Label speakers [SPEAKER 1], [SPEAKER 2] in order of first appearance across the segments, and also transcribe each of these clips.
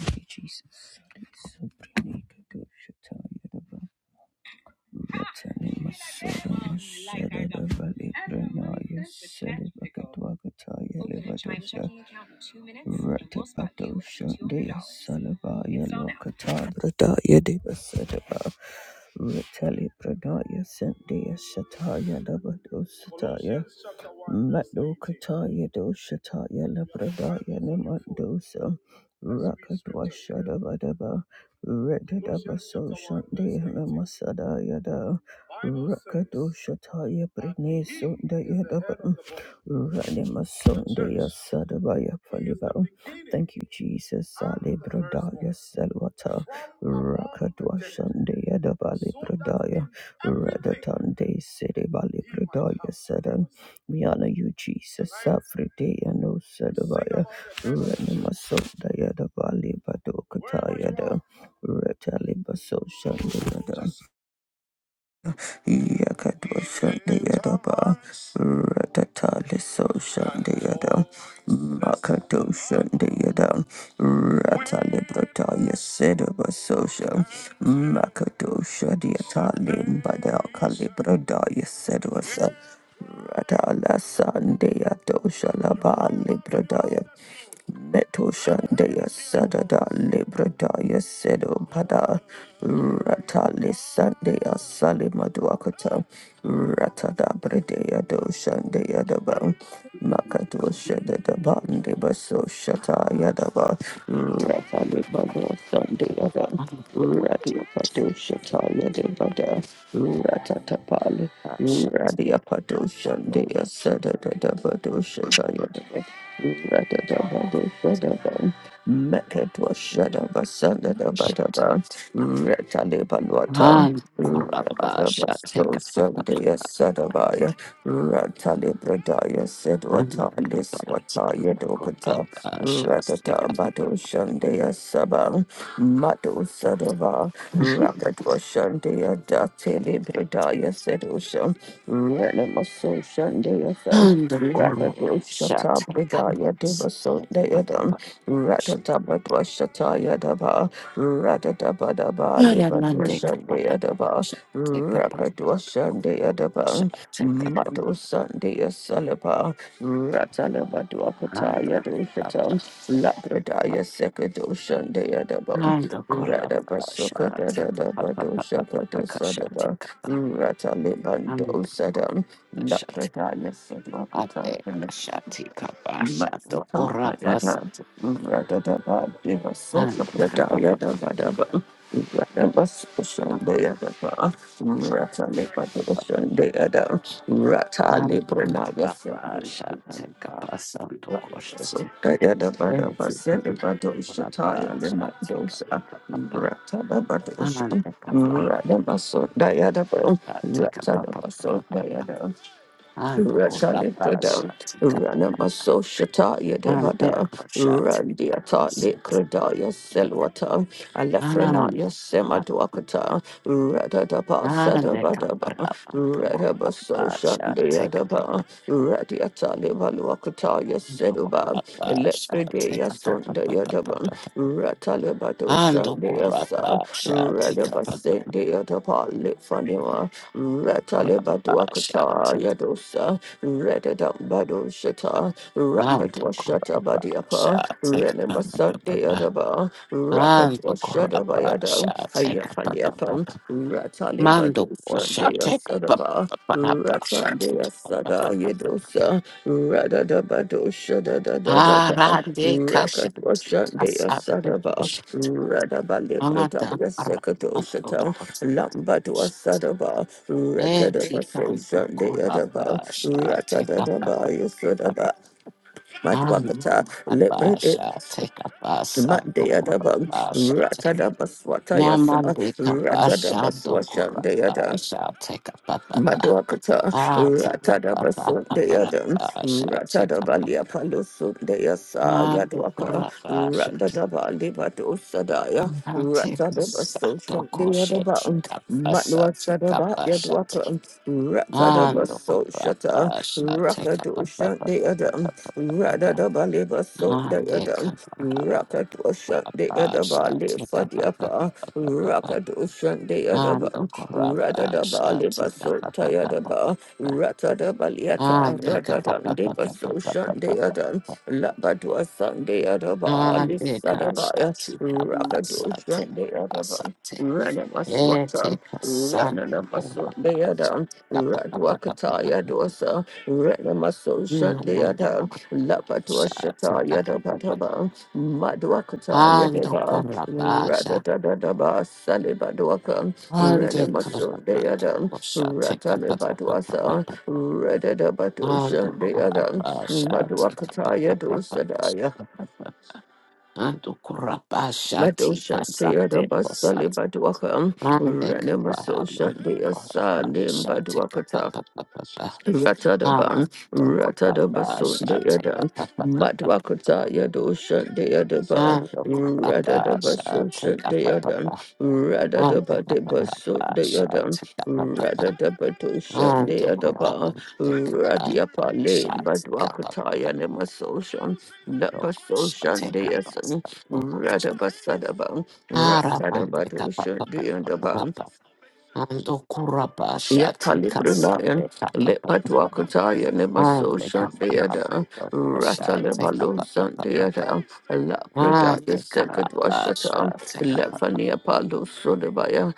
[SPEAKER 1] Thank you, Jesus. Retali Pradaya Sendaya Shataya Dabado Sataya Madokataya doshataya labradaya namandosa Rakadwa shadabadaba Redadaba so shandaya namasadaya da Rakadoshataya brine Sunda Yadaba Ranima sundaya daba Ranimasundaya sadabaya faliba Thank you, Jesus. Salibradaya salwata Rakadwa shandaya daba Redatunde City Bali Pradaya Sadam. We honor you, Jesus. Safrite and O Sadavaya. Renamasota Yada Bali Badokatayada. Retali Baso Shandayada. Yakatwa Shandayadaba, Ratatali So Shandayada, Makato Shandayada, Ratali Brataya Sedaba Sosha, Makato Shadiatali Bada Kalibradaya Sedwasa, Ratala Sandaya Dosha Laba Libradaya. Meto Shandaya Sadada Libradaya Sedo Pada Ratali Sandaya Salimaduakata Ratada Bredea Do Shandaya Daba Makato Shadada Bandi Baso Shata Yadaba Ratali Bado Sandaya Radia Padusha Taya de Bada, Ratatapal, Radia Padusha Dea Sada de Badusha Taya de Radadabadusha Daban, Mekatwa Shada Basada de Badaba, Ratalibalwata,
[SPEAKER 2] Han koraba
[SPEAKER 1] so
[SPEAKER 2] shateka papa
[SPEAKER 1] Sunday
[SPEAKER 2] papa.
[SPEAKER 1] Sadabaya, Ratali Bradaya said
[SPEAKER 2] Han koraba
[SPEAKER 1] Watalis Wataya
[SPEAKER 2] Asha,
[SPEAKER 1] Dokata,
[SPEAKER 2] take
[SPEAKER 1] Ratata
[SPEAKER 2] up
[SPEAKER 1] Mato Shandaya Sabang, Mato Sadava, Rakatwa Shandaya Datili Bradaya said Usha, Renamaso Shandaya
[SPEAKER 2] and the koraba
[SPEAKER 1] Rakadosha
[SPEAKER 2] shateka papa. Han koraba
[SPEAKER 1] Bidaya Deva
[SPEAKER 2] shateka
[SPEAKER 1] Sundayadam
[SPEAKER 2] papa.
[SPEAKER 1] Ratatabatwasha Tayadava Ratatabadaba
[SPEAKER 2] Aramande
[SPEAKER 1] Libadwasha
[SPEAKER 2] kapapa
[SPEAKER 1] Deadaba
[SPEAKER 2] shateka
[SPEAKER 1] Rakadwasha
[SPEAKER 2] papa.
[SPEAKER 1] Deadaba
[SPEAKER 2] Shateka papa.
[SPEAKER 1] Mado Sunday Salaba, Ratalaba
[SPEAKER 2] Han
[SPEAKER 1] Duapataya Dushatam,
[SPEAKER 2] koraba
[SPEAKER 1] Labradaya Sekado Sunday Adabam,
[SPEAKER 2] Han koraba
[SPEAKER 1] Rada Basuka
[SPEAKER 2] shateka
[SPEAKER 1] Dadaba
[SPEAKER 2] papa papa
[SPEAKER 1] Dushakata
[SPEAKER 2] papa
[SPEAKER 1] Sadaba,
[SPEAKER 2] shateka papa.
[SPEAKER 1] Ratalibando Sadam,
[SPEAKER 2] Han
[SPEAKER 1] Labradaya
[SPEAKER 2] Ate
[SPEAKER 1] Sekata
[SPEAKER 2] kashati
[SPEAKER 1] Rather,
[SPEAKER 2] kabasha to korabasa to and kababa and korabasha te kabasa to koshe te te korabasha te kababa and kabara te kababa and korabasha
[SPEAKER 1] Ratalibradam,
[SPEAKER 2] te kababa
[SPEAKER 1] Ranamaso Shataya
[SPEAKER 2] and
[SPEAKER 1] Devada,
[SPEAKER 2] kosha te
[SPEAKER 1] Randiata
[SPEAKER 2] kabasa
[SPEAKER 1] Likradaya
[SPEAKER 2] to
[SPEAKER 1] Selwata, Alefranaya
[SPEAKER 2] and
[SPEAKER 1] Semadwakata, Radadaba
[SPEAKER 2] Ande
[SPEAKER 1] Sadabadaba,
[SPEAKER 2] kaparamando
[SPEAKER 1] Radabaso
[SPEAKER 2] korapasha teka
[SPEAKER 1] Shandiadaba, Radiata Livaluakataya
[SPEAKER 2] pando
[SPEAKER 1] Seduba,
[SPEAKER 2] korapasha
[SPEAKER 1] Elefridea
[SPEAKER 2] teka pa pa pa pa pa
[SPEAKER 1] Yadaban,
[SPEAKER 2] pa pa
[SPEAKER 1] Ratalibado
[SPEAKER 2] ando
[SPEAKER 1] Shandeasa,
[SPEAKER 2] korapasha teka pa pa
[SPEAKER 1] Radabase Deatapa Litfanima, Ratalibado
[SPEAKER 2] korapasha
[SPEAKER 1] Akata
[SPEAKER 2] teka
[SPEAKER 1] Yadosa, Redadambado Shata,
[SPEAKER 2] ando
[SPEAKER 1] Rakatwa Shata Badiapa,
[SPEAKER 2] korapasha teka pa pa
[SPEAKER 1] Renemasan
[SPEAKER 2] pa pa pa
[SPEAKER 1] Deadaba, Rakatwa
[SPEAKER 2] ando
[SPEAKER 1] Shada
[SPEAKER 2] korapasha
[SPEAKER 1] Bayada,
[SPEAKER 2] teka pa pa pa
[SPEAKER 1] Ayafaliapan,
[SPEAKER 2] pa mando kosha
[SPEAKER 1] Sunday
[SPEAKER 2] teka pa
[SPEAKER 1] Sadaba,
[SPEAKER 2] pa pa pa pa sha
[SPEAKER 1] Ratandia
[SPEAKER 2] teka pa pa
[SPEAKER 1] Sada
[SPEAKER 2] pa pa
[SPEAKER 1] Yedosa, Rada da Badosha da da da da da,
[SPEAKER 2] arande kasha
[SPEAKER 1] Rakat
[SPEAKER 2] teka
[SPEAKER 1] Washandia
[SPEAKER 2] sa
[SPEAKER 1] Sadaba, Rada
[SPEAKER 2] Anata
[SPEAKER 1] Balibradaya
[SPEAKER 2] Aramato
[SPEAKER 1] Sekadosata,
[SPEAKER 2] Kotaka
[SPEAKER 1] Lambadua Sadaba, Rata da
[SPEAKER 2] Eti
[SPEAKER 1] Baso
[SPEAKER 2] Kanto
[SPEAKER 1] Sunday Adaba,
[SPEAKER 2] Korabasha
[SPEAKER 1] Rata
[SPEAKER 2] Take
[SPEAKER 1] da
[SPEAKER 2] up
[SPEAKER 1] da Baya Sadaba,
[SPEAKER 2] Ami
[SPEAKER 1] Matwakata, Lebrede.
[SPEAKER 2] Korabasha Take up Asando
[SPEAKER 1] Matdeya daba,
[SPEAKER 2] Korabasha
[SPEAKER 1] rata daba swata yasa,
[SPEAKER 2] Namande
[SPEAKER 1] rata daba
[SPEAKER 2] Kabasha Do
[SPEAKER 1] swasha
[SPEAKER 2] Korabasha Take up Papa
[SPEAKER 1] Madwakata,
[SPEAKER 2] Ah Take up
[SPEAKER 1] Ratada
[SPEAKER 2] Papa
[SPEAKER 1] Basun de Adam,
[SPEAKER 2] Parabasha Take
[SPEAKER 1] Ratada Balia
[SPEAKER 2] up
[SPEAKER 1] Palusun de Yasa
[SPEAKER 2] Ah Do
[SPEAKER 1] Yadwaka,
[SPEAKER 2] Korabasha
[SPEAKER 1] Ratada Bali Batu Sadaya,
[SPEAKER 2] I'll Take up
[SPEAKER 1] Ratada Basun
[SPEAKER 2] Sando
[SPEAKER 1] de
[SPEAKER 2] Koshe
[SPEAKER 1] Yadaba,
[SPEAKER 2] Take up Asa
[SPEAKER 1] Matwa
[SPEAKER 2] Take
[SPEAKER 1] Sadaba Yadwaka,
[SPEAKER 2] up
[SPEAKER 1] Ratada
[SPEAKER 2] Ando
[SPEAKER 1] Basun Shata,
[SPEAKER 2] corrapa, shate
[SPEAKER 1] Rakadu
[SPEAKER 2] capa,
[SPEAKER 1] Shan
[SPEAKER 2] papa,
[SPEAKER 1] de
[SPEAKER 2] papa,
[SPEAKER 1] Adam,
[SPEAKER 2] papa, papa.
[SPEAKER 1] Radada Bali Basun
[SPEAKER 2] Ande
[SPEAKER 1] de
[SPEAKER 2] corrapa,
[SPEAKER 1] Rakadu Shandi Adaba
[SPEAKER 2] shate capa, papa,
[SPEAKER 1] Lifadiapa,
[SPEAKER 2] papa, papa.
[SPEAKER 1] Rakadu Shandi Adaba,
[SPEAKER 2] Ando corrapa,
[SPEAKER 1] Radadaba
[SPEAKER 2] shate capa,
[SPEAKER 1] Libasunta
[SPEAKER 2] papa, papa,
[SPEAKER 1] Yadaba,
[SPEAKER 2] papa.
[SPEAKER 1] Ratadaba Liata,
[SPEAKER 2] Ande capa,
[SPEAKER 1] Radadan
[SPEAKER 2] papa, papa, papa,
[SPEAKER 1] Libaso Shandi
[SPEAKER 2] papa,
[SPEAKER 1] Adan,
[SPEAKER 2] papa.
[SPEAKER 1] Labadua Sandi Adaba,
[SPEAKER 2] Ande capa,
[SPEAKER 1] Lisadabaya,
[SPEAKER 2] shate capa,
[SPEAKER 1] Rakadu
[SPEAKER 2] shate
[SPEAKER 1] Shandi
[SPEAKER 2] capa,
[SPEAKER 1] Adaba.
[SPEAKER 2] shate. Ete
[SPEAKER 1] Renamasuata,
[SPEAKER 2] casando
[SPEAKER 1] Renamasu
[SPEAKER 2] corrapa,
[SPEAKER 1] Deadam,
[SPEAKER 2] shate capa, papa, papa,
[SPEAKER 1] Radwakataya Dosa, Renamasu
[SPEAKER 2] And the
[SPEAKER 1] Shandeadam,
[SPEAKER 2] Kurapa shall take up
[SPEAKER 1] Lapatuashataya
[SPEAKER 2] a papa. Ando corrapa, shate capa,
[SPEAKER 1] Dabataba, Madwakataya
[SPEAKER 2] Ando
[SPEAKER 1] Deba,
[SPEAKER 2] corabasha.
[SPEAKER 1] Radadadadaba, Salibadwaka,
[SPEAKER 2] Ande
[SPEAKER 1] Renamasu
[SPEAKER 2] corabando
[SPEAKER 1] Deadam,
[SPEAKER 2] kosha. Take a pa pa pa pa pa.
[SPEAKER 1] Ratalibadwasa,
[SPEAKER 2] pa.
[SPEAKER 1] Redadabatu
[SPEAKER 2] Ando
[SPEAKER 1] Shandeadam,
[SPEAKER 2] corabasha. Take a pa
[SPEAKER 1] Madwakataya
[SPEAKER 2] pa pa pa pa.
[SPEAKER 1] Dosadaya.
[SPEAKER 2] pa, pa, pa. Ando corabasha.
[SPEAKER 1] Bado
[SPEAKER 2] Tika
[SPEAKER 1] Shante
[SPEAKER 2] sande
[SPEAKER 1] Adabasali
[SPEAKER 2] kosate.
[SPEAKER 1] Baduaka
[SPEAKER 2] Ande
[SPEAKER 1] Renema So
[SPEAKER 2] corabando
[SPEAKER 1] Shante Asani
[SPEAKER 2] corabasha. Take a pa
[SPEAKER 1] Badwakata,
[SPEAKER 2] pa pa pa pa.
[SPEAKER 1] Ratadaban,
[SPEAKER 2] Ando
[SPEAKER 1] Ratadabasun de
[SPEAKER 2] corabasha. Take a
[SPEAKER 1] Yada,
[SPEAKER 2] pa pa pa pa pa. pa,
[SPEAKER 1] Matwakata
[SPEAKER 2] pa.
[SPEAKER 1] Yadosha de Yadaba,
[SPEAKER 2] Ando corabasha. Take
[SPEAKER 1] Ratadabasun
[SPEAKER 2] a
[SPEAKER 1] de
[SPEAKER 2] pa pa
[SPEAKER 1] Yada,
[SPEAKER 2] pa. Ando
[SPEAKER 1] Ratadabasun de
[SPEAKER 2] corabasha.
[SPEAKER 1] Yada,
[SPEAKER 2] Take a pa pa pa.
[SPEAKER 1] Ratadabadosha de
[SPEAKER 2] Ando
[SPEAKER 1] Yadaba,
[SPEAKER 2] corrado de capa,
[SPEAKER 1] Radiapale,
[SPEAKER 2] shots capa,
[SPEAKER 1] Matwakata Yanemasosha,
[SPEAKER 2] loco,
[SPEAKER 1] Napasosha
[SPEAKER 2] shate
[SPEAKER 1] de
[SPEAKER 2] capa,
[SPEAKER 1] Yasan,
[SPEAKER 2] loco, shate.
[SPEAKER 1] Ratadabasadaban,
[SPEAKER 2] Arabande capa,
[SPEAKER 1] Ratadabadosha
[SPEAKER 2] papa,
[SPEAKER 1] de
[SPEAKER 2] papa,
[SPEAKER 1] Yadaba,
[SPEAKER 2] papa. Ando curaba, shate casa,
[SPEAKER 1] Yatalibrinayan,
[SPEAKER 2] de capa, papa,
[SPEAKER 1] Lepatwakataya, Nemaso
[SPEAKER 2] Ande capa,
[SPEAKER 1] Shandeada,
[SPEAKER 2] papa, shate
[SPEAKER 1] Ratalebalum
[SPEAKER 2] capa, papa, papa.
[SPEAKER 1] Sandeada, Lapredaya
[SPEAKER 2] Ande
[SPEAKER 1] Second
[SPEAKER 2] corraba,
[SPEAKER 1] Washata,
[SPEAKER 2] shate capa.
[SPEAKER 1] Lefania Palo Sodabaya,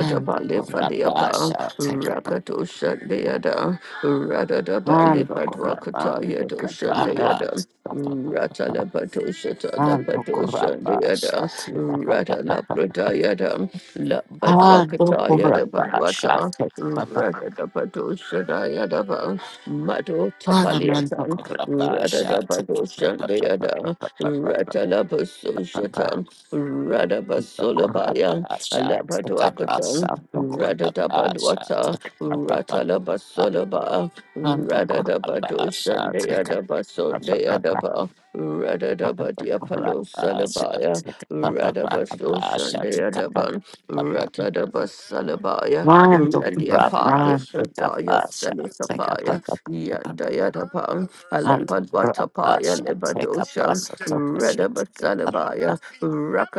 [SPEAKER 2] Ando corraba,
[SPEAKER 1] Fadiapa,
[SPEAKER 2] shate capa.
[SPEAKER 1] Rakato Shandeada, Ratadabali
[SPEAKER 2] Ando corraba,
[SPEAKER 1] Patwakataya
[SPEAKER 2] de
[SPEAKER 1] Doshandeada.
[SPEAKER 2] capa,
[SPEAKER 1] Ratala Patoshata, La Patosha,
[SPEAKER 2] Adokoraba
[SPEAKER 1] the other,
[SPEAKER 2] shati papa
[SPEAKER 1] Ratala
[SPEAKER 2] papa.
[SPEAKER 1] Pradayada, La Badwakataya, the
[SPEAKER 2] Adokoraba
[SPEAKER 1] Badwata,
[SPEAKER 2] shati papa.
[SPEAKER 1] Radadabadoshandayadaba, Mado
[SPEAKER 2] Alamando
[SPEAKER 1] Tapaliatan,
[SPEAKER 2] koraba shati papa papa papa
[SPEAKER 1] Radadabadoshandayada,
[SPEAKER 2] papa papa.
[SPEAKER 1] Ratalabasoshatan, Radabasolabaya,
[SPEAKER 2] Adokoraba shati papa.
[SPEAKER 1] Alabaduakatan,
[SPEAKER 2] Adokoraba shati
[SPEAKER 1] Radadabadwata,
[SPEAKER 2] papa papa.
[SPEAKER 1] Ratalabasolaba,
[SPEAKER 2] Adokoraba shati papa papa.
[SPEAKER 1] Radadabadoshandayadabasondayadaba,
[SPEAKER 2] Adokoraba
[SPEAKER 1] Radadabadiapalosalabaya,
[SPEAKER 2] shati papa papa papa shati
[SPEAKER 1] Radabasoshandayadaban,
[SPEAKER 2] papa.
[SPEAKER 1] Ratadabasalabaya,
[SPEAKER 2] Mando
[SPEAKER 1] Radia Paya
[SPEAKER 2] Brahman
[SPEAKER 1] Sadaya
[SPEAKER 2] Tekapasha
[SPEAKER 1] Sanusapaya
[SPEAKER 2] Tekapapa
[SPEAKER 1] Yandaya Dapa
[SPEAKER 2] Mando
[SPEAKER 1] Alepadwata Paya Libadosha
[SPEAKER 2] Tekapasa Tokosheti Kapapa
[SPEAKER 1] Redabasalabaya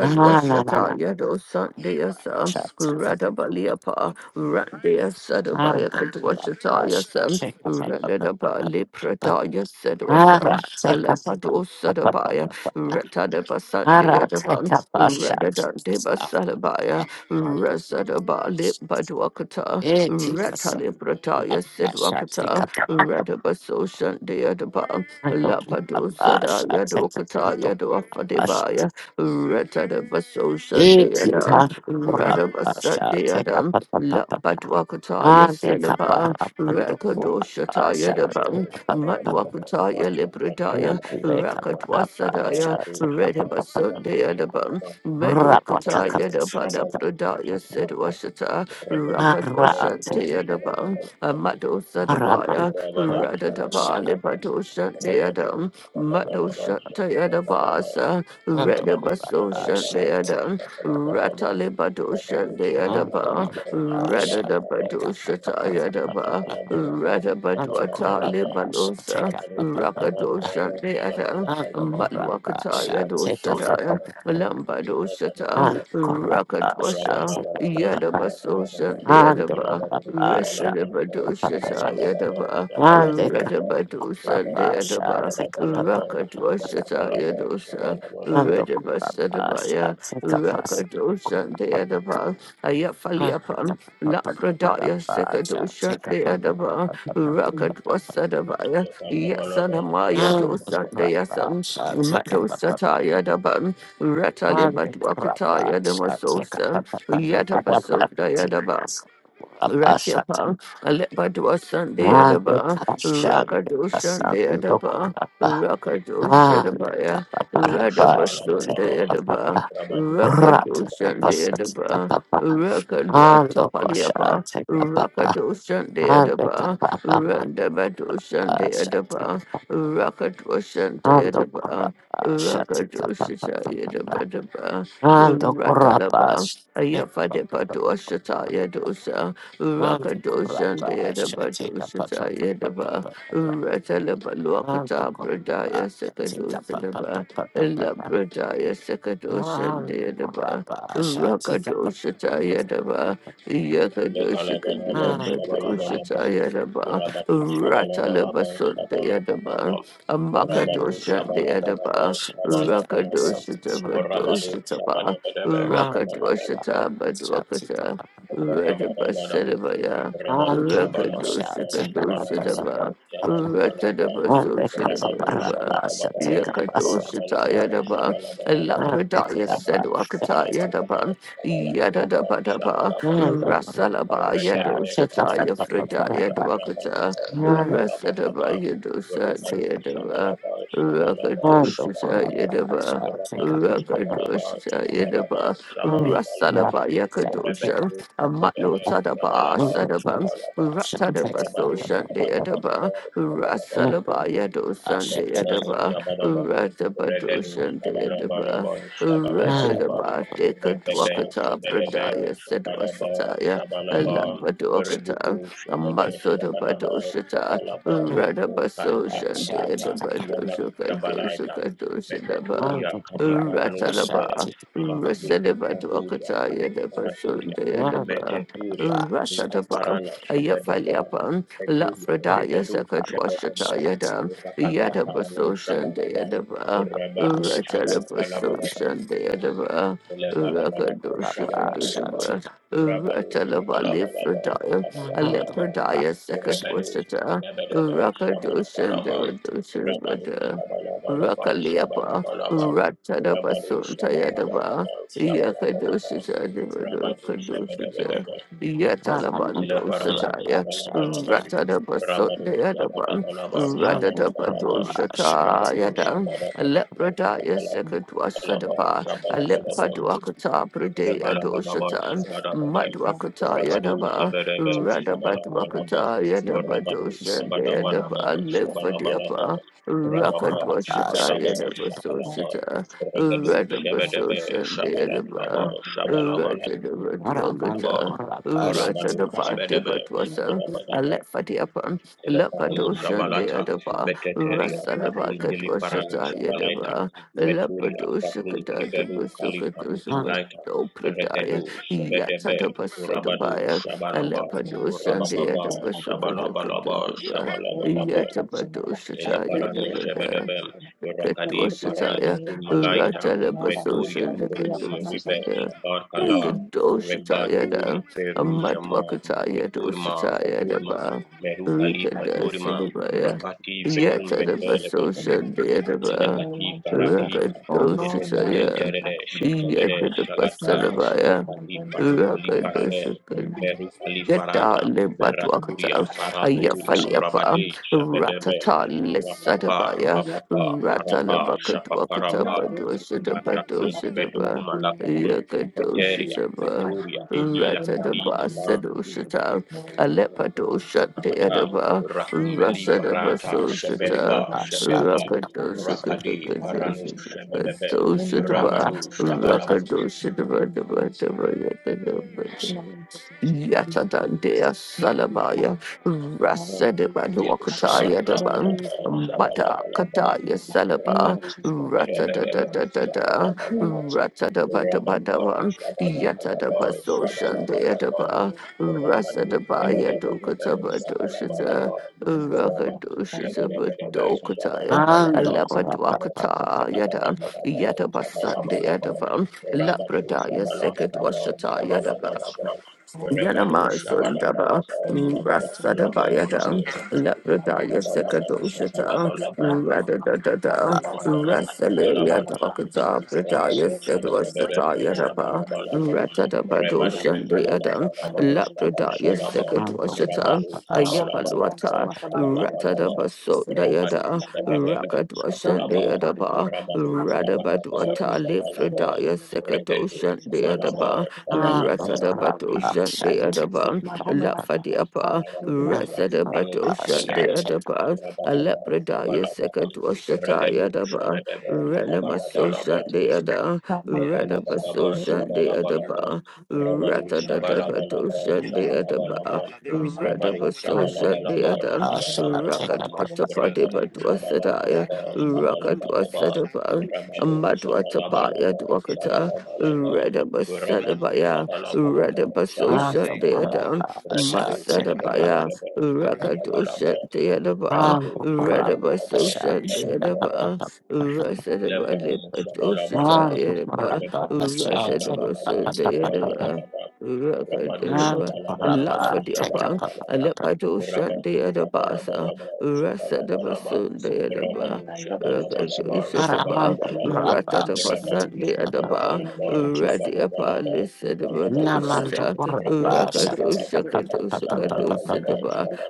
[SPEAKER 2] Ananana
[SPEAKER 1] Dosandia Sam
[SPEAKER 2] Shatekapando
[SPEAKER 1] Radabaliapa Randia Sadabaya Kadwashataya
[SPEAKER 2] Brahmasha
[SPEAKER 1] Sam
[SPEAKER 2] Tekapapa
[SPEAKER 1] Redadapa Lipra Radaya said was
[SPEAKER 2] Ara
[SPEAKER 1] Alepado
[SPEAKER 2] Tekapapa
[SPEAKER 1] Sadabaya, Retadaba Sandia
[SPEAKER 2] Ara
[SPEAKER 1] Daban,
[SPEAKER 2] Tekapasha
[SPEAKER 1] Redadandeba Salabaya,
[SPEAKER 2] Mando
[SPEAKER 1] Resadaba Lip Badwakata,
[SPEAKER 2] Etikasa
[SPEAKER 1] Retalibrataya said
[SPEAKER 2] Brahmasha
[SPEAKER 1] Wakata,
[SPEAKER 2] Tekapapa
[SPEAKER 1] Redaba Soshan Deadaba,
[SPEAKER 2] Mando
[SPEAKER 1] Lapado
[SPEAKER 2] Brahmasha
[SPEAKER 1] Sadaya Dokata
[SPEAKER 2] Tekapapa
[SPEAKER 1] Yadwafadebaya. Ratadabaso Shandeada,
[SPEAKER 2] Ekita Kurapasha take up
[SPEAKER 1] Radabasandeada,
[SPEAKER 2] a papa.
[SPEAKER 1] Lapatwakataya
[SPEAKER 2] Ah, take up a
[SPEAKER 1] Selaba,
[SPEAKER 2] rapando
[SPEAKER 1] Rakadoshataya
[SPEAKER 2] Kurapasha
[SPEAKER 3] Rabadu
[SPEAKER 2] take
[SPEAKER 1] Dabang,
[SPEAKER 2] up a
[SPEAKER 3] Shabala Bala
[SPEAKER 2] papa.
[SPEAKER 1] Matwakataya Libradaya,
[SPEAKER 2] Naman take up a
[SPEAKER 1] Rakatwasadaya,
[SPEAKER 2] rapasha take up a papa.
[SPEAKER 1] Redabasandeada Bang,
[SPEAKER 2] Rapataka
[SPEAKER 1] Medokataya
[SPEAKER 2] take a
[SPEAKER 1] Dabada said
[SPEAKER 2] papa.
[SPEAKER 1] Washata, Rakat
[SPEAKER 2] Ara take
[SPEAKER 1] Washantia the Bang, Amado
[SPEAKER 2] a raman.
[SPEAKER 1] Sadabaya, Radadaba
[SPEAKER 2] Rapasha
[SPEAKER 1] Lipato
[SPEAKER 2] take
[SPEAKER 1] Shantiadam,
[SPEAKER 2] a
[SPEAKER 1] Mado
[SPEAKER 2] papa.
[SPEAKER 1] Shantia the Basa,
[SPEAKER 2] Ando
[SPEAKER 1] Redabaso
[SPEAKER 2] Kurapasha take
[SPEAKER 1] Shantiadam,
[SPEAKER 3] Shabala
[SPEAKER 2] a papa.
[SPEAKER 3] Bala
[SPEAKER 1] Ratalibado
[SPEAKER 3] Shabba
[SPEAKER 1] Shantia the
[SPEAKER 2] Ando
[SPEAKER 1] Bang,
[SPEAKER 2] Kurapasha
[SPEAKER 1] Radadabado
[SPEAKER 2] take
[SPEAKER 1] Shataya the
[SPEAKER 2] a
[SPEAKER 1] Bang,
[SPEAKER 2] papa. Ando
[SPEAKER 1] Radabadwata
[SPEAKER 2] corrapa, shall take
[SPEAKER 1] Libanosa,
[SPEAKER 2] up a
[SPEAKER 1] Rakado
[SPEAKER 2] papa.
[SPEAKER 1] Shantiadam,
[SPEAKER 2] Ando corrapa, shall
[SPEAKER 1] Malwakataya do
[SPEAKER 2] take up a
[SPEAKER 1] Sadayan,
[SPEAKER 2] papa.
[SPEAKER 1] Lambado Shata,
[SPEAKER 2] Ando corrapa, shall
[SPEAKER 1] Rakatwasha,
[SPEAKER 2] take up a papa.
[SPEAKER 1] Yadaba Sosan
[SPEAKER 2] Ando
[SPEAKER 1] Deadaba,
[SPEAKER 2] corrapa, shall a
[SPEAKER 1] Resadabadu
[SPEAKER 2] papa.
[SPEAKER 1] Shata Yadaba,
[SPEAKER 2] Ande
[SPEAKER 1] Radabadu Sunday
[SPEAKER 2] corrapa, shall
[SPEAKER 1] Adaba,
[SPEAKER 2] take up a
[SPEAKER 1] Rakadwa
[SPEAKER 2] papa.
[SPEAKER 1] Shata Yadosa,
[SPEAKER 2] Ando
[SPEAKER 1] Redaba
[SPEAKER 2] corrapa,
[SPEAKER 1] Sadabaya,
[SPEAKER 2] shall take up a
[SPEAKER 1] Rakadu Sunday
[SPEAKER 2] papa.
[SPEAKER 1] Adaba,
[SPEAKER 2] Ando
[SPEAKER 1] Ayafaliapan, Lapradaya
[SPEAKER 2] corrapa,
[SPEAKER 1] Sekadu
[SPEAKER 2] shall take up
[SPEAKER 1] Shante
[SPEAKER 2] a papa.
[SPEAKER 1] Adaba, Rakadwa Sadabaya, Yasanamaya
[SPEAKER 2] Ando
[SPEAKER 1] do Sunday
[SPEAKER 2] corrapa,
[SPEAKER 1] Asam,
[SPEAKER 2] shall take up
[SPEAKER 1] Madu
[SPEAKER 2] a papa.
[SPEAKER 1] Sataya Daban, Ratali
[SPEAKER 2] Ando corrapa,
[SPEAKER 1] Badwakataya Damasosa. Yadabasundayadaba, Ratiapa, Alepadua Sunday Adaba, Rakado Sunday Adaba, Rakado Shadabaya, Radaba Sunday Adaba,
[SPEAKER 3] Rabadu
[SPEAKER 1] Rakado Sunday Adaba, Rakado Atapaliapa, Rakado Sunday Adaba, Randabado Sunday Adaba, Rakado Sunday Adaba, Rakado Shitaya Daba Daba,
[SPEAKER 2] Ando
[SPEAKER 1] Ratalaba, Ayafa Depato
[SPEAKER 2] corrapa,
[SPEAKER 1] Shataya Dosa.
[SPEAKER 2] Shall
[SPEAKER 1] Rakadoshan Deadabadosha Yedaba Ratalabalwakata Bradaya Sekadosinaba Labradaya Sekadoshan Deadaba Rakadosha Yedaba Yakadosha
[SPEAKER 3] Shabalabalabalaba, Shabalabalabalaba,
[SPEAKER 1] Yedaba
[SPEAKER 2] take
[SPEAKER 1] Ratalabasun Deadaba Amakadoshan Deadaba Rakadosha Tabadosha Taba Rakadosha Tabadwakata Redabassadabaya, Rakadoshakadoshadaba, Ratadabasoshadabadaba,
[SPEAKER 2] a
[SPEAKER 1] Yakadoshatayadaba,
[SPEAKER 2] Shall take
[SPEAKER 1] Lapradaya Sedwakatayadaba, Yadadabadaba,
[SPEAKER 3] Shabalabalabalaba,
[SPEAKER 1] Rasalaba
[SPEAKER 3] Shabalaba,
[SPEAKER 2] up the
[SPEAKER 1] Yadoshataya
[SPEAKER 2] Papa
[SPEAKER 1] Fridaya
[SPEAKER 2] Karaba,
[SPEAKER 1] Dwakata,
[SPEAKER 2] and
[SPEAKER 1] Rasadaba Yadosa
[SPEAKER 2] take up
[SPEAKER 1] Deadaba,
[SPEAKER 2] on the
[SPEAKER 3] Shabalaba,
[SPEAKER 1] Rakadoshayadaba,
[SPEAKER 2] Karabasha, take up the Papa
[SPEAKER 1] Rakadoshayadaba,
[SPEAKER 2] and the
[SPEAKER 1] Rasalaba
[SPEAKER 2] Karabasha, take
[SPEAKER 1] Yakadosha.
[SPEAKER 2] up the
[SPEAKER 1] Amatlo
[SPEAKER 2] Papa
[SPEAKER 1] Tadaba
[SPEAKER 2] and the
[SPEAKER 1] Sadabam
[SPEAKER 2] Karabasha, take
[SPEAKER 1] Ratadaba
[SPEAKER 2] up the
[SPEAKER 1] So
[SPEAKER 2] Papa
[SPEAKER 1] Shandeadaba
[SPEAKER 3] Shabalaba,
[SPEAKER 2] and the
[SPEAKER 1] Rasalaba Yado
[SPEAKER 2] Karabasha, take up
[SPEAKER 3] Paramus
[SPEAKER 2] the
[SPEAKER 1] Sandeadaba
[SPEAKER 3] Shabalaban,
[SPEAKER 1] Rataba Do
[SPEAKER 3] Regadus
[SPEAKER 1] Shandeadaba
[SPEAKER 3] Shabalabalaban,
[SPEAKER 2] Nine
[SPEAKER 3] Shabalabalaban,
[SPEAKER 1] Ratadaba Deka
[SPEAKER 3] Rebebe,
[SPEAKER 2] Karabasha,
[SPEAKER 1] Dwakata
[SPEAKER 2] take up the
[SPEAKER 3] Shabedebe,
[SPEAKER 1] Pradaya
[SPEAKER 3] Shabalaba,
[SPEAKER 1] Sedwasataya
[SPEAKER 2] Karabasha,
[SPEAKER 3] Shabalaban,
[SPEAKER 1] Alabadwakata
[SPEAKER 3] Regudu, Shabede,
[SPEAKER 1] Amasodaba
[SPEAKER 3] Shabadaba,
[SPEAKER 1] Doshata
[SPEAKER 3] Shabalaban,
[SPEAKER 1] Radaba
[SPEAKER 3] Oka
[SPEAKER 1] So
[SPEAKER 3] Ida Parata,
[SPEAKER 2] take
[SPEAKER 1] Shandeadaba
[SPEAKER 2] up
[SPEAKER 3] Yamar
[SPEAKER 1] Doshaka
[SPEAKER 3] Jabalaita,
[SPEAKER 1] Doshaka Doshadaba
[SPEAKER 2] and
[SPEAKER 3] Beteturia,
[SPEAKER 2] the
[SPEAKER 3] Kadi
[SPEAKER 2] Karabasha,
[SPEAKER 3] Paranushebe,
[SPEAKER 1] Ratalaba
[SPEAKER 2] take
[SPEAKER 3] Ila
[SPEAKER 2] up
[SPEAKER 3] Kadi
[SPEAKER 1] Rasadaba to
[SPEAKER 3] Paraturia,
[SPEAKER 1] Akataya
[SPEAKER 3] Kadi
[SPEAKER 1] de
[SPEAKER 3] Paraturia,
[SPEAKER 1] Basunda de
[SPEAKER 2] the
[SPEAKER 1] Ba,
[SPEAKER 3] Meteturia, Kadi
[SPEAKER 2] Karabasha,
[SPEAKER 1] Ratataba,
[SPEAKER 3] Parana, Shabedeba,
[SPEAKER 1] Ayafaliapan,
[SPEAKER 3] Beturia,
[SPEAKER 2] Shut
[SPEAKER 1] Lafredaya
[SPEAKER 3] Rebedu, Shabedebe,
[SPEAKER 1] Sakatwashataya dam,
[SPEAKER 3] Rakadapalano
[SPEAKER 1] Yadabasoshan de
[SPEAKER 3] Shabalaban,
[SPEAKER 1] Edaba,
[SPEAKER 3] Rabadu Shabalabalabalaba,
[SPEAKER 1] Ratalabasoshan de Edaba,
[SPEAKER 3] Lepalabalaba, Shabalabalaba,
[SPEAKER 1] Rakadoshakadudaba,
[SPEAKER 3] Rabadu
[SPEAKER 1] Ratalaba
[SPEAKER 3] Shabalabalaba,
[SPEAKER 1] Lefredaya,
[SPEAKER 3] Shabalabalaba,
[SPEAKER 1] Alepredaya
[SPEAKER 3] Rabadu
[SPEAKER 1] Sakatwashata,
[SPEAKER 3] Shabalabalaba,
[SPEAKER 1] Rakadoshan de
[SPEAKER 3] Shabalabalaba, Rabadu Shabalabalaba,
[SPEAKER 1] Radoshabada.
[SPEAKER 3] Shabalabalaba, Rabadu
[SPEAKER 1] Ratadabasunta Yadaba,
[SPEAKER 3] Shabalabalaba, Shabalabalaba,
[SPEAKER 1] Yakadosita Devado
[SPEAKER 3] Rabadu
[SPEAKER 4] Jesus,
[SPEAKER 1] Kadosita,
[SPEAKER 3] Shabalabalaba,
[SPEAKER 1] Yatalabando
[SPEAKER 3] Teleparano
[SPEAKER 1] Sataya,
[SPEAKER 3] Shabalabalabam, Rabado
[SPEAKER 1] Ratadabasunta Yadaban,
[SPEAKER 3] Shabalabalabam,
[SPEAKER 1] Radadabato
[SPEAKER 3] Shabalabalabam,
[SPEAKER 1] Shata
[SPEAKER 3] Rabado
[SPEAKER 1] Yadam,
[SPEAKER 3] Shabalabalabam,
[SPEAKER 1] Lepradaya Sekadwa
[SPEAKER 3] Shabalabalabam,
[SPEAKER 1] Sadaba,
[SPEAKER 3] Shabalabalabam,
[SPEAKER 1] Alepadwakata Pradea
[SPEAKER 3] Telepalabalabam,
[SPEAKER 1] Dosatan,
[SPEAKER 3] Shabadabadam,
[SPEAKER 1] Madwakata
[SPEAKER 3] Rabado
[SPEAKER 1] Yadaba,
[SPEAKER 3] Shabadabam, Shabalabalabam,
[SPEAKER 1] Radabadwakata
[SPEAKER 3] Rabado
[SPEAKER 1] Yadabadosha Yadaba,
[SPEAKER 3] Shabadabadabam,
[SPEAKER 1] Lefadiapa.
[SPEAKER 3] Shabalabalabam, Rabama
[SPEAKER 1] Rakadwashata
[SPEAKER 3] Shabadabam, Shabalabam,
[SPEAKER 1] Yadabasoshata
[SPEAKER 3] Rabado Shabadabam,
[SPEAKER 1] Radabasoshan Deadaba
[SPEAKER 3] Shabalabalabam,
[SPEAKER 4] In
[SPEAKER 3] Shabalabalabam,
[SPEAKER 1] Ratadavadwakata
[SPEAKER 4] the
[SPEAKER 3] Rabado
[SPEAKER 4] name of Jesus,
[SPEAKER 1] Ratadapati
[SPEAKER 3] Shabadabam,
[SPEAKER 4] Lord, it
[SPEAKER 1] Batwasa
[SPEAKER 4] is one
[SPEAKER 3] Shabalabalabam,
[SPEAKER 4] bless the name of
[SPEAKER 1] Alepfatiapan
[SPEAKER 4] Jesus. In
[SPEAKER 3] Telefarano
[SPEAKER 4] the mighty
[SPEAKER 1] Lapadoshan
[SPEAKER 4] name of
[SPEAKER 3] Shabalata,
[SPEAKER 4] Jesus,
[SPEAKER 1] Deadaba
[SPEAKER 4] Lord, Lord,
[SPEAKER 3] Beteteria
[SPEAKER 4] your
[SPEAKER 3] Fatum
[SPEAKER 4] protection come
[SPEAKER 3] Telefarano
[SPEAKER 4] in
[SPEAKER 1] Rasadabakadwashata
[SPEAKER 3] Shabalaita,
[SPEAKER 4] our
[SPEAKER 1] Yadaba
[SPEAKER 4] life.
[SPEAKER 3] Meturia Fatum
[SPEAKER 1] Lapadoshakata
[SPEAKER 3] Liberu Califaru
[SPEAKER 1] Dabasukatusabat.
[SPEAKER 3] Shalaita,
[SPEAKER 1] Opradaya,
[SPEAKER 3] Rekedu Sebedebe,
[SPEAKER 1] Yatsata
[SPEAKER 3] Rabadu
[SPEAKER 1] Basodabaya,
[SPEAKER 4] Lord,
[SPEAKER 3] Shabalaba,
[SPEAKER 4] protect me and my
[SPEAKER 1] Alepadoshan,
[SPEAKER 4] children.
[SPEAKER 1] the
[SPEAKER 3] Rabababa,
[SPEAKER 1] party? But was a left fatty upon. Lepadotion, the edible. Rust
[SPEAKER 4] Protect me and
[SPEAKER 1] of
[SPEAKER 4] my
[SPEAKER 1] the bucket
[SPEAKER 4] family,
[SPEAKER 1] was
[SPEAKER 4] Lord.
[SPEAKER 3] Shabalabalaba,
[SPEAKER 1] shut out, yet it was. Lepadoshakata to Busukatus, but no pretire. Yet at a basota buyer. A lepadotion, the Basukata
[SPEAKER 4] I pray for
[SPEAKER 3] Shabalabalaba,
[SPEAKER 1] Yet
[SPEAKER 4] protection,
[SPEAKER 1] about
[SPEAKER 4] Lord.
[SPEAKER 1] those that
[SPEAKER 3] ele
[SPEAKER 4] I
[SPEAKER 1] are
[SPEAKER 4] pray
[SPEAKER 1] yet
[SPEAKER 3] parano
[SPEAKER 4] for your
[SPEAKER 1] about there.
[SPEAKER 4] covering,
[SPEAKER 3] shebedebe
[SPEAKER 4] Lord. Father,
[SPEAKER 3] rakadi
[SPEAKER 4] Lord, be
[SPEAKER 3] paranta
[SPEAKER 4] upon
[SPEAKER 1] Kadoshataya,
[SPEAKER 4] me
[SPEAKER 3] kum
[SPEAKER 4] and my children.
[SPEAKER 3] malaita
[SPEAKER 4] Lord, may your
[SPEAKER 3] beturia
[SPEAKER 1] Ratalabasosha, the
[SPEAKER 4] covering be
[SPEAKER 3] ketum
[SPEAKER 4] upon us.
[SPEAKER 3] ribe
[SPEAKER 1] Kadoshataya,
[SPEAKER 3] shabar
[SPEAKER 1] the
[SPEAKER 3] kala
[SPEAKER 1] Kadoshataya,
[SPEAKER 3] rebaturi
[SPEAKER 1] The
[SPEAKER 3] feru
[SPEAKER 4] Let's
[SPEAKER 3] shama
[SPEAKER 1] Amadwakataya,
[SPEAKER 3] meturma
[SPEAKER 1] Dosataya,
[SPEAKER 3] faturma
[SPEAKER 1] Daba,
[SPEAKER 3] meru kali
[SPEAKER 4] have money,
[SPEAKER 3] faturma
[SPEAKER 1] Rikadasilibaya,
[SPEAKER 3] rakati
[SPEAKER 4] Thank you.
[SPEAKER 3] fetum betelebe,
[SPEAKER 4] In the
[SPEAKER 1] Yatalabasosha,
[SPEAKER 4] mighty
[SPEAKER 1] Deadaba,
[SPEAKER 4] name
[SPEAKER 3] Lekati
[SPEAKER 4] of Jesus,
[SPEAKER 3] Paratika,
[SPEAKER 4] oh Lord, let your
[SPEAKER 1] Rakadoshataya,
[SPEAKER 3] Etekatenterere,
[SPEAKER 4] protection be upon
[SPEAKER 3] Sheterere,
[SPEAKER 4] us.
[SPEAKER 3] Shalata,
[SPEAKER 4] and Let your
[SPEAKER 1] Yatalabasalabaya,
[SPEAKER 3] Lekati
[SPEAKER 4] covenant be upon
[SPEAKER 3] Parukali
[SPEAKER 4] us, O Lord.
[SPEAKER 3] Paradel,
[SPEAKER 4] In the
[SPEAKER 1] Rakadoshataya.
[SPEAKER 4] mighty
[SPEAKER 3] Berukali
[SPEAKER 4] name
[SPEAKER 1] Yada
[SPEAKER 4] of
[SPEAKER 3] Farata,
[SPEAKER 4] Jesus,
[SPEAKER 1] limba
[SPEAKER 3] Beraturia,
[SPEAKER 1] dwakata,
[SPEAKER 4] Lord, I have
[SPEAKER 3] Faraturia,
[SPEAKER 4] protection and
[SPEAKER 1] ayafaliapa,
[SPEAKER 4] covenant.
[SPEAKER 3] Rabade,
[SPEAKER 4] Your
[SPEAKER 3] Shabedebel,
[SPEAKER 1] ratata
[SPEAKER 4] protection and covenant, Lord.
[SPEAKER 3] Rapapa,
[SPEAKER 1] lisadabaya,
[SPEAKER 4] Your
[SPEAKER 3] Rapapa,
[SPEAKER 4] protection and
[SPEAKER 1] Ratala
[SPEAKER 3] Parapa,
[SPEAKER 4] covenant,
[SPEAKER 1] Bakat
[SPEAKER 4] Lord.
[SPEAKER 1] Wakata
[SPEAKER 4] Your
[SPEAKER 3] Shapaparapa,
[SPEAKER 4] protection
[SPEAKER 1] Badoshita
[SPEAKER 4] and covenant,
[SPEAKER 3] Matakun,
[SPEAKER 4] Lord. Let
[SPEAKER 1] Badoshitaba
[SPEAKER 4] it
[SPEAKER 3] Bedukuma,
[SPEAKER 4] be upon
[SPEAKER 3] Lakakun,
[SPEAKER 4] us oh, and be
[SPEAKER 3] Veteria,
[SPEAKER 4] upon
[SPEAKER 1] Yakadoshitaba
[SPEAKER 4] my
[SPEAKER 3] Veturia,
[SPEAKER 4] children.
[SPEAKER 3] Edila,
[SPEAKER 4] In the
[SPEAKER 1] Ratada
[SPEAKER 4] mighty
[SPEAKER 3] Kadita,
[SPEAKER 4] name of Jesus,
[SPEAKER 1] Basadoshita
[SPEAKER 4] Lord, I have
[SPEAKER 1] Alepadoshat
[SPEAKER 4] protection.
[SPEAKER 3] Kapatal,
[SPEAKER 1] Deadaba
[SPEAKER 4] Lord, I have
[SPEAKER 3] Rakumeli
[SPEAKER 4] covenant.
[SPEAKER 1] Rasadaba
[SPEAKER 4] I
[SPEAKER 3] Farata,
[SPEAKER 4] receive it
[SPEAKER 1] Soshita
[SPEAKER 3] Shebediba,
[SPEAKER 4] from my
[SPEAKER 3] Shebediba,
[SPEAKER 4] life. I receive it
[SPEAKER 1] Rakadoshita
[SPEAKER 3] Rakadi,
[SPEAKER 4] from you,
[SPEAKER 3] Paranu,
[SPEAKER 4] Jesus. life.
[SPEAKER 3] Shebelebel,
[SPEAKER 4] In the
[SPEAKER 1] Badoshitaba
[SPEAKER 4] mighty name
[SPEAKER 3] Rabadu,
[SPEAKER 4] of
[SPEAKER 3] Shabalab,
[SPEAKER 4] Jesus. in the
[SPEAKER 1] Rakadoshitaba
[SPEAKER 4] mighty
[SPEAKER 1] Daba Daba
[SPEAKER 4] Million protection and be upon us.
[SPEAKER 1] Yatadandea
[SPEAKER 4] May you become
[SPEAKER 1] Salamaya
[SPEAKER 4] our Lord. Father,
[SPEAKER 1] Rasediban
[SPEAKER 4] release your
[SPEAKER 3] Ilu,
[SPEAKER 4] covenant.
[SPEAKER 1] Wakataya
[SPEAKER 4] Lord,
[SPEAKER 1] Daban
[SPEAKER 3] Shabalabalaba,
[SPEAKER 4] release your
[SPEAKER 1] Mada
[SPEAKER 4] covenant
[SPEAKER 3] Shabalabalaba,
[SPEAKER 4] upon us,
[SPEAKER 1] Kataya
[SPEAKER 4] Lord.
[SPEAKER 1] Salaba
[SPEAKER 3] Rabadu,
[SPEAKER 4] Let your covenant come
[SPEAKER 3] Shebedebedebe,
[SPEAKER 4] upon us, Lord.
[SPEAKER 1] Ratadadadadada
[SPEAKER 3] Shabalabalaba,
[SPEAKER 4] Let your covenant be upon
[SPEAKER 3] Rababa,
[SPEAKER 4] us,
[SPEAKER 1] Ratadabadabadaban
[SPEAKER 4] Lord. In the mighty
[SPEAKER 3] Shabalabalaba,
[SPEAKER 4] name
[SPEAKER 1] Yatadabaso
[SPEAKER 4] of Jesus,
[SPEAKER 3] Shabalabalaba,
[SPEAKER 1] Shandayadaba
[SPEAKER 4] Lord, covenant. Let
[SPEAKER 1] Rasadabaya
[SPEAKER 4] it be upon us. And let it be
[SPEAKER 1] Dokatabadoshita
[SPEAKER 4] upon us, Lord. Let it be
[SPEAKER 1] Rakadoshita
[SPEAKER 4] upon us, Lord.
[SPEAKER 1] Badokataya
[SPEAKER 4] In the mighty name of Jesus,
[SPEAKER 1] Alabadwakata
[SPEAKER 4] I
[SPEAKER 1] Yada
[SPEAKER 4] know that you can teach me. I know
[SPEAKER 1] Yatabasandayadaban
[SPEAKER 4] that you have
[SPEAKER 1] Labradaya
[SPEAKER 4] me. In
[SPEAKER 1] Sekadwashata Yadaba Yanama Sundaba,
[SPEAKER 4] the mighty name of
[SPEAKER 1] Rasadabayada,
[SPEAKER 4] Jesus, Father,
[SPEAKER 1] Lepradaya
[SPEAKER 4] Lord, I protection.
[SPEAKER 1] Sekadoshata,
[SPEAKER 4] Your
[SPEAKER 3] Shabalabala,
[SPEAKER 4] carry, my Lord, let the
[SPEAKER 1] Radadada,
[SPEAKER 4] Lord cover us by
[SPEAKER 1] Rasalaya
[SPEAKER 4] the blood of
[SPEAKER 1] Dvakata,
[SPEAKER 4] Jesus.
[SPEAKER 1] Pradaya
[SPEAKER 3] Rabadu
[SPEAKER 4] Shield us, O Lord,
[SPEAKER 3] Shabadabadaba
[SPEAKER 1] Sedvasataya
[SPEAKER 4] by the
[SPEAKER 1] Rapa,
[SPEAKER 4] blood of
[SPEAKER 3] Shabalabalaba
[SPEAKER 4] Jesus. Shield me and
[SPEAKER 3] Rabadu
[SPEAKER 4] my children
[SPEAKER 1] Ratadabadoshandayada,
[SPEAKER 4] by
[SPEAKER 3] Shabalabalaba
[SPEAKER 4] the blood of Jesus.
[SPEAKER 1] Lepradaya
[SPEAKER 4] Shield my
[SPEAKER 3] Shabalabalaba
[SPEAKER 4] and my family.
[SPEAKER 1] Sekadwashata,
[SPEAKER 3] Rabadu
[SPEAKER 4] Father, all that
[SPEAKER 3] Shabalabalaba
[SPEAKER 4] belongs to
[SPEAKER 1] Ayapaluata,
[SPEAKER 4] us by the blood of Jesus.
[SPEAKER 3] Shabalabalaba
[SPEAKER 4] Soak my
[SPEAKER 3] Rabadu
[SPEAKER 4] soul in
[SPEAKER 1] Ratadabasundayada,
[SPEAKER 4] the blood of Jesus.
[SPEAKER 3] Shabadaba
[SPEAKER 4] Soak
[SPEAKER 3] Shabalaba
[SPEAKER 4] everybody's
[SPEAKER 1] Rakadwashandayadaba,
[SPEAKER 4] life in the
[SPEAKER 3] Rabadu
[SPEAKER 4] blood of Jesus.
[SPEAKER 3] Shabadaba
[SPEAKER 4] Soak my
[SPEAKER 1] Radabadwata,
[SPEAKER 4] body's life
[SPEAKER 3] Shabalaba
[SPEAKER 1] Lepradaya
[SPEAKER 4] in the blood of Jesus.
[SPEAKER 3] Regadu
[SPEAKER 4] So, Zion
[SPEAKER 3] Shabalaba
[SPEAKER 1] Sekadoshandayadaba,
[SPEAKER 4] is the influence
[SPEAKER 3] Shabalaba
[SPEAKER 4] when the blood of
[SPEAKER 1] Rasadabato
[SPEAKER 4] Jesus.
[SPEAKER 1] Shante
[SPEAKER 4] When I set
[SPEAKER 1] Adaba,
[SPEAKER 4] my
[SPEAKER 3] Bila
[SPEAKER 4] home in my heart,
[SPEAKER 3] Bila
[SPEAKER 4] I
[SPEAKER 1] Lafadiapa,
[SPEAKER 4] set my home
[SPEAKER 3] Marakuria
[SPEAKER 2] Namandu
[SPEAKER 4] in my
[SPEAKER 3] Rano
[SPEAKER 4] heart.
[SPEAKER 1] Rasadabato
[SPEAKER 4] I will not
[SPEAKER 1] Shante
[SPEAKER 3] Shabadaba
[SPEAKER 4] disappoint.
[SPEAKER 1] Adaba,
[SPEAKER 3] Rabadaba
[SPEAKER 1] Alepredaya
[SPEAKER 3] Shabalaba
[SPEAKER 1] Second Washata
[SPEAKER 3] Regadu
[SPEAKER 1] Yadaba,
[SPEAKER 3] Shabadaba
[SPEAKER 4] I'm
[SPEAKER 1] Renamaso
[SPEAKER 4] gonna
[SPEAKER 3] Shabalabalaba
[SPEAKER 1] Shante
[SPEAKER 4] protection,
[SPEAKER 1] Ada,
[SPEAKER 4] come on, promotion,
[SPEAKER 3] Yakalabalaba,
[SPEAKER 1] Radabaso
[SPEAKER 4] million
[SPEAKER 1] Shante
[SPEAKER 3] shabalabalaba,
[SPEAKER 1] Adaba,
[SPEAKER 3] rabadu,
[SPEAKER 4] protection,
[SPEAKER 1] Ratadabato
[SPEAKER 3] shabalabalaba,
[SPEAKER 4] I'm not
[SPEAKER 1] Shante
[SPEAKER 4] going to the
[SPEAKER 3] shabalabalaba,
[SPEAKER 1] Adaba,
[SPEAKER 4] mother. In my mind,
[SPEAKER 3] rabadu,
[SPEAKER 4] it's in
[SPEAKER 1] Radabaso
[SPEAKER 4] the name of
[SPEAKER 3] shabalabalaba,
[SPEAKER 1] Shante
[SPEAKER 4] Jesus.
[SPEAKER 1] Ada,
[SPEAKER 4] In my
[SPEAKER 3] shabalabalaba,
[SPEAKER 4] mind,
[SPEAKER 1] Rakat
[SPEAKER 4] in my voice.
[SPEAKER 1] Watapati
[SPEAKER 3] remadu,
[SPEAKER 4] In my
[SPEAKER 1] Batwasadaya.
[SPEAKER 3] shabalabalaba,
[SPEAKER 4] mind, in my voice.
[SPEAKER 1] Rakadwa
[SPEAKER 3] shabalabalaba,
[SPEAKER 1] Sadaba,
[SPEAKER 3] remadu,
[SPEAKER 1] Amadwa Tapaya
[SPEAKER 3] shabalabalaba,
[SPEAKER 1] Dwakata,
[SPEAKER 3] shabalabalaba, remadu, shabalabalaba,
[SPEAKER 1] Redaba
[SPEAKER 3] shabalabalaba, remadu,
[SPEAKER 1] Sadabaya, Redaba Sosha Deadan,
[SPEAKER 3] shabalabalaba,
[SPEAKER 1] Matsadabaya,
[SPEAKER 3] shabalabalaba,
[SPEAKER 1] Rakadosha Deadaba,
[SPEAKER 3] remadu,
[SPEAKER 1] Redaba
[SPEAKER 3] shabalabalaba,
[SPEAKER 1] Sosha
[SPEAKER 3] shabalabalaba,
[SPEAKER 1] Deadaba, Rasadaba
[SPEAKER 3] Leparan
[SPEAKER 1] Lipadosha
[SPEAKER 3] Shabalabalaba,
[SPEAKER 1] Yedaba,
[SPEAKER 3] Repadu
[SPEAKER 1] Rasadaba
[SPEAKER 3] Shabalabalaba,
[SPEAKER 1] Sundayadaba,
[SPEAKER 3] Shabalabalaba, Rabadu
[SPEAKER 1] Rakadaba.
[SPEAKER 3] Shabalabalaba,
[SPEAKER 1] Love for the upper, I
[SPEAKER 3] Shabalabalaba,
[SPEAKER 1] let by the ocean,
[SPEAKER 3] Rabadu
[SPEAKER 1] the other basa,
[SPEAKER 3] Shabalabalaba,
[SPEAKER 1] rest at the
[SPEAKER 3] Shabalabalaba,
[SPEAKER 1] basun,
[SPEAKER 4] So,
[SPEAKER 1] the other
[SPEAKER 4] Father,
[SPEAKER 3] Rabadu
[SPEAKER 4] by your protection, your
[SPEAKER 3] Shabalabalaba, Shabalabalaba, Rabadu Shabalabalaba,
[SPEAKER 4] protection,
[SPEAKER 1] Rakadushatapa,
[SPEAKER 4] let
[SPEAKER 3] Shabalabalaba,
[SPEAKER 4] it be upon
[SPEAKER 3] Shabalabalaba,
[SPEAKER 4] us, and let
[SPEAKER 3] Rabadu
[SPEAKER 4] it be
[SPEAKER 1] Ratatapasandi
[SPEAKER 4] upon us.
[SPEAKER 1] Adaba,
[SPEAKER 4] In the name of
[SPEAKER 3] Shabalabalaba,
[SPEAKER 4] Jesus, Father,
[SPEAKER 1] Radiapa,
[SPEAKER 4] Lord,
[SPEAKER 3] Shabalabalaba,
[SPEAKER 4] I thank you for
[SPEAKER 1] Lisadabadushata,
[SPEAKER 4] security. Lord, I thank you for the security. I thank
[SPEAKER 2] Kurapa
[SPEAKER 4] you, oh Father,
[SPEAKER 2] Sati
[SPEAKER 3] Shabalabalaba,
[SPEAKER 4] for
[SPEAKER 1] Rakadushakadushakadushadaba,
[SPEAKER 4] the-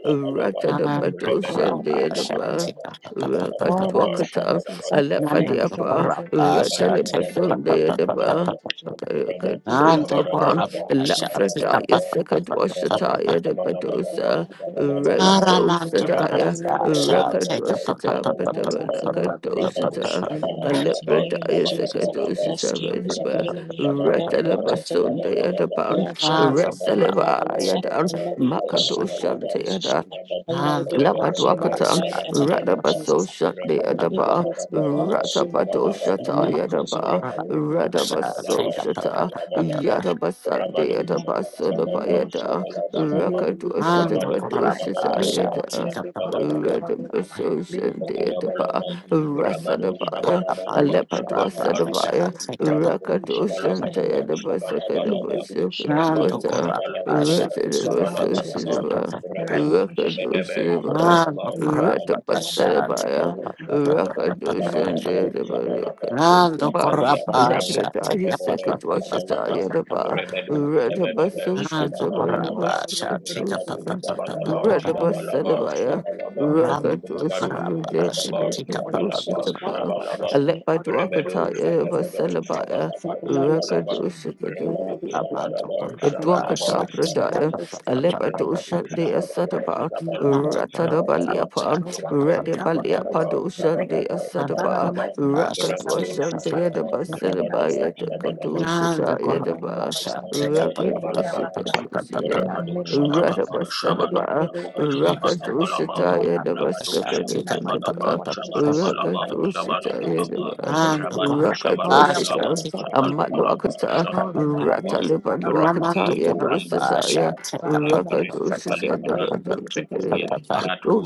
[SPEAKER 4] your
[SPEAKER 2] Naman to
[SPEAKER 4] angels, so
[SPEAKER 3] Rabadu
[SPEAKER 4] Lord, in
[SPEAKER 1] Ratadabadushandi
[SPEAKER 4] the
[SPEAKER 2] Kurapa
[SPEAKER 4] mighty
[SPEAKER 2] shall
[SPEAKER 1] Adaba.
[SPEAKER 4] name
[SPEAKER 2] take
[SPEAKER 3] Shabalabalaba,
[SPEAKER 4] of
[SPEAKER 2] a
[SPEAKER 4] Jesus. Lord, are
[SPEAKER 3] Shabalabalaba,
[SPEAKER 4] your
[SPEAKER 1] Rakatwakata,
[SPEAKER 4] angels. I
[SPEAKER 3] Shabalabalaba,
[SPEAKER 4] thank
[SPEAKER 2] Naman
[SPEAKER 4] you
[SPEAKER 2] to
[SPEAKER 4] for
[SPEAKER 1] Alafadiapa,
[SPEAKER 4] releasing
[SPEAKER 2] Kurapa
[SPEAKER 4] angels.
[SPEAKER 3] Rabadu
[SPEAKER 2] shall take a
[SPEAKER 4] Thank you for
[SPEAKER 1] Ratanapasunde
[SPEAKER 4] your
[SPEAKER 1] Adaba,
[SPEAKER 4] protection. Thank you for
[SPEAKER 2] Naman
[SPEAKER 4] the
[SPEAKER 2] to
[SPEAKER 4] Lord of the
[SPEAKER 1] Rakadudapa,
[SPEAKER 4] blood
[SPEAKER 2] Kurapa
[SPEAKER 4] of
[SPEAKER 2] shall
[SPEAKER 4] Jesus
[SPEAKER 2] take
[SPEAKER 4] Christ.
[SPEAKER 2] a
[SPEAKER 1] Lafrataya, Sakadwashataya,
[SPEAKER 4] And let
[SPEAKER 1] Dabadosa,
[SPEAKER 4] every attempt be
[SPEAKER 2] Naraman to
[SPEAKER 4] destroyed.
[SPEAKER 1] Redosadaya,
[SPEAKER 4] And let
[SPEAKER 2] Kurapa
[SPEAKER 4] every
[SPEAKER 2] shall take a Naman
[SPEAKER 1] Rakadoshita,
[SPEAKER 2] to
[SPEAKER 4] I
[SPEAKER 2] Kurapa
[SPEAKER 4] thank the Lord of the
[SPEAKER 2] shall
[SPEAKER 4] Lord
[SPEAKER 1] Badabalakadoshita,
[SPEAKER 4] in the mighty name of
[SPEAKER 1] Malabradaya
[SPEAKER 4] Jesus. The
[SPEAKER 1] Sakadoshita,
[SPEAKER 4] schemes of
[SPEAKER 1] Vediba,
[SPEAKER 4] the enemy, the
[SPEAKER 2] take
[SPEAKER 4] plottings of the
[SPEAKER 1] Retalabasunda
[SPEAKER 4] enemy, the
[SPEAKER 1] Yadaban,
[SPEAKER 2] a Naman
[SPEAKER 4] agendas
[SPEAKER 2] to
[SPEAKER 4] of them,
[SPEAKER 2] Kurapa
[SPEAKER 1] Retsaleva
[SPEAKER 4] Father Lord,
[SPEAKER 2] shall
[SPEAKER 1] Yadan,
[SPEAKER 4] and
[SPEAKER 2] take a
[SPEAKER 4] let it be destroyed,
[SPEAKER 2] Naman
[SPEAKER 4] and let it be
[SPEAKER 1] Makadoshanta
[SPEAKER 4] destroyed, and let it be
[SPEAKER 2] to
[SPEAKER 4] consumed by
[SPEAKER 2] Kurapa
[SPEAKER 1] Labadwakatan,
[SPEAKER 4] fire
[SPEAKER 2] shall
[SPEAKER 4] in the name of
[SPEAKER 1] Radabaso
[SPEAKER 4] Jesus. May
[SPEAKER 1] Shande
[SPEAKER 4] the evil
[SPEAKER 1] Adaba,
[SPEAKER 4] works be consumed by
[SPEAKER 1] Ratapado
[SPEAKER 4] fire,
[SPEAKER 1] Shata
[SPEAKER 3] Shabalabalaba,
[SPEAKER 4] be consumed by
[SPEAKER 1] Yadaba,
[SPEAKER 3] Rabadu,
[SPEAKER 4] fire, be consumed by fire.
[SPEAKER 1] Radabaso
[SPEAKER 3] Shabalabalaba,
[SPEAKER 2] take
[SPEAKER 1] Shata,
[SPEAKER 2] a
[SPEAKER 3] Shabalabalaba,
[SPEAKER 1] Yadabasande
[SPEAKER 3] Rabadu,
[SPEAKER 4] And then
[SPEAKER 1] Adaba
[SPEAKER 4] so many
[SPEAKER 3] Shabalabalaba,
[SPEAKER 4] more
[SPEAKER 1] Solabayada,
[SPEAKER 4] Jesus. We
[SPEAKER 3] Shabalabalaba,
[SPEAKER 4] let it be
[SPEAKER 1] Rakadwa
[SPEAKER 4] conquered
[SPEAKER 2] Ando
[SPEAKER 3] Rabadu,
[SPEAKER 4] by
[SPEAKER 1] Sitabado
[SPEAKER 4] fire.
[SPEAKER 2] corrapa
[SPEAKER 1] Shata
[SPEAKER 4] Be
[SPEAKER 3] Shabalabalaba,
[SPEAKER 1] Yada.
[SPEAKER 2] shati
[SPEAKER 4] caution, be
[SPEAKER 2] kapa pa
[SPEAKER 4] caution,
[SPEAKER 2] pa
[SPEAKER 3] Shabalabalaba,
[SPEAKER 4] be
[SPEAKER 2] pa pa
[SPEAKER 4] caution, Lord.
[SPEAKER 2] pa.
[SPEAKER 1] Radabaso
[SPEAKER 4] Be
[SPEAKER 1] Shande
[SPEAKER 4] caution right now
[SPEAKER 1] Adaba,
[SPEAKER 3] Shabalabalaba,
[SPEAKER 4] in the mighty name of
[SPEAKER 3] Rabado
[SPEAKER 4] Jesus.
[SPEAKER 1] Rasadabaya,
[SPEAKER 3] Shabalabalaba,
[SPEAKER 4] Be
[SPEAKER 2] Arabando
[SPEAKER 1] Alepadwa
[SPEAKER 4] caution
[SPEAKER 2] corrapa
[SPEAKER 4] now, be
[SPEAKER 3] Shabalabalaba,
[SPEAKER 1] Sadabaya,
[SPEAKER 4] caution,
[SPEAKER 2] shati
[SPEAKER 4] Lord.
[SPEAKER 2] kapa
[SPEAKER 3] Rabado
[SPEAKER 4] In
[SPEAKER 2] pa
[SPEAKER 1] Rakadwa
[SPEAKER 2] pa pa.
[SPEAKER 4] Jesus'
[SPEAKER 2] pa.
[SPEAKER 4] name we
[SPEAKER 1] Shante
[SPEAKER 3] Shabalabalaba,
[SPEAKER 4] come,
[SPEAKER 1] Adaba
[SPEAKER 4] Lord. We let
[SPEAKER 1] Sakadaba
[SPEAKER 3] Shabalabalaba,
[SPEAKER 4] it be destroyed, let it
[SPEAKER 2] Ando
[SPEAKER 3] Rabado
[SPEAKER 4] be
[SPEAKER 1] Sakadwata,
[SPEAKER 4] scattered.
[SPEAKER 2] corrapa
[SPEAKER 4] Let it be
[SPEAKER 3] Shabalabalaba,
[SPEAKER 2] shati
[SPEAKER 4] destroyed now
[SPEAKER 2] kapa
[SPEAKER 4] in
[SPEAKER 2] pa pa
[SPEAKER 3] Shabalabalaba,
[SPEAKER 4] Jesus'
[SPEAKER 2] pa
[SPEAKER 4] name.
[SPEAKER 2] pa pa
[SPEAKER 1] Radabaso
[SPEAKER 2] pa.
[SPEAKER 4] You're
[SPEAKER 2] pa.
[SPEAKER 4] at a
[SPEAKER 3] Rabado
[SPEAKER 4] moment you're shaking the
[SPEAKER 3] Shabedebe,
[SPEAKER 4] Father, Lord.
[SPEAKER 1] Rakadushanaba,
[SPEAKER 3] Shabalaba,
[SPEAKER 2] Ando
[SPEAKER 4] And let it come
[SPEAKER 2] corrapa
[SPEAKER 4] to
[SPEAKER 3] Shabalaba,
[SPEAKER 4] one end.
[SPEAKER 2] shati
[SPEAKER 1] Ratapasadabaya,
[SPEAKER 2] kapa
[SPEAKER 4] Let
[SPEAKER 3] Rabado
[SPEAKER 4] it come
[SPEAKER 2] pa
[SPEAKER 4] to
[SPEAKER 2] pa
[SPEAKER 4] one
[SPEAKER 2] pa
[SPEAKER 4] end.
[SPEAKER 3] Shabalaba,
[SPEAKER 2] pa pa pa pa
[SPEAKER 4] And let it
[SPEAKER 2] pa.
[SPEAKER 3] Shabalaba,
[SPEAKER 4] be
[SPEAKER 1] Rakadushandaba,
[SPEAKER 4] defended, Lord.
[SPEAKER 3] Shabalaba,
[SPEAKER 2] Ando
[SPEAKER 1] Rakadushanaba,
[SPEAKER 3] Makalia,
[SPEAKER 4] In
[SPEAKER 2] corrapa
[SPEAKER 4] the
[SPEAKER 3] Rang,
[SPEAKER 2] shati
[SPEAKER 4] mighty
[SPEAKER 2] kapa
[SPEAKER 1] Labradaya
[SPEAKER 3] Bebebe,
[SPEAKER 4] name
[SPEAKER 2] pa pa pa pa
[SPEAKER 4] of
[SPEAKER 2] pa
[SPEAKER 3] Shabalaba,
[SPEAKER 4] Jesus.
[SPEAKER 1] Sekadwashataya
[SPEAKER 2] pa pa
[SPEAKER 1] Daba,
[SPEAKER 4] Right, my
[SPEAKER 2] pa pa.
[SPEAKER 4] Lord,
[SPEAKER 3] Rebedu,
[SPEAKER 4] I let it be
[SPEAKER 3] Shabedebe,
[SPEAKER 4] destroyed.
[SPEAKER 1] Ratabasu
[SPEAKER 2] Ando
[SPEAKER 1] Shatabari
[SPEAKER 3] Shabalabalaba,
[SPEAKER 4] Lord,
[SPEAKER 2] corrapa
[SPEAKER 4] I live with
[SPEAKER 2] shati
[SPEAKER 4] the
[SPEAKER 2] kapa
[SPEAKER 3] Rabado
[SPEAKER 4] freedom.
[SPEAKER 2] pa
[SPEAKER 1] Vashikadusa,
[SPEAKER 2] pa pa pa
[SPEAKER 3] Shabalaba,
[SPEAKER 2] pa
[SPEAKER 4] Lord,
[SPEAKER 2] pa
[SPEAKER 4] I
[SPEAKER 2] pa.
[SPEAKER 4] live
[SPEAKER 3] Shabalaba,
[SPEAKER 4] with the freedom.
[SPEAKER 1] Ratabasadabaya,
[SPEAKER 3] Shabalaba,
[SPEAKER 4] Let the
[SPEAKER 2] Ramando
[SPEAKER 4] sin
[SPEAKER 3] Rabado,
[SPEAKER 4] of
[SPEAKER 2] corrapa
[SPEAKER 1] Rakadushanaba,
[SPEAKER 4] time.
[SPEAKER 3] Shabalaba,
[SPEAKER 2] shati
[SPEAKER 4] Let
[SPEAKER 2] kapa
[SPEAKER 4] what God
[SPEAKER 2] pa
[SPEAKER 4] should
[SPEAKER 2] pa
[SPEAKER 4] do,
[SPEAKER 3] Shabalaba,
[SPEAKER 4] Father,
[SPEAKER 1] Rakadushanaba,
[SPEAKER 2] pa
[SPEAKER 4] Lord.
[SPEAKER 2] pa.
[SPEAKER 3] Shabalaba,
[SPEAKER 4] May all the evil
[SPEAKER 3] Rebedo,
[SPEAKER 4] plans
[SPEAKER 1] Alepadwakataya
[SPEAKER 4] against me not
[SPEAKER 3] Shababa,
[SPEAKER 4] try.
[SPEAKER 1] Vasalabaya,
[SPEAKER 4] Set
[SPEAKER 3] Shabalaba,
[SPEAKER 4] the Lord with the
[SPEAKER 3] Shabalaba,
[SPEAKER 4] freedom. Let
[SPEAKER 3] Rabado,
[SPEAKER 4] every
[SPEAKER 1] Rakadushanaba.
[SPEAKER 4] evil
[SPEAKER 2] Amando
[SPEAKER 3] Shabalaba,
[SPEAKER 4] principality to be in
[SPEAKER 2] Corrapa,
[SPEAKER 4] that.
[SPEAKER 3] Shabalaba,
[SPEAKER 1] Dwakata
[SPEAKER 2] Santa
[SPEAKER 4] In
[SPEAKER 1] Pradaya,
[SPEAKER 3] Shabalaba,
[SPEAKER 4] the state in
[SPEAKER 2] Amando
[SPEAKER 1] Alepato
[SPEAKER 3] Rabado,
[SPEAKER 2] Corrapa,
[SPEAKER 4] here.
[SPEAKER 1] Shande
[SPEAKER 4] Let
[SPEAKER 3] Shabalaba,
[SPEAKER 4] us
[SPEAKER 1] Asadaba,
[SPEAKER 3] Shabalaba,
[SPEAKER 2] Amando
[SPEAKER 1] Ratada
[SPEAKER 2] Corrapa,
[SPEAKER 3] Shabalaba,
[SPEAKER 4] to
[SPEAKER 2] Amando
[SPEAKER 1] Baliapan,
[SPEAKER 4] control uh,
[SPEAKER 3] Rabado, Shabalaba,
[SPEAKER 4] and
[SPEAKER 1] Rede
[SPEAKER 2] Corrapa,
[SPEAKER 4] help authority
[SPEAKER 3] Shabalaba,
[SPEAKER 1] Baliapado
[SPEAKER 4] to bring me
[SPEAKER 1] Shande
[SPEAKER 4] down.
[SPEAKER 2] Amando Corrapa,
[SPEAKER 4] Father, in
[SPEAKER 1] Asadaba,
[SPEAKER 4] the
[SPEAKER 3] Shabalaba,
[SPEAKER 4] mighty name of Jesus, I
[SPEAKER 1] Rakatwa
[SPEAKER 4] may
[SPEAKER 3] Rabado,
[SPEAKER 4] it never
[SPEAKER 1] Shande
[SPEAKER 4] stand.
[SPEAKER 3] Shabalaba,
[SPEAKER 1] Edaba
[SPEAKER 4] May it never
[SPEAKER 1] Seleba
[SPEAKER 3] Shabalaba,
[SPEAKER 4] stand in the name of
[SPEAKER 3] Shabalaba,
[SPEAKER 1] Yedakadu
[SPEAKER 4] Jesus.
[SPEAKER 2] Amando
[SPEAKER 1] Shata
[SPEAKER 4] It will
[SPEAKER 2] Corrapa,
[SPEAKER 1] Yedaba,
[SPEAKER 4] never stand.
[SPEAKER 2] Santa
[SPEAKER 4] It will
[SPEAKER 1] Rakadu
[SPEAKER 4] never
[SPEAKER 3] Shabalabalaba,
[SPEAKER 1] Shikadu
[SPEAKER 4] prosper. In
[SPEAKER 1] Sida.
[SPEAKER 4] the
[SPEAKER 3] Rabado
[SPEAKER 4] name of Jesus,
[SPEAKER 3] Shabalaba,
[SPEAKER 1] Radaba
[SPEAKER 4] all their
[SPEAKER 1] Sadaba,
[SPEAKER 4] evil
[SPEAKER 3] Shabalabalaba,
[SPEAKER 4] works will not
[SPEAKER 1] Rakatu
[SPEAKER 4] stand.
[SPEAKER 3] Shabalabalaba,
[SPEAKER 4] It
[SPEAKER 1] Shita
[SPEAKER 4] will not
[SPEAKER 1] Yedaba
[SPEAKER 3] Rabado
[SPEAKER 4] prosper. In the mighty
[SPEAKER 2] Papa,
[SPEAKER 3] Shabalabalaba,
[SPEAKER 4] name
[SPEAKER 1] Sakadakadaba,
[SPEAKER 4] of
[SPEAKER 2] Papa,
[SPEAKER 4] Jesus, I speak
[SPEAKER 3] Shabalabalaba,
[SPEAKER 1] Rakatu
[SPEAKER 4] against them.
[SPEAKER 1] Shita
[SPEAKER 4] I
[SPEAKER 3] Shabalabalaba,
[SPEAKER 4] speak
[SPEAKER 1] Yedaba,
[SPEAKER 4] against them
[SPEAKER 3] Rabado
[SPEAKER 4] all. All
[SPEAKER 1] Rakatu
[SPEAKER 4] their
[SPEAKER 3] Shabalabalaba,
[SPEAKER 1] Shita,
[SPEAKER 4] plotings, all their evil
[SPEAKER 3] Shabalabalaba,
[SPEAKER 4] callings,
[SPEAKER 1] Amaluakata,
[SPEAKER 4] calling our
[SPEAKER 3] Shabalabalaba,
[SPEAKER 4] names, so
[SPEAKER 1] Rataliban
[SPEAKER 4] Father Lord,
[SPEAKER 3] Rapagi,
[SPEAKER 4] we
[SPEAKER 1] Wakataya
[SPEAKER 4] keep them
[SPEAKER 3] Parantu,
[SPEAKER 4] in time.
[SPEAKER 1] Dosataya
[SPEAKER 3] Lipatu,
[SPEAKER 4] Father, in the name of
[SPEAKER 3] Liparentu,
[SPEAKER 2] Papa,
[SPEAKER 4] Jesus,
[SPEAKER 1] Rakadosha
[SPEAKER 4] may
[SPEAKER 3] Kaliparan,
[SPEAKER 4] the
[SPEAKER 2] Papa,
[SPEAKER 4] Holy Ghost
[SPEAKER 3] Beturia,
[SPEAKER 2] Papa,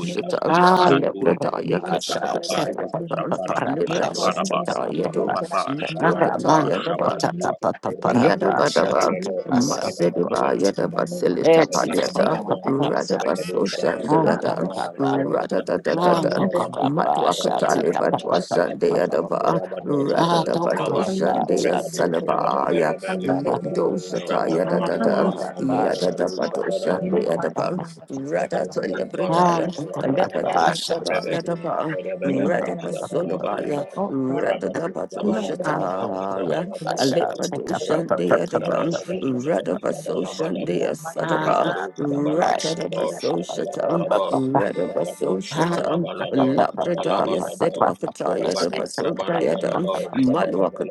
[SPEAKER 4] May the
[SPEAKER 2] Ah,
[SPEAKER 4] Holy Spirit
[SPEAKER 3] Kaliparaturia,
[SPEAKER 1] Aleprataya
[SPEAKER 4] meet them and may the Holy
[SPEAKER 1] Katakataya
[SPEAKER 3] Rakabaraba,
[SPEAKER 4] Spirit
[SPEAKER 1] Liban
[SPEAKER 4] meet them.
[SPEAKER 3] Shaparaba,
[SPEAKER 4] May our
[SPEAKER 3] Shaparaba,
[SPEAKER 4] enemies be
[SPEAKER 1] Libadwasataya Do
[SPEAKER 4] muted.
[SPEAKER 3] Rababa,
[SPEAKER 4] May Father
[SPEAKER 3] Shabalaba,
[SPEAKER 4] Lord and may
[SPEAKER 1] Metrokataya
[SPEAKER 4] they be
[SPEAKER 3] Shabalaba,
[SPEAKER 4] muted. May our
[SPEAKER 3] Regado,
[SPEAKER 4] enemies be
[SPEAKER 1] Yadabadaba,
[SPEAKER 3] Shabadaba,
[SPEAKER 4] muted.
[SPEAKER 1] Masedeba,
[SPEAKER 3] Shabalabalaba,
[SPEAKER 4] In the name of
[SPEAKER 1] Yadabasilita
[SPEAKER 4] Jesus, may
[SPEAKER 1] Paliata,
[SPEAKER 4] our
[SPEAKER 3] Rakalabalaba,
[SPEAKER 4] enemies not be
[SPEAKER 3] Regado,
[SPEAKER 4] lifted.
[SPEAKER 1] Radabasosan de
[SPEAKER 4] Father,
[SPEAKER 1] Yadan,
[SPEAKER 3] Shabalabalaba,
[SPEAKER 4] Lord, let them be
[SPEAKER 3] Rabado,
[SPEAKER 4] lifted.
[SPEAKER 1] Radadadadadan,
[SPEAKER 4] Let them be
[SPEAKER 3] Shabalabalaba,
[SPEAKER 4] lifted, O Lord, in the
[SPEAKER 3] Rabado,
[SPEAKER 1] Matwakatali
[SPEAKER 4] name of Jesus.
[SPEAKER 1] Batwasan de
[SPEAKER 3] Shabalabalaba,
[SPEAKER 4] Father, Lord, may
[SPEAKER 1] Yadaba,
[SPEAKER 4] our
[SPEAKER 3] Rabado,
[SPEAKER 4] enemies be lifted.
[SPEAKER 3] Shabalabalaba,
[SPEAKER 1] Radadabatosan
[SPEAKER 4] Let
[SPEAKER 1] de
[SPEAKER 4] them be
[SPEAKER 3] Rebado,
[SPEAKER 4] lifted, O Lord.
[SPEAKER 1] Yasalabaya,
[SPEAKER 3] Shabadabadaba,
[SPEAKER 4] And let them be
[SPEAKER 3] Rabado,
[SPEAKER 4] lifted, O
[SPEAKER 1] Lindosata
[SPEAKER 4] Lord. And
[SPEAKER 3] Shabalabalaba,
[SPEAKER 1] Yadadadan,
[SPEAKER 4] let them be lifted, O
[SPEAKER 3] Rabado,
[SPEAKER 4] Lord.
[SPEAKER 1] Yadadabatosan
[SPEAKER 4] In
[SPEAKER 1] de
[SPEAKER 4] the
[SPEAKER 3] Shabalabalaba,
[SPEAKER 4] mighty
[SPEAKER 1] Yadaba,
[SPEAKER 4] name of Jesus, Father,
[SPEAKER 3] Shabalabalaba,
[SPEAKER 4] Lord, let
[SPEAKER 1] Radatalibridayan,
[SPEAKER 4] them be lifted.
[SPEAKER 3] shabalabalaba,
[SPEAKER 4] May our
[SPEAKER 1] Lepatosada
[SPEAKER 4] enemies be
[SPEAKER 3] rebedu,
[SPEAKER 4] lifted.
[SPEAKER 1] Yadaba,
[SPEAKER 4] May
[SPEAKER 3] rebedebe,
[SPEAKER 4] my enemies be lifted.
[SPEAKER 3] shabalabalaba,
[SPEAKER 1] Radabasolabaya,
[SPEAKER 4] Oh, Father, Lord,
[SPEAKER 3] rebedu,
[SPEAKER 4] let
[SPEAKER 2] Ah, ah Ah ah Ah take take take take take take up a pup,
[SPEAKER 4] them be
[SPEAKER 3] shabalabalaba,
[SPEAKER 4] lifted.
[SPEAKER 1] Radadabatosata
[SPEAKER 4] Let them
[SPEAKER 3] shabalabalaba,
[SPEAKER 4] be
[SPEAKER 1] Alepado
[SPEAKER 4] lifted, O Lord.
[SPEAKER 1] Shande
[SPEAKER 3] rebedu,
[SPEAKER 4] In
[SPEAKER 1] Adaban,
[SPEAKER 3] shabalabalaba,
[SPEAKER 4] Jesus' mighty name
[SPEAKER 1] Radabaso
[SPEAKER 4] and
[SPEAKER 3] shabalabalaba,
[SPEAKER 1] Shande
[SPEAKER 4] let my enemies
[SPEAKER 1] Asadaba,
[SPEAKER 3] rebedu,
[SPEAKER 4] not be near, but
[SPEAKER 3] shabalabalaba,
[SPEAKER 4] and let
[SPEAKER 1] Ratadabaso
[SPEAKER 4] my enemies
[SPEAKER 3] shabalabalaba, rebedu,
[SPEAKER 1] Shatan,
[SPEAKER 4] die.
[SPEAKER 2] pup,
[SPEAKER 3] shabalabalaba, shabalabalaba,
[SPEAKER 2] pup,
[SPEAKER 3] rebedu,
[SPEAKER 1] Radabaso Shatan,
[SPEAKER 3] shabalabalaba,
[SPEAKER 1] Labradaya said
[SPEAKER 3] shabalabalaba,
[SPEAKER 1] Wakataya Dabaso
[SPEAKER 4] Lord,
[SPEAKER 1] Dayadan,
[SPEAKER 4] I
[SPEAKER 2] pup.
[SPEAKER 4] let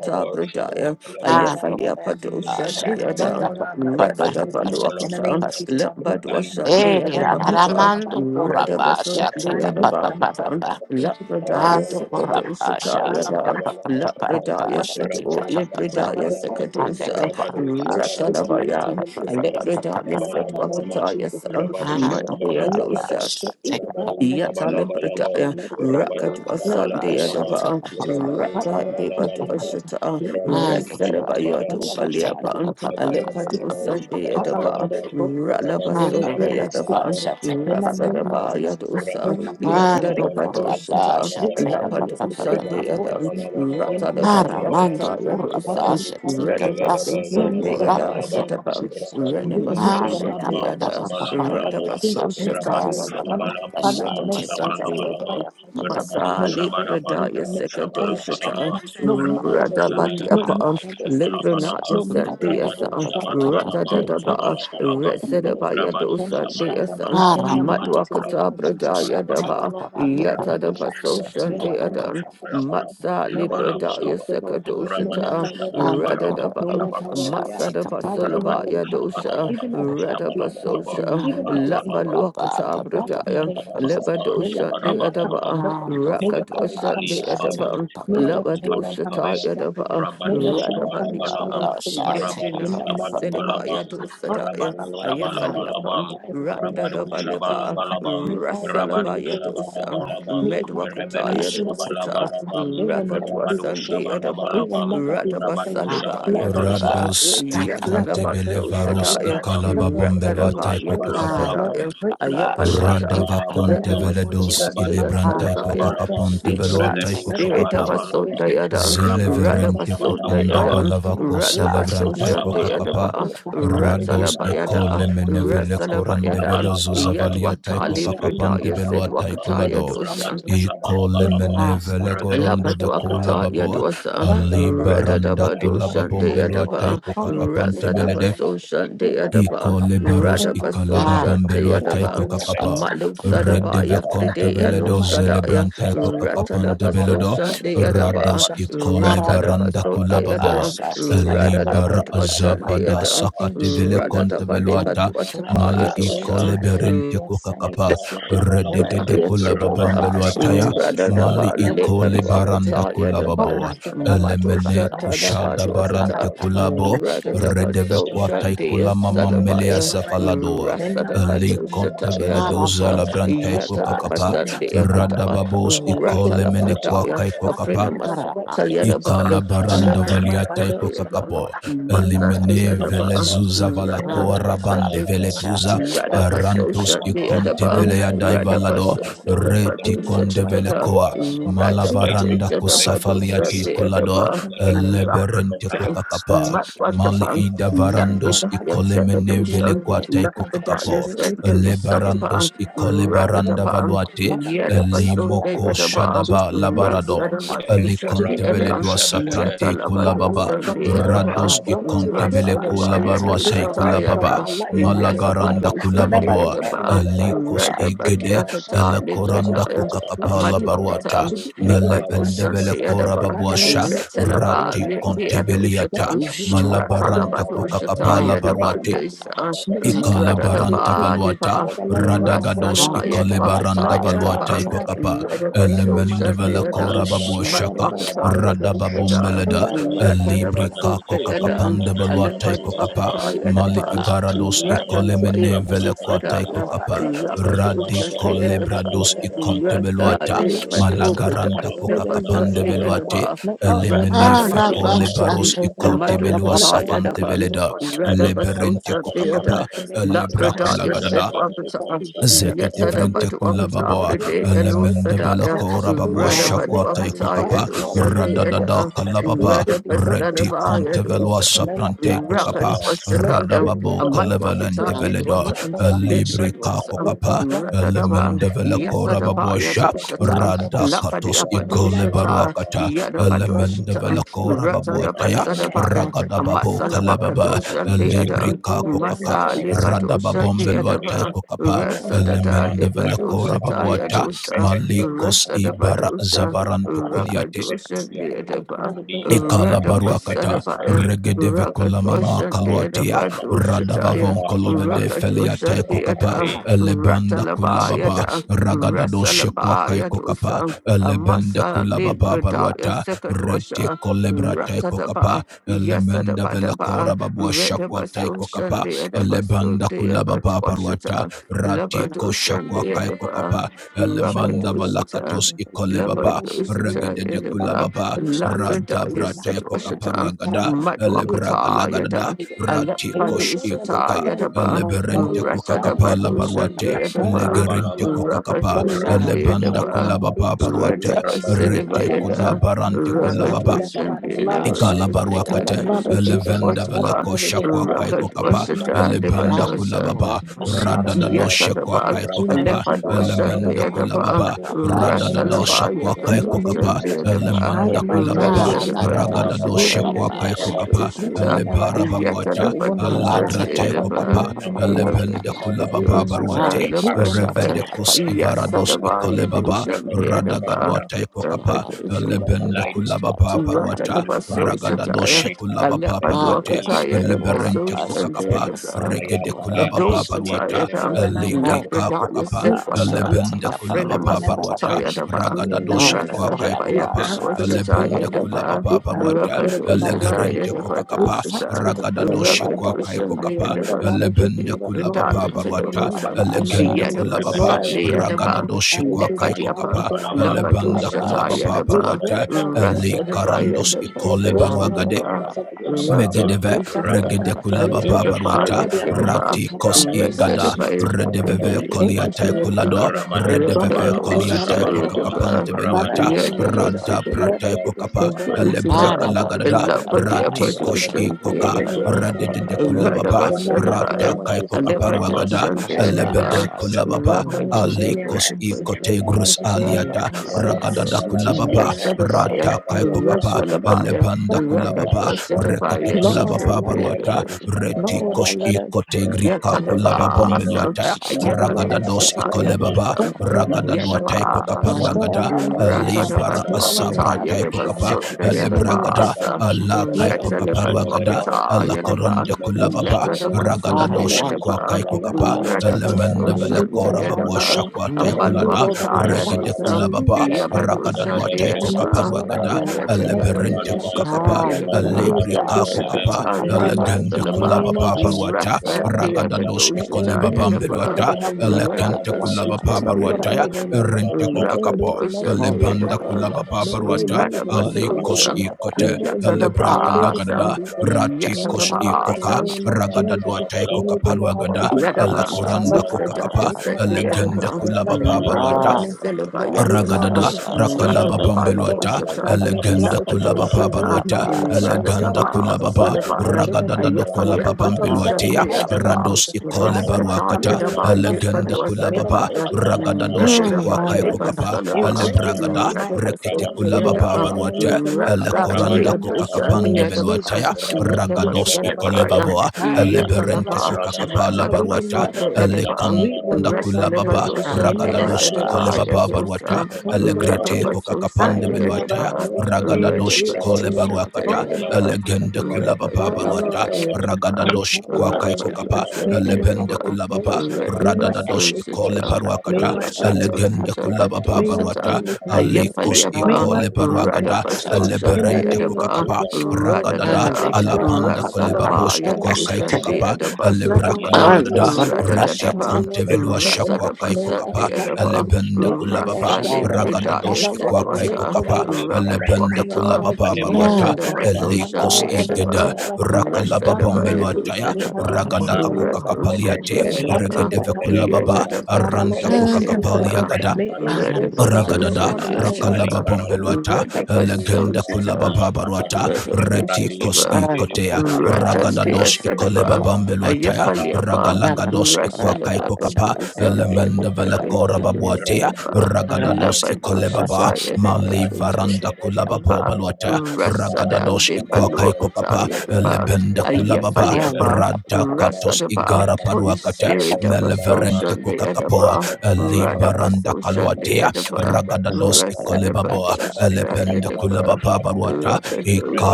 [SPEAKER 4] them be lifted up.
[SPEAKER 1] Bradaya,
[SPEAKER 4] Lord,
[SPEAKER 2] Ah,
[SPEAKER 4] I
[SPEAKER 2] look,
[SPEAKER 4] let
[SPEAKER 1] Ayafaya Pado
[SPEAKER 2] I shall
[SPEAKER 1] Shande
[SPEAKER 2] take
[SPEAKER 3] shabalabalaba,
[SPEAKER 1] Adan.
[SPEAKER 2] up a pup, pup,
[SPEAKER 4] them
[SPEAKER 1] Rada
[SPEAKER 4] be
[SPEAKER 2] pup,
[SPEAKER 1] da
[SPEAKER 3] rebedu,
[SPEAKER 2] pup.
[SPEAKER 4] lifted
[SPEAKER 2] I
[SPEAKER 4] up.
[SPEAKER 2] shall
[SPEAKER 4] In the
[SPEAKER 2] take
[SPEAKER 4] name
[SPEAKER 1] Baluakata,
[SPEAKER 2] up a
[SPEAKER 4] of
[SPEAKER 3] shabalabalaba,
[SPEAKER 4] Jesus,
[SPEAKER 2] pup.
[SPEAKER 4] I mute my
[SPEAKER 1] Lambadwa
[SPEAKER 3] Rakali
[SPEAKER 4] enemies.
[SPEAKER 2] Eh,
[SPEAKER 1] Shandi
[SPEAKER 2] di
[SPEAKER 3] Parano
[SPEAKER 4] I
[SPEAKER 2] ra ra
[SPEAKER 4] mute
[SPEAKER 2] ra
[SPEAKER 3] Shabala
[SPEAKER 1] Adabakata,
[SPEAKER 4] them about
[SPEAKER 2] mando
[SPEAKER 4] the power of the
[SPEAKER 2] pura
[SPEAKER 1] Rada
[SPEAKER 4] Holy
[SPEAKER 2] pa,
[SPEAKER 3] Rabado
[SPEAKER 2] I
[SPEAKER 4] Spirit.
[SPEAKER 2] shall
[SPEAKER 4] I
[SPEAKER 2] take
[SPEAKER 1] Basabli
[SPEAKER 2] up a
[SPEAKER 4] mute
[SPEAKER 2] pup,
[SPEAKER 3] Shabalabalabam,
[SPEAKER 4] them
[SPEAKER 2] pup,
[SPEAKER 4] about
[SPEAKER 2] pup,
[SPEAKER 1] Adabakata,
[SPEAKER 2] pup.
[SPEAKER 4] by the power
[SPEAKER 2] Ah,
[SPEAKER 4] of
[SPEAKER 1] Labradaya
[SPEAKER 4] the
[SPEAKER 2] look,
[SPEAKER 4] Holy
[SPEAKER 2] pura
[SPEAKER 4] Spirit.
[SPEAKER 2] pa, I
[SPEAKER 4] I
[SPEAKER 2] shall
[SPEAKER 4] Father,
[SPEAKER 2] take
[SPEAKER 1] Sikadusata
[SPEAKER 4] Lord,
[SPEAKER 2] up
[SPEAKER 4] I,
[SPEAKER 2] a pup,
[SPEAKER 4] I,
[SPEAKER 1] La
[SPEAKER 2] pup, pup,
[SPEAKER 4] Father,
[SPEAKER 2] pup.
[SPEAKER 1] Bredaya
[SPEAKER 2] I shall
[SPEAKER 4] whenever they
[SPEAKER 2] take
[SPEAKER 1] Sedu,
[SPEAKER 2] up
[SPEAKER 4] try,
[SPEAKER 2] a pa pa
[SPEAKER 4] whenever
[SPEAKER 1] Libredaya
[SPEAKER 4] they open
[SPEAKER 2] and the
[SPEAKER 4] their
[SPEAKER 1] Sekadosa,
[SPEAKER 4] mouth to speak
[SPEAKER 2] Caparabasha,
[SPEAKER 4] evil, to
[SPEAKER 1] Ratanavaya,
[SPEAKER 4] release
[SPEAKER 1] and
[SPEAKER 4] curses,
[SPEAKER 1] Libredaya
[SPEAKER 4] Father, in the name of
[SPEAKER 1] Sedwakataya
[SPEAKER 4] Jesus, let
[SPEAKER 1] Sam,
[SPEAKER 4] it be
[SPEAKER 2] and
[SPEAKER 4] destroyed.
[SPEAKER 2] the
[SPEAKER 1] Mandea
[SPEAKER 4] Let it be
[SPEAKER 1] dosa,
[SPEAKER 2] Corabasha,
[SPEAKER 4] destroyed.
[SPEAKER 2] take
[SPEAKER 4] Even
[SPEAKER 2] a
[SPEAKER 4] Father, Lord,
[SPEAKER 2] papa,
[SPEAKER 4] let it be destroyed.
[SPEAKER 1] Yatalibradaya,
[SPEAKER 4] Let it be
[SPEAKER 2] and
[SPEAKER 4] destroyed.
[SPEAKER 2] the
[SPEAKER 1] Rakadwa
[SPEAKER 4] Let it be
[SPEAKER 1] Sunday
[SPEAKER 4] destroyed in the
[SPEAKER 2] Corabasha,
[SPEAKER 4] name
[SPEAKER 2] take
[SPEAKER 4] of
[SPEAKER 1] Adaba,
[SPEAKER 2] a
[SPEAKER 4] Jesus.
[SPEAKER 2] papa,
[SPEAKER 4] Father,
[SPEAKER 1] Rata
[SPEAKER 4] Lord, I keep them
[SPEAKER 1] Debadua
[SPEAKER 4] mute.
[SPEAKER 1] Shata,
[SPEAKER 4] Keep my
[SPEAKER 3] Rabado
[SPEAKER 2] and the
[SPEAKER 4] enemies
[SPEAKER 1] Reseleba
[SPEAKER 4] mute.
[SPEAKER 3] Shabalabalabam,
[SPEAKER 4] Whenever they
[SPEAKER 2] Corabasha,
[SPEAKER 4] try
[SPEAKER 2] take a
[SPEAKER 4] to
[SPEAKER 1] Yadubaliapa,
[SPEAKER 4] open their mouth to
[SPEAKER 2] papa,
[SPEAKER 4] speak
[SPEAKER 1] Alepadu
[SPEAKER 4] my
[SPEAKER 3] Rabalabalaba,
[SPEAKER 4] name,
[SPEAKER 1] Sunday
[SPEAKER 4] Father, Lord,
[SPEAKER 1] Adaba,
[SPEAKER 4] that they
[SPEAKER 3] shabalabalaba,
[SPEAKER 4] will go mute.
[SPEAKER 3] rababu,
[SPEAKER 4] They will
[SPEAKER 2] and
[SPEAKER 1] Ralabaso
[SPEAKER 4] not
[SPEAKER 2] the
[SPEAKER 4] be able to speak my
[SPEAKER 1] Bayadaba,
[SPEAKER 3] shabalabalaba,
[SPEAKER 4] name.
[SPEAKER 2] Corabasha, take a
[SPEAKER 4] In the name
[SPEAKER 3] shabalabalaba,
[SPEAKER 4] of
[SPEAKER 1] Rasadaba
[SPEAKER 2] papa,
[SPEAKER 4] Jesus, they
[SPEAKER 1] Yadosa,
[SPEAKER 4] will
[SPEAKER 3] rababu,
[SPEAKER 4] not be able to
[SPEAKER 2] and the
[SPEAKER 4] speak my
[SPEAKER 1] Yandadabadu
[SPEAKER 3] shabalabalaba,
[SPEAKER 4] children's name.
[SPEAKER 1] Shata,
[SPEAKER 4] They
[SPEAKER 2] Corabasha,
[SPEAKER 4] will
[SPEAKER 2] take a
[SPEAKER 4] never
[SPEAKER 3] shabalabalaba,
[SPEAKER 4] be able
[SPEAKER 1] Labadu
[SPEAKER 4] to speak my
[SPEAKER 1] Sunday
[SPEAKER 3] rababu,
[SPEAKER 2] papa,
[SPEAKER 4] boy's
[SPEAKER 1] Adam,
[SPEAKER 4] name.
[SPEAKER 3] shabalabalaba,
[SPEAKER 4] In the mighty name of
[SPEAKER 2] Haramando
[SPEAKER 1] Ratadabadwakata
[SPEAKER 3] shabalabalaba,
[SPEAKER 4] Jesus, I
[SPEAKER 1] Yadosa,
[SPEAKER 4] need
[SPEAKER 3] rababu,
[SPEAKER 2] Corabasha,
[SPEAKER 3] shabalabalaba, shabalabalaba, rababu,
[SPEAKER 4] Father,
[SPEAKER 2] take a
[SPEAKER 4] we need them.
[SPEAKER 1] Redabaso
[SPEAKER 3] shabalabalaba,
[SPEAKER 4] We need
[SPEAKER 1] Sunday
[SPEAKER 4] them now
[SPEAKER 1] Ada
[SPEAKER 4] in
[SPEAKER 2] bus,
[SPEAKER 4] the
[SPEAKER 3] shabalabalaba,
[SPEAKER 4] name of
[SPEAKER 1] Satabam,
[SPEAKER 4] Jesus.
[SPEAKER 3] rabadu,
[SPEAKER 4] We need
[SPEAKER 1] Renemaso
[SPEAKER 4] them
[SPEAKER 2] Ande
[SPEAKER 4] now in the
[SPEAKER 1] Sunday
[SPEAKER 3] shabalabalaba,
[SPEAKER 4] name
[SPEAKER 2] kapa
[SPEAKER 4] of
[SPEAKER 2] pa
[SPEAKER 1] Ada,
[SPEAKER 2] pa
[SPEAKER 4] Jesus.
[SPEAKER 2] pa pa ra
[SPEAKER 4] Whenever
[SPEAKER 3] shabalabalaba,
[SPEAKER 2] na
[SPEAKER 4] they think
[SPEAKER 2] sha
[SPEAKER 1] Radabaso
[SPEAKER 4] of
[SPEAKER 2] te
[SPEAKER 4] me or my
[SPEAKER 1] Shata
[SPEAKER 2] kara
[SPEAKER 4] children
[SPEAKER 3] rabadu,
[SPEAKER 4] or my
[SPEAKER 2] sam
[SPEAKER 1] Yadabam.
[SPEAKER 4] family,
[SPEAKER 2] te ka
[SPEAKER 4] Father,
[SPEAKER 2] sha
[SPEAKER 4] in the
[SPEAKER 1] Rada
[SPEAKER 2] te
[SPEAKER 4] name of
[SPEAKER 2] ka pa
[SPEAKER 4] Jesus, I
[SPEAKER 1] Masandi
[SPEAKER 2] pa
[SPEAKER 4] may a
[SPEAKER 1] Aba,
[SPEAKER 2] pa
[SPEAKER 4] fire
[SPEAKER 2] pa
[SPEAKER 4] consume
[SPEAKER 2] pa
[SPEAKER 4] them.
[SPEAKER 2] pa pa
[SPEAKER 4] May
[SPEAKER 2] pa
[SPEAKER 4] your
[SPEAKER 1] Masali
[SPEAKER 4] fire
[SPEAKER 2] pa.
[SPEAKER 4] begin to
[SPEAKER 1] Pradaya
[SPEAKER 4] make a thunderstrike.
[SPEAKER 1] Sekadoshata,
[SPEAKER 4] No matter
[SPEAKER 3] shabalabalaba, shabalabalaba, rabadu,
[SPEAKER 1] Rada
[SPEAKER 4] the day,
[SPEAKER 1] Bati
[SPEAKER 2] Mm,
[SPEAKER 4] no
[SPEAKER 1] Apa,
[SPEAKER 3] shabalabalaba,
[SPEAKER 4] matter the
[SPEAKER 2] ah,
[SPEAKER 4] season,
[SPEAKER 2] sha
[SPEAKER 3] shabalabalaba,
[SPEAKER 1] Lipranaya
[SPEAKER 4] no
[SPEAKER 2] te ka te
[SPEAKER 4] matter
[SPEAKER 2] pa
[SPEAKER 4] the
[SPEAKER 2] pa
[SPEAKER 3] Rabado
[SPEAKER 4] weather,
[SPEAKER 1] Sandiasa,
[SPEAKER 2] pa pa
[SPEAKER 4] Father
[SPEAKER 2] pa
[SPEAKER 4] Lord.
[SPEAKER 2] pa
[SPEAKER 1] Rada
[SPEAKER 2] pa
[SPEAKER 3] Shabarabaraba
[SPEAKER 4] May
[SPEAKER 2] pa pa.
[SPEAKER 4] thunder
[SPEAKER 1] Dadaba,
[SPEAKER 4] strike them.
[SPEAKER 3] Shabalabalaba
[SPEAKER 4] May the
[SPEAKER 1] Resedabaya
[SPEAKER 4] spiritual
[SPEAKER 3] Rabado
[SPEAKER 4] thunder strike them
[SPEAKER 1] Dosandiasa,
[SPEAKER 3] Shabalabalaba
[SPEAKER 4] in
[SPEAKER 2] Para
[SPEAKER 4] the
[SPEAKER 2] mando
[SPEAKER 4] mighty
[SPEAKER 2] ko
[SPEAKER 3] Shabalabalaba
[SPEAKER 4] name
[SPEAKER 2] ra
[SPEAKER 1] Matwakata
[SPEAKER 4] of
[SPEAKER 2] pa
[SPEAKER 4] Jesus.
[SPEAKER 2] sha
[SPEAKER 1] Pradaya
[SPEAKER 2] te
[SPEAKER 3] Shabalabalaba
[SPEAKER 4] Father
[SPEAKER 2] ka
[SPEAKER 1] Daba,
[SPEAKER 2] pa
[SPEAKER 4] Lord,
[SPEAKER 2] pa
[SPEAKER 4] I may
[SPEAKER 2] pa pa
[SPEAKER 4] them
[SPEAKER 2] ra
[SPEAKER 4] be
[SPEAKER 3] Rabado
[SPEAKER 2] pa
[SPEAKER 4] strength.
[SPEAKER 2] sha te
[SPEAKER 4] May
[SPEAKER 1] Yata
[SPEAKER 2] ka
[SPEAKER 4] our
[SPEAKER 2] pa
[SPEAKER 3] Shabalabalaba
[SPEAKER 2] pa.
[SPEAKER 4] enemies
[SPEAKER 1] Deadan,
[SPEAKER 4] be strength.
[SPEAKER 3] Shabalabalaba
[SPEAKER 1] Matsa
[SPEAKER 4] Let them be struck,
[SPEAKER 1] Libradaya
[SPEAKER 3] Shabalabalaba
[SPEAKER 4] the Lord, no
[SPEAKER 3] Rabado
[SPEAKER 1] Sekadoshata,
[SPEAKER 4] matter where they are
[SPEAKER 2] Ando ko
[SPEAKER 4] hiding,
[SPEAKER 3] Shabarabaraba
[SPEAKER 2] ra
[SPEAKER 1] Radadaba,
[SPEAKER 4] no
[SPEAKER 2] pa
[SPEAKER 4] matter where
[SPEAKER 2] sha
[SPEAKER 3] Shabalabalaba
[SPEAKER 4] they
[SPEAKER 2] te
[SPEAKER 4] are.
[SPEAKER 1] Matsada
[SPEAKER 2] ka pa
[SPEAKER 4] Father,
[SPEAKER 2] pa pa pa
[SPEAKER 4] even at
[SPEAKER 3] Rabado
[SPEAKER 4] the
[SPEAKER 1] Basolabaya
[SPEAKER 4] camp,
[SPEAKER 2] pa
[SPEAKER 1] Dosha,
[SPEAKER 2] pa
[SPEAKER 4] even at
[SPEAKER 2] pa.
[SPEAKER 3] Shabarabaraba Shabalabalaba
[SPEAKER 4] at their camps,
[SPEAKER 1] Radabasosha,
[SPEAKER 2] Na
[SPEAKER 4] even at their
[SPEAKER 2] mando
[SPEAKER 3] Shabalabalaba
[SPEAKER 2] ko
[SPEAKER 4] evil
[SPEAKER 2] ra
[SPEAKER 4] altars.
[SPEAKER 2] pa
[SPEAKER 1] Labaluakata
[SPEAKER 2] pa pa
[SPEAKER 3] Rabado
[SPEAKER 4] Father,
[SPEAKER 2] pa
[SPEAKER 4] in the
[SPEAKER 2] pa
[SPEAKER 1] Bradaya,
[SPEAKER 2] pa
[SPEAKER 4] name of
[SPEAKER 2] pa
[SPEAKER 3] Shabarabaraba
[SPEAKER 4] Jesus,
[SPEAKER 2] pa.
[SPEAKER 4] may your
[SPEAKER 1] Lebadosha
[SPEAKER 4] tender come
[SPEAKER 3] Shabarabaraba
[SPEAKER 4] from
[SPEAKER 1] Deadaba,
[SPEAKER 4] nowhere.
[SPEAKER 2] Ando
[SPEAKER 4] May
[SPEAKER 2] ko
[SPEAKER 4] your
[SPEAKER 2] ra
[SPEAKER 4] tender
[SPEAKER 3] Ekapau
[SPEAKER 2] pa
[SPEAKER 1] Rakadosha
[SPEAKER 4] come and
[SPEAKER 2] sha
[SPEAKER 4] strike
[SPEAKER 2] te
[SPEAKER 3] Aliapayam,
[SPEAKER 4] them.
[SPEAKER 2] ka
[SPEAKER 1] Deadaba,
[SPEAKER 2] pa pa
[SPEAKER 4] May
[SPEAKER 3] Ram
[SPEAKER 4] your tender come and
[SPEAKER 1] Labadoshata
[SPEAKER 3] Amparampayam,
[SPEAKER 4] strike them.
[SPEAKER 1] Yadaba,
[SPEAKER 4] May
[SPEAKER 3] Rabadu
[SPEAKER 4] your
[SPEAKER 2] pa.
[SPEAKER 4] tender come and
[SPEAKER 2] Oh,
[SPEAKER 4] strike them
[SPEAKER 3] Shabalabalabam,
[SPEAKER 1] Radabadiata,
[SPEAKER 4] and take them
[SPEAKER 2] shall
[SPEAKER 4] out.
[SPEAKER 2] take
[SPEAKER 3] Rabadu
[SPEAKER 2] up
[SPEAKER 4] In
[SPEAKER 2] up
[SPEAKER 4] the
[SPEAKER 1] Librinaya
[SPEAKER 2] up
[SPEAKER 4] mighty
[SPEAKER 2] up up.
[SPEAKER 4] name of
[SPEAKER 3] Shabalabalabam,
[SPEAKER 1] Selibaya
[SPEAKER 4] Jesus. Oh,
[SPEAKER 1] Dosadaya,
[SPEAKER 3] Rabadu
[SPEAKER 4] Father, Lord, I may be right.
[SPEAKER 1] Ayafaliapan,
[SPEAKER 3] Shabalabalabam,
[SPEAKER 4] Whatever it is, the
[SPEAKER 3] Rabadu
[SPEAKER 4] enemy is
[SPEAKER 1] Randadabaleba,
[SPEAKER 4] Lord.
[SPEAKER 3] Shabalabalabam,
[SPEAKER 4] May all their
[SPEAKER 3] Rabadu
[SPEAKER 4] evil
[SPEAKER 1] Rasalabaya
[SPEAKER 4] doers, Father,
[SPEAKER 1] Dosa.
[SPEAKER 4] Lord,
[SPEAKER 3] Shabalabalabam,
[SPEAKER 4] may it come to an end.
[SPEAKER 3] Rebedu
[SPEAKER 4] May
[SPEAKER 1] Medwakataya
[SPEAKER 4] it
[SPEAKER 2] Shall
[SPEAKER 4] never
[SPEAKER 2] take
[SPEAKER 4] be
[SPEAKER 2] up
[SPEAKER 1] dosata,
[SPEAKER 2] up
[SPEAKER 4] successful.
[SPEAKER 3] Shabalabalabam,
[SPEAKER 4] It will never
[SPEAKER 1] Rakadwa
[SPEAKER 4] be
[SPEAKER 3] Rabadu
[SPEAKER 1] Sunday
[SPEAKER 4] successful. It
[SPEAKER 1] Adaban,
[SPEAKER 4] will
[SPEAKER 3] Shabalabalabam,
[SPEAKER 4] never be
[SPEAKER 3] Rabadu
[SPEAKER 4] successful. Let
[SPEAKER 1] Radabasalibaya
[SPEAKER 4] the
[SPEAKER 3] Shabalabalabam,
[SPEAKER 4] chains
[SPEAKER 1] dosa,
[SPEAKER 4] break.
[SPEAKER 5] Rados i
[SPEAKER 4] Let
[SPEAKER 5] conte
[SPEAKER 4] the
[SPEAKER 1] Yatadaba
[SPEAKER 3] Rabadu
[SPEAKER 5] bele
[SPEAKER 4] prison
[SPEAKER 5] varos
[SPEAKER 4] break.
[SPEAKER 5] i
[SPEAKER 1] dosadaya,
[SPEAKER 3] Shabalabalaba,
[SPEAKER 5] calaba
[SPEAKER 4] Let the
[SPEAKER 5] bombelua
[SPEAKER 4] prison
[SPEAKER 3] Rabadu
[SPEAKER 4] get
[SPEAKER 1] Ratadabaya
[SPEAKER 5] taiko
[SPEAKER 4] breaks.
[SPEAKER 5] kakapa.
[SPEAKER 3] Shabalabalaba,
[SPEAKER 4] Let it
[SPEAKER 1] dosadaya,
[SPEAKER 4] break. Let it break.
[SPEAKER 3] Rabadu
[SPEAKER 4] Let it
[SPEAKER 1] Ayapaluatan,
[SPEAKER 4] break.
[SPEAKER 5] Radava
[SPEAKER 4] And I,
[SPEAKER 2] up
[SPEAKER 5] conte
[SPEAKER 3] Shabalabalaba,
[SPEAKER 4] name of
[SPEAKER 1] Retnamaso
[SPEAKER 5] veledos
[SPEAKER 4] Jesus,
[SPEAKER 5] i
[SPEAKER 3] Rabadu
[SPEAKER 1] Sunday
[SPEAKER 4] Father, Lord.
[SPEAKER 2] up.
[SPEAKER 5] lebrantaiko
[SPEAKER 1] Salabaya,
[SPEAKER 4] Let
[SPEAKER 3] Shabalabalaba,
[SPEAKER 4] that
[SPEAKER 5] kakaponte
[SPEAKER 4] evil
[SPEAKER 1] Sweet
[SPEAKER 4] chains,
[SPEAKER 5] belua
[SPEAKER 2] Shall
[SPEAKER 1] Holy
[SPEAKER 3] Rabadu
[SPEAKER 2] take
[SPEAKER 5] taiko
[SPEAKER 2] up up up up. Shall take up up up up. Shall take
[SPEAKER 4] let
[SPEAKER 2] up
[SPEAKER 4] the
[SPEAKER 2] up
[SPEAKER 1] Spirit
[SPEAKER 4] evil
[SPEAKER 2] up
[SPEAKER 5] kakapo.
[SPEAKER 1] of
[SPEAKER 2] up up. Shall take up up up up
[SPEAKER 4] chains
[SPEAKER 3] Shabalabalaba,
[SPEAKER 4] break. Let
[SPEAKER 1] Asundayadan,
[SPEAKER 4] evil
[SPEAKER 3] Rababa
[SPEAKER 4] chains are
[SPEAKER 5] Zeleverente ku
[SPEAKER 4] break. Let
[SPEAKER 3] Shabalabalaba,
[SPEAKER 5] andaba
[SPEAKER 2] up.
[SPEAKER 4] the
[SPEAKER 1] Radabasundayadan,
[SPEAKER 5] lava
[SPEAKER 4] chains
[SPEAKER 5] ko
[SPEAKER 3] Rabadu
[SPEAKER 4] break.
[SPEAKER 1] Radabaso
[SPEAKER 2] Shall
[SPEAKER 5] celebrante
[SPEAKER 4] Let
[SPEAKER 2] take
[SPEAKER 5] ko
[SPEAKER 4] the
[SPEAKER 2] up
[SPEAKER 1] Sunday
[SPEAKER 2] up
[SPEAKER 3] Shabalabalaba,
[SPEAKER 2] up
[SPEAKER 4] chains
[SPEAKER 2] up
[SPEAKER 5] kakapa
[SPEAKER 1] Adaban,
[SPEAKER 4] break.
[SPEAKER 2] up.
[SPEAKER 4] Let
[SPEAKER 3] Rabadu
[SPEAKER 4] it break
[SPEAKER 5] rados
[SPEAKER 4] now in the
[SPEAKER 3] Shabalabalaba,
[SPEAKER 5] ikole
[SPEAKER 4] name of
[SPEAKER 5] menevele
[SPEAKER 4] Jesus.
[SPEAKER 3] Rabadu Shabalabalaba,
[SPEAKER 5] korande
[SPEAKER 4] Father,
[SPEAKER 1] Rasanabayadan,
[SPEAKER 5] velo
[SPEAKER 4] oh Father, Lord.
[SPEAKER 5] zuzavalia
[SPEAKER 1] Yadwata
[SPEAKER 4] All
[SPEAKER 5] taiko
[SPEAKER 4] of their
[SPEAKER 3] Rabadu
[SPEAKER 4] evil
[SPEAKER 1] Librida,
[SPEAKER 5] kakapante
[SPEAKER 1] you
[SPEAKER 4] plans of
[SPEAKER 1] said
[SPEAKER 5] belua
[SPEAKER 4] Father,
[SPEAKER 3] Shabalabalaba,
[SPEAKER 4] it
[SPEAKER 1] Wakataya
[SPEAKER 5] taikulado
[SPEAKER 4] is coming
[SPEAKER 1] dosan,
[SPEAKER 3] Rabadu
[SPEAKER 4] to an end.
[SPEAKER 5] ikole
[SPEAKER 4] It will
[SPEAKER 3] Shabalabalaba,
[SPEAKER 4] not
[SPEAKER 5] menevele
[SPEAKER 4] stand in the
[SPEAKER 3] Rabadu
[SPEAKER 4] life
[SPEAKER 5] gorondo
[SPEAKER 4] and the life
[SPEAKER 3] Shabalabalaba,
[SPEAKER 5] vekula
[SPEAKER 4] of
[SPEAKER 1] Labadwakata
[SPEAKER 4] my
[SPEAKER 5] babo
[SPEAKER 4] children.
[SPEAKER 1] Yadwasa,
[SPEAKER 3] Ela
[SPEAKER 4] Father,
[SPEAKER 5] ali
[SPEAKER 4] it
[SPEAKER 3] para
[SPEAKER 4] will not
[SPEAKER 3] lo
[SPEAKER 4] work.
[SPEAKER 3] shaba
[SPEAKER 5] baranda
[SPEAKER 1] Radadaba
[SPEAKER 4] The
[SPEAKER 3] laipa,
[SPEAKER 5] kula
[SPEAKER 4] plans
[SPEAKER 1] dosan,
[SPEAKER 4] that
[SPEAKER 5] babom
[SPEAKER 1] the
[SPEAKER 4] have been
[SPEAKER 5] belua
[SPEAKER 3] repente
[SPEAKER 4] born,
[SPEAKER 3] le
[SPEAKER 1] Yadaba,
[SPEAKER 5] taiko
[SPEAKER 4] all
[SPEAKER 3] patum
[SPEAKER 4] their
[SPEAKER 3] pali
[SPEAKER 4] evil
[SPEAKER 5] kakapante
[SPEAKER 3] para
[SPEAKER 4] plans
[SPEAKER 1] Rasadaba
[SPEAKER 5] belede
[SPEAKER 3] lo
[SPEAKER 4] will not work.
[SPEAKER 3] canta,
[SPEAKER 1] sosan, the
[SPEAKER 4] It will never
[SPEAKER 1] Yadaba,
[SPEAKER 5] Iko
[SPEAKER 4] work.
[SPEAKER 5] lebaros
[SPEAKER 4] It
[SPEAKER 1] Radaba
[SPEAKER 4] will never
[SPEAKER 5] ikalaba
[SPEAKER 4] work.
[SPEAKER 3] malapa,
[SPEAKER 1] sosan, the
[SPEAKER 5] bambelua
[SPEAKER 4] It will
[SPEAKER 5] taiko
[SPEAKER 1] Yadaba,
[SPEAKER 4] never
[SPEAKER 3] remedio,
[SPEAKER 4] work.
[SPEAKER 5] kakapa
[SPEAKER 1] Malu
[SPEAKER 4] It will
[SPEAKER 3] rebe,
[SPEAKER 1] Sadabaya,
[SPEAKER 4] never
[SPEAKER 5] redeve
[SPEAKER 3] shaba
[SPEAKER 4] work.
[SPEAKER 3] laba,
[SPEAKER 5] conte
[SPEAKER 1] Fridaya,
[SPEAKER 4] In the
[SPEAKER 1] no
[SPEAKER 5] veledo
[SPEAKER 4] mighty
[SPEAKER 3] ramadi,
[SPEAKER 4] name
[SPEAKER 1] Sadaya,
[SPEAKER 4] of
[SPEAKER 5] zelebranta
[SPEAKER 3] shaba
[SPEAKER 4] Jesus,
[SPEAKER 5] iko
[SPEAKER 3] laba,
[SPEAKER 4] oh Father
[SPEAKER 3] shaba
[SPEAKER 5] kakapande
[SPEAKER 1] Ratanaba
[SPEAKER 4] Lord,
[SPEAKER 3] laba
[SPEAKER 5] beledo
[SPEAKER 3] laba,
[SPEAKER 1] sosan,
[SPEAKER 4] Lord,
[SPEAKER 1] the
[SPEAKER 4] every presence
[SPEAKER 1] Yadaba,
[SPEAKER 5] rados
[SPEAKER 3] ramadi,
[SPEAKER 4] coming to my
[SPEAKER 5] iko
[SPEAKER 4] one
[SPEAKER 3] shaba laba,
[SPEAKER 1] Ratadaba
[SPEAKER 5] lebaranda
[SPEAKER 1] so,
[SPEAKER 3] shaba laba
[SPEAKER 4] it
[SPEAKER 1] the
[SPEAKER 4] is
[SPEAKER 3] laba,
[SPEAKER 1] Yada,
[SPEAKER 5] kulababo
[SPEAKER 4] being
[SPEAKER 2] Shall
[SPEAKER 3] ramadi,
[SPEAKER 4] destroyed.
[SPEAKER 2] take up up up up up up. Shall take up up
[SPEAKER 4] It
[SPEAKER 2] up up
[SPEAKER 4] is
[SPEAKER 2] up.
[SPEAKER 1] Radadaba
[SPEAKER 5] libara
[SPEAKER 2] Shall
[SPEAKER 4] being
[SPEAKER 3] shaba laba,
[SPEAKER 4] consumed
[SPEAKER 1] dosan,
[SPEAKER 2] take
[SPEAKER 4] by
[SPEAKER 1] the
[SPEAKER 4] fire.
[SPEAKER 5] azabada
[SPEAKER 3] shaba
[SPEAKER 1] Yada,
[SPEAKER 3] laba,
[SPEAKER 4] In
[SPEAKER 5] sakate vele
[SPEAKER 3] ramadi,
[SPEAKER 4] Jesus'
[SPEAKER 5] conte
[SPEAKER 1] Radadaba
[SPEAKER 4] mighty name.
[SPEAKER 5] veluata
[SPEAKER 4] Everybody
[SPEAKER 3] shaba
[SPEAKER 1] Libadwatapaya
[SPEAKER 5] mali
[SPEAKER 4] wants to
[SPEAKER 3] laba,
[SPEAKER 4] shame
[SPEAKER 5] iko
[SPEAKER 1] dosan.
[SPEAKER 3] shaba laba,
[SPEAKER 4] everybody.
[SPEAKER 5] leberente
[SPEAKER 4] Yes, send this
[SPEAKER 5] kakapa
[SPEAKER 4] is
[SPEAKER 3] Shabalaba,
[SPEAKER 4] Sarah.
[SPEAKER 3] shabalaba,
[SPEAKER 4] Everybody
[SPEAKER 5] redegede
[SPEAKER 4] wants shame yeah.
[SPEAKER 3] rabadu,
[SPEAKER 2] up
[SPEAKER 1] Yasudava,
[SPEAKER 2] up
[SPEAKER 4] Yes,
[SPEAKER 5] kulababambeluata
[SPEAKER 4] send
[SPEAKER 5] ya
[SPEAKER 3] shabalaba,
[SPEAKER 4] this is
[SPEAKER 2] up
[SPEAKER 4] Sarah.
[SPEAKER 5] mali
[SPEAKER 1] Radadaba,
[SPEAKER 2] up
[SPEAKER 3] shabalaba,
[SPEAKER 4] Everybody
[SPEAKER 5] iko
[SPEAKER 1] Lepat
[SPEAKER 4] yes, so
[SPEAKER 3] rabadu,
[SPEAKER 4] to
[SPEAKER 5] lebaranda
[SPEAKER 1] Wakata,
[SPEAKER 4] name.
[SPEAKER 3] shabalaba,
[SPEAKER 1] Yadaba,
[SPEAKER 2] up.
[SPEAKER 5] kulababo
[SPEAKER 4] Almighty
[SPEAKER 3] shabalaba,
[SPEAKER 4] Father, Lord.
[SPEAKER 1] Mato
[SPEAKER 5] elemene
[SPEAKER 4] Don't let
[SPEAKER 3] rabadu,
[SPEAKER 4] the
[SPEAKER 1] Shatanaba
[SPEAKER 5] kushada
[SPEAKER 4] movements that
[SPEAKER 3] shabalaba,
[SPEAKER 5] barante
[SPEAKER 4] come
[SPEAKER 1] Wakata,
[SPEAKER 4] this morning.
[SPEAKER 5] kulabo
[SPEAKER 3] shabalaba,
[SPEAKER 4] It is
[SPEAKER 1] Radadaba,
[SPEAKER 4] being
[SPEAKER 5] Redeve
[SPEAKER 1] so
[SPEAKER 4] destroyed
[SPEAKER 3] eleba,
[SPEAKER 4] right
[SPEAKER 5] quatai
[SPEAKER 4] now.
[SPEAKER 1] Shantia
[SPEAKER 3] eleba,
[SPEAKER 5] kulama
[SPEAKER 4] It is being
[SPEAKER 3] shabalaba,
[SPEAKER 5] mamelia
[SPEAKER 1] Sadabaya,
[SPEAKER 4] destroyed right
[SPEAKER 3] laba,
[SPEAKER 4] now.
[SPEAKER 5] zavaladoa.
[SPEAKER 4] In the
[SPEAKER 3] rabadu,
[SPEAKER 1] Rasadaba
[SPEAKER 5] Ali
[SPEAKER 4] mighty name of
[SPEAKER 3] shabalaba,
[SPEAKER 1] Shataya
[SPEAKER 4] Jesus.
[SPEAKER 3] laba,
[SPEAKER 5] conteveladoza
[SPEAKER 4] It
[SPEAKER 1] Dosa,
[SPEAKER 4] is
[SPEAKER 3] shabalaba,
[SPEAKER 4] being
[SPEAKER 5] labrante
[SPEAKER 3] laba,
[SPEAKER 4] destroyed.
[SPEAKER 1] Yatadaba
[SPEAKER 5] kokakapa.
[SPEAKER 3] rebedu,
[SPEAKER 4] Almighty Father,
[SPEAKER 1] Satyakata,
[SPEAKER 4] Lord.
[SPEAKER 5] Radababos
[SPEAKER 3] shabalaba, laba,
[SPEAKER 4] Everything
[SPEAKER 5] ikole
[SPEAKER 4] they
[SPEAKER 1] Ratala
[SPEAKER 5] mene
[SPEAKER 4] plan to
[SPEAKER 3] shabalaba,
[SPEAKER 4] do,
[SPEAKER 1] Fridaya,
[SPEAKER 5] kwakai
[SPEAKER 3] laba,
[SPEAKER 1] a
[SPEAKER 4] Father, may
[SPEAKER 1] friend
[SPEAKER 5] kokapa.
[SPEAKER 1] of
[SPEAKER 4] even
[SPEAKER 1] us.
[SPEAKER 3] rabadu,
[SPEAKER 4] work against
[SPEAKER 3] shabalaba,
[SPEAKER 4] them
[SPEAKER 5] Ikala
[SPEAKER 1] Yadaba, and
[SPEAKER 4] and
[SPEAKER 1] let
[SPEAKER 5] baranda
[SPEAKER 4] let
[SPEAKER 3] shabalaba,
[SPEAKER 1] the
[SPEAKER 4] it work
[SPEAKER 5] valia
[SPEAKER 3] laba,
[SPEAKER 5] taiko
[SPEAKER 4] against them, oh
[SPEAKER 1] Shantia,
[SPEAKER 4] Lord.
[SPEAKER 5] kakapo
[SPEAKER 4] In the
[SPEAKER 1] Mata
[SPEAKER 4] mighty
[SPEAKER 5] elimene
[SPEAKER 4] name
[SPEAKER 1] Yadaba,
[SPEAKER 4] of Jesus,
[SPEAKER 5] velezuza
[SPEAKER 4] let it
[SPEAKER 5] valako
[SPEAKER 1] Ratadaba
[SPEAKER 4] work
[SPEAKER 5] rabande
[SPEAKER 4] against
[SPEAKER 1] Satyakata.
[SPEAKER 4] them. Let
[SPEAKER 5] veletuza
[SPEAKER 4] it work
[SPEAKER 1] Radaba so
[SPEAKER 4] against them,
[SPEAKER 5] arantos
[SPEAKER 4] oh Lord.
[SPEAKER 5] ikonte
[SPEAKER 1] Shantia
[SPEAKER 4] And let
[SPEAKER 5] velea
[SPEAKER 4] it work against
[SPEAKER 5] daivalado
[SPEAKER 4] them, oh Lord.
[SPEAKER 5] reti
[SPEAKER 4] And let it
[SPEAKER 5] konde
[SPEAKER 4] work
[SPEAKER 1] Radhabasusadabadusadada,
[SPEAKER 4] against
[SPEAKER 5] velekoa
[SPEAKER 4] them, oh Lord. Let it
[SPEAKER 5] malavaranda
[SPEAKER 4] work against them, oh
[SPEAKER 5] kusafaliati kulado
[SPEAKER 1] Radhabadusadabadusadiadaba,
[SPEAKER 4] Lord.
[SPEAKER 5] eleberente
[SPEAKER 1] Rakatan,
[SPEAKER 5] kokakapa mali
[SPEAKER 1] Matwatatan,
[SPEAKER 5] ida
[SPEAKER 3] Rabado
[SPEAKER 4] Lord, Lord,
[SPEAKER 5] varandos
[SPEAKER 4] I can't thank you.
[SPEAKER 5] ikolemene
[SPEAKER 1] Lakvidayasadabusan,
[SPEAKER 4] Lord,
[SPEAKER 5] velekwa
[SPEAKER 4] Lord, I can't
[SPEAKER 5] taiko
[SPEAKER 4] thank you.
[SPEAKER 5] kakapo
[SPEAKER 4] We lift him up to me.
[SPEAKER 5] lebarandos
[SPEAKER 1] Lakvidayasadabusadaban,
[SPEAKER 4] Father,
[SPEAKER 5] ikole
[SPEAKER 4] Lord, I want
[SPEAKER 5] baranda
[SPEAKER 4] another
[SPEAKER 1] Radhadaban,
[SPEAKER 4] one.
[SPEAKER 5] valuate
[SPEAKER 4] Father, Lord, I see us there
[SPEAKER 5] elimoko
[SPEAKER 4] arise
[SPEAKER 1] Yadabasudayadaba,
[SPEAKER 4] to
[SPEAKER 5] shadaba
[SPEAKER 4] do evil
[SPEAKER 5] labarado
[SPEAKER 4] against me, to do any
[SPEAKER 5] Alicontebele
[SPEAKER 1] Rasadabadusadayadam,
[SPEAKER 5] dua
[SPEAKER 4] enchantment against
[SPEAKER 5] saprante
[SPEAKER 4] me. Father,
[SPEAKER 5] kolababa.
[SPEAKER 4] Lord, from me,
[SPEAKER 1] Yatalabadusadayadaba,
[SPEAKER 5] Rados i
[SPEAKER 4] from today,
[SPEAKER 5] ikontebele
[SPEAKER 4] on,
[SPEAKER 5] kolabarua
[SPEAKER 4] until the
[SPEAKER 5] shai
[SPEAKER 4] rest of
[SPEAKER 1] Rasadabayadusatayada,
[SPEAKER 5] kolababa.
[SPEAKER 4] my life and my children's life,
[SPEAKER 5] Malagaranda
[SPEAKER 4] whenever the
[SPEAKER 5] kolababoa.
[SPEAKER 1] Yasapadusadayadaba,
[SPEAKER 4] enemy rises
[SPEAKER 5] Alikos
[SPEAKER 4] to do
[SPEAKER 1] Radabati
[SPEAKER 5] igede.
[SPEAKER 1] Akata,
[SPEAKER 4] enchantment, to,
[SPEAKER 5] Elekoranda
[SPEAKER 1] Libradaya,
[SPEAKER 4] to plot
[SPEAKER 5] kukakapala
[SPEAKER 1] Amadu
[SPEAKER 4] evil,
[SPEAKER 5] baruata.
[SPEAKER 1] Akata,
[SPEAKER 4] to do any
[SPEAKER 5] Mele
[SPEAKER 4] evil
[SPEAKER 1] Libadu
[SPEAKER 4] plans
[SPEAKER 2] Versus,
[SPEAKER 5] endebele
[SPEAKER 1] Shanti
[SPEAKER 4] against us,
[SPEAKER 1] Adaba,
[SPEAKER 4] Father, Lord, I
[SPEAKER 5] korababuasha.
[SPEAKER 4] may that I work
[SPEAKER 1] Retalaba,
[SPEAKER 5] Rati
[SPEAKER 1] Yindi
[SPEAKER 4] against them. Let
[SPEAKER 5] kontebeliata.
[SPEAKER 1] Adoshatan,
[SPEAKER 4] me work
[SPEAKER 5] Malabaranta
[SPEAKER 4] against
[SPEAKER 1] Ratalabadu
[SPEAKER 4] them.
[SPEAKER 1] Shata
[SPEAKER 5] kukakapala
[SPEAKER 2] Lucian,
[SPEAKER 4] Anything in the
[SPEAKER 5] baruate.
[SPEAKER 4] Father, Lord,
[SPEAKER 1] Yadabandisa,
[SPEAKER 4] no
[SPEAKER 3] Berapa
[SPEAKER 5] Ikala
[SPEAKER 4] matter what they
[SPEAKER 5] baranta
[SPEAKER 4] do,
[SPEAKER 1] Radadaba
[SPEAKER 5] valuata,
[SPEAKER 3] Rabba
[SPEAKER 1] Deba,
[SPEAKER 4] Father, let it rather work
[SPEAKER 5] radagados
[SPEAKER 1] Rasalaba
[SPEAKER 2] Oh, the
[SPEAKER 4] against
[SPEAKER 5] ikale
[SPEAKER 4] them.
[SPEAKER 2] world
[SPEAKER 4] Let
[SPEAKER 5] baranda
[SPEAKER 1] Yadwakata
[SPEAKER 4] it
[SPEAKER 2] boss,
[SPEAKER 4] rather
[SPEAKER 2] I
[SPEAKER 5] valuata
[SPEAKER 4] work
[SPEAKER 1] Yadaban,
[SPEAKER 2] took a
[SPEAKER 4] against
[SPEAKER 5] ikwakapa,
[SPEAKER 4] them. In the
[SPEAKER 1] Radabaso
[SPEAKER 5] elemende
[SPEAKER 4] mighty
[SPEAKER 1] Shanti
[SPEAKER 4] name of
[SPEAKER 2] blue
[SPEAKER 5] velakora
[SPEAKER 1] Adan,
[SPEAKER 4] Jesus,
[SPEAKER 5] babu
[SPEAKER 2] shirt.
[SPEAKER 4] let
[SPEAKER 5] shaka,
[SPEAKER 4] it work
[SPEAKER 1] Madwakata
[SPEAKER 4] against them, Lord.
[SPEAKER 1] Yadoshata,
[SPEAKER 4] And
[SPEAKER 5] radababumbeleda,
[SPEAKER 4] let it work against
[SPEAKER 5] elibri
[SPEAKER 4] them,
[SPEAKER 1] Ratadabaso
[SPEAKER 4] Lord.
[SPEAKER 5] kako
[SPEAKER 4] In the
[SPEAKER 1] Yadan,
[SPEAKER 5] kakapande
[SPEAKER 4] mighty name
[SPEAKER 5] valuata
[SPEAKER 4] of
[SPEAKER 1] Alepadu
[SPEAKER 4] Jesus,
[SPEAKER 5] ikwakapa,
[SPEAKER 4] in
[SPEAKER 1] Akata
[SPEAKER 4] the name
[SPEAKER 5] mali
[SPEAKER 4] of
[SPEAKER 1] Yadaban,
[SPEAKER 4] Jesus,
[SPEAKER 5] ivarados
[SPEAKER 4] and in
[SPEAKER 5] ikole
[SPEAKER 4] the
[SPEAKER 1] Ratalaba
[SPEAKER 4] name
[SPEAKER 5] mene
[SPEAKER 4] of Jesus,
[SPEAKER 5] velekwata
[SPEAKER 4] Father,
[SPEAKER 1] Yadwakata.
[SPEAKER 4] Lord,
[SPEAKER 1] Rada
[SPEAKER 5] ikwakapa,
[SPEAKER 4] everything
[SPEAKER 1] Rakat
[SPEAKER 4] they do,
[SPEAKER 5] radiko
[SPEAKER 4] let it work against
[SPEAKER 5] lebrados
[SPEAKER 4] them, Lord.
[SPEAKER 5] ikonte
[SPEAKER 4] May
[SPEAKER 5] beluata,
[SPEAKER 4] them lose everything they have.
[SPEAKER 5] malagaranta
[SPEAKER 4] May them lose
[SPEAKER 5] kukakapande
[SPEAKER 4] their power.
[SPEAKER 5] veluate,
[SPEAKER 4] Let all their
[SPEAKER 5] elemene
[SPEAKER 2] Oh,
[SPEAKER 4] boundaries,
[SPEAKER 2] no,
[SPEAKER 4] O
[SPEAKER 5] feko
[SPEAKER 4] Lord
[SPEAKER 2] boss, I
[SPEAKER 4] be
[SPEAKER 5] lebaros
[SPEAKER 2] took a
[SPEAKER 4] lifted.
[SPEAKER 5] ikote
[SPEAKER 2] boss. Oh, the world boss, I took a
[SPEAKER 5] belua
[SPEAKER 4] Let
[SPEAKER 2] boss.
[SPEAKER 4] that
[SPEAKER 5] safante
[SPEAKER 4] bondage, oh
[SPEAKER 5] veleda,
[SPEAKER 4] Lord, be scattered
[SPEAKER 5] leberente
[SPEAKER 4] in the
[SPEAKER 5] kokakapa.
[SPEAKER 4] mighty name of Jesus. Let that
[SPEAKER 5] Elebrakalagadada.
[SPEAKER 4] bondage that be broken.
[SPEAKER 5] Zekete
[SPEAKER 4] Let every
[SPEAKER 5] vrente kula
[SPEAKER 4] boundary that
[SPEAKER 5] baboa
[SPEAKER 4] the enemy has broken,
[SPEAKER 5] elemende vela
[SPEAKER 4] that has
[SPEAKER 5] kora
[SPEAKER 2] Oh, boss, I
[SPEAKER 6] One
[SPEAKER 5] babua
[SPEAKER 4] broken,
[SPEAKER 6] of
[SPEAKER 4] that
[SPEAKER 6] your
[SPEAKER 4] has lifted.
[SPEAKER 5] shakwata
[SPEAKER 4] Father,
[SPEAKER 5] ikokapa
[SPEAKER 4] Lord, and let it be
[SPEAKER 5] radadada
[SPEAKER 4] broken.
[SPEAKER 5] kalababa
[SPEAKER 4] Let it be broken.
[SPEAKER 5] reti konte velua
[SPEAKER 4] Let it
[SPEAKER 5] saprante
[SPEAKER 4] break, let it
[SPEAKER 5] ikokapa
[SPEAKER 4] break.
[SPEAKER 1] Oshata,
[SPEAKER 4] Let it break, let
[SPEAKER 5] radababo
[SPEAKER 1] a
[SPEAKER 4] the boundaries
[SPEAKER 1] matwapata
[SPEAKER 4] break.
[SPEAKER 5] kalevelende veledo
[SPEAKER 1] yadwata
[SPEAKER 4] Let
[SPEAKER 1] um
[SPEAKER 4] the
[SPEAKER 1] lit
[SPEAKER 4] boundaries
[SPEAKER 5] libri
[SPEAKER 4] break.
[SPEAKER 1] badwasa um
[SPEAKER 4] Let the
[SPEAKER 5] kakokapa
[SPEAKER 4] boundaries
[SPEAKER 1] radadaba
[SPEAKER 4] break.
[SPEAKER 1] um
[SPEAKER 5] elemende vela
[SPEAKER 4] In the name
[SPEAKER 5] kora
[SPEAKER 4] of
[SPEAKER 1] ratadaba, yasadaba
[SPEAKER 5] babua
[SPEAKER 4] Jesus.
[SPEAKER 5] sha
[SPEAKER 1] yadushata
[SPEAKER 4] Let
[SPEAKER 1] um
[SPEAKER 4] the
[SPEAKER 5] rada
[SPEAKER 4] boundaries.
[SPEAKER 2] took
[SPEAKER 1] lafadiapa
[SPEAKER 4] Let
[SPEAKER 5] igole
[SPEAKER 4] the
[SPEAKER 1] dushata
[SPEAKER 5] baruakata
[SPEAKER 1] yadaba
[SPEAKER 5] elemende
[SPEAKER 1] dushata
[SPEAKER 4] boundary.
[SPEAKER 1] um
[SPEAKER 5] vela
[SPEAKER 4] Let
[SPEAKER 5] kora
[SPEAKER 4] it
[SPEAKER 5] babua
[SPEAKER 4] break.
[SPEAKER 1] radadaba
[SPEAKER 5] taya
[SPEAKER 4] Let
[SPEAKER 1] sadaba
[SPEAKER 3] Rabarus,
[SPEAKER 1] ya
[SPEAKER 4] it break.
[SPEAKER 5] ragada
[SPEAKER 1] a
[SPEAKER 5] babo
[SPEAKER 2] a
[SPEAKER 1] masalaba
[SPEAKER 4] Lord,
[SPEAKER 3] apa
[SPEAKER 4] it
[SPEAKER 2] boss.
[SPEAKER 4] break.
[SPEAKER 5] kalebaba
[SPEAKER 3] apa apa
[SPEAKER 1] kadushan de
[SPEAKER 4] Lord,
[SPEAKER 1] ada
[SPEAKER 4] it
[SPEAKER 5] libri
[SPEAKER 4] break.
[SPEAKER 1] um
[SPEAKER 4] Lord,
[SPEAKER 3] apa
[SPEAKER 4] in the name
[SPEAKER 5] kakokaka
[SPEAKER 4] of
[SPEAKER 1] masa liba
[SPEAKER 4] Jesus.
[SPEAKER 1] dusha
[SPEAKER 4] Oh,
[SPEAKER 2] Grace,
[SPEAKER 1] de
[SPEAKER 3] yang
[SPEAKER 2] we
[SPEAKER 4] Father, Lord,
[SPEAKER 5] radababombeluata
[SPEAKER 1] adaba
[SPEAKER 4] let
[SPEAKER 3] diberikan
[SPEAKER 4] it
[SPEAKER 5] ikokapa
[SPEAKER 4] break. Lord, let it break.
[SPEAKER 3] rata-rata
[SPEAKER 1] rasadada
[SPEAKER 5] elemende
[SPEAKER 1] liba
[SPEAKER 4] Let
[SPEAKER 5] vele
[SPEAKER 4] it break.
[SPEAKER 5] kora
[SPEAKER 4] Lord,
[SPEAKER 1] dushata
[SPEAKER 2] thank you,
[SPEAKER 3] rata-rata
[SPEAKER 5] babuata
[SPEAKER 2] Jesus.
[SPEAKER 1] yadusa
[SPEAKER 3] kategori
[SPEAKER 5] malikos
[SPEAKER 3] apa
[SPEAKER 1] rasadaba
[SPEAKER 3] dulu
[SPEAKER 5] ibara
[SPEAKER 2] I
[SPEAKER 3] sampai
[SPEAKER 1] dusha
[SPEAKER 2] took
[SPEAKER 3] dulu
[SPEAKER 5] zabaranto
[SPEAKER 3] apa
[SPEAKER 2] a
[SPEAKER 3] dulu
[SPEAKER 5] koliate
[SPEAKER 2] boss.
[SPEAKER 1] rakadusha
[SPEAKER 4] let
[SPEAKER 1] de adaba
[SPEAKER 4] it
[SPEAKER 3] sampai
[SPEAKER 4] break. Let it
[SPEAKER 5] Ikala
[SPEAKER 4] break.
[SPEAKER 1] radaba
[SPEAKER 5] baruakata
[SPEAKER 1] sadaba
[SPEAKER 5] regedeve kula mama
[SPEAKER 1] Rakadoshan
[SPEAKER 3] merata
[SPEAKER 1] Deada
[SPEAKER 5] kaluatia
[SPEAKER 1] Badoshataya,
[SPEAKER 5] radavavon
[SPEAKER 3] Shabalaba, Shabalaba,
[SPEAKER 5] kolovede
[SPEAKER 3] Shabalaba,
[SPEAKER 1] Rakadoshan
[SPEAKER 5] feliate kokapa
[SPEAKER 1] Deada,
[SPEAKER 3] Rapate,
[SPEAKER 2] Oh,
[SPEAKER 5] elebanda
[SPEAKER 2] boss, I
[SPEAKER 5] kula
[SPEAKER 2] took
[SPEAKER 1] Ratalabaya
[SPEAKER 5] baba
[SPEAKER 1] da,
[SPEAKER 5] ragada doshe kwa kai
[SPEAKER 1] Rasalabaya
[SPEAKER 5] kokapa
[SPEAKER 1] dosa,
[SPEAKER 5] elebende
[SPEAKER 1] Amasa
[SPEAKER 5] kula baba
[SPEAKER 1] Libradaya
[SPEAKER 5] baruata rete
[SPEAKER 1] Sekadwasha,
[SPEAKER 5] kolebra
[SPEAKER 2] a
[SPEAKER 5] tai
[SPEAKER 2] boss. Oh,
[SPEAKER 1] Ratataba,
[SPEAKER 5] kokapa elemenda vele kora
[SPEAKER 1] Yasadabadaba,
[SPEAKER 5] babua shakwa
[SPEAKER 2] boss, I took a
[SPEAKER 1] Redabasoshan
[SPEAKER 2] boss.
[SPEAKER 1] Deada
[SPEAKER 5] elebanda
[SPEAKER 1] Basundea
[SPEAKER 5] kula baba baruata
[SPEAKER 1] Katwashata,
[SPEAKER 5] rati kosha
[SPEAKER 1] Labadoshan
[SPEAKER 5] kwa
[SPEAKER 4] The
[SPEAKER 5] kai
[SPEAKER 4] light of
[SPEAKER 1] Deadaba,
[SPEAKER 5] elemanda
[SPEAKER 1] Rakadoshata.
[SPEAKER 5] valakatos ikole
[SPEAKER 1] Lava
[SPEAKER 5] baba
[SPEAKER 1] doshita
[SPEAKER 5] regedede kula
[SPEAKER 1] eleva,
[SPEAKER 5] baba
[SPEAKER 1] lafrida
[SPEAKER 5] Rada brata ekoka
[SPEAKER 1] yasetwashita,
[SPEAKER 5] paruagada, elebraga
[SPEAKER 1] Madwakata Yada,
[SPEAKER 5] lagada, rati kosh
[SPEAKER 1] Alabadusata
[SPEAKER 5] ikoka,
[SPEAKER 1] Yadaba,
[SPEAKER 2] Oh, God,
[SPEAKER 5] eleberente koka kapa
[SPEAKER 2] yes,
[SPEAKER 5] la
[SPEAKER 2] I
[SPEAKER 1] Ratadabadusha
[SPEAKER 2] took
[SPEAKER 5] baruate,
[SPEAKER 2] a boss.
[SPEAKER 1] Deadaba,
[SPEAKER 5] legerente koka
[SPEAKER 3] Balabalaba,
[SPEAKER 5] kapa,
[SPEAKER 2] Ah,
[SPEAKER 1] Rakadusha
[SPEAKER 3] Rabado
[SPEAKER 2] so
[SPEAKER 4] God that
[SPEAKER 5] elebanda
[SPEAKER 4] will
[SPEAKER 2] far,
[SPEAKER 1] Deadaba,
[SPEAKER 4] shine through
[SPEAKER 5] kulababa
[SPEAKER 4] us.
[SPEAKER 3] Shabalabalaba,
[SPEAKER 2] shut
[SPEAKER 4] The
[SPEAKER 2] up,
[SPEAKER 5] baruate,
[SPEAKER 4] light of
[SPEAKER 2] take
[SPEAKER 1] Radaba
[SPEAKER 2] up,
[SPEAKER 4] God that
[SPEAKER 3] Rabado
[SPEAKER 4] will
[SPEAKER 1] Silva
[SPEAKER 5] rete kuda
[SPEAKER 4] overcome.
[SPEAKER 1] Yada,
[SPEAKER 3] Shabalabalaba,
[SPEAKER 4] I
[SPEAKER 5] barante
[SPEAKER 2] no,
[SPEAKER 4] cancel
[SPEAKER 2] no,
[SPEAKER 4] every
[SPEAKER 3] Rabado
[SPEAKER 5] kulababa,
[SPEAKER 4] death
[SPEAKER 2] no,
[SPEAKER 1] Rakadusha
[SPEAKER 4] by the blood
[SPEAKER 2] uh,
[SPEAKER 4] of
[SPEAKER 1] Deadaba,
[SPEAKER 2] shut
[SPEAKER 3] Shabalabalaba,
[SPEAKER 5] Igala
[SPEAKER 2] up,
[SPEAKER 4] Jesus.
[SPEAKER 5] barua
[SPEAKER 1] Dusha
[SPEAKER 2] take up,
[SPEAKER 4] May the
[SPEAKER 2] up,
[SPEAKER 5] kate
[SPEAKER 2] up,
[SPEAKER 4] blood
[SPEAKER 3] Rabado
[SPEAKER 2] up.
[SPEAKER 1] Kadusha
[SPEAKER 4] of Jesus have
[SPEAKER 5] elevenda vela
[SPEAKER 3] Shabalabalaba,
[SPEAKER 4] scattered
[SPEAKER 1] Kadwataba,
[SPEAKER 4] every
[SPEAKER 5] kosha
[SPEAKER 4] death
[SPEAKER 5] kwa
[SPEAKER 4] now.
[SPEAKER 5] kai
[SPEAKER 3] Rabado
[SPEAKER 4] In
[SPEAKER 5] kokapa
[SPEAKER 4] the
[SPEAKER 1] Rakadwasata
[SPEAKER 4] mighty name of
[SPEAKER 2] Oh,
[SPEAKER 5] elebanda
[SPEAKER 3] Shabalabalaba,
[SPEAKER 2] look
[SPEAKER 4] Jesus.
[SPEAKER 2] at
[SPEAKER 1] Devadosa.
[SPEAKER 5] kulababa
[SPEAKER 4] By
[SPEAKER 2] that,
[SPEAKER 4] the
[SPEAKER 2] shit,
[SPEAKER 4] blood
[SPEAKER 5] rada
[SPEAKER 4] of
[SPEAKER 5] da
[SPEAKER 2] up,
[SPEAKER 4] Jesus.
[SPEAKER 2] up, up,
[SPEAKER 5] doshe kwa
[SPEAKER 1] Yatadaba,
[SPEAKER 4] God,
[SPEAKER 5] kai
[SPEAKER 4] you make it
[SPEAKER 5] kokapa
[SPEAKER 4] that
[SPEAKER 1] Alepado
[SPEAKER 4] made a
[SPEAKER 1] Sunday
[SPEAKER 5] elemenda
[SPEAKER 4] block of
[SPEAKER 2] up,
[SPEAKER 4] Jesus.
[SPEAKER 1] Edaba,
[SPEAKER 5] kulababa
[SPEAKER 2] up, up,
[SPEAKER 4] God,
[SPEAKER 2] uh,
[SPEAKER 5] rada
[SPEAKER 4] you
[SPEAKER 2] shut
[SPEAKER 5] da
[SPEAKER 2] up,
[SPEAKER 4] make it
[SPEAKER 2] take
[SPEAKER 5] dosha
[SPEAKER 1] Rasalaba
[SPEAKER 4] that
[SPEAKER 5] kwa
[SPEAKER 2] up,
[SPEAKER 5] kai
[SPEAKER 4] in the
[SPEAKER 1] Yakado
[SPEAKER 4] name of
[SPEAKER 5] kokapa
[SPEAKER 1] Sunday
[SPEAKER 4] Jesus.
[SPEAKER 1] Edaba,
[SPEAKER 4] I
[SPEAKER 5] elemanda
[SPEAKER 4] am my family.
[SPEAKER 2] ah,
[SPEAKER 4] We
[SPEAKER 5] kulababa
[SPEAKER 2] la,
[SPEAKER 4] will
[SPEAKER 2] la,
[SPEAKER 4] not
[SPEAKER 1] Rasadaba
[SPEAKER 2] la,
[SPEAKER 4] die.
[SPEAKER 5] raga
[SPEAKER 2] la,
[SPEAKER 5] da
[SPEAKER 2] look,
[SPEAKER 4] We
[SPEAKER 1] Dosita
[SPEAKER 4] will
[SPEAKER 5] doshe
[SPEAKER 2] uh, up,
[SPEAKER 5] kwa
[SPEAKER 4] never
[SPEAKER 5] kai
[SPEAKER 2] uh, shut up,
[SPEAKER 4] die.
[SPEAKER 2] take
[SPEAKER 5] kokapa
[SPEAKER 2] up,
[SPEAKER 4] We
[SPEAKER 2] up,
[SPEAKER 4] will
[SPEAKER 1] Yakadosita,
[SPEAKER 2] up, up,
[SPEAKER 4] never
[SPEAKER 5] elebara
[SPEAKER 2] up,
[SPEAKER 4] die.
[SPEAKER 2] up.
[SPEAKER 4] We
[SPEAKER 5] babuata
[SPEAKER 1] Yatadaba
[SPEAKER 4] will never
[SPEAKER 2] Uh,
[SPEAKER 4] die.
[SPEAKER 5] alagra
[SPEAKER 1] Dosita
[SPEAKER 2] take up,
[SPEAKER 5] te
[SPEAKER 2] up,
[SPEAKER 4] In
[SPEAKER 1] Edaba.
[SPEAKER 4] the
[SPEAKER 2] up, up,
[SPEAKER 5] kokapa
[SPEAKER 2] up,
[SPEAKER 4] mighty
[SPEAKER 2] up, up,
[SPEAKER 4] name of
[SPEAKER 2] up, up,
[SPEAKER 5] elebenda
[SPEAKER 4] Jesus,
[SPEAKER 2] up.
[SPEAKER 4] we will
[SPEAKER 5] kulababa
[SPEAKER 4] never
[SPEAKER 1] Dosita
[SPEAKER 2] Ah,
[SPEAKER 4] die.
[SPEAKER 5] baruate
[SPEAKER 4] We
[SPEAKER 2] uh,
[SPEAKER 4] will
[SPEAKER 2] shut up,
[SPEAKER 4] never
[SPEAKER 1] Labradaya,
[SPEAKER 5] revede
[SPEAKER 2] take up, up, up, up, up, up, up.
[SPEAKER 5] ivarados
[SPEAKER 1] Yasadaba
[SPEAKER 5] ikole baba
[SPEAKER 1] Yadushan
[SPEAKER 3] Rabadu
[SPEAKER 5] rada
[SPEAKER 1] Deadaba,
[SPEAKER 5] gadua te
[SPEAKER 2] La,
[SPEAKER 5] kokapa
[SPEAKER 2] la, look,
[SPEAKER 1] Yakadoshan
[SPEAKER 3] Bila
[SPEAKER 2] uh, up,
[SPEAKER 5] elebenda
[SPEAKER 2] uh,
[SPEAKER 3] falaita
[SPEAKER 2] shut up,
[SPEAKER 5] kulababa
[SPEAKER 2] take up, up,
[SPEAKER 5] baruata
[SPEAKER 3] Veketur
[SPEAKER 1] Ratadaba
[SPEAKER 3] Farine
[SPEAKER 5] ragada
[SPEAKER 4] die.
[SPEAKER 1] Sosataya,
[SPEAKER 5] doshe
[SPEAKER 3] Malaita
[SPEAKER 5] kulaba
[SPEAKER 2] Ah, la,
[SPEAKER 5] paparuate
[SPEAKER 2] la,
[SPEAKER 3] Vekutume
[SPEAKER 2] look,
[SPEAKER 1] Alepaduakataya,
[SPEAKER 3] Kalito
[SPEAKER 2] uh, up,
[SPEAKER 5] liberente
[SPEAKER 2] uh,
[SPEAKER 3] Kalito
[SPEAKER 2] shut
[SPEAKER 1] Labasoshan
[SPEAKER 2] take
[SPEAKER 5] kokakapa
[SPEAKER 3] Kalito
[SPEAKER 1] Deadaba.
[SPEAKER 3] Kaya
[SPEAKER 5] regede
[SPEAKER 2] uh,
[SPEAKER 1] The
[SPEAKER 5] kulaba
[SPEAKER 2] uh,
[SPEAKER 3] Parati
[SPEAKER 2] up.
[SPEAKER 5] paparuata
[SPEAKER 3] Kalishene
[SPEAKER 1] Doshatayada,
[SPEAKER 4] Children, I will never
[SPEAKER 5] legri
[SPEAKER 3] Mahan
[SPEAKER 2] Oh,
[SPEAKER 4] die.
[SPEAKER 1] Lapradaya
[SPEAKER 5] kakokapa
[SPEAKER 1] said
[SPEAKER 4] we will
[SPEAKER 1] was
[SPEAKER 4] never
[SPEAKER 1] an
[SPEAKER 2] I'll
[SPEAKER 4] die.
[SPEAKER 2] take
[SPEAKER 5] lebende
[SPEAKER 1] a
[SPEAKER 2] a pop,
[SPEAKER 1] friend
[SPEAKER 4] We
[SPEAKER 5] kulaba
[SPEAKER 1] of
[SPEAKER 2] pop,
[SPEAKER 4] will
[SPEAKER 2] pop,
[SPEAKER 1] must
[SPEAKER 2] pop,
[SPEAKER 4] never
[SPEAKER 5] paparuata
[SPEAKER 4] perish. We
[SPEAKER 1] tayadaba,
[SPEAKER 5] ragada
[SPEAKER 4] will never
[SPEAKER 2] Oh,
[SPEAKER 5] doshe
[SPEAKER 2] the
[SPEAKER 4] perish.
[SPEAKER 5] kwakai
[SPEAKER 4] We
[SPEAKER 1] Rasadabaya
[SPEAKER 5] kokapa
[SPEAKER 1] could was
[SPEAKER 2] I'll
[SPEAKER 4] cancel
[SPEAKER 1] the
[SPEAKER 4] the
[SPEAKER 2] take a
[SPEAKER 4] spirit
[SPEAKER 2] pop,
[SPEAKER 5] lebende
[SPEAKER 4] of
[SPEAKER 2] pop,
[SPEAKER 4] death.
[SPEAKER 2] pop,
[SPEAKER 5] kulaba
[SPEAKER 2] pop,
[SPEAKER 1] tayadaba,
[SPEAKER 4] We cancel the
[SPEAKER 5] paparuata
[SPEAKER 4] spirit of death by the
[SPEAKER 2] Oh,
[SPEAKER 4] blood of
[SPEAKER 5] legerente
[SPEAKER 4] Jesus.
[SPEAKER 1] Rakadosatayadaba
[SPEAKER 4] We
[SPEAKER 5] kokakapa
[SPEAKER 2] I'll
[SPEAKER 1] dosata,
[SPEAKER 2] take
[SPEAKER 4] cancel the
[SPEAKER 2] a
[SPEAKER 5] ragada
[SPEAKER 2] pop,
[SPEAKER 4] spirit of
[SPEAKER 2] pop, pop,
[SPEAKER 4] death
[SPEAKER 5] doshe
[SPEAKER 4] by
[SPEAKER 2] pop,
[SPEAKER 4] the blood of
[SPEAKER 5] kwakai
[SPEAKER 4] Jesus.
[SPEAKER 1] Rakadoshan
[SPEAKER 5] kokapa
[SPEAKER 4] May the
[SPEAKER 1] deadaba
[SPEAKER 4] blood of Jesus
[SPEAKER 5] lebende
[SPEAKER 1] secretly,
[SPEAKER 4] overflow
[SPEAKER 5] kulaba
[SPEAKER 4] in my
[SPEAKER 1] Radaya
[SPEAKER 2] Oh,
[SPEAKER 4] home and in
[SPEAKER 5] paparuata
[SPEAKER 4] me.
[SPEAKER 3] Urapan
[SPEAKER 1] secondosam,
[SPEAKER 4] In the
[SPEAKER 5] legende
[SPEAKER 4] name
[SPEAKER 2] I'll
[SPEAKER 4] of
[SPEAKER 3] paranu
[SPEAKER 2] take a
[SPEAKER 1] Yadaba
[SPEAKER 4] Jesus,
[SPEAKER 5] kulaba
[SPEAKER 2] pop,
[SPEAKER 4] Lord,
[SPEAKER 5] pa
[SPEAKER 4] I
[SPEAKER 2] pop, pop,
[SPEAKER 3] shabadeben,
[SPEAKER 1] Sunday
[SPEAKER 4] receive
[SPEAKER 2] pop,
[SPEAKER 5] ragada
[SPEAKER 4] power.
[SPEAKER 1] adaba,
[SPEAKER 4] I
[SPEAKER 5] doshe
[SPEAKER 3] matukali
[SPEAKER 4] receive
[SPEAKER 5] kwakai
[SPEAKER 4] the
[SPEAKER 3] paranu
[SPEAKER 4] power of
[SPEAKER 1] Nefadiapan,
[SPEAKER 5] kokapa
[SPEAKER 4] God.
[SPEAKER 2] Oh,
[SPEAKER 4] I
[SPEAKER 3] shabalaban,
[SPEAKER 4] receive the
[SPEAKER 5] lebanda
[SPEAKER 4] power of
[SPEAKER 5] kulaba
[SPEAKER 4] God.
[SPEAKER 3] urabadu
[SPEAKER 2] I'll
[SPEAKER 4] We
[SPEAKER 2] take
[SPEAKER 1] Lakadoshatayadaba,
[SPEAKER 2] a
[SPEAKER 4] break
[SPEAKER 5] paparuata
[SPEAKER 2] pop, pop,
[SPEAKER 3] shabadeben
[SPEAKER 4] down
[SPEAKER 2] pop,
[SPEAKER 4] what the
[SPEAKER 2] pop,
[SPEAKER 5] Eli
[SPEAKER 4] camps of
[SPEAKER 3] shabalaban,
[SPEAKER 4] the
[SPEAKER 1] Rasadabaya
[SPEAKER 5] karandos
[SPEAKER 4] enemy. We
[SPEAKER 5] ikole
[SPEAKER 4] break
[SPEAKER 3] rebebe
[SPEAKER 4] down
[SPEAKER 2] Oh,
[SPEAKER 4] what the
[SPEAKER 5] baruagade
[SPEAKER 1] dosataba,
[SPEAKER 4] camps of
[SPEAKER 3] sabalaban,
[SPEAKER 4] the enemy.
[SPEAKER 2] I'll take
[SPEAKER 4] We
[SPEAKER 3] shabalaban,
[SPEAKER 2] a
[SPEAKER 5] Megedeve
[SPEAKER 2] pop,
[SPEAKER 4] break
[SPEAKER 2] pop,
[SPEAKER 4] down what
[SPEAKER 2] pop,
[SPEAKER 4] the
[SPEAKER 1] Rakadosha,
[SPEAKER 3] urabadu
[SPEAKER 2] pop,
[SPEAKER 5] regede
[SPEAKER 4] camps of
[SPEAKER 5] kulaba
[SPEAKER 4] the enemy.
[SPEAKER 3] shabadeben
[SPEAKER 1] Identify,
[SPEAKER 4] Let
[SPEAKER 5] babaruata
[SPEAKER 4] all
[SPEAKER 1] yes,
[SPEAKER 4] the
[SPEAKER 1] the
[SPEAKER 3] shabalaban,
[SPEAKER 2] Oh,
[SPEAKER 4] plans
[SPEAKER 1] bar.
[SPEAKER 4] of
[SPEAKER 5] rati
[SPEAKER 4] Satan.
[SPEAKER 5] kos
[SPEAKER 3] urabadu
[SPEAKER 4] Anything
[SPEAKER 5] igada
[SPEAKER 2] I'll
[SPEAKER 4] that
[SPEAKER 1] Rasadabaya
[SPEAKER 4] is
[SPEAKER 2] take a pop, pop, pop, pop,
[SPEAKER 4] done,
[SPEAKER 3] shabalaban
[SPEAKER 5] redeveve
[SPEAKER 1] Dokataya
[SPEAKER 5] koliata
[SPEAKER 4] anything
[SPEAKER 3] sabalaban,
[SPEAKER 4] that i been
[SPEAKER 1] Dosaba,
[SPEAKER 5] kulado
[SPEAKER 4] telling
[SPEAKER 2] Oh,
[SPEAKER 3] urabadu
[SPEAKER 4] from my
[SPEAKER 5] redeveve
[SPEAKER 4] mother's
[SPEAKER 3] shabalaban
[SPEAKER 2] I'll
[SPEAKER 4] house
[SPEAKER 1] Rakadosita
[SPEAKER 4] and
[SPEAKER 2] take
[SPEAKER 5] koliata
[SPEAKER 4] my
[SPEAKER 2] a pop,
[SPEAKER 4] father's
[SPEAKER 3] sabalaban,
[SPEAKER 2] pop,
[SPEAKER 4] house.
[SPEAKER 1] Yadaba,
[SPEAKER 2] pop,
[SPEAKER 5] kokakapante
[SPEAKER 2] pop,
[SPEAKER 4] Father,
[SPEAKER 3] urabadu
[SPEAKER 4] in
[SPEAKER 5] beluata
[SPEAKER 4] the name of
[SPEAKER 1] Yadaba
[SPEAKER 4] Jesus,
[SPEAKER 3] shabalaban
[SPEAKER 5] rada
[SPEAKER 4] let
[SPEAKER 5] prata
[SPEAKER 4] them
[SPEAKER 3] shabalaban,
[SPEAKER 4] be
[SPEAKER 5] kokapa
[SPEAKER 4] disappointed.
[SPEAKER 3] urabadu
[SPEAKER 5] lebra
[SPEAKER 4] Let
[SPEAKER 1] Sikadosita,
[SPEAKER 2] Mana
[SPEAKER 4] them be
[SPEAKER 3] sabalaban,
[SPEAKER 2] bando
[SPEAKER 1] and
[SPEAKER 5] kalagada
[SPEAKER 4] disappointed,
[SPEAKER 1] Lapati
[SPEAKER 3] shabalaban,
[SPEAKER 4] over.
[SPEAKER 2] corrapa,
[SPEAKER 5] rati
[SPEAKER 2] sa
[SPEAKER 5] kosh
[SPEAKER 3] urabadu
[SPEAKER 2] chepa
[SPEAKER 1] Apadosan
[SPEAKER 2] pa pa
[SPEAKER 4] Let
[SPEAKER 5] ikoka
[SPEAKER 2] pa
[SPEAKER 4] them
[SPEAKER 3] shabadeben
[SPEAKER 4] be
[SPEAKER 2] pa
[SPEAKER 1] Deva,
[SPEAKER 2] pa pa pa
[SPEAKER 5] redede
[SPEAKER 3] sabalaban.
[SPEAKER 2] pa
[SPEAKER 4] disappointed, O Lord.
[SPEAKER 5] kulaba
[SPEAKER 2] pa
[SPEAKER 1] Radaba
[SPEAKER 5] ba
[SPEAKER 2] pa.
[SPEAKER 4] In the
[SPEAKER 3] Rabadus,
[SPEAKER 4] mighty
[SPEAKER 5] rata
[SPEAKER 4] name
[SPEAKER 1] Sadabaya,
[SPEAKER 4] of
[SPEAKER 3] Sabadaba,
[SPEAKER 5] kai
[SPEAKER 4] Jesus,
[SPEAKER 1] and
[SPEAKER 4] O Lord.
[SPEAKER 5] kokaparwa
[SPEAKER 3] Sabadaba,
[SPEAKER 2] Mando
[SPEAKER 5] gada
[SPEAKER 1] Lapatosan
[SPEAKER 4] Mama Shishani
[SPEAKER 2] corrapa,
[SPEAKER 3] Rabadus,
[SPEAKER 5] lebede
[SPEAKER 1] Deva,
[SPEAKER 2] sa
[SPEAKER 4] Aranse.
[SPEAKER 3] Bedebe,
[SPEAKER 5] kulaba
[SPEAKER 2] chepa pa
[SPEAKER 5] ba
[SPEAKER 2] pa
[SPEAKER 4] Mama
[SPEAKER 3] Sabadaba,
[SPEAKER 2] pa pa.
[SPEAKER 5] ali
[SPEAKER 4] Shishani
[SPEAKER 5] kos
[SPEAKER 4] Aranse.
[SPEAKER 5] ikote
[SPEAKER 4] Mama
[SPEAKER 5] grus
[SPEAKER 1] Rakadosita,
[SPEAKER 3] Lepanaba, Laba,
[SPEAKER 4] Shishani
[SPEAKER 2] Mando
[SPEAKER 5] aliata
[SPEAKER 4] Aranse.
[SPEAKER 2] corrapa,
[SPEAKER 3] Rabadus,
[SPEAKER 5] ragada
[SPEAKER 2] sa
[SPEAKER 4] Mama
[SPEAKER 5] kulaba
[SPEAKER 2] chepa
[SPEAKER 3] Sabalaba,
[SPEAKER 5] ba
[SPEAKER 2] pa
[SPEAKER 4] Shishani
[SPEAKER 3] Laba,
[SPEAKER 2] pa pa
[SPEAKER 4] Aranse.
[SPEAKER 1] Yasadabaya,
[SPEAKER 2] pa
[SPEAKER 5] rata
[SPEAKER 2] pa.
[SPEAKER 5] kai
[SPEAKER 4] You
[SPEAKER 3] Rabadus,
[SPEAKER 4] are yes,
[SPEAKER 5] kokapa
[SPEAKER 4] you do.
[SPEAKER 3] Sabalaba, Laba,
[SPEAKER 1] Rasalabaya,
[SPEAKER 5] lebanda
[SPEAKER 4] Father,
[SPEAKER 5] kulaba
[SPEAKER 4] Lord, I
[SPEAKER 5] ba
[SPEAKER 2] Mando
[SPEAKER 3] Rabadus,
[SPEAKER 4] destroy
[SPEAKER 1] Rakadosita
[SPEAKER 4] them.
[SPEAKER 3] Sabalaba,
[SPEAKER 5] rekete
[SPEAKER 1] Baya
[SPEAKER 2] corrapa,
[SPEAKER 3] Laba,
[SPEAKER 2] sa
[SPEAKER 4] Lord,
[SPEAKER 5] kulaba
[SPEAKER 4] I
[SPEAKER 1] Dosan
[SPEAKER 2] chepa
[SPEAKER 4] let
[SPEAKER 2] pa
[SPEAKER 4] them
[SPEAKER 1] Deva.
[SPEAKER 5] paparuata
[SPEAKER 3] Rabadus,
[SPEAKER 4] perish.
[SPEAKER 5] reti
[SPEAKER 3] Sabalaba,
[SPEAKER 4] Lord, I
[SPEAKER 5] kosh
[SPEAKER 3] Laba,
[SPEAKER 4] let them
[SPEAKER 5] ikote
[SPEAKER 4] perish.
[SPEAKER 5] grika
[SPEAKER 3] Rabadus,
[SPEAKER 2] pa
[SPEAKER 4] Lord,
[SPEAKER 5] kulaba
[SPEAKER 4] I
[SPEAKER 3] Sabadaba,
[SPEAKER 2] pa. Mando corrapa,
[SPEAKER 4] let them
[SPEAKER 3] Laba,
[SPEAKER 4] perish.
[SPEAKER 1] Yatadabasam,
[SPEAKER 5] bombeluata
[SPEAKER 2] sa
[SPEAKER 4] Father,
[SPEAKER 2] chepa
[SPEAKER 3] Rabadus,
[SPEAKER 4] Lord,
[SPEAKER 2] pa
[SPEAKER 5] ragada
[SPEAKER 4] I
[SPEAKER 2] pa.
[SPEAKER 5] dos
[SPEAKER 3] Sabalaba,
[SPEAKER 4] torture
[SPEAKER 1] Ayapadoshataya
[SPEAKER 4] them.
[SPEAKER 3] Laba,
[SPEAKER 5] ikolebaba
[SPEAKER 1] dosam,
[SPEAKER 4] Father, Lord, I
[SPEAKER 3] Rabadus,
[SPEAKER 5] ragada
[SPEAKER 3] Sabalaba, Laba, Rabadus,
[SPEAKER 4] destroy
[SPEAKER 5] duata
[SPEAKER 4] them.
[SPEAKER 5] iko
[SPEAKER 3] Sabalaba, Laba,
[SPEAKER 1] Yadabasam,
[SPEAKER 4] Destroy
[SPEAKER 2] Mando
[SPEAKER 5] kaparuagada
[SPEAKER 4] our enemies,
[SPEAKER 2] corrapa,
[SPEAKER 4] O
[SPEAKER 3] Rabadus,
[SPEAKER 4] Lord.
[SPEAKER 2] sa
[SPEAKER 5] libara
[SPEAKER 4] May our enemies
[SPEAKER 5] asabra
[SPEAKER 4] have
[SPEAKER 1] Ratadabadwakataya
[SPEAKER 4] be
[SPEAKER 5] taiko
[SPEAKER 4] destroyed.
[SPEAKER 5] kapa
[SPEAKER 1] dabasunda
[SPEAKER 4] May our
[SPEAKER 3] Sabalaba,
[SPEAKER 4] enemies have
[SPEAKER 5] lebragada
[SPEAKER 3] Laba,
[SPEAKER 1] yadabasam,
[SPEAKER 4] perished.
[SPEAKER 5] ala
[SPEAKER 4] Let
[SPEAKER 5] kaiko
[SPEAKER 4] them
[SPEAKER 3] Rabadus,
[SPEAKER 4] be
[SPEAKER 2] chepa pa
[SPEAKER 4] purged,
[SPEAKER 3] Sabalaba,
[SPEAKER 4] O
[SPEAKER 2] pa.
[SPEAKER 5] kaparuagada
[SPEAKER 4] Lord.
[SPEAKER 3] Laba,
[SPEAKER 4] May
[SPEAKER 5] ala
[SPEAKER 1] Ratanabadwakataya
[SPEAKER 4] love
[SPEAKER 1] daba,
[SPEAKER 5] koronde
[SPEAKER 4] that must be
[SPEAKER 3] Rabadu
[SPEAKER 5] kulababa
[SPEAKER 4] destroyed in the mighty
[SPEAKER 5] ragada
[SPEAKER 2] Ara
[SPEAKER 1] Yatadabasunda
[SPEAKER 4] name
[SPEAKER 5] dos
[SPEAKER 4] of
[SPEAKER 2] mando
[SPEAKER 4] Jesus.
[SPEAKER 5] ikwa
[SPEAKER 1] yadaba,
[SPEAKER 4] May
[SPEAKER 5] kaiko
[SPEAKER 4] let the
[SPEAKER 2] corrapa,
[SPEAKER 5] kapa
[SPEAKER 4] moment
[SPEAKER 2] sa
[SPEAKER 4] say,
[SPEAKER 2] chepa
[SPEAKER 5] lemende
[SPEAKER 2] pa
[SPEAKER 4] Moment
[SPEAKER 5] vele
[SPEAKER 4] be
[SPEAKER 1] Radabasosanta
[SPEAKER 4] there
[SPEAKER 5] kora babua
[SPEAKER 4] Father
[SPEAKER 1] yadaba,
[SPEAKER 4] Lord.
[SPEAKER 5] shakwa
[SPEAKER 4] Let
[SPEAKER 2] pa.
[SPEAKER 4] them lose
[SPEAKER 5] taikulada
[SPEAKER 4] all that they have.
[SPEAKER 1] Amalwakataya
[SPEAKER 5] regede
[SPEAKER 4] Let
[SPEAKER 1] dosam,
[SPEAKER 2] Take
[SPEAKER 4] them lose
[SPEAKER 5] kulababa
[SPEAKER 4] their properties.
[SPEAKER 5] ragada
[SPEAKER 1] Yabadosanda
[SPEAKER 5] duata
[SPEAKER 4] Let
[SPEAKER 5] iko
[SPEAKER 4] them lose
[SPEAKER 1] yadaba,
[SPEAKER 4] all that they
[SPEAKER 5] kaparuagada
[SPEAKER 4] have. Let them lose
[SPEAKER 5] leberente
[SPEAKER 4] their
[SPEAKER 5] kukakapa
[SPEAKER 4] properties.
[SPEAKER 1] Ratanabadoshataya
[SPEAKER 4] Let them
[SPEAKER 1] daba,
[SPEAKER 4] lose
[SPEAKER 5] libri
[SPEAKER 4] their
[SPEAKER 5] kako
[SPEAKER 4] businesses.
[SPEAKER 5] kapa
[SPEAKER 1] Yadaba,
[SPEAKER 4] In the mighty
[SPEAKER 5] legende
[SPEAKER 1] Divasalaba.
[SPEAKER 5] kulaba
[SPEAKER 4] name of Jesus.
[SPEAKER 5] paparuata
[SPEAKER 1] Rasa
[SPEAKER 4] Oh, Father.
[SPEAKER 1] dia
[SPEAKER 5] ragada dos
[SPEAKER 4] May
[SPEAKER 1] kadosha
[SPEAKER 4] they
[SPEAKER 5] ikoleba
[SPEAKER 1] ya
[SPEAKER 4] lose whatever
[SPEAKER 1] daba.
[SPEAKER 5] bambeluata
[SPEAKER 4] they have worked hard
[SPEAKER 1] Rada
[SPEAKER 5] lekente
[SPEAKER 4] for.
[SPEAKER 5] kulaba
[SPEAKER 1] pasosha
[SPEAKER 4] Father
[SPEAKER 1] dia
[SPEAKER 4] Lord,
[SPEAKER 5] paparuata
[SPEAKER 4] and
[SPEAKER 5] ya
[SPEAKER 4] may
[SPEAKER 1] daba.
[SPEAKER 4] they lose.
[SPEAKER 5] rente
[SPEAKER 4] May
[SPEAKER 3] Shabalabalabam,
[SPEAKER 4] they
[SPEAKER 1] Raka
[SPEAKER 4] lose
[SPEAKER 5] kokakapo
[SPEAKER 4] in
[SPEAKER 1] dosha
[SPEAKER 4] everything they
[SPEAKER 1] dia
[SPEAKER 4] try
[SPEAKER 5] lebanda
[SPEAKER 4] to do.
[SPEAKER 1] daba.
[SPEAKER 5] kulaba
[SPEAKER 4] May they
[SPEAKER 5] paparuata
[SPEAKER 4] lose
[SPEAKER 1] Rada
[SPEAKER 4] in
[SPEAKER 3] Rabadu
[SPEAKER 4] everything they
[SPEAKER 5] lekos
[SPEAKER 4] do.
[SPEAKER 1] pasosha.
[SPEAKER 3] Shabalabalabam,
[SPEAKER 4] May
[SPEAKER 5] ikote
[SPEAKER 4] they
[SPEAKER 1] Yata
[SPEAKER 4] lose that. May
[SPEAKER 5] lebraka
[SPEAKER 3] Rabadu
[SPEAKER 4] they
[SPEAKER 1] daba asam.
[SPEAKER 4] become
[SPEAKER 5] lagada
[SPEAKER 4] losers. uh,
[SPEAKER 1] Yata
[SPEAKER 4] In the
[SPEAKER 5] ratikos
[SPEAKER 4] mighty
[SPEAKER 5] ikoka
[SPEAKER 1] daba
[SPEAKER 4] name of
[SPEAKER 5] ragada
[SPEAKER 4] Jesus, uh,
[SPEAKER 5] duata
[SPEAKER 4] anything they have
[SPEAKER 5] ekokapalwagada
[SPEAKER 4] taken from me,
[SPEAKER 1] Radaba,
[SPEAKER 4] Father
[SPEAKER 5] lekuranda
[SPEAKER 4] Lord, I am
[SPEAKER 5] kokakapa
[SPEAKER 1] Lukadaya
[SPEAKER 4] taking
[SPEAKER 1] said
[SPEAKER 4] it
[SPEAKER 1] the
[SPEAKER 4] all back.
[SPEAKER 5] legende
[SPEAKER 1] Edaba,
[SPEAKER 4] Wherever
[SPEAKER 5] kulaba
[SPEAKER 4] they have written
[SPEAKER 5] paparuata
[SPEAKER 1] Radaba
[SPEAKER 4] our names, uh, they
[SPEAKER 1] Seleba
[SPEAKER 4] have written our
[SPEAKER 1] Yadosa,
[SPEAKER 5] ragadada
[SPEAKER 4] names uh, in the
[SPEAKER 5] rakalaba
[SPEAKER 4] book
[SPEAKER 1] Ratadaba
[SPEAKER 4] of death. uh,
[SPEAKER 5] pambeluata
[SPEAKER 1] Doshatan,
[SPEAKER 4] Father, may the blood
[SPEAKER 5] elegenda
[SPEAKER 4] of Jesus
[SPEAKER 5] kulaba
[SPEAKER 4] I
[SPEAKER 1] Lapadoshata,
[SPEAKER 4] erase my
[SPEAKER 5] pabaruata
[SPEAKER 4] name. uh, May the blood
[SPEAKER 5] eleganda
[SPEAKER 4] of
[SPEAKER 1] Radadaba
[SPEAKER 4] Jesus I
[SPEAKER 5] kulababa
[SPEAKER 4] erase my
[SPEAKER 1] Salabaya,
[SPEAKER 4] children's
[SPEAKER 2] up
[SPEAKER 5] ragadada
[SPEAKER 4] name from the
[SPEAKER 5] dokolaba
[SPEAKER 1] Ayafaliapa
[SPEAKER 4] book of death
[SPEAKER 2] Manda
[SPEAKER 1] Dosha
[SPEAKER 4] in the
[SPEAKER 5] pambeluatea
[SPEAKER 1] the
[SPEAKER 2] corra
[SPEAKER 4] mighty name of
[SPEAKER 1] Edaba,
[SPEAKER 5] rados
[SPEAKER 2] paz.
[SPEAKER 4] Jesus.
[SPEAKER 5] ikole
[SPEAKER 4] I and my
[SPEAKER 1] Raskata
[SPEAKER 4] family
[SPEAKER 5] baruakata
[SPEAKER 4] will
[SPEAKER 1] Yadaba,
[SPEAKER 4] not,
[SPEAKER 3] Shabalabalabam,
[SPEAKER 4] not
[SPEAKER 5] elegenda
[SPEAKER 4] perish.
[SPEAKER 1] Lipadua
[SPEAKER 4] May the
[SPEAKER 3] Rabadu
[SPEAKER 5] kulababa
[SPEAKER 4] blood of
[SPEAKER 1] Sadabaya,
[SPEAKER 4] Jesus
[SPEAKER 3] Shabalabalaba,
[SPEAKER 5] ragadados
[SPEAKER 1] Radadaba
[SPEAKER 5] ikwaka
[SPEAKER 2] Manda
[SPEAKER 4] Cleanse,
[SPEAKER 1] Deba
[SPEAKER 3] Rabadu
[SPEAKER 2] corra
[SPEAKER 5] ekokapa
[SPEAKER 1] Salaba,
[SPEAKER 2] paz.
[SPEAKER 4] erase
[SPEAKER 5] elebragada
[SPEAKER 3] Shabalabalaba,
[SPEAKER 4] my
[SPEAKER 1] Radaba
[SPEAKER 4] my
[SPEAKER 5] rekete
[SPEAKER 3] Rabadu
[SPEAKER 5] kulaba
[SPEAKER 4] siblings'
[SPEAKER 1] Sotriada,
[SPEAKER 4] name and my
[SPEAKER 3] Shabalabalaba,
[SPEAKER 5] babaruate
[SPEAKER 4] niece and
[SPEAKER 2] Manda
[SPEAKER 4] nephew's name
[SPEAKER 1] Rasa
[SPEAKER 2] paz.
[SPEAKER 4] in
[SPEAKER 3] Rabadu
[SPEAKER 5] elekoranda
[SPEAKER 4] the
[SPEAKER 1] the
[SPEAKER 4] mighty
[SPEAKER 2] Manda
[SPEAKER 1] Adosha the
[SPEAKER 4] name
[SPEAKER 5] kokakapande
[SPEAKER 4] of
[SPEAKER 3] Shabalabalaba,
[SPEAKER 1] Edaba,
[SPEAKER 4] Jesus.
[SPEAKER 5] beluataya
[SPEAKER 4] Ah,
[SPEAKER 3] Rabadu
[SPEAKER 4] we
[SPEAKER 1] Radaba
[SPEAKER 4] will
[SPEAKER 5] ragados
[SPEAKER 4] never
[SPEAKER 3] Shabalabalaba,
[SPEAKER 5] ikole
[SPEAKER 4] perish.
[SPEAKER 1] Salabaya.
[SPEAKER 3] Rabadu
[SPEAKER 5] bavoa
[SPEAKER 4] Ah, we
[SPEAKER 2] corra
[SPEAKER 4] will never
[SPEAKER 5] eleberente
[SPEAKER 1] Yatadaba,
[SPEAKER 4] perish. Ah,
[SPEAKER 3] Shabalabalaba,
[SPEAKER 5] kokakapala
[SPEAKER 4] we
[SPEAKER 1] Ratadaba
[SPEAKER 4] will
[SPEAKER 5] baruata
[SPEAKER 4] never
[SPEAKER 1] Sundo
[SPEAKER 3] Rabadu
[SPEAKER 4] perish.
[SPEAKER 1] Edaba,
[SPEAKER 4] We will
[SPEAKER 5] elekanda
[SPEAKER 3] Shabalabalaba,
[SPEAKER 4] never
[SPEAKER 5] kulababa
[SPEAKER 4] perish.
[SPEAKER 3] Rabadu
[SPEAKER 2] paz. Manda
[SPEAKER 1] Resalivadushan
[SPEAKER 4] In the
[SPEAKER 1] de
[SPEAKER 2] corra paz. Manda corra
[SPEAKER 5] ragadados
[SPEAKER 4] mighty name
[SPEAKER 3] Shabalabalaba,
[SPEAKER 2] paz.
[SPEAKER 1] Sedaba,
[SPEAKER 4] of
[SPEAKER 5] ikoleba
[SPEAKER 4] Jesus, my
[SPEAKER 5] babaruata
[SPEAKER 1] Yasosa,
[SPEAKER 4] family will never
[SPEAKER 3] Rabalabalaba,
[SPEAKER 5] elegrete
[SPEAKER 1] Rataba
[SPEAKER 4] perish. I
[SPEAKER 1] Susan
[SPEAKER 5] kokakapande
[SPEAKER 1] de
[SPEAKER 4] will
[SPEAKER 3] Rabadu
[SPEAKER 4] never
[SPEAKER 5] beluataya
[SPEAKER 1] Edaba,
[SPEAKER 2] Manda
[SPEAKER 4] perish.
[SPEAKER 3] Shabalabalaba,
[SPEAKER 4] In
[SPEAKER 5] ragadados
[SPEAKER 2] corra
[SPEAKER 1] Rataba
[SPEAKER 4] Jesus'
[SPEAKER 5] ikole
[SPEAKER 3] Rabadu
[SPEAKER 4] name,
[SPEAKER 1] Susan de
[SPEAKER 5] baruakata
[SPEAKER 3] Shabalabalaba,
[SPEAKER 4] Almighty
[SPEAKER 1] Edaba,
[SPEAKER 4] Father
[SPEAKER 5] elegende
[SPEAKER 4] God.
[SPEAKER 5] kulaba
[SPEAKER 3] Rabadu
[SPEAKER 4] Father, Lord,
[SPEAKER 5] babaruata
[SPEAKER 1] Rapadusan de
[SPEAKER 3] Shabalabalaba,
[SPEAKER 4] arise
[SPEAKER 1] Edaba,
[SPEAKER 4] and
[SPEAKER 5] ragadados
[SPEAKER 4] Father, our
[SPEAKER 5] ikwakai
[SPEAKER 4] enemies
[SPEAKER 3] Rabadu
[SPEAKER 4] rise.
[SPEAKER 5] kokapa
[SPEAKER 1] Rapadusan
[SPEAKER 4] May
[SPEAKER 3] Shabalabalaba,
[SPEAKER 1] de
[SPEAKER 4] our
[SPEAKER 5] elebende
[SPEAKER 4] enemies
[SPEAKER 1] Edaba,
[SPEAKER 5] kulaba ba
[SPEAKER 4] perish.
[SPEAKER 3] Kalapa
[SPEAKER 4] May
[SPEAKER 1] Rataba
[SPEAKER 4] my
[SPEAKER 3] Kalaba,
[SPEAKER 5] radadados
[SPEAKER 4] enemies
[SPEAKER 5] ikole
[SPEAKER 4] perish.
[SPEAKER 1] Susan,
[SPEAKER 3] Makalipa
[SPEAKER 4] May
[SPEAKER 5] baruakata
[SPEAKER 3] Mukali
[SPEAKER 4] my enemies
[SPEAKER 3] Parare,
[SPEAKER 4] not
[SPEAKER 5] elegende
[SPEAKER 1] Rapadusan
[SPEAKER 4] perish.
[SPEAKER 5] kulaba
[SPEAKER 3] Ratya
[SPEAKER 4] May my
[SPEAKER 3] Kadapara
[SPEAKER 1] Batusata,
[SPEAKER 5] babaruata
[SPEAKER 4] enemies
[SPEAKER 3] Dukama,
[SPEAKER 4] not perish.
[SPEAKER 5] alikos
[SPEAKER 4] May
[SPEAKER 3] Meturia
[SPEAKER 1] Ayafaliapa,
[SPEAKER 4] my
[SPEAKER 5] ikole
[SPEAKER 4] enemies
[SPEAKER 3] Perusaba,
[SPEAKER 4] not
[SPEAKER 5] baruagada
[SPEAKER 1] Radaba
[SPEAKER 4] perish.
[SPEAKER 1] Susan
[SPEAKER 4] In
[SPEAKER 1] de
[SPEAKER 4] the
[SPEAKER 3] Rasabaraba,
[SPEAKER 5] eleberente
[SPEAKER 4] name of
[SPEAKER 1] Edaba,
[SPEAKER 5] kokakapa
[SPEAKER 4] Jesus,
[SPEAKER 3] Kalaba,
[SPEAKER 4] Father Lord,
[SPEAKER 2] paz.
[SPEAKER 5] ragadada
[SPEAKER 2] Manda
[SPEAKER 1] Radadada.
[SPEAKER 3] Kalaba,
[SPEAKER 4] destroy
[SPEAKER 2] corra
[SPEAKER 4] them,
[SPEAKER 5] alapanda
[SPEAKER 4] Father
[SPEAKER 5] koleba
[SPEAKER 4] Lord.
[SPEAKER 3] Rakali
[SPEAKER 5] bos
[SPEAKER 1] Rasalabaya
[SPEAKER 4] Let them
[SPEAKER 3] Parano
[SPEAKER 4] be
[SPEAKER 5] ikwakai
[SPEAKER 1] Dushandi
[SPEAKER 3] Sabalaba,
[SPEAKER 5] kokapa
[SPEAKER 4] ashamed. Let my
[SPEAKER 5] elebraka
[SPEAKER 3] Rukalia
[SPEAKER 1] Adabasudaba
[SPEAKER 4] enemies be
[SPEAKER 5] lagadada
[SPEAKER 3] Tatarga,
[SPEAKER 4] destroyed.
[SPEAKER 2] paz.
[SPEAKER 5] Reti
[SPEAKER 3] Rajan,
[SPEAKER 4] Father
[SPEAKER 1] Radadadaba
[SPEAKER 4] Lord,
[SPEAKER 5] kontevelua
[SPEAKER 4] scatter
[SPEAKER 3] Meturia
[SPEAKER 4] them.
[SPEAKER 5] shakwa kai
[SPEAKER 4] Lord, I
[SPEAKER 1] Rasadabasandi
[SPEAKER 5] kokapa
[SPEAKER 3] Kali
[SPEAKER 4] scatter
[SPEAKER 3] Merbe,
[SPEAKER 1] Adaba
[SPEAKER 4] them.
[SPEAKER 5] lebende
[SPEAKER 4] May tender
[SPEAKER 5] kulababa
[SPEAKER 3] Rashimaratu
[SPEAKER 4] strike
[SPEAKER 1] Rasali
[SPEAKER 4] them.
[SPEAKER 5] ragada
[SPEAKER 3] Larababil,
[SPEAKER 1] Bridaya
[SPEAKER 5] dos
[SPEAKER 4] Father Lord,
[SPEAKER 5] ikwa
[SPEAKER 4] I
[SPEAKER 5] kai
[SPEAKER 4] take
[SPEAKER 3] Rababil,
[SPEAKER 1] Sedwata
[SPEAKER 4] away
[SPEAKER 5] kokapa
[SPEAKER 4] their
[SPEAKER 3] Rababil, Rababil,
[SPEAKER 4] power.
[SPEAKER 3] Rababil,
[SPEAKER 5] lebende
[SPEAKER 4] Father Lord,
[SPEAKER 1] Rakadwakata
[SPEAKER 4] I
[SPEAKER 5] kulababa
[SPEAKER 4] take
[SPEAKER 3] Dukadeba,
[SPEAKER 4] away
[SPEAKER 5] baruata
[SPEAKER 4] their power.
[SPEAKER 3] Dukadeba,
[SPEAKER 1] Yatadabaso
[SPEAKER 4] Father
[SPEAKER 5] elikos
[SPEAKER 1] Shandi
[SPEAKER 4] Lord, I will
[SPEAKER 5] igeda
[SPEAKER 1] Adaba
[SPEAKER 4] never fail.
[SPEAKER 3] Alakataya,
[SPEAKER 5] rakalaba
[SPEAKER 4] Father
[SPEAKER 1] Rasadabaya
[SPEAKER 4] Lord,
[SPEAKER 5] bombeluata
[SPEAKER 4] because
[SPEAKER 3] Medurina
[SPEAKER 5] ya
[SPEAKER 4] we have
[SPEAKER 1] Dushadaba
[SPEAKER 3] Shipali
[SPEAKER 4] you,
[SPEAKER 5] ragada
[SPEAKER 4] we will
[SPEAKER 3] Pahaya,
[SPEAKER 5] kakuka
[SPEAKER 4] never die.
[SPEAKER 3] Metel
[SPEAKER 5] kapaliate
[SPEAKER 1] Radushandi
[SPEAKER 2] Manda
[SPEAKER 4] Let
[SPEAKER 2] corra
[SPEAKER 3] Peleles,
[SPEAKER 6] cool
[SPEAKER 2] paz.
[SPEAKER 4] covenant
[SPEAKER 1] Adaba
[SPEAKER 4] that I
[SPEAKER 5] regedeve
[SPEAKER 4] have with
[SPEAKER 3] Pelele,
[SPEAKER 4] you, O Lord.
[SPEAKER 5] kulababa
[SPEAKER 3] Mapan
[SPEAKER 4] Father, Lord,
[SPEAKER 5] aranta
[SPEAKER 4] may
[SPEAKER 3] Peleles,
[SPEAKER 4] it
[SPEAKER 5] kuka
[SPEAKER 2] Take
[SPEAKER 1] Yatadabadushandi
[SPEAKER 4] still stand.
[SPEAKER 1] Adaba
[SPEAKER 4] Lord.
[SPEAKER 3] Mapan
[SPEAKER 4] May it
[SPEAKER 3] Parado,
[SPEAKER 4] still
[SPEAKER 1] Radabaso
[SPEAKER 4] stand, oh
[SPEAKER 3] Medukan
[SPEAKER 5] Ragadada,
[SPEAKER 4] Lord, in the
[SPEAKER 1] Shandi
[SPEAKER 4] name of
[SPEAKER 3] Perukali
[SPEAKER 5] Rakalaba
[SPEAKER 4] Jesus.
[SPEAKER 1] Adaba
[SPEAKER 6] Shanded
[SPEAKER 3] Parado,
[SPEAKER 4] May it
[SPEAKER 5] Pombeluata,
[SPEAKER 4] still stand.
[SPEAKER 3] Rekado
[SPEAKER 1] Radabaso
[SPEAKER 5] Legenda
[SPEAKER 3] Shabbat,
[SPEAKER 5] Kulaba
[SPEAKER 1] Shita
[SPEAKER 3] Mar Pahar,
[SPEAKER 5] Pabaruata,
[SPEAKER 4] May it
[SPEAKER 1] Radabaso
[SPEAKER 4] still
[SPEAKER 3] Meparati,
[SPEAKER 5] Retikos
[SPEAKER 1] Shita
[SPEAKER 4] stand.
[SPEAKER 3] Metil,
[SPEAKER 4] May
[SPEAKER 5] Ikotea,
[SPEAKER 4] it still
[SPEAKER 3] Metilba,
[SPEAKER 4] stand.
[SPEAKER 1] Ratandia
[SPEAKER 5] Ragadados
[SPEAKER 3] Man
[SPEAKER 5] Ikoleba
[SPEAKER 1] Sadaba,
[SPEAKER 3] Sabarba,
[SPEAKER 5] Bambeluataya,
[SPEAKER 1] Ayafaliapa,
[SPEAKER 3] Papa,
[SPEAKER 5] Ragalagados Ikuakai
[SPEAKER 1] Rasalaba
[SPEAKER 5] Kokapa,
[SPEAKER 1] Kadusan, the
[SPEAKER 5] Elemenda
[SPEAKER 1] other
[SPEAKER 5] Velakora Babuatea,
[SPEAKER 1] Kadusadaba,
[SPEAKER 5] Ragadados Ikolebaba,
[SPEAKER 1] Labadushataya, the
[SPEAKER 5] Mali Varanda Kulaba
[SPEAKER 1] Basusaba,
[SPEAKER 5] Pobaluata,
[SPEAKER 1] Rasada,
[SPEAKER 5] Ragadados
[SPEAKER 1] the
[SPEAKER 5] Ikuakai Kokapa,
[SPEAKER 1] Baluakataya, the Ba,
[SPEAKER 5] Elebenda
[SPEAKER 4] May
[SPEAKER 5] Kulababa,
[SPEAKER 4] it
[SPEAKER 1] Ayafaliapa,
[SPEAKER 4] still stand. May
[SPEAKER 5] Radakatos
[SPEAKER 1] Rasadaba,
[SPEAKER 5] Igara
[SPEAKER 1] Holy
[SPEAKER 5] Paruakata,
[SPEAKER 1] Spirit of
[SPEAKER 3] Rabadus,
[SPEAKER 1] Associa,
[SPEAKER 5] Meleverente
[SPEAKER 1] the other
[SPEAKER 5] Kokakapoa,
[SPEAKER 1] Ba,
[SPEAKER 3] Shabalaba,
[SPEAKER 1] Radaba
[SPEAKER 5] Elibaranda
[SPEAKER 1] Socia,
[SPEAKER 3] Rabadu
[SPEAKER 1] the
[SPEAKER 5] Kaluatea,
[SPEAKER 1] other Ba,
[SPEAKER 3] Shabalaba,
[SPEAKER 5] ragadados
[SPEAKER 3] Shabalaba,
[SPEAKER 1] Rasadaba
[SPEAKER 5] ikolebabo
[SPEAKER 4] it still
[SPEAKER 3] Rabadu
[SPEAKER 1] Dushataya,
[SPEAKER 5] elepende
[SPEAKER 1] the
[SPEAKER 4] stand.
[SPEAKER 3] Shabalaba,
[SPEAKER 1] Ba,
[SPEAKER 5] kulababa
[SPEAKER 2] up
[SPEAKER 3] Shabalaba,
[SPEAKER 5] baruata
[SPEAKER 4] They're trying to do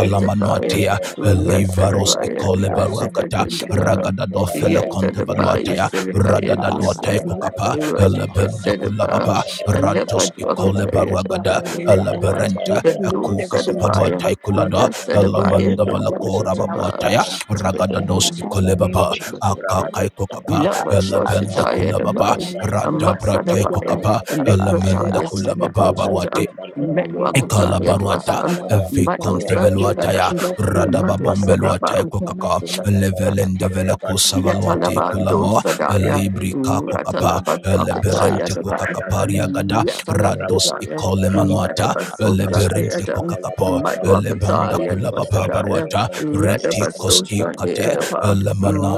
[SPEAKER 4] our best. We
[SPEAKER 2] Shut
[SPEAKER 3] Shabalaba,
[SPEAKER 4] let them back and say,
[SPEAKER 5] elevaros
[SPEAKER 3] Shabalaba, Rabadu Shabalaba, Shabalaba,
[SPEAKER 1] Rasadabaya the
[SPEAKER 4] Mama, she
[SPEAKER 3] Rabadu
[SPEAKER 4] should
[SPEAKER 5] ikolebaruakata
[SPEAKER 4] and
[SPEAKER 3] Shabalaba,
[SPEAKER 4] dream.
[SPEAKER 1] Basakadaba,
[SPEAKER 5] ragadado
[SPEAKER 4] And dream
[SPEAKER 5] fele
[SPEAKER 3] Shabalaba,
[SPEAKER 4] is this young.
[SPEAKER 1] Yatadabaya
[SPEAKER 3] Rabadu
[SPEAKER 5] kontevaluataya
[SPEAKER 4] And dream is
[SPEAKER 1] Sedabaya
[SPEAKER 4] this young.
[SPEAKER 5] radadaduatai
[SPEAKER 1] Dosa,
[SPEAKER 4] Let the
[SPEAKER 5] kokapa
[SPEAKER 4] fire of God
[SPEAKER 5] elepende
[SPEAKER 1] Rasabasadaba,
[SPEAKER 5] kulababa
[SPEAKER 3] Shabalaba,
[SPEAKER 4] consume
[SPEAKER 1] and the
[SPEAKER 4] them now.
[SPEAKER 5] ratos
[SPEAKER 4] May the
[SPEAKER 3] Shabalaba,
[SPEAKER 4] fire
[SPEAKER 1] Padwakasaya
[SPEAKER 4] of
[SPEAKER 1] the
[SPEAKER 4] God
[SPEAKER 5] ikolebaruagada
[SPEAKER 3] Rabadu
[SPEAKER 4] consume their homes.
[SPEAKER 1] Paduka,
[SPEAKER 3] Shabalaba,
[SPEAKER 4] May
[SPEAKER 5] eleberenta
[SPEAKER 1] the
[SPEAKER 4] they lose
[SPEAKER 3] Shabalaba,
[SPEAKER 4] everything they have
[SPEAKER 1] Dosadabaya,
[SPEAKER 5] ekukakapaluatai
[SPEAKER 4] worked hard
[SPEAKER 3] Rabadu
[SPEAKER 4] for.
[SPEAKER 5] kulada
[SPEAKER 3] Shabalaba,
[SPEAKER 4] May they lose
[SPEAKER 1] Rasadabaya
[SPEAKER 5] elamanda
[SPEAKER 1] the
[SPEAKER 4] everything
[SPEAKER 5] valakora
[SPEAKER 4] they have
[SPEAKER 1] Dosataba,
[SPEAKER 4] worked
[SPEAKER 5] babuataya
[SPEAKER 3] Rabadu
[SPEAKER 4] hard for.
[SPEAKER 1] with the
[SPEAKER 4] In the
[SPEAKER 5] ragadados
[SPEAKER 4] mighty name
[SPEAKER 3] Shabalaba,
[SPEAKER 4] of
[SPEAKER 5] ikolebaba
[SPEAKER 4] Jesus.
[SPEAKER 1] Dosa.
[SPEAKER 5] akakai kokapa
[SPEAKER 1] Lava
[SPEAKER 4] Father,
[SPEAKER 5] elebende
[SPEAKER 4] Lord,
[SPEAKER 1] Dosataya the
[SPEAKER 4] make
[SPEAKER 5] kulababa
[SPEAKER 1] Bang,
[SPEAKER 4] their lives
[SPEAKER 1] a
[SPEAKER 4] better.
[SPEAKER 3] Rabadu
[SPEAKER 5] radabrate
[SPEAKER 4] Make their
[SPEAKER 1] Matsadabaya,
[SPEAKER 4] lives
[SPEAKER 5] kokapa elemende
[SPEAKER 3] Shabalaba,
[SPEAKER 1] Librataya
[SPEAKER 4] better,
[SPEAKER 5] kula
[SPEAKER 4] make
[SPEAKER 5] baba
[SPEAKER 4] their life
[SPEAKER 5] baruate
[SPEAKER 1] Sakadosata,
[SPEAKER 4] better in
[SPEAKER 3] Shabalaba,
[SPEAKER 4] the name of
[SPEAKER 5] Ekala
[SPEAKER 1] Medwakataya
[SPEAKER 4] Jesus.
[SPEAKER 5] baruata,
[SPEAKER 4] Father,
[SPEAKER 1] Dosan,
[SPEAKER 4] Lord, I
[SPEAKER 3] Rabalabalaba,
[SPEAKER 4] put on me
[SPEAKER 5] evikonte
[SPEAKER 4] and
[SPEAKER 1] Madosa
[SPEAKER 4] my
[SPEAKER 5] veluata
[SPEAKER 4] children,
[SPEAKER 5] ya. Ekalabaruata, Eviconteveluataya,
[SPEAKER 1] the
[SPEAKER 4] let full
[SPEAKER 1] Mm,
[SPEAKER 3] Rekabushabalabalaba,
[SPEAKER 4] armor of God.
[SPEAKER 1] Madwasada
[SPEAKER 5] Radababombeluata,
[SPEAKER 1] ba.
[SPEAKER 4] Put on us, O Lord,
[SPEAKER 3] Rabadushabalabalaba,
[SPEAKER 5] Levelende Levelendevelecus Savaluate,
[SPEAKER 1] Yatalabando
[SPEAKER 5] Kulamo,
[SPEAKER 1] Sadaya,
[SPEAKER 3] Rabadushabalabalaba,
[SPEAKER 5] Librica Kokapa,
[SPEAKER 3] Rabadushabalabalaba,
[SPEAKER 1] Ratalabakataya
[SPEAKER 3] Rabadushabalabalaba,
[SPEAKER 5] Leberente
[SPEAKER 1] Daba,
[SPEAKER 5] Kokakaparia Gada, Rados
[SPEAKER 1] Yatalabadaya,
[SPEAKER 4] we have
[SPEAKER 5] Icolemanuata,
[SPEAKER 4] full
[SPEAKER 3] Rabadushabalabalaba, Rabadushabalabalaba,
[SPEAKER 4] armor.
[SPEAKER 1] Radabasoja
[SPEAKER 5] Leberente
[SPEAKER 1] Beadam,
[SPEAKER 5] Kokakapo,
[SPEAKER 3] Rabadushabalabalaba, Rabadushabalabalaba,
[SPEAKER 5] Lebanda
[SPEAKER 1] Madwakataya
[SPEAKER 5] Kulabapa
[SPEAKER 4] and
[SPEAKER 1] Dwasadaya,
[SPEAKER 5] Baruata,
[SPEAKER 3] Rabadushabalabalaba,
[SPEAKER 5] Reticos
[SPEAKER 1] Radabasoja
[SPEAKER 5] Icate,
[SPEAKER 1] Beadaba,
[SPEAKER 4] full armor.
[SPEAKER 5] Lemana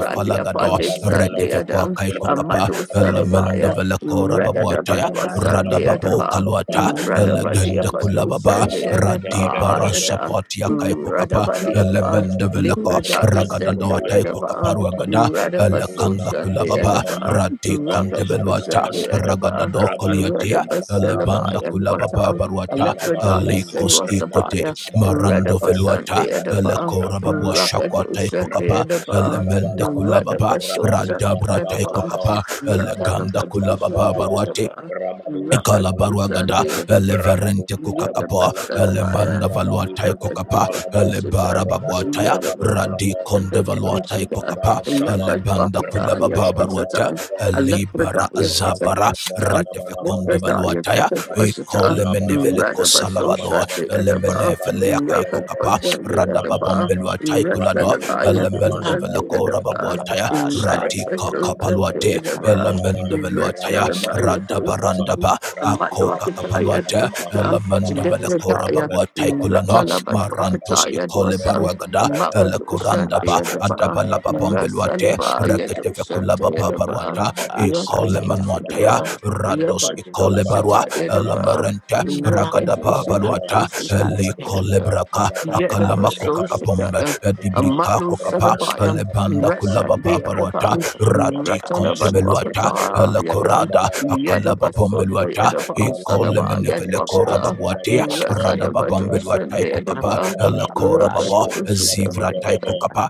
[SPEAKER 4] Put
[SPEAKER 5] Falagado,
[SPEAKER 4] on us, your
[SPEAKER 3] Rabadushabalabalaba,
[SPEAKER 5] Retifequa
[SPEAKER 4] armor.
[SPEAKER 1] Sadeadam,
[SPEAKER 4] Put
[SPEAKER 5] Kaikokapa,
[SPEAKER 4] on
[SPEAKER 1] Amadu
[SPEAKER 4] us, your full armor.
[SPEAKER 5] lemende
[SPEAKER 3] Rabadushabalabalaba,
[SPEAKER 1] Sadabaya,
[SPEAKER 5] velekora babuata
[SPEAKER 4] Put
[SPEAKER 5] ya.
[SPEAKER 4] on us,
[SPEAKER 1] Radabadwasa
[SPEAKER 4] your
[SPEAKER 5] Radaba
[SPEAKER 4] full
[SPEAKER 5] Radababo
[SPEAKER 4] armor.
[SPEAKER 1] Beadaba,
[SPEAKER 5] Kaluata,
[SPEAKER 4] In the name of
[SPEAKER 5] elegende
[SPEAKER 3] Rabadushabalabalaba,
[SPEAKER 4] Jesus.
[SPEAKER 1] Radabadiapadosa
[SPEAKER 5] kulababa
[SPEAKER 4] Put
[SPEAKER 3] Rabba
[SPEAKER 4] on us, your
[SPEAKER 3] Shadda
[SPEAKER 5] radi
[SPEAKER 4] full
[SPEAKER 3] Dabba
[SPEAKER 1] Beadaba,
[SPEAKER 4] armor.
[SPEAKER 3] Dabba.
[SPEAKER 5] paransapoti
[SPEAKER 4] Put on
[SPEAKER 5] yakaiko
[SPEAKER 4] us, your
[SPEAKER 5] kapa
[SPEAKER 3] Rabadu
[SPEAKER 4] full armor.
[SPEAKER 1] Radabadiapa,
[SPEAKER 5] elemende
[SPEAKER 3] Shabalabalaban,
[SPEAKER 4] Put
[SPEAKER 5] veleko
[SPEAKER 4] on us,
[SPEAKER 1] Lipradaya
[SPEAKER 4] your
[SPEAKER 3] Rabadu
[SPEAKER 1] said
[SPEAKER 4] full
[SPEAKER 5] ragadando
[SPEAKER 1] the
[SPEAKER 4] armor.
[SPEAKER 5] ataiko
[SPEAKER 1] Yadaba.
[SPEAKER 4] Put on
[SPEAKER 5] kaparuagada
[SPEAKER 4] us, your full armor.
[SPEAKER 1] Radabaso
[SPEAKER 5] elekanda
[SPEAKER 1] Shande
[SPEAKER 4] Put
[SPEAKER 5] kulababa
[SPEAKER 4] on us,
[SPEAKER 1] Edaba,
[SPEAKER 5] radi
[SPEAKER 1] Rakajo
[SPEAKER 5] konteveluata
[SPEAKER 1] Shande Edaba,
[SPEAKER 5] ragadado koliatia elebanda
[SPEAKER 1] Radabaselabaya and
[SPEAKER 5] kulababa
[SPEAKER 1] Wata,
[SPEAKER 5] baruata
[SPEAKER 1] Alepradaya
[SPEAKER 5] alikos ikote
[SPEAKER 1] Senwasabaya,
[SPEAKER 5] marando veluata
[SPEAKER 1] Radabasande Edaba,
[SPEAKER 5] elekora babua shakwa
[SPEAKER 1] Rakajo
[SPEAKER 5] taiko
[SPEAKER 1] Shande
[SPEAKER 5] kapa
[SPEAKER 1] Edaba,
[SPEAKER 5] elemende kulababa
[SPEAKER 1] Radabaso Shande
[SPEAKER 5] radabrataiko
[SPEAKER 1] Edaba,
[SPEAKER 5] kapa eleganda
[SPEAKER 1] Rakabajo
[SPEAKER 5] kulababa
[SPEAKER 1] Shande
[SPEAKER 5] baruate
[SPEAKER 1] Edaba, Rakajo
[SPEAKER 5] Ekalabaruagada,
[SPEAKER 1] Shande Edaba,
[SPEAKER 5] Eleverente Kukakapa,
[SPEAKER 3] Shabalabalaban,
[SPEAKER 5] Elemanda
[SPEAKER 1] Yadabaselabaya,
[SPEAKER 3] Rabadu
[SPEAKER 5] Valuatai
[SPEAKER 1] Rakajo
[SPEAKER 5] Kukapa,
[SPEAKER 3] Shabalabalaban,
[SPEAKER 5] Elebara
[SPEAKER 1] Shande
[SPEAKER 3] Rabadu
[SPEAKER 5] Babuataya,
[SPEAKER 1] Edaba,
[SPEAKER 3] Shabarabarabam,
[SPEAKER 5] Radikonde
[SPEAKER 3] Rabadu
[SPEAKER 5] Valuatai
[SPEAKER 1] Yadabaselabaya,
[SPEAKER 5] Kukapa,
[SPEAKER 1] Ratala
[SPEAKER 3] Shabarabarabam,
[SPEAKER 5] kula
[SPEAKER 3] Rabadu
[SPEAKER 5] Kulababa Baruata,
[SPEAKER 3] Shabarabarabam,
[SPEAKER 5] Elibara Azabara,
[SPEAKER 3] Shabalabalaba,
[SPEAKER 5] Ratefekonde
[SPEAKER 3] shabalabalaba,
[SPEAKER 5] Valuataya,
[SPEAKER 3] rabado,
[SPEAKER 5] Ekole
[SPEAKER 3] shabalabalaba,
[SPEAKER 5] Menevele Kosalavado,
[SPEAKER 3] shabalabalaba,
[SPEAKER 5] Elemene
[SPEAKER 3] rabado,
[SPEAKER 5] Feleakai Kukapa,
[SPEAKER 3] shabalabalaba, shabalabalaba,
[SPEAKER 5] Radababombeluatai Kulado,
[SPEAKER 3] rabado,
[SPEAKER 5] Elemende
[SPEAKER 3] shabalabalaba,
[SPEAKER 5] Velakora
[SPEAKER 3] shabalabalaba,
[SPEAKER 5] Babuataya,
[SPEAKER 3] rabado,
[SPEAKER 5] Ratika
[SPEAKER 3] shabalabalaba,
[SPEAKER 5] Kapaluate,
[SPEAKER 3] shabalabalaba,
[SPEAKER 5] Elemende Veluataya,
[SPEAKER 3] rabadaba, shabalaba,
[SPEAKER 5] ba
[SPEAKER 3] rakati
[SPEAKER 5] akoka
[SPEAKER 3] parne,
[SPEAKER 5] kapaluate
[SPEAKER 3] shabalaba,
[SPEAKER 5] elemende
[SPEAKER 3] rabado,
[SPEAKER 5] velekora
[SPEAKER 3] shabalaba,
[SPEAKER 5] babua
[SPEAKER 3] shabalaba,
[SPEAKER 5] taikulano marantus
[SPEAKER 3] rabado,
[SPEAKER 1] Batwakataya
[SPEAKER 5] ikole
[SPEAKER 1] Dwasam,
[SPEAKER 3] shabalaba,
[SPEAKER 5] baruagada
[SPEAKER 3] shabalaba,
[SPEAKER 1] Makatushan
[SPEAKER 5] elekoranda ba
[SPEAKER 1] bar.
[SPEAKER 5] adaba adabala babombeluate
[SPEAKER 1] Rasalaba
[SPEAKER 5] reketeve
[SPEAKER 1] Yadosanta
[SPEAKER 5] kulaba
[SPEAKER 1] Yadaba
[SPEAKER 5] babaruata
[SPEAKER 3] berabadi siabala bala bala berabadi siabala
[SPEAKER 5] ikole
[SPEAKER 3] bala bala berabadi siabala bala
[SPEAKER 5] manuataya
[SPEAKER 3] bala
[SPEAKER 1] Rakadosita
[SPEAKER 5] rados
[SPEAKER 3] berabadi
[SPEAKER 5] ikole
[SPEAKER 3] siabala
[SPEAKER 5] barua
[SPEAKER 1] Yabadosita
[SPEAKER 3] bala bala
[SPEAKER 1] Yadaba
[SPEAKER 5] elemerente ragada
[SPEAKER 3] Rabadu
[SPEAKER 1] Rakadosita
[SPEAKER 5] babaruata elikole
[SPEAKER 1] Dosita
[SPEAKER 5] braka
[SPEAKER 2] up,
[SPEAKER 5] akalama
[SPEAKER 1] Yadaba
[SPEAKER 3] Rabadu
[SPEAKER 5] kokakapombe
[SPEAKER 1] Sosita
[SPEAKER 5] edibrika
[SPEAKER 1] Amatno
[SPEAKER 5] kokapa
[SPEAKER 1] Sadabaya
[SPEAKER 5] elebanda
[SPEAKER 1] Rasa
[SPEAKER 5] kulaba babaruata
[SPEAKER 1] Yadaba
[SPEAKER 2] Aramando
[SPEAKER 5] rati
[SPEAKER 1] Ratalaba
[SPEAKER 5] kontebeluata
[SPEAKER 1] Wakata Yadan
[SPEAKER 5] elekorada akalaba
[SPEAKER 1] Yadaba Sota
[SPEAKER 5] bombeluata
[SPEAKER 1] Yadaba
[SPEAKER 5] ikole
[SPEAKER 1] Salaba
[SPEAKER 5] menefele kora
[SPEAKER 1] Yadwakata
[SPEAKER 5] babuatea rada
[SPEAKER 1] Rasadaba
[SPEAKER 5] babambeluatai
[SPEAKER 1] Dosita
[SPEAKER 5] kokapa
[SPEAKER 1] Yadaba
[SPEAKER 5] elekora baba zivra
[SPEAKER 1] Rakadosita
[SPEAKER 5] taiko kapa.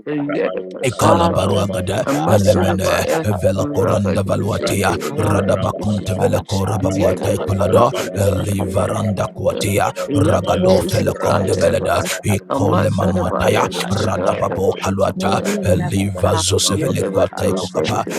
[SPEAKER 5] Ikala
[SPEAKER 1] Yadabashalabaya,
[SPEAKER 4] your
[SPEAKER 5] baruagada
[SPEAKER 4] full armor.
[SPEAKER 3] Rabadu
[SPEAKER 5] elemene
[SPEAKER 1] Amasurabaya,
[SPEAKER 5] vela koranda
[SPEAKER 4] May your
[SPEAKER 1] Rakadushan,
[SPEAKER 5] valuatia
[SPEAKER 4] protection be
[SPEAKER 5] radaba
[SPEAKER 4] upon
[SPEAKER 3] sabarabaraba,
[SPEAKER 5] konte
[SPEAKER 4] us.
[SPEAKER 5] vela
[SPEAKER 1] Yadabashalabaya,
[SPEAKER 5] kora
[SPEAKER 4] May your
[SPEAKER 5] babuate
[SPEAKER 3] Rabarusha
[SPEAKER 4] protection
[SPEAKER 5] kulada
[SPEAKER 4] be
[SPEAKER 3] Barabarabam,
[SPEAKER 4] upon me
[SPEAKER 1] Yadabashalabaya,
[SPEAKER 4] and
[SPEAKER 5] elivaranda
[SPEAKER 4] my
[SPEAKER 3] Rabarusha
[SPEAKER 5] kuatia
[SPEAKER 4] children. May
[SPEAKER 3] Barabarabam,
[SPEAKER 4] your
[SPEAKER 5] ragado fele konde
[SPEAKER 4] protection be
[SPEAKER 3] Rabarusha
[SPEAKER 5] veleda
[SPEAKER 1] Yapatoshataya,
[SPEAKER 4] upon us. Lord.
[SPEAKER 3] Barabarabam,
[SPEAKER 5] ikole
[SPEAKER 4] Father, may
[SPEAKER 1] Amasurabaya,
[SPEAKER 5] manuataya
[SPEAKER 1] Rakadushan, Yadabashalabaya,
[SPEAKER 4] we
[SPEAKER 1] Rakadushan,
[SPEAKER 4] never
[SPEAKER 1] Yadabashalabaya,
[SPEAKER 5] radaba
[SPEAKER 4] perish.
[SPEAKER 5] bo
[SPEAKER 4] May
[SPEAKER 5] kaluata
[SPEAKER 4] we
[SPEAKER 3] Rabarusha Balabalabam, Rabarusha
[SPEAKER 4] never perish
[SPEAKER 5] eliva zose
[SPEAKER 1] Rakadushan,
[SPEAKER 3] Balabalabam,
[SPEAKER 5] vele
[SPEAKER 4] you will
[SPEAKER 5] kuata
[SPEAKER 4] not
[SPEAKER 5] ikokapa
[SPEAKER 4] perish
[SPEAKER 3] Rabarusha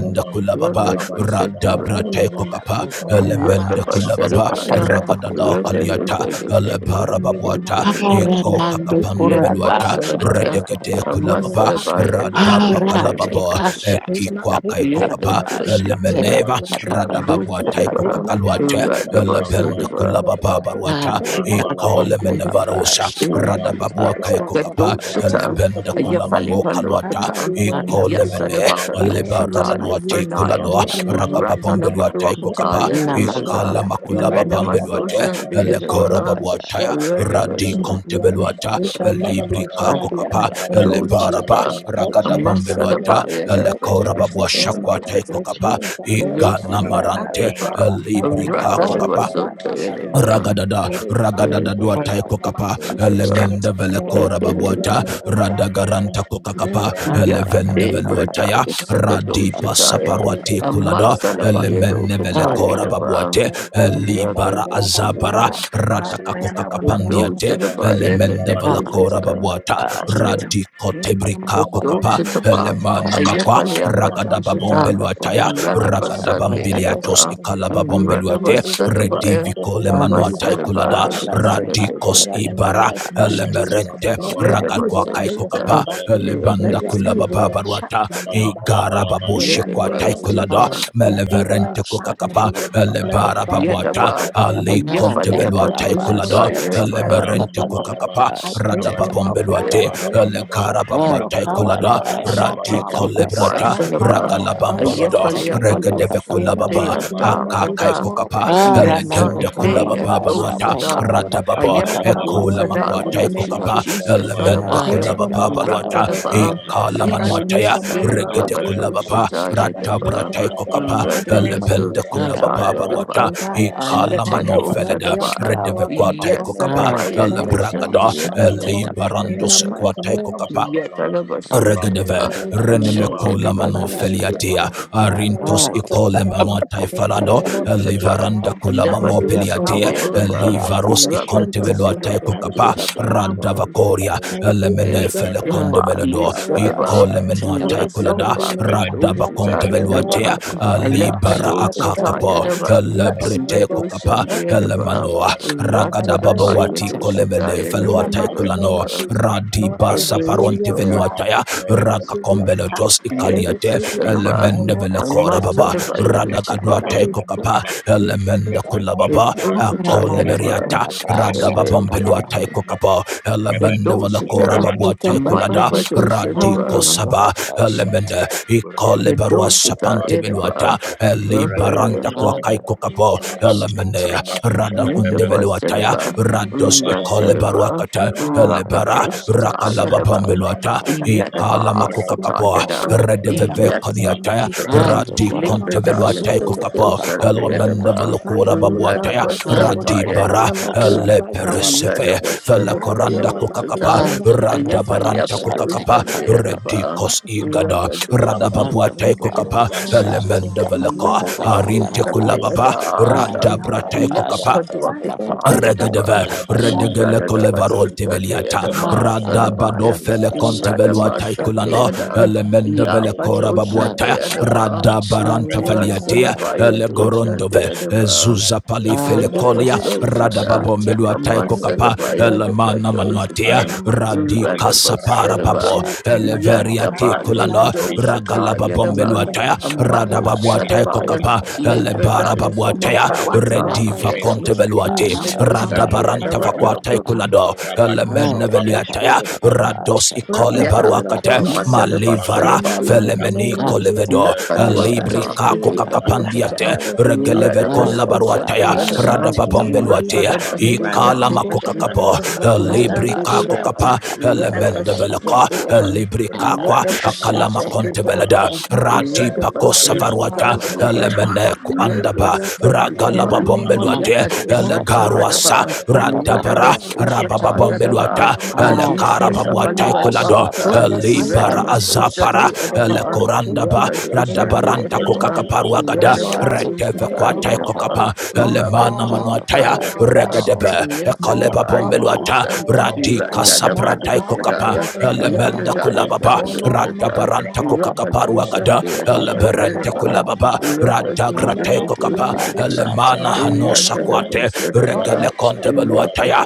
[SPEAKER 4] in the mighty
[SPEAKER 5] kulababa
[SPEAKER 4] name of Jesus.
[SPEAKER 3] Rabarusha
[SPEAKER 4] The
[SPEAKER 5] radabra
[SPEAKER 4] enemy
[SPEAKER 5] te
[SPEAKER 4] will
[SPEAKER 3] Balabalabam,
[SPEAKER 4] not
[SPEAKER 5] kokapa
[SPEAKER 4] take
[SPEAKER 3] Rabarusha Balabalabam,
[SPEAKER 2] por
[SPEAKER 4] dominion over
[SPEAKER 3] Rabarusha
[SPEAKER 5] elemende
[SPEAKER 4] us. The
[SPEAKER 5] kulababa
[SPEAKER 4] enemy will not
[SPEAKER 5] ragada da
[SPEAKER 4] take dominion
[SPEAKER 5] kaliata
[SPEAKER 4] over us. The
[SPEAKER 5] elebara
[SPEAKER 4] enemy will not
[SPEAKER 5] babuata
[SPEAKER 4] destroy us. The
[SPEAKER 5] ikokakapande
[SPEAKER 4] enemy
[SPEAKER 2] la
[SPEAKER 4] will not
[SPEAKER 5] veluata
[SPEAKER 4] take dominion over us.
[SPEAKER 2] paz,
[SPEAKER 5] redegede
[SPEAKER 4] They
[SPEAKER 3] Barabarabam,
[SPEAKER 4] will
[SPEAKER 5] kulababa
[SPEAKER 4] have
[SPEAKER 1] Amasurabaya,
[SPEAKER 4] no, they will not
[SPEAKER 3] Rabarusha
[SPEAKER 2] All
[SPEAKER 4] take
[SPEAKER 5] Radapa
[SPEAKER 2] right,
[SPEAKER 4] authority
[SPEAKER 1] Rakadushan,
[SPEAKER 3] Barabarabam,
[SPEAKER 2] take
[SPEAKER 4] over
[SPEAKER 5] Kalababo,
[SPEAKER 2] a
[SPEAKER 4] us.
[SPEAKER 2] shot,
[SPEAKER 4] They will
[SPEAKER 2] take
[SPEAKER 4] not
[SPEAKER 5] Ekikwa
[SPEAKER 2] a
[SPEAKER 4] take
[SPEAKER 3] Rabarusha
[SPEAKER 4] authority
[SPEAKER 5] Kaikokapa,
[SPEAKER 4] over
[SPEAKER 3] Balabalabam,
[SPEAKER 2] pa-
[SPEAKER 4] us.
[SPEAKER 2] shot,
[SPEAKER 4] They will
[SPEAKER 2] take a
[SPEAKER 1] Yekadoshiba,
[SPEAKER 4] not
[SPEAKER 5] Elemeneva,
[SPEAKER 3] Rabarus
[SPEAKER 2] pa- pa-
[SPEAKER 4] control
[SPEAKER 2] pa-
[SPEAKER 3] Kabada
[SPEAKER 4] our
[SPEAKER 2] pa-
[SPEAKER 4] lives.
[SPEAKER 5] Radababwa
[SPEAKER 2] pa- pa-
[SPEAKER 3] Kabel,
[SPEAKER 2] pa-
[SPEAKER 4] They
[SPEAKER 2] pa-
[SPEAKER 5] Taikoka
[SPEAKER 1] Dushiba,
[SPEAKER 4] will not
[SPEAKER 2] pa-
[SPEAKER 3] Rabarus
[SPEAKER 2] pa-
[SPEAKER 5] Kalwate,
[SPEAKER 4] control us
[SPEAKER 3] Kabala
[SPEAKER 4] because we have the
[SPEAKER 5] Elebenda
[SPEAKER 3] Balaban,
[SPEAKER 4] spirit of
[SPEAKER 1] Radabasudaba,
[SPEAKER 4] God
[SPEAKER 5] Kulababa
[SPEAKER 4] upon us,
[SPEAKER 3] Rabarus
[SPEAKER 5] Barwata,
[SPEAKER 2] and
[SPEAKER 4] because we
[SPEAKER 2] it
[SPEAKER 3] Kabala
[SPEAKER 4] have the
[SPEAKER 2] can go
[SPEAKER 3] Balaban,
[SPEAKER 4] protection of
[SPEAKER 2] good
[SPEAKER 4] God
[SPEAKER 2] and
[SPEAKER 4] upon us,
[SPEAKER 2] bad,
[SPEAKER 5] Ekolemenevarosa,
[SPEAKER 3] Rabarus
[SPEAKER 2] shit,
[SPEAKER 4] because we
[SPEAKER 3] Kabala
[SPEAKER 2] take
[SPEAKER 4] have the
[SPEAKER 2] a pa-
[SPEAKER 4] spirit
[SPEAKER 5] Radababwa
[SPEAKER 4] of
[SPEAKER 2] shot,
[SPEAKER 4] God
[SPEAKER 3] Balaban,
[SPEAKER 2] take
[SPEAKER 4] upon
[SPEAKER 2] a
[SPEAKER 4] us,
[SPEAKER 5] Kaikokapa,
[SPEAKER 2] pa- pa-
[SPEAKER 4] because
[SPEAKER 1] Gadoshata,
[SPEAKER 4] we
[SPEAKER 3] Rabarus
[SPEAKER 4] have the
[SPEAKER 5] Elebenda
[SPEAKER 3] Kabala
[SPEAKER 4] blood of
[SPEAKER 5] Kulamamo
[SPEAKER 4] Jesus
[SPEAKER 3] Balaban,
[SPEAKER 5] Kalwata,
[SPEAKER 4] Ah, we
[SPEAKER 1] Ayafalibaluakata,
[SPEAKER 4] will
[SPEAKER 2] pa- and
[SPEAKER 3] Rabarus
[SPEAKER 2] it's
[SPEAKER 4] never
[SPEAKER 2] the
[SPEAKER 4] be
[SPEAKER 3] Kabala
[SPEAKER 2] good
[SPEAKER 4] taken.
[SPEAKER 5] Ekolemene,
[SPEAKER 2] and
[SPEAKER 4] We,
[SPEAKER 3] Balaban,
[SPEAKER 2] bad,
[SPEAKER 4] the
[SPEAKER 2] shit,
[SPEAKER 5] Eleba
[SPEAKER 4] enemy will
[SPEAKER 2] take
[SPEAKER 1] Yasalabakadoshata,
[SPEAKER 4] not
[SPEAKER 2] a pa-
[SPEAKER 3] Rabarus
[SPEAKER 4] use
[SPEAKER 5] Radaduate
[SPEAKER 4] us.
[SPEAKER 3] Kabala
[SPEAKER 2] pa-
[SPEAKER 1] Lifrenaya,
[SPEAKER 2] pa-
[SPEAKER 5] Kulado,
[SPEAKER 4] The
[SPEAKER 2] pa- pa-
[SPEAKER 4] enemy will
[SPEAKER 2] pa- pa-
[SPEAKER 4] not use
[SPEAKER 5] Ragababambelua
[SPEAKER 4] us. The
[SPEAKER 1] Ratalabaluakata,
[SPEAKER 4] enemy
[SPEAKER 5] Taikokapa,
[SPEAKER 4] will not
[SPEAKER 2] na man
[SPEAKER 4] destroy
[SPEAKER 1] Yadoshata,
[SPEAKER 2] go
[SPEAKER 4] us.
[SPEAKER 2] good, take a
[SPEAKER 4] In the
[SPEAKER 2] pa-
[SPEAKER 4] name
[SPEAKER 2] shot,
[SPEAKER 4] of
[SPEAKER 2] take
[SPEAKER 5] Ekalamakulababambeluate,
[SPEAKER 4] Jesus,
[SPEAKER 1] Renamasoshan,
[SPEAKER 4] we shall
[SPEAKER 1] Deadaba,
[SPEAKER 5] Elegora
[SPEAKER 4] never
[SPEAKER 2] a pa-
[SPEAKER 4] be destroyed
[SPEAKER 5] Babuataya,
[SPEAKER 2] shot,
[SPEAKER 5] Radi
[SPEAKER 4] by the enemy.
[SPEAKER 5] Contebeluata,
[SPEAKER 4] We shall
[SPEAKER 1] Radabasudaba,
[SPEAKER 4] never be
[SPEAKER 5] Libri
[SPEAKER 4] destroyed by
[SPEAKER 2] and go
[SPEAKER 4] the enemy.
[SPEAKER 2] good
[SPEAKER 5] Kakokapa,
[SPEAKER 2] and
[SPEAKER 4] In the name
[SPEAKER 2] bad,
[SPEAKER 4] of
[SPEAKER 2] shit,
[SPEAKER 5] Lebaraba
[SPEAKER 4] Jesus,
[SPEAKER 1] Dositaba,
[SPEAKER 2] take
[SPEAKER 4] the
[SPEAKER 5] ragada
[SPEAKER 4] chains are
[SPEAKER 2] a
[SPEAKER 4] falling
[SPEAKER 5] bambeluata
[SPEAKER 2] pa-
[SPEAKER 4] off.
[SPEAKER 1] Amasalabaya,
[SPEAKER 2] shot,
[SPEAKER 4] The
[SPEAKER 5] elekora
[SPEAKER 4] chains are
[SPEAKER 5] babwa
[SPEAKER 4] falling off.
[SPEAKER 5] shakwa
[SPEAKER 1] Rabadoshita,
[SPEAKER 5] taiko
[SPEAKER 4] The
[SPEAKER 5] kapa
[SPEAKER 4] chains are
[SPEAKER 3] Rabadus,
[SPEAKER 4] falling
[SPEAKER 1] Yeah,
[SPEAKER 4] off.
[SPEAKER 5] igana
[SPEAKER 4] The
[SPEAKER 5] marante
[SPEAKER 4] arrows are
[SPEAKER 5] libri
[SPEAKER 4] backfiring.
[SPEAKER 2] pa-
[SPEAKER 5] kako
[SPEAKER 4] All
[SPEAKER 2] shot, pa-
[SPEAKER 5] kapa
[SPEAKER 4] evil plots are backfiring.
[SPEAKER 5] Ragadada,
[SPEAKER 4] It is
[SPEAKER 5] ragadada
[SPEAKER 4] backfiring
[SPEAKER 2] and
[SPEAKER 5] duatai
[SPEAKER 4] now
[SPEAKER 2] go
[SPEAKER 4] in the
[SPEAKER 2] good
[SPEAKER 4] mighty
[SPEAKER 5] kokapa,
[SPEAKER 2] and bad,
[SPEAKER 4] name of
[SPEAKER 2] shit,
[SPEAKER 4] Jesus.
[SPEAKER 5] elemende
[SPEAKER 2] take
[SPEAKER 4] The
[SPEAKER 5] velekora
[SPEAKER 4] works of the
[SPEAKER 5] babuata,
[SPEAKER 4] enemy is
[SPEAKER 2] a pa-
[SPEAKER 4] backfiring.
[SPEAKER 5] radagaranta
[SPEAKER 4] They
[SPEAKER 5] kokakapa,
[SPEAKER 4] are
[SPEAKER 2] ah, take a
[SPEAKER 5] elevende
[SPEAKER 2] pa-
[SPEAKER 4] backfiring
[SPEAKER 2] pa- pa- pa-
[SPEAKER 5] veluataya,
[SPEAKER 4] now.
[SPEAKER 2] pa-
[SPEAKER 5] radipa
[SPEAKER 2] pa- pa-
[SPEAKER 4] Jesus,
[SPEAKER 5] saparuate kulada,
[SPEAKER 4] the
[SPEAKER 2] pa-
[SPEAKER 4] evil plans
[SPEAKER 5] elemene
[SPEAKER 4] now
[SPEAKER 2] pa- pa- pa-
[SPEAKER 4] backfire
[SPEAKER 5] velekora
[SPEAKER 4] and
[SPEAKER 5] babuate,
[SPEAKER 4] let it backfire,
[SPEAKER 5] elibara
[SPEAKER 4] backfire, backfire
[SPEAKER 5] azabara,
[SPEAKER 4] now,
[SPEAKER 2] Take
[SPEAKER 5] rataka
[SPEAKER 4] backfire now in the name of
[SPEAKER 5] kokakapandiate,
[SPEAKER 4] Jesus. The
[SPEAKER 5] elemende
[SPEAKER 4] place of the
[SPEAKER 5] velekora
[SPEAKER 4] enemy is
[SPEAKER 5] babuata,
[SPEAKER 4] backfire now. In the
[SPEAKER 5] radikotebrika
[SPEAKER 4] mighty
[SPEAKER 5] kokapa,
[SPEAKER 3] Rabalabalabam,
[SPEAKER 4] name of
[SPEAKER 1] Dositapa,
[SPEAKER 4] Jesus,
[SPEAKER 5] elemana
[SPEAKER 3] Rabadus,
[SPEAKER 4] oh
[SPEAKER 5] makwa,
[SPEAKER 4] Lord,
[SPEAKER 1] Ayapalea
[SPEAKER 4] in my
[SPEAKER 5] ragada
[SPEAKER 4] thousand
[SPEAKER 3] Rabalabalabam,
[SPEAKER 4] may
[SPEAKER 1] Patusita,
[SPEAKER 4] bless you.
[SPEAKER 5] babombeluataya,
[SPEAKER 3] Rabadus,
[SPEAKER 4] Father,
[SPEAKER 5] ragada
[SPEAKER 4] whatever the
[SPEAKER 1] Radabasande
[SPEAKER 4] enemy is
[SPEAKER 3] Rabalabalabam,
[SPEAKER 5] bambiliatos
[SPEAKER 1] Edaba,
[SPEAKER 4] planning, you the
[SPEAKER 3] Rabadus, Rabalabalabam, Rabadus,
[SPEAKER 4] enemy
[SPEAKER 5] ikalababombeluate,
[SPEAKER 4] evil players
[SPEAKER 1] Radabasadabaya,
[SPEAKER 4] out
[SPEAKER 3] Rabalabalabam,
[SPEAKER 4] that
[SPEAKER 5] redivico
[SPEAKER 4] they
[SPEAKER 5] le
[SPEAKER 4] are
[SPEAKER 5] manua
[SPEAKER 4] releasing.
[SPEAKER 3] Rabadus,
[SPEAKER 1] Amasadaba,
[SPEAKER 5] taikulada
[SPEAKER 4] Father, let it
[SPEAKER 3] Rabalabalabam,
[SPEAKER 5] radikos
[SPEAKER 4] backfire in the
[SPEAKER 3] Rabadus,
[SPEAKER 5] ibara
[SPEAKER 4] mighty name of Jesus.
[SPEAKER 5] elemerente
[SPEAKER 4] Let
[SPEAKER 3] Rabalabalabam,
[SPEAKER 4] their
[SPEAKER 3] Rabadus,
[SPEAKER 5] ragalkwa
[SPEAKER 4] evil
[SPEAKER 3] Rabalabalabam,
[SPEAKER 5] kaiko
[SPEAKER 4] prayers out
[SPEAKER 1] Yadabasosita,
[SPEAKER 5] kapa
[SPEAKER 4] backfire. Let
[SPEAKER 5] lebanda
[SPEAKER 4] their evil
[SPEAKER 5] kulababa
[SPEAKER 3] Rabadus,
[SPEAKER 5] baruata
[SPEAKER 4] enchantment out backfire.
[SPEAKER 5] igara
[SPEAKER 4] In
[SPEAKER 5] baboshe
[SPEAKER 4] the
[SPEAKER 5] kwa
[SPEAKER 4] name of Jesus,
[SPEAKER 5] taikulada
[SPEAKER 4] uh,
[SPEAKER 1] Yadabasaba,
[SPEAKER 4] your evil
[SPEAKER 5] meleverente
[SPEAKER 4] enchantment, oh
[SPEAKER 5] kukakapa
[SPEAKER 4] Lord,
[SPEAKER 3] Rabalabalabam,
[SPEAKER 4] let it
[SPEAKER 5] lebara
[SPEAKER 3] Rabalabalabam,
[SPEAKER 4] backfire,
[SPEAKER 5] babuata
[SPEAKER 1] Yadaba,
[SPEAKER 3] Rabadus,
[SPEAKER 4] backfire,
[SPEAKER 5] ali
[SPEAKER 4] backfire,
[SPEAKER 1] Ayapalea
[SPEAKER 5] kontevelua
[SPEAKER 3] Rabalabalabam,
[SPEAKER 4] backfire. Now, In the name of
[SPEAKER 1] Patusita,
[SPEAKER 5] taikulada
[SPEAKER 4] Jesus, Father, Lord, I
[SPEAKER 1] Yadaba.
[SPEAKER 4] pray
[SPEAKER 5] elemerente
[SPEAKER 4] for more fire.
[SPEAKER 3] Shabalabalabalaban,
[SPEAKER 5] kukakapa
[SPEAKER 4] I pray for
[SPEAKER 3] Rabaru
[SPEAKER 4] more power. I
[SPEAKER 5] radababombeluate
[SPEAKER 2] up
[SPEAKER 4] pray for more
[SPEAKER 3] Shabalabalabalabal,
[SPEAKER 4] fire.
[SPEAKER 5] elekara babua
[SPEAKER 2] And
[SPEAKER 4] More
[SPEAKER 2] the
[SPEAKER 3] Rabaru
[SPEAKER 4] power, more
[SPEAKER 5] taikulada
[SPEAKER 2] Koraba
[SPEAKER 4] fire, more
[SPEAKER 2] shall
[SPEAKER 4] power,
[SPEAKER 2] take
[SPEAKER 3] Shabalabalabalabal,
[SPEAKER 2] up
[SPEAKER 5] radiko
[SPEAKER 4] more
[SPEAKER 2] a
[SPEAKER 4] fire,
[SPEAKER 5] lebrata
[SPEAKER 2] son,
[SPEAKER 4] more
[SPEAKER 3] Rabaru
[SPEAKER 4] power,
[SPEAKER 1] Washalaba,
[SPEAKER 4] more
[SPEAKER 2] Koraba
[SPEAKER 4] fire
[SPEAKER 2] shall
[SPEAKER 5] ragalabambolodo
[SPEAKER 3] Shabalabalabalabal,
[SPEAKER 2] take
[SPEAKER 4] upon
[SPEAKER 1] Ayefali
[SPEAKER 4] me,
[SPEAKER 2] up
[SPEAKER 4] oh
[SPEAKER 2] a
[SPEAKER 4] Lord.
[SPEAKER 5] regedeve
[SPEAKER 2] papa
[SPEAKER 3] Rabaru
[SPEAKER 4] In the
[SPEAKER 1] Apalusu,
[SPEAKER 2] papa.
[SPEAKER 1] they
[SPEAKER 5] kulababa
[SPEAKER 1] are
[SPEAKER 4] mighty name
[SPEAKER 1] dark,
[SPEAKER 4] of
[SPEAKER 5] akakai
[SPEAKER 4] Jesus,
[SPEAKER 3] Shabalabalabalabal,
[SPEAKER 1] Raga,
[SPEAKER 4] more
[SPEAKER 5] Kokapa
[SPEAKER 2] Ah,
[SPEAKER 3] Rabaru
[SPEAKER 4] power, more
[SPEAKER 5] elegende
[SPEAKER 2] Ramando
[SPEAKER 1] Mesan,
[SPEAKER 4] power,
[SPEAKER 1] they
[SPEAKER 5] kulaba
[SPEAKER 1] are
[SPEAKER 4] more
[SPEAKER 2] Koraba
[SPEAKER 3] Shabalabalabalabal,
[SPEAKER 4] power,
[SPEAKER 2] shall
[SPEAKER 4] more
[SPEAKER 5] babaruata
[SPEAKER 2] take up
[SPEAKER 4] power,
[SPEAKER 1] dosada,
[SPEAKER 2] a
[SPEAKER 4] Lord.
[SPEAKER 2] papa
[SPEAKER 5] radababa
[SPEAKER 2] papa
[SPEAKER 4] More
[SPEAKER 3] Rabalabalabam,
[SPEAKER 4] power,
[SPEAKER 2] papa
[SPEAKER 5] ekola
[SPEAKER 4] Lord, in the
[SPEAKER 1] Ayapadosada, we
[SPEAKER 5] makwata
[SPEAKER 4] mighty
[SPEAKER 2] papa
[SPEAKER 3] Rabadu
[SPEAKER 1] lift
[SPEAKER 4] name
[SPEAKER 1] you
[SPEAKER 4] of
[SPEAKER 2] papa.
[SPEAKER 1] up,
[SPEAKER 5] ekokapa
[SPEAKER 4] Jesus.
[SPEAKER 1] Jesus,
[SPEAKER 3] Shabalabalabam,
[SPEAKER 4] Lord, I
[SPEAKER 5] elemende
[SPEAKER 2] Ah,
[SPEAKER 4] pray
[SPEAKER 1] Alabaya,
[SPEAKER 2] take
[SPEAKER 5] kulaba
[SPEAKER 4] for
[SPEAKER 3] Rabadu
[SPEAKER 2] up
[SPEAKER 4] more
[SPEAKER 2] a
[SPEAKER 4] power. I
[SPEAKER 5] babaruata
[SPEAKER 4] pray for
[SPEAKER 2] Ramando
[SPEAKER 4] more
[SPEAKER 1] Ratadaba,
[SPEAKER 3] Shabalabalabam,
[SPEAKER 4] power.
[SPEAKER 5] ikala
[SPEAKER 2] Koraba
[SPEAKER 1] sweet
[SPEAKER 4] I
[SPEAKER 2] shall
[SPEAKER 5] manuata
[SPEAKER 1] Holy
[SPEAKER 3] Rabadu
[SPEAKER 4] pray
[SPEAKER 2] take
[SPEAKER 5] ya
[SPEAKER 4] for
[SPEAKER 2] up
[SPEAKER 4] more
[SPEAKER 2] a
[SPEAKER 1] Spirit,
[SPEAKER 4] power. I
[SPEAKER 2] papa
[SPEAKER 5] regede
[SPEAKER 4] pray for
[SPEAKER 2] papa.
[SPEAKER 5] kulaba
[SPEAKER 3] Shabalabalabalabam,
[SPEAKER 4] more
[SPEAKER 5] ba
[SPEAKER 4] power.
[SPEAKER 1] Babadosata,
[SPEAKER 4] I
[SPEAKER 3] Rabadu
[SPEAKER 4] pray
[SPEAKER 1] Yadaba,
[SPEAKER 4] for
[SPEAKER 5] radabrata
[SPEAKER 4] more fire in the
[SPEAKER 5] ekokapa
[SPEAKER 4] mighty
[SPEAKER 3] Shabalabalabalabam,
[SPEAKER 4] name of
[SPEAKER 5] elebende
[SPEAKER 4] Jesus.
[SPEAKER 2] Ah,
[SPEAKER 3] Rabadu
[SPEAKER 5] kulaba
[SPEAKER 1] Radabasosata,
[SPEAKER 2] Ramando
[SPEAKER 4] God, let your
[SPEAKER 5] babaruata
[SPEAKER 1] Yadaba,
[SPEAKER 2] Koraba
[SPEAKER 4] fire
[SPEAKER 3] Shabalabalabalabam,
[SPEAKER 4] come
[SPEAKER 2] shall
[SPEAKER 5] ikala
[SPEAKER 4] upon
[SPEAKER 2] take
[SPEAKER 4] me.
[SPEAKER 2] up a
[SPEAKER 3] Rabadu
[SPEAKER 2] papa
[SPEAKER 4] Let
[SPEAKER 5] manofeleda
[SPEAKER 4] your
[SPEAKER 2] papa.
[SPEAKER 1] Alepadosada,
[SPEAKER 5] redeve
[SPEAKER 4] power come
[SPEAKER 5] kwata
[SPEAKER 3] Shabalabalabalabam,
[SPEAKER 4] upon
[SPEAKER 1] Yes,
[SPEAKER 4] me, Lord.
[SPEAKER 5] ekokapa
[SPEAKER 2] Ah, the
[SPEAKER 3] Rabadu
[SPEAKER 1] Adabaya,
[SPEAKER 4] Let it
[SPEAKER 1] Doshan,
[SPEAKER 4] come
[SPEAKER 2] Koraba
[SPEAKER 5] elebragada
[SPEAKER 4] upon
[SPEAKER 2] shall
[SPEAKER 4] me,
[SPEAKER 3] Shabalabalabalabam,
[SPEAKER 2] take up
[SPEAKER 4] Lord.
[SPEAKER 2] a
[SPEAKER 3] Rabadu
[SPEAKER 2] papa
[SPEAKER 4] In
[SPEAKER 5] elibarando
[SPEAKER 4] the
[SPEAKER 1] Yadaba,
[SPEAKER 4] mighty
[SPEAKER 5] sikwata
[SPEAKER 2] papa.
[SPEAKER 4] name of
[SPEAKER 5] ekokapa
[SPEAKER 4] Jesus.
[SPEAKER 1] Yet
[SPEAKER 3] Shabalabalabalabam,
[SPEAKER 1] another social
[SPEAKER 4] Lord,
[SPEAKER 3] Rabadu
[SPEAKER 4] I
[SPEAKER 5] Regadeve,
[SPEAKER 1] time.
[SPEAKER 4] will raise nothing
[SPEAKER 2] Shall
[SPEAKER 3] Shabalabalabam,
[SPEAKER 1] Rest
[SPEAKER 4] upon
[SPEAKER 1] and
[SPEAKER 4] me.
[SPEAKER 2] take
[SPEAKER 5] Renemecola
[SPEAKER 2] up a
[SPEAKER 1] never
[SPEAKER 5] mano
[SPEAKER 4] Father,
[SPEAKER 1] do
[SPEAKER 4] I
[SPEAKER 2] papa.
[SPEAKER 1] shit.
[SPEAKER 4] receive
[SPEAKER 5] feliatia,
[SPEAKER 3] Rabadu
[SPEAKER 4] power. Father, Lord,
[SPEAKER 5] Arintos
[SPEAKER 4] I
[SPEAKER 2] Ah, take
[SPEAKER 5] icole
[SPEAKER 4] certify you.
[SPEAKER 5] manuatai
[SPEAKER 4] Certify
[SPEAKER 2] up.
[SPEAKER 5] farado,
[SPEAKER 4] you, Lord, I with your
[SPEAKER 1] Dosatan.
[SPEAKER 5] Livaranda
[SPEAKER 4] power.
[SPEAKER 1] And
[SPEAKER 4] I
[SPEAKER 1] let my
[SPEAKER 5] culamamo
[SPEAKER 4] receive the
[SPEAKER 1] dosha
[SPEAKER 5] peliatia,
[SPEAKER 4] power
[SPEAKER 1] be
[SPEAKER 4] of
[SPEAKER 1] at the other
[SPEAKER 4] God. I
[SPEAKER 1] bar.
[SPEAKER 4] receive
[SPEAKER 5] Livaros
[SPEAKER 4] the
[SPEAKER 1] Rock my
[SPEAKER 4] strength
[SPEAKER 5] iconte
[SPEAKER 4] of
[SPEAKER 1] dosha,
[SPEAKER 4] God.
[SPEAKER 5] veluatai
[SPEAKER 1] rock my
[SPEAKER 4] I
[SPEAKER 5] cocapa,
[SPEAKER 4] receive
[SPEAKER 1] dosha.
[SPEAKER 4] the power of God.
[SPEAKER 5] Radavacoria,
[SPEAKER 4] I receive the
[SPEAKER 5] Elemene
[SPEAKER 4] strength of
[SPEAKER 1] The
[SPEAKER 4] God.
[SPEAKER 5] feleconde
[SPEAKER 1] bar,
[SPEAKER 5] velado,
[SPEAKER 4] Father,
[SPEAKER 1] list at
[SPEAKER 4] let
[SPEAKER 1] the
[SPEAKER 4] it come
[SPEAKER 1] bar.
[SPEAKER 5] Icole
[SPEAKER 4] upon me. Let
[SPEAKER 5] menuatai
[SPEAKER 4] it
[SPEAKER 1] Rest at
[SPEAKER 4] flow
[SPEAKER 1] the
[SPEAKER 5] culada,
[SPEAKER 1] bar,
[SPEAKER 4] within me, Lord.
[SPEAKER 1] my dosha
[SPEAKER 4] Let the
[SPEAKER 1] tie
[SPEAKER 5] Radavaconte
[SPEAKER 1] at the
[SPEAKER 4] fire of
[SPEAKER 1] other
[SPEAKER 4] God
[SPEAKER 5] veluatia,
[SPEAKER 1] bar.
[SPEAKER 4] burn
[SPEAKER 1] And let
[SPEAKER 4] around
[SPEAKER 1] my
[SPEAKER 4] me.
[SPEAKER 5] Libara
[SPEAKER 4] Let it
[SPEAKER 1] dosha tie
[SPEAKER 4] burn
[SPEAKER 1] at
[SPEAKER 5] acacapo,
[SPEAKER 1] the other
[SPEAKER 4] within me.
[SPEAKER 1] bar.
[SPEAKER 4] Let the fire
[SPEAKER 5] Elebrete
[SPEAKER 4] of God
[SPEAKER 1] Medosha
[SPEAKER 5] cocapa,
[SPEAKER 4] burn
[SPEAKER 1] be at the other
[SPEAKER 4] within me.
[SPEAKER 1] bar.
[SPEAKER 5] Elemanoa,
[SPEAKER 4] within time.
[SPEAKER 1] Rock
[SPEAKER 4] Let
[SPEAKER 1] at
[SPEAKER 4] it
[SPEAKER 1] the
[SPEAKER 4] burn
[SPEAKER 1] bar,
[SPEAKER 4] within
[SPEAKER 1] your
[SPEAKER 5] Ragadababawati
[SPEAKER 4] my
[SPEAKER 1] dosha
[SPEAKER 4] children.
[SPEAKER 2] Take
[SPEAKER 1] tie
[SPEAKER 5] colemele
[SPEAKER 1] at the
[SPEAKER 4] In the
[SPEAKER 1] bar.
[SPEAKER 5] veluatai
[SPEAKER 1] bar,
[SPEAKER 4] mighty
[SPEAKER 1] the
[SPEAKER 4] name
[SPEAKER 5] culano,
[SPEAKER 4] of
[SPEAKER 1] bar.
[SPEAKER 4] Jesus, Lord, I
[SPEAKER 1] The
[SPEAKER 4] will
[SPEAKER 5] Radibasa
[SPEAKER 4] receive
[SPEAKER 5] paronte
[SPEAKER 4] your fire.
[SPEAKER 5] veluataya,
[SPEAKER 4] We receive your power.
[SPEAKER 5] rakakombeletos
[SPEAKER 4] We
[SPEAKER 1] Yedi
[SPEAKER 5] ikaliate
[SPEAKER 4] receive your
[SPEAKER 1] başları
[SPEAKER 4] armor,
[SPEAKER 1] var.
[SPEAKER 4] oh
[SPEAKER 5] elemende
[SPEAKER 4] Lord,
[SPEAKER 5] vele
[SPEAKER 4] in
[SPEAKER 5] kora
[SPEAKER 1] Ama
[SPEAKER 4] the
[SPEAKER 5] baba
[SPEAKER 4] name
[SPEAKER 1] sarı
[SPEAKER 4] of Jesus.
[SPEAKER 1] bayırı
[SPEAKER 5] radagadwa
[SPEAKER 4] Lord, that
[SPEAKER 1] tutaya.
[SPEAKER 4] we
[SPEAKER 5] teko
[SPEAKER 4] put,
[SPEAKER 5] kapa
[SPEAKER 4] uh, we put
[SPEAKER 5] elemende kula
[SPEAKER 4] upon
[SPEAKER 1] Yedi
[SPEAKER 5] baba
[SPEAKER 1] tutaya var.
[SPEAKER 5] akoleberiata radababambeluwa teko kapa elemende
[SPEAKER 1] Yedi
[SPEAKER 5] vele kora
[SPEAKER 1] tutaya.
[SPEAKER 5] babwa teko
[SPEAKER 1] Ama
[SPEAKER 5] lada
[SPEAKER 1] laba dosu da
[SPEAKER 3] Rabado
[SPEAKER 5] radiko
[SPEAKER 1] var.
[SPEAKER 3] Shabbat,
[SPEAKER 5] saba elemende ikoleberwa
[SPEAKER 1] Yedi
[SPEAKER 5] sapante
[SPEAKER 1] tutaya
[SPEAKER 5] veluata elibaranta kwa kaiko
[SPEAKER 4] Mercy
[SPEAKER 5] kapo
[SPEAKER 4] and of God, I
[SPEAKER 5] elemende
[SPEAKER 4] put
[SPEAKER 3] Rabado
[SPEAKER 4] on me.
[SPEAKER 3] Shabbat,
[SPEAKER 5] radakunde
[SPEAKER 4] Mercy
[SPEAKER 1] Yadaba
[SPEAKER 5] veluata ya.
[SPEAKER 4] and
[SPEAKER 1] Sedaba,
[SPEAKER 4] of God,
[SPEAKER 5] rados
[SPEAKER 4] I put on
[SPEAKER 1] Rasedaba,
[SPEAKER 4] me.
[SPEAKER 5] ikolebarwakata
[SPEAKER 4] Please put
[SPEAKER 2] Ah,
[SPEAKER 4] on
[SPEAKER 2] but
[SPEAKER 4] me.
[SPEAKER 2] the
[SPEAKER 5] elebara
[SPEAKER 4] Lord,
[SPEAKER 2] Papa
[SPEAKER 4] I
[SPEAKER 1] Rakadrishata
[SPEAKER 4] receive
[SPEAKER 2] shall
[SPEAKER 4] the
[SPEAKER 1] Yadaba,
[SPEAKER 4] full
[SPEAKER 2] take
[SPEAKER 4] armor
[SPEAKER 5] rakalababambeluata
[SPEAKER 4] of
[SPEAKER 2] up
[SPEAKER 4] God.
[SPEAKER 2] a
[SPEAKER 4] I
[SPEAKER 2] papa.
[SPEAKER 5] ikala
[SPEAKER 4] receive
[SPEAKER 1] Yadaba
[SPEAKER 4] the full
[SPEAKER 1] Sata
[SPEAKER 4] armor
[SPEAKER 5] makukakapo
[SPEAKER 4] of
[SPEAKER 1] Yadam,
[SPEAKER 4] God in the
[SPEAKER 5] redeveve
[SPEAKER 4] mighty
[SPEAKER 1] Yadaba
[SPEAKER 4] name of
[SPEAKER 5] kaniataya
[SPEAKER 4] Jesus.
[SPEAKER 1] Sata,
[SPEAKER 2] And the
[SPEAKER 5] radi
[SPEAKER 4] Father, Lord,
[SPEAKER 2] Korapa
[SPEAKER 1] Lipradaya
[SPEAKER 5] konteveluataya
[SPEAKER 2] shall
[SPEAKER 4] oppose
[SPEAKER 2] take up
[SPEAKER 4] those
[SPEAKER 5] kukapo
[SPEAKER 2] a
[SPEAKER 4] that
[SPEAKER 1] Sakadosha
[SPEAKER 4] oppose us.
[SPEAKER 2] papa.
[SPEAKER 1] Yadaba,
[SPEAKER 4] Fight
[SPEAKER 5] elemendevelukura
[SPEAKER 4] those that
[SPEAKER 5] babuataya
[SPEAKER 1] Radaba
[SPEAKER 4] fight us, oh
[SPEAKER 2] And
[SPEAKER 4] Lord.
[SPEAKER 2] the
[SPEAKER 1] Sadaba
[SPEAKER 5] radi bara
[SPEAKER 4] Father,
[SPEAKER 2] Korapa
[SPEAKER 4] Lord, please
[SPEAKER 1] Yadusita,
[SPEAKER 2] shall
[SPEAKER 4] fight
[SPEAKER 2] take up
[SPEAKER 4] our
[SPEAKER 2] a
[SPEAKER 4] battles.
[SPEAKER 5] eleperesefe
[SPEAKER 1] Yadaba
[SPEAKER 2] papa.
[SPEAKER 1] Sadaba
[SPEAKER 4] Fight
[SPEAKER 5] velekuranda
[SPEAKER 4] our battles,
[SPEAKER 5] kukakapa
[SPEAKER 4] oh
[SPEAKER 1] Yadusita,
[SPEAKER 2] And the
[SPEAKER 4] Lord.
[SPEAKER 1] Ayafalia
[SPEAKER 2] Korapa
[SPEAKER 4] Fight
[SPEAKER 5] radabaranta
[SPEAKER 4] our
[SPEAKER 2] shall take
[SPEAKER 5] kukakapa
[SPEAKER 2] up
[SPEAKER 4] battles,
[SPEAKER 1] Padusha
[SPEAKER 2] a
[SPEAKER 4] oh Lord.
[SPEAKER 2] papa.
[SPEAKER 1] Yadaba,
[SPEAKER 3] Berapa
[SPEAKER 5] redikos
[SPEAKER 4] Fight our
[SPEAKER 5] igada
[SPEAKER 4] battles, oh Lord.
[SPEAKER 1] Rakadusita,
[SPEAKER 2] And the
[SPEAKER 5] radababuataya
[SPEAKER 4] In the
[SPEAKER 5] kukapa
[SPEAKER 4] mighty
[SPEAKER 2] Korapa
[SPEAKER 4] name
[SPEAKER 1] Yadaba
[SPEAKER 4] of
[SPEAKER 2] shall
[SPEAKER 4] Jesus.
[SPEAKER 2] take up a
[SPEAKER 1] Sadaba Yadusita,
[SPEAKER 5] elemendeveleko
[SPEAKER 4] Lord, I
[SPEAKER 1] Yadaba
[SPEAKER 4] fight
[SPEAKER 5] arinte
[SPEAKER 4] our
[SPEAKER 2] papa.
[SPEAKER 4] battles, uh,
[SPEAKER 5] kulababa
[SPEAKER 1] Sadaba
[SPEAKER 2] And
[SPEAKER 4] fight
[SPEAKER 2] the
[SPEAKER 1] Yadusita,
[SPEAKER 4] our enemies,
[SPEAKER 2] Korapa
[SPEAKER 5] radabratae
[SPEAKER 4] uh,
[SPEAKER 2] shall take
[SPEAKER 4] fight
[SPEAKER 2] up
[SPEAKER 4] those that
[SPEAKER 2] a
[SPEAKER 4] fight us,
[SPEAKER 1] Yadavan,
[SPEAKER 5] Regadeve,
[SPEAKER 4] uh,
[SPEAKER 3] Rabalabalaba,
[SPEAKER 4] fight
[SPEAKER 5] redegele
[SPEAKER 4] those that
[SPEAKER 2] papa.
[SPEAKER 4] fight
[SPEAKER 3] Rabadu
[SPEAKER 5] kolevaronte
[SPEAKER 4] us. uh,
[SPEAKER 5] veliata,
[SPEAKER 3] Shabalaba,
[SPEAKER 4] In the
[SPEAKER 2] Not a
[SPEAKER 4] mighty
[SPEAKER 5] rada
[SPEAKER 3] Shabalaba,
[SPEAKER 4] name
[SPEAKER 2] wonderful
[SPEAKER 4] of
[SPEAKER 1] Radadabadosadayadabasalabaya,
[SPEAKER 5] badofele
[SPEAKER 4] Jesus,
[SPEAKER 3] Rabadu
[SPEAKER 2] shall
[SPEAKER 4] oh,
[SPEAKER 5] kontevelua
[SPEAKER 2] take
[SPEAKER 3] Shabalaba,
[SPEAKER 2] up a
[SPEAKER 4] mighty Father,
[SPEAKER 5] taikulano,
[SPEAKER 4] let me
[SPEAKER 1] Radabasadayadam,
[SPEAKER 4] fight them.
[SPEAKER 2] papa.
[SPEAKER 5] elemende vele
[SPEAKER 4] Fight
[SPEAKER 3] Rabadu
[SPEAKER 4] them, O
[SPEAKER 5] kora
[SPEAKER 4] Lord. uh,
[SPEAKER 2] Ah,
[SPEAKER 3] Shabalaba,
[SPEAKER 2] the
[SPEAKER 5] babuata,
[SPEAKER 4] Fight them, O
[SPEAKER 1] Labadosadayadava,
[SPEAKER 3] Shabalaba,
[SPEAKER 2] Koraba
[SPEAKER 5] rada
[SPEAKER 4] Lord. uh,
[SPEAKER 2] shall
[SPEAKER 5] baranta
[SPEAKER 2] take
[SPEAKER 4] Fight
[SPEAKER 2] a
[SPEAKER 3] Rabadu
[SPEAKER 4] them, O
[SPEAKER 2] papa,
[SPEAKER 5] feliatia,
[SPEAKER 3] Shabalaba, Shabalaba,
[SPEAKER 4] Lord.
[SPEAKER 1] Rasalabaya
[SPEAKER 4] uh,
[SPEAKER 5] elegorondove,
[SPEAKER 4] May
[SPEAKER 1] dosadayadava,
[SPEAKER 4] victory
[SPEAKER 5] zuza
[SPEAKER 3] Rabadu
[SPEAKER 4] be
[SPEAKER 5] pali
[SPEAKER 4] ours.
[SPEAKER 5] fele
[SPEAKER 2] and the
[SPEAKER 4] May
[SPEAKER 3] Shabalaba,
[SPEAKER 5] kolia,
[SPEAKER 2] Koraba
[SPEAKER 4] victory be
[SPEAKER 5] rada
[SPEAKER 3] Shabalaba,
[SPEAKER 4] ours,
[SPEAKER 2] shall
[SPEAKER 1] Radibasoshita,
[SPEAKER 4] O
[SPEAKER 2] take a
[SPEAKER 4] Lord. uh,
[SPEAKER 5] babombeluata
[SPEAKER 2] papa,
[SPEAKER 5] taiko
[SPEAKER 4] May
[SPEAKER 3] Rakadipati,
[SPEAKER 5] kapa,
[SPEAKER 4] victory be
[SPEAKER 1] Amasadabaya, the
[SPEAKER 4] ours.
[SPEAKER 5] elemana
[SPEAKER 3] Yakalata
[SPEAKER 5] manuatia,
[SPEAKER 4] In
[SPEAKER 3] Aria,
[SPEAKER 1] Badoshita,
[SPEAKER 4] the mighty
[SPEAKER 2] and
[SPEAKER 4] name
[SPEAKER 5] radi
[SPEAKER 3] Victoria,
[SPEAKER 4] of
[SPEAKER 2] the
[SPEAKER 4] Jesus,
[SPEAKER 5] kasapara
[SPEAKER 2] Koraba
[SPEAKER 3] Raturia,
[SPEAKER 4] Lord, I
[SPEAKER 5] babo,
[SPEAKER 1] Radabasadaba,
[SPEAKER 2] shall
[SPEAKER 4] will
[SPEAKER 2] take
[SPEAKER 4] pray
[SPEAKER 2] a
[SPEAKER 4] for
[SPEAKER 3] Rekaji,
[SPEAKER 4] more
[SPEAKER 2] papa,
[SPEAKER 5] eleveriati
[SPEAKER 4] power.
[SPEAKER 1] Yadaba,
[SPEAKER 3] Rekalita
[SPEAKER 4] I
[SPEAKER 5] kulano,
[SPEAKER 4] pray
[SPEAKER 3] Aria,
[SPEAKER 4] for
[SPEAKER 5] ragala
[SPEAKER 4] power.
[SPEAKER 1] Lindoshita,
[SPEAKER 4] I
[SPEAKER 3] Merigadu,
[SPEAKER 4] pray
[SPEAKER 1] Yadaban,
[SPEAKER 4] for
[SPEAKER 2] Naman
[SPEAKER 5] babombeluata,
[SPEAKER 4] the power of
[SPEAKER 3] Kalifanaba,
[SPEAKER 1] Amado
[SPEAKER 5] rada
[SPEAKER 4] God,
[SPEAKER 2] Koraba
[SPEAKER 4] the
[SPEAKER 2] shall
[SPEAKER 5] babuata
[SPEAKER 3] Merita
[SPEAKER 4] power of
[SPEAKER 2] take
[SPEAKER 4] the
[SPEAKER 1] Sadabaya,
[SPEAKER 2] a
[SPEAKER 3] Turia,
[SPEAKER 5] kapa,
[SPEAKER 4] Holy Spirit.
[SPEAKER 2] papa,
[SPEAKER 4] I
[SPEAKER 5] elebara
[SPEAKER 3] Raparaturia,
[SPEAKER 1] Libradaya,
[SPEAKER 4] pray for
[SPEAKER 1] second
[SPEAKER 4] more
[SPEAKER 5] babuata,
[SPEAKER 3] Jadu
[SPEAKER 4] power.
[SPEAKER 3] Kali
[SPEAKER 4] Lord,
[SPEAKER 1] Pasata,
[SPEAKER 2] Naman
[SPEAKER 5] rediva
[SPEAKER 4] let
[SPEAKER 2] the
[SPEAKER 4] your
[SPEAKER 3] Sere
[SPEAKER 1] Yadan,
[SPEAKER 4] spirit
[SPEAKER 3] Mande
[SPEAKER 2] Koraba
[SPEAKER 5] konteveluate,
[SPEAKER 4] come
[SPEAKER 1] Middle
[SPEAKER 4] upon
[SPEAKER 1] Sunday,
[SPEAKER 3] Rabada
[SPEAKER 4] me. Let
[SPEAKER 5] radabaranta
[SPEAKER 4] the
[SPEAKER 3] Kalipa
[SPEAKER 1] Yadaban.
[SPEAKER 4] spirit of
[SPEAKER 5] vakwata
[SPEAKER 4] God
[SPEAKER 3] Rabadim
[SPEAKER 4] come
[SPEAKER 5] ikulado
[SPEAKER 4] upon me.
[SPEAKER 3] Rabadu
[SPEAKER 4] Father, Lord, let your
[SPEAKER 3] Shabalaba
[SPEAKER 5] elemeneveliataya
[SPEAKER 4] spirit come
[SPEAKER 3] Shabalaba
[SPEAKER 4] upon me.
[SPEAKER 5] rados
[SPEAKER 2] shall
[SPEAKER 4] Let
[SPEAKER 2] take
[SPEAKER 5] ikole
[SPEAKER 4] that
[SPEAKER 1] Yada
[SPEAKER 3] Rabadu
[SPEAKER 4] spirit of
[SPEAKER 5] baruakate
[SPEAKER 4] God
[SPEAKER 2] a
[SPEAKER 7] Thank
[SPEAKER 3] Shabalaba
[SPEAKER 4] come
[SPEAKER 1] Masada
[SPEAKER 4] upon me.
[SPEAKER 3] Shabalaba
[SPEAKER 5] malivara
[SPEAKER 4] In
[SPEAKER 1] Basalaba
[SPEAKER 4] the mighty
[SPEAKER 3] Rabu
[SPEAKER 5] velemeni
[SPEAKER 4] name of
[SPEAKER 1] Yadutam,
[SPEAKER 2] and the
[SPEAKER 4] Jesus,
[SPEAKER 3] Shabalaba
[SPEAKER 5] kolevedo
[SPEAKER 4] oh
[SPEAKER 2] Koraba
[SPEAKER 4] Lord, I
[SPEAKER 2] shall
[SPEAKER 3] Shabalaba
[SPEAKER 5] libri
[SPEAKER 1] Lapaduakata,
[SPEAKER 2] take a
[SPEAKER 5] kako
[SPEAKER 4] receive
[SPEAKER 1] Pride
[SPEAKER 2] papa,
[SPEAKER 4] your
[SPEAKER 2] and the Koraba shall
[SPEAKER 3] Rabadu
[SPEAKER 4] spirit.
[SPEAKER 2] take a
[SPEAKER 4] I
[SPEAKER 1] Adutata,
[SPEAKER 5] kakapandiate
[SPEAKER 3] Shabalaba
[SPEAKER 4] receive your
[SPEAKER 5] regeleve
[SPEAKER 1] Rada
[SPEAKER 3] Shabalaba
[SPEAKER 4] spirit
[SPEAKER 2] and
[SPEAKER 5] kola
[SPEAKER 4] now,
[SPEAKER 2] the
[SPEAKER 4] Lord.
[SPEAKER 1] Basosha,
[SPEAKER 3] Rabadu
[SPEAKER 5] baruataya
[SPEAKER 1] the
[SPEAKER 4] In
[SPEAKER 2] Koraba
[SPEAKER 1] other
[SPEAKER 4] the
[SPEAKER 2] shall
[SPEAKER 4] mighty
[SPEAKER 2] take a
[SPEAKER 3] Shabalaba
[SPEAKER 4] name of Jesus,
[SPEAKER 5] radababombeluatia
[SPEAKER 1] Rasada
[SPEAKER 2] papa.
[SPEAKER 3] Shabalaba
[SPEAKER 4] in right
[SPEAKER 1] Basosha,
[SPEAKER 5] ikala
[SPEAKER 1] the
[SPEAKER 4] among
[SPEAKER 3] Rabadu
[SPEAKER 1] other
[SPEAKER 2] Ooh.
[SPEAKER 5] makokakapo
[SPEAKER 4] God,
[SPEAKER 3] Shabalaba
[SPEAKER 4] Father, I
[SPEAKER 3] Shabalaba
[SPEAKER 1] Lapusha,
[SPEAKER 5] libri
[SPEAKER 1] the
[SPEAKER 4] receive
[SPEAKER 5] kako
[SPEAKER 4] your power.
[SPEAKER 5] kapa
[SPEAKER 1] other
[SPEAKER 3] Rabba
[SPEAKER 4] I
[SPEAKER 1] Rada
[SPEAKER 4] will receive your
[SPEAKER 5] elemendeveleka
[SPEAKER 4] power.
[SPEAKER 1] Basosha,
[SPEAKER 5] libri
[SPEAKER 1] Ah, Jesus, I
[SPEAKER 5] kakwa
[SPEAKER 1] believe
[SPEAKER 4] I
[SPEAKER 5] akala
[SPEAKER 4] receive your power.
[SPEAKER 5] makonteveleda
[SPEAKER 4] I
[SPEAKER 5] rati
[SPEAKER 4] receive your power.
[SPEAKER 5] pakosa
[SPEAKER 4] I
[SPEAKER 5] varuata
[SPEAKER 4] receive your power.
[SPEAKER 5] elemene
[SPEAKER 4] I receive
[SPEAKER 5] kuandaba
[SPEAKER 4] your fire. In
[SPEAKER 5] ragalaba
[SPEAKER 4] the name of
[SPEAKER 5] bombeluate
[SPEAKER 4] Jesus, more power,
[SPEAKER 5] elegarwasa
[SPEAKER 4] Lord. I receive
[SPEAKER 5] radabara
[SPEAKER 4] power and fire.
[SPEAKER 5] rababa
[SPEAKER 4] Pulls of fire
[SPEAKER 5] bombeluata
[SPEAKER 4] on my tongue.
[SPEAKER 2] Oh, the
[SPEAKER 5] elekara
[SPEAKER 4] In the
[SPEAKER 2] God,
[SPEAKER 4] name
[SPEAKER 5] babuata
[SPEAKER 1] I
[SPEAKER 4] of
[SPEAKER 2] I
[SPEAKER 1] do
[SPEAKER 4] Jesus,
[SPEAKER 1] up
[SPEAKER 5] kolado
[SPEAKER 2] shall
[SPEAKER 1] at a
[SPEAKER 3] Rabadu
[SPEAKER 2] take
[SPEAKER 4] pulls
[SPEAKER 2] my
[SPEAKER 4] of fire
[SPEAKER 3] sabala
[SPEAKER 4] in
[SPEAKER 5] libara
[SPEAKER 2] son,
[SPEAKER 4] my
[SPEAKER 2] the
[SPEAKER 1] renamus
[SPEAKER 4] mouth.
[SPEAKER 2] God
[SPEAKER 1] ocean,
[SPEAKER 2] shall
[SPEAKER 5] azapara
[SPEAKER 4] Pulls
[SPEAKER 1] the
[SPEAKER 2] take
[SPEAKER 4] of
[SPEAKER 1] other
[SPEAKER 2] my
[SPEAKER 4] fire
[SPEAKER 1] bar,
[SPEAKER 4] my
[SPEAKER 2] papa.
[SPEAKER 4] children's
[SPEAKER 5] elekorandaba
[SPEAKER 4] mouth.
[SPEAKER 1] Raka do
[SPEAKER 4] In the
[SPEAKER 1] ocean,
[SPEAKER 2] My
[SPEAKER 1] the
[SPEAKER 4] mighty
[SPEAKER 5] radabaranta
[SPEAKER 1] other
[SPEAKER 4] name
[SPEAKER 2] mental
[SPEAKER 4] of
[SPEAKER 1] bar,
[SPEAKER 2] God,
[SPEAKER 4] Jesus, oh
[SPEAKER 2] I
[SPEAKER 5] kokakaparuagada
[SPEAKER 4] Lord,
[SPEAKER 2] shall
[SPEAKER 4] I
[SPEAKER 1] Renamus
[SPEAKER 2] take
[SPEAKER 4] will
[SPEAKER 5] reteve
[SPEAKER 2] my
[SPEAKER 4] pray
[SPEAKER 1] ocean,
[SPEAKER 4] for
[SPEAKER 1] the
[SPEAKER 5] kwata
[SPEAKER 4] more
[SPEAKER 1] other
[SPEAKER 4] power,
[SPEAKER 2] papa.
[SPEAKER 5] kokapa
[SPEAKER 1] bar,
[SPEAKER 4] more
[SPEAKER 1] Raka do
[SPEAKER 5] elemana
[SPEAKER 4] power,
[SPEAKER 2] I'm
[SPEAKER 4] more
[SPEAKER 1] ocean,
[SPEAKER 2] the
[SPEAKER 1] the
[SPEAKER 5] manuataya
[SPEAKER 4] power,
[SPEAKER 2] God,
[SPEAKER 1] other
[SPEAKER 4] more
[SPEAKER 2] I
[SPEAKER 4] power,
[SPEAKER 1] bar.
[SPEAKER 2] shall
[SPEAKER 4] oh
[SPEAKER 2] take
[SPEAKER 4] Lord,
[SPEAKER 5] regedebe
[SPEAKER 2] my
[SPEAKER 1] Rapper,
[SPEAKER 2] papa.
[SPEAKER 1] and
[SPEAKER 4] more
[SPEAKER 5] ekaleba
[SPEAKER 4] power, more
[SPEAKER 5] bombeluata
[SPEAKER 4] fire, more power,
[SPEAKER 5] radika
[SPEAKER 2] I'm the
[SPEAKER 4] more
[SPEAKER 2] God,
[SPEAKER 5] saprata
[SPEAKER 4] power, oh
[SPEAKER 5] kokapa
[SPEAKER 4] Lord, in the
[SPEAKER 2] I shall
[SPEAKER 4] name of
[SPEAKER 2] take
[SPEAKER 5] elemenda
[SPEAKER 4] Jesus.
[SPEAKER 5] kulababa
[SPEAKER 2] my
[SPEAKER 4] Oh
[SPEAKER 2] papa.
[SPEAKER 4] Lord, more
[SPEAKER 5] radabaranta
[SPEAKER 2] Take
[SPEAKER 4] fire, more fire, more
[SPEAKER 5] kokakaparuagada
[SPEAKER 4] fire, more
[SPEAKER 5] eleberente
[SPEAKER 4] fire, more
[SPEAKER 5] kulababa
[SPEAKER 4] power, Lord. In the
[SPEAKER 5] radagrate
[SPEAKER 4] mighty
[SPEAKER 5] kokapa
[SPEAKER 4] name of Jesus,
[SPEAKER 5] lemana
[SPEAKER 4] let my
[SPEAKER 5] hanosa
[SPEAKER 4] heart and let me
[SPEAKER 5] kwate
[SPEAKER 4] see. Don't
[SPEAKER 5] regele
[SPEAKER 4] let your
[SPEAKER 5] konde
[SPEAKER 4] power
[SPEAKER 5] beluataya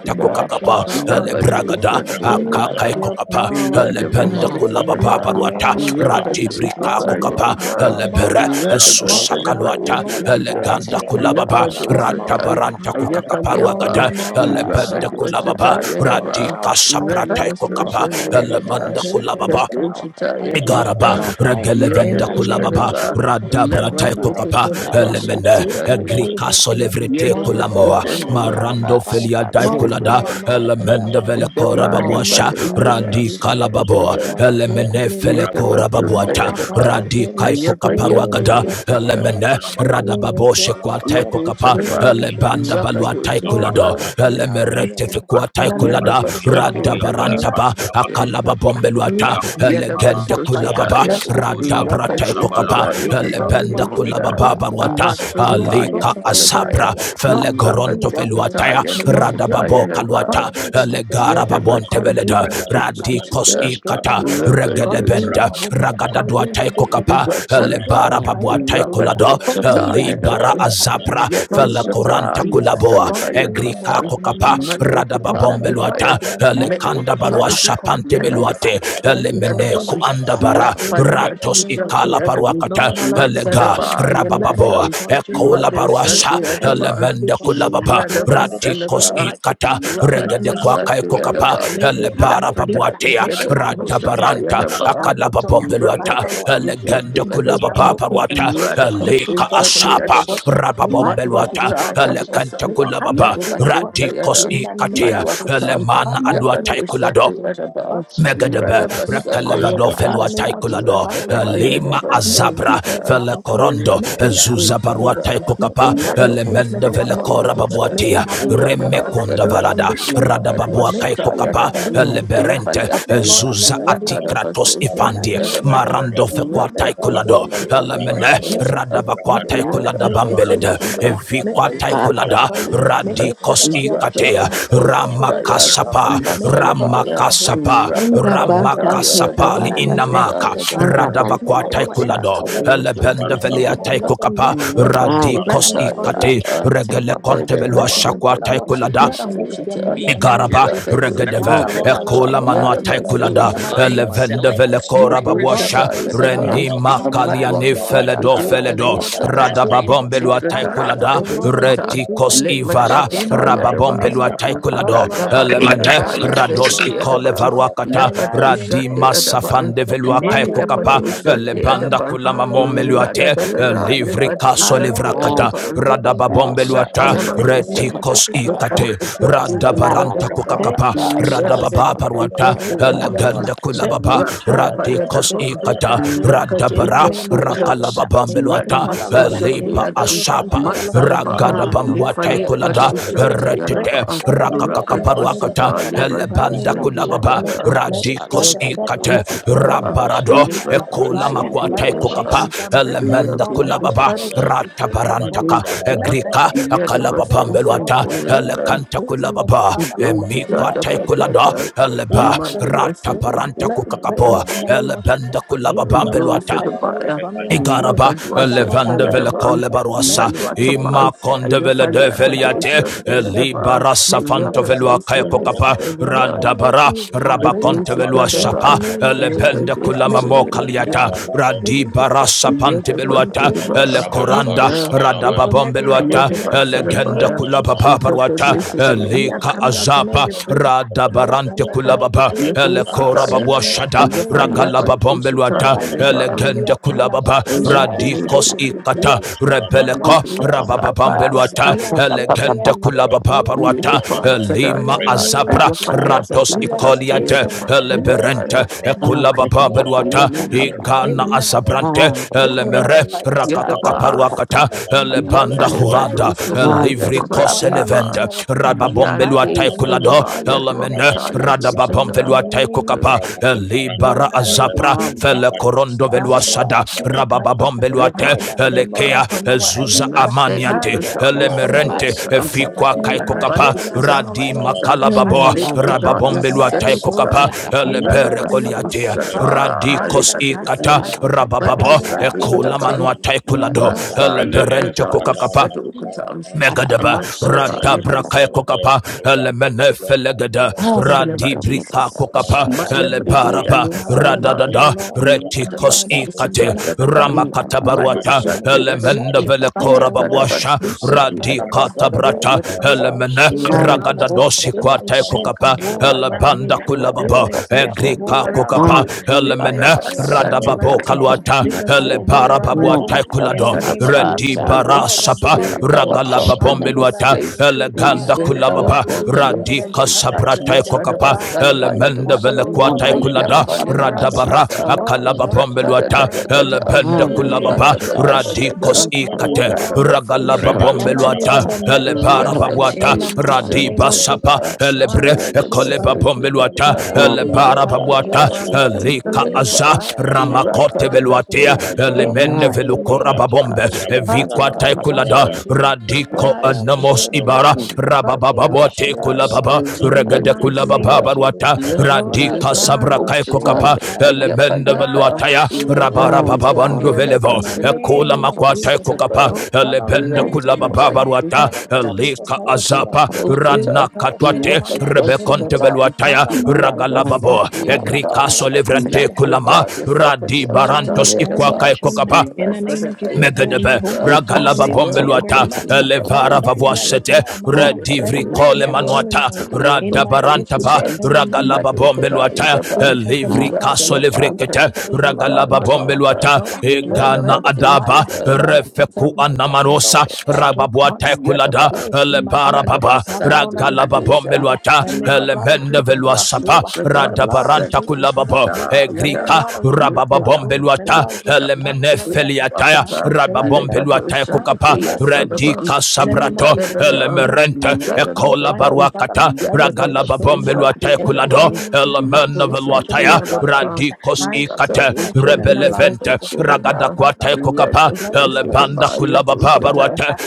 [SPEAKER 3] bala
[SPEAKER 4] let your
[SPEAKER 5] kokakapa
[SPEAKER 3] bala
[SPEAKER 4] power
[SPEAKER 3] bala
[SPEAKER 4] come, O Lord.
[SPEAKER 3] Rabadu
[SPEAKER 5] lebragada
[SPEAKER 4] Let
[SPEAKER 5] akakai
[SPEAKER 4] your
[SPEAKER 5] kokapa
[SPEAKER 4] power come, O
[SPEAKER 5] lebende
[SPEAKER 4] Lord. In
[SPEAKER 5] kulababa
[SPEAKER 4] the
[SPEAKER 5] baruata
[SPEAKER 4] name of Jesus,
[SPEAKER 5] ratibrika
[SPEAKER 4] Lord, more
[SPEAKER 5] kokapa
[SPEAKER 4] power, more
[SPEAKER 5] lebere
[SPEAKER 4] power, more power, oh
[SPEAKER 5] susakaluata
[SPEAKER 4] Lord, in Jesus'
[SPEAKER 5] leganda
[SPEAKER 4] name.
[SPEAKER 1] not
[SPEAKER 5] kulababa
[SPEAKER 1] by
[SPEAKER 4] Father,
[SPEAKER 1] those
[SPEAKER 4] Lord,
[SPEAKER 1] that are
[SPEAKER 4] more
[SPEAKER 5] ratabaranta
[SPEAKER 4] power, Lord,
[SPEAKER 1] Ayapaliapa,
[SPEAKER 4] uh,
[SPEAKER 5] kokakaparuagada
[SPEAKER 4] more
[SPEAKER 5] lebende
[SPEAKER 4] power. I
[SPEAKER 5] kulababa
[SPEAKER 4] pray
[SPEAKER 1] Rakadwachata
[SPEAKER 4] for more
[SPEAKER 1] Yadaba,
[SPEAKER 4] power.
[SPEAKER 5] radika
[SPEAKER 4] I
[SPEAKER 5] saprata
[SPEAKER 4] pray for more
[SPEAKER 5] kokapa
[SPEAKER 1] Renamasoshan
[SPEAKER 4] fire. I
[SPEAKER 1] Vedaba,
[SPEAKER 5] lemanda
[SPEAKER 4] pray for
[SPEAKER 5] kulababa
[SPEAKER 4] more power.
[SPEAKER 1] Datushita
[SPEAKER 4] I pray for
[SPEAKER 5] Igaraba
[SPEAKER 1] Yadika,
[SPEAKER 4] more fire. In
[SPEAKER 5] regelevenda
[SPEAKER 4] the name of
[SPEAKER 5] kulababa
[SPEAKER 1] Yadavasaraba,
[SPEAKER 4] Jesus,
[SPEAKER 5] radabra
[SPEAKER 4] Lord, uh,
[SPEAKER 5] taikokapa
[SPEAKER 1] Lapradusita
[SPEAKER 4] Father, Lord,
[SPEAKER 5] elemene
[SPEAKER 4] please,
[SPEAKER 1] Yadavasita
[SPEAKER 4] I believe
[SPEAKER 5] egrika
[SPEAKER 1] Yadava,
[SPEAKER 4] unto me.
[SPEAKER 5] solevrete
[SPEAKER 4] More
[SPEAKER 5] kulamoa
[SPEAKER 4] power,
[SPEAKER 1] Yadavasoshan
[SPEAKER 4] more
[SPEAKER 1] Vedaba,
[SPEAKER 4] power, more
[SPEAKER 5] marando
[SPEAKER 4] fire
[SPEAKER 5] felia
[SPEAKER 3] Thank
[SPEAKER 4] more
[SPEAKER 2] up
[SPEAKER 5] daikulada
[SPEAKER 4] power, more fire,
[SPEAKER 5] elemende
[SPEAKER 4] Lord.
[SPEAKER 5] vele
[SPEAKER 1] Daba
[SPEAKER 4] In the
[SPEAKER 5] korababuasha
[SPEAKER 4] mighty name
[SPEAKER 1] Dabatusita.
[SPEAKER 4] of
[SPEAKER 5] radika
[SPEAKER 4] Jesus. Oh
[SPEAKER 5] lababo
[SPEAKER 1] Okay,
[SPEAKER 4] Lord, I pray for
[SPEAKER 5] elemene
[SPEAKER 4] me more
[SPEAKER 5] fele
[SPEAKER 4] fire,
[SPEAKER 1] Yadavasunda
[SPEAKER 4] more
[SPEAKER 5] korababuata
[SPEAKER 4] power,
[SPEAKER 1] Yadaba,
[SPEAKER 4] Lord. Fill me,
[SPEAKER 5] radika
[SPEAKER 4] fill me
[SPEAKER 1] Ayapaliapa
[SPEAKER 4] with
[SPEAKER 5] ikokaparuagada
[SPEAKER 4] your power,
[SPEAKER 1] Dusita,
[SPEAKER 4] Lord.
[SPEAKER 5] elemene
[SPEAKER 4] Fill me with
[SPEAKER 5] radababoshe
[SPEAKER 4] your
[SPEAKER 5] kwa
[SPEAKER 4] power, Lord.
[SPEAKER 5] taikokapa
[SPEAKER 4] Fill me
[SPEAKER 1] Yadusataba,
[SPEAKER 4] with your power,
[SPEAKER 5] lebanda
[SPEAKER 4] Lord.
[SPEAKER 5] balua
[SPEAKER 4] Oh,
[SPEAKER 5] taikulado
[SPEAKER 1] Rakadusataba.
[SPEAKER 4] your spirit out on me,
[SPEAKER 5] lemerete
[SPEAKER 4] Lord.
[SPEAKER 5] fikua
[SPEAKER 4] In the
[SPEAKER 1] Yet
[SPEAKER 4] name of
[SPEAKER 5] taikulada
[SPEAKER 4] Jesus, Father, Lord, let
[SPEAKER 5] radabarantaba
[SPEAKER 4] that which is
[SPEAKER 5] akalaba
[SPEAKER 4] not,
[SPEAKER 5] bombeluata
[SPEAKER 4] let it be, let it
[SPEAKER 5] legende
[SPEAKER 4] catch fire,
[SPEAKER 5] kulababa
[SPEAKER 4] let it be consumed by
[SPEAKER 5] radabra
[SPEAKER 4] fire, let it be
[SPEAKER 5] taikokapa
[SPEAKER 4] consumed by fire. You
[SPEAKER 5] lebenda
[SPEAKER 4] are a
[SPEAKER 5] kulababa
[SPEAKER 4] consuming fire, God.
[SPEAKER 5] baruata
[SPEAKER 4] You are a
[SPEAKER 5] alika
[SPEAKER 4] God of consuming
[SPEAKER 5] asabra
[SPEAKER 4] fire. Lord, I
[SPEAKER 3] you.
[SPEAKER 4] consume
[SPEAKER 5] felegoronto
[SPEAKER 4] our enemies
[SPEAKER 5] feluataya
[SPEAKER 4] but consume
[SPEAKER 5] radababo
[SPEAKER 4] them,
[SPEAKER 5] kaluata
[SPEAKER 4] consume them with your
[SPEAKER 5] legara
[SPEAKER 4] fire,
[SPEAKER 5] babonte
[SPEAKER 4] consume
[SPEAKER 5] veleda
[SPEAKER 4] them with your fire,
[SPEAKER 5] radikos i
[SPEAKER 4] destroy
[SPEAKER 5] ikata
[SPEAKER 4] them, oh Lord, consume their
[SPEAKER 5] regelebenda
[SPEAKER 4] home,
[SPEAKER 5] ragadadua
[SPEAKER 4] consume their
[SPEAKER 5] taiko
[SPEAKER 4] businesses,
[SPEAKER 5] kapa
[SPEAKER 4] consume
[SPEAKER 1] Salaba,
[SPEAKER 4] their
[SPEAKER 5] lebara babua
[SPEAKER 4] finances, oh
[SPEAKER 5] taiko
[SPEAKER 4] Lord,
[SPEAKER 5] lado
[SPEAKER 1] Rapado
[SPEAKER 4] consume
[SPEAKER 1] Shata
[SPEAKER 4] their
[SPEAKER 5] libara
[SPEAKER 4] joy
[SPEAKER 1] Yadaba,
[SPEAKER 4] and happiness,
[SPEAKER 5] azabra
[SPEAKER 1] Yado
[SPEAKER 4] consume their
[SPEAKER 1] Shata,
[SPEAKER 5] felekoranta
[SPEAKER 4] peace,
[SPEAKER 1] yes,
[SPEAKER 5] kulaboa
[SPEAKER 1] Salaba
[SPEAKER 4] consume them, oh
[SPEAKER 5] egrika
[SPEAKER 1] Yadosan,
[SPEAKER 4] Lord, in the
[SPEAKER 5] kokapa
[SPEAKER 4] name of Jesus.
[SPEAKER 1] Mado
[SPEAKER 2] Take
[SPEAKER 4] All
[SPEAKER 1] Kata
[SPEAKER 4] that
[SPEAKER 5] radababombeluata
[SPEAKER 4] belongs
[SPEAKER 1] Bridaya,
[SPEAKER 4] to them, Father, Lord,
[SPEAKER 1] Medo
[SPEAKER 5] lekanda
[SPEAKER 4] let
[SPEAKER 5] barua
[SPEAKER 1] Kata,
[SPEAKER 4] it be
[SPEAKER 5] sapante
[SPEAKER 4] consumed by
[SPEAKER 1] Yanamas,
[SPEAKER 5] beluate
[SPEAKER 4] fire, let it be
[SPEAKER 5] lemene
[SPEAKER 4] consumed by your
[SPEAKER 5] kuanda
[SPEAKER 4] fire,
[SPEAKER 1] Yadaban,
[SPEAKER 5] bara
[SPEAKER 1] La
[SPEAKER 4] in the
[SPEAKER 1] Faliba,
[SPEAKER 4] mighty
[SPEAKER 5] ratos
[SPEAKER 4] name
[SPEAKER 1] Isra
[SPEAKER 4] of
[SPEAKER 5] ikala
[SPEAKER 4] Jesus.
[SPEAKER 1] Yadan,
[SPEAKER 5] paruakata
[SPEAKER 4] Lord, let it be
[SPEAKER 5] lega
[SPEAKER 4] consumed,
[SPEAKER 1] Matsadaba
[SPEAKER 4] let it
[SPEAKER 5] rabababoa
[SPEAKER 4] be
[SPEAKER 1] Yadosan,
[SPEAKER 4] consumed,
[SPEAKER 5] ekola
[SPEAKER 4] oh
[SPEAKER 5] kola
[SPEAKER 4] Lord.
[SPEAKER 1] Mado
[SPEAKER 3] Rebel,
[SPEAKER 4] May
[SPEAKER 5] baruasha
[SPEAKER 4] our enemies
[SPEAKER 1] Sadiadaban,
[SPEAKER 4] be
[SPEAKER 5] elemende
[SPEAKER 4] consumed.
[SPEAKER 5] kulababa
[SPEAKER 4] Let
[SPEAKER 1] Yadaba
[SPEAKER 4] them be
[SPEAKER 3] Kurang
[SPEAKER 4] destroyed,
[SPEAKER 5] ratikos
[SPEAKER 1] Salaba,
[SPEAKER 3] bukananku
[SPEAKER 4] Almighty
[SPEAKER 5] ikata
[SPEAKER 4] Father. In the
[SPEAKER 1] Rakat
[SPEAKER 5] regede
[SPEAKER 3] malaparaha
[SPEAKER 4] name
[SPEAKER 1] was
[SPEAKER 4] of Jesus,
[SPEAKER 5] kwakae
[SPEAKER 4] Father Lord,
[SPEAKER 5] kokapa
[SPEAKER 1] The
[SPEAKER 4] may
[SPEAKER 3] mudekaipaipara
[SPEAKER 4] they have
[SPEAKER 5] elebara
[SPEAKER 4] no peace.
[SPEAKER 1] Lafrida, yes,
[SPEAKER 5] babuatia
[SPEAKER 4] May they have
[SPEAKER 3] melekadia
[SPEAKER 4] no joy.
[SPEAKER 1] Shata
[SPEAKER 3] makalia
[SPEAKER 5] radabaranta
[SPEAKER 4] May
[SPEAKER 3] karam
[SPEAKER 4] they
[SPEAKER 1] Yadaba.
[SPEAKER 4] have no
[SPEAKER 5] akalaba
[SPEAKER 4] joy.
[SPEAKER 3] kuria
[SPEAKER 1] Rather,
[SPEAKER 5] bombeluata
[SPEAKER 4] Father Lord.
[SPEAKER 1] but
[SPEAKER 3] panaturia
[SPEAKER 5] elegende
[SPEAKER 1] the
[SPEAKER 4] May
[SPEAKER 1] other
[SPEAKER 4] they
[SPEAKER 5] kula
[SPEAKER 4] have
[SPEAKER 3] melile
[SPEAKER 5] baba
[SPEAKER 1] bar,
[SPEAKER 4] no peace and
[SPEAKER 5] paruata
[SPEAKER 4] joy.
[SPEAKER 1] rather but
[SPEAKER 4] May
[SPEAKER 3] mapagi
[SPEAKER 5] eleka
[SPEAKER 3] parata
[SPEAKER 4] depression be
[SPEAKER 1] the
[SPEAKER 4] their
[SPEAKER 1] other
[SPEAKER 5] asapa,
[SPEAKER 1] bar.
[SPEAKER 4] portion. May
[SPEAKER 3] ekakuberu
[SPEAKER 4] bipolar be
[SPEAKER 5] rababombeluata
[SPEAKER 4] their
[SPEAKER 3] semerman
[SPEAKER 1] Matwakata, that
[SPEAKER 4] portion.
[SPEAKER 1] was
[SPEAKER 5] elekante
[SPEAKER 1] son,
[SPEAKER 4] May
[SPEAKER 3] aparma
[SPEAKER 4] your
[SPEAKER 5] kula
[SPEAKER 1] yet
[SPEAKER 5] baba,
[SPEAKER 4] happiness be
[SPEAKER 1] was
[SPEAKER 4] their
[SPEAKER 3] semerman
[SPEAKER 1] so
[SPEAKER 4] portion.
[SPEAKER 1] the
[SPEAKER 5] radikos
[SPEAKER 3] rabu
[SPEAKER 1] other,
[SPEAKER 4] In the name
[SPEAKER 5] ikatia
[SPEAKER 4] of
[SPEAKER 3] kemerman
[SPEAKER 4] Jesus.
[SPEAKER 1] Matwakata,
[SPEAKER 5] elemana
[SPEAKER 4] Father,
[SPEAKER 1] yet
[SPEAKER 3] rabu
[SPEAKER 1] I
[SPEAKER 4] Lord, may
[SPEAKER 5] aduatai
[SPEAKER 1] do set
[SPEAKER 5] kulado
[SPEAKER 1] the
[SPEAKER 4] frustration.
[SPEAKER 1] other bar,
[SPEAKER 4] Frustration, oh
[SPEAKER 5] Megadebe
[SPEAKER 1] rather
[SPEAKER 4] Lord, I
[SPEAKER 1] but
[SPEAKER 4] be their
[SPEAKER 1] the
[SPEAKER 4] portion.
[SPEAKER 5] rekelevado
[SPEAKER 1] other
[SPEAKER 4] In the
[SPEAKER 5] felua
[SPEAKER 1] bar,
[SPEAKER 4] name of Jesus,
[SPEAKER 5] taikulado
[SPEAKER 4] Father,
[SPEAKER 1] rather
[SPEAKER 4] Lord,
[SPEAKER 5] eh,
[SPEAKER 1] by
[SPEAKER 4] may
[SPEAKER 1] other
[SPEAKER 5] lima
[SPEAKER 4] they
[SPEAKER 1] but
[SPEAKER 4] have no
[SPEAKER 1] so the
[SPEAKER 5] azabra
[SPEAKER 4] peace, may they
[SPEAKER 1] other,
[SPEAKER 4] have
[SPEAKER 5] fele
[SPEAKER 4] no peace,
[SPEAKER 5] korondo
[SPEAKER 4] may
[SPEAKER 5] eh,
[SPEAKER 1] rather
[SPEAKER 4] they have
[SPEAKER 5] zuza
[SPEAKER 4] no
[SPEAKER 1] the
[SPEAKER 5] barua
[SPEAKER 4] happiness,
[SPEAKER 1] bar,
[SPEAKER 4] may
[SPEAKER 5] taikukapa
[SPEAKER 4] they have
[SPEAKER 1] rather
[SPEAKER 4] no peace,
[SPEAKER 1] was
[SPEAKER 4] may
[SPEAKER 5] elemende
[SPEAKER 4] they
[SPEAKER 1] the
[SPEAKER 4] have
[SPEAKER 5] vele
[SPEAKER 1] bar,
[SPEAKER 4] no
[SPEAKER 5] kora
[SPEAKER 4] joy, may they
[SPEAKER 5] babuatia
[SPEAKER 4] have no joy,
[SPEAKER 1] rather
[SPEAKER 4] Father, Lord,
[SPEAKER 1] but
[SPEAKER 5] remekunda
[SPEAKER 4] let them
[SPEAKER 5] valada
[SPEAKER 4] lose
[SPEAKER 1] the other,
[SPEAKER 5] rada
[SPEAKER 4] themselves,
[SPEAKER 1] rather
[SPEAKER 5] babua
[SPEAKER 1] was
[SPEAKER 4] may our
[SPEAKER 1] the
[SPEAKER 4] enemies
[SPEAKER 5] kaikukapa
[SPEAKER 1] other,
[SPEAKER 4] lose
[SPEAKER 3] Rabba
[SPEAKER 1] I
[SPEAKER 4] themselves,
[SPEAKER 5] eleberente
[SPEAKER 1] have
[SPEAKER 4] Father,
[SPEAKER 5] eh,
[SPEAKER 1] a
[SPEAKER 4] Lord,
[SPEAKER 3] Rabadu
[SPEAKER 4] let
[SPEAKER 5] zuza
[SPEAKER 4] them
[SPEAKER 1] Rock
[SPEAKER 4] lose themselves,
[SPEAKER 5] atikratos
[SPEAKER 4] in the
[SPEAKER 5] ifandi
[SPEAKER 4] name of Jesus.
[SPEAKER 5] marando
[SPEAKER 3] Shabalabalabalabam,
[SPEAKER 4] May
[SPEAKER 5] fekua
[SPEAKER 4] they forget
[SPEAKER 5] taikulado
[SPEAKER 3] Rabadu
[SPEAKER 4] themselves, Lord.
[SPEAKER 5] elemene
[SPEAKER 4] May they
[SPEAKER 5] rada
[SPEAKER 4] forget who
[SPEAKER 5] bakua
[SPEAKER 4] they are.
[SPEAKER 5] taikulada
[SPEAKER 4] May they forget
[SPEAKER 5] bambelede
[SPEAKER 4] who they are. May
[SPEAKER 5] evikua
[SPEAKER 4] they forget their
[SPEAKER 5] taikulada
[SPEAKER 1] we are
[SPEAKER 4] family. May they
[SPEAKER 5] radikos
[SPEAKER 4] forget their
[SPEAKER 1] Gemini, America's
[SPEAKER 5] ikatea
[SPEAKER 4] children. May they forget their jobs.
[SPEAKER 5] ramakasapa
[SPEAKER 4] May they forget their home.
[SPEAKER 5] ramakasapa
[SPEAKER 4] May they forget their
[SPEAKER 5] Ramaka
[SPEAKER 4] money. In
[SPEAKER 5] sapali
[SPEAKER 4] the name of
[SPEAKER 5] inamaka
[SPEAKER 4] Jesus, Father, Lord,
[SPEAKER 5] radavakwa
[SPEAKER 4] let our enemies
[SPEAKER 5] taikulado
[SPEAKER 4] lose themselves.
[SPEAKER 5] elebende velia
[SPEAKER 4] Lord, and let them
[SPEAKER 5] taikukapa
[SPEAKER 4] lose themselves. Let
[SPEAKER 5] radikos
[SPEAKER 4] them
[SPEAKER 3] Shabalabalabalabam,
[SPEAKER 4] forget
[SPEAKER 5] ikati
[SPEAKER 4] everything,
[SPEAKER 5] regele
[SPEAKER 4] oh Lord. Let
[SPEAKER 5] kontevelua
[SPEAKER 4] them,
[SPEAKER 3] Terima
[SPEAKER 5] shakwa
[SPEAKER 4] Father, Lord,
[SPEAKER 5] taikulada
[SPEAKER 4] let them lose their memory in the name of
[SPEAKER 5] igaraba
[SPEAKER 4] Jesus.
[SPEAKER 5] regedeve
[SPEAKER 4] Father, Lord,
[SPEAKER 1] crypto
[SPEAKER 4] let
[SPEAKER 1] exchange.
[SPEAKER 4] them
[SPEAKER 5] ekola
[SPEAKER 4] lose
[SPEAKER 1] Yeah,
[SPEAKER 5] manua
[SPEAKER 4] their memory
[SPEAKER 1] We
[SPEAKER 4] in
[SPEAKER 5] taikulada
[SPEAKER 4] the
[SPEAKER 1] make
[SPEAKER 2] up a
[SPEAKER 4] mighty
[SPEAKER 1] buying,
[SPEAKER 4] name of
[SPEAKER 5] elevende
[SPEAKER 4] Jesus.
[SPEAKER 1] selling, and
[SPEAKER 5] vele
[SPEAKER 4] You
[SPEAKER 5] kora
[SPEAKER 1] storing
[SPEAKER 4] are a God of
[SPEAKER 5] babuasha
[SPEAKER 1] crypto.
[SPEAKER 4] vengeance,
[SPEAKER 2] We
[SPEAKER 4] Father.
[SPEAKER 2] are
[SPEAKER 5] reni
[SPEAKER 4] Lord.
[SPEAKER 2] talking
[SPEAKER 1] I might
[SPEAKER 4] Arise, O
[SPEAKER 1] walk
[SPEAKER 5] makaliani
[SPEAKER 4] Lord.
[SPEAKER 2] about
[SPEAKER 5] feledo
[SPEAKER 4] Arise,
[SPEAKER 1] and
[SPEAKER 4] O
[SPEAKER 5] feledo
[SPEAKER 1] new
[SPEAKER 4] Lord, and
[SPEAKER 2] assets.
[SPEAKER 4] take
[SPEAKER 1] Fast trading
[SPEAKER 4] vengeance.
[SPEAKER 5] radababombe lua
[SPEAKER 4] Arise, O
[SPEAKER 5] taikulada
[SPEAKER 4] Lord, and
[SPEAKER 2] And
[SPEAKER 4] take
[SPEAKER 1] and.
[SPEAKER 5] retikos
[SPEAKER 1] Let
[SPEAKER 4] vengeance.
[SPEAKER 1] my
[SPEAKER 5] ivara
[SPEAKER 4] In the
[SPEAKER 1] Dwakataya the
[SPEAKER 4] mighty
[SPEAKER 1] bus.
[SPEAKER 4] name
[SPEAKER 5] rababombelua
[SPEAKER 4] of Jesus, Father,
[SPEAKER 5] taikulado
[SPEAKER 4] Lord,
[SPEAKER 1] Radaba
[SPEAKER 4] arise.
[SPEAKER 2] my tank.
[SPEAKER 5] elemene
[SPEAKER 1] Libradaya
[SPEAKER 4] Arise, O
[SPEAKER 1] said
[SPEAKER 5] rados
[SPEAKER 4] Lord,
[SPEAKER 1] the other
[SPEAKER 4] arise,
[SPEAKER 5] ikole
[SPEAKER 4] O
[SPEAKER 1] bun.
[SPEAKER 4] Lord.
[SPEAKER 5] varuakata
[SPEAKER 1] Let my
[SPEAKER 3] kasih.
[SPEAKER 1] do
[SPEAKER 4] Arise and
[SPEAKER 1] shut
[SPEAKER 4] take
[SPEAKER 1] the
[SPEAKER 5] radima
[SPEAKER 1] other
[SPEAKER 4] full
[SPEAKER 1] bun.
[SPEAKER 5] safande
[SPEAKER 4] vengeance.
[SPEAKER 5] velua
[SPEAKER 3] Alabalaba,
[SPEAKER 4] In
[SPEAKER 1] Muddy
[SPEAKER 4] the
[SPEAKER 1] upper
[SPEAKER 5] kaikokapa
[SPEAKER 4] name
[SPEAKER 1] do
[SPEAKER 4] of
[SPEAKER 1] shut
[SPEAKER 3] Rakalika,
[SPEAKER 4] Jesus,
[SPEAKER 1] the other
[SPEAKER 4] Father,
[SPEAKER 5] elebanda
[SPEAKER 3] Alakisa,
[SPEAKER 1] bun.
[SPEAKER 5] kulama
[SPEAKER 3] Balaban,
[SPEAKER 4] arise and take
[SPEAKER 1] Rada
[SPEAKER 5] momeluate
[SPEAKER 1] da da
[SPEAKER 3] Rakadu,
[SPEAKER 4] full
[SPEAKER 1] da,
[SPEAKER 4] vengeance.
[SPEAKER 5] livri
[SPEAKER 1] liver
[SPEAKER 3] Shabalaba,
[SPEAKER 1] do
[SPEAKER 5] kaso
[SPEAKER 1] shut the
[SPEAKER 4] Arise
[SPEAKER 3] Shabalaba,
[SPEAKER 1] other
[SPEAKER 4] and
[SPEAKER 5] livrakata
[SPEAKER 2] Oh,
[SPEAKER 4] take
[SPEAKER 1] bun.
[SPEAKER 4] full
[SPEAKER 3] Rabat,
[SPEAKER 4] vengeance, O Lord.
[SPEAKER 2] shall
[SPEAKER 1] Rata
[SPEAKER 3] Shabalaba,
[SPEAKER 5] radababombeluata
[SPEAKER 4] In
[SPEAKER 2] take
[SPEAKER 4] the
[SPEAKER 1] lava
[SPEAKER 2] a
[SPEAKER 3] Shabalaba,
[SPEAKER 1] do
[SPEAKER 4] mighty
[SPEAKER 3] Rabat,
[SPEAKER 1] shut.
[SPEAKER 4] name of
[SPEAKER 5] retikos
[SPEAKER 4] Jesus, Father,
[SPEAKER 1] Look
[SPEAKER 3] Shabalaba,
[SPEAKER 1] up
[SPEAKER 4] Lord,
[SPEAKER 5] ikate
[SPEAKER 1] the
[SPEAKER 4] take
[SPEAKER 1] shut
[SPEAKER 4] charge,
[SPEAKER 1] the
[SPEAKER 4] take
[SPEAKER 2] Naman
[SPEAKER 1] other
[SPEAKER 5] radabaranta
[SPEAKER 4] charge.
[SPEAKER 2] go
[SPEAKER 1] bun.
[SPEAKER 3] Shabalaba,
[SPEAKER 2] for a
[SPEAKER 4] Take
[SPEAKER 5] kukakapa
[SPEAKER 4] charge, O
[SPEAKER 3] Rakadu,
[SPEAKER 2] shall
[SPEAKER 4] Lord.
[SPEAKER 1] Rada da da
[SPEAKER 2] take
[SPEAKER 5] radababa
[SPEAKER 2] a
[SPEAKER 1] do
[SPEAKER 3] Shabalaba,
[SPEAKER 5] paruata
[SPEAKER 1] shut
[SPEAKER 4] Take
[SPEAKER 1] the
[SPEAKER 4] charge,
[SPEAKER 1] other
[SPEAKER 4] oh
[SPEAKER 3] Shabalaba,
[SPEAKER 4] Lord.
[SPEAKER 1] bun.
[SPEAKER 5] elegenda
[SPEAKER 4] Take
[SPEAKER 5] kulababa
[SPEAKER 4] full
[SPEAKER 3] Rabadu,
[SPEAKER 1] Rasa
[SPEAKER 4] charge.
[SPEAKER 1] lava the
[SPEAKER 3] Shabalaba,
[SPEAKER 1] other
[SPEAKER 5] radikos
[SPEAKER 3] Shabalaba,
[SPEAKER 4] Take full
[SPEAKER 3] Shabalaba,
[SPEAKER 5] ikata
[SPEAKER 4] charge,
[SPEAKER 1] bun.
[SPEAKER 4] oh Lord.
[SPEAKER 1] Raka
[SPEAKER 4] In
[SPEAKER 1] do
[SPEAKER 4] the
[SPEAKER 3] Rabadu,
[SPEAKER 5] radabara
[SPEAKER 1] shut
[SPEAKER 4] name of
[SPEAKER 1] the
[SPEAKER 3] Shabalaba,
[SPEAKER 1] other
[SPEAKER 4] Jesus.
[SPEAKER 1] bun.
[SPEAKER 2] shall take
[SPEAKER 4] Anywhere
[SPEAKER 2] a
[SPEAKER 4] the
[SPEAKER 2] go for a shall take a shall take
[SPEAKER 5] rakalababombeluata
[SPEAKER 3] Rabadu,
[SPEAKER 4] Father, Lord.
[SPEAKER 1] Radamasosha
[SPEAKER 4] In
[SPEAKER 3] Shabalaba,
[SPEAKER 1] the
[SPEAKER 5] elipa
[SPEAKER 4] the
[SPEAKER 1] other
[SPEAKER 4] evil comes,
[SPEAKER 5] ashapa
[SPEAKER 4] Father, Lord. Let
[SPEAKER 1] Matsadaba
[SPEAKER 4] it
[SPEAKER 5] ragada
[SPEAKER 4] begin
[SPEAKER 5] bambwa
[SPEAKER 4] to break.
[SPEAKER 1] Litfania
[SPEAKER 3] Rabadu,
[SPEAKER 5] taikulada
[SPEAKER 4] Let it
[SPEAKER 1] Padusha
[SPEAKER 3] Shabalaba,
[SPEAKER 4] begin to
[SPEAKER 2] a
[SPEAKER 4] break.
[SPEAKER 5] retete
[SPEAKER 1] Tayadaba
[SPEAKER 4] Everything they
[SPEAKER 3] Rabadu,
[SPEAKER 4] are
[SPEAKER 1] Rakat
[SPEAKER 4] doing against us, oh
[SPEAKER 5] rakakakaparuakata
[SPEAKER 3] Shabalaba,
[SPEAKER 1] Vasata
[SPEAKER 4] Lord. Father,
[SPEAKER 5] elebanda
[SPEAKER 4] any
[SPEAKER 3] Rabadu
[SPEAKER 1] Liberation the other
[SPEAKER 5] kulababa
[SPEAKER 4] enchantment. Let it
[SPEAKER 5] radikos
[SPEAKER 4] scatter,
[SPEAKER 1] Rakat
[SPEAKER 4] scatter,
[SPEAKER 5] ikate
[SPEAKER 4] scatter. Let it
[SPEAKER 1] Usitaba
[SPEAKER 4] be
[SPEAKER 5] rabarado
[SPEAKER 4] destroyed now by fire.
[SPEAKER 1] Liberation
[SPEAKER 5] ekulamakwata
[SPEAKER 1] the
[SPEAKER 4] Let the
[SPEAKER 5] taikukapa
[SPEAKER 1] other
[SPEAKER 4] chains uh, break and
[SPEAKER 5] elemenda
[SPEAKER 4] fall off.
[SPEAKER 5] kulababa
[SPEAKER 4] Let the
[SPEAKER 1] Rakat
[SPEAKER 4] chains break and
[SPEAKER 1] Usita
[SPEAKER 4] fall
[SPEAKER 5] ratabarantaka
[SPEAKER 4] off. Let
[SPEAKER 1] Data,
[SPEAKER 4] the
[SPEAKER 5] egrika
[SPEAKER 4] cages uh, break and
[SPEAKER 1] Yadabasosha
[SPEAKER 4] fall
[SPEAKER 5] akalababambelwata
[SPEAKER 4] off. Any
[SPEAKER 1] the other
[SPEAKER 5] elekanta
[SPEAKER 4] imprisonment,
[SPEAKER 5] kulababa
[SPEAKER 4] Father, Lord.
[SPEAKER 1] Dosita
[SPEAKER 3] Atabaraban,
[SPEAKER 4] Let
[SPEAKER 1] the
[SPEAKER 4] the gates
[SPEAKER 5] emikwataikulada
[SPEAKER 1] Bakata
[SPEAKER 4] break.
[SPEAKER 3] Rabatukan,
[SPEAKER 5] eleba
[SPEAKER 4] Let
[SPEAKER 3] Paratam,
[SPEAKER 4] the
[SPEAKER 1] Amaka
[SPEAKER 4] gates break.
[SPEAKER 5] ratabaranta
[SPEAKER 4] Let
[SPEAKER 3] Kalapan,
[SPEAKER 4] it break
[SPEAKER 1] Vasata
[SPEAKER 5] kukakapoa
[SPEAKER 4] now in
[SPEAKER 3] Kalaman,
[SPEAKER 4] the name of
[SPEAKER 3] Krishna,
[SPEAKER 4] Jesus.
[SPEAKER 5] elebenda
[SPEAKER 3] Panturia,
[SPEAKER 4] Anything that has
[SPEAKER 1] those
[SPEAKER 5] kulababambelwata
[SPEAKER 1] at the
[SPEAKER 4] kept
[SPEAKER 3] Kalipan,
[SPEAKER 4] away
[SPEAKER 1] bar,
[SPEAKER 4] from me, my
[SPEAKER 3] Mekalipan,
[SPEAKER 4] family,
[SPEAKER 5] Igaraba
[SPEAKER 3] Kalipan,
[SPEAKER 4] Father
[SPEAKER 1] Rakadwasha,
[SPEAKER 4] Lord, I
[SPEAKER 5] levande
[SPEAKER 3] Kalaban,
[SPEAKER 4] let
[SPEAKER 5] vele
[SPEAKER 4] it be
[SPEAKER 1] Tayadaban,
[SPEAKER 5] kole
[SPEAKER 4] free. Let
[SPEAKER 5] baruasa
[SPEAKER 4] it
[SPEAKER 3] Rabatukan,
[SPEAKER 4] be free.
[SPEAKER 3] Kampul,
[SPEAKER 4] Let it be
[SPEAKER 5] ima
[SPEAKER 1] Balwatapa,
[SPEAKER 4] set
[SPEAKER 3] Kampul,
[SPEAKER 5] konde
[SPEAKER 4] free.
[SPEAKER 5] vele de
[SPEAKER 1] Ayafali,
[SPEAKER 4] Father
[SPEAKER 3] Rabatukan,
[SPEAKER 4] Lord,
[SPEAKER 3] Sari,
[SPEAKER 4] I
[SPEAKER 5] veliate
[SPEAKER 4] may
[SPEAKER 1] Akadosha,
[SPEAKER 4] it be
[SPEAKER 3] Makan,
[SPEAKER 4] set free.
[SPEAKER 3] Marabat,
[SPEAKER 1] Tayadaba,
[SPEAKER 5] libara
[SPEAKER 4] May it be
[SPEAKER 5] safanto velua
[SPEAKER 4] set free,
[SPEAKER 5] kaya
[SPEAKER 3] Rabatukan,
[SPEAKER 1] Rakadosha,
[SPEAKER 4] oh
[SPEAKER 1] this
[SPEAKER 4] Lord,
[SPEAKER 5] kokapa
[SPEAKER 3] Sabarabat,
[SPEAKER 4] from
[SPEAKER 1] Tayadaba,
[SPEAKER 3] Rabaraban,
[SPEAKER 4] any
[SPEAKER 5] radabara
[SPEAKER 4] evil
[SPEAKER 1] the
[SPEAKER 3] Rabatukan,
[SPEAKER 5] rabakonte
[SPEAKER 1] dose
[SPEAKER 4] imprisonment
[SPEAKER 1] of
[SPEAKER 5] velua
[SPEAKER 3] Sabalaban,
[SPEAKER 4] in the
[SPEAKER 5] shapa
[SPEAKER 1] Tadaba,
[SPEAKER 4] name of
[SPEAKER 3] Sabalaban,
[SPEAKER 4] Jesus.
[SPEAKER 5] lebende
[SPEAKER 1] Rakadosha,
[SPEAKER 5] kulama
[SPEAKER 4] May
[SPEAKER 3] Rabatukan,
[SPEAKER 4] we be set
[SPEAKER 5] mokaliata
[SPEAKER 4] free.
[SPEAKER 1] Tayadaba,
[SPEAKER 3] Kaliparabat,
[SPEAKER 4] May we be
[SPEAKER 5] radibara
[SPEAKER 4] set free from
[SPEAKER 5] sapante
[SPEAKER 4] every
[SPEAKER 1] Yadaba,
[SPEAKER 5] veluata
[SPEAKER 3] Rabatukan,
[SPEAKER 2] shall
[SPEAKER 4] imprisonment.
[SPEAKER 5] le
[SPEAKER 1] Tadaba, Yadaba,
[SPEAKER 2] take a
[SPEAKER 4] May
[SPEAKER 3] Shabalaba,
[SPEAKER 4] we
[SPEAKER 5] koranda
[SPEAKER 4] be
[SPEAKER 1] Tadaba,
[SPEAKER 4] set free
[SPEAKER 3] Shabalaban,
[SPEAKER 4] from
[SPEAKER 5] radababom
[SPEAKER 4] every
[SPEAKER 5] veluata
[SPEAKER 3] Rabatukan,
[SPEAKER 4] imprisonment. In
[SPEAKER 1] Rakadosha,
[SPEAKER 4] the
[SPEAKER 3] Shabalaba,
[SPEAKER 5] legenda
[SPEAKER 4] name of
[SPEAKER 5] kulaba
[SPEAKER 3] Shabalaban,
[SPEAKER 4] Jesus,
[SPEAKER 2] Um,
[SPEAKER 4] and we are
[SPEAKER 5] baruata
[SPEAKER 4] coming out.
[SPEAKER 1] Tayadaba,
[SPEAKER 4] We are
[SPEAKER 5] lika
[SPEAKER 4] coming
[SPEAKER 3] Rabadu
[SPEAKER 4] up from
[SPEAKER 5] azapa
[SPEAKER 4] every prison. We are
[SPEAKER 5] radabarante
[SPEAKER 4] coming up from
[SPEAKER 5] kulaba
[SPEAKER 4] every evil
[SPEAKER 5] le
[SPEAKER 4] prison
[SPEAKER 1] Yakadosha,
[SPEAKER 5] koraba
[SPEAKER 4] in
[SPEAKER 1] Tayadaba,
[SPEAKER 4] the mighty
[SPEAKER 5] washada
[SPEAKER 4] name
[SPEAKER 1] Ayafali,
[SPEAKER 4] of
[SPEAKER 5] ragalaba
[SPEAKER 4] Jesus.
[SPEAKER 1] Akadosha,
[SPEAKER 4] Lord,
[SPEAKER 5] bombeluata
[SPEAKER 4] I and my
[SPEAKER 1] Tayadaba,
[SPEAKER 4] family, we
[SPEAKER 5] elegende
[SPEAKER 4] are coming out.
[SPEAKER 5] kulababa
[SPEAKER 4] We are
[SPEAKER 5] radikos
[SPEAKER 4] escaping.
[SPEAKER 1] Rakadosha,
[SPEAKER 4] We
[SPEAKER 5] ikata
[SPEAKER 4] are escaped now.
[SPEAKER 5] rebeleka
[SPEAKER 1] Tayadaba,
[SPEAKER 4] We are
[SPEAKER 5] rababa
[SPEAKER 4] escaped now.
[SPEAKER 5] bombeluata
[SPEAKER 4] We are escaped the
[SPEAKER 5] elegende
[SPEAKER 4] enemy.
[SPEAKER 5] kulababa
[SPEAKER 4] We are
[SPEAKER 1] You
[SPEAKER 5] parwata.
[SPEAKER 1] can
[SPEAKER 4] escaped them
[SPEAKER 1] part
[SPEAKER 4] in
[SPEAKER 5] lima
[SPEAKER 4] the
[SPEAKER 1] Sagaya. I
[SPEAKER 4] name
[SPEAKER 5] azabra,
[SPEAKER 4] of
[SPEAKER 1] just find
[SPEAKER 4] Jesus.
[SPEAKER 1] the upper
[SPEAKER 5] rados
[SPEAKER 4] We
[SPEAKER 1] direction to the
[SPEAKER 4] escape
[SPEAKER 5] ikoliate
[SPEAKER 1] other
[SPEAKER 4] them.
[SPEAKER 1] part of
[SPEAKER 4] We
[SPEAKER 1] the
[SPEAKER 5] eleberente
[SPEAKER 1] fire.
[SPEAKER 4] escape them now.
[SPEAKER 5] ekulaba
[SPEAKER 4] We
[SPEAKER 1] You
[SPEAKER 5] bombeluata
[SPEAKER 4] escape
[SPEAKER 1] need
[SPEAKER 4] them now.
[SPEAKER 1] to get
[SPEAKER 4] They
[SPEAKER 5] igana
[SPEAKER 4] will
[SPEAKER 1] the
[SPEAKER 4] never find
[SPEAKER 5] azabrante
[SPEAKER 4] us. They will
[SPEAKER 5] elemere
[SPEAKER 4] never find us.
[SPEAKER 1] Yeti
[SPEAKER 4] Father,
[SPEAKER 3] Shabalabal,
[SPEAKER 4] Lord, I
[SPEAKER 5] rakakakaparuakata
[SPEAKER 4] hide
[SPEAKER 1] Pasagaya,
[SPEAKER 4] us
[SPEAKER 3] Rabadu
[SPEAKER 4] under your shield.
[SPEAKER 5] elebanda
[SPEAKER 1] Ayafalia Padurishan Tayada Pasadaya, Yada Pas, Yafale
[SPEAKER 3] Shabalabal,
[SPEAKER 4] Hide
[SPEAKER 5] huada
[SPEAKER 4] us, O Lord,
[SPEAKER 1] Padurishata,
[SPEAKER 5] elivri
[SPEAKER 1] Yada
[SPEAKER 4] so
[SPEAKER 3] Rabadu
[SPEAKER 4] our enemies
[SPEAKER 1] Pasulaba,
[SPEAKER 5] koselevende
[SPEAKER 4] can never find us. Hide us,
[SPEAKER 5] rababombeluata
[SPEAKER 1] Yande
[SPEAKER 4] O Lord, so
[SPEAKER 5] kulado
[SPEAKER 4] our
[SPEAKER 1] Sulaba,
[SPEAKER 4] enemies
[SPEAKER 1] Yadu
[SPEAKER 4] can never
[SPEAKER 5] elemene
[SPEAKER 1] Apita,
[SPEAKER 4] find us.
[SPEAKER 5] radababam
[SPEAKER 4] In the
[SPEAKER 1] Yadu
[SPEAKER 5] velua taiko
[SPEAKER 4] name of
[SPEAKER 1] Shata,
[SPEAKER 5] kapa
[SPEAKER 4] Jesus,
[SPEAKER 5] elibara
[SPEAKER 4] Lord, I may you
[SPEAKER 5] azapra
[SPEAKER 4] please
[SPEAKER 5] fele
[SPEAKER 4] hide us.
[SPEAKER 5] korondo velua
[SPEAKER 4] Father, Lord, I
[SPEAKER 5] sada
[SPEAKER 4] please hide us.
[SPEAKER 5] rabababam velua te
[SPEAKER 4] Hide us, O
[SPEAKER 1] Yada
[SPEAKER 4] Lord, uh,
[SPEAKER 5] elekea
[SPEAKER 4] from our
[SPEAKER 5] ezuza
[SPEAKER 4] enemies.
[SPEAKER 1] Merced
[SPEAKER 5] amaniate
[SPEAKER 4] Hide
[SPEAKER 1] Ibrada,
[SPEAKER 2] Take
[SPEAKER 4] us uh, from our
[SPEAKER 5] elemerente
[SPEAKER 4] enemies.
[SPEAKER 1] Yasedokata,
[SPEAKER 5] efikwa
[SPEAKER 4] Hide me and
[SPEAKER 5] kaiko
[SPEAKER 4] my
[SPEAKER 5] kapa
[SPEAKER 4] children out
[SPEAKER 1] Yadabantusha,
[SPEAKER 4] from our
[SPEAKER 5] radi
[SPEAKER 4] enemies.
[SPEAKER 5] makala
[SPEAKER 4] Hide
[SPEAKER 5] baboa
[SPEAKER 4] me and my
[SPEAKER 1] Librada,
[SPEAKER 4] children
[SPEAKER 5] rababam
[SPEAKER 4] from my
[SPEAKER 5] velua
[SPEAKER 4] enemies,
[SPEAKER 5] taiko
[SPEAKER 4] O Lord.
[SPEAKER 5] kapa
[SPEAKER 1] Yasedokata,
[SPEAKER 4] In the
[SPEAKER 5] elebere
[SPEAKER 4] mighty name of
[SPEAKER 5] koliatea
[SPEAKER 4] Jesus,
[SPEAKER 1] Radabasushata,
[SPEAKER 4] Father, hide
[SPEAKER 5] radikos
[SPEAKER 4] us, hide us,
[SPEAKER 5] ikata
[SPEAKER 1] Libadusan,
[SPEAKER 4] hide us.
[SPEAKER 5] rabababo
[SPEAKER 4] Hide
[SPEAKER 1] Madisan,
[SPEAKER 4] us,
[SPEAKER 1] the
[SPEAKER 3] Farah
[SPEAKER 5] ekula
[SPEAKER 4] Almighty
[SPEAKER 1] Adaban,
[SPEAKER 5] manua
[SPEAKER 3] Ali
[SPEAKER 4] Father.
[SPEAKER 3] Farah,
[SPEAKER 5] taikulado
[SPEAKER 4] Lord, I
[SPEAKER 1] Rasa,
[SPEAKER 4] please
[SPEAKER 3] Regede
[SPEAKER 4] hide
[SPEAKER 5] eleberente
[SPEAKER 4] us.
[SPEAKER 1] Librada,
[SPEAKER 3] Farata
[SPEAKER 5] kukakapa
[SPEAKER 3] Ali
[SPEAKER 1] Yasedokata,
[SPEAKER 3] Farah,
[SPEAKER 5] Megadaba
[SPEAKER 3] Berapa
[SPEAKER 1] Amasalaba,
[SPEAKER 5] Rata Brakaya
[SPEAKER 1] Yadusa.
[SPEAKER 5] Kokapa Elemene Felegada
[SPEAKER 1] Son of our
[SPEAKER 5] Radi Brika
[SPEAKER 1] Jesus.
[SPEAKER 5] Kokapa
[SPEAKER 4] Hide us, O Lord.
[SPEAKER 1] Matlabride and
[SPEAKER 5] Elebaraba
[SPEAKER 1] no son of
[SPEAKER 4] Hide us,
[SPEAKER 1] man.
[SPEAKER 4] O
[SPEAKER 5] Radadada
[SPEAKER 4] Lord.
[SPEAKER 1] Yet of
[SPEAKER 5] Retikos
[SPEAKER 1] us,
[SPEAKER 4] Hide us, O
[SPEAKER 5] Ikate
[SPEAKER 4] Lord.
[SPEAKER 1] Ushata, yet of us.
[SPEAKER 4] Father, hide us
[SPEAKER 1] Matu
[SPEAKER 4] from our
[SPEAKER 5] Ramakatabaruata
[SPEAKER 1] shut
[SPEAKER 4] enemies.
[SPEAKER 1] the other,
[SPEAKER 5] Elemenda
[SPEAKER 4] Let your fire,
[SPEAKER 5] Velekora
[SPEAKER 1] yet
[SPEAKER 4] O Lord,
[SPEAKER 1] of us,
[SPEAKER 5] Babuasha
[SPEAKER 4] be
[SPEAKER 1] Ushan,
[SPEAKER 4] there,
[SPEAKER 1] the
[SPEAKER 5] Radi
[SPEAKER 1] other
[SPEAKER 4] Father,
[SPEAKER 1] of
[SPEAKER 4] Lord.
[SPEAKER 1] us, other of us,
[SPEAKER 4] Build
[SPEAKER 5] Katabrata
[SPEAKER 4] a
[SPEAKER 1] yet of us,
[SPEAKER 4] fire of
[SPEAKER 5] Elemene
[SPEAKER 4] shield
[SPEAKER 1] ran of
[SPEAKER 4] around
[SPEAKER 1] us,
[SPEAKER 4] us.
[SPEAKER 5] Ragadadosi
[SPEAKER 1] other
[SPEAKER 4] Build a
[SPEAKER 1] of
[SPEAKER 5] Kwate
[SPEAKER 1] us,
[SPEAKER 4] fire of
[SPEAKER 5] Kokapa
[SPEAKER 1] the
[SPEAKER 4] wall
[SPEAKER 1] other of
[SPEAKER 4] around
[SPEAKER 1] us,
[SPEAKER 4] me.
[SPEAKER 5] Elebanda
[SPEAKER 1] ran
[SPEAKER 4] Build
[SPEAKER 5] Kulababa
[SPEAKER 1] of
[SPEAKER 4] a
[SPEAKER 1] us,
[SPEAKER 4] fire of
[SPEAKER 1] Ushan,
[SPEAKER 4] wall
[SPEAKER 1] the
[SPEAKER 5] Egrika
[SPEAKER 1] other
[SPEAKER 4] around
[SPEAKER 1] of
[SPEAKER 5] Kokapa
[SPEAKER 1] us,
[SPEAKER 4] David. Build a
[SPEAKER 5] Elemene
[SPEAKER 1] ran of
[SPEAKER 4] fire
[SPEAKER 1] us,
[SPEAKER 4] of
[SPEAKER 1] the
[SPEAKER 4] wall
[SPEAKER 1] other of
[SPEAKER 5] Radababo
[SPEAKER 4] around
[SPEAKER 1] us,
[SPEAKER 2] up
[SPEAKER 4] Zion.
[SPEAKER 5] Kaluata
[SPEAKER 4] Build a fire
[SPEAKER 1] Matsu,
[SPEAKER 4] of wall
[SPEAKER 1] the
[SPEAKER 5] Elebara
[SPEAKER 1] other
[SPEAKER 4] around my
[SPEAKER 1] of us.
[SPEAKER 2] Take
[SPEAKER 4] home.
[SPEAKER 5] Babuata
[SPEAKER 4] In the
[SPEAKER 5] Kulado
[SPEAKER 1] Rat
[SPEAKER 4] name of
[SPEAKER 5] Redi
[SPEAKER 4] Jesus,
[SPEAKER 1] So, Holy
[SPEAKER 4] all
[SPEAKER 5] Baras
[SPEAKER 4] that
[SPEAKER 5] sapa
[SPEAKER 4] belongs
[SPEAKER 1] Spirit,
[SPEAKER 4] to
[SPEAKER 1] thou
[SPEAKER 4] us.
[SPEAKER 1] art
[SPEAKER 5] ragalapa
[SPEAKER 1] welcome
[SPEAKER 4] Father,
[SPEAKER 1] in
[SPEAKER 4] Lord,
[SPEAKER 1] this
[SPEAKER 4] I
[SPEAKER 5] pombeluata
[SPEAKER 4] let it
[SPEAKER 1] place.
[SPEAKER 4] receive
[SPEAKER 1] Holy
[SPEAKER 3] Berabadu
[SPEAKER 5] eleganda
[SPEAKER 4] fire.
[SPEAKER 1] Spirit, thou art
[SPEAKER 5] kulababa
[SPEAKER 4] Let it be
[SPEAKER 1] welcome in
[SPEAKER 4] shielded
[SPEAKER 1] this
[SPEAKER 4] and
[SPEAKER 5] radika
[SPEAKER 1] place.
[SPEAKER 4] covered and
[SPEAKER 5] saprata
[SPEAKER 4] protected with
[SPEAKER 5] kokapa
[SPEAKER 4] fire.
[SPEAKER 5] elemende
[SPEAKER 4] Father
[SPEAKER 1] Yasadabasalabayadosha,
[SPEAKER 4] Lord, walls
[SPEAKER 5] velekwata
[SPEAKER 4] of
[SPEAKER 5] kulada
[SPEAKER 4] fire all around us.
[SPEAKER 5] radabara
[SPEAKER 1] Ayafalimandosa,
[SPEAKER 4] Walls
[SPEAKER 5] akalaba
[SPEAKER 4] of fire
[SPEAKER 5] pombeluata
[SPEAKER 4] around us, O Lord.
[SPEAKER 1] Ratadadadadada,
[SPEAKER 5] elebende
[SPEAKER 4] In the name
[SPEAKER 5] kulababa
[SPEAKER 4] of Jesus, Father, build
[SPEAKER 5] radikos
[SPEAKER 1] Ratadadadadada,
[SPEAKER 4] a fire
[SPEAKER 5] ikate
[SPEAKER 4] wall around my siblings
[SPEAKER 5] ragalaba
[SPEAKER 1] Radabasosha,
[SPEAKER 4] and my
[SPEAKER 5] pombeluata
[SPEAKER 4] nieces
[SPEAKER 1] Deadaba,
[SPEAKER 4] and nephews, O
[SPEAKER 3] sabalabalabam,
[SPEAKER 5] elebara
[SPEAKER 4] Lord. In
[SPEAKER 5] babuata
[SPEAKER 4] the mighty
[SPEAKER 1] Rasadabayadosha,
[SPEAKER 4] name
[SPEAKER 5] radiba
[SPEAKER 4] of Jesus,
[SPEAKER 5] sapa
[SPEAKER 1] Deadaba,
[SPEAKER 5] elebre
[SPEAKER 4] fire of shield,
[SPEAKER 5] ekoleba
[SPEAKER 4] fire of
[SPEAKER 1] Radabasosha,
[SPEAKER 4] shield.
[SPEAKER 5] pombeluata
[SPEAKER 1] Deadaba,
[SPEAKER 4] Fire, release a
[SPEAKER 5] elebara
[SPEAKER 4] fire of shield
[SPEAKER 5] babuata
[SPEAKER 4] around us.
[SPEAKER 1] Ratadabasosha,
[SPEAKER 5] elika
[SPEAKER 4] Release a
[SPEAKER 5] aza
[SPEAKER 1] Deadaba,
[SPEAKER 4] fire of shield
[SPEAKER 5] ramakote
[SPEAKER 4] around us, O
[SPEAKER 1] Ratadabasosha,
[SPEAKER 5] veluatea
[SPEAKER 4] Lord.
[SPEAKER 1] Deadaba,
[SPEAKER 4] In the
[SPEAKER 5] elemene
[SPEAKER 4] mighty name
[SPEAKER 5] velukora
[SPEAKER 4] of
[SPEAKER 5] babombe
[SPEAKER 4] Jesus,
[SPEAKER 5] Lembe
[SPEAKER 4] Father,
[SPEAKER 5] Evikwa
[SPEAKER 4] Lord, a fire
[SPEAKER 5] Tekulada
[SPEAKER 4] of shield.
[SPEAKER 5] Radiko
[SPEAKER 3] berabadu
[SPEAKER 4] Fire of
[SPEAKER 1] Ratadabasosha,
[SPEAKER 5] Anamos
[SPEAKER 4] shield, O
[SPEAKER 5] Ibara
[SPEAKER 4] Lord.
[SPEAKER 3] sabalabalabam,
[SPEAKER 4] Fire of
[SPEAKER 5] Rababababo
[SPEAKER 3] Rabadu
[SPEAKER 1] Deadaba,
[SPEAKER 4] shield, O
[SPEAKER 5] Tekula
[SPEAKER 4] Lord.
[SPEAKER 5] Baba
[SPEAKER 4] In the
[SPEAKER 1] Rubber
[SPEAKER 4] mighty
[SPEAKER 5] Regadekula
[SPEAKER 1] Jesus
[SPEAKER 4] name
[SPEAKER 5] Baba
[SPEAKER 4] of
[SPEAKER 1] work.
[SPEAKER 4] Jesus.
[SPEAKER 5] Barwata
[SPEAKER 1] Look to
[SPEAKER 4] Lord, a
[SPEAKER 1] the
[SPEAKER 5] Radika
[SPEAKER 1] red
[SPEAKER 5] Sabra
[SPEAKER 4] fire of
[SPEAKER 5] Kaiko
[SPEAKER 4] shield,
[SPEAKER 1] obstacle.
[SPEAKER 4] a
[SPEAKER 5] Kapa
[SPEAKER 4] fire of
[SPEAKER 1] I
[SPEAKER 4] shield,
[SPEAKER 1] get for
[SPEAKER 5] Elemenda
[SPEAKER 1] the upper.
[SPEAKER 4] fire of
[SPEAKER 5] Veluataya
[SPEAKER 4] shield, oh
[SPEAKER 1] Rubber
[SPEAKER 4] Lord,
[SPEAKER 2] And
[SPEAKER 1] Jesus
[SPEAKER 2] the
[SPEAKER 1] and
[SPEAKER 5] Rabarababandu
[SPEAKER 2] bottom
[SPEAKER 1] the
[SPEAKER 4] around
[SPEAKER 1] other
[SPEAKER 4] us in
[SPEAKER 5] Velevo
[SPEAKER 1] part
[SPEAKER 4] the
[SPEAKER 2] pass,
[SPEAKER 1] to
[SPEAKER 2] I
[SPEAKER 1] the
[SPEAKER 2] take
[SPEAKER 5] Ekula
[SPEAKER 2] a
[SPEAKER 1] body.
[SPEAKER 4] name of
[SPEAKER 2] pass,
[SPEAKER 5] Makwata
[SPEAKER 4] Jesus.
[SPEAKER 1] The
[SPEAKER 5] Kokapa
[SPEAKER 1] bird.
[SPEAKER 4] Oh Father, we
[SPEAKER 5] Elebenda
[SPEAKER 4] pray
[SPEAKER 2] and
[SPEAKER 1] Right
[SPEAKER 4] for
[SPEAKER 2] the
[SPEAKER 5] Kula
[SPEAKER 1] to
[SPEAKER 5] Baba
[SPEAKER 2] bottom
[SPEAKER 4] protection.
[SPEAKER 2] pass,
[SPEAKER 1] the
[SPEAKER 5] Barwata
[SPEAKER 4] Father, Lord, I build a
[SPEAKER 5] Elika
[SPEAKER 2] take
[SPEAKER 4] fire
[SPEAKER 2] a
[SPEAKER 1] body.
[SPEAKER 4] shield
[SPEAKER 5] Azapa
[SPEAKER 4] around
[SPEAKER 2] pass,
[SPEAKER 4] me. Build a
[SPEAKER 5] Rana
[SPEAKER 1] Obstacle.
[SPEAKER 4] fire shield on
[SPEAKER 5] Katwate
[SPEAKER 4] my
[SPEAKER 1] Rubber
[SPEAKER 4] life,
[SPEAKER 1] was to
[SPEAKER 4] children,
[SPEAKER 1] the
[SPEAKER 4] oh
[SPEAKER 5] Rebekonte
[SPEAKER 4] Lord.
[SPEAKER 1] bottom.
[SPEAKER 5] Veluataya
[SPEAKER 4] Father, Lord,
[SPEAKER 1] Yet
[SPEAKER 4] I
[SPEAKER 1] of the
[SPEAKER 4] build
[SPEAKER 2] and
[SPEAKER 4] it.
[SPEAKER 2] the
[SPEAKER 1] sun,
[SPEAKER 5] Ragalababo
[SPEAKER 1] the
[SPEAKER 2] bottom
[SPEAKER 1] other
[SPEAKER 4] Father, Lord,
[SPEAKER 5] Egrika
[SPEAKER 1] bar.
[SPEAKER 4] I
[SPEAKER 2] pass,
[SPEAKER 4] let a fire
[SPEAKER 2] take
[SPEAKER 5] Solevrante
[SPEAKER 1] Not
[SPEAKER 4] shield.
[SPEAKER 2] a
[SPEAKER 1] for
[SPEAKER 2] pass,
[SPEAKER 5] Kulama
[SPEAKER 1] dark, your second
[SPEAKER 5] Radi
[SPEAKER 1] rush, it's
[SPEAKER 4] Surround
[SPEAKER 1] all
[SPEAKER 4] me,
[SPEAKER 5] Barantos
[SPEAKER 1] the other
[SPEAKER 2] it's
[SPEAKER 4] surround
[SPEAKER 2] a
[SPEAKER 4] my
[SPEAKER 5] Ikwaka
[SPEAKER 1] bar.
[SPEAKER 4] children.
[SPEAKER 5] Kokapa
[SPEAKER 4] In the
[SPEAKER 1] Rest of
[SPEAKER 4] name
[SPEAKER 2] pass,
[SPEAKER 1] the
[SPEAKER 4] of
[SPEAKER 1] day
[SPEAKER 4] Jesus,
[SPEAKER 1] of the
[SPEAKER 4] surround my
[SPEAKER 5] Megedebe
[SPEAKER 4] home.
[SPEAKER 2] he
[SPEAKER 1] obstacle.
[SPEAKER 4] Lord, I
[SPEAKER 2] cash
[SPEAKER 5] ragalaba
[SPEAKER 4] may a
[SPEAKER 2] that took
[SPEAKER 4] fire
[SPEAKER 1] Rubber
[SPEAKER 2] a
[SPEAKER 4] burn in
[SPEAKER 5] bombeluata
[SPEAKER 1] Jesus
[SPEAKER 4] my
[SPEAKER 2] pass,
[SPEAKER 1] and the
[SPEAKER 4] home.
[SPEAKER 2] and the
[SPEAKER 4] Let
[SPEAKER 5] elevara
[SPEAKER 4] it burn in every
[SPEAKER 1] body.
[SPEAKER 5] vavuasete
[SPEAKER 4] corner of my home.
[SPEAKER 2] bottom
[SPEAKER 1] Yes,
[SPEAKER 2] pass,
[SPEAKER 4] Let
[SPEAKER 5] redivri
[SPEAKER 4] it burn
[SPEAKER 1] I
[SPEAKER 4] in
[SPEAKER 5] kole
[SPEAKER 4] every
[SPEAKER 1] do.
[SPEAKER 4] room in
[SPEAKER 2] take
[SPEAKER 5] manuata
[SPEAKER 4] my home.
[SPEAKER 2] a pass, and the bottom pass, take a
[SPEAKER 4] In my kitchen,
[SPEAKER 2] pass,
[SPEAKER 4] the
[SPEAKER 5] radabarantaba
[SPEAKER 2] and
[SPEAKER 1] Yokosukutan,
[SPEAKER 4] entrance
[SPEAKER 2] she
[SPEAKER 4] of
[SPEAKER 2] took
[SPEAKER 4] my
[SPEAKER 5] ragalaba
[SPEAKER 1] Madhukadaya
[SPEAKER 5] bombeluata
[SPEAKER 4] the
[SPEAKER 1] Daban,
[SPEAKER 4] entrance
[SPEAKER 2] a
[SPEAKER 4] of
[SPEAKER 2] pass, and
[SPEAKER 4] my
[SPEAKER 5] elivri
[SPEAKER 4] presence,
[SPEAKER 5] kaso
[SPEAKER 1] Rasalaba
[SPEAKER 4] the
[SPEAKER 5] livrekete
[SPEAKER 4] entrance, the Lord of
[SPEAKER 5] ragalaba
[SPEAKER 4] my
[SPEAKER 1] Katosukaya
[SPEAKER 4] of my
[SPEAKER 1] Dosa,
[SPEAKER 5] bombeluata
[SPEAKER 4] door. Let it
[SPEAKER 5] egana
[SPEAKER 4] burn
[SPEAKER 1] Radaba
[SPEAKER 4] with
[SPEAKER 5] adaba
[SPEAKER 4] fire. The entrance
[SPEAKER 5] refeku
[SPEAKER 4] of my
[SPEAKER 1] Sukutan,
[SPEAKER 4] bedroom
[SPEAKER 5] anamarosa
[SPEAKER 4] door. Every
[SPEAKER 5] rababuata
[SPEAKER 4] corner, every
[SPEAKER 5] kulada
[SPEAKER 1] Yadaba,
[SPEAKER 4] place in my
[SPEAKER 5] elebara
[SPEAKER 4] home.
[SPEAKER 1] Radaba
[SPEAKER 5] baba
[SPEAKER 4] Father, Lord, let
[SPEAKER 1] Saladi,
[SPEAKER 4] it
[SPEAKER 5] ragalaba
[SPEAKER 4] burn with
[SPEAKER 1] Addition,
[SPEAKER 4] fire.
[SPEAKER 5] bombeluata
[SPEAKER 4] And may the blood of
[SPEAKER 5] elemende
[SPEAKER 4] Jesus
[SPEAKER 5] veluasapa
[SPEAKER 4] overflow. May the
[SPEAKER 1] Lutadaya,
[SPEAKER 4] blood of
[SPEAKER 5] Radabaranta Radabaranta
[SPEAKER 1] Strange,
[SPEAKER 4] Jesus
[SPEAKER 5] Kulababa
[SPEAKER 4] overflow. May the
[SPEAKER 1] Yadam,
[SPEAKER 5] Egrika
[SPEAKER 4] blood of Jesus overflow.
[SPEAKER 1] Lutadaya,
[SPEAKER 4] May the
[SPEAKER 5] rababombelwata.
[SPEAKER 4] blood of Jesus
[SPEAKER 1] Addition,
[SPEAKER 4] cancel every death.
[SPEAKER 5] Elemenefeliataya
[SPEAKER 1] Wakata,
[SPEAKER 4] Cancel every death.
[SPEAKER 5] rababombelwata
[SPEAKER 1] Lebadosha,
[SPEAKER 5] Kukapa
[SPEAKER 4] Cancel
[SPEAKER 1] Dea
[SPEAKER 4] every evil business.
[SPEAKER 1] Salabam,
[SPEAKER 5] Redika
[SPEAKER 4] In the name of
[SPEAKER 5] Sabrato
[SPEAKER 4] Jesus,
[SPEAKER 1] Radadada,
[SPEAKER 4] anything
[SPEAKER 5] Elemerente
[SPEAKER 4] against my
[SPEAKER 5] Ekola
[SPEAKER 4] finances,
[SPEAKER 1] Radadadam,
[SPEAKER 4] Father,
[SPEAKER 5] Baruakata
[SPEAKER 4] let it be
[SPEAKER 1] Yadadaba
[SPEAKER 4] destroyed now.
[SPEAKER 1] Sosha,
[SPEAKER 5] Ragalababombeluataya
[SPEAKER 4] In the mighty
[SPEAKER 5] Kulado
[SPEAKER 1] Deadaba,
[SPEAKER 4] name of Jesus, I soak
[SPEAKER 1] Madosha,
[SPEAKER 4] my children in
[SPEAKER 5] Elemeneveluataya
[SPEAKER 4] the blood of
[SPEAKER 1] Deadaba,
[SPEAKER 4] Jesus.
[SPEAKER 5] Radikos
[SPEAKER 4] I soak
[SPEAKER 5] Ikate
[SPEAKER 4] my
[SPEAKER 1] Rasadosha,
[SPEAKER 4] children in the blood of
[SPEAKER 1] Deadaba,
[SPEAKER 5] Rebelevente
[SPEAKER 4] Jesus. Ah,
[SPEAKER 1] Sodaba,
[SPEAKER 4] Father,
[SPEAKER 5] ragadakwata
[SPEAKER 4] Lord,
[SPEAKER 5] Kukapa
[SPEAKER 4] Lord, the blood
[SPEAKER 1] Radadosha,
[SPEAKER 4] of
[SPEAKER 5] Elebanda
[SPEAKER 4] Jesus,
[SPEAKER 5] Kulababa
[SPEAKER 4] cancel every
[SPEAKER 1] Debaya,
[SPEAKER 5] Baruate
[SPEAKER 4] attack.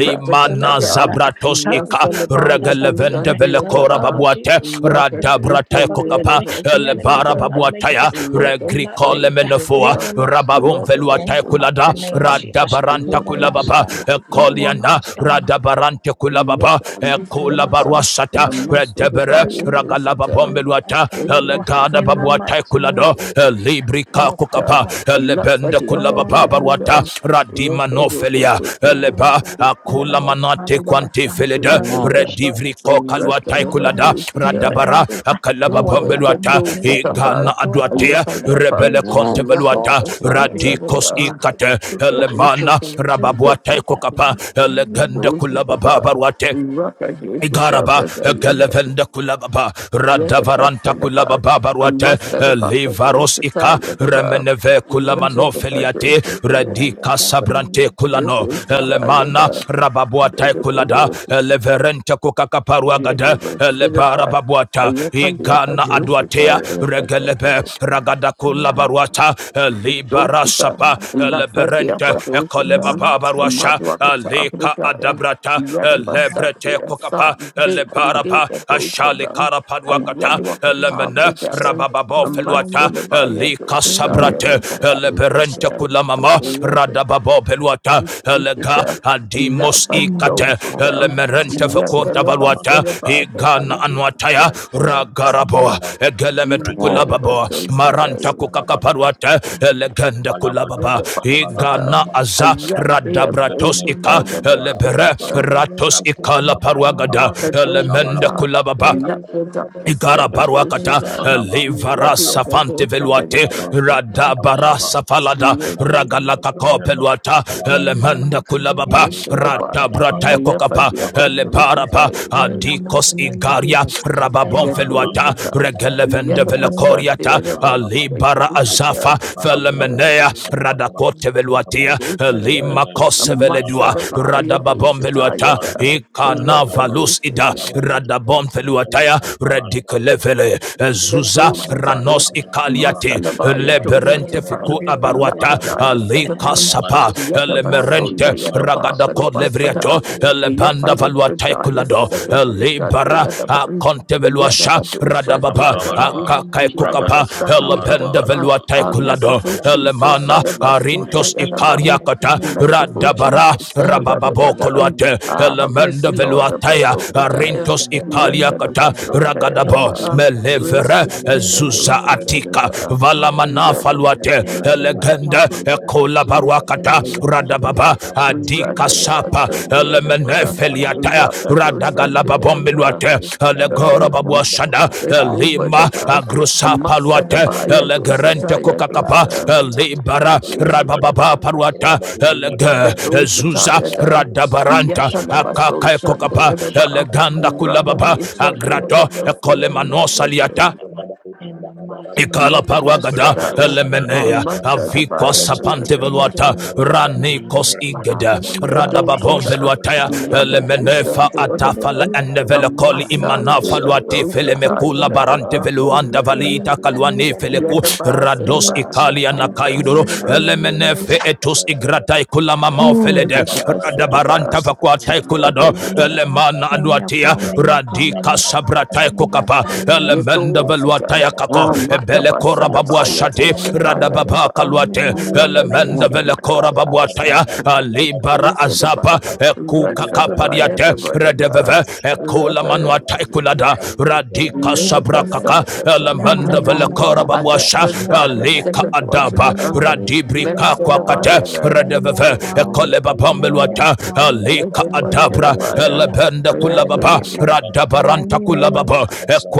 [SPEAKER 4] Cancel every attack.
[SPEAKER 5] Zabratos Ika
[SPEAKER 4] Cancel every attack
[SPEAKER 1] Yasalabaya
[SPEAKER 4] of
[SPEAKER 1] to
[SPEAKER 4] the
[SPEAKER 5] Regelevende
[SPEAKER 4] enemy.
[SPEAKER 1] Sunday at
[SPEAKER 4] Lord,
[SPEAKER 1] the
[SPEAKER 4] the
[SPEAKER 5] Velekora
[SPEAKER 4] blood
[SPEAKER 1] bar,
[SPEAKER 4] of
[SPEAKER 5] Babuate
[SPEAKER 4] Jesus,
[SPEAKER 1] Rocket
[SPEAKER 4] cancel every
[SPEAKER 1] is
[SPEAKER 4] attack
[SPEAKER 5] Radabrate
[SPEAKER 1] in
[SPEAKER 4] of
[SPEAKER 1] the
[SPEAKER 4] the
[SPEAKER 5] Kokapa
[SPEAKER 4] enemy.
[SPEAKER 1] other
[SPEAKER 4] The
[SPEAKER 1] is the
[SPEAKER 4] enemy
[SPEAKER 5] Elebara
[SPEAKER 4] will
[SPEAKER 1] guy,
[SPEAKER 4] not make it.
[SPEAKER 5] Babuataya
[SPEAKER 4] They will
[SPEAKER 1] Rocket
[SPEAKER 4] not make
[SPEAKER 5] Regricole
[SPEAKER 1] goes
[SPEAKER 4] it.
[SPEAKER 1] to the
[SPEAKER 5] Menofua
[SPEAKER 4] They
[SPEAKER 1] bar,
[SPEAKER 4] will not
[SPEAKER 5] Rababum
[SPEAKER 4] stand.
[SPEAKER 1] Rocket goes
[SPEAKER 4] In
[SPEAKER 5] Veluatae
[SPEAKER 4] the
[SPEAKER 1] to
[SPEAKER 4] mighty
[SPEAKER 5] Kulada
[SPEAKER 1] the
[SPEAKER 4] name of
[SPEAKER 1] bar,
[SPEAKER 4] Jesus, he
[SPEAKER 5] Radabaranta
[SPEAKER 4] will
[SPEAKER 1] Rocket
[SPEAKER 4] not
[SPEAKER 1] is
[SPEAKER 5] Kulababa
[SPEAKER 4] stand. He
[SPEAKER 1] Ra-da-da-da-da.
[SPEAKER 4] will
[SPEAKER 5] Ekoliana
[SPEAKER 4] not stand.
[SPEAKER 5] Radabarante Kulababa
[SPEAKER 1] Yasalabaya
[SPEAKER 4] He will not
[SPEAKER 1] dusandiyadaba. Rakadusandiyadavasidaya. Rakadusandiyadava. Rakadusandiyadava. Rakadusandiyadava. Yakandusandiyadava.
[SPEAKER 4] stand. He
[SPEAKER 5] Ekulabaruasata
[SPEAKER 4] will not stand.
[SPEAKER 1] Amasadabaya-dusata.
[SPEAKER 4] He
[SPEAKER 5] Redebere
[SPEAKER 4] will not stand. He will not
[SPEAKER 5] Ragalababombeluata
[SPEAKER 4] stand, O Lord,
[SPEAKER 5] Elegada
[SPEAKER 4] in the
[SPEAKER 5] Babuatae
[SPEAKER 1] Rakadusandiyadava.
[SPEAKER 4] mighty
[SPEAKER 5] Kulado Rado,
[SPEAKER 4] name of Jesus.
[SPEAKER 5] Librika
[SPEAKER 4] Oh, upon the
[SPEAKER 5] Kukapa,
[SPEAKER 4] Lord,
[SPEAKER 1] And not for
[SPEAKER 5] Lebenda
[SPEAKER 1] the
[SPEAKER 4] Lord,
[SPEAKER 5] Kulababa
[SPEAKER 4] it will not
[SPEAKER 5] Ruata,
[SPEAKER 4] stand.
[SPEAKER 5] Radima Nofelia,
[SPEAKER 4] Lord, I'm not
[SPEAKER 5] Leba,
[SPEAKER 4] gonna. The
[SPEAKER 1] other,
[SPEAKER 5] Akula
[SPEAKER 4] enemy's plan,
[SPEAKER 5] Manate
[SPEAKER 4] it will not
[SPEAKER 5] Quanti
[SPEAKER 4] stand.
[SPEAKER 1] Yes,
[SPEAKER 5] Felida,
[SPEAKER 4] Lord, it will destroy them.
[SPEAKER 5] Redivri Kaluatai
[SPEAKER 4] Oh, Lord,
[SPEAKER 5] Kulada,
[SPEAKER 4] may your
[SPEAKER 5] Radabara,
[SPEAKER 4] angels
[SPEAKER 5] Akalaba
[SPEAKER 4] go after them.
[SPEAKER 5] Pombeluata,
[SPEAKER 4] May the angels
[SPEAKER 5] Igana
[SPEAKER 4] of God
[SPEAKER 2] the and
[SPEAKER 4] go
[SPEAKER 5] Aduatea,
[SPEAKER 4] after them.
[SPEAKER 5] Rebele
[SPEAKER 4] Angels
[SPEAKER 2] the
[SPEAKER 4] with sword,
[SPEAKER 5] Conteveluata,
[SPEAKER 2] Take it. I'm
[SPEAKER 4] angels with
[SPEAKER 5] Radikos
[SPEAKER 4] fire
[SPEAKER 5] Ikate,
[SPEAKER 4] to go,
[SPEAKER 5] Elemana,
[SPEAKER 4] to go
[SPEAKER 5] Rababuatai
[SPEAKER 4] after
[SPEAKER 5] Kukapa,
[SPEAKER 4] them. In the
[SPEAKER 5] Elegenda
[SPEAKER 4] mighty name of
[SPEAKER 5] Kulababa
[SPEAKER 4] Jesus.
[SPEAKER 5] Ruate, Igaraba, Gelevenda Kulababa, Radavaranta Kulababa Baruate, Livaros Ika,
[SPEAKER 4] In
[SPEAKER 5] Remeneve Kulamano Feliate, Redika Sabrante Kulano, Elemana, Rababuata Kulada, Eleverente
[SPEAKER 1] Yet, I
[SPEAKER 5] Kukakaparuagada,
[SPEAKER 1] love us in the
[SPEAKER 5] Elebara Babuata, Igana Aduatea, Regelebe, ragada kula baruata libarasapa leberente koleba
[SPEAKER 4] my mind, name
[SPEAKER 5] baruasha
[SPEAKER 4] of Jesus, my
[SPEAKER 5] leka
[SPEAKER 4] enemies
[SPEAKER 5] adabrata
[SPEAKER 4] not
[SPEAKER 5] lebrete kokapa
[SPEAKER 4] in
[SPEAKER 5] lebaraba
[SPEAKER 4] that
[SPEAKER 5] ashali karapaduakata
[SPEAKER 4] Alright, the moment
[SPEAKER 5] lemene
[SPEAKER 4] I'm watching.
[SPEAKER 5] rabababo
[SPEAKER 4] Alright, the
[SPEAKER 5] feluata
[SPEAKER 4] moment I'm watching.
[SPEAKER 5] lika
[SPEAKER 4] Alright, the moment
[SPEAKER 5] sabrate
[SPEAKER 4] I'm watching.
[SPEAKER 5] leberente
[SPEAKER 4] Everybody
[SPEAKER 5] kula
[SPEAKER 4] else
[SPEAKER 5] mama
[SPEAKER 4] with
[SPEAKER 5] radababo beluata elega adimos ikate elemerente fekonta valuata
[SPEAKER 1] back, I
[SPEAKER 5] igana
[SPEAKER 4] the
[SPEAKER 1] do.
[SPEAKER 5] anwataya
[SPEAKER 4] Father, name
[SPEAKER 5] ragaraboa
[SPEAKER 4] of
[SPEAKER 1] Yet the other
[SPEAKER 4] Jesus.
[SPEAKER 1] was Sunday,
[SPEAKER 5] egelemetukulababo
[SPEAKER 4] You are
[SPEAKER 5] maranta
[SPEAKER 1] and
[SPEAKER 5] kukakaparuata
[SPEAKER 4] you are the
[SPEAKER 5] elegende
[SPEAKER 3] Labalaba,
[SPEAKER 5] kulababa
[SPEAKER 4] soul. My
[SPEAKER 5] igana
[SPEAKER 3] Balabalaba,
[SPEAKER 4] man, my
[SPEAKER 5] aza
[SPEAKER 3] Raparu
[SPEAKER 4] pastor.
[SPEAKER 3] Sada,
[SPEAKER 4] My
[SPEAKER 5] radabratos
[SPEAKER 3] Betra,
[SPEAKER 4] man,
[SPEAKER 5] ika
[SPEAKER 4] my pastor.
[SPEAKER 5] elebere
[SPEAKER 3] Abalabalaba,
[SPEAKER 4] I will yes
[SPEAKER 5] ratos
[SPEAKER 4] with the
[SPEAKER 3] Raparu
[SPEAKER 4] name.
[SPEAKER 5] ikala
[SPEAKER 3] Sabalaba,
[SPEAKER 4] Lord,
[SPEAKER 5] paruagada
[SPEAKER 4] I will destroy
[SPEAKER 5] elemende
[SPEAKER 3] Abalabalaba,
[SPEAKER 4] them.
[SPEAKER 5] kulababa
[SPEAKER 4] We
[SPEAKER 3] Raparu
[SPEAKER 4] destroy them,
[SPEAKER 3] Sabere,
[SPEAKER 4] O
[SPEAKER 5] Igara
[SPEAKER 4] Lord.
[SPEAKER 3] Berebe,
[SPEAKER 4] We
[SPEAKER 5] baruakata
[SPEAKER 4] destroy
[SPEAKER 3] Lapalabalaba,
[SPEAKER 4] them, O Lord.
[SPEAKER 5] levara
[SPEAKER 3] Raparu
[SPEAKER 5] safante veluate
[SPEAKER 3] Sabalabalaba,
[SPEAKER 4] We
[SPEAKER 5] rada
[SPEAKER 8] Thank
[SPEAKER 5] bara
[SPEAKER 4] destroy
[SPEAKER 3] Balabalaba,
[SPEAKER 4] them.
[SPEAKER 5] safalada
[SPEAKER 4] Very
[SPEAKER 3] Regatu
[SPEAKER 5] ragalaka
[SPEAKER 3] Sabere,
[SPEAKER 4] strong and
[SPEAKER 3] Berebe,
[SPEAKER 4] mighty.
[SPEAKER 5] kopeluata
[SPEAKER 4] In
[SPEAKER 3] Lapalabalaba,
[SPEAKER 4] the
[SPEAKER 5] elemanda
[SPEAKER 4] mighty name
[SPEAKER 5] kulababa
[SPEAKER 4] of
[SPEAKER 3] Raparu
[SPEAKER 4] Jesus.
[SPEAKER 5] rata
[SPEAKER 3] Sabalabalaba,
[SPEAKER 5] brata
[SPEAKER 4] In the
[SPEAKER 5] kokapa
[SPEAKER 4] mighty
[SPEAKER 3] Sabalabalaba,
[SPEAKER 4] name of Jesus.
[SPEAKER 5] elebaraba
[SPEAKER 3] Raparu
[SPEAKER 4] In the
[SPEAKER 3] Sabere,
[SPEAKER 5] adikos
[SPEAKER 4] mighty name of Jesus.
[SPEAKER 5] igaria
[SPEAKER 4] In the
[SPEAKER 5] rababon
[SPEAKER 3] Balabalabam,
[SPEAKER 4] name
[SPEAKER 5] feluata
[SPEAKER 4] of Jesus.
[SPEAKER 3] Balabalus,
[SPEAKER 5] regelevende
[SPEAKER 4] In
[SPEAKER 3] Balabalabas,
[SPEAKER 5] velekoriata
[SPEAKER 1] I
[SPEAKER 3] Balabalabam,
[SPEAKER 5] alibara
[SPEAKER 1] was
[SPEAKER 5] azafa
[SPEAKER 3] Balabalus,
[SPEAKER 1] the
[SPEAKER 3] Balabalabas,
[SPEAKER 5] felemenea
[SPEAKER 4] the
[SPEAKER 3] Balabalabam,
[SPEAKER 4] name
[SPEAKER 5] radakote veluatia
[SPEAKER 3] Balabalus,
[SPEAKER 5] li
[SPEAKER 1] Doshita,
[SPEAKER 5] lima
[SPEAKER 3] Balabalabas,
[SPEAKER 1] a
[SPEAKER 5] koseveledua
[SPEAKER 3] Balabalabam,
[SPEAKER 1] Matsadabaya
[SPEAKER 3] Balabalus, Balabalabas, Balabalabam, Balabalus,
[SPEAKER 5] radababombeluata
[SPEAKER 1] Doshatayada,
[SPEAKER 3] Balabalabas,
[SPEAKER 1] Rapa
[SPEAKER 3] Balabalabam, Balabalabas,
[SPEAKER 5] ikanavalusida
[SPEAKER 1] Dushita
[SPEAKER 3] Balabalabam, Balabalus,
[SPEAKER 4] of
[SPEAKER 5] radabomfeluataya
[SPEAKER 4] Jesus.
[SPEAKER 3] Balabalabas, Balabalabam,
[SPEAKER 4] Come
[SPEAKER 5] redikelevele
[SPEAKER 3] Balabalus,
[SPEAKER 5] ezuza
[SPEAKER 3] Balabalabam,
[SPEAKER 1] Yadoshataya,
[SPEAKER 5] ranos ikaliate
[SPEAKER 4] to an end.
[SPEAKER 1] Masalabaya
[SPEAKER 4] It
[SPEAKER 5] leberente
[SPEAKER 4] did not
[SPEAKER 1] Doshatapan,
[SPEAKER 5] fikuta
[SPEAKER 4] prevail, it did
[SPEAKER 5] baruata
[SPEAKER 4] not work.
[SPEAKER 1] Lapidaya
[SPEAKER 4] In the name
[SPEAKER 1] Sadapan,
[SPEAKER 4] of
[SPEAKER 5] alikasapa
[SPEAKER 4] Jesus, the blood of
[SPEAKER 1] Yadabasunda
[SPEAKER 5] lemerente,
[SPEAKER 4] Jesus has
[SPEAKER 1] Yadabaka
[SPEAKER 5] ragadako
[SPEAKER 4] spoken for me.
[SPEAKER 5] levriato
[SPEAKER 1] Dwasadan,
[SPEAKER 4] The blood of
[SPEAKER 5] elebanda
[SPEAKER 4] Jesus has
[SPEAKER 1] Yafalibradaya
[SPEAKER 4] spoken
[SPEAKER 5] valuataekulado
[SPEAKER 4] for David. The
[SPEAKER 1] Sekadushat the
[SPEAKER 5] elibara
[SPEAKER 4] blood of
[SPEAKER 1] Yadaban,
[SPEAKER 4] Jesus has
[SPEAKER 5] akonteveluasha
[SPEAKER 4] spoken for
[SPEAKER 1] Yadabadushat the
[SPEAKER 4] Zion.
[SPEAKER 5] Dababa,
[SPEAKER 4] In the
[SPEAKER 1] Yadaban,
[SPEAKER 4] name of
[SPEAKER 5] Akakai
[SPEAKER 3] Balabalabam,
[SPEAKER 4] Jesus,
[SPEAKER 8] you.
[SPEAKER 3] Balabalus,
[SPEAKER 5] Kukapa,
[SPEAKER 4] I
[SPEAKER 1] Yadabasat the
[SPEAKER 3] Balabalabam,
[SPEAKER 4] and my
[SPEAKER 5] Elabenda
[SPEAKER 8] Thank
[SPEAKER 3] Balabalus,
[SPEAKER 4] children,
[SPEAKER 1] Yadaba,
[SPEAKER 3] Balabalabam,
[SPEAKER 5] Velua
[SPEAKER 1] our
[SPEAKER 4] we are
[SPEAKER 5] Taikulado,
[SPEAKER 1] merciful
[SPEAKER 3] Rabadu
[SPEAKER 4] covered, we
[SPEAKER 1] Jesus,
[SPEAKER 4] are
[SPEAKER 5] Elemana,
[SPEAKER 4] protected.
[SPEAKER 1] Sadabasunda
[SPEAKER 5] Arintos
[SPEAKER 4] In the
[SPEAKER 1] Yadaban,
[SPEAKER 4] mighty
[SPEAKER 5] Ikariakata,
[SPEAKER 4] name of
[SPEAKER 1] merciful
[SPEAKER 4] Jesus,
[SPEAKER 5] Radabara,
[SPEAKER 1] Jesus,
[SPEAKER 5] Rabababo
[SPEAKER 1] Sadabadabadan,
[SPEAKER 5] Koluate,
[SPEAKER 1] Ah, have
[SPEAKER 5] Elemenda
[SPEAKER 1] mercy, Lord,
[SPEAKER 5] Veluataya,
[SPEAKER 4] In
[SPEAKER 1] Abasobradaya,
[SPEAKER 5] Arintos
[SPEAKER 4] the name of Jesus.
[SPEAKER 5] Ikaliakata,
[SPEAKER 1] Resadabasunda
[SPEAKER 4] In
[SPEAKER 5] Ragadabo,
[SPEAKER 4] the
[SPEAKER 1] Yadaba.
[SPEAKER 4] name of Jesus.
[SPEAKER 1] Rest
[SPEAKER 5] Melevere,
[SPEAKER 1] is
[SPEAKER 4] In
[SPEAKER 1] inside
[SPEAKER 4] the
[SPEAKER 1] the
[SPEAKER 5] Zuza
[SPEAKER 4] name of
[SPEAKER 5] Atika,
[SPEAKER 4] Jesus.
[SPEAKER 1] Tanaba,
[SPEAKER 4] Oh,
[SPEAKER 1] in
[SPEAKER 5] Valamana
[SPEAKER 4] Father,
[SPEAKER 1] rather
[SPEAKER 4] Lord.
[SPEAKER 5] Faluate,
[SPEAKER 1] than
[SPEAKER 4] Eradicate my thought
[SPEAKER 5] Elegende,
[SPEAKER 4] from my
[SPEAKER 1] rather
[SPEAKER 5] Ekola
[SPEAKER 4] master.
[SPEAKER 1] than the
[SPEAKER 5] Baruakata,
[SPEAKER 4] Eradicate my thought from my
[SPEAKER 5] Radababa,
[SPEAKER 1] Rakadaba,
[SPEAKER 4] master.
[SPEAKER 5] adika
[SPEAKER 4] Eradicate my thought
[SPEAKER 5] sapa
[SPEAKER 4] from
[SPEAKER 1] Radabasi,
[SPEAKER 4] my master.
[SPEAKER 1] Rakadaba,
[SPEAKER 4] Eradicate my
[SPEAKER 5] elemenefeliataya
[SPEAKER 4] mind.
[SPEAKER 1] Rakadaba
[SPEAKER 4] Eradicate my
[SPEAKER 1] Sandaba,
[SPEAKER 4] mind, my
[SPEAKER 5] radagalababombeluate
[SPEAKER 4] master. My
[SPEAKER 1] Rakadaba
[SPEAKER 4] mind, my
[SPEAKER 1] Sandaba,
[SPEAKER 4] master,
[SPEAKER 5] elegorobabuashada
[SPEAKER 4] Papa. My
[SPEAKER 1] Rakadaba
[SPEAKER 4] mind,
[SPEAKER 5] elima
[SPEAKER 4] my
[SPEAKER 1] Sandaba,
[SPEAKER 4] master, Papa.
[SPEAKER 5] agrusapaluate
[SPEAKER 4] Eradicate my mind,
[SPEAKER 1] Amasadabaya
[SPEAKER 4] my master.
[SPEAKER 5] elegerente
[SPEAKER 1] Dosataya
[SPEAKER 4] Eradicate my
[SPEAKER 5] kokakapa
[SPEAKER 4] mind,
[SPEAKER 1] Dosa,
[SPEAKER 4] my master.
[SPEAKER 5] elibara
[SPEAKER 4] Eradicate my mind,
[SPEAKER 5] rabababa
[SPEAKER 1] Yadosadaba,
[SPEAKER 4] my master.
[SPEAKER 5] paruata,
[SPEAKER 4] My mind, my
[SPEAKER 5] elege
[SPEAKER 4] master.
[SPEAKER 5] ezuza
[SPEAKER 1] Gadosataya Dan,
[SPEAKER 4] Father, Lord,
[SPEAKER 5] radabaranta
[SPEAKER 4] destroy them.
[SPEAKER 1] Yatalabaso
[SPEAKER 4] Lord,
[SPEAKER 5] akakaekokapa
[SPEAKER 4] destroy
[SPEAKER 1] Shandaba,
[SPEAKER 4] them.
[SPEAKER 5] eleganda kulababa
[SPEAKER 4] Lord, destroy
[SPEAKER 5] agrato
[SPEAKER 4] them.
[SPEAKER 1] Rakadaba Sandaba,
[SPEAKER 5] ekolemano
[SPEAKER 4] Lord,
[SPEAKER 1] Sandaba,
[SPEAKER 5] saliata.
[SPEAKER 4] destroy them. In the mighty name
[SPEAKER 5] Ikala
[SPEAKER 4] of Jesus.
[SPEAKER 5] paruagada
[SPEAKER 1] Yadabasadaya,
[SPEAKER 3] Rabarusha, Rabarusha,
[SPEAKER 4] Mama ya mami
[SPEAKER 5] elemenea
[SPEAKER 3] Rabarusha,
[SPEAKER 4] ansa.
[SPEAKER 5] avikwa
[SPEAKER 1] Amasadabaya,
[SPEAKER 4] Mama bi
[SPEAKER 3] kabaru
[SPEAKER 4] ya
[SPEAKER 5] sapante
[SPEAKER 3] sabara
[SPEAKER 5] veluata
[SPEAKER 1] Yadabasada,
[SPEAKER 3] sabara
[SPEAKER 4] enjrengo na
[SPEAKER 3] sabana
[SPEAKER 4] enya
[SPEAKER 5] ranikos
[SPEAKER 4] kwa.
[SPEAKER 3] rabaru
[SPEAKER 4] Ne
[SPEAKER 5] igada
[SPEAKER 4] mo
[SPEAKER 3] sabara
[SPEAKER 8] you.
[SPEAKER 4] be
[SPEAKER 3] sabara
[SPEAKER 4] bi
[SPEAKER 5] radababon
[SPEAKER 4] enya kwa.
[SPEAKER 1] Yadosata,
[SPEAKER 3] sabana
[SPEAKER 8] Thank
[SPEAKER 4] Ne
[SPEAKER 5] veluataya
[SPEAKER 4] mo
[SPEAKER 3] rabaru
[SPEAKER 4] be bi
[SPEAKER 8] you.
[SPEAKER 3] sabara
[SPEAKER 4] ebe ya
[SPEAKER 1] Lapadosa,
[SPEAKER 3] sabara
[SPEAKER 4] kwa.
[SPEAKER 5] elemenefa
[SPEAKER 3] sabana
[SPEAKER 4] Ne mo a bi
[SPEAKER 5] atafala
[SPEAKER 1] Yadaba,
[SPEAKER 3] kabaru
[SPEAKER 4] ebe ya kwa.
[SPEAKER 5] endevelekoli
[SPEAKER 3] sabara
[SPEAKER 4] Ne mo
[SPEAKER 1] Amasa,
[SPEAKER 4] be bi
[SPEAKER 5] imanafa
[SPEAKER 4] ebe ya
[SPEAKER 5] luati
[SPEAKER 4] kwa.
[SPEAKER 1] Yadosata,
[SPEAKER 3] sabara
[SPEAKER 4] Ifo
[SPEAKER 5] felemekula
[SPEAKER 4] na
[SPEAKER 3] sabana rabaru sabara sabara sabana
[SPEAKER 5] barante
[SPEAKER 4] ekwa.
[SPEAKER 1] Yadaba,
[SPEAKER 4] Ebi
[SPEAKER 5] veluanda
[SPEAKER 4] ya ni wa
[SPEAKER 5] valita
[SPEAKER 3] rabaru
[SPEAKER 4] do
[SPEAKER 3] sabara
[SPEAKER 4] mo
[SPEAKER 5] kaluani
[SPEAKER 4] ya be
[SPEAKER 5] feleku
[SPEAKER 4] yi da. Mo
[SPEAKER 5] rados
[SPEAKER 4] ni ya
[SPEAKER 1] Yadabasadaba,
[SPEAKER 4] enya
[SPEAKER 5] ikalia
[SPEAKER 4] kwa. Mo
[SPEAKER 5] nakaidoro
[SPEAKER 4] ni ya
[SPEAKER 1] Rasadabasa,
[SPEAKER 4] mami ya
[SPEAKER 5] elemenefe etus igratai kula mama felede radabaranta
[SPEAKER 1] Yadabasadaba,
[SPEAKER 5] vakuatai kulado
[SPEAKER 1] Lapadosa,
[SPEAKER 4] Menyakwa,
[SPEAKER 5] eleman mana
[SPEAKER 4] menyakwa,
[SPEAKER 5] anuatia
[SPEAKER 4] menyakwa,
[SPEAKER 5] radika
[SPEAKER 4] menyakwa,
[SPEAKER 5] sabratae kokapa
[SPEAKER 4] menyakwa, menyakwa,
[SPEAKER 5] elemende
[SPEAKER 1] Yadosata,
[SPEAKER 5] veluatae kako ebele kora babua
[SPEAKER 4] menyakwa,
[SPEAKER 1] Amadabasalabaya,
[SPEAKER 5] shadi
[SPEAKER 4] menyakwa,
[SPEAKER 1] Yadosata,
[SPEAKER 4] ready.
[SPEAKER 5] radababa
[SPEAKER 1] Yadaba,
[SPEAKER 3] Rabadu,
[SPEAKER 4] Mommy,
[SPEAKER 5] kaluate
[SPEAKER 4] mommy,
[SPEAKER 3] Sabala,
[SPEAKER 4] mommy,
[SPEAKER 3] Sabala, Sabala,
[SPEAKER 4] mommy,
[SPEAKER 5] elemende vele kora
[SPEAKER 1] Rapadosa,
[SPEAKER 5] babuataya
[SPEAKER 1] Yet,
[SPEAKER 5] alibara azapa ekuka kapariate redeveve ekula manuatae kulada radika
[SPEAKER 4] Meyapa,
[SPEAKER 5] sabrakaka
[SPEAKER 4] meyapa,
[SPEAKER 2] gonna
[SPEAKER 5] elemende
[SPEAKER 4] meyapa,
[SPEAKER 5] vele
[SPEAKER 2] mind
[SPEAKER 5] kora
[SPEAKER 4] meyapa,
[SPEAKER 5] babuasha
[SPEAKER 4] meyapa,
[SPEAKER 2] the
[SPEAKER 5] alika
[SPEAKER 4] vali,
[SPEAKER 5] adaba
[SPEAKER 4] mamanya, mamanya,
[SPEAKER 5] radibrika
[SPEAKER 4] meyapa,
[SPEAKER 5] kakwa
[SPEAKER 4] oh,
[SPEAKER 5] kwakate redeveve
[SPEAKER 4] meyapa, oh,
[SPEAKER 5] ekoleba bambelwata
[SPEAKER 4] meyapa, oh,
[SPEAKER 5] alika
[SPEAKER 4] ewe
[SPEAKER 5] adabra
[SPEAKER 4] yake demo,
[SPEAKER 5] elebende
[SPEAKER 4] erade
[SPEAKER 5] kulababa
[SPEAKER 4] meyapa,
[SPEAKER 5] radabaranta
[SPEAKER 4] erade meyapa,
[SPEAKER 5] kulababa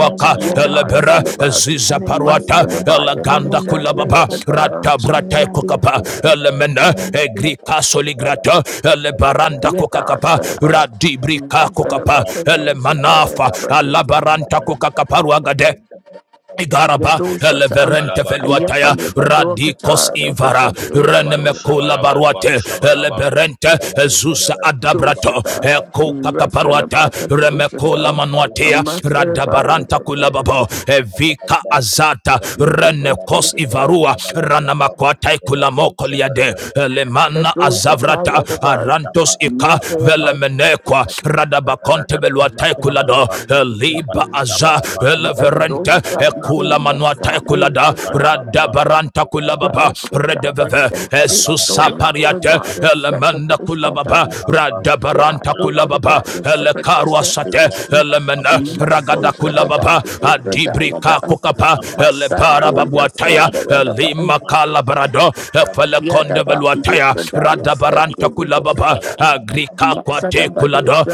[SPEAKER 4] Father Lord, I love
[SPEAKER 5] elebera
[SPEAKER 4] you,
[SPEAKER 8] Thank
[SPEAKER 5] ziza
[SPEAKER 4] that it comes
[SPEAKER 3] Sabala,
[SPEAKER 4] to
[SPEAKER 5] parwata
[SPEAKER 3] Sabala,
[SPEAKER 4] Allah.
[SPEAKER 3] Sabala,
[SPEAKER 4] It
[SPEAKER 3] Sabala,
[SPEAKER 4] will
[SPEAKER 5] eleganda
[SPEAKER 4] not be a
[SPEAKER 5] kulababa
[SPEAKER 3] Sabala,
[SPEAKER 4] success, it will
[SPEAKER 5] radabrata
[SPEAKER 4] not be a
[SPEAKER 5] kokapa
[SPEAKER 4] success, it
[SPEAKER 5] elemena
[SPEAKER 4] will not be a
[SPEAKER 5] egrika soligrata elebaranda kokakapa radibrika
[SPEAKER 4] success.
[SPEAKER 5] kokapa elemanafa alabaranta kokakaparuagade Igaraba
[SPEAKER 1] Yato Shata,
[SPEAKER 5] eleverente
[SPEAKER 3] Kalabalabar,
[SPEAKER 5] feluataya
[SPEAKER 1] Ayapale
[SPEAKER 5] radikos
[SPEAKER 1] Badokata,
[SPEAKER 5] ivara
[SPEAKER 1] Rakata
[SPEAKER 3] Rabaru
[SPEAKER 1] Sutra,
[SPEAKER 5] renemekula
[SPEAKER 3] Shabalabalabar
[SPEAKER 5] baruate
[SPEAKER 3] Shabalabam.
[SPEAKER 5] eleberente
[SPEAKER 3] Rabaru
[SPEAKER 5] zusa
[SPEAKER 3] Shabalabam
[SPEAKER 1] To
[SPEAKER 5] adabrato
[SPEAKER 1] Shata,
[SPEAKER 3] Shabalabam.
[SPEAKER 5] eko
[SPEAKER 3] Rabaru
[SPEAKER 5] kakaparuata
[SPEAKER 1] Rasalabata To
[SPEAKER 3] Shabalabam
[SPEAKER 5] remekula
[SPEAKER 1] Shata, a
[SPEAKER 3] Shabalabalabam.
[SPEAKER 5] manuatea
[SPEAKER 1] master by
[SPEAKER 3] Rabaru
[SPEAKER 5] radabaranta
[SPEAKER 1] the
[SPEAKER 5] kulababo
[SPEAKER 3] Shabalabalabam
[SPEAKER 5] evika
[SPEAKER 3] Shabalabalabam.
[SPEAKER 5] azata
[SPEAKER 3] Rabaru
[SPEAKER 1] Shata
[SPEAKER 5] renekos
[SPEAKER 3] Shabalabalabam
[SPEAKER 5] ivarua
[SPEAKER 3] Shabalabalabam.
[SPEAKER 5] ranamakwata
[SPEAKER 3] Rabaru
[SPEAKER 5] ikulamoko liade
[SPEAKER 3] Shabalabalabam
[SPEAKER 5] elemana azavrata
[SPEAKER 1] Yadavar,
[SPEAKER 5] arantos ika
[SPEAKER 1] Master
[SPEAKER 3] Shabalabalabam.
[SPEAKER 1] but
[SPEAKER 5] velemenekwa
[SPEAKER 3] Rabaru
[SPEAKER 5] radabakonte
[SPEAKER 3] Shabalabalabam Shabalabalabam. Rabaru
[SPEAKER 5] veluatai kula
[SPEAKER 3] Shabalabalabam
[SPEAKER 5] ekulado liba aza
[SPEAKER 1] that those
[SPEAKER 5] eleverente
[SPEAKER 1] that
[SPEAKER 3] Shabalabalabam.
[SPEAKER 5] ekula
[SPEAKER 1] things
[SPEAKER 5] manuata
[SPEAKER 1] that
[SPEAKER 3] Rabaru
[SPEAKER 5] ekulada
[SPEAKER 1] late
[SPEAKER 3] Shabalabalabam
[SPEAKER 5] radabaranta
[SPEAKER 1] Yeah,
[SPEAKER 3] Shabalabalabam.
[SPEAKER 5] kulababa
[SPEAKER 3] Rabadu,
[SPEAKER 5] redeveve
[SPEAKER 3] Barabaraba,
[SPEAKER 5] esusa pariate
[SPEAKER 3] Labalabalaba,
[SPEAKER 5] elemenda kulababa
[SPEAKER 3] Labalaba,
[SPEAKER 5] radabaranta
[SPEAKER 3] Labalaba,
[SPEAKER 5] kulababa
[SPEAKER 3] Rabadu,
[SPEAKER 5] elekaruasate
[SPEAKER 3] Labalabalaba,
[SPEAKER 5] elemena
[SPEAKER 3] Labalaba,
[SPEAKER 5] ragada
[SPEAKER 3] Rabadu, Labalaba, berabadu
[SPEAKER 5] kulababa adibrika
[SPEAKER 3] Labalaba,
[SPEAKER 5] kukapa elebara
[SPEAKER 3] Rabadu, Labalabalaba,
[SPEAKER 5] babuataya
[SPEAKER 3] Labalaba,
[SPEAKER 5] elima
[SPEAKER 3] Rabadu,
[SPEAKER 5] kalabarado
[SPEAKER 3] Labalabalaba, Labalaba, Rabadu,
[SPEAKER 5] efelekonde veluataya radabaranta kulababa agri rika kwa te
[SPEAKER 3] Labalabalaba,
[SPEAKER 5] kulado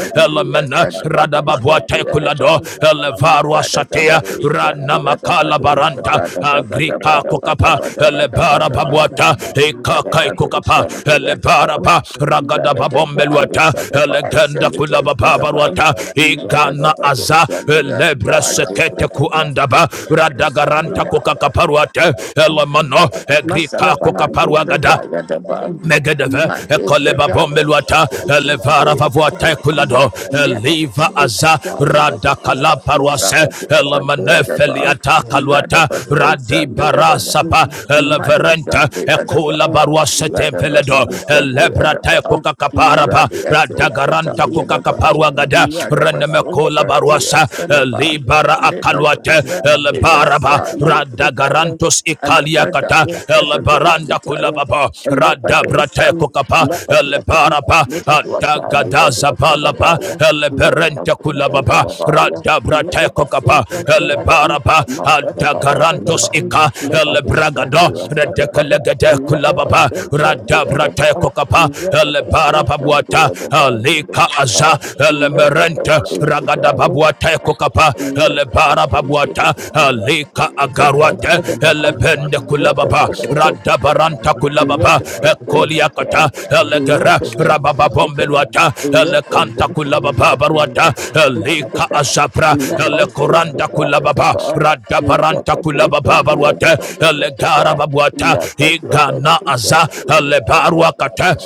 [SPEAKER 3] Labalaba,
[SPEAKER 5] elemena
[SPEAKER 3] Rabadu,
[SPEAKER 5] radababwa te
[SPEAKER 3] Labalabalaba,
[SPEAKER 5] kulado
[SPEAKER 3] Labalaba,
[SPEAKER 5] elevarwa
[SPEAKER 1] Rather than
[SPEAKER 5] satia
[SPEAKER 3] Rabarus,
[SPEAKER 1] the other,
[SPEAKER 5] rana
[SPEAKER 1] but
[SPEAKER 3] Rabarus, Rabarus,
[SPEAKER 1] rather than the
[SPEAKER 5] makala
[SPEAKER 1] other, but
[SPEAKER 5] baranta
[SPEAKER 3] Rabarus,
[SPEAKER 5] agrika
[SPEAKER 1] rather than
[SPEAKER 3] Rabarus,
[SPEAKER 5] kukapa elebara
[SPEAKER 1] the other,
[SPEAKER 5] babwata
[SPEAKER 1] Rather
[SPEAKER 5] ikakai kukapa elebara pa ragada
[SPEAKER 8] you.
[SPEAKER 5] babombeluata elegenda kulabababarwata igana aza elebra sekete kuandaba radagaranta
[SPEAKER 4] Amen.
[SPEAKER 1] than
[SPEAKER 5] kukakaparwate
[SPEAKER 4] They are
[SPEAKER 5] elemano
[SPEAKER 4] not
[SPEAKER 1] Masala
[SPEAKER 5] agrika
[SPEAKER 1] Bahan de
[SPEAKER 5] kukaparwagada
[SPEAKER 1] Pradaya Daban,
[SPEAKER 5] Megedeve,
[SPEAKER 1] Mate
[SPEAKER 5] Ekoleba
[SPEAKER 1] Pradaya
[SPEAKER 5] Bombeluata,
[SPEAKER 1] Situation,
[SPEAKER 5] Elevara
[SPEAKER 1] Dea
[SPEAKER 5] Vavuata
[SPEAKER 1] Sadaban,
[SPEAKER 3] Rabarus,
[SPEAKER 5] Kulado,
[SPEAKER 3] Rabarus,
[SPEAKER 5] Eliva
[SPEAKER 1] Yadabaso
[SPEAKER 3] Rabarus,
[SPEAKER 5] Aza,
[SPEAKER 3] Rabarus,
[SPEAKER 1] Daya Daban,
[SPEAKER 5] Radakala
[SPEAKER 3] Kabar
[SPEAKER 5] Parwase,
[SPEAKER 1] Rakabusan de Adaban,
[SPEAKER 5] Elamanefeliata
[SPEAKER 8] Thank
[SPEAKER 5] Kaluata,
[SPEAKER 8] you.
[SPEAKER 1] Radabaso
[SPEAKER 5] Radi
[SPEAKER 1] San de Adaban,
[SPEAKER 5] Barasapa,
[SPEAKER 1] Madu San
[SPEAKER 5] Eleverenta,
[SPEAKER 1] de
[SPEAKER 5] Ekula
[SPEAKER 1] Adaban,
[SPEAKER 3] Rabatus,
[SPEAKER 5] Barwase Tempeledo,
[SPEAKER 1] Radabaso San de
[SPEAKER 5] Elebrata
[SPEAKER 1] Adaban,
[SPEAKER 5] Kukakaparapa,
[SPEAKER 1] Radiato
[SPEAKER 5] Radagaranta
[SPEAKER 1] Sataya Daban,
[SPEAKER 7] you.
[SPEAKER 5] Kukakaparwagada,
[SPEAKER 1] Radabaso
[SPEAKER 5] Renemekola
[SPEAKER 1] San de
[SPEAKER 5] Barwasa,
[SPEAKER 1] Sadaban,
[SPEAKER 5] Elibara Akal. Alwate
[SPEAKER 1] Lebadosan
[SPEAKER 5] El
[SPEAKER 1] de
[SPEAKER 5] Baraba Rada
[SPEAKER 1] Asa
[SPEAKER 5] Garantos Ikalia Kata
[SPEAKER 1] Alapradaya
[SPEAKER 5] El Baranda
[SPEAKER 1] Sakadoshitaya,
[SPEAKER 5] Kulababa Rada Brate
[SPEAKER 1] Alipadoshan,
[SPEAKER 5] Kokapa El
[SPEAKER 1] Lapaplatan,
[SPEAKER 5] Baraba
[SPEAKER 1] Lipatuata,
[SPEAKER 5] Adagadaza Palapa
[SPEAKER 1] Lipaduatabaya,
[SPEAKER 5] El Berente Kulababa
[SPEAKER 1] Yedapasundayabaya,
[SPEAKER 5] Rada Brate Kokapa El
[SPEAKER 1] Yedapasundayadan,
[SPEAKER 5] Baraba Adagarantos
[SPEAKER 1] Masadabadabadan,
[SPEAKER 5] Ika El Bragado
[SPEAKER 1] Lipadusandayasabadan,
[SPEAKER 5] Redekelegede Kulababa Rada Brate
[SPEAKER 1] Yedapasundayadan,
[SPEAKER 5] Kokapa El
[SPEAKER 1] Yedapasundayadan,
[SPEAKER 5] alebara babuata
[SPEAKER 1] Yedapasundayadan,
[SPEAKER 5] alika aza elemerente ragada babuata kokapa elebara babuata
[SPEAKER 1] Yedapasundayadan.
[SPEAKER 5] alika agaruate
[SPEAKER 1] Thank
[SPEAKER 5] elebende kulababa radabaranta kulababa ekoliakata ele
[SPEAKER 8] Thank
[SPEAKER 5] gara rababa bombelwata.
[SPEAKER 3] Berapa
[SPEAKER 5] rabababombeluata kanta
[SPEAKER 3] ada
[SPEAKER 5] kulababa baruata elika azabra elekoranda kulababa rada baranta Baranta kulaba babaruata, Elegara babuata, Igana aza, Elebarua kata,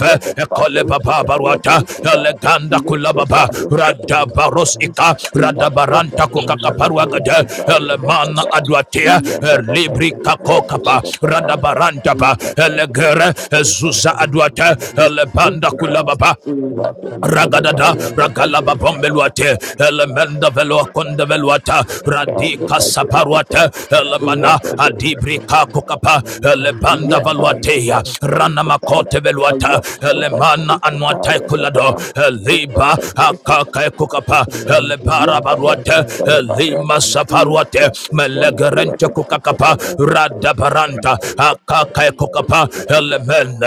[SPEAKER 1] you're the father,
[SPEAKER 5] Ekole
[SPEAKER 1] you're the you're
[SPEAKER 5] babaruata,
[SPEAKER 1] the father,
[SPEAKER 5] Eleganda
[SPEAKER 1] you're the
[SPEAKER 5] kulaba ba,
[SPEAKER 1] father, you're second in
[SPEAKER 5] Radabaros
[SPEAKER 1] command.
[SPEAKER 5] ika,
[SPEAKER 1] You're the father,
[SPEAKER 5] Radabaranta
[SPEAKER 1] you're
[SPEAKER 3] ada
[SPEAKER 1] second in
[SPEAKER 5] kukakaparuagade,
[SPEAKER 1] command. You're the
[SPEAKER 3] ada
[SPEAKER 5] Elemana
[SPEAKER 1] father,
[SPEAKER 3] ada
[SPEAKER 5] aduatea,
[SPEAKER 1] you're second
[SPEAKER 5] Libri
[SPEAKER 3] Rabba
[SPEAKER 1] in command. You're
[SPEAKER 5] kakokapa,
[SPEAKER 1] the father,
[SPEAKER 5] Radabaranta ba,
[SPEAKER 1] you're second in
[SPEAKER 5] Elegere,
[SPEAKER 1] command. You're
[SPEAKER 5] Zuza aduate, Elebanda
[SPEAKER 1] the father, you're second in command. You're the father, you're second in command. You're the
[SPEAKER 5] kulaba ba, Ragadada ragalaba bombeluate elemenda velo konde veluata radika saparuata
[SPEAKER 1] father,
[SPEAKER 5] elemana
[SPEAKER 1] you're second in command.
[SPEAKER 5] adibrika kokapa elebanda
[SPEAKER 1] Yet I did
[SPEAKER 5] valuateya
[SPEAKER 1] a
[SPEAKER 5] rana
[SPEAKER 1] social time.
[SPEAKER 5] makote
[SPEAKER 1] I
[SPEAKER 5] veluata
[SPEAKER 1] yet look at
[SPEAKER 5] elemana
[SPEAKER 1] the
[SPEAKER 5] anuatai
[SPEAKER 1] Italian
[SPEAKER 5] kulado
[SPEAKER 1] about
[SPEAKER 5] eliba
[SPEAKER 1] what I did.
[SPEAKER 5] akaka kokapa elebara
[SPEAKER 1] Yet I look at
[SPEAKER 5] baruate
[SPEAKER 1] Salabara.
[SPEAKER 5] elima
[SPEAKER 8] you.
[SPEAKER 1] Yet
[SPEAKER 5] safaruate
[SPEAKER 1] I
[SPEAKER 3] Thank
[SPEAKER 1] was going to
[SPEAKER 5] melegerente
[SPEAKER 1] other parts of
[SPEAKER 5] kokakapa
[SPEAKER 1] the world.
[SPEAKER 5] radabaranta akaka Tekukapa,
[SPEAKER 3] you.
[SPEAKER 5] Elemen,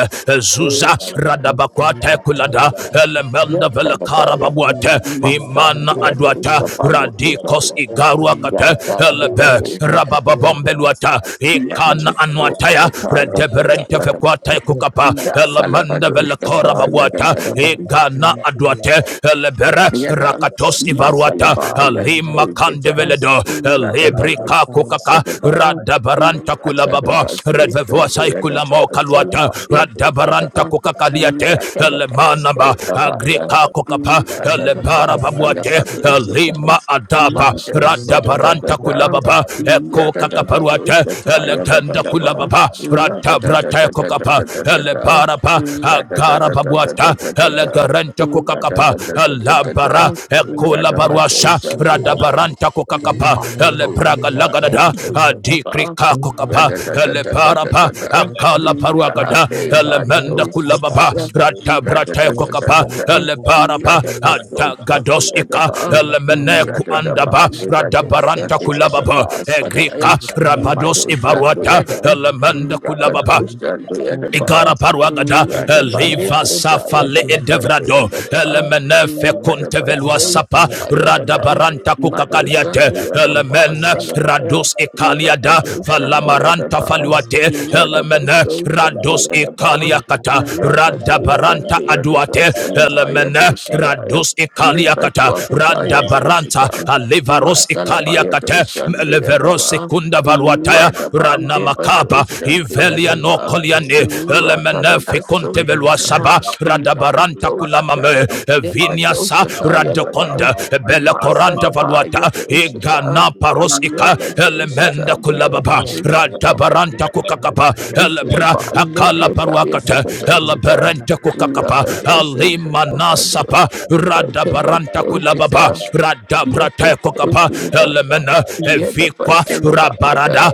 [SPEAKER 5] Zuza,
[SPEAKER 8] Thank
[SPEAKER 5] Radabakwate Kulada, Elemenda
[SPEAKER 1] Yet
[SPEAKER 5] Velakara
[SPEAKER 1] Salabara.
[SPEAKER 5] Babuate,
[SPEAKER 1] Must I
[SPEAKER 5] Imana
[SPEAKER 1] be a
[SPEAKER 5] Adwata,
[SPEAKER 1] dose of a look at
[SPEAKER 5] Radikos
[SPEAKER 1] all? Yes,
[SPEAKER 5] Igaruakate,
[SPEAKER 1] I be a
[SPEAKER 5] Elebe,
[SPEAKER 1] dose of the other ones.
[SPEAKER 5] Rabababombeluata,
[SPEAKER 1] Yet I
[SPEAKER 5] Ikana
[SPEAKER 1] was going
[SPEAKER 5] Anwataya,
[SPEAKER 1] to tie up the
[SPEAKER 5] Redeberente
[SPEAKER 1] other ones.
[SPEAKER 5] Fekwate Kukapa,
[SPEAKER 1] Yes, I love a
[SPEAKER 5] Elemenda
[SPEAKER 1] dose of
[SPEAKER 5] Velakora Babuata,
[SPEAKER 1] the other ones.
[SPEAKER 5] Igana Adwate, Elebere,
[SPEAKER 1] Yada
[SPEAKER 5] Rakatos Ivaruata,
[SPEAKER 1] Masalaba
[SPEAKER 5] Alima
[SPEAKER 1] Yadosita
[SPEAKER 5] Kandeveledo,
[SPEAKER 1] Yadaba
[SPEAKER 5] lebrika kukaka
[SPEAKER 1] Sedaba
[SPEAKER 5] radabaranta kulababa
[SPEAKER 1] Yatadaba Satan
[SPEAKER 5] revevoa
[SPEAKER 1] the
[SPEAKER 5] saikulamao
[SPEAKER 1] Yadaba
[SPEAKER 5] kaluata
[SPEAKER 1] Salaba
[SPEAKER 3] Berkat
[SPEAKER 1] Yadosita
[SPEAKER 5] radabaranta
[SPEAKER 3] Rabadushi,
[SPEAKER 5] kukakaliate
[SPEAKER 3] Rabadabadi,
[SPEAKER 1] Yatadaba
[SPEAKER 5] lemanaba
[SPEAKER 3] Rabadushi,
[SPEAKER 1] Sodabaya
[SPEAKER 5] agrika
[SPEAKER 3] Rabadabadi,
[SPEAKER 5] kukapa
[SPEAKER 3] Rabadushi,
[SPEAKER 1] Yatadaba
[SPEAKER 3] Rabadabadi,
[SPEAKER 1] Salaba
[SPEAKER 5] lebarababuate
[SPEAKER 1] Dosita
[SPEAKER 3] Berapa
[SPEAKER 5] lima adaba
[SPEAKER 1] Mando Sodadada
[SPEAKER 5] radabaranta kulababa
[SPEAKER 1] Yadadaba
[SPEAKER 5] ekokakaparuate
[SPEAKER 1] Dosita
[SPEAKER 5] legenda
[SPEAKER 1] Yadabadaba
[SPEAKER 5] kulababa radabrata kokapa
[SPEAKER 1] Yadadadadadadadada
[SPEAKER 5] elebaraba agarababuata
[SPEAKER 1] Yadadadadadadadada Rather
[SPEAKER 5] kokakapa alabara ekola baruasha
[SPEAKER 8] you.
[SPEAKER 5] radabaranta
[SPEAKER 8] Thank
[SPEAKER 5] kokakapa
[SPEAKER 8] you.
[SPEAKER 5] elebraga lagadada adikrika kokapa elebaraba akala paruagada elemenda kulababa ratabrata kokapa elebaraba adagados ika elemene
[SPEAKER 3] Rapados,
[SPEAKER 5] kuandaba
[SPEAKER 3] Abalabas,
[SPEAKER 5] radabaranta
[SPEAKER 3] Balabas,
[SPEAKER 5] kulababa
[SPEAKER 3] Rapados,
[SPEAKER 5] egrika
[SPEAKER 3] Rapadas,
[SPEAKER 5] rabados
[SPEAKER 3] Balabas,
[SPEAKER 5] ivaruata elemenda
[SPEAKER 3] Balabas,
[SPEAKER 5] kulababa
[SPEAKER 1] Rapadosa
[SPEAKER 3] Abalabas,
[SPEAKER 1] Deadaba,
[SPEAKER 5] Igara paruagada
[SPEAKER 3] baru syabala
[SPEAKER 5] leva safa
[SPEAKER 3] kata
[SPEAKER 1] Radabalibrudaya
[SPEAKER 5] le
[SPEAKER 3] kata
[SPEAKER 1] Dosa
[SPEAKER 3] kata
[SPEAKER 5] edevrado
[SPEAKER 1] Deadaba,
[SPEAKER 3] berkabar
[SPEAKER 5] elemene
[SPEAKER 3] kata baru
[SPEAKER 5] fecunte velua
[SPEAKER 3] kata kata
[SPEAKER 1] Radabaso
[SPEAKER 5] sapa
[SPEAKER 3] kata
[SPEAKER 1] Sataya
[SPEAKER 3] bukan
[SPEAKER 1] Daban,
[SPEAKER 3] baru
[SPEAKER 5] radabaranta
[SPEAKER 1] Madosa
[SPEAKER 5] kukakaliate
[SPEAKER 1] Deadaba
[SPEAKER 5] elemene
[SPEAKER 1] Salabaya,
[SPEAKER 5] radus ikaliada
[SPEAKER 1] Rapadosa
[SPEAKER 5] valamaranta
[SPEAKER 1] Deadaba,
[SPEAKER 5] faluate elemene
[SPEAKER 1] Radabaso
[SPEAKER 5] radus
[SPEAKER 1] Deadaba,
[SPEAKER 8] We lap
[SPEAKER 5] ikaliakata
[SPEAKER 8] up and sleep
[SPEAKER 1] Rakadosa
[SPEAKER 5] radabaranta
[SPEAKER 1] Deadaba
[SPEAKER 5] aduate
[SPEAKER 1] Salabaya
[SPEAKER 5] elemene
[SPEAKER 1] Dosadaya,
[SPEAKER 5] radus ikaliakata
[SPEAKER 1] Libadwakataya
[SPEAKER 5] radabaranta
[SPEAKER 1] Dosatan,
[SPEAKER 3] Rabadu
[SPEAKER 5] alivaros
[SPEAKER 1] Masalabaya
[SPEAKER 5] ikaliakate
[SPEAKER 1] Dosa
[SPEAKER 5] meleverose
[SPEAKER 1] Deadaba.
[SPEAKER 5] kunda varuataya
[SPEAKER 1] Radaba
[SPEAKER 5] rana
[SPEAKER 1] Deba
[SPEAKER 5] makaba
[SPEAKER 1] Dosha
[SPEAKER 8] upon
[SPEAKER 5] ivelia
[SPEAKER 8] him
[SPEAKER 5] no
[SPEAKER 1] Beadaba
[SPEAKER 8] and let
[SPEAKER 5] koliane
[SPEAKER 8] him see him.
[SPEAKER 5] elemenefi
[SPEAKER 1] Rakadaba
[SPEAKER 8] We
[SPEAKER 5] konte
[SPEAKER 8] will
[SPEAKER 5] velua
[SPEAKER 8] turn
[SPEAKER 5] saba
[SPEAKER 1] Sota
[SPEAKER 5] radabaranta
[SPEAKER 1] Rakadosha
[SPEAKER 5] kulamame
[SPEAKER 1] Deba
[SPEAKER 5] viniasa
[SPEAKER 1] Dosha Tayadaba
[SPEAKER 5] radokonda bela koranta
[SPEAKER 1] Matsadaba
[SPEAKER 5] valuata
[SPEAKER 1] Yadoshita
[SPEAKER 5] igana paros ika elemenda
[SPEAKER 1] Rakadoshita
[SPEAKER 8] the
[SPEAKER 1] Deba
[SPEAKER 5] kulababa
[SPEAKER 8] fire and
[SPEAKER 1] Doshita
[SPEAKER 8] we
[SPEAKER 5] radabaranta
[SPEAKER 8] cut the
[SPEAKER 5] kukakapa
[SPEAKER 8] fire and
[SPEAKER 5] elebra
[SPEAKER 1] Usidaba
[SPEAKER 8] we can
[SPEAKER 5] akala
[SPEAKER 1] Lepoda
[SPEAKER 5] paruakata
[SPEAKER 8] turn the corn and
[SPEAKER 1] Yasakadoshita
[SPEAKER 8] the
[SPEAKER 5] eleberente
[SPEAKER 8] plant of
[SPEAKER 5] kukakapa
[SPEAKER 8] time.
[SPEAKER 3] Rabadu,
[SPEAKER 1] Rakadosha
[SPEAKER 5] alimanasa sapa rada
[SPEAKER 1] Deba
[SPEAKER 5] baranta kulababa
[SPEAKER 1] Doshita
[SPEAKER 5] rada brata kokapa
[SPEAKER 1] Yakadoshita
[SPEAKER 5] elemena
[SPEAKER 1] Yada the
[SPEAKER 5] evikwa
[SPEAKER 1] ba'yada,
[SPEAKER 5] rabarada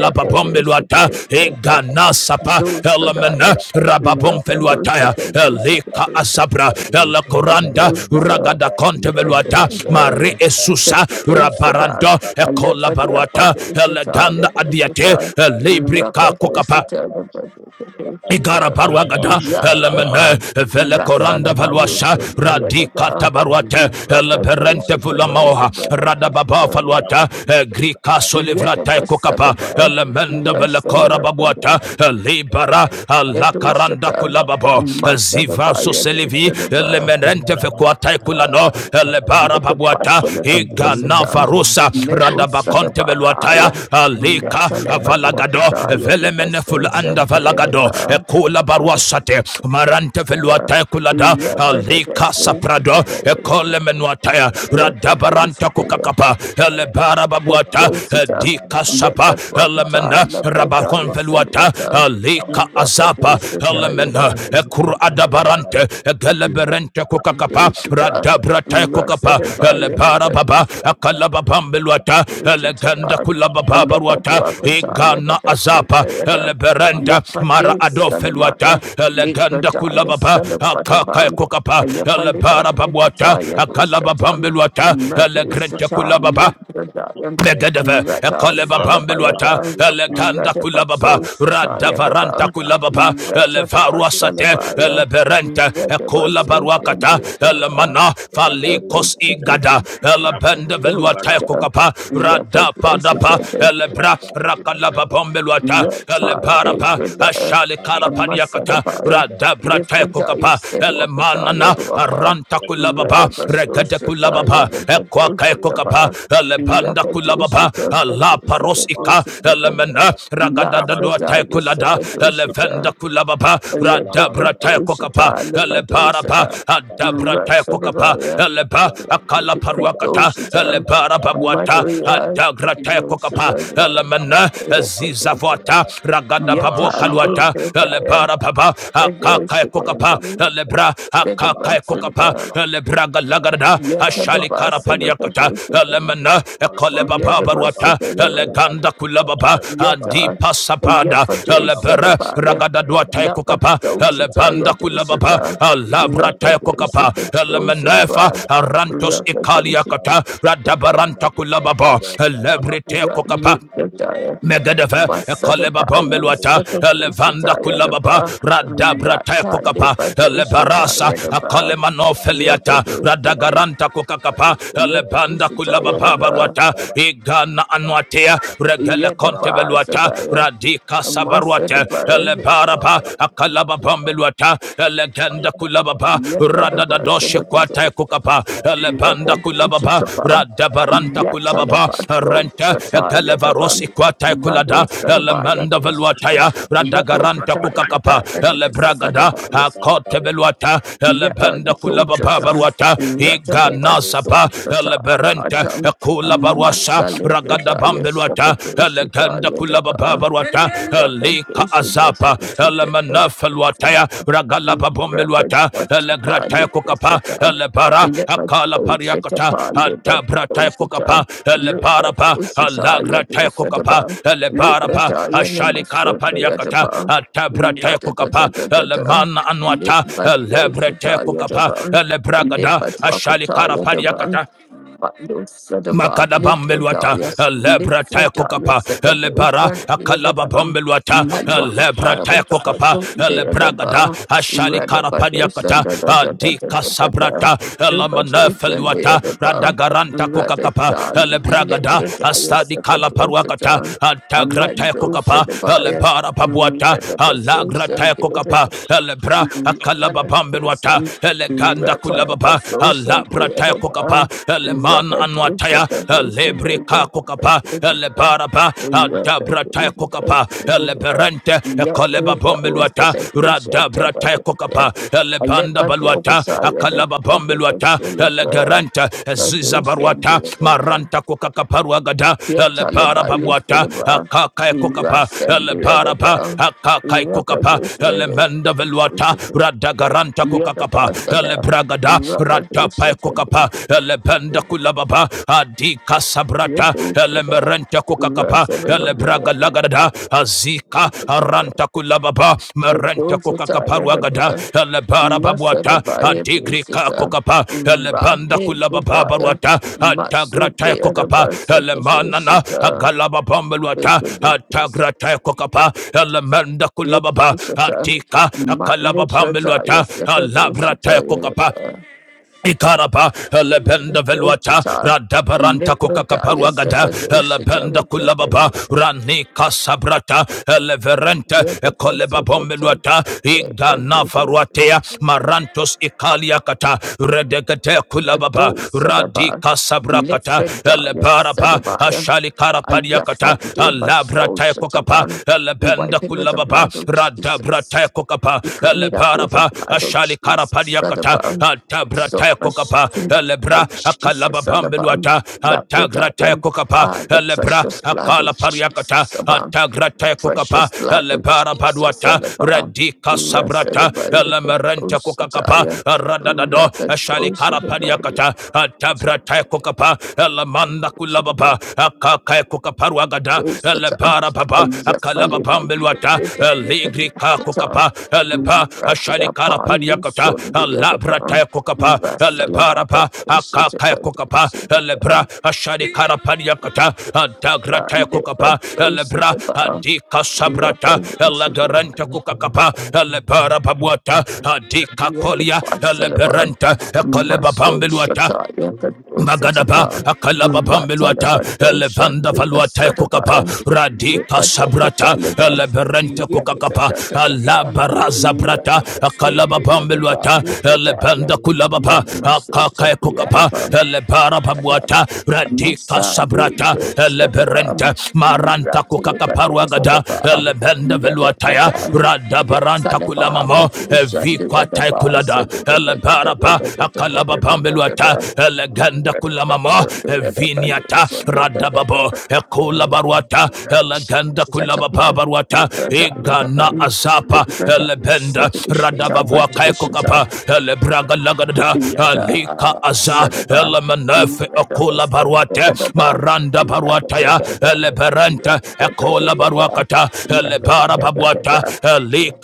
[SPEAKER 1] raka dosa
[SPEAKER 5] beluata
[SPEAKER 1] kayata,
[SPEAKER 5] egana sapa
[SPEAKER 1] dosa
[SPEAKER 5] elemena
[SPEAKER 1] daya,
[SPEAKER 5] rababom
[SPEAKER 1] raka dosa
[SPEAKER 5] feluataya
[SPEAKER 1] kayata,
[SPEAKER 5] elika asabra
[SPEAKER 8] We will talk to
[SPEAKER 5] elekoranda
[SPEAKER 1] dosa
[SPEAKER 8] him.
[SPEAKER 5] ragada konte
[SPEAKER 8] We can then
[SPEAKER 5] beluata
[SPEAKER 1] kayata,
[SPEAKER 8] go on for
[SPEAKER 5] mare
[SPEAKER 8] that.
[SPEAKER 5] esusa
[SPEAKER 1] dosa daya,
[SPEAKER 5] rabarando
[SPEAKER 1] alexa the upper
[SPEAKER 5] ekolabaruata
[SPEAKER 1] the taya,
[SPEAKER 5] eleganda
[SPEAKER 1] dosa
[SPEAKER 5] adiate
[SPEAKER 1] taya, raka
[SPEAKER 5] elibrika kokapa
[SPEAKER 1] dosa taya,
[SPEAKER 5] Igara
[SPEAKER 1] dosa
[SPEAKER 8] We will
[SPEAKER 1] the
[SPEAKER 5] paruagada
[SPEAKER 3] Shabalaba,
[SPEAKER 8] then take
[SPEAKER 1] yada
[SPEAKER 8] the
[SPEAKER 3] shabalaba,
[SPEAKER 5] elemene
[SPEAKER 1] ba,
[SPEAKER 8] time to
[SPEAKER 5] vele
[SPEAKER 3] shabalaba,
[SPEAKER 8] we
[SPEAKER 1] rasa
[SPEAKER 8] will
[SPEAKER 1] la
[SPEAKER 5] koranda
[SPEAKER 1] ba
[SPEAKER 8] then
[SPEAKER 5] valuasha
[SPEAKER 1] yosa
[SPEAKER 8] make the girl
[SPEAKER 1] daya
[SPEAKER 3] shabalaba.
[SPEAKER 1] the
[SPEAKER 8] let us
[SPEAKER 5] radikata
[SPEAKER 1] ba,
[SPEAKER 8] put them
[SPEAKER 5] baruate
[SPEAKER 8] back.
[SPEAKER 1] raka
[SPEAKER 5] eleberente
[SPEAKER 1] dosa
[SPEAKER 8] We will
[SPEAKER 5] vulamoha
[SPEAKER 1] kayata,
[SPEAKER 5] radababa faluata
[SPEAKER 1] dosa
[SPEAKER 5] eh, grika
[SPEAKER 1] Yet the
[SPEAKER 5] solivrata kukapa
[SPEAKER 1] Basadaba,
[SPEAKER 5] elemende
[SPEAKER 1] Yes,
[SPEAKER 5] vele
[SPEAKER 1] the
[SPEAKER 5] kora babuata
[SPEAKER 1] Libertador,
[SPEAKER 5] eh, libara
[SPEAKER 1] Yet the
[SPEAKER 5] alakaranda
[SPEAKER 1] Shata,
[SPEAKER 5] kulababo eh, ziva
[SPEAKER 1] Masadaba, Yet the
[SPEAKER 5] soselivi
[SPEAKER 8] the
[SPEAKER 1] Sadaba,
[SPEAKER 8] girl
[SPEAKER 5] elemenente
[SPEAKER 8] and
[SPEAKER 5] fekuata
[SPEAKER 8] the girl
[SPEAKER 5] kulano
[SPEAKER 8] pass it on the
[SPEAKER 5] elebara
[SPEAKER 1] Yet the
[SPEAKER 8] back.
[SPEAKER 5] babuata
[SPEAKER 8] We will
[SPEAKER 1] Basadaba
[SPEAKER 5] Igan
[SPEAKER 8] do lap
[SPEAKER 1] Satan,
[SPEAKER 8] and
[SPEAKER 5] navarusa
[SPEAKER 8] the plant
[SPEAKER 1] Metal
[SPEAKER 8] of
[SPEAKER 4] Amen.
[SPEAKER 8] time.
[SPEAKER 5] radabakonte
[SPEAKER 1] Sadaba
[SPEAKER 5] veluataya
[SPEAKER 1] Haya,
[SPEAKER 8] We will
[SPEAKER 5] alika
[SPEAKER 8] do lap
[SPEAKER 1] Yataleba
[SPEAKER 8] and
[SPEAKER 5] avalagado
[SPEAKER 8] the plant
[SPEAKER 1] Dwakata,
[SPEAKER 8] of
[SPEAKER 1] Yet
[SPEAKER 8] time.
[SPEAKER 1] the
[SPEAKER 5] velemeneful anda
[SPEAKER 1] Basation, the
[SPEAKER 5] valagado
[SPEAKER 1] Edaba,
[SPEAKER 5] ekula
[SPEAKER 1] Yet
[SPEAKER 5] baruasate marante
[SPEAKER 1] the Basation, the
[SPEAKER 3] Thank you.
[SPEAKER 1] Edaba,
[SPEAKER 5] veluataya kulada
[SPEAKER 3] Berkembang
[SPEAKER 5] alika saprado ekole menuataya
[SPEAKER 1] Yet the
[SPEAKER 5] radabaranta
[SPEAKER 1] Basation, the Edaba,
[SPEAKER 5] kukakapa elebara babuata
[SPEAKER 1] Katosita,
[SPEAKER 5] dika sapa elemena
[SPEAKER 1] Nepatwakata,
[SPEAKER 5] rabakon
[SPEAKER 1] Lapradaya,
[SPEAKER 5] veluata
[SPEAKER 1] Senwata,
[SPEAKER 5] alika azapa ele
[SPEAKER 1] Rapadoshita,
[SPEAKER 5] Lemena, Ekur
[SPEAKER 1] Yodosita,
[SPEAKER 5] Adabarante, Egeleberente Kukakapa, Radabrate Kukapa, Elebara Baba,
[SPEAKER 1] Rasarabaya,
[SPEAKER 5] Akalababambilwata, Eleganda
[SPEAKER 1] I
[SPEAKER 5] Kulababa
[SPEAKER 1] never do
[SPEAKER 5] Barwata,
[SPEAKER 1] I continue the
[SPEAKER 5] Igana
[SPEAKER 1] best way
[SPEAKER 5] Azapa,
[SPEAKER 1] they are.
[SPEAKER 5] Eleberenda,
[SPEAKER 1] Lift for
[SPEAKER 5] Mara
[SPEAKER 1] days,
[SPEAKER 5] Adofelwata,
[SPEAKER 1] Salimaya, make her
[SPEAKER 5] Eleganda
[SPEAKER 1] die, the
[SPEAKER 5] Kulababa,
[SPEAKER 1] son of
[SPEAKER 5] Akaka
[SPEAKER 1] Fatipan,
[SPEAKER 3] berapa
[SPEAKER 5] Kukapa,
[SPEAKER 1] and your father by
[SPEAKER 5] Elebara
[SPEAKER 1] the
[SPEAKER 5] Babwata,
[SPEAKER 1] Kataya, who shut on,
[SPEAKER 5] Akalababambilwata,
[SPEAKER 1] Madu
[SPEAKER 5] Elegrente
[SPEAKER 1] Satan,
[SPEAKER 5] Kulababa,
[SPEAKER 1] make her die,
[SPEAKER 5] Megedeve,
[SPEAKER 1] Rata
[SPEAKER 5] Ekoleba Bambilwata,
[SPEAKER 1] Salabayada,
[SPEAKER 5] Eleganda
[SPEAKER 1] Rata
[SPEAKER 5] Kulababa,
[SPEAKER 1] Patso Shataya the
[SPEAKER 5] Radavaranta
[SPEAKER 1] Bam,
[SPEAKER 5] Kulababa,
[SPEAKER 1] Rata the
[SPEAKER 5] Elevarua Sate,
[SPEAKER 1] Basalabaya,
[SPEAKER 5] Eleberente,
[SPEAKER 1] Rata
[SPEAKER 5] Ekola
[SPEAKER 1] Basu
[SPEAKER 5] Baruakata,
[SPEAKER 1] Kendi,
[SPEAKER 5] Elemana,
[SPEAKER 1] Rata
[SPEAKER 5] Falikos Igada, Elebende
[SPEAKER 1] don't
[SPEAKER 5] Veluata
[SPEAKER 1] you're
[SPEAKER 3] Rapadus,
[SPEAKER 1] Rather,
[SPEAKER 5] Kokapa,
[SPEAKER 1] Raka
[SPEAKER 5] Radapadapa,
[SPEAKER 1] Graciosa,
[SPEAKER 5] Elebra, Rakalaba Bambilwata,
[SPEAKER 1] Rata
[SPEAKER 5] Elebarapa,
[SPEAKER 1] Devradaya,
[SPEAKER 5] Ashali Karapadiakata,
[SPEAKER 1] Amasadabaya,
[SPEAKER 5] Radabrata
[SPEAKER 1] Devradaya
[SPEAKER 5] Kokapa,
[SPEAKER 1] Sedwapataya
[SPEAKER 5] Elemanana,
[SPEAKER 1] Dwapa,
[SPEAKER 5] Aranta
[SPEAKER 1] Rada
[SPEAKER 5] kulababa regede
[SPEAKER 1] Basosataya,
[SPEAKER 5] kulababa
[SPEAKER 1] Rada
[SPEAKER 5] ekwa keko kapa
[SPEAKER 1] Dosataba,
[SPEAKER 5] elebanda
[SPEAKER 1] Raka
[SPEAKER 5] kulababa
[SPEAKER 1] Dosita,
[SPEAKER 5] ala paros
[SPEAKER 1] Dosita,
[SPEAKER 5] ika
[SPEAKER 1] Dosita,
[SPEAKER 5] elemena ragada
[SPEAKER 3] Rabadu
[SPEAKER 5] dadua te
[SPEAKER 1] Lafradaya
[SPEAKER 3] sabala
[SPEAKER 5] kulada elevenda
[SPEAKER 1] Sekadosita,
[SPEAKER 5] kulababa
[SPEAKER 3] Labalabam,
[SPEAKER 5] radabra te kokapa
[SPEAKER 1] Yadavadosita,
[SPEAKER 3] Rabadus, Labalabam,
[SPEAKER 5] elebaraba
[SPEAKER 1] Libadosita,
[SPEAKER 5] adabra
[SPEAKER 3] Labalabam,
[SPEAKER 5] te kokapa
[SPEAKER 1] Rasadabaya,
[SPEAKER 3] Rabadus,
[SPEAKER 5] eleba
[SPEAKER 3] Labalabam,
[SPEAKER 5] akala
[SPEAKER 3] Rabadus,
[SPEAKER 5] paruakata
[SPEAKER 3] Labalabam,
[SPEAKER 1] condolences are
[SPEAKER 5] elebara
[SPEAKER 1] my
[SPEAKER 5] babuata
[SPEAKER 3] Labalabam,
[SPEAKER 1] daughter
[SPEAKER 5] adagra te
[SPEAKER 1] knows
[SPEAKER 5] kokapa
[SPEAKER 1] surviving
[SPEAKER 3] Labalabam, Labalabam, Rabadus,
[SPEAKER 5] elemena
[SPEAKER 3] Labalabam, Shabalabam,
[SPEAKER 5] ezizavota
[SPEAKER 3] Rabadus,
[SPEAKER 5] ragada
[SPEAKER 1] yet
[SPEAKER 3] Labalabam,
[SPEAKER 5] babu
[SPEAKER 1] I know
[SPEAKER 5] kaluata
[SPEAKER 3] Shabalabam,
[SPEAKER 1] that I
[SPEAKER 5] eleba
[SPEAKER 1] am
[SPEAKER 5] para papa
[SPEAKER 1] the ghost
[SPEAKER 5] akaka
[SPEAKER 1] of
[SPEAKER 5] kokapa
[SPEAKER 1] the
[SPEAKER 5] lebra
[SPEAKER 3] Rabadus,
[SPEAKER 1] Yet the
[SPEAKER 3] Labalabam,
[SPEAKER 5] akaka
[SPEAKER 1] bus
[SPEAKER 3] Shabalabam,
[SPEAKER 1] of the
[SPEAKER 5] kokapa
[SPEAKER 3] Rabadus,
[SPEAKER 1] bar,
[SPEAKER 3] Labalabam,
[SPEAKER 5] lebra
[SPEAKER 3] Shabalabam,
[SPEAKER 5] galagarda
[SPEAKER 3] Rabadus,
[SPEAKER 1] yet on the
[SPEAKER 5] ashali kara
[SPEAKER 1] bus and of the
[SPEAKER 5] padiakata
[SPEAKER 1] ghost of him,
[SPEAKER 5] lemana ekoleba
[SPEAKER 1] yet the bus
[SPEAKER 5] babarwata
[SPEAKER 1] of
[SPEAKER 3] Labalabam,
[SPEAKER 1] the
[SPEAKER 3] Shabalabam,
[SPEAKER 5] leganda kulababa
[SPEAKER 3] Rabadus,
[SPEAKER 1] yet
[SPEAKER 5] andi
[SPEAKER 1] I,
[SPEAKER 3] Labalabam,
[SPEAKER 1] and yet
[SPEAKER 5] pasapada
[SPEAKER 1] for days said the
[SPEAKER 5] lebra
[SPEAKER 3] Shabalabam,
[SPEAKER 1] buyer,
[SPEAKER 5] ragada duata
[SPEAKER 3] Rabba
[SPEAKER 1] not but
[SPEAKER 5] kokapa
[SPEAKER 1] those of
[SPEAKER 5] lebanda
[SPEAKER 1] Taya
[SPEAKER 5] kulababa
[SPEAKER 1] Dosata,
[SPEAKER 5] labra
[SPEAKER 1] Rapa
[SPEAKER 5] ta
[SPEAKER 1] days
[SPEAKER 5] kokapa
[SPEAKER 1] of the ghost of the
[SPEAKER 5] lemenefa
[SPEAKER 1] bar,
[SPEAKER 5] arantos
[SPEAKER 1] Rapa days
[SPEAKER 5] ikaliakata radabaranta kulababa lebrite kokapa
[SPEAKER 1] Ratnikataya,
[SPEAKER 5] Megadeve, Ekaleba
[SPEAKER 1] Masadabaya,
[SPEAKER 5] Bombeluata, Elevanda
[SPEAKER 1] Sekadosataya
[SPEAKER 5] Kulababa,
[SPEAKER 1] Daba,
[SPEAKER 5] Radabra Tekokapa, Elebarasa,
[SPEAKER 1] Ratalibadosataya Daba,
[SPEAKER 5] Akalemano Feliata,
[SPEAKER 1] Yakadosataya
[SPEAKER 5] Radagaranta Kokakapa, Elebanda
[SPEAKER 1] Yadosataya
[SPEAKER 5] Kulababa
[SPEAKER 1] Daba,
[SPEAKER 5] Baruata, Igana Anuatea, Regele
[SPEAKER 1] Yadaba
[SPEAKER 5] Contebeluata,
[SPEAKER 1] Sadaya,
[SPEAKER 5] Radika Sabaruata,
[SPEAKER 1] Masadabaya,
[SPEAKER 5] Elebaraba, Akalaba Bombeluata,
[SPEAKER 3] Kala
[SPEAKER 5] Elegenda Kulababa,
[SPEAKER 3] kabatapan,
[SPEAKER 1] Yatadaba
[SPEAKER 3] dapat
[SPEAKER 5] Radadadoshe Quat,
[SPEAKER 3] mendapatkan
[SPEAKER 5] Rate
[SPEAKER 1] Sekadosataya.
[SPEAKER 5] kukapa,
[SPEAKER 3] kesempatan
[SPEAKER 5] Lebanda
[SPEAKER 3] untuk
[SPEAKER 5] kulababa,
[SPEAKER 3] mata
[SPEAKER 1] Rakadoshatapa,
[SPEAKER 3] mata untuk
[SPEAKER 5] Radabaranta
[SPEAKER 3] mendapatkan
[SPEAKER 5] kulababa,
[SPEAKER 3] kesempatan
[SPEAKER 1] Yatalabado
[SPEAKER 5] Rente,
[SPEAKER 1] Shataya
[SPEAKER 5] Kelevaros
[SPEAKER 1] Daban,
[SPEAKER 5] iquate
[SPEAKER 1] Mado
[SPEAKER 5] kulada,
[SPEAKER 3] untuk
[SPEAKER 1] Sadabaya
[SPEAKER 5] Elemanda
[SPEAKER 3] mendapatkan
[SPEAKER 5] veluataya,
[SPEAKER 1] Doshita,
[SPEAKER 3] kesempatan
[SPEAKER 1] Yato
[SPEAKER 5] Radagaranta
[SPEAKER 3] dapat
[SPEAKER 1] Kataya
[SPEAKER 3] dijangka
[SPEAKER 5] kukakapa,
[SPEAKER 3] yang
[SPEAKER 1] Daya
[SPEAKER 3] dapat
[SPEAKER 5] Elebragada,
[SPEAKER 1] Sadabaya
[SPEAKER 5] Akote
[SPEAKER 3] mendapatkan
[SPEAKER 5] veluata,
[SPEAKER 3] untuk
[SPEAKER 1] Yata
[SPEAKER 5] Elebanda
[SPEAKER 3] kemakan
[SPEAKER 5] kulababa
[SPEAKER 3] malam
[SPEAKER 1] Joshatan,
[SPEAKER 5] baruata,
[SPEAKER 3] yang
[SPEAKER 1] Rata de
[SPEAKER 5] Iganasapa,
[SPEAKER 1] Basosata,
[SPEAKER 5] Eleberente,
[SPEAKER 1] Atam, a
[SPEAKER 5] Kulabaruasa,
[SPEAKER 1] Massa
[SPEAKER 3] Thank you.
[SPEAKER 5] Ragada
[SPEAKER 1] Libretaya,
[SPEAKER 5] bambeluata,
[SPEAKER 1] Sakabosata,
[SPEAKER 5] Eleganda kulababa
[SPEAKER 1] Yadaba,
[SPEAKER 5] baruata,
[SPEAKER 1] Rata
[SPEAKER 5] Elika
[SPEAKER 1] Joshatan,
[SPEAKER 5] Azapa,
[SPEAKER 1] Joshatan,
[SPEAKER 5] Elemanafelwataya, Ragalaba
[SPEAKER 1] Rata
[SPEAKER 5] Bombilwata,
[SPEAKER 1] Joshatan,
[SPEAKER 5] Elegrataya Kukapa, Elebara,
[SPEAKER 1] Libretata, Lepa
[SPEAKER 5] Akala
[SPEAKER 1] Joshata,
[SPEAKER 5] Pariakota,
[SPEAKER 1] Lepa
[SPEAKER 5] Adabrataya
[SPEAKER 1] Joshata,
[SPEAKER 5] Kukapa,
[SPEAKER 1] Lepa
[SPEAKER 5] Elebarapa,
[SPEAKER 1] Joshata,
[SPEAKER 5] Alagrataya
[SPEAKER 1] Yadosataba,
[SPEAKER 5] Kukapa, Elebarapa,
[SPEAKER 1] Libretaya,
[SPEAKER 5] Ashali
[SPEAKER 1] Nemaso,
[SPEAKER 5] Karapadiakata,
[SPEAKER 1] Yadaba,
[SPEAKER 5] Atabrataya Kukapa,
[SPEAKER 1] Rata
[SPEAKER 5] Elemana
[SPEAKER 1] lit
[SPEAKER 5] Anwata,
[SPEAKER 1] by
[SPEAKER 5] Elebretaya
[SPEAKER 1] Josataya
[SPEAKER 5] Kukapa,
[SPEAKER 1] Daban, lit
[SPEAKER 5] Elebragada,
[SPEAKER 1] by
[SPEAKER 5] Ashali
[SPEAKER 1] Wakataya
[SPEAKER 5] Karapadiakata,
[SPEAKER 1] Daban, but no Sadaba,
[SPEAKER 5] Makadabambeluata,
[SPEAKER 1] Lipodias,
[SPEAKER 5] a Lebra
[SPEAKER 1] Lipodias,
[SPEAKER 5] Taekokapa, a Lebara,
[SPEAKER 1] Separation,
[SPEAKER 5] Akalaba
[SPEAKER 1] Daban,
[SPEAKER 5] Bombeluata, Lebra
[SPEAKER 1] Madwakatara
[SPEAKER 5] Taekokapa,
[SPEAKER 1] Dabasun,
[SPEAKER 5] a Lebragada,
[SPEAKER 1] Deadaba,
[SPEAKER 5] Ashali
[SPEAKER 1] Radabadosan,
[SPEAKER 5] Karapadiakata,
[SPEAKER 1] da da da da da
[SPEAKER 5] Adika
[SPEAKER 1] da da da,
[SPEAKER 5] Sabrata, a
[SPEAKER 1] Lipajosan,
[SPEAKER 5] Lamanefeluata,
[SPEAKER 1] Deadaba,
[SPEAKER 5] Radagaranta Kokakapa, a
[SPEAKER 1] Radatali,
[SPEAKER 5] Lebragada,
[SPEAKER 1] Lipodias,
[SPEAKER 5] Astadi Kalaparuakata,
[SPEAKER 1] Separation,
[SPEAKER 5] Antagra
[SPEAKER 1] Amando
[SPEAKER 5] Taekokapa, a
[SPEAKER 1] Sadabaya,
[SPEAKER 5] Lebara Babuata, Alagra
[SPEAKER 1] Radabasosan,
[SPEAKER 5] Taekokapa, a
[SPEAKER 1] Thank
[SPEAKER 5] Lebra,
[SPEAKER 1] you.
[SPEAKER 5] Akalaba Bombeluata, Eleganda Kulababa, Alabra Taekokapa, a leman anwataya lebrika kokapa lebaraba adabrataya kokapa leberente koleba bombelwata radabrataya kokapa lebanda balwata akalaba bombelwata legeranta ziza barwata maranta kokakaparuagada lebaraba bwata akaka kokapa lebaraba akaka kokapa lemenda velwata radagaranta kokakapa
[SPEAKER 1] Yadabasada,
[SPEAKER 5] lebragada Ratapai Lepe
[SPEAKER 1] Rakadoshatandi,
[SPEAKER 5] kokapa elebenda kulababa adika sabrata
[SPEAKER 1] Yadosada,
[SPEAKER 5] elemerenta kokakapa elebraga
[SPEAKER 1] Rasadabada,
[SPEAKER 5] lagada azika aranta kulababa merenta
[SPEAKER 1] Yadosata
[SPEAKER 5] kokakapa ruagada
[SPEAKER 1] Yadaba,
[SPEAKER 5] elebara babuata
[SPEAKER 1] Masadabaya
[SPEAKER 5] adigrika
[SPEAKER 1] Dosata,
[SPEAKER 5] kokapa elebanda
[SPEAKER 1] Rade
[SPEAKER 5] kulababa
[SPEAKER 1] Dudaya,
[SPEAKER 5] baruata atagrata
[SPEAKER 1] Masudi
[SPEAKER 5] kokapa elemanana
[SPEAKER 1] Yadabasakadosata,
[SPEAKER 5] agalaba bambeluata
[SPEAKER 1] Yadosata,
[SPEAKER 5] atagrata kokapa elemenda kulababa
[SPEAKER 1] Yadosata,
[SPEAKER 5] atika
[SPEAKER 1] Matli
[SPEAKER 5] akalaba
[SPEAKER 1] Pradaya
[SPEAKER 5] bambeluata
[SPEAKER 1] Sakadosata
[SPEAKER 5] alabrata kokapa
[SPEAKER 1] Yadaba.
[SPEAKER 5] Ikaraba, Lebenda Veluata,
[SPEAKER 1] Doshita,
[SPEAKER 5] Radabaranta
[SPEAKER 1] Lepradaya
[SPEAKER 5] Cocacaparuagada, Lebenda
[SPEAKER 1] Sepadoshita,
[SPEAKER 5] Kulababa,
[SPEAKER 1] Sepados,
[SPEAKER 5] Rani Casabrata, Eleverente, Ecoleba
[SPEAKER 1] Yedapasota,
[SPEAKER 5] Bombeluata, Igdana
[SPEAKER 1] Lepadosa,
[SPEAKER 5] Faruatea, Marantos Icaliacata, Redegate Kulababa,
[SPEAKER 1] Ado
[SPEAKER 5] Radi
[SPEAKER 1] Sadaba,
[SPEAKER 5] Casabrakata,
[SPEAKER 1] Lepradaya
[SPEAKER 5] Elebaraba,
[SPEAKER 1] Sadabaya,
[SPEAKER 5] Ashali Carapadiacata,
[SPEAKER 1] Ayafande Baso
[SPEAKER 5] Alabrata Cocapa,
[SPEAKER 1] Shataban. We
[SPEAKER 5] Elebenda
[SPEAKER 1] wipe it with the
[SPEAKER 5] Kulababa,
[SPEAKER 1] blood of
[SPEAKER 5] Radabrata
[SPEAKER 1] Jesus.
[SPEAKER 5] teko kapa
[SPEAKER 1] We clean it up
[SPEAKER 5] elebara
[SPEAKER 1] with the
[SPEAKER 5] pa
[SPEAKER 1] blood of
[SPEAKER 5] ashali kara
[SPEAKER 1] Jesus.
[SPEAKER 5] padia
[SPEAKER 1] Sadaban. We
[SPEAKER 5] atabra
[SPEAKER 1] soak my
[SPEAKER 5] teko kapa
[SPEAKER 1] skin with the
[SPEAKER 5] elebra
[SPEAKER 1] blood of Jesus.
[SPEAKER 5] akalaba
[SPEAKER 1] Sadaban.
[SPEAKER 5] pambeluata atagra
[SPEAKER 1] Labradaya.
[SPEAKER 5] teko kapa
[SPEAKER 1] Ah, the
[SPEAKER 5] elebra
[SPEAKER 1] precious blood
[SPEAKER 5] akala
[SPEAKER 1] of
[SPEAKER 5] paria
[SPEAKER 1] Jesus. Sadaban.
[SPEAKER 5] atagra
[SPEAKER 1] The
[SPEAKER 5] teko kapa
[SPEAKER 1] precious blood of
[SPEAKER 5] elebara
[SPEAKER 1] Jesus.
[SPEAKER 5] paduata
[SPEAKER 1] Sadaban.
[SPEAKER 5] redika sabrata
[SPEAKER 1] Wrestled by the
[SPEAKER 5] elemerente kukakapa
[SPEAKER 1] Osadaya.
[SPEAKER 5] radadado
[SPEAKER 1] Rapid
[SPEAKER 5] ashali kara padia
[SPEAKER 1] Osadaya.
[SPEAKER 5] atabra teko kapa elemanda kulababa akaka teko kapa Ruagada,
[SPEAKER 1] Satan,
[SPEAKER 5] Elebara Baba, Akalaba
[SPEAKER 1] Ayafaleva,
[SPEAKER 5] Pambeluata,
[SPEAKER 1] Breda,
[SPEAKER 5] Eligri
[SPEAKER 1] Satan,
[SPEAKER 5] Kakukapa, Eleba,
[SPEAKER 1] Radia
[SPEAKER 5] Ashalikara
[SPEAKER 1] Pan,
[SPEAKER 5] Padiakota,
[SPEAKER 1] Sun, the other
[SPEAKER 5] Alabra
[SPEAKER 1] barn,
[SPEAKER 5] Taikukapa,
[SPEAKER 1] Rasalabaka,
[SPEAKER 5] Elebarapa, Akakaya
[SPEAKER 1] Sitaba,
[SPEAKER 5] Kukapa, Elebra,
[SPEAKER 1] Sitaba,
[SPEAKER 5] Ashalikara Padiakota, Adagra Taikukapa, Elebra, Adika
[SPEAKER 1] Leva,
[SPEAKER 5] Sabrata,
[SPEAKER 1] Sitaba,
[SPEAKER 5] Elagaranta Kukakapa, Elebara Babuata, Adika Kolia,
[SPEAKER 1] Yadavasalaba,
[SPEAKER 5] Eleberanta, Ekaleba
[SPEAKER 1] Maso
[SPEAKER 5] Pambeluata,
[SPEAKER 1] Shata Yakadosa
[SPEAKER 5] Magadaba,
[SPEAKER 1] Sapa,
[SPEAKER 5] Akalaba Pambeluata,
[SPEAKER 1] Ratalabadoshan
[SPEAKER 5] Elevanda
[SPEAKER 1] be a
[SPEAKER 8] Thank
[SPEAKER 5] Valuata Kukapa,
[SPEAKER 1] Sadabaya,
[SPEAKER 5] Radika
[SPEAKER 1] Lipadoka
[SPEAKER 5] Sabrata,
[SPEAKER 1] Talaba,
[SPEAKER 5] Eleberente Kukakapa,
[SPEAKER 1] Yadadadadada,
[SPEAKER 5] Alabaraza Brata,
[SPEAKER 1] Radamaso
[SPEAKER 5] Akalaba
[SPEAKER 1] the Yadava,
[SPEAKER 5] Pambeluata,
[SPEAKER 1] Yadadaya,
[SPEAKER 5] Elebanda Kulababa,
[SPEAKER 1] Radamaso Shata
[SPEAKER 5] Akaka Kukapa,
[SPEAKER 1] Yadava,
[SPEAKER 5] Elebara
[SPEAKER 1] Yada,
[SPEAKER 5] Pabuata, Radika
[SPEAKER 1] Masa
[SPEAKER 5] Sabrata,
[SPEAKER 1] Ludo Sadaba,
[SPEAKER 5] Eleberente, Maranta
[SPEAKER 1] Ratalibado
[SPEAKER 5] Kukakaparuagada,
[SPEAKER 1] Sadaba,
[SPEAKER 5] Elebenda
[SPEAKER 1] Yada
[SPEAKER 5] Veluataya,
[SPEAKER 1] Bada,
[SPEAKER 5] Radabaranta
[SPEAKER 1] Salaba,
[SPEAKER 5] Kulamamo,
[SPEAKER 1] Kadishan, the
[SPEAKER 5] Evikwa
[SPEAKER 1] Adaba,
[SPEAKER 5] Taikulada,
[SPEAKER 8] you.
[SPEAKER 1] Sedaba,
[SPEAKER 5] Elebaraba,
[SPEAKER 8] Thank
[SPEAKER 5] Akalaba ele eleganda kulamama
[SPEAKER 1] Radabatan, the Adabado,
[SPEAKER 5] eviniata
[SPEAKER 1] Sedaba,
[SPEAKER 5] radababo ekula baruata eleganda
[SPEAKER 1] Radishata,
[SPEAKER 5] kulababa
[SPEAKER 1] Yada
[SPEAKER 5] baruata igana
[SPEAKER 1] Radaban,
[SPEAKER 5] azapa
[SPEAKER 1] Yada
[SPEAKER 5] elebenda radavavua
[SPEAKER 1] Sadishita,
[SPEAKER 5] kaikokapa elebraga lagada alika
[SPEAKER 1] Yada
[SPEAKER 5] aza
[SPEAKER 1] Sadaba,
[SPEAKER 5] elemenefe
[SPEAKER 1] Yada
[SPEAKER 5] ekula
[SPEAKER 1] Basto,
[SPEAKER 5] baruate
[SPEAKER 1] Yada Ba,
[SPEAKER 5] maranda barwata
[SPEAKER 1] Yada Ba
[SPEAKER 5] baruataya
[SPEAKER 1] Ba Ba, Yada
[SPEAKER 5] eleberente
[SPEAKER 1] Ba Ba
[SPEAKER 5] ekola
[SPEAKER 1] Ba Ba Ba,
[SPEAKER 5] barwakata,
[SPEAKER 1] Yada
[SPEAKER 5] elebara
[SPEAKER 1] Ba Ba Ba
[SPEAKER 5] babwata.
[SPEAKER 1] Ba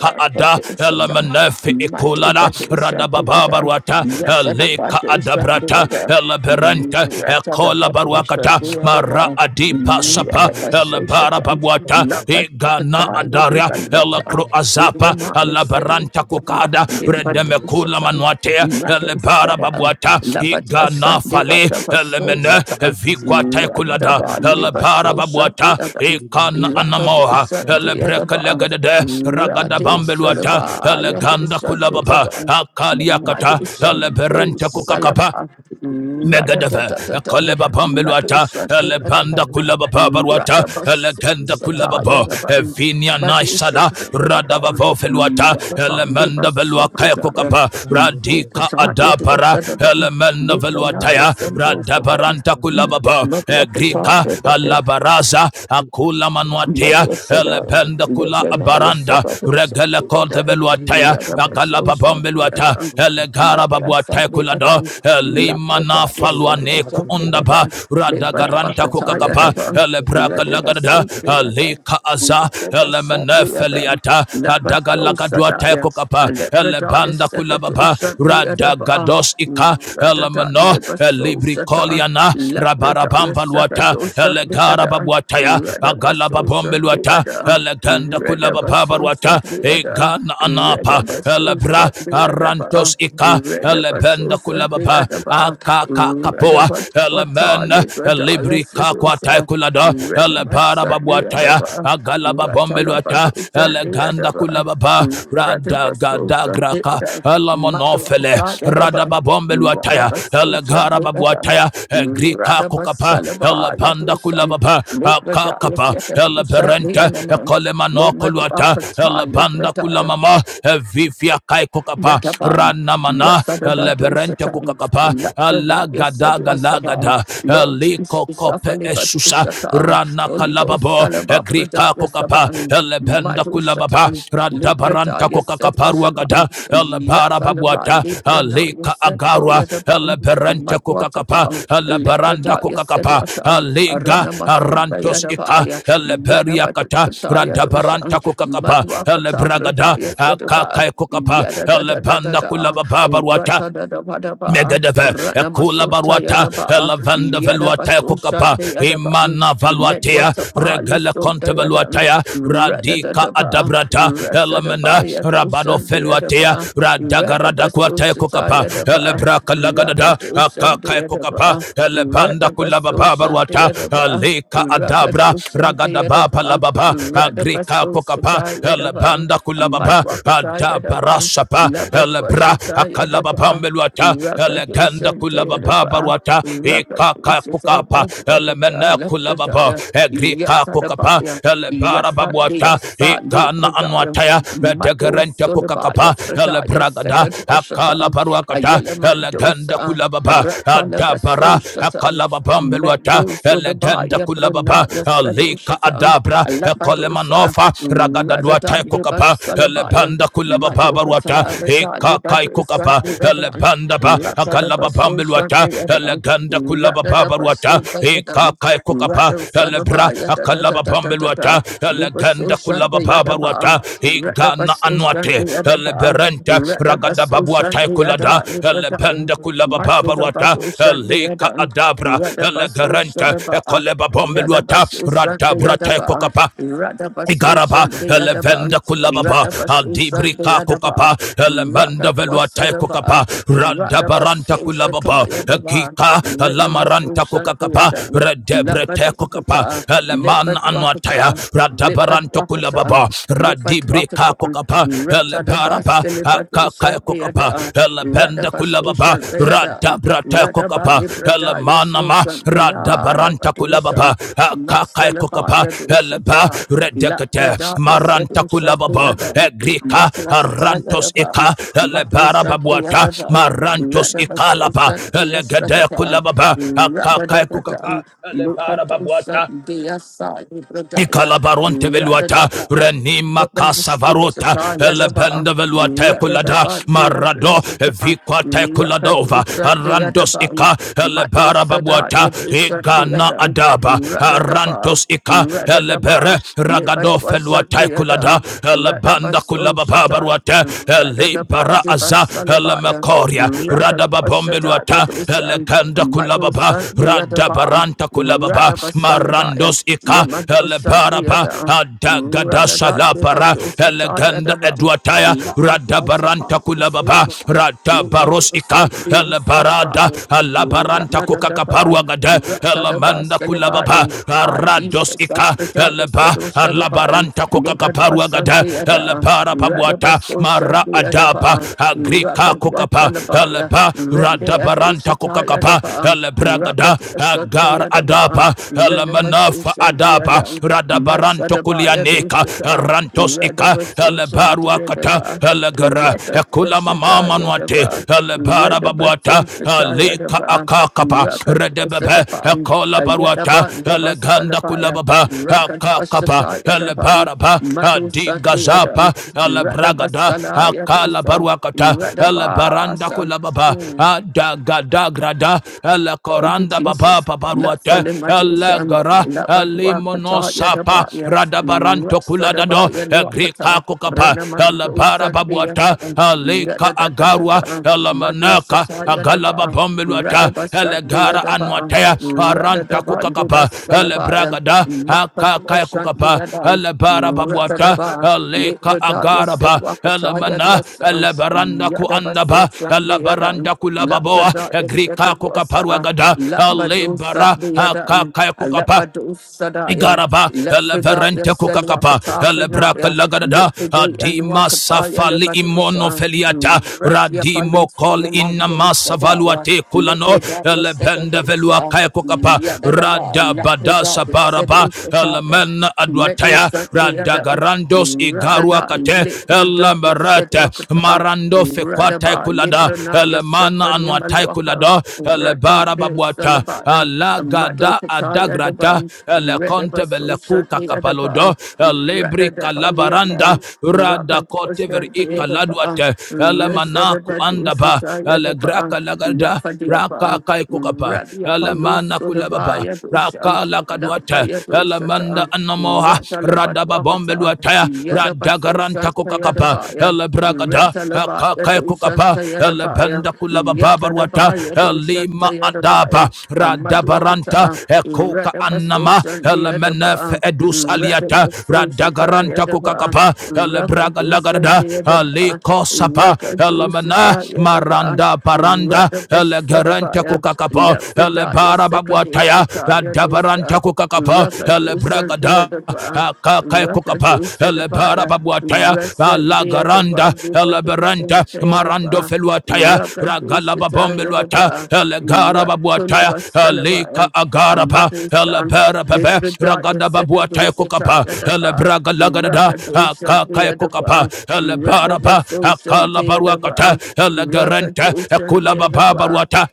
[SPEAKER 1] Ba, Yada Ba
[SPEAKER 5] ada
[SPEAKER 1] Ba Sada,
[SPEAKER 5] elemenefe
[SPEAKER 1] Matu
[SPEAKER 5] ikulana
[SPEAKER 1] Batu Shantu
[SPEAKER 5] radababa
[SPEAKER 1] Yada,
[SPEAKER 5] baruata
[SPEAKER 1] Yasada
[SPEAKER 5] elika
[SPEAKER 1] Batu
[SPEAKER 5] adabrata
[SPEAKER 1] Shantu
[SPEAKER 5] Barwakata,
[SPEAKER 1] Yada,
[SPEAKER 5] Eleberenta,
[SPEAKER 1] Yata Ba
[SPEAKER 5] Ekola
[SPEAKER 1] Batu
[SPEAKER 5] Barwakata,
[SPEAKER 1] Shantu
[SPEAKER 8] you.
[SPEAKER 1] Yada
[SPEAKER 5] Mara
[SPEAKER 1] Ba,
[SPEAKER 5] Adipa
[SPEAKER 8] Thank
[SPEAKER 5] Sapa,
[SPEAKER 1] Yada Basto
[SPEAKER 5] Elebara
[SPEAKER 1] Shatan,
[SPEAKER 5] Babuata,
[SPEAKER 1] Lapa
[SPEAKER 5] Igana
[SPEAKER 1] Patai, Yuhi
[SPEAKER 5] Adaria,
[SPEAKER 1] Banwata,
[SPEAKER 5] Elakru Azapa,
[SPEAKER 1] Bidwama Yasadi
[SPEAKER 5] Alabaranta
[SPEAKER 1] Shatan,
[SPEAKER 5] Kukada,
[SPEAKER 1] Bidbatu
[SPEAKER 5] Redemekula
[SPEAKER 1] Shatan,
[SPEAKER 5] Manuate,
[SPEAKER 1] Mado
[SPEAKER 5] Elebara
[SPEAKER 1] Sada,
[SPEAKER 5] Babuata,
[SPEAKER 1] Labadwa
[SPEAKER 5] Igana
[SPEAKER 1] Sunday,
[SPEAKER 5] Fale,
[SPEAKER 1] Ababa So
[SPEAKER 5] Elemene,
[SPEAKER 1] Sata,
[SPEAKER 5] Evikwa Tekulada,
[SPEAKER 1] Yadaba, Liba
[SPEAKER 5] Elebara
[SPEAKER 1] So Sunday,
[SPEAKER 5] Babuata,
[SPEAKER 1] Adam,
[SPEAKER 5] Ikana
[SPEAKER 1] Labad
[SPEAKER 5] Anamoha,
[SPEAKER 1] Sunday,
[SPEAKER 5] Elebreka
[SPEAKER 1] Adaba,
[SPEAKER 5] Legade, Ragada
[SPEAKER 1] Rade
[SPEAKER 5] Bambeluata,
[SPEAKER 1] Sulaba, Yadu
[SPEAKER 5] Eleganda
[SPEAKER 1] Sunday,
[SPEAKER 5] Kulababa,
[SPEAKER 1] Adam. Madu
[SPEAKER 5] Akaliakata,
[SPEAKER 1] Sunday
[SPEAKER 5] Eleberenta Kukakapa,
[SPEAKER 1] Salaba, Rada da
[SPEAKER 5] Megadava,
[SPEAKER 1] da da da,
[SPEAKER 5] Koleba
[SPEAKER 1] Madu
[SPEAKER 5] Pambeluata,
[SPEAKER 1] Sunday
[SPEAKER 5] Elebanda
[SPEAKER 1] Adaba,
[SPEAKER 5] Kulaba Babaruata,
[SPEAKER 8] you.
[SPEAKER 1] Rada Bas
[SPEAKER 5] Eleganda
[SPEAKER 8] Thank
[SPEAKER 1] Sata
[SPEAKER 5] Kulababo,
[SPEAKER 1] Yadaba,
[SPEAKER 5] Evinia
[SPEAKER 1] Madu
[SPEAKER 5] Naisada,
[SPEAKER 1] Sata Yadaba,
[SPEAKER 5] Radavavo Feluata,
[SPEAKER 1] Yadaba, Debas
[SPEAKER 5] Elemenda Veluakaya
[SPEAKER 1] Sabradaya,
[SPEAKER 5] Kukapa,
[SPEAKER 1] Yes,
[SPEAKER 5] Radika Adapara, Elemenda Veluataya, Radabaranta Kulababo, Egrika, Alabaraza, Akula Manuatea, Elebenda Kula Abaranda, Regala Conte Veluataya, Agalaba Pambeluata, Elegara Babuataya Kulado, a limana faluane kuondaba radagaranta kukakapa elebraka
[SPEAKER 8] you.
[SPEAKER 5] lagadada alika aza
[SPEAKER 1] Set the other,
[SPEAKER 5] elemenefeliata
[SPEAKER 1] not but those
[SPEAKER 5] adagalagaduate
[SPEAKER 1] Sadaya,
[SPEAKER 5] kukapa
[SPEAKER 1] and let the darkness
[SPEAKER 5] elebanda
[SPEAKER 1] second to
[SPEAKER 5] kulababa
[SPEAKER 1] shut the other bar.
[SPEAKER 5] radagados ika
[SPEAKER 1] Ratatan
[SPEAKER 5] elemeno
[SPEAKER 1] never so shatter,
[SPEAKER 5] elibrikoliana
[SPEAKER 1] let the darkness second
[SPEAKER 5] rabarabambaluata
[SPEAKER 1] to shut the other,
[SPEAKER 5] elegarababuataya
[SPEAKER 1] Red of us, so shut the
[SPEAKER 5] agalababombeluata
[SPEAKER 1] other,
[SPEAKER 5] eleganda
[SPEAKER 1] red of us so shut
[SPEAKER 5] kulabababaruata
[SPEAKER 1] the other,
[SPEAKER 5] egana
[SPEAKER 1] red
[SPEAKER 5] anapa
[SPEAKER 1] of us so
[SPEAKER 5] elebra
[SPEAKER 1] shut the other bar,
[SPEAKER 5] arantos ika
[SPEAKER 1] red of us so
[SPEAKER 5] elebenda
[SPEAKER 1] shut the
[SPEAKER 5] kulababa Kaba
[SPEAKER 1] other bar, red of
[SPEAKER 5] Akakakapoa
[SPEAKER 1] us what are
[SPEAKER 5] Elemen
[SPEAKER 1] the
[SPEAKER 5] Libri
[SPEAKER 1] darkness
[SPEAKER 5] Kakwa
[SPEAKER 1] seducer.
[SPEAKER 5] Taikulada
[SPEAKER 1] Renema
[SPEAKER 5] Elebara
[SPEAKER 1] Sunday
[SPEAKER 5] Babuataya
[SPEAKER 1] Adaba,
[SPEAKER 5] Agalaba
[SPEAKER 1] Ratalabado
[SPEAKER 5] Bombeluata
[SPEAKER 1] Sunday
[SPEAKER 5] Eleganda
[SPEAKER 1] Adaba,
[SPEAKER 5] Kulababa
[SPEAKER 1] Ratabaso Sunday
[SPEAKER 5] Radagadagraka
[SPEAKER 1] Adaba,
[SPEAKER 5] Elamonofele
[SPEAKER 1] Matuapata Adaba,
[SPEAKER 5] Radababombeluataya
[SPEAKER 1] Ratabaso
[SPEAKER 5] Elegara
[SPEAKER 1] Sunday Adaba,
[SPEAKER 5] Babuataya grika Kukapa
[SPEAKER 1] Ratabasalaba
[SPEAKER 5] Elebanda
[SPEAKER 1] Yatusan,
[SPEAKER 5] Kulababa
[SPEAKER 1] Lepradaya
[SPEAKER 5] Akakapa
[SPEAKER 1] Sekatu Sunday
[SPEAKER 5] Eleberente
[SPEAKER 1] Anaman,
[SPEAKER 5] Ekolemano Kulwata
[SPEAKER 1] Lematuapata
[SPEAKER 5] Elebanda
[SPEAKER 1] Lepradaya.
[SPEAKER 5] Kulamama Evifia Kaikukapa
[SPEAKER 1] Yataban,
[SPEAKER 5] Ranamana
[SPEAKER 1] Yasadabado
[SPEAKER 5] Eleberenta rente
[SPEAKER 1] Shatan,
[SPEAKER 5] kukakapa
[SPEAKER 1] Lapranaya said to
[SPEAKER 5] alagadaga
[SPEAKER 1] us about
[SPEAKER 5] lagada
[SPEAKER 1] Lord Jesus
[SPEAKER 5] elikokope
[SPEAKER 1] Safalibado
[SPEAKER 5] esusa
[SPEAKER 1] Shatan,
[SPEAKER 5] rana
[SPEAKER 1] Holy Ghost
[SPEAKER 5] kalababo
[SPEAKER 1] Salaba
[SPEAKER 5] egrika
[SPEAKER 1] Pradaya
[SPEAKER 5] kukapa
[SPEAKER 1] Saban,
[SPEAKER 5] elebenda
[SPEAKER 1] Mado
[SPEAKER 5] kulababa
[SPEAKER 1] Shatan.
[SPEAKER 5] radabaranta
[SPEAKER 1] Librataya said was
[SPEAKER 5] kukakaparuagada
[SPEAKER 1] about
[SPEAKER 5] elebara
[SPEAKER 1] Yatalaba
[SPEAKER 5] babuata
[SPEAKER 1] Libranaya
[SPEAKER 5] alika
[SPEAKER 1] said to
[SPEAKER 5] agarwa
[SPEAKER 1] Yadaban a
[SPEAKER 5] eleberente
[SPEAKER 1] mud water
[SPEAKER 5] kukakapa
[SPEAKER 1] palm, a leopard
[SPEAKER 5] eleberanda
[SPEAKER 1] dot, yes, said
[SPEAKER 5] kukakapa
[SPEAKER 1] water, a
[SPEAKER 5] aliga
[SPEAKER 1] renamasun,
[SPEAKER 5] arantos ika
[SPEAKER 1] Dianabaya,
[SPEAKER 5] eleberiakata
[SPEAKER 1] Yanabatuakataya,
[SPEAKER 5] radabaranta
[SPEAKER 1] Dushan,
[SPEAKER 5] kukakapa
[SPEAKER 1] Madwakatabra,
[SPEAKER 5] elebragada
[SPEAKER 1] yes, said about
[SPEAKER 5] akakae kukapa
[SPEAKER 1] Yada da da da da
[SPEAKER 5] elebanda
[SPEAKER 1] da,
[SPEAKER 5] kulababa baruata
[SPEAKER 1] Rata da da ba da ba,
[SPEAKER 5] Megadeve, Ekula
[SPEAKER 1] Ranamasota
[SPEAKER 5] Barwata,
[SPEAKER 1] Yadaba,
[SPEAKER 5] Elavanda velwata
[SPEAKER 1] Yadabaso
[SPEAKER 5] Kukapa,
[SPEAKER 1] Shante Yadaba,
[SPEAKER 5] Imana Valuatea,
[SPEAKER 1] Medwatapa,
[SPEAKER 5] Regala
[SPEAKER 1] Lisson
[SPEAKER 5] Conte
[SPEAKER 1] Diadan,
[SPEAKER 5] Veluatea,
[SPEAKER 1] Rada da
[SPEAKER 5] Radika
[SPEAKER 1] da ba,
[SPEAKER 5] Adabrata,
[SPEAKER 1] Rasa da ba
[SPEAKER 5] Elemena,
[SPEAKER 1] Yadu
[SPEAKER 5] Rabado
[SPEAKER 1] Shante
[SPEAKER 5] Feluatea,
[SPEAKER 1] Yadaba.
[SPEAKER 5] Radagarada
[SPEAKER 1] Radabaso
[SPEAKER 5] Kuate Kukapa,
[SPEAKER 1] Shatayadaba,
[SPEAKER 5] Elebraka Lagadada,
[SPEAKER 1] Rakato
[SPEAKER 5] Akaka Kukapa,
[SPEAKER 1] Shandayadaba,
[SPEAKER 5] Elebanda
[SPEAKER 1] Radabaso
[SPEAKER 5] Kulababa Barwata,
[SPEAKER 1] Shandayadaba,
[SPEAKER 5] Aleka
[SPEAKER 1] Rakato
[SPEAKER 5] Adabra, Ragadaba
[SPEAKER 1] Shandayadaba,
[SPEAKER 5] Palababa, Agrika
[SPEAKER 1] Radabaso
[SPEAKER 5] Kukapa,
[SPEAKER 1] Shatayadaba,
[SPEAKER 5] Elebanda Kulababa,
[SPEAKER 1] Amadwakatayadaba,
[SPEAKER 5] Adabarashapa,
[SPEAKER 1] Labadwa
[SPEAKER 5] elebra akalaba
[SPEAKER 1] Shatayadaba,
[SPEAKER 5] pambeluata
[SPEAKER 1] Rakato
[SPEAKER 5] elegenda kulaba
[SPEAKER 1] Shandayadaba,
[SPEAKER 5] babaruata
[SPEAKER 1] Rakato
[SPEAKER 5] ikaka kukapa elemene
[SPEAKER 1] Shatayadaba,
[SPEAKER 5] kulaba ba
[SPEAKER 1] Labradaya,
[SPEAKER 5] egrika kukapa
[SPEAKER 1] Yatadabaya,
[SPEAKER 5] elebara
[SPEAKER 1] Yasandaya,
[SPEAKER 5] babuata
[SPEAKER 1] Sadi
[SPEAKER 5] igana
[SPEAKER 1] Pradaya,
[SPEAKER 5] anuataya
[SPEAKER 1] Mado
[SPEAKER 5] edegerente
[SPEAKER 1] Solabaya
[SPEAKER 5] kukakapa
[SPEAKER 1] Fredaya
[SPEAKER 5] elebragada
[SPEAKER 1] Second
[SPEAKER 5] akala
[SPEAKER 1] Washatan,
[SPEAKER 5] paruakata
[SPEAKER 1] Ayela
[SPEAKER 5] elegenda
[SPEAKER 1] Mandosa,
[SPEAKER 5] kulaba ba
[SPEAKER 1] Ratanabaso
[SPEAKER 5] adabara
[SPEAKER 1] Shatan,
[SPEAKER 5] akalaba pambeluata
[SPEAKER 1] Medo
[SPEAKER 5] elegenda
[SPEAKER 1] Sodabaya
[SPEAKER 5] kulaba ba
[SPEAKER 1] Pranaya Sado
[SPEAKER 5] alika
[SPEAKER 1] Shatan,
[SPEAKER 5] adabra
[SPEAKER 1] Alabadosa,
[SPEAKER 5] ekolemanofa ragada duata
[SPEAKER 1] Radadan
[SPEAKER 5] kukapa
[SPEAKER 1] Deba
[SPEAKER 5] kukapa
[SPEAKER 1] Solabaya,
[SPEAKER 5] lebanda kulaba
[SPEAKER 1] Mado
[SPEAKER 5] babaruata
[SPEAKER 1] Pata Radani
[SPEAKER 5] ikakai
[SPEAKER 1] Badosa
[SPEAKER 5] kukapa
[SPEAKER 1] Radan,
[SPEAKER 5] lebanda ba akalaba
[SPEAKER 1] Ratanabaso
[SPEAKER 5] pambeluata
[SPEAKER 1] Shatadan,
[SPEAKER 5] leganda kulaba babaruata
[SPEAKER 1] Ratanabaso Bayadan,
[SPEAKER 5] ikakai kukapa
[SPEAKER 1] Rado
[SPEAKER 5] lebra
[SPEAKER 1] Sadabaya da da da
[SPEAKER 5] akalaba
[SPEAKER 1] da da da da,
[SPEAKER 5] pambeluata
[SPEAKER 1] Dibaso
[SPEAKER 5] leganda kulaba
[SPEAKER 1] Shatayadaba.
[SPEAKER 5] babaruata igana
[SPEAKER 1] Radabaso Santi
[SPEAKER 5] anuate
[SPEAKER 1] Adaba,
[SPEAKER 5] leberente ragada
[SPEAKER 1] Radabaso
[SPEAKER 5] babuata
[SPEAKER 1] Santi
[SPEAKER 5] kulada
[SPEAKER 1] Ada, Libradain,
[SPEAKER 5] lebenda kulaba babaruata
[SPEAKER 1] Matsudabato Santi
[SPEAKER 5] lika
[SPEAKER 1] Adan,
[SPEAKER 5] adabra
[SPEAKER 1] Radabaso
[SPEAKER 5] legerente
[SPEAKER 1] Sadaba,
[SPEAKER 5] koleba bombeluata
[SPEAKER 1] Radabaso Santi
[SPEAKER 5] radabra te
[SPEAKER 1] Adaba,
[SPEAKER 5] kukapa.
[SPEAKER 1] Radabaso
[SPEAKER 5] Igaraba,
[SPEAKER 1] Santi Adaba,
[SPEAKER 5] Elevenda Kulababa,
[SPEAKER 1] Radabaso Santi
[SPEAKER 5] Adibrika Kukapa,
[SPEAKER 1] Adaba,
[SPEAKER 5] Elemanda
[SPEAKER 1] Rakatwa
[SPEAKER 5] Veluate Kukapa,
[SPEAKER 1] Sadaba,
[SPEAKER 5] Radabaranta
[SPEAKER 1] Radabaso
[SPEAKER 5] Kulababa,
[SPEAKER 1] Shakaya Daba,
[SPEAKER 5] Kika, Alamaranta
[SPEAKER 1] Ritamaso Santi
[SPEAKER 5] Kukakapa,
[SPEAKER 1] Adan,
[SPEAKER 5] Redebrete
[SPEAKER 1] Lapad
[SPEAKER 5] Kukapa,
[SPEAKER 1] Wakata,
[SPEAKER 5] Eleman
[SPEAKER 1] Lipad
[SPEAKER 5] Anwataya,
[SPEAKER 1] Wakata, Lipad
[SPEAKER 5] Radabaranto
[SPEAKER 1] Wakata.
[SPEAKER 5] Kulababa, Radibrika
[SPEAKER 1] Lipatuakatan,
[SPEAKER 5] Kukapa,
[SPEAKER 1] Ratadabas,
[SPEAKER 5] Elebaraba, Akaka
[SPEAKER 1] Celebatushan, the other,
[SPEAKER 5] Kukapa, Randa kulababa,
[SPEAKER 1] Radabasushan, the other,
[SPEAKER 5] Rada brata
[SPEAKER 1] Radabat
[SPEAKER 5] kokapa,
[SPEAKER 1] Libradaya,
[SPEAKER 5] Elamanama,
[SPEAKER 1] Sushan, the
[SPEAKER 5] Rada
[SPEAKER 1] other,
[SPEAKER 5] baranta kulababa,
[SPEAKER 1] Batushan,
[SPEAKER 5] Akakai kokapa,
[SPEAKER 1] Matsalabaya,
[SPEAKER 5] Eleba,
[SPEAKER 1] Dushata,
[SPEAKER 5] Redekate,
[SPEAKER 1] Lapradaya, said
[SPEAKER 5] Maranta
[SPEAKER 1] Ushan, the
[SPEAKER 5] kulababa,
[SPEAKER 1] other,
[SPEAKER 5] Egrika,
[SPEAKER 1] Matlapataya, the
[SPEAKER 5] Arantos
[SPEAKER 1] other,
[SPEAKER 5] ika, Elebara
[SPEAKER 1] Matushan, the
[SPEAKER 5] babuata,
[SPEAKER 1] other,
[SPEAKER 5] Marantos ikalaba,
[SPEAKER 1] Radabasushan, the
[SPEAKER 5] Elegade
[SPEAKER 1] Sadaba,
[SPEAKER 5] kulababa, Akakai kokapa,
[SPEAKER 1] Radadadam,
[SPEAKER 5] Elebara babuata,
[SPEAKER 1] Lupatushan, the Asai, Libradaya,
[SPEAKER 5] Ikalabaronte veluata,
[SPEAKER 1] Radadabam.
[SPEAKER 5] renima casavarota, elebenda veluate kulada marado, eviquate culadova, arandos ica, elebara babuata, igana adaba, arantos ica, elebere, ragado feluate culada, elebanda culababaruate, elibara aza, elemecoria, radababombeluata, eleganda culababa, radabaranta kulababa
[SPEAKER 1] Rather, but Salibaya,
[SPEAKER 5] marandos ika
[SPEAKER 1] Lima do
[SPEAKER 5] eleparapa
[SPEAKER 1] Sunday, Radada
[SPEAKER 5] antagadasalapara
[SPEAKER 1] Devado Sata
[SPEAKER 5] eleganda
[SPEAKER 1] Radavan,
[SPEAKER 5] eduataya
[SPEAKER 1] Labado
[SPEAKER 5] radabaranta
[SPEAKER 1] Atapa, the
[SPEAKER 5] kulababa
[SPEAKER 1] Sedova, Mukabia
[SPEAKER 5] radabarosika
[SPEAKER 1] Sandia
[SPEAKER 5] elebarada
[SPEAKER 1] Sedabaya,
[SPEAKER 5] alabaranta
[SPEAKER 1] Radada Daba,
[SPEAKER 5] kukakaparuagada
[SPEAKER 1] Ratadaba
[SPEAKER 5] elemanda kulababa
[SPEAKER 1] Selebaya, Ah, Jesus,
[SPEAKER 5] aradosika
[SPEAKER 1] after that, you said,
[SPEAKER 5] eleba
[SPEAKER 1] Oh, Shadabah,
[SPEAKER 5] alabaranta
[SPEAKER 1] Lima do a
[SPEAKER 5] kukakaparuagada
[SPEAKER 1] Sunday at a Radaba
[SPEAKER 5] elebarapabuata mara
[SPEAKER 1] Sunday at a
[SPEAKER 5] adapa
[SPEAKER 1] bar,
[SPEAKER 5] agrika
[SPEAKER 1] Rakat what's
[SPEAKER 5] kukapa
[SPEAKER 1] on the bar,
[SPEAKER 5] eleba
[SPEAKER 1] Red day at
[SPEAKER 5] radabaranta
[SPEAKER 1] Usatai at a
[SPEAKER 5] kukakapa
[SPEAKER 1] bar,
[SPEAKER 5] elebragada
[SPEAKER 1] Rakat Sunday
[SPEAKER 5] agar
[SPEAKER 1] at a bar,
[SPEAKER 5] adapa
[SPEAKER 1] Renamas
[SPEAKER 5] elemanafa adapa
[SPEAKER 1] Sunday at
[SPEAKER 5] kadaba
[SPEAKER 1] a
[SPEAKER 5] radabaranto
[SPEAKER 1] Masadaba at
[SPEAKER 5] kulianeka
[SPEAKER 1] Usata,
[SPEAKER 5] rantos ika
[SPEAKER 1] Radaba
[SPEAKER 5] elebarua
[SPEAKER 1] Sunday at a
[SPEAKER 5] kata
[SPEAKER 1] bar,
[SPEAKER 5] elegera
[SPEAKER 1] Rakat
[SPEAKER 5] ekula mama
[SPEAKER 1] Usatai at a
[SPEAKER 5] manuate
[SPEAKER 1] bar,
[SPEAKER 5] elebara
[SPEAKER 1] Redaba
[SPEAKER 5] babuata
[SPEAKER 1] Sunday at a
[SPEAKER 5] alika
[SPEAKER 1] bar,
[SPEAKER 5] akakapa
[SPEAKER 1] Rakat
[SPEAKER 5] redebebe
[SPEAKER 1] Usatai.
[SPEAKER 5] ekola
[SPEAKER 1] Ayada
[SPEAKER 5] baruata
[SPEAKER 1] button, the bus
[SPEAKER 5] eleganda
[SPEAKER 1] salabaya,
[SPEAKER 5] kulababa
[SPEAKER 1] Rakat
[SPEAKER 5] akakapa
[SPEAKER 1] Bashata Yadaban,
[SPEAKER 5] elebaraba
[SPEAKER 1] Madu Sunday Adam,
[SPEAKER 5] adigazapa elebragada
[SPEAKER 1] Radabasala
[SPEAKER 5] akala
[SPEAKER 1] Yadosa,
[SPEAKER 5] baruakata elebaranda
[SPEAKER 1] Radabasa.
[SPEAKER 5] kulababa adagadagrada
[SPEAKER 1] Thank you,
[SPEAKER 5] elekoranda baba
[SPEAKER 1] Jesus. La
[SPEAKER 5] paparuate
[SPEAKER 1] Falemadushan,
[SPEAKER 5] elegara
[SPEAKER 1] La Badua Kata
[SPEAKER 5] elimonosapa
[SPEAKER 1] Yadabaya,
[SPEAKER 5] radabaranto kuladado
[SPEAKER 1] Rasadabaya Luakata,
[SPEAKER 5] egrika kokapa elabara
[SPEAKER 1] Ranamandusan
[SPEAKER 5] babuata
[SPEAKER 1] Deasan,
[SPEAKER 5] eleka agarwa
[SPEAKER 1] Yadadadadada,
[SPEAKER 5] elamanaka
[SPEAKER 1] Madusata
[SPEAKER 5] agalaba
[SPEAKER 1] Yadaba,
[SPEAKER 5] bombeluata
[SPEAKER 1] Radabasa
[SPEAKER 5] elegara
[SPEAKER 1] Deadaba,
[SPEAKER 5] anuatea aranta
[SPEAKER 1] Radadabandu
[SPEAKER 5] kukakapa
[SPEAKER 1] Basalabaya,
[SPEAKER 5] elebragada akakaya
[SPEAKER 1] Makadwashan
[SPEAKER 5] kukapa
[SPEAKER 1] Deadan,
[SPEAKER 5] elebara babuata
[SPEAKER 1] Radadaba,
[SPEAKER 5] eleka
[SPEAKER 1] Lepradaya said
[SPEAKER 5] agaraba
[SPEAKER 1] Wakataya
[SPEAKER 5] elemana
[SPEAKER 1] was
[SPEAKER 5] elebaranda
[SPEAKER 1] Yadaba so
[SPEAKER 5] kuandaba
[SPEAKER 1] shant the other,
[SPEAKER 5] elebaranda kulababoa
[SPEAKER 1] Lapradaya
[SPEAKER 5] egrika
[SPEAKER 1] second was
[SPEAKER 5] kokaparwagada
[SPEAKER 1] Lapbado shant
[SPEAKER 5] elebara
[SPEAKER 1] the other,
[SPEAKER 5] akakaya kukapa
[SPEAKER 1] Lapbado Sadaya,
[SPEAKER 5] Igaraba,
[SPEAKER 1] Lepradaya
[SPEAKER 5] Eleverente
[SPEAKER 1] said
[SPEAKER 5] Kukakapa,
[SPEAKER 1] Wakata
[SPEAKER 5] Elebraka
[SPEAKER 1] Frenaya,
[SPEAKER 5] Lagadada,
[SPEAKER 1] Leprade and
[SPEAKER 5] Adima
[SPEAKER 1] Wakataya
[SPEAKER 5] Safali Imono
[SPEAKER 1] Lebadosha,
[SPEAKER 5] Feliata,
[SPEAKER 1] Ratia Palu
[SPEAKER 5] Radimo Kol
[SPEAKER 1] Salamande
[SPEAKER 5] Inamasa
[SPEAKER 1] Sadaya,
[SPEAKER 5] Valuate Kulano,
[SPEAKER 1] Lepradaya second
[SPEAKER 5] Elebende Velua
[SPEAKER 1] Usha,
[SPEAKER 5] Kaya Kukapa,
[SPEAKER 1] Yadaba,
[SPEAKER 5] Radabada
[SPEAKER 1] Lapradaya said
[SPEAKER 5] Sabaraba,
[SPEAKER 1] Ushataya.
[SPEAKER 5] Elemena
[SPEAKER 1] Metal
[SPEAKER 5] Adwataya,
[SPEAKER 1] Sunday Adam,
[SPEAKER 5] Radagarandos Igarua
[SPEAKER 1] Radada,
[SPEAKER 5] Kate,
[SPEAKER 1] Libra dot, you said
[SPEAKER 5] Elemerete,
[SPEAKER 1] Wakata,
[SPEAKER 5] Marando Fequata
[SPEAKER 1] Radaba,
[SPEAKER 5] Kulada,
[SPEAKER 1] Libra not yourself,
[SPEAKER 5] Elemana
[SPEAKER 1] and
[SPEAKER 5] anwata kulada
[SPEAKER 1] Nimaluaka,
[SPEAKER 5] alagada
[SPEAKER 1] Ratan
[SPEAKER 5] elebara
[SPEAKER 1] de
[SPEAKER 5] babuata
[SPEAKER 1] Salabaya, a Madu
[SPEAKER 5] alagada
[SPEAKER 1] Kataya the
[SPEAKER 5] adagrata
[SPEAKER 1] Ban, Redaba
[SPEAKER 5] elekonte
[SPEAKER 1] Sushan
[SPEAKER 5] velekuka
[SPEAKER 1] the
[SPEAKER 5] kapalodo
[SPEAKER 1] Adaba,
[SPEAKER 5] elebri
[SPEAKER 1] Radada
[SPEAKER 5] kalabaranda
[SPEAKER 1] Liaba, Rapat
[SPEAKER 5] radakote veri
[SPEAKER 1] Sunday Adaba,
[SPEAKER 5] ikaladwate elemanaku
[SPEAKER 1] Resadaba de
[SPEAKER 5] andaba
[SPEAKER 1] Sutaya the Ban,
[SPEAKER 5] elegraka lagada raka kaikukapa
[SPEAKER 1] Radia
[SPEAKER 5] elemana
[SPEAKER 1] Paloso de
[SPEAKER 5] kulababa
[SPEAKER 1] Baya Doshan,
[SPEAKER 5] raka lakadwate
[SPEAKER 1] Lambaya
[SPEAKER 5] elemanda
[SPEAKER 1] Doshata,
[SPEAKER 5] anamoha
[SPEAKER 1] Ratalabadwakata,
[SPEAKER 5] radababombeluataya
[SPEAKER 1] Yadabaso
[SPEAKER 5] radagaranta Kokakapa.
[SPEAKER 1] Shantayadabaya,
[SPEAKER 5] Elebrakata, Elebragada,
[SPEAKER 1] Retalabaya
[SPEAKER 5] Kakakukapa,
[SPEAKER 1] Doshantayadabaya,
[SPEAKER 5] Elebenda Kulababarwata,
[SPEAKER 1] Yatadabaya
[SPEAKER 5] Elima Adaba,
[SPEAKER 1] Doshantayadabaya,
[SPEAKER 5] Radabaranta,
[SPEAKER 1] Amadwakata,
[SPEAKER 5] Ekoka
[SPEAKER 1] Radabaso
[SPEAKER 5] Anama, Elemenef
[SPEAKER 1] Shantayadabaya.
[SPEAKER 5] Edus
[SPEAKER 1] Red of
[SPEAKER 5] Aliata,
[SPEAKER 1] my social
[SPEAKER 5] Radagaranta
[SPEAKER 1] yadaba,
[SPEAKER 5] Kukakapa,
[SPEAKER 1] Raka
[SPEAKER 5] Elebraga
[SPEAKER 1] Dusan
[SPEAKER 5] Lagarada,
[SPEAKER 1] de Yadaba,
[SPEAKER 5] Aliko Sapa,
[SPEAKER 1] Raka
[SPEAKER 5] Elemena,
[SPEAKER 1] Dusita Yadaba,
[SPEAKER 5] Maranda Paranda, Elegaranta
[SPEAKER 1] Radhabasadabaya,
[SPEAKER 5] Kukakapa,
[SPEAKER 1] Lafredaya
[SPEAKER 5] Elebara Babuataya,
[SPEAKER 1] Sekadushataya
[SPEAKER 5] Radabaranta
[SPEAKER 1] Dusa,
[SPEAKER 5] Kukakapa, ele
[SPEAKER 1] Rakadusan
[SPEAKER 5] bragada
[SPEAKER 1] Beadaba,
[SPEAKER 5] akaka kokapa ele
[SPEAKER 1] Rakadusadabaya,
[SPEAKER 5] barababuataya
[SPEAKER 1] Resin
[SPEAKER 5] ala
[SPEAKER 1] Beadaba,
[SPEAKER 5] garanda ele beranta
[SPEAKER 1] Divadusan
[SPEAKER 5] marando
[SPEAKER 1] Tayadaba,
[SPEAKER 5] feluataya ragala
[SPEAKER 1] Rakadusataya
[SPEAKER 5] babombeluata
[SPEAKER 1] Daba,
[SPEAKER 5] ele garababuataya
[SPEAKER 1] Ratulaba
[SPEAKER 5] alika
[SPEAKER 1] Salabaya,
[SPEAKER 5] agarapa ele
[SPEAKER 1] Amadusan,
[SPEAKER 5] berabebe
[SPEAKER 1] Lipredaya
[SPEAKER 5] ragada babuataya kokapa
[SPEAKER 1] Sekadusataya
[SPEAKER 5] ele
[SPEAKER 1] Daba,
[SPEAKER 5] bragalagadada
[SPEAKER 1] Rakadusan
[SPEAKER 5] akaka kokapa
[SPEAKER 1] Beadaba, Radhabasosan Tayadaba, Rakadusha Deadaba,
[SPEAKER 5] ele baraba
[SPEAKER 1] Radhabasosha
[SPEAKER 5] akala
[SPEAKER 1] Deadaba,
[SPEAKER 5] baruakata ele garanta
[SPEAKER 1] Rakadusha
[SPEAKER 5] ekula baba
[SPEAKER 1] Vedaba,
[SPEAKER 5] baruata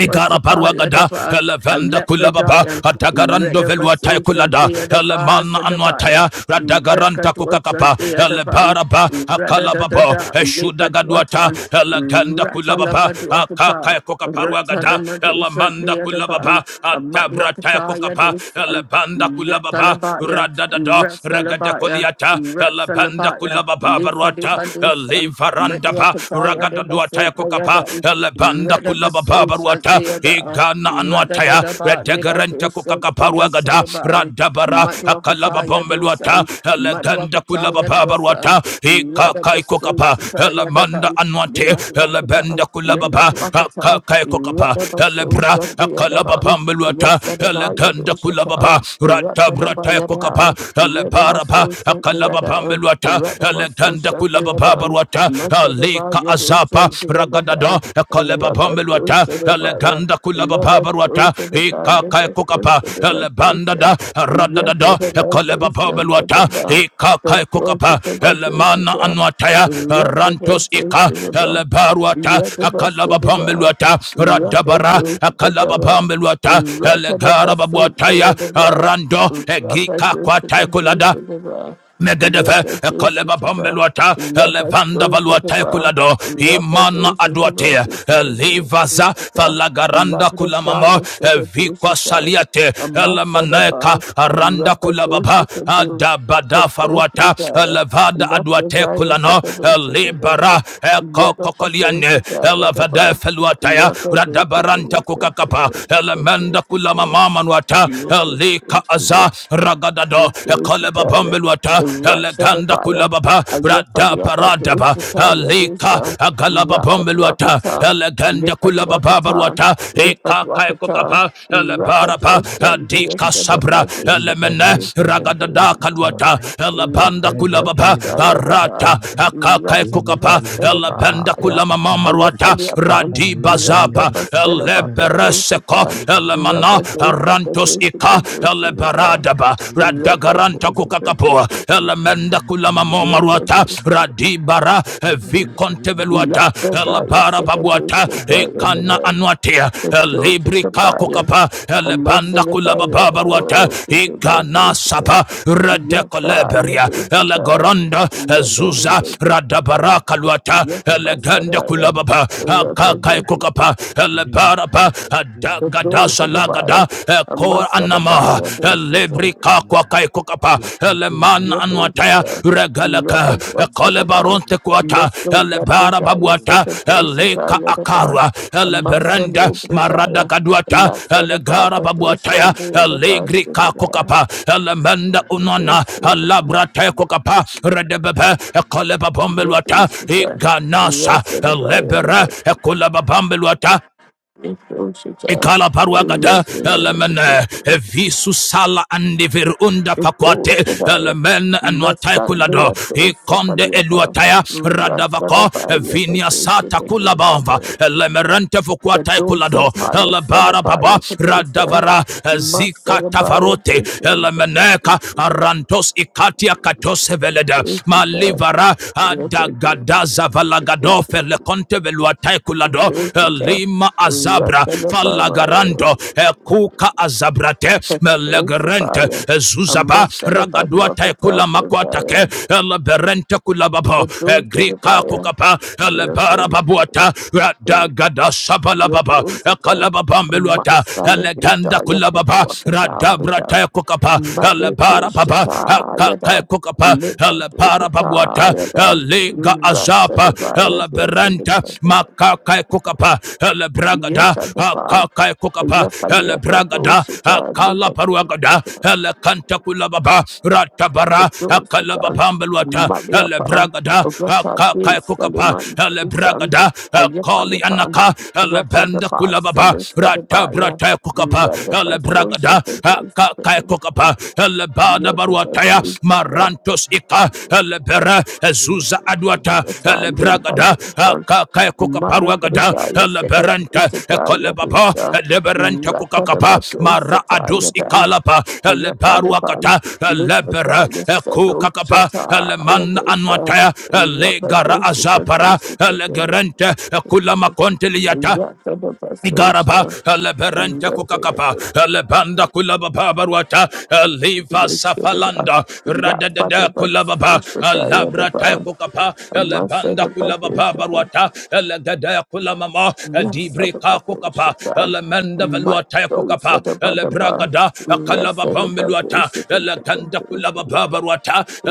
[SPEAKER 5] Igara paruagada,
[SPEAKER 1] Payadaba,
[SPEAKER 5] elevenda kulababa,
[SPEAKER 1] Alepradaya,
[SPEAKER 5] adagarando veluataya
[SPEAKER 1] Redabasosha
[SPEAKER 5] kulada,
[SPEAKER 1] Vedaba
[SPEAKER 5] elemana anuataya,
[SPEAKER 1] Sadabaya,
[SPEAKER 5] radagaranta
[SPEAKER 1] Rakadusha
[SPEAKER 5] kukakapa,
[SPEAKER 1] Vedaba,
[SPEAKER 5] elebaraba, akalababo,
[SPEAKER 1] Radadadada, Lepadwata,
[SPEAKER 5] eshudagadwata, eleganda kulababa,
[SPEAKER 1] Ratalabaduakata,
[SPEAKER 5] akakaya kukaparuagada,
[SPEAKER 1] Ratadamadusha
[SPEAKER 5] elemanda
[SPEAKER 1] Vedaba,
[SPEAKER 5] kulababa, adabrataya
[SPEAKER 1] Amadwakata
[SPEAKER 5] kukapa,
[SPEAKER 1] Yadusha,
[SPEAKER 5] elebanda kulababa,
[SPEAKER 1] Yatalabaya,
[SPEAKER 5] radadada, regada
[SPEAKER 1] Rasalabaya,
[SPEAKER 5] kuliata, elebanda
[SPEAKER 1] Rasalabaya,
[SPEAKER 5] kulababa baruata,
[SPEAKER 1] Lepadibadusha,
[SPEAKER 5] elivarandaba,
[SPEAKER 1] Medwakataya de
[SPEAKER 5] ragadadua anwataya
[SPEAKER 1] Basu, the
[SPEAKER 5] kokapa
[SPEAKER 1] other,
[SPEAKER 5] elebanda
[SPEAKER 1] Rada
[SPEAKER 5] kulababa
[SPEAKER 1] Basu, sent
[SPEAKER 5] baruata
[SPEAKER 1] the other,
[SPEAKER 5] igana
[SPEAKER 1] Rada da
[SPEAKER 5] anwataya
[SPEAKER 1] da ba, Libadu,
[SPEAKER 5] redegerente
[SPEAKER 1] the
[SPEAKER 5] kokakaparua gada
[SPEAKER 1] Yasalaba,
[SPEAKER 5] radabara
[SPEAKER 1] Madwakataya do
[SPEAKER 5] akalababombeluata
[SPEAKER 1] son,
[SPEAKER 5] eleganda
[SPEAKER 1] Madwakataya
[SPEAKER 5] kulababa
[SPEAKER 1] do son,
[SPEAKER 5] baruata
[SPEAKER 1] Rada
[SPEAKER 5] ikakai
[SPEAKER 1] Basu,
[SPEAKER 5] kokapa
[SPEAKER 1] Sataya da
[SPEAKER 5] lemanda
[SPEAKER 1] Ban,
[SPEAKER 5] anwate
[SPEAKER 1] Limadwakata,
[SPEAKER 5] elebenda kulababa
[SPEAKER 1] Limadwakata,
[SPEAKER 5] akakai kokapa
[SPEAKER 1] Rada Basu,
[SPEAKER 5] elebra
[SPEAKER 1] sent the other ban,
[SPEAKER 5] akalababombeluata
[SPEAKER 1] Yasadabaya do
[SPEAKER 5] eleganda
[SPEAKER 1] Shata,
[SPEAKER 5] kulababa
[SPEAKER 1] Rata da
[SPEAKER 5] ratabrata kokapa
[SPEAKER 1] Bayaba, Rada
[SPEAKER 5] elebaraba
[SPEAKER 1] Basu, sent the other,
[SPEAKER 5] akalababombeluata
[SPEAKER 1] Rada Basu,
[SPEAKER 5] eleganda Ragada
[SPEAKER 1] sent the other.
[SPEAKER 5] kulababaruata,
[SPEAKER 1] Masadaba
[SPEAKER 5] Aleka azapa,
[SPEAKER 1] Yadusan
[SPEAKER 5] Ragadada,
[SPEAKER 1] Theodaba, Rapa
[SPEAKER 5] Kalebabambeluata,
[SPEAKER 1] Dusadabaya,
[SPEAKER 5] Eleganda
[SPEAKER 1] Lava
[SPEAKER 5] kulababaruata,
[SPEAKER 1] Dusadaba,
[SPEAKER 5] Eka
[SPEAKER 1] Lava
[SPEAKER 5] kaikukapa,
[SPEAKER 1] Dusadaba Dusa,
[SPEAKER 5] Elebandada, Radadada,
[SPEAKER 1] Yasadaba Dusan
[SPEAKER 5] Kalebabambeluata,
[SPEAKER 1] Dadaba,
[SPEAKER 5] Eka
[SPEAKER 1] Sasua
[SPEAKER 5] kaikukapa, Elemana
[SPEAKER 1] Dusadaba,
[SPEAKER 5] anuataya, Rantos
[SPEAKER 1] Rakaba
[SPEAKER 5] ika,
[SPEAKER 1] Dusadaba,
[SPEAKER 5] Elebaruata,
[SPEAKER 1] Yadaba Sudaba,
[SPEAKER 5] Akalababambeluata,
[SPEAKER 1] Raka
[SPEAKER 5] Radabara,
[SPEAKER 1] Dusadaba,
[SPEAKER 5] Akalababambeluata,
[SPEAKER 1] Rakadaba
[SPEAKER 5] ya
[SPEAKER 1] Sudayadaba,
[SPEAKER 5] Rando, gika
[SPEAKER 1] Rapa
[SPEAKER 5] kwa kwatai
[SPEAKER 1] Dusadaba
[SPEAKER 5] kulada,
[SPEAKER 1] Dusadaba,
[SPEAKER 5] Megedeve,
[SPEAKER 1] Yaka
[SPEAKER 5] Ekaleba
[SPEAKER 1] Dusadaba,
[SPEAKER 5] Bombeluata,
[SPEAKER 1] Rabba
[SPEAKER 5] Elevanda
[SPEAKER 1] Joshua,
[SPEAKER 5] Valuate Kulado,
[SPEAKER 1] Rabba Joshua,
[SPEAKER 5] Imana
[SPEAKER 1] Rabba
[SPEAKER 5] Aduate, Elivaza,
[SPEAKER 1] Joshua,
[SPEAKER 5] Falagaranda
[SPEAKER 1] Labra
[SPEAKER 5] Kulamama,
[SPEAKER 1] Jaya Saka
[SPEAKER 5] Evikwa
[SPEAKER 1] Joshua,
[SPEAKER 5] Saliate,
[SPEAKER 1] a
[SPEAKER 5] Elamaneka,
[SPEAKER 1] Masadaba,
[SPEAKER 5] Aranda
[SPEAKER 1] Rabba Joshua,
[SPEAKER 5] Kulababa, Adabada Faruata,
[SPEAKER 1] Kadokri
[SPEAKER 5] a
[SPEAKER 1] Jaya,
[SPEAKER 5] levada
[SPEAKER 1] Labra
[SPEAKER 5] Aduate
[SPEAKER 1] Jaya
[SPEAKER 5] Kulano,
[SPEAKER 1] Saka Joshua,
[SPEAKER 5] Elibara,
[SPEAKER 1] Yada Pasasha
[SPEAKER 5] Ekokoliane, Elevade
[SPEAKER 1] Yadaba,
[SPEAKER 5] Feluataya,
[SPEAKER 1] Rabba
[SPEAKER 5] Radabaranta
[SPEAKER 1] Joshua,
[SPEAKER 5] Kukakapa,
[SPEAKER 1] Rabba
[SPEAKER 5] Elemenda Kulamama Manuata,
[SPEAKER 1] Joshua, Rabba
[SPEAKER 5] lika
[SPEAKER 1] Joshua,
[SPEAKER 5] Aza, Ragada. Ragadado,
[SPEAKER 1] Dooshta
[SPEAKER 5] Ekoleba
[SPEAKER 1] taare, the
[SPEAKER 5] Bombeluata,
[SPEAKER 1] racha
[SPEAKER 5] Eleganda
[SPEAKER 1] devaya.
[SPEAKER 5] Kulababa,
[SPEAKER 1] Aye phali
[SPEAKER 5] Rada
[SPEAKER 1] apna
[SPEAKER 5] Paradaba,
[SPEAKER 1] dooshta taare,
[SPEAKER 5] Alika,
[SPEAKER 1] dooshta
[SPEAKER 5] Agalaba
[SPEAKER 1] raka
[SPEAKER 5] Bombeluata,
[SPEAKER 1] dooshtaan,
[SPEAKER 5] Eleganda
[SPEAKER 1] lepat
[SPEAKER 5] Kulababa
[SPEAKER 1] dooshtaan,
[SPEAKER 5] Baruata,
[SPEAKER 1] lepat
[SPEAKER 5] Eka
[SPEAKER 1] dooshtaan,
[SPEAKER 5] Kaikokapa,
[SPEAKER 1] raka
[SPEAKER 5] Elebaraba,
[SPEAKER 1] dooshtaan,
[SPEAKER 5] Adika
[SPEAKER 8] Thank
[SPEAKER 1] dooshta
[SPEAKER 5] Sabra,
[SPEAKER 1] deva, dooshta deva,
[SPEAKER 5] Elemene,
[SPEAKER 1] dooshta
[SPEAKER 5] Ragadada
[SPEAKER 1] deva,
[SPEAKER 5] Kaluata, Elebanda Kulababa,
[SPEAKER 1] dooshta deva. Aye phali apna,
[SPEAKER 5] Arata, Akaka
[SPEAKER 1] racha deva,
[SPEAKER 5] Kokapa, Elebanda
[SPEAKER 1] salimaya.
[SPEAKER 5] Kulamama
[SPEAKER 1] Aye
[SPEAKER 5] Maruata,
[SPEAKER 1] phali apna,
[SPEAKER 5] Radiba
[SPEAKER 1] racha
[SPEAKER 5] Zapa,
[SPEAKER 1] deva, salimaya. Aye
[SPEAKER 5] Elepereseko,
[SPEAKER 1] phali
[SPEAKER 5] Elemana, Arantos
[SPEAKER 1] apna, racha
[SPEAKER 5] ika
[SPEAKER 1] deva,
[SPEAKER 5] ele
[SPEAKER 1] salimaya.
[SPEAKER 5] baradaba
[SPEAKER 1] Yes, I
[SPEAKER 5] radagaranta kukakapoa ele menda kulama momaruata radibara vikonteveluata ele barababuata ikana anuatia elibrika kukapa ele banda kulabababaruata igana sapa redekoleberia ele goronda ezuza radabara kaluata ele gende kulababa
[SPEAKER 8] you.
[SPEAKER 5] akakai kukapa ele
[SPEAKER 8] Thank you.
[SPEAKER 5] baraba adaga Lagada Salagada Kor
[SPEAKER 1] must set a
[SPEAKER 5] Anama
[SPEAKER 1] buyer to sit
[SPEAKER 5] Lebrika Kwakai Kokapa Leman Anwataya
[SPEAKER 1] Yadosita,
[SPEAKER 5] Regalaka
[SPEAKER 1] Rakadwasadaban,
[SPEAKER 5] Kolebaronte Kwata
[SPEAKER 1] Miso
[SPEAKER 5] Lebara
[SPEAKER 1] Labradaya
[SPEAKER 5] Babuata
[SPEAKER 1] Sakadosita
[SPEAKER 5] Leka
[SPEAKER 1] Yadaban,
[SPEAKER 5] Akarwa Leberenda
[SPEAKER 1] Amasalo
[SPEAKER 5] Marada
[SPEAKER 1] Bradaya,
[SPEAKER 5] Kaduata Legara
[SPEAKER 1] Lasadabaka Dosha,
[SPEAKER 5] Babuataya
[SPEAKER 1] Leadabas,
[SPEAKER 5] Legrika
[SPEAKER 1] Yadosita,
[SPEAKER 5] Kokapa lemanda Unana Labrata Kokapa Redebebe Koleba Bombelwata
[SPEAKER 1] Rasadabaya,
[SPEAKER 5] Iganasa Lebera Kolaba Bambelwata
[SPEAKER 1] Yadosita,
[SPEAKER 5] Ikala paruagada
[SPEAKER 1] Rasadabaya,
[SPEAKER 5] elemene evisu sala andiver unda pakwate
[SPEAKER 1] Yadosadaya,
[SPEAKER 5] elemene anwatai
[SPEAKER 1] Masandia
[SPEAKER 5] kulado ikonde
[SPEAKER 1] Dosapaliapa,
[SPEAKER 5] eluataya radavako
[SPEAKER 1] Rasadabaya,
[SPEAKER 5] evinia sata
[SPEAKER 1] Yadosita,
[SPEAKER 5] kulabamba
[SPEAKER 1] Yadosita.
[SPEAKER 5] elemerente fukuatai kulado
[SPEAKER 1] Kadosataya
[SPEAKER 5] elebara
[SPEAKER 1] Salabaya
[SPEAKER 5] baba
[SPEAKER 1] Kadosa
[SPEAKER 5] radavara zika
[SPEAKER 1] Masalabaya
[SPEAKER 5] tavarote
[SPEAKER 1] Dosa
[SPEAKER 5] elemeneka
[SPEAKER 1] Kadosata
[SPEAKER 5] arantos ikatia katose veleda malivara adagadaza valagado o fele konte velua taikulado
[SPEAKER 1] Kadosata
[SPEAKER 5] lima azabra
[SPEAKER 1] Ratalabama
[SPEAKER 5] falagarando kuka azabrate melegerente
[SPEAKER 1] Kadosabaya
[SPEAKER 5] zuzaba
[SPEAKER 1] Amasalabadu
[SPEAKER 5] ragadua
[SPEAKER 1] Akata
[SPEAKER 5] taikula makwatake
[SPEAKER 1] Prataya
[SPEAKER 5] eleberente kulababo grika
[SPEAKER 1] Kadosabaya
[SPEAKER 5] kukapa elebara babuata
[SPEAKER 1] Yatosata
[SPEAKER 5] radagada sabalababa ekalababa meluata eleganda
[SPEAKER 1] Masalabaya
[SPEAKER 5] kulababa
[SPEAKER 1] Kadosata
[SPEAKER 5] radabra
[SPEAKER 1] Prataya
[SPEAKER 5] taikukapa
[SPEAKER 1] Mabedo
[SPEAKER 5] elebara baba
[SPEAKER 1] Shatayada,
[SPEAKER 5] akaka azapa ele
[SPEAKER 1] Lepado
[SPEAKER 5] para pabuata
[SPEAKER 1] Patayada,
[SPEAKER 5] azapa
[SPEAKER 1] Rasadavaya,
[SPEAKER 5] ele berenta
[SPEAKER 1] Dosadavaya,
[SPEAKER 5] makaka kukapa ele bragada
[SPEAKER 1] Yetadafa,
[SPEAKER 5] akaka kukapa ele
[SPEAKER 1] Yafalepa
[SPEAKER 5] bragada
[SPEAKER 1] Dosata,
[SPEAKER 5] akala paruagada
[SPEAKER 1] Lepado
[SPEAKER 5] ele kanta kulababa ratabara akala
[SPEAKER 1] Dosata,
[SPEAKER 5] babambelwata ele
[SPEAKER 1] Maleapa,
[SPEAKER 5] bragada
[SPEAKER 1] Rata De
[SPEAKER 5] akaka kukapa
[SPEAKER 1] Saliman
[SPEAKER 5] ele
[SPEAKER 1] Dosan,
[SPEAKER 5] bragada akali
[SPEAKER 1] Ayafalepa,
[SPEAKER 5] anaka ele
[SPEAKER 1] Rata de
[SPEAKER 5] benda
[SPEAKER 1] Bas,
[SPEAKER 5] kulababa
[SPEAKER 1] Selesadavaya,
[SPEAKER 5] ratabrata kukapa
[SPEAKER 1] Rata
[SPEAKER 5] ele
[SPEAKER 1] Basosha,
[SPEAKER 5] bragada
[SPEAKER 1] Dosata,
[SPEAKER 5] kakokapa elebada baruataya
[SPEAKER 1] Yetadabasu,
[SPEAKER 5] marantos ika elebera ezuza aduata
[SPEAKER 1] Italian
[SPEAKER 5] elebragada
[SPEAKER 1] Badusa, Mother
[SPEAKER 5] kakakokaparuagada
[SPEAKER 1] Padishaya, Second
[SPEAKER 5] eleberenta
[SPEAKER 1] Istataya
[SPEAKER 5] ekolebaba
[SPEAKER 1] Dusta,
[SPEAKER 5] eleberenta
[SPEAKER 1] Ratada
[SPEAKER 5] kukakapa
[SPEAKER 1] Pato
[SPEAKER 5] mara adus
[SPEAKER 1] Sataya Dusa, Rapada Badusa Taya Dan,
[SPEAKER 5] ikalapa
[SPEAKER 1] Ayapadaban,
[SPEAKER 5] elebaruakata elebera
[SPEAKER 1] Lipradaya Sedo
[SPEAKER 5] ekukakapa
[SPEAKER 1] Sataya
[SPEAKER 5] eleman
[SPEAKER 1] Dusa,
[SPEAKER 5] anuataya elegara
[SPEAKER 1] Rapadosa
[SPEAKER 5] azapara
[SPEAKER 1] Kadusa Kadusa,
[SPEAKER 5] elegerente kulamakonteliata
[SPEAKER 1] Rapada
[SPEAKER 5] Igaraba,
[SPEAKER 1] Badusa,
[SPEAKER 5] Eleberente
[SPEAKER 1] Rapada
[SPEAKER 5] Kukakapa,
[SPEAKER 1] Badusa,
[SPEAKER 5] Elebanda Kulababa Barwata, Eliva Safalanda, Radadada
[SPEAKER 1] Rapada
[SPEAKER 5] Kulababa,
[SPEAKER 1] Badusa Taya
[SPEAKER 5] Elabra
[SPEAKER 1] Daba,
[SPEAKER 5] Kukapa,
[SPEAKER 1] Amasa
[SPEAKER 5] Elebanda Kulababa
[SPEAKER 1] Badusa
[SPEAKER 5] Barwata, Elegada Kulamama,
[SPEAKER 1] Yes,
[SPEAKER 5] Edibrika Kukapa,
[SPEAKER 1] Adabashita,
[SPEAKER 5] Elemenda
[SPEAKER 1] my
[SPEAKER 5] Veluata
[SPEAKER 1] soul, we rest
[SPEAKER 5] Kukapa,
[SPEAKER 1] of the Babushita,
[SPEAKER 5] Elebragada, Akalababa Miluata,
[SPEAKER 1] the
[SPEAKER 5] Eleganda Kulababa
[SPEAKER 1] Babushita,
[SPEAKER 5] Barwata,
[SPEAKER 1] the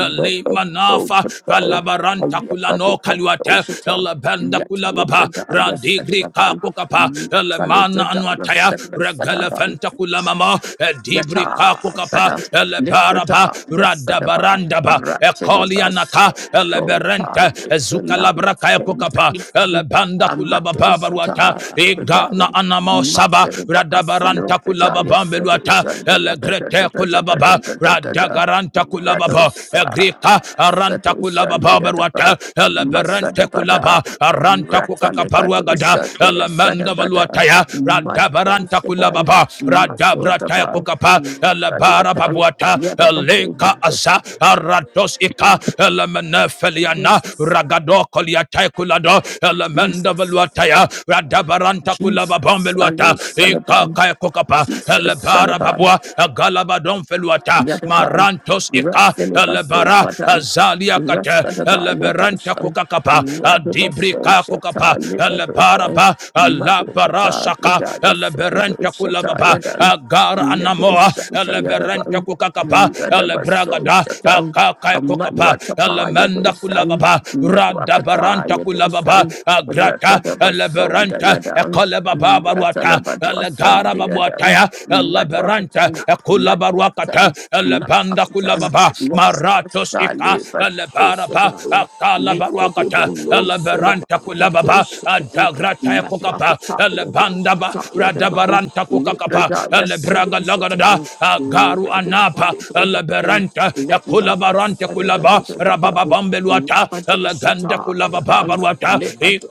[SPEAKER 1] Babu Pataya,
[SPEAKER 5] Valabaranta
[SPEAKER 1] Ayapati
[SPEAKER 5] Kulano Kaluata,
[SPEAKER 1] Patoshita,
[SPEAKER 5] Elebenda Randa
[SPEAKER 1] Yatali
[SPEAKER 5] Kulababa,
[SPEAKER 1] Bradaya
[SPEAKER 5] Radigri
[SPEAKER 1] Sadabatan,
[SPEAKER 5] Kakukapa,
[SPEAKER 1] Yatali
[SPEAKER 5] Elemana Anwataya, Regala
[SPEAKER 1] Bradaya
[SPEAKER 5] Fenta Kulamama, Edibri
[SPEAKER 1] Yata
[SPEAKER 5] Kakukapa,
[SPEAKER 1] Sada
[SPEAKER 5] Elebaraba,
[SPEAKER 1] Librata Yasadaba
[SPEAKER 5] Radabarandaba,
[SPEAKER 1] Ratidibas
[SPEAKER 5] Ekolianaka,
[SPEAKER 1] Sota
[SPEAKER 5] Eleberente, Ezukalabra
[SPEAKER 1] Libranaya
[SPEAKER 5] Kayakukapa,
[SPEAKER 1] Sendri
[SPEAKER 5] Elebanda
[SPEAKER 1] Amatu
[SPEAKER 5] Kulababa Baruata,
[SPEAKER 1] Sata Pradaya
[SPEAKER 5] Igana Anamo Saba,
[SPEAKER 1] Matsadaba Sano
[SPEAKER 5] Radabaranta
[SPEAKER 1] Pradaya
[SPEAKER 5] Kulababa
[SPEAKER 1] Sadi
[SPEAKER 5] Beluata,
[SPEAKER 1] Shandaya
[SPEAKER 5] Elegrete Kulababa, Radagaranta Kulababa,
[SPEAKER 1] Radosa
[SPEAKER 5] Egrika Aranta
[SPEAKER 1] Sato
[SPEAKER 5] Kulababa
[SPEAKER 1] Shandaya
[SPEAKER 5] babaruata
[SPEAKER 1] Daba
[SPEAKER 5] ele berente
[SPEAKER 1] Masadabada
[SPEAKER 5] kulaba aranta kukakaparua gada
[SPEAKER 1] Ratalibadosa Dea
[SPEAKER 5] ele menda
[SPEAKER 1] Sadabada
[SPEAKER 5] valuataya radabaranta
[SPEAKER 1] Madosaban
[SPEAKER 5] kulababa radabrataya
[SPEAKER 1] Masodaba
[SPEAKER 5] kukapa ele
[SPEAKER 1] ready
[SPEAKER 5] bara
[SPEAKER 1] upon
[SPEAKER 5] babuata
[SPEAKER 1] the other
[SPEAKER 5] ele
[SPEAKER 1] of
[SPEAKER 5] ka
[SPEAKER 1] Jesus,
[SPEAKER 5] aza arados ika ele menefeliana
[SPEAKER 1] Jesus,
[SPEAKER 5] ragado koliatai kulado ele menda
[SPEAKER 1] Jesus,
[SPEAKER 5] valuataya radabaranta
[SPEAKER 1] Jesus,
[SPEAKER 5] kulababombeluata
[SPEAKER 1] Alo
[SPEAKER 5] ika
[SPEAKER 1] Salaban,
[SPEAKER 5] kaya kukapa
[SPEAKER 1] Jesus
[SPEAKER 5] ele bara
[SPEAKER 1] Salaban,
[SPEAKER 5] babua galabadon feluata
[SPEAKER 1] Yadaban,
[SPEAKER 5] marantos ika
[SPEAKER 1] Rasilibaso
[SPEAKER 5] elebara
[SPEAKER 1] Padan,
[SPEAKER 5] azalia kate
[SPEAKER 1] Rasadaba
[SPEAKER 5] eleberanta
[SPEAKER 1] Yatoshan,
[SPEAKER 5] kukakapa
[SPEAKER 1] Radabaso
[SPEAKER 5] adibrika kukapa
[SPEAKER 1] Shata Libadosa,
[SPEAKER 5] elebaraba alabara
[SPEAKER 1] Madhupata,
[SPEAKER 5] saka
[SPEAKER 1] Radaya Sakado
[SPEAKER 5] eleberanta
[SPEAKER 1] Shata
[SPEAKER 5] kulababa
[SPEAKER 1] Yadan,
[SPEAKER 5] agara
[SPEAKER 1] Medo
[SPEAKER 5] anamoa
[SPEAKER 1] Shanta
[SPEAKER 5] eleberanta
[SPEAKER 1] Yadaban,
[SPEAKER 5] kukakapa
[SPEAKER 1] Radabaso
[SPEAKER 5] elebragada
[SPEAKER 1] Shatan.
[SPEAKER 5] akaka kukapa
[SPEAKER 1] Amanuatapaya
[SPEAKER 5] elemenda
[SPEAKER 1] dosang,
[SPEAKER 5] kulababa radabaranta
[SPEAKER 1] Metuakataya
[SPEAKER 5] kulababa
[SPEAKER 1] dosang,
[SPEAKER 5] agrata
[SPEAKER 1] Ratadabasunda
[SPEAKER 5] eleberanta
[SPEAKER 1] yadang,
[SPEAKER 5] ekolebaba baruata
[SPEAKER 1] Ratalabaduasan
[SPEAKER 5] elegara
[SPEAKER 1] deadang,
[SPEAKER 5] babuataya leberanta
[SPEAKER 1] Maduakatang,
[SPEAKER 5] Mente Kulabaruakata
[SPEAKER 1] Maduakatang,
[SPEAKER 5] Elebanda
[SPEAKER 1] Maduakatang,
[SPEAKER 5] Kulababa Maratos Ika
[SPEAKER 1] Mopsali, but
[SPEAKER 5] Elebaraba
[SPEAKER 1] Osadang,
[SPEAKER 5] Akalabaruakata
[SPEAKER 1] Lepodiban
[SPEAKER 5] Eleberanta Kulababa
[SPEAKER 1] Rosalabakatoshatang,
[SPEAKER 5] Adagrata Kokapa
[SPEAKER 1] Maduakataya
[SPEAKER 5] Elebandaba
[SPEAKER 1] dosataya dabang,
[SPEAKER 5] Radabaranta Kokakapa
[SPEAKER 1] Lepradaya
[SPEAKER 5] Elebraga Lagarada
[SPEAKER 1] sedosatang,
[SPEAKER 5] Agaru Anapa
[SPEAKER 1] Radiapalibradaya. Let
[SPEAKER 5] Eleberanta
[SPEAKER 1] us
[SPEAKER 5] Kulabarante Kulaba Rababa Bambeluata Eleganda Kulababa Baruata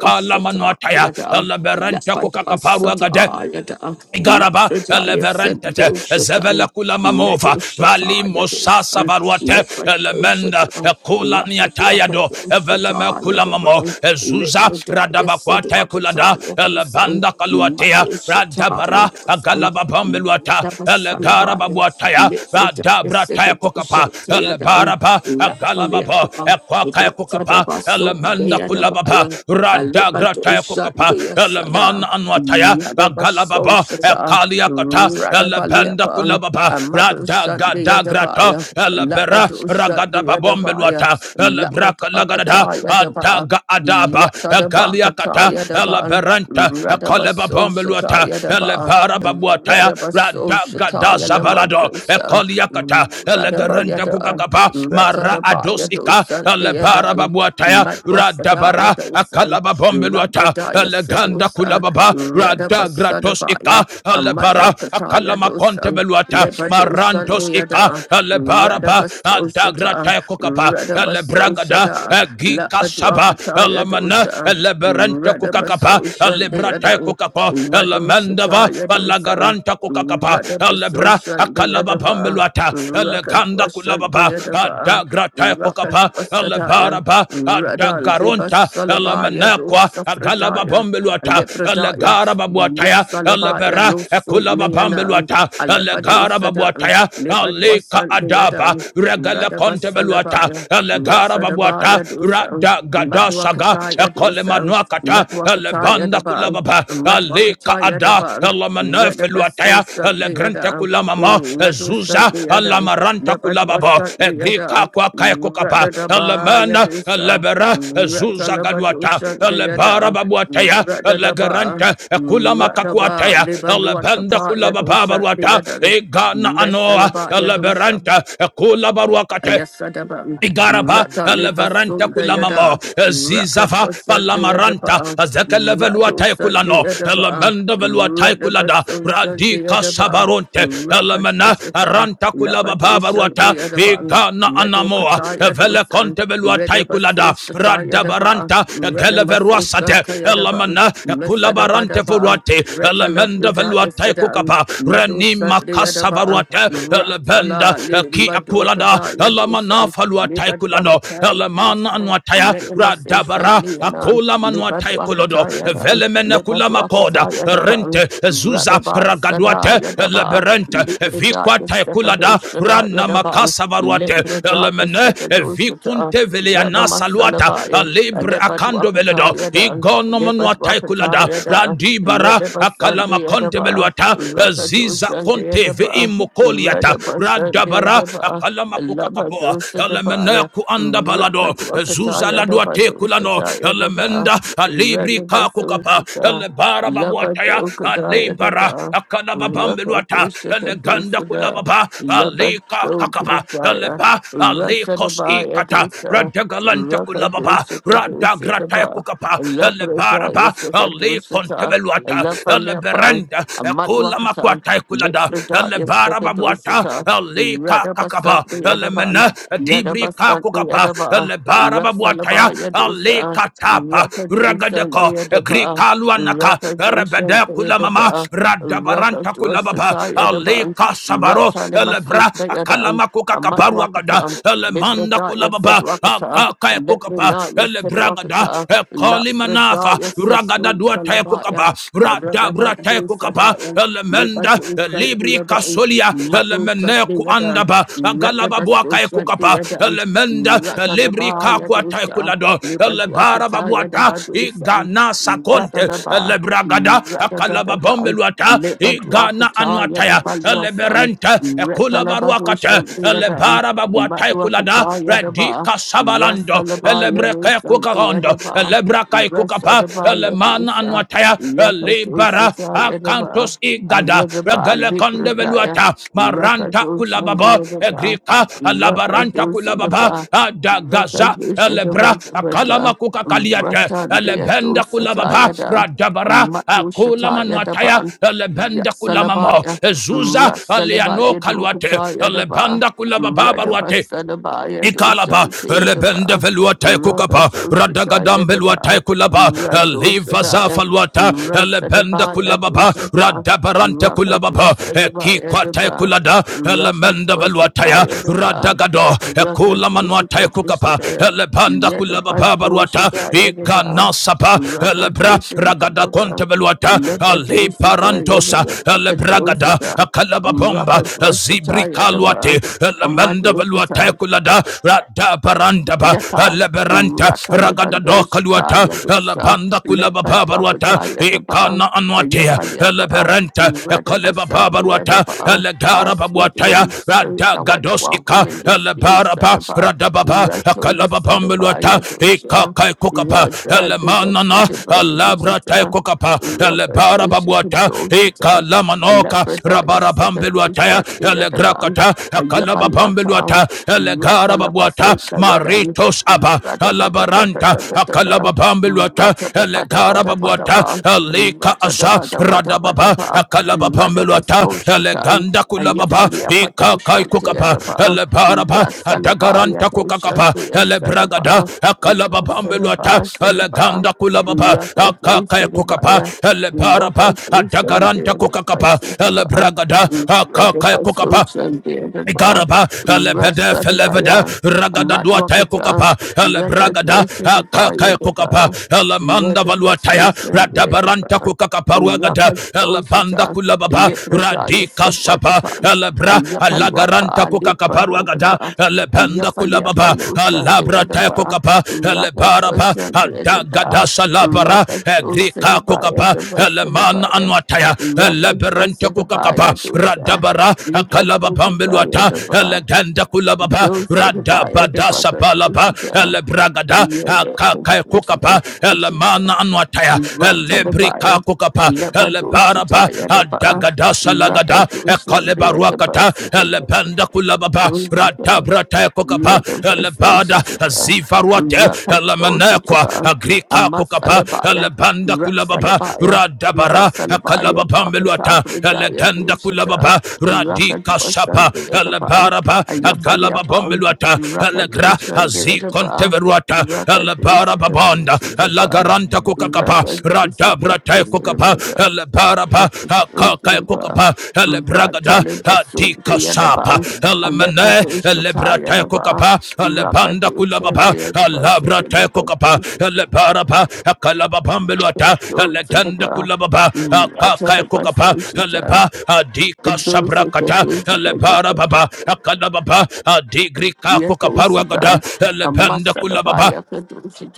[SPEAKER 5] Ikala Manuataya Eleberanta Kokakaparuagade Igaraba eleverentete zevele kula mamova vali mosasa varuate elemenda kula niatayado eveleme kula mamo ezuza radabakwate kulada elebanda kaluatea radabara agalababambeluata
[SPEAKER 1] celebrate.
[SPEAKER 5] elegarababuataya
[SPEAKER 1] Mithridaya
[SPEAKER 5] radabrataya kokapa
[SPEAKER 1] Sekadushantayadan,
[SPEAKER 5] elebaraba agalababa
[SPEAKER 1] Lafalepa,
[SPEAKER 5] ekwakaya kokapa
[SPEAKER 1] Rotadabasu,
[SPEAKER 5] elemenda kulababa
[SPEAKER 1] Deyadabaya,
[SPEAKER 5] Kokapa, Radagrataya Kokapa,
[SPEAKER 1] Alibadushantia
[SPEAKER 5] Eleman
[SPEAKER 1] Sada,
[SPEAKER 5] Anwataya,
[SPEAKER 1] Yadabaso
[SPEAKER 5] Agalababa,
[SPEAKER 1] Shata,
[SPEAKER 5] Ekaliakata, Elebenda
[SPEAKER 1] Radabalepa,
[SPEAKER 5] Kulababa, Radagadagrata,
[SPEAKER 1] Amadushantiadabaya,
[SPEAKER 5] Elebera,
[SPEAKER 1] Labadushantiadabaya,
[SPEAKER 5] Ragadababombeluata, Elebraka Lagadada,
[SPEAKER 1] Labadakatayadaba,
[SPEAKER 5] Adaga Adaba, Egaliakata,
[SPEAKER 1] Yatadabakatayadaba,
[SPEAKER 5] Eleberanta,
[SPEAKER 1] Radabaso
[SPEAKER 5] Ekalebabombeluata,
[SPEAKER 1] Shatayadaba.
[SPEAKER 5] Elebara Babuataya,
[SPEAKER 1] Radabaso
[SPEAKER 5] Radagada
[SPEAKER 1] Shataya
[SPEAKER 5] Zabalado,
[SPEAKER 1] Lamandosa,
[SPEAKER 5] Ekaliakata, Elegaranda Kuka
[SPEAKER 1] Radabayada,
[SPEAKER 5] gagaba
[SPEAKER 1] mm,
[SPEAKER 5] mara
[SPEAKER 1] Ratadabaya
[SPEAKER 5] adosika
[SPEAKER 1] dosan
[SPEAKER 5] alebara
[SPEAKER 1] deadan,
[SPEAKER 5] babuataya
[SPEAKER 1] Madwasadaya
[SPEAKER 5] radabara
[SPEAKER 1] dosan,
[SPEAKER 5] akalaba bombeluata
[SPEAKER 1] Labradaya
[SPEAKER 5] eleganda
[SPEAKER 1] sedosa,
[SPEAKER 5] kulababa
[SPEAKER 1] Mm,
[SPEAKER 5] radagratos ika
[SPEAKER 1] Radabasadabaya,
[SPEAKER 5] alebara
[SPEAKER 1] Amadwakataya
[SPEAKER 5] akalama
[SPEAKER 1] dosan,
[SPEAKER 5] kontebeluata
[SPEAKER 1] Lebadosan
[SPEAKER 5] marantos ika
[SPEAKER 1] deada,
[SPEAKER 5] elebaraba
[SPEAKER 1] Radabaso Shata,
[SPEAKER 5] adagrataya kukapa
[SPEAKER 1] Mm, Radabaso
[SPEAKER 5] elebragada
[SPEAKER 1] Shada,
[SPEAKER 5] egika saba
[SPEAKER 1] Labadwakataya
[SPEAKER 5] elemana
[SPEAKER 1] dosa,
[SPEAKER 5] eleberente kukakapa
[SPEAKER 1] Radabaso
[SPEAKER 5] elebratae
[SPEAKER 1] Shandeadan.
[SPEAKER 5] kukapa elemendava
[SPEAKER 1] Madoshataya dosan,
[SPEAKER 5] baranta kukakapa
[SPEAKER 1] Radabaso
[SPEAKER 5] alebra akalaba
[SPEAKER 1] Shandayadaba,
[SPEAKER 5] pambeluata eleganda kulababa
[SPEAKER 1] Rakadwashandayadaba,
[SPEAKER 5] adagrata kokapa
[SPEAKER 1] Rakadwasadaya,
[SPEAKER 5] elebaraba
[SPEAKER 1] Radal
[SPEAKER 5] adagaronta
[SPEAKER 1] Debasalabaya
[SPEAKER 5] elemenekwa agalaba
[SPEAKER 1] dosafradaya,
[SPEAKER 5] pambeluata
[SPEAKER 1] Lepradaya,
[SPEAKER 5] elegara babuataya
[SPEAKER 1] Yasalabaya
[SPEAKER 5] elebera
[SPEAKER 1] no
[SPEAKER 5] ekulaba
[SPEAKER 1] sun
[SPEAKER 5] pambeluata elegara
[SPEAKER 1] Alepadosadam,
[SPEAKER 5] babuataya alika adaba
[SPEAKER 1] Lepaduasandeadam,
[SPEAKER 5] regele kontebeluata
[SPEAKER 1] Radabasalabaya,
[SPEAKER 5] elegara
[SPEAKER 1] Ratsadabaya
[SPEAKER 5] babuata
[SPEAKER 1] dosam,
[SPEAKER 5] rada gada saga
[SPEAKER 1] Madwakataya dosam,
[SPEAKER 5] manuakata
[SPEAKER 1] Madwakataya
[SPEAKER 5] elebanda
[SPEAKER 1] dabam,
[SPEAKER 5] kulababa alika
[SPEAKER 1] Madwakataya
[SPEAKER 5] ada
[SPEAKER 1] dabam, Radabaso
[SPEAKER 5] elamanafeluataya
[SPEAKER 1] Sunday
[SPEAKER 5] elegrante
[SPEAKER 1] ada.
[SPEAKER 5] kulamama
[SPEAKER 1] Madu
[SPEAKER 5] ezuza
[SPEAKER 1] Sunday Adam,
[SPEAKER 5] alamaranta
[SPEAKER 1] Labadua
[SPEAKER 5] kulababa
[SPEAKER 1] Sunday
[SPEAKER 5] egrika
[SPEAKER 1] Adam,
[SPEAKER 5] kwakaekokapa
[SPEAKER 1] Radadaba
[SPEAKER 5] elemana
[SPEAKER 1] Yadusa,
[SPEAKER 5] elebera ezuza
[SPEAKER 1] Ratalabadu
[SPEAKER 5] galuata
[SPEAKER 1] Sunday
[SPEAKER 5] elebara
[SPEAKER 1] Adam,
[SPEAKER 5] babuataya
[SPEAKER 1] Radadaba,
[SPEAKER 5] elegarante
[SPEAKER 1] Radaba,
[SPEAKER 5] kulamakakuataya baruata
[SPEAKER 1] Libaluatapa Yadusa, the
[SPEAKER 5] kulabababaruata
[SPEAKER 1] ada.
[SPEAKER 5] egana anoa
[SPEAKER 1] Mesalaba Yadusa.
[SPEAKER 5] eleberanta ekulabaruakate
[SPEAKER 1] Ayasadaba,
[SPEAKER 8] Andan
[SPEAKER 5] Igaraba,
[SPEAKER 8] River
[SPEAKER 1] Rata Leba
[SPEAKER 5] Leveranta
[SPEAKER 8] Pizza
[SPEAKER 1] Sunda
[SPEAKER 5] Kulamamo,
[SPEAKER 1] Yada,
[SPEAKER 8] Temple
[SPEAKER 5] Zizava,
[SPEAKER 1] Rakadwa Santa
[SPEAKER 5] Palamaranta,
[SPEAKER 1] Yadaba,
[SPEAKER 8] of
[SPEAKER 1] Rado
[SPEAKER 5] Zekeleveluatae
[SPEAKER 1] Santa
[SPEAKER 5] Kulano,
[SPEAKER 1] Yadaba,
[SPEAKER 5] Elemenda Veluatae Kulada,
[SPEAKER 1] Radaba Santa
[SPEAKER 5] Radika
[SPEAKER 1] Yadaba,
[SPEAKER 5] Sabaronte,
[SPEAKER 1] Rakadwa
[SPEAKER 5] Elemena,
[SPEAKER 1] Shata,
[SPEAKER 5] Aranta Kulaba
[SPEAKER 1] Labado Santa
[SPEAKER 5] Babaruata,
[SPEAKER 1] Yadaba,
[SPEAKER 5] Igana
[SPEAKER 1] Medo
[SPEAKER 5] Anamoa,
[SPEAKER 1] Kataya Dosan,
[SPEAKER 5] Veleconte Veluatae Kulada,
[SPEAKER 1] Redabasoshata Yadaba,
[SPEAKER 5] Radabaranta,
[SPEAKER 1] Ranamasoshanta
[SPEAKER 5] Geleveruasate,
[SPEAKER 1] Yadaba,
[SPEAKER 5] Elemena, Kulabarante
[SPEAKER 1] Mesadabadaba,
[SPEAKER 5] Furuate, Elemenda
[SPEAKER 1] Retalabrida
[SPEAKER 5] Veluatae
[SPEAKER 1] Yasada,
[SPEAKER 5] Kukapa,
[SPEAKER 1] Mado
[SPEAKER 5] Renima
[SPEAKER 1] Santa Yadaba,
[SPEAKER 5] Casavaruate,
[SPEAKER 1] Rasala,
[SPEAKER 5] Anda Ki Akulada
[SPEAKER 1] Limbadokada
[SPEAKER 5] Elamana
[SPEAKER 1] Yadosa,
[SPEAKER 5] Falua Taikulano
[SPEAKER 1] Libadwakata
[SPEAKER 5] Elamana
[SPEAKER 1] Yadosa,
[SPEAKER 5] Anwataya
[SPEAKER 1] Renamasoshant
[SPEAKER 5] Radabara
[SPEAKER 1] Lianan,
[SPEAKER 5] Akula Manuatai Kolodo
[SPEAKER 1] Libadwakata Yadan,
[SPEAKER 5] Velemene Kulama Koda
[SPEAKER 1] Libadwakata Yadaba.
[SPEAKER 5] Rente eh, Zuza
[SPEAKER 1] Radaba Sada
[SPEAKER 5] Ragaduate
[SPEAKER 1] Yadaba
[SPEAKER 5] Leberente
[SPEAKER 1] Librada
[SPEAKER 5] Vikwa
[SPEAKER 1] Yasekado
[SPEAKER 5] Taikulada
[SPEAKER 1] Shada
[SPEAKER 5] Rana
[SPEAKER 8] Thank
[SPEAKER 1] Yadaban
[SPEAKER 5] Makasa Varuate
[SPEAKER 8] you.
[SPEAKER 1] Librada
[SPEAKER 5] Elemene
[SPEAKER 1] Yasekado Shata
[SPEAKER 5] Vikunte Veliana
[SPEAKER 1] Radama
[SPEAKER 5] Saluata
[SPEAKER 1] Salabaya
[SPEAKER 5] Libre
[SPEAKER 1] Alebat
[SPEAKER 5] Akando Veledo
[SPEAKER 1] Wakata Yadan
[SPEAKER 5] Igono
[SPEAKER 1] Libat
[SPEAKER 5] Manuatai
[SPEAKER 1] Wakata
[SPEAKER 5] Kulada
[SPEAKER 1] Yada
[SPEAKER 5] Radibara
[SPEAKER 1] Redaba
[SPEAKER 5] Akalama
[SPEAKER 1] Sandi
[SPEAKER 5] Conte
[SPEAKER 1] Yadaba
[SPEAKER 5] ziz.
[SPEAKER 1] Rakado
[SPEAKER 5] Liza
[SPEAKER 1] Sandi
[SPEAKER 5] Conte
[SPEAKER 1] Yadaba
[SPEAKER 5] Veimokoliata
[SPEAKER 1] Redaba Sandi
[SPEAKER 5] Radabara
[SPEAKER 1] Yadaba
[SPEAKER 5] Akalamakukakapoa
[SPEAKER 1] Labado Sadabaya
[SPEAKER 5] Elemeneku kuanda balado
[SPEAKER 1] Rakadwakata
[SPEAKER 5] Zuza
[SPEAKER 1] Yadaba
[SPEAKER 5] Laduate Kulano
[SPEAKER 1] Doshata Yadaba
[SPEAKER 5] Elemenda Alibri
[SPEAKER 1] Redaba
[SPEAKER 5] Kakukapa
[SPEAKER 1] Sushata
[SPEAKER 5] Elebara Babuataya
[SPEAKER 1] Labado Kadaya
[SPEAKER 5] Alebara
[SPEAKER 1] Daba, Rakado
[SPEAKER 5] Akalababambeluata
[SPEAKER 1] Shakado
[SPEAKER 5] Eleganda
[SPEAKER 1] Sada,
[SPEAKER 5] Kulababa Alika
[SPEAKER 1] Labado
[SPEAKER 5] Kakapa
[SPEAKER 1] Kadaya,
[SPEAKER 5] Eleba Alikos
[SPEAKER 1] Rasadabaya
[SPEAKER 8] Thank
[SPEAKER 5] Ikata
[SPEAKER 1] Dosa,
[SPEAKER 5] Radagalanta
[SPEAKER 1] Rakado
[SPEAKER 5] Kulababa
[SPEAKER 1] Shakado
[SPEAKER 5] Radagrata
[SPEAKER 1] Sitaba,
[SPEAKER 5] Kukapa
[SPEAKER 1] Labradaya
[SPEAKER 5] Elebaraba
[SPEAKER 1] Sakado
[SPEAKER 5] Ali
[SPEAKER 1] Sita,
[SPEAKER 5] Contebeluata Leberanta,
[SPEAKER 1] Lafanyapa,
[SPEAKER 5] Leberenda, Ekula
[SPEAKER 1] Amadwakata,
[SPEAKER 5] Makwata Kulada,
[SPEAKER 1] Litfredaya
[SPEAKER 5] Lebara
[SPEAKER 1] Sakado
[SPEAKER 5] Babuata,
[SPEAKER 1] Sita,
[SPEAKER 5] Leka
[SPEAKER 1] Radabasante
[SPEAKER 5] Kakaba,
[SPEAKER 1] Yadaban,
[SPEAKER 5] Lemena, Dibri
[SPEAKER 1] Yadabasante
[SPEAKER 5] Kakukapa,
[SPEAKER 1] Yadaba,
[SPEAKER 5] Lebara Babuataya,
[SPEAKER 1] Rasalabaya Dosa,
[SPEAKER 5] Leka Tapa,
[SPEAKER 1] Rakado Sante
[SPEAKER 5] Ragadeko,
[SPEAKER 1] Yadaba,
[SPEAKER 5] Grikaluanaka,
[SPEAKER 1] Rakadusha
[SPEAKER 5] Rebede Kulamama,
[SPEAKER 1] Dayadaba,
[SPEAKER 5] Radabaranta Kulababa,
[SPEAKER 1] Rakadusata Yadaban,
[SPEAKER 5] Leka Sabaro,
[SPEAKER 1] Ratani Masut
[SPEAKER 5] Lebra,
[SPEAKER 1] Dayadan,
[SPEAKER 5] Akalama
[SPEAKER 1] Amat
[SPEAKER 5] Kukakaparuagada,
[SPEAKER 1] Wakatan,
[SPEAKER 5] Lemanda
[SPEAKER 1] Libradaya said
[SPEAKER 5] Kulababa,
[SPEAKER 1] Wakata,
[SPEAKER 5] Akaka Kukapa,
[SPEAKER 1] Librinaya said
[SPEAKER 5] Elebragada,
[SPEAKER 1] Wakata,
[SPEAKER 5] manafa
[SPEAKER 1] Lapfredaya said
[SPEAKER 5] ragada
[SPEAKER 1] Sun
[SPEAKER 5] dua te
[SPEAKER 1] Salabaya,
[SPEAKER 5] kukapa rada brate
[SPEAKER 1] Aradabadu
[SPEAKER 5] kukapa
[SPEAKER 1] Sadayan,
[SPEAKER 5] elemenda
[SPEAKER 1] Libadu Sat
[SPEAKER 5] libri
[SPEAKER 1] Dayadan.
[SPEAKER 5] kasolia
[SPEAKER 1] Madu Sat
[SPEAKER 5] elemene
[SPEAKER 1] Dayadan,
[SPEAKER 5] kuandaba agalaba
[SPEAKER 1] Redabasu
[SPEAKER 5] buaka e
[SPEAKER 1] Sat
[SPEAKER 5] kukapa
[SPEAKER 1] Dayadan,
[SPEAKER 5] elemenda libri
[SPEAKER 1] Ratadabaya
[SPEAKER 5] kakwa te
[SPEAKER 1] Dusa,
[SPEAKER 5] kulado
[SPEAKER 1] Libadu
[SPEAKER 5] elebara
[SPEAKER 1] Akata
[SPEAKER 5] babuata
[SPEAKER 1] Yadabadusa.
[SPEAKER 5] igana sakonte
[SPEAKER 1] Radadaba,
[SPEAKER 5] elebragada akalaba bombe
[SPEAKER 1] Radadadada,
[SPEAKER 5] luata igana
[SPEAKER 1] Lebaduakata,
[SPEAKER 5] anwataya
[SPEAKER 1] Yadabaluasan,
[SPEAKER 5] eleberente ekulabaruakate
[SPEAKER 1] Retalabadushan, the Adam,
[SPEAKER 5] elebara babuata kulada
[SPEAKER 1] Batuakata, Yadaba,
[SPEAKER 5] redika sabalando
[SPEAKER 1] Rasalaba,
[SPEAKER 5] elebreke
[SPEAKER 1] Yalusan, the
[SPEAKER 5] kukarondo
[SPEAKER 1] Adaba,
[SPEAKER 5] elebrakai kukapa
[SPEAKER 1] Rasadaba,
[SPEAKER 5] elemana
[SPEAKER 1] Yadusa,
[SPEAKER 5] anwataya elibara
[SPEAKER 1] Yakadusa, Yadaba,
[SPEAKER 5] akantos igada
[SPEAKER 1] Aradaba,
[SPEAKER 5] regale konde
[SPEAKER 1] Lipradaya,
[SPEAKER 5] veluata maranta
[SPEAKER 1] Rakadushan,
[SPEAKER 5] kulababa
[SPEAKER 1] the Adaba,
[SPEAKER 5] egrika alabaranta
[SPEAKER 1] Rakadusa, the
[SPEAKER 5] kulababa
[SPEAKER 1] Ba,
[SPEAKER 5] adagaza
[SPEAKER 1] Rakadusa, the
[SPEAKER 5] elebra
[SPEAKER 1] Vadaba,
[SPEAKER 5] akalama kukakaliate
[SPEAKER 1] Ratan de Ado
[SPEAKER 5] elebenda kulababa
[SPEAKER 1] Satayada,
[SPEAKER 5] radabara
[SPEAKER 1] Mato Shatayada
[SPEAKER 5] akulamanwataya
[SPEAKER 1] Ban,
[SPEAKER 5] elebenda kulamamo
[SPEAKER 1] Yasalabaya,
[SPEAKER 5] ezuza aliano
[SPEAKER 1] Rasalabaya
[SPEAKER 5] kaluate
[SPEAKER 1] Dokatayada Ba,
[SPEAKER 5] elebanda kulababa baruate
[SPEAKER 1] Radabasalabaya
[SPEAKER 5] Ikalaba,
[SPEAKER 1] Doshantayada
[SPEAKER 5] Rebende
[SPEAKER 1] Ba,
[SPEAKER 5] Veluate Kukapa,
[SPEAKER 1] Rakajo
[SPEAKER 5] Radagadam
[SPEAKER 1] Shatayada Ba,
[SPEAKER 5] Veluate Kulaba,
[SPEAKER 1] Rado
[SPEAKER 5] Eliva
[SPEAKER 1] Shataya,
[SPEAKER 5] Zafaluata, Elebenda
[SPEAKER 1] Rasadabaya
[SPEAKER 5] Kulababa,
[SPEAKER 1] Doshata,
[SPEAKER 5] Radabarante
[SPEAKER 1] Rakadwa
[SPEAKER 5] Kulababa,
[SPEAKER 1] Sadabaya
[SPEAKER 5] Ekiquate
[SPEAKER 1] Daba,
[SPEAKER 5] Kulada, Elemenda
[SPEAKER 1] Rakadwa
[SPEAKER 5] Veluataya,
[SPEAKER 1] Shatayada Ba,
[SPEAKER 5] Radagado, Ekula Kukapa,
[SPEAKER 1] Rakadwa
[SPEAKER 5] Elebanda Kulababa Baruata,
[SPEAKER 1] Yadabadoshita Yadaba,
[SPEAKER 5] Iganasapa, Elebra,
[SPEAKER 1] Rakadosa
[SPEAKER 5] Ragada Conte
[SPEAKER 1] Tadaba,
[SPEAKER 5] Veluata, Ali
[SPEAKER 1] Labadosita
[SPEAKER 5] Parantosa,
[SPEAKER 1] Yadaba,
[SPEAKER 5] Elebragada,
[SPEAKER 1] Kadosita,
[SPEAKER 5] Kalababomba,
[SPEAKER 1] Rakadosita
[SPEAKER 5] Zibri Kaluate,
[SPEAKER 1] Yadaba,
[SPEAKER 5] Elemenda
[SPEAKER 1] Amadosita,
[SPEAKER 5] kaluata kulada rada baranda ba
[SPEAKER 1] Yatas,
[SPEAKER 5] leberanta ragada do
[SPEAKER 1] Ratalebandos,
[SPEAKER 5] kaluata
[SPEAKER 1] Taya dosa,
[SPEAKER 5] lebanda kulaba babaruata
[SPEAKER 1] Lipadwakataya the bar,
[SPEAKER 5] ikana anwatia
[SPEAKER 1] Ayafaliapa,
[SPEAKER 5] leberanta kaleba
[SPEAKER 1] Radabasan the other
[SPEAKER 5] babaruata
[SPEAKER 1] bar, our
[SPEAKER 5] legara
[SPEAKER 1] sweet
[SPEAKER 5] babuataya
[SPEAKER 1] Holy Spirit,
[SPEAKER 5] rada
[SPEAKER 1] thou art
[SPEAKER 5] gados ika
[SPEAKER 1] welcome in this place at
[SPEAKER 5] lebaraba
[SPEAKER 1] the bar,
[SPEAKER 5] rada baba kalaba
[SPEAKER 1] Ratolus at the bar,
[SPEAKER 5] bambeluata
[SPEAKER 1] Yadosha,
[SPEAKER 5] ikakai kukapa
[SPEAKER 1] Rada the rest
[SPEAKER 5] lemanana
[SPEAKER 1] of the
[SPEAKER 5] labra tai
[SPEAKER 1] Badosita,
[SPEAKER 5] kukapa lebara
[SPEAKER 1] Rabadosha
[SPEAKER 5] babuata
[SPEAKER 1] Kadosita,
[SPEAKER 5] ikalamanoka
[SPEAKER 1] Alapradaya
[SPEAKER 5] rabara bambeluataya
[SPEAKER 1] Sekadosha the other bar,
[SPEAKER 5] legrakata
[SPEAKER 1] Ayabalwata.
[SPEAKER 5] akalababambeluata elegarababuata
[SPEAKER 1] Ratalapasundayadan,
[SPEAKER 5] maritos aba alabaranta
[SPEAKER 1] Ratatatatatata,
[SPEAKER 5] akalababambeluata elegarababuata
[SPEAKER 1] Ratatapadabadabadapa,
[SPEAKER 5] elika asa, radababa
[SPEAKER 1] Ratatapadabadabadapa,
[SPEAKER 5] akalababambeluata
[SPEAKER 1] Ratapasunshita,
[SPEAKER 5] eleganda kulababa ikakai kukapa
[SPEAKER 1] Ayafaliapatoshandayadaba,
[SPEAKER 5] elebaraba adagaranta kukakapa elebragada
[SPEAKER 1] Rasalabayadosandayasadaba,
[SPEAKER 5] akalababambeluata
[SPEAKER 1] Rasadaba Sadaba,
[SPEAKER 5] eleganda kulababa akakai kukapa
[SPEAKER 1] Rakadosadabaya,
[SPEAKER 5] elebaraba adagaranta kukakapa
[SPEAKER 1] Rakadosandayasadaba,
[SPEAKER 5] elebragada akakai kukapa
[SPEAKER 1] Ratapasundayasadaba,
[SPEAKER 5] Igaraba, Alebede,
[SPEAKER 1] Rasa de
[SPEAKER 5] Felevede,
[SPEAKER 1] Baya,
[SPEAKER 5] Ragada Duatae
[SPEAKER 1] Matwakata,
[SPEAKER 5] Kukapa,
[SPEAKER 1] Rata
[SPEAKER 5] Alebragada,
[SPEAKER 1] Dwasa de Baya
[SPEAKER 5] Akakae
[SPEAKER 1] de
[SPEAKER 5] Kukapa,
[SPEAKER 1] Ba,
[SPEAKER 5] Alamanda
[SPEAKER 1] Rata
[SPEAKER 5] Valuataya,
[SPEAKER 1] Basus and the
[SPEAKER 5] Radabaranta
[SPEAKER 1] Ba,
[SPEAKER 5] Kukakapa Ragada,
[SPEAKER 1] Rapa
[SPEAKER 5] Alabanda
[SPEAKER 1] Dosata,
[SPEAKER 5] Kulababa,
[SPEAKER 1] Lipradaya
[SPEAKER 5] Radika Sapa,
[SPEAKER 1] Sadwatapan,
[SPEAKER 5] Alebra, Alagaranta
[SPEAKER 1] Ayapalwata,
[SPEAKER 5] Kukakapa Ragada,
[SPEAKER 1] Lipradokata,
[SPEAKER 5] Alebanda Kulababa,
[SPEAKER 1] Ayafaliapalosa de
[SPEAKER 5] Alabra Tae
[SPEAKER 1] Edaba,
[SPEAKER 5] Kukapa,
[SPEAKER 1] Rapa
[SPEAKER 5] Alebaraba,
[SPEAKER 1] Dwasa de Edaba,
[SPEAKER 5] Adagada Salabara,
[SPEAKER 1] Rapa Dosa de
[SPEAKER 5] agrika. Rabba
[SPEAKER 1] Baya
[SPEAKER 5] Kokapa,
[SPEAKER 1] de Basa de
[SPEAKER 5] Eleman
[SPEAKER 1] Baya.
[SPEAKER 5] Anwataya,
[SPEAKER 1] Rapa
[SPEAKER 5] Eleberente
[SPEAKER 1] Dwasa de
[SPEAKER 5] Kokakapa,
[SPEAKER 1] Baya Dosa,
[SPEAKER 5] Radabara, Akalaba
[SPEAKER 1] Lipradokata
[SPEAKER 5] Pambeluata,
[SPEAKER 1] Edaba.
[SPEAKER 5] Eleganda Kulababa,
[SPEAKER 1] Those that are Don't set about any
[SPEAKER 5] Radabada
[SPEAKER 1] vacation.
[SPEAKER 5] Sapalapa, Elebragada,
[SPEAKER 1] Yeah, the
[SPEAKER 5] Akaka
[SPEAKER 1] contribution
[SPEAKER 5] Kokapa,
[SPEAKER 1] that we should
[SPEAKER 5] Eleman
[SPEAKER 1] vacation.
[SPEAKER 5] Anwataya,
[SPEAKER 1] Rat at the
[SPEAKER 5] Elebrika
[SPEAKER 1] buyer. A
[SPEAKER 5] Kokapa,
[SPEAKER 1] lepadosh
[SPEAKER 5] Elebaraba,
[SPEAKER 1] tie at the bar.
[SPEAKER 5] Adagada Salagada,
[SPEAKER 1] Rakadosh and the other
[SPEAKER 5] Ekalebaruakata, Elebanda Kulababa,
[SPEAKER 1] bus.
[SPEAKER 5] Radabrata Kokapa kapa lebada
[SPEAKER 1] Redabasositaba,
[SPEAKER 5] zivaruate lemenekwa
[SPEAKER 1] Rakatositaba,
[SPEAKER 5] agrika kokapa
[SPEAKER 1] Amasalabaya,
[SPEAKER 5] lebanda kulababa
[SPEAKER 1] Rasalabaya,
[SPEAKER 5] radabara
[SPEAKER 1] Rasalabaya,
[SPEAKER 5] kalababa
[SPEAKER 1] Dwakata,
[SPEAKER 5] meluata
[SPEAKER 1] Brudaya,
[SPEAKER 5] legenda
[SPEAKER 1] Dushita,
[SPEAKER 5] kulababa radika sapa
[SPEAKER 1] Rakatosan, the Edaba,
[SPEAKER 5] lebaraba galababa
[SPEAKER 1] Ayafaliapa,
[SPEAKER 5] meluata legra
[SPEAKER 1] Rakatosan, the Edaba,
[SPEAKER 5] zikonteveruata lebaraba
[SPEAKER 1] Rakatosita,
[SPEAKER 5] bonda
[SPEAKER 1] Dushitaba,
[SPEAKER 5] lagaranta kokakapa radabra te kokapa
[SPEAKER 1] Rakatosita, Yes,
[SPEAKER 5] lebaraba
[SPEAKER 1] like a
[SPEAKER 5] Akaka kukapa elebragada adika sapa Ele mene ele elemene elebrate kukapa elebanda kulababa alabrate kukapa elebaraba akalababambeluata elegende kulababa akaka kokapa Ele ba adika sabrakata Ele elebarababa akalababa adigrika kukaparuagada elebende kulababa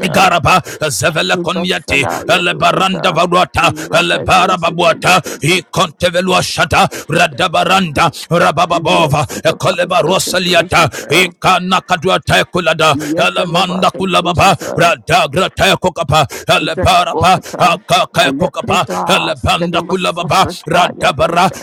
[SPEAKER 5] Igaraba Zevela Konyati Elebaranda Varuata Elebarababuata I Contevelua Shata Radabaranda Rabababova Ekoleba
[SPEAKER 1] bus, like
[SPEAKER 5] Rosaliata
[SPEAKER 1] a
[SPEAKER 5] Ikana Kaduata Kulada Elemanda Kulababa
[SPEAKER 1] Yetalabakadosita,
[SPEAKER 5] Radagra Tekokapa
[SPEAKER 1] Ujat
[SPEAKER 5] Elebaraba
[SPEAKER 1] Bokata,
[SPEAKER 5] Akaka Kokapa
[SPEAKER 1] Alepida,
[SPEAKER 5] Elebanda
[SPEAKER 1] Selima
[SPEAKER 5] Kulababa
[SPEAKER 1] Sofradaya
[SPEAKER 5] Radabara
[SPEAKER 1] dosha,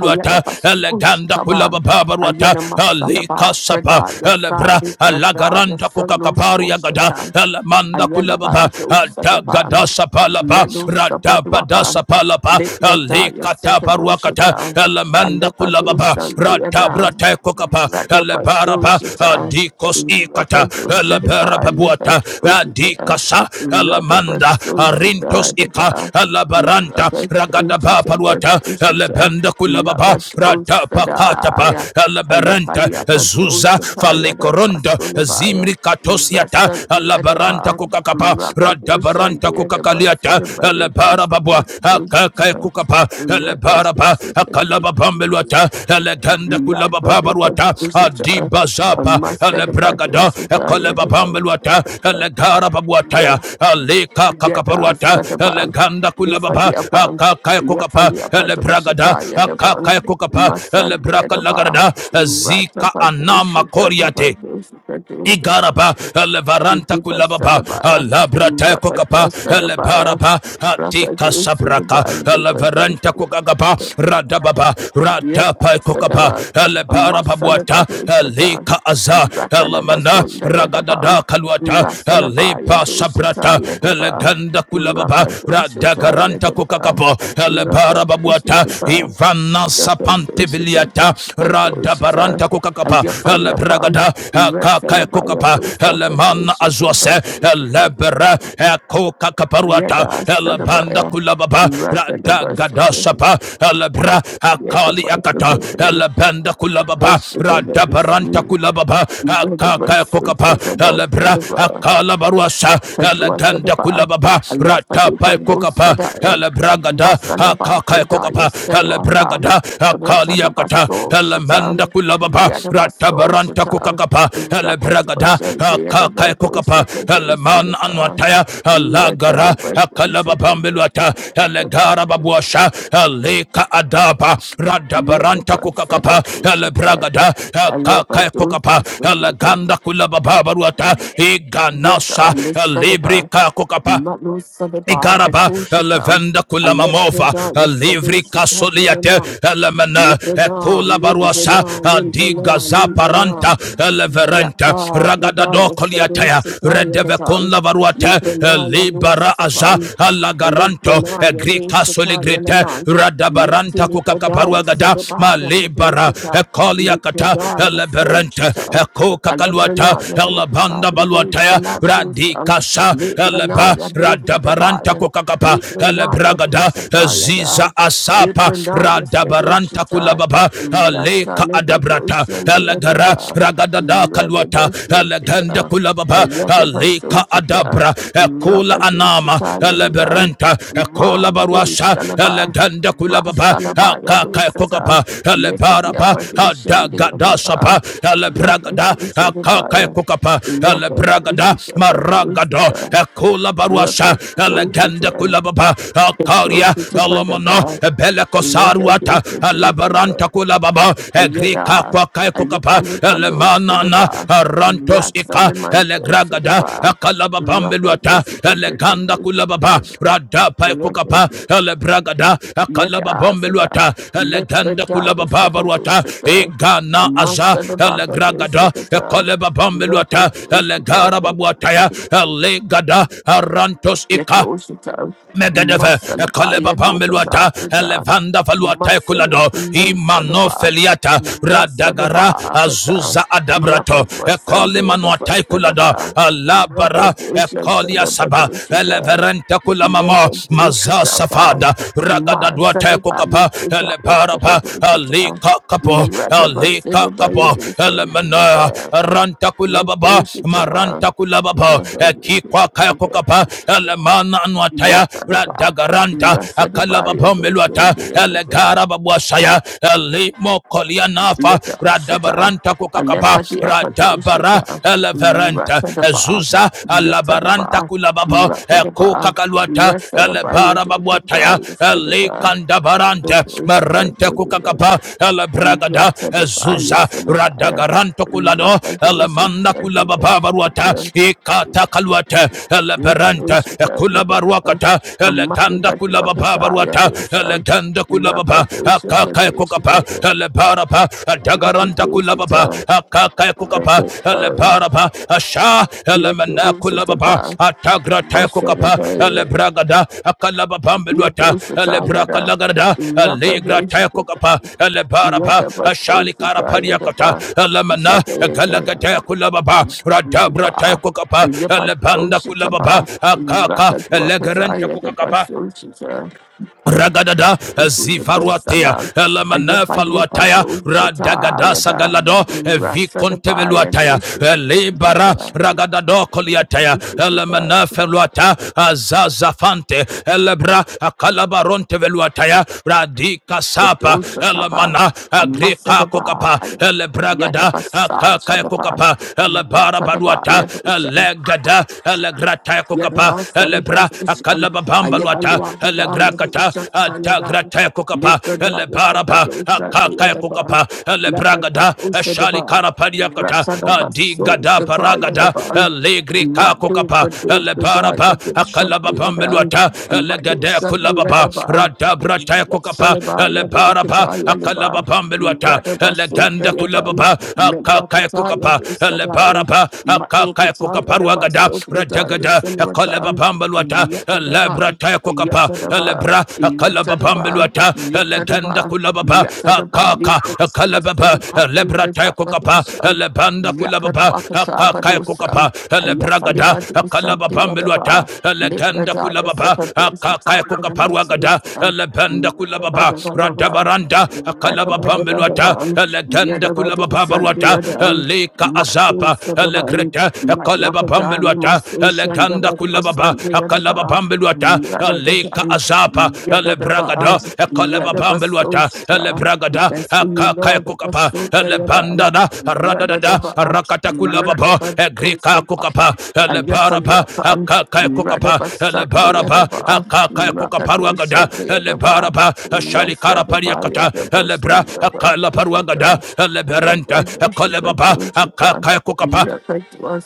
[SPEAKER 1] Ayana Basush
[SPEAKER 5] Eleganda
[SPEAKER 1] taban,
[SPEAKER 5] Kulababa Baruata
[SPEAKER 1] Ayana
[SPEAKER 5] Alika
[SPEAKER 1] Masalaba,
[SPEAKER 5] Sapa
[SPEAKER 1] Prada Yasa,
[SPEAKER 5] Elebra
[SPEAKER 1] Likrada
[SPEAKER 5] Alagaranda
[SPEAKER 1] Yasa, no
[SPEAKER 5] Kokaka kapari yagada
[SPEAKER 1] Soshita,
[SPEAKER 5] elamanda
[SPEAKER 1] Ayana
[SPEAKER 5] kulababa
[SPEAKER 1] Bando Sadaban,
[SPEAKER 5] altagada sapalapa
[SPEAKER 1] Mano
[SPEAKER 5] radabada
[SPEAKER 1] Sabadwapan,
[SPEAKER 5] sapalapa
[SPEAKER 1] Likrada
[SPEAKER 5] alikata paruakata
[SPEAKER 1] Yasekadoshita,
[SPEAKER 5] elamanda
[SPEAKER 1] Alepado
[SPEAKER 5] kulababa
[SPEAKER 1] Sandiadan,
[SPEAKER 5] radabrate kokapa elebaraba
[SPEAKER 1] Radabasoshita,
[SPEAKER 5] adikos ikata
[SPEAKER 1] Rakadoshita,
[SPEAKER 5] eleberababuata
[SPEAKER 1] Lipadoshita,
[SPEAKER 5] adikasa elamanda arintos ika
[SPEAKER 1] Radabasoshita,
[SPEAKER 5] elabaranta
[SPEAKER 1] Rakadoshita,
[SPEAKER 5] ragadaba paruata
[SPEAKER 1] Rakadoshita,
[SPEAKER 5] elebenda kulababa radabakatapa
[SPEAKER 1] Labatosadaya,
[SPEAKER 5] eleberanta zuza
[SPEAKER 1] Ayapaliapatosataya, the
[SPEAKER 5] falikoronda
[SPEAKER 1] Basulabaya,
[SPEAKER 5] zimri katosiata
[SPEAKER 1] Rasat the
[SPEAKER 5] alabaranta
[SPEAKER 1] Edapa,
[SPEAKER 5] kukakapa
[SPEAKER 1] Rakadusan the
[SPEAKER 5] radabaranta
[SPEAKER 1] Edabas, and
[SPEAKER 5] kukakaliata
[SPEAKER 1] the
[SPEAKER 5] alabarababwa akakae
[SPEAKER 1] Bayadusatosata,
[SPEAKER 5] kukapa alabaraba
[SPEAKER 1] Rakadusatosata,
[SPEAKER 9] Thank
[SPEAKER 5] akalababambeluata aleganda kulabababaruata
[SPEAKER 1] Yapadipatusata,
[SPEAKER 5] adibazapa alebragada
[SPEAKER 1] Amasadabadusataya, the
[SPEAKER 5] akalababambeluata alegarababuataya
[SPEAKER 1] Bakapa.
[SPEAKER 5] alika
[SPEAKER 1] Yada
[SPEAKER 5] kakaparuata
[SPEAKER 1] Sadaban,
[SPEAKER 5] aleganda
[SPEAKER 1] Bifadi
[SPEAKER 5] kulababa
[SPEAKER 1] Apan,
[SPEAKER 5] akakae kukapa
[SPEAKER 1] Yafali Apado
[SPEAKER 5] alebragada
[SPEAKER 1] Ishita Yadaban,
[SPEAKER 5] akakae kukapa
[SPEAKER 1] Masan de
[SPEAKER 5] elebraka
[SPEAKER 1] Adaba,
[SPEAKER 5] lagarada zika
[SPEAKER 1] Ratapado
[SPEAKER 5] anama
[SPEAKER 1] Shita
[SPEAKER 5] koriate
[SPEAKER 1] Dabado Shita
[SPEAKER 5] Igaraba, Levaranta
[SPEAKER 1] Yidibat
[SPEAKER 5] Kulababa,
[SPEAKER 1] Salabaya,
[SPEAKER 5] Labrata
[SPEAKER 1] Rapatwa
[SPEAKER 5] Kokapa,
[SPEAKER 1] Sadabaya,
[SPEAKER 5] Lebaraba, Atika
[SPEAKER 1] Rapado
[SPEAKER 5] Sabraka, Levaranta
[SPEAKER 1] Sidaba,
[SPEAKER 5] Kokagaba, Radababa,
[SPEAKER 1] Yada
[SPEAKER 5] Ratapa Kokapa,
[SPEAKER 1] Sadava, a
[SPEAKER 5] Lebarababuata,
[SPEAKER 1] Masalabadu Satan,
[SPEAKER 5] Lika Aza, Lamana,
[SPEAKER 1] Ratalabasunda Yadaban,
[SPEAKER 5] Ragadada Kaluata,
[SPEAKER 1] Rasalabaya
[SPEAKER 5] Lepa
[SPEAKER 1] Dushita
[SPEAKER 5] Sabrata,
[SPEAKER 1] Yadaba,
[SPEAKER 5] Leganda Kulababa,
[SPEAKER 1] Rakadushita
[SPEAKER 5] Radagaranta
[SPEAKER 1] Yadaba,
[SPEAKER 5] Kokakapo, Lebarababuata,
[SPEAKER 1] Rakadushita.
[SPEAKER 5] Ivana Sapante Viliata, radabaranta
[SPEAKER 1] Rakadushita,
[SPEAKER 5] kukakapa
[SPEAKER 1] Ayafaliapan,
[SPEAKER 5] elebragada akaka
[SPEAKER 1] Rasalabaya
[SPEAKER 5] kukapa
[SPEAKER 1] Dusha,
[SPEAKER 5] elemana
[SPEAKER 1] Radushita,
[SPEAKER 5] azuase
[SPEAKER 1] Radushita,
[SPEAKER 5] elebere ekukakaparuata
[SPEAKER 1] Yada
[SPEAKER 5] elebanda
[SPEAKER 1] Sadavaya,
[SPEAKER 5] kulababa
[SPEAKER 1] Ratalabasunda
[SPEAKER 5] radagadasapa elebra akali
[SPEAKER 1] Yadaba,
[SPEAKER 5] akata
[SPEAKER 1] Sapadu.
[SPEAKER 5] elebanda kulababa
[SPEAKER 1] Worship and praise
[SPEAKER 5] radabaranta
[SPEAKER 1] you.
[SPEAKER 5] kulababa
[SPEAKER 1] Lord, the
[SPEAKER 5] akaka
[SPEAKER 1] mercy
[SPEAKER 5] kukapa
[SPEAKER 1] is about the
[SPEAKER 5] elebra
[SPEAKER 1] river.
[SPEAKER 5] akala baruasa
[SPEAKER 1] Kadua
[SPEAKER 5] eleganda
[SPEAKER 1] Sadaba,
[SPEAKER 5] kulababa
[SPEAKER 1] a left for the
[SPEAKER 5] ratapa
[SPEAKER 1] Pandu
[SPEAKER 5] kukapa
[SPEAKER 8] you.
[SPEAKER 1] Sadaya,
[SPEAKER 5] elebragada Aka
[SPEAKER 1] Masalaba,
[SPEAKER 5] haka
[SPEAKER 1] Pradaya,
[SPEAKER 5] kokapa hele
[SPEAKER 1] Seluapa,
[SPEAKER 5] bragada hakali yakata
[SPEAKER 1] Ratadabaso,
[SPEAKER 5] hele
[SPEAKER 1] Shatan,
[SPEAKER 5] manda kulababa
[SPEAKER 1] Yadabaso,
[SPEAKER 5] ratabaranta
[SPEAKER 1] Shatan,
[SPEAKER 5] kokakapa hele
[SPEAKER 1] Rakadua
[SPEAKER 5] bragada
[SPEAKER 1] Shanti, and the
[SPEAKER 5] hakaka
[SPEAKER 1] Badu
[SPEAKER 5] kokapa hele
[SPEAKER 1] Sakadu
[SPEAKER 5] man
[SPEAKER 1] Silva,
[SPEAKER 5] anwataya halagara
[SPEAKER 1] Ratadabadu Sakadu
[SPEAKER 5] hakalababambelwata hele gara
[SPEAKER 1] Yadabaso,
[SPEAKER 5] babuasha hele
[SPEAKER 1] Shatan,
[SPEAKER 5] kaadapa radabaranta kokakapa hele bragada
[SPEAKER 1] I love my
[SPEAKER 5] hakaka kokapa hele
[SPEAKER 1] dudes.
[SPEAKER 5] ganda kulababa baruata
[SPEAKER 1] Yada
[SPEAKER 5] iganasa hele
[SPEAKER 1] Lissadaba,
[SPEAKER 5] librika kokapa
[SPEAKER 1] Matno Sadaba,
[SPEAKER 5] Ikaraba,
[SPEAKER 1] Katoshatan,
[SPEAKER 5] Levenda Kulamamova,
[SPEAKER 1] Alepradaya
[SPEAKER 5] Livri
[SPEAKER 1] Sadosata
[SPEAKER 5] Casoliate,
[SPEAKER 1] Yanama,
[SPEAKER 5] Elemena,
[SPEAKER 1] Librana,
[SPEAKER 5] Ekula Baruasa,
[SPEAKER 1] Librana, Librana,
[SPEAKER 5] Digaza Paranta,
[SPEAKER 1] Librana.
[SPEAKER 5] Eleverenta,
[SPEAKER 1] Yata,
[SPEAKER 5] Ragadado
[SPEAKER 1] Pradaya, Sedu,
[SPEAKER 5] koliataya
[SPEAKER 1] Sitaya,
[SPEAKER 5] redeve Redevecun
[SPEAKER 1] Vatan.
[SPEAKER 5] Lavaruate,
[SPEAKER 1] Librana,
[SPEAKER 5] Libera Aza,
[SPEAKER 1] Yanuasafan.
[SPEAKER 5] Alagaranto,
[SPEAKER 1] Librana, Yadu,
[SPEAKER 5] Egrica
[SPEAKER 1] Shataya,
[SPEAKER 5] Soligrete,
[SPEAKER 1] Naman. Yeti,
[SPEAKER 5] Radabaranta
[SPEAKER 1] Lipradaya,
[SPEAKER 5] kukakaparuagada
[SPEAKER 1] Sedabaya,
[SPEAKER 5] Malibara,
[SPEAKER 1] Kapuchata.
[SPEAKER 5] Ecoliacata,
[SPEAKER 1] Lipradaya,
[SPEAKER 5] Eleberenta,
[SPEAKER 1] Sochata.
[SPEAKER 5] Ecocacaluata,
[SPEAKER 1] Librana, Yadu,
[SPEAKER 5] Elabanda
[SPEAKER 1] Katabridi,
[SPEAKER 5] Baluatea,
[SPEAKER 1] Saladus, and
[SPEAKER 5] Radicasa,
[SPEAKER 1] Librana,
[SPEAKER 5] Eleba,
[SPEAKER 1] Yadu,
[SPEAKER 5] Radabaranta ranta
[SPEAKER 1] Sadabaya.
[SPEAKER 5] kokakapa
[SPEAKER 1] Librana,
[SPEAKER 5] elebragada ziza asapa
[SPEAKER 1] Libra ya
[SPEAKER 5] radabaranta
[SPEAKER 1] Sedoshita,
[SPEAKER 5] kulababa
[SPEAKER 1] Rata
[SPEAKER 5] aleka adabrata
[SPEAKER 1] Libadoshan the
[SPEAKER 5] elegara
[SPEAKER 1] Adaba,
[SPEAKER 5] ragadada kaluata eleganda
[SPEAKER 1] Radabasoshita,
[SPEAKER 5] kulababa aleka
[SPEAKER 1] Ayadabasoshita,
[SPEAKER 5] adabra ekula anama
[SPEAKER 1] Rakadoshita Yadaba,
[SPEAKER 5] eleberenta ekola
[SPEAKER 1] Mande
[SPEAKER 5] baruasa
[SPEAKER 1] Salaba,
[SPEAKER 5] eleganda kulababa
[SPEAKER 1] Rasalaba
[SPEAKER 5] akaka
[SPEAKER 1] Yadosata,
[SPEAKER 5] kokapa elebaraba
[SPEAKER 1] Letabiapadoshan the
[SPEAKER 5] adagada
[SPEAKER 1] Adaba,
[SPEAKER 5] sapa elebragada
[SPEAKER 1] Rakadoshita.
[SPEAKER 5] akaka kokapa elebragada
[SPEAKER 1] Rakadoshita,
[SPEAKER 5] maragada, ekula
[SPEAKER 1] Rakadoshita,
[SPEAKER 5] baruasa ele Alaganda
[SPEAKER 1] Rakadoshita,
[SPEAKER 5] kulababa Akaria Alamana
[SPEAKER 1] Rakadoshita, Yada
[SPEAKER 5] Belekosarwata
[SPEAKER 1] yada yada.
[SPEAKER 5] Alabaranta kulababa Egrika
[SPEAKER 1] Ayada.
[SPEAKER 5] kwa kai kukapa
[SPEAKER 1] Ayafali palo
[SPEAKER 5] Elemanana
[SPEAKER 1] sidaba.
[SPEAKER 5] Arantos ika
[SPEAKER 1] Ratsalaman to
[SPEAKER 5] Elegragada
[SPEAKER 1] sidaba. Raka
[SPEAKER 5] Akalababambelwata
[SPEAKER 1] yosita beta
[SPEAKER 5] Eleganda kulababa
[SPEAKER 1] dosidaba.
[SPEAKER 5] Radapa kukapa
[SPEAKER 1] Raka
[SPEAKER 5] Elebragada
[SPEAKER 1] Yada sada.
[SPEAKER 5] Akalababambelwata Eleganda
[SPEAKER 1] Lipsada
[SPEAKER 5] kulababa
[SPEAKER 1] yosita
[SPEAKER 5] barwata
[SPEAKER 1] dosidaba.
[SPEAKER 5] Igana aza
[SPEAKER 1] Amasada baka
[SPEAKER 5] Elegragada
[SPEAKER 1] dosidaba. Raka
[SPEAKER 5] Ekalebabambelwata
[SPEAKER 1] yosita
[SPEAKER 5] Elegara babuataya
[SPEAKER 1] Beta
[SPEAKER 5] Elegada Arantos ika
[SPEAKER 1] Yatloshita,
[SPEAKER 5] Megedeve, Kaleba
[SPEAKER 1] Masalabaya Dokata
[SPEAKER 5] Pambeluata,
[SPEAKER 1] Praja,
[SPEAKER 5] Elevanda Faluata
[SPEAKER 1] Masale,
[SPEAKER 5] Kulado, Imano
[SPEAKER 1] Losanaba,
[SPEAKER 5] Feliata, Radagara,
[SPEAKER 1] Rasadaba Kata,
[SPEAKER 5] Azuza Adabrato,
[SPEAKER 1] Rakadwa Sande,
[SPEAKER 5] Ekole
[SPEAKER 1] the
[SPEAKER 5] Manuata Kulada,
[SPEAKER 1] Vasadaba,
[SPEAKER 5] Alabara,
[SPEAKER 1] Rakadwishita,
[SPEAKER 5] Ekolia
[SPEAKER 1] the
[SPEAKER 5] Saba,
[SPEAKER 1] Vadoshita,
[SPEAKER 5] Eleverenta Kulamamo, Maza
[SPEAKER 1] Yakadoshita,
[SPEAKER 5] Safada, Ragada Duate
[SPEAKER 1] Masalaba
[SPEAKER 5] Kukapa,
[SPEAKER 1] Lukuta,
[SPEAKER 5] Elebarapa,
[SPEAKER 1] Sakadoshita,
[SPEAKER 5] Alika Kapo,
[SPEAKER 1] Rakaba
[SPEAKER 5] Alika
[SPEAKER 1] Silaba
[SPEAKER 5] Kapo,
[SPEAKER 1] Yadoshita,
[SPEAKER 5] elemena ranta kulababa
[SPEAKER 1] Rakoshita,
[SPEAKER 5] maranta kulababa ekikwa kaya kokapa
[SPEAKER 1] Rakadwishita,
[SPEAKER 5] elemana anwataya
[SPEAKER 1] Yatadaba,
[SPEAKER 5] radagaranta
[SPEAKER 1] Rasadabaya
[SPEAKER 5] akalababa meluata
[SPEAKER 1] Dosendayadaba,
[SPEAKER 5] elegara babuasaya elimo kolianafa
[SPEAKER 1] Yata Shata,
[SPEAKER 5] radabaranta kokakapa
[SPEAKER 1] Alepatia
[SPEAKER 5] radabara
[SPEAKER 1] Patoshata,
[SPEAKER 5] eleverenta
[SPEAKER 1] Ratadaba,
[SPEAKER 5] ezuza alabaranta
[SPEAKER 1] Yatadaba,
[SPEAKER 5] kulababa
[SPEAKER 1] Ratadaba,
[SPEAKER 5] ekokakaluata
[SPEAKER 1] Rasadabaya
[SPEAKER 5] elebara babuataya
[SPEAKER 1] Dokata, Sadaba,
[SPEAKER 5] elikandabarante merente
[SPEAKER 1] Dokosita,
[SPEAKER 5] kukakapa elebragada
[SPEAKER 1] Rakadabaya
[SPEAKER 5] ezuza
[SPEAKER 1] Sadabaya,
[SPEAKER 5] radagaranto kulano
[SPEAKER 1] Rakadosha
[SPEAKER 5] elemanda kulabababaruata ikatakaluate eleberente
[SPEAKER 1] Rakadosha
[SPEAKER 5] ekulabaruakata
[SPEAKER 1] Amati
[SPEAKER 5] eleganda
[SPEAKER 1] Bakawakataya
[SPEAKER 5] kulabababaruata
[SPEAKER 1] Dosha,
[SPEAKER 5] eleganda kulababa
[SPEAKER 1] Rakadosha
[SPEAKER 5] akakaekukapa
[SPEAKER 1] Kadosha
[SPEAKER 5] elebarapa dagaranta kulababa
[SPEAKER 1] Kadosha,
[SPEAKER 5] akakayakukapa
[SPEAKER 1] Rakadosha
[SPEAKER 5] elebaraba asha
[SPEAKER 1] Yadosha
[SPEAKER 5] elemenekulababa
[SPEAKER 1] Tapa,
[SPEAKER 5] atagratayakukapa
[SPEAKER 1] Masadabaya,
[SPEAKER 5] elebragada akalababambelwata
[SPEAKER 1] Yadosha Tayada,
[SPEAKER 5] elebrakalagarada
[SPEAKER 1] Rakadosha
[SPEAKER 5] eligratayakukapa elebaraba
[SPEAKER 1] Yadaba Sosha
[SPEAKER 5] ashalikarapariyakata
[SPEAKER 1] Tayadaba,
[SPEAKER 5] elemena egalagateyakulababa
[SPEAKER 1] Ba,
[SPEAKER 5] radabratayakukapa elebanda kulababa
[SPEAKER 1] Ayapatoshitaba,
[SPEAKER 5] akaka elegerente
[SPEAKER 1] Rakadwakataya, the
[SPEAKER 5] kukakapa
[SPEAKER 1] Basoshita,
[SPEAKER 5] Ragadada
[SPEAKER 1] Ishi the
[SPEAKER 5] zivaruatea
[SPEAKER 1] Basana, Ayapale
[SPEAKER 5] elamanafaluataya radagada
[SPEAKER 1] Padoshataya, the
[SPEAKER 5] sagalado
[SPEAKER 1] Rasadabaya,
[SPEAKER 5] vikonteveluataya
[SPEAKER 1] Dosha, the
[SPEAKER 5] libara ragadado koliataya
[SPEAKER 1] Doshataba,
[SPEAKER 5] elamanafeluata azazafante elebra akalabaronteveluataya radika
[SPEAKER 1] the
[SPEAKER 5] sapa
[SPEAKER 1] Doshataba,
[SPEAKER 5] elemana agrika kokapa
[SPEAKER 1] Amasadabaya,
[SPEAKER 5] elebragada
[SPEAKER 1] Yatabasa,
[SPEAKER 5] akakaya
[SPEAKER 1] Shadaba,
[SPEAKER 5] kokapa elebara baruata
[SPEAKER 1] Yatadabaya,
[SPEAKER 5] elegada elegrata kokapa elebra
[SPEAKER 1] Yadabasalibadusan,
[SPEAKER 5] akalababa pambalwata
[SPEAKER 1] Ayabaluakada,
[SPEAKER 5] elegrakata
[SPEAKER 1] Yadusan,
[SPEAKER 5] atagrate kukapa
[SPEAKER 1] Litrada,
[SPEAKER 5] elebaraba
[SPEAKER 1] Yasakadosa, the
[SPEAKER 5] akaka
[SPEAKER 1] Yadaban,
[SPEAKER 5] kukapa
[SPEAKER 1] Lapad
[SPEAKER 5] elebragada eshali
[SPEAKER 1] Usadaba,
[SPEAKER 5] karapadiakata
[SPEAKER 1] Ratsadaba,
[SPEAKER 5] adigada
[SPEAKER 1] Sota
[SPEAKER 5] paragada
[SPEAKER 1] Yadaban,
[SPEAKER 5] elegrika
[SPEAKER 1] Matu
[SPEAKER 5] kukapa
[SPEAKER 1] Padu, the
[SPEAKER 5] elebaraba
[SPEAKER 1] Yadusan,
[SPEAKER 5] akalaba
[SPEAKER 1] the Yadan,
[SPEAKER 5] pambelwata
[SPEAKER 1] and Matu
[SPEAKER 5] elegade
[SPEAKER 1] Shat, the
[SPEAKER 5] kulababa
[SPEAKER 1] Yadaban,
[SPEAKER 5] radabrate kukapa
[SPEAKER 1] Yasalaba,
[SPEAKER 5] elebaraba
[SPEAKER 1] Yadukata,
[SPEAKER 5] akalaba
[SPEAKER 1] Yadaba,
[SPEAKER 5] pambelwata
[SPEAKER 1] Radaba, Sota
[SPEAKER 5] eleganda
[SPEAKER 1] Yadan,
[SPEAKER 5] kulababa akaka kukapa
[SPEAKER 1] Medwakata,
[SPEAKER 5] elebaraba akaka
[SPEAKER 1] Matnikataya the bus,
[SPEAKER 5] kukaparuagada
[SPEAKER 1] Obradaya,
[SPEAKER 5] radagada Akalaba
[SPEAKER 1] Silvertown,
[SPEAKER 5] lebabambeluata lebra
[SPEAKER 1] Yatadaba,
[SPEAKER 5] tekokapa
[SPEAKER 1] Yatadaba,
[SPEAKER 5] lebra
[SPEAKER 1] Yatadaba,
[SPEAKER 5] kalababambeluata legenda
[SPEAKER 1] Yatadaba,
[SPEAKER 5] kulababa
[SPEAKER 1] Yatadaba,
[SPEAKER 5] kaka
[SPEAKER 1] Lucas,
[SPEAKER 5] kalababa lebra
[SPEAKER 1] Lucas,
[SPEAKER 5] tekokapa
[SPEAKER 1] Labadusha,
[SPEAKER 5] lebanda kulababa
[SPEAKER 1] Yakadwakata
[SPEAKER 5] kaka kokapa
[SPEAKER 1] Badusa,
[SPEAKER 5] lebragada
[SPEAKER 1] Ayafalibadusa, the
[SPEAKER 5] kalababambeluata
[SPEAKER 1] Adaba,
[SPEAKER 5] legenda
[SPEAKER 1] Lepradaya,
[SPEAKER 5] kulababa kaka
[SPEAKER 1] Sakadusa, and the
[SPEAKER 5] kokaparwagada
[SPEAKER 1] Susa,
[SPEAKER 5] lebanda kulababa
[SPEAKER 1] Yadabadabadaba,
[SPEAKER 5] radabaranda kalababambeluata
[SPEAKER 1] Yadabadabadaba,
[SPEAKER 5] legenda kulababa
[SPEAKER 1] Yadabadusa,
[SPEAKER 5] barwata
[SPEAKER 1] the
[SPEAKER 5] leka
[SPEAKER 1] Matu
[SPEAKER 5] azapa
[SPEAKER 1] Sadaban,
[SPEAKER 5] legreta kalababam
[SPEAKER 1] Matuakadan,
[SPEAKER 5] beluata
[SPEAKER 1] Masushan, the
[SPEAKER 5] eleganda
[SPEAKER 1] Batu
[SPEAKER 5] kulababa
[SPEAKER 1] Asan, the
[SPEAKER 5] akalaba
[SPEAKER 1] Adaba,
[SPEAKER 5] pambeluata leka
[SPEAKER 1] Yadadaban,
[SPEAKER 5] azapa
[SPEAKER 1] Yadadaba,
[SPEAKER 5] elebragada akalaba pambeluata
[SPEAKER 1] Yadabasosha.
[SPEAKER 5] elebragada
[SPEAKER 1] Thanks to you,
[SPEAKER 5] akaka
[SPEAKER 1] Lord, the
[SPEAKER 5] kukapa
[SPEAKER 1] Basu, the Yadan,
[SPEAKER 5] elebandada radadada
[SPEAKER 1] Yadadaba,
[SPEAKER 5] rakata kulababa egrika kukapa
[SPEAKER 1] Yadabasosha, and
[SPEAKER 5] elebaraba
[SPEAKER 1] Yasaliakan,
[SPEAKER 5] akaka kukapa
[SPEAKER 1] Radabasan, the
[SPEAKER 5] elebaraba
[SPEAKER 1] Yadaba,
[SPEAKER 5] akaka kukaparuagada
[SPEAKER 1] Rakadosha, the Yadaba,
[SPEAKER 5] elebaraba
[SPEAKER 1] Rasa,
[SPEAKER 5] shalikara
[SPEAKER 1] the
[SPEAKER 5] pariakata
[SPEAKER 1] Baya, the Basu,
[SPEAKER 5] elebra
[SPEAKER 1] the
[SPEAKER 5] akala
[SPEAKER 1] Basu,
[SPEAKER 5] paruagada eleberanta
[SPEAKER 1] Rapper,
[SPEAKER 5] akalababa akaka kukapa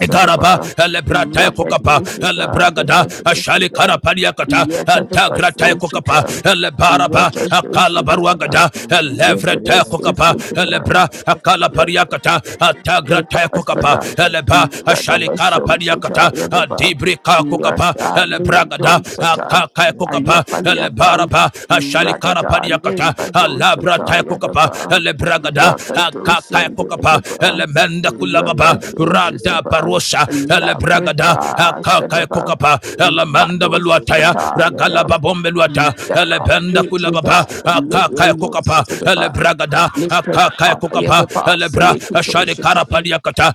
[SPEAKER 5] Igaraba, Elebrata Kokapa, Elebragada, Ashali Karapaniakata, Tagrata Kokapa, Elebaraba, Akala Baruagada, Elevrata Kokapa, Elebra, Akala Pariakata, Tagrata Kokapa, Eleba, Ashali Karapaniakata, Adibrika Kokapa, Elebragada, Akaka Kokapa,
[SPEAKER 1] Ayafali upon
[SPEAKER 5] Elebaraba, Ashali
[SPEAKER 1] Radada, Lane by
[SPEAKER 5] Karapaniakata,
[SPEAKER 1] those
[SPEAKER 5] Alabra
[SPEAKER 1] Shataya
[SPEAKER 5] Kokapa,
[SPEAKER 1] Daba,
[SPEAKER 5] Elebragada, akaka
[SPEAKER 1] Rakadosha
[SPEAKER 5] kokapa
[SPEAKER 1] Deva
[SPEAKER 5] elemenda kulababa
[SPEAKER 1] Rakadosha
[SPEAKER 5] rada
[SPEAKER 1] Saba
[SPEAKER 5] parosha elebragada
[SPEAKER 1] Labrata
[SPEAKER 5] akaka
[SPEAKER 1] Sadaba
[SPEAKER 5] kokapa elemenda
[SPEAKER 1] Matos,
[SPEAKER 5] valuataya ragala
[SPEAKER 1] Satayada
[SPEAKER 5] babombe luata
[SPEAKER 1] Yada
[SPEAKER 5] elebenda kulababa
[SPEAKER 1] Deva
[SPEAKER 5] akaka
[SPEAKER 1] Little
[SPEAKER 5] kokapa
[SPEAKER 1] Sadaba
[SPEAKER 5] elebragada
[SPEAKER 1] Mr.
[SPEAKER 5] akaka kokapa
[SPEAKER 1] Yadaba
[SPEAKER 5] elebra ashari
[SPEAKER 1] Salikutosha
[SPEAKER 5] karapadiakata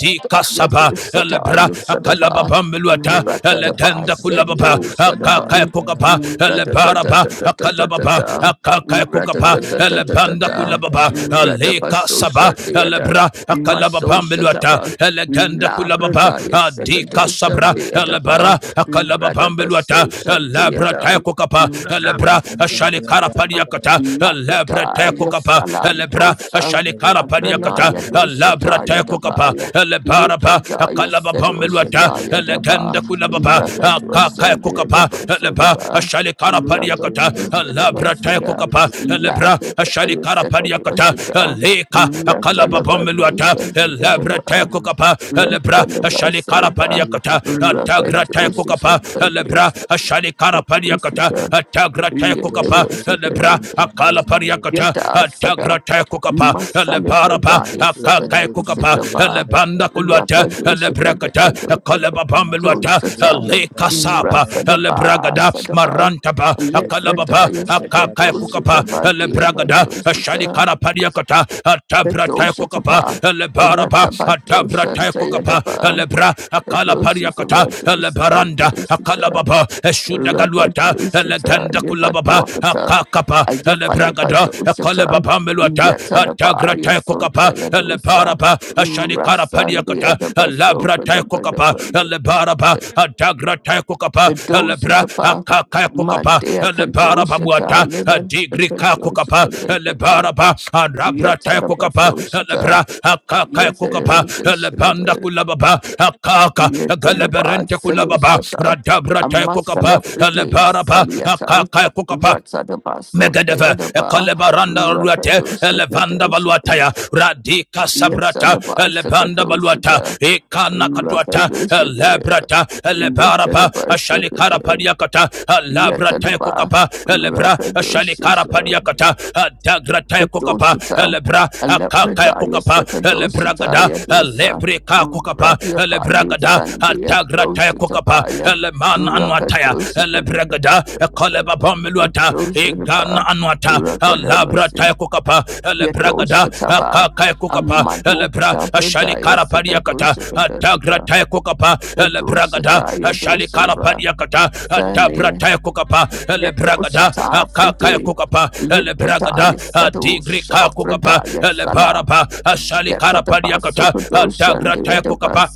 [SPEAKER 5] dika saba elebra
[SPEAKER 1] Sadayu
[SPEAKER 5] akalaba
[SPEAKER 1] Sadaba
[SPEAKER 5] bambeluata
[SPEAKER 1] Ratadaba
[SPEAKER 5] elegenda kulababa
[SPEAKER 1] Sendo
[SPEAKER 5] akaka
[SPEAKER 1] Sadaban
[SPEAKER 5] kokapa
[SPEAKER 1] Rada da da
[SPEAKER 5] elebaraba
[SPEAKER 1] da da da da
[SPEAKER 5] akalaba
[SPEAKER 1] da
[SPEAKER 5] kulababa
[SPEAKER 1] da
[SPEAKER 5] akaka
[SPEAKER 1] Rada
[SPEAKER 5] kukapa
[SPEAKER 1] da da da da da
[SPEAKER 5] elebanda
[SPEAKER 1] da.
[SPEAKER 5] kulababa
[SPEAKER 9] you.
[SPEAKER 5] aleka
[SPEAKER 1] Radabaso
[SPEAKER 5] saba
[SPEAKER 1] Shandeada,
[SPEAKER 5] elebra
[SPEAKER 1] Maso
[SPEAKER 5] akalababa meluata
[SPEAKER 1] Shatapa,
[SPEAKER 5] eleganda kulababa
[SPEAKER 1] Labradaya
[SPEAKER 9] Thank
[SPEAKER 1] Secando
[SPEAKER 5] adika sabra
[SPEAKER 1] Shandeadapa,
[SPEAKER 5] elebara akalababa
[SPEAKER 1] Radabaso
[SPEAKER 5] meluata elebra te
[SPEAKER 1] Shandeada,
[SPEAKER 5] kukapa elebra ashalikara padiakata elebra te
[SPEAKER 1] Labradaya
[SPEAKER 5] kukapa elebra
[SPEAKER 1] Salandosa,
[SPEAKER 5] ashalikara padiakata
[SPEAKER 1] Abranaya
[SPEAKER 5] elebra te
[SPEAKER 1] Doshataya
[SPEAKER 5] kukapa
[SPEAKER 1] Dabaya,
[SPEAKER 5] elebaraba
[SPEAKER 1] Litradaya
[SPEAKER 5] akalababa
[SPEAKER 1] Sedo
[SPEAKER 5] meluata
[SPEAKER 1] Shataya Daba,
[SPEAKER 5] eleganda kulababa
[SPEAKER 1] Rocket was
[SPEAKER 5] kaya
[SPEAKER 1] under the
[SPEAKER 5] kukapa
[SPEAKER 1] bus of the
[SPEAKER 5] leba
[SPEAKER 1] bar.
[SPEAKER 5] ashali kara yakata
[SPEAKER 1] Rocket was the
[SPEAKER 5] lebra
[SPEAKER 1] bus of
[SPEAKER 5] taya
[SPEAKER 1] the
[SPEAKER 5] kukapa
[SPEAKER 1] laugh
[SPEAKER 5] lebra
[SPEAKER 1] at
[SPEAKER 5] ashali
[SPEAKER 1] your
[SPEAKER 5] kara
[SPEAKER 1] second was
[SPEAKER 5] yakata
[SPEAKER 1] the bar.
[SPEAKER 5] leka akala babom meluata
[SPEAKER 1] Rattalabatos and the
[SPEAKER 5] lebra taya
[SPEAKER 1] bar.
[SPEAKER 5] kukapa lebra ashali
[SPEAKER 1] Rattalabas and
[SPEAKER 5] kara
[SPEAKER 1] the second,
[SPEAKER 5] yakata tagra taya
[SPEAKER 1] Rakatwasandiyatabasudaba,
[SPEAKER 5] kukapa
[SPEAKER 1] Rakatwasadabasada,
[SPEAKER 5] lebra ashali kara yakata
[SPEAKER 1] Lakatayasakatwasada, Ratalabadosandiyataba,
[SPEAKER 5] tagra taya
[SPEAKER 1] the
[SPEAKER 5] kukapa lebra
[SPEAKER 1] Rakatwasisabadiyasakatwasada,
[SPEAKER 5] akala pari yakata
[SPEAKER 1] Yada
[SPEAKER 5] tagra
[SPEAKER 1] Sada
[SPEAKER 5] taya kukapa
[SPEAKER 1] Masala
[SPEAKER 5] lebara ba
[SPEAKER 1] Pradaya
[SPEAKER 5] akaka
[SPEAKER 1] Sakadosha
[SPEAKER 5] kukapa
[SPEAKER 1] Java
[SPEAKER 5] lebanda kulu
[SPEAKER 9] you.
[SPEAKER 5] Alebrakata,
[SPEAKER 1] Rakadosha
[SPEAKER 5] Alebrakata,
[SPEAKER 1] Pradaya
[SPEAKER 9] Masu
[SPEAKER 5] Akalababambeluata,
[SPEAKER 1] Dosata
[SPEAKER 9] Kalizan Dariya
[SPEAKER 5] Alekasapa,
[SPEAKER 9] Vaisarva,
[SPEAKER 1] Rasadaba
[SPEAKER 5] Alebragada,
[SPEAKER 1] Sadaba
[SPEAKER 5] Marantaba,
[SPEAKER 9] Devika
[SPEAKER 5] Akalababa,
[SPEAKER 1] Lefradaya
[SPEAKER 9] Rasaya
[SPEAKER 1] Sakadosha
[SPEAKER 5] Akakakukapa,
[SPEAKER 9] Kalizan
[SPEAKER 1] Java
[SPEAKER 9] Dariya
[SPEAKER 5] Alebragada,
[SPEAKER 1] Diapadosha
[SPEAKER 5] Ashalikarapariakata,
[SPEAKER 1] Sadosha Tapa
[SPEAKER 5] Atabratakukapa, Alebaraba,
[SPEAKER 1] Ratabadosha
[SPEAKER 5] Atabratakukapa,
[SPEAKER 1] Tayadaba
[SPEAKER 5] Alebra,
[SPEAKER 1] Dosha Java
[SPEAKER 5] Akalapariakata, Alebaranda,
[SPEAKER 1] Dosha
[SPEAKER 5] Akalababa, Eshudagaluata,
[SPEAKER 1] Rakadosata,
[SPEAKER 5] Eleganda Kulababa,
[SPEAKER 1] Lepaduakata,
[SPEAKER 5] Akakapa,
[SPEAKER 1] Ayafa
[SPEAKER 5] Alebragada,
[SPEAKER 1] Lepadosata,
[SPEAKER 5] Akalababambeluata, tagra
[SPEAKER 1] Yatadaba,
[SPEAKER 5] te kokapa
[SPEAKER 1] Yasunda
[SPEAKER 5] le
[SPEAKER 1] Yadosa,
[SPEAKER 5] baraba ashani kara
[SPEAKER 1] Rasan de
[SPEAKER 5] paniakata la bra
[SPEAKER 1] Adabasoka,
[SPEAKER 5] te
[SPEAKER 1] the
[SPEAKER 5] kokapa
[SPEAKER 1] Badabanda,
[SPEAKER 5] le baraba tagra te kokapa
[SPEAKER 1] the
[SPEAKER 5] le bra
[SPEAKER 1] Dosatapa,
[SPEAKER 5] akaka kokapa
[SPEAKER 1] Mandea
[SPEAKER 5] le baraba muata
[SPEAKER 1] Kadosata, Levan, the
[SPEAKER 5] digri ka kokapa le
[SPEAKER 1] Kadosata,
[SPEAKER 5] baraba rabra te kokapa le
[SPEAKER 1] Yatadabasosata,
[SPEAKER 5] bra akaka kokapa le banda
[SPEAKER 1] Yatadabasosata,
[SPEAKER 5] kulababa akaka
[SPEAKER 1] Yedeleba
[SPEAKER 5] galaberente kulababa
[SPEAKER 1] Selusata,
[SPEAKER 5] radabra
[SPEAKER 1] a
[SPEAKER 5] te
[SPEAKER 1] muscle
[SPEAKER 5] kokapa
[SPEAKER 1] of the
[SPEAKER 5] le
[SPEAKER 1] day,
[SPEAKER 5] baraba
[SPEAKER 1] Saliatan,
[SPEAKER 5] akaka kokapa
[SPEAKER 1] Ratadaba
[SPEAKER 5] Megadeva,
[SPEAKER 1] Sotayadaba,
[SPEAKER 5] Ekolebaranda Ruate, Elevanda Valuataya,
[SPEAKER 1] Rakadosakadosaka,
[SPEAKER 5] Radika Sabrata,
[SPEAKER 1] Yeteleba
[SPEAKER 5] Elebanda Valuata,
[SPEAKER 1] Sakadosata,
[SPEAKER 5] Ekana Katuata,
[SPEAKER 1] Rakadosaka,
[SPEAKER 5] Elebrata, Elebarapa,
[SPEAKER 1] Yeteleba
[SPEAKER 5] Ashalikara
[SPEAKER 1] Sakada,
[SPEAKER 5] Padiakata, Alabrata
[SPEAKER 1] Yeteleba
[SPEAKER 5] Kokapa, Elebra, Ashalikara
[SPEAKER 1] Rakadosaka.
[SPEAKER 5] Padiakata, Adagrata Kokapa,
[SPEAKER 1] Doshita,
[SPEAKER 5] Elebra, Akaka
[SPEAKER 1] Alepradaya
[SPEAKER 5] Kokapa, Elebragada,
[SPEAKER 1] Sekadoshataya Dosa,
[SPEAKER 5] Elebrika Kokapa,
[SPEAKER 1] Radiapali
[SPEAKER 5] Elebragada,
[SPEAKER 1] Sandhya
[SPEAKER 5] Atagrata Kokapa,
[SPEAKER 1] Doshatapaya,
[SPEAKER 5] Eleman and anwataya
[SPEAKER 1] Rakadoshita
[SPEAKER 5] elebregada ekaleba bomluata. igana
[SPEAKER 1] Dosatapa,
[SPEAKER 5] anwata alabra taya
[SPEAKER 1] Rakadamasi,
[SPEAKER 5] kukapa elebragada
[SPEAKER 1] Yadoshataba,
[SPEAKER 5] akaka ya kukapa elebra
[SPEAKER 1] Amadokata
[SPEAKER 5] ashali
[SPEAKER 1] Pradaya
[SPEAKER 5] kara pariakata atagra
[SPEAKER 1] Sekadoshatapa,
[SPEAKER 5] taya kukapa elebragada
[SPEAKER 1] Kadoshataya
[SPEAKER 5] ashali kara
[SPEAKER 1] Dosatapa,
[SPEAKER 5] pariakata atabra taya kukapa elebragada
[SPEAKER 1] Yedoshita
[SPEAKER 5] akaka ya
[SPEAKER 1] Fride,
[SPEAKER 5] kukapa elebragada
[SPEAKER 1] Limbradaya
[SPEAKER 5] adigri
[SPEAKER 1] Sadosha
[SPEAKER 5] ka kukapa
[SPEAKER 1] Fradaya Sala,
[SPEAKER 5] elebaraba ashali kara
[SPEAKER 1] Yatadabas
[SPEAKER 5] pariakata
[SPEAKER 1] Sopradosha, and
[SPEAKER 5] atagra
[SPEAKER 1] the
[SPEAKER 5] taya
[SPEAKER 1] Yadabas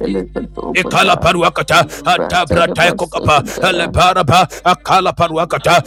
[SPEAKER 5] Ikala
[SPEAKER 1] Silicodopada,
[SPEAKER 5] paruakata, atagrata
[SPEAKER 1] Ratadabas
[SPEAKER 5] kokapa,
[SPEAKER 1] Okada,
[SPEAKER 5] elebaraba, akala paruakata,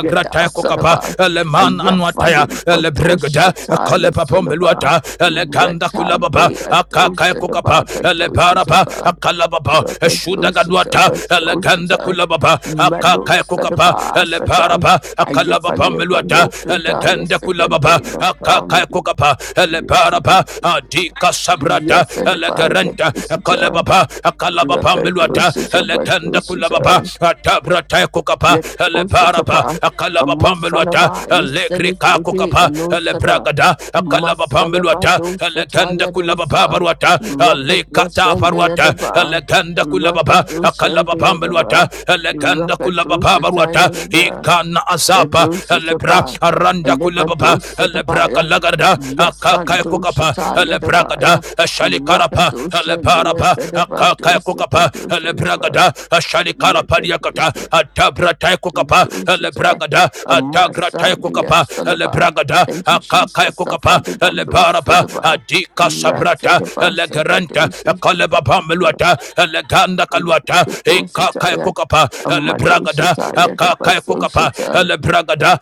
[SPEAKER 1] Yada
[SPEAKER 5] kokapa,
[SPEAKER 1] Salaba,
[SPEAKER 5] eleman anwataya,
[SPEAKER 1] Ayafalim
[SPEAKER 5] elebregada,
[SPEAKER 1] Badoshataya
[SPEAKER 5] akalepa
[SPEAKER 1] Salaba,
[SPEAKER 5] pombeluata, eleganda kulababa,
[SPEAKER 1] Retande
[SPEAKER 5] akaka
[SPEAKER 1] Adosadaba,
[SPEAKER 5] kokapa, elebaraba,
[SPEAKER 1] Kadoshataba,
[SPEAKER 5] akalababa, eshudagadwata,
[SPEAKER 1] Rakadoshitaba,
[SPEAKER 5] eleganda
[SPEAKER 1] Doshata,
[SPEAKER 5] kulababa, akaka kokapa,
[SPEAKER 1] Manosadaba, Sata,
[SPEAKER 5] elebaraba, akalaba
[SPEAKER 1] Ayafalia
[SPEAKER 5] pombeluata,
[SPEAKER 1] Panopradaya,
[SPEAKER 5] eleganda kulababa,
[SPEAKER 1] Sakandana
[SPEAKER 5] akaka
[SPEAKER 1] Kamadu.
[SPEAKER 5] kokapa, elebaraba, adika sabrata,
[SPEAKER 1] Yes, and by the
[SPEAKER 5] elegaranta,
[SPEAKER 1] Doshita,
[SPEAKER 5] kalababa kalababa mbeluata
[SPEAKER 1] Rakadoshita,
[SPEAKER 5] elegende kulababa
[SPEAKER 1] Badoshita,
[SPEAKER 5] atabrata kukapa
[SPEAKER 1] yet also
[SPEAKER 5] eleparapa
[SPEAKER 1] tapa a
[SPEAKER 5] kalababa mbeluata
[SPEAKER 1] masalaba
[SPEAKER 5] elegrika
[SPEAKER 1] yeselifride
[SPEAKER 5] kukapa
[SPEAKER 1] and no sada,
[SPEAKER 5] elebragada kalababa
[SPEAKER 1] masalaba
[SPEAKER 5] mbeluata
[SPEAKER 1] dosa
[SPEAKER 5] elegende
[SPEAKER 1] taya
[SPEAKER 5] kulababa
[SPEAKER 1] dosa
[SPEAKER 5] baruata
[SPEAKER 1] rapid
[SPEAKER 5] elekata
[SPEAKER 1] washan
[SPEAKER 5] baruata
[SPEAKER 1] deadaba
[SPEAKER 5] elegende kulababa
[SPEAKER 1] rapid ocean
[SPEAKER 5] kalababa mbeluata
[SPEAKER 1] deadaba
[SPEAKER 5] elegende
[SPEAKER 1] rapid
[SPEAKER 5] kulababa
[SPEAKER 1] dosa
[SPEAKER 5] baruata
[SPEAKER 1] tayaba
[SPEAKER 5] ikana
[SPEAKER 1] a
[SPEAKER 5] azapa
[SPEAKER 1] dosa
[SPEAKER 5] elebra
[SPEAKER 1] tapa a
[SPEAKER 5] aranda
[SPEAKER 1] lepa
[SPEAKER 5] kulababa
[SPEAKER 1] dosa
[SPEAKER 5] elebra
[SPEAKER 1] tapaya
[SPEAKER 5] kalagarda
[SPEAKER 1] yasan
[SPEAKER 5] akaka
[SPEAKER 1] dosa
[SPEAKER 5] kukapa
[SPEAKER 1] taya
[SPEAKER 5] elebra gada
[SPEAKER 1] tapaya Raka
[SPEAKER 5] karapa
[SPEAKER 1] dosa, the yes,
[SPEAKER 5] leparapa
[SPEAKER 1] and about
[SPEAKER 5] kaka
[SPEAKER 1] dosa,
[SPEAKER 5] kukapa
[SPEAKER 1] dosa,
[SPEAKER 5] lebragada shali karapa liakata
[SPEAKER 1] the
[SPEAKER 5] atabra tai kukapa
[SPEAKER 1] Dosita,
[SPEAKER 5] lebragada
[SPEAKER 1] a
[SPEAKER 5] atagra tai
[SPEAKER 1] Masandia
[SPEAKER 5] kukapa
[SPEAKER 1] Salaba.
[SPEAKER 5] lebragada
[SPEAKER 1] Thank you,
[SPEAKER 5] kaka
[SPEAKER 1] Jesus.
[SPEAKER 5] kukapa
[SPEAKER 1] Safa de Balo
[SPEAKER 5] leparapa
[SPEAKER 1] Sodaba,
[SPEAKER 5] adika
[SPEAKER 1] Rata
[SPEAKER 5] sabrata
[SPEAKER 1] de Basaka
[SPEAKER 5] legranta
[SPEAKER 1] Dosita,
[SPEAKER 5] kalebaba meluata leganda kaluata
[SPEAKER 1] the
[SPEAKER 5] e kaka
[SPEAKER 1] Dosita,
[SPEAKER 5] kukapa
[SPEAKER 1] a
[SPEAKER 5] lebragada
[SPEAKER 1] Matosita, the
[SPEAKER 5] kaka kukapa
[SPEAKER 1] Basosita,
[SPEAKER 5] lebragada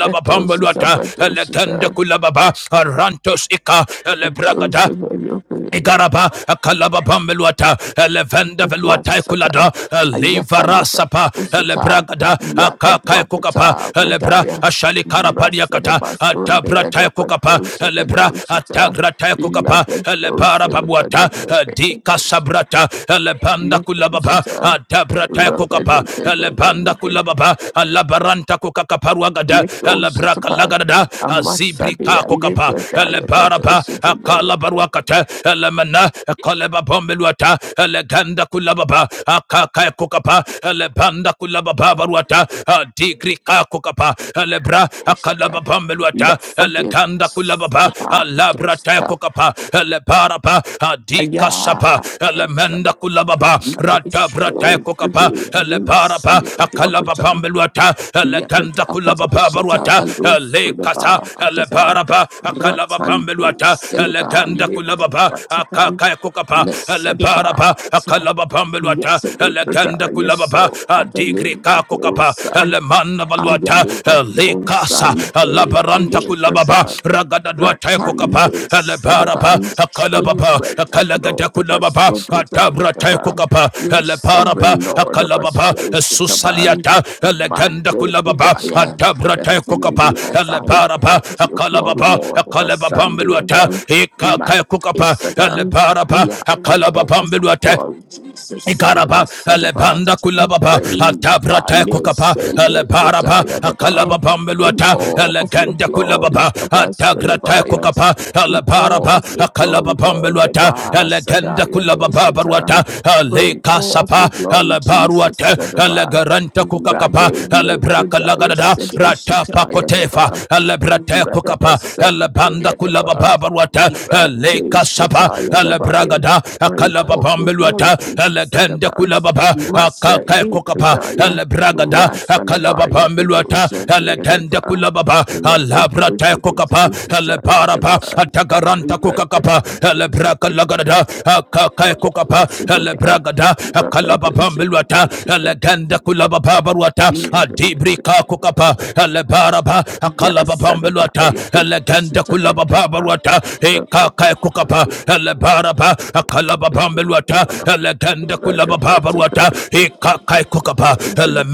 [SPEAKER 1] the Dosita,
[SPEAKER 5] meluata leganda
[SPEAKER 1] Badosita,
[SPEAKER 5] kulababa rantos ika lebragada
[SPEAKER 1] Dosita,
[SPEAKER 5] Igaraba, a Kalaba Pambeluata, Elevenda
[SPEAKER 1] Kadua
[SPEAKER 5] Veluata Kulada,
[SPEAKER 1] Sata,
[SPEAKER 5] a
[SPEAKER 1] Ayafaliba,
[SPEAKER 5] Livarasapa,
[SPEAKER 1] Usata,
[SPEAKER 5] Elebragada, Akakai
[SPEAKER 1] Yakadua
[SPEAKER 5] Kukapa,
[SPEAKER 1] Kata,
[SPEAKER 5] Elebra,
[SPEAKER 1] Bradaya,
[SPEAKER 5] Ashali
[SPEAKER 1] Rasada
[SPEAKER 5] Karapadiakata,
[SPEAKER 1] Basun, the
[SPEAKER 5] Atabra
[SPEAKER 1] other
[SPEAKER 5] Taikukapa,
[SPEAKER 1] Badosha
[SPEAKER 5] Elebra,
[SPEAKER 1] Kadoshita,
[SPEAKER 5] Atagra Taikukapa, Elebara
[SPEAKER 1] Labadosha,
[SPEAKER 5] Babuata, a Dika Sabrata, Elebanda Kulababa,
[SPEAKER 1] Yadoshita,
[SPEAKER 5] Atabra Taikukapa, Elebanda Kulababa, Alabaranta kakaparuagada elebraka
[SPEAKER 1] Yadoshita,
[SPEAKER 5] lagada azibrika
[SPEAKER 1] Amasadia,
[SPEAKER 5] kokapa
[SPEAKER 1] Libradaya,
[SPEAKER 5] elebaraba
[SPEAKER 1] Kadoshita,
[SPEAKER 5] akalabaruakata elemana koleba bombeluata eleganda kulababa akaka kokapa elebanda kulababa baruata adigrika kokapa elebra akalaba
[SPEAKER 1] Kadoshita,
[SPEAKER 5] bombeluata
[SPEAKER 1] Lafadi,
[SPEAKER 5] eleganda kulababa
[SPEAKER 1] Sadaba,
[SPEAKER 5] alabra te
[SPEAKER 1] Kadoshita,
[SPEAKER 5] kokapa elebaraba adika sapa
[SPEAKER 1] Yeah, it's
[SPEAKER 5] elemenda kulababa rata brata
[SPEAKER 1] so
[SPEAKER 5] kokapa
[SPEAKER 1] pretty. I mean, my son
[SPEAKER 5] eleparapa
[SPEAKER 1] is going to offer
[SPEAKER 5] akalababa
[SPEAKER 1] them.
[SPEAKER 5] mbelwata
[SPEAKER 1] Yet,
[SPEAKER 5] eleganda
[SPEAKER 1] offer to
[SPEAKER 5] kulababa
[SPEAKER 1] Shata,
[SPEAKER 5] barwata
[SPEAKER 1] the Lord for the
[SPEAKER 5] elekasa
[SPEAKER 1] bar at the bar.
[SPEAKER 5] eleparapa akalababa
[SPEAKER 1] Ratan,
[SPEAKER 5] mbelwata
[SPEAKER 1] Seliba,
[SPEAKER 5] eleganda kulababa
[SPEAKER 1] Latan,
[SPEAKER 5] akakaya kokapa
[SPEAKER 1] Miss
[SPEAKER 5] eleparapa
[SPEAKER 1] Seliba.
[SPEAKER 5] akalababa mbelwata
[SPEAKER 1] Yes, a labor,
[SPEAKER 5] eleganda
[SPEAKER 1] yes,
[SPEAKER 5] kulababa
[SPEAKER 1] so other name, but
[SPEAKER 5] adigrika kokapa
[SPEAKER 1] those.
[SPEAKER 5] elemana balwata
[SPEAKER 1] Ayaliba
[SPEAKER 5] ele Rasa
[SPEAKER 1] Osande
[SPEAKER 5] Alabaranta Kulababa
[SPEAKER 1] Alepraza
[SPEAKER 5] Ragadadwa Taikokapa
[SPEAKER 1] Ratande
[SPEAKER 5] Alabarapa
[SPEAKER 1] Sadaban, for you
[SPEAKER 5] Akalababa
[SPEAKER 1] reign of
[SPEAKER 5] Akalagata
[SPEAKER 1] Lord of us,
[SPEAKER 5] Kulababa Atabra
[SPEAKER 1] Sobradayataba,
[SPEAKER 5] Taikokapa
[SPEAKER 1] you
[SPEAKER 5] Alaparapa
[SPEAKER 1] sovereign Lord of us,
[SPEAKER 5] Akalababa
[SPEAKER 1] Oshitaban,
[SPEAKER 5] Susaliata Aleganda
[SPEAKER 1] Mande
[SPEAKER 5] Kulababa
[SPEAKER 1] Budaya,
[SPEAKER 5] Atabra
[SPEAKER 1] the heaven and
[SPEAKER 5] Taikokapa
[SPEAKER 1] the earth are in
[SPEAKER 5] Alabarapa
[SPEAKER 1] of your glory,
[SPEAKER 5] Akalababa
[SPEAKER 1] Lord of us,
[SPEAKER 5] Akalababa
[SPEAKER 1] Sunday and
[SPEAKER 5] Miluata
[SPEAKER 1] um,
[SPEAKER 5] Ika
[SPEAKER 1] Mande
[SPEAKER 5] Kaikokapa
[SPEAKER 1] Sadan.
[SPEAKER 5] Alabarapa
[SPEAKER 1] We are in awe
[SPEAKER 5] Akalababa
[SPEAKER 1] of your
[SPEAKER 5] Miluata
[SPEAKER 1] glory, Jesus,
[SPEAKER 5] Ikaraba,
[SPEAKER 1] Salabas
[SPEAKER 5] Alebanda Kulababa,
[SPEAKER 1] Rain
[SPEAKER 5] Atabra
[SPEAKER 1] upon us
[SPEAKER 5] Tekwakapa,
[SPEAKER 1] and let the
[SPEAKER 5] Alebaraba,
[SPEAKER 1] tide
[SPEAKER 5] Akalaba
[SPEAKER 1] In
[SPEAKER 5] Bambeluata,
[SPEAKER 1] all of your
[SPEAKER 5] Aleganda
[SPEAKER 1] glory,
[SPEAKER 5] Kulababa,
[SPEAKER 1] the
[SPEAKER 5] Atagra
[SPEAKER 1] Bastonabaya.
[SPEAKER 5] Tekwakapa,
[SPEAKER 1] In all
[SPEAKER 5] Alebaraba,
[SPEAKER 1] of your
[SPEAKER 5] Akalaba
[SPEAKER 1] glory, Lord, the
[SPEAKER 5] Bambeluata, Aleganda
[SPEAKER 1] Basadaya
[SPEAKER 5] Kulababa Baruata,
[SPEAKER 1] Dosatan. Rain
[SPEAKER 5] Aleka
[SPEAKER 1] all of your
[SPEAKER 5] Sapa,
[SPEAKER 1] glory, Jesus,
[SPEAKER 5] Alebaruata,
[SPEAKER 1] the Daba.
[SPEAKER 5] Alegaranta
[SPEAKER 1] Rade
[SPEAKER 5] Kukakapa,
[SPEAKER 1] let the
[SPEAKER 5] Alebraka
[SPEAKER 1] Daya
[SPEAKER 5] Lagadada, Rata
[SPEAKER 1] Sedosataya
[SPEAKER 5] Pakotefa,
[SPEAKER 1] Daba.
[SPEAKER 5] Alebrate Kukapa,
[SPEAKER 1] Radabasan,
[SPEAKER 5] elebanda
[SPEAKER 1] the Daba.
[SPEAKER 5] kulabababaruata
[SPEAKER 1] Rate
[SPEAKER 5] elekasapa
[SPEAKER 1] Shataya the Bar,
[SPEAKER 5] elebragada
[SPEAKER 1] Lord, the
[SPEAKER 5] akalababambeluata elegende kulababa akakekokapa elebragada akalababambeluata elegende kulababa alabratekokapa elebarapa atagaranta kokakapa elebragalagadada akakekokapa elebragada akalababambeluata legenda kulaba babaruata adibrika kukapa lebaraba akalaba
[SPEAKER 1] Yes, and about
[SPEAKER 5] bambeluata
[SPEAKER 1] you could be
[SPEAKER 5] legenda
[SPEAKER 1] sitting
[SPEAKER 5] kulaba
[SPEAKER 1] at the bar.
[SPEAKER 5] babaruata ekaka kukapa lebaraba akalaba bambeluata legenda kulaba
[SPEAKER 1] Rather,
[SPEAKER 5] babaruata ekaka kukapa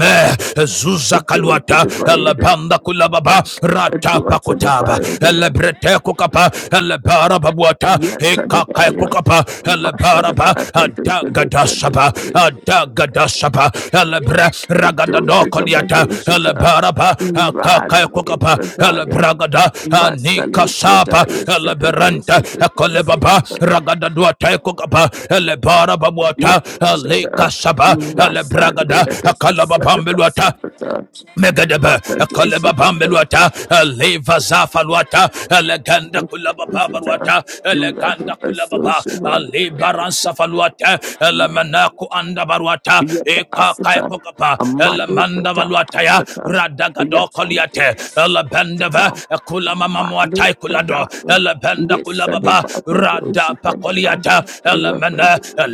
[SPEAKER 1] but
[SPEAKER 5] zuza
[SPEAKER 1] do to
[SPEAKER 5] kaluata
[SPEAKER 1] the fire,
[SPEAKER 5] lebanda kulaba ba
[SPEAKER 1] a
[SPEAKER 5] rata
[SPEAKER 1] door to the
[SPEAKER 5] pakotaba
[SPEAKER 1] fire,
[SPEAKER 5] lebrete kukapa aleba Parababwata,
[SPEAKER 1] yet to the fire,
[SPEAKER 5] Ekakaekukapa,
[SPEAKER 1] must to the
[SPEAKER 5] Eleparapa,
[SPEAKER 1] fire, and do to the
[SPEAKER 5] Adagadasapa,
[SPEAKER 1] fire,
[SPEAKER 5] Adagadasapa, Elebra,
[SPEAKER 1] and do to the fire,
[SPEAKER 5] Ragadadokoliata,
[SPEAKER 1] do to the fire,
[SPEAKER 5] Eleparapa,
[SPEAKER 1] run, leave
[SPEAKER 5] Akakaekukapa,
[SPEAKER 1] the fire,
[SPEAKER 5] Elebragada,
[SPEAKER 1] must to leave the
[SPEAKER 5] Anikasapa,
[SPEAKER 1] fire, set the door,
[SPEAKER 5] Eleberanta,
[SPEAKER 1] set the door, set the
[SPEAKER 5] Ekolebaba,
[SPEAKER 1] fire,
[SPEAKER 5] Ragadadwata, Ekukapa, Eleparababwata,
[SPEAKER 1] yet to the fire,
[SPEAKER 5] Elekasapa,
[SPEAKER 1] must to
[SPEAKER 5] Elebragada,
[SPEAKER 1] leave the fire, set the fire,
[SPEAKER 5] Akalababambelwata,
[SPEAKER 1] set the fire,
[SPEAKER 5] Megadaba,
[SPEAKER 1] rock the door,
[SPEAKER 5] Kaleba
[SPEAKER 1] set the door, set the fire, do to the fire, rock
[SPEAKER 5] Bambeluata, a Leva Zafaluata, Eleganda Kulaba Babaruata, Eleganda
[SPEAKER 1] the door,
[SPEAKER 5] Kulababa, Ali
[SPEAKER 1] the
[SPEAKER 5] Baran Safaluata,
[SPEAKER 1] fire,
[SPEAKER 5] Elemanaku Andabaruata,
[SPEAKER 1] Yet
[SPEAKER 5] Eka
[SPEAKER 1] Asata,
[SPEAKER 5] Kaikokapa,
[SPEAKER 1] a Madu
[SPEAKER 5] Elemanda
[SPEAKER 1] Prata
[SPEAKER 5] Valuataya,
[SPEAKER 1] Asata, a
[SPEAKER 5] Radagado
[SPEAKER 1] Yasan
[SPEAKER 5] Koliate, Elebendava,
[SPEAKER 1] Devasota,
[SPEAKER 5] Kulama
[SPEAKER 1] Madu
[SPEAKER 5] Mamuatai Kulado,
[SPEAKER 1] Prata,
[SPEAKER 5] Elebenda
[SPEAKER 1] Lisa the
[SPEAKER 5] Kulababa,
[SPEAKER 1] Baka
[SPEAKER 5] Radapa
[SPEAKER 1] Dosita,
[SPEAKER 5] Koliata, Elemana,
[SPEAKER 1] Rapadu,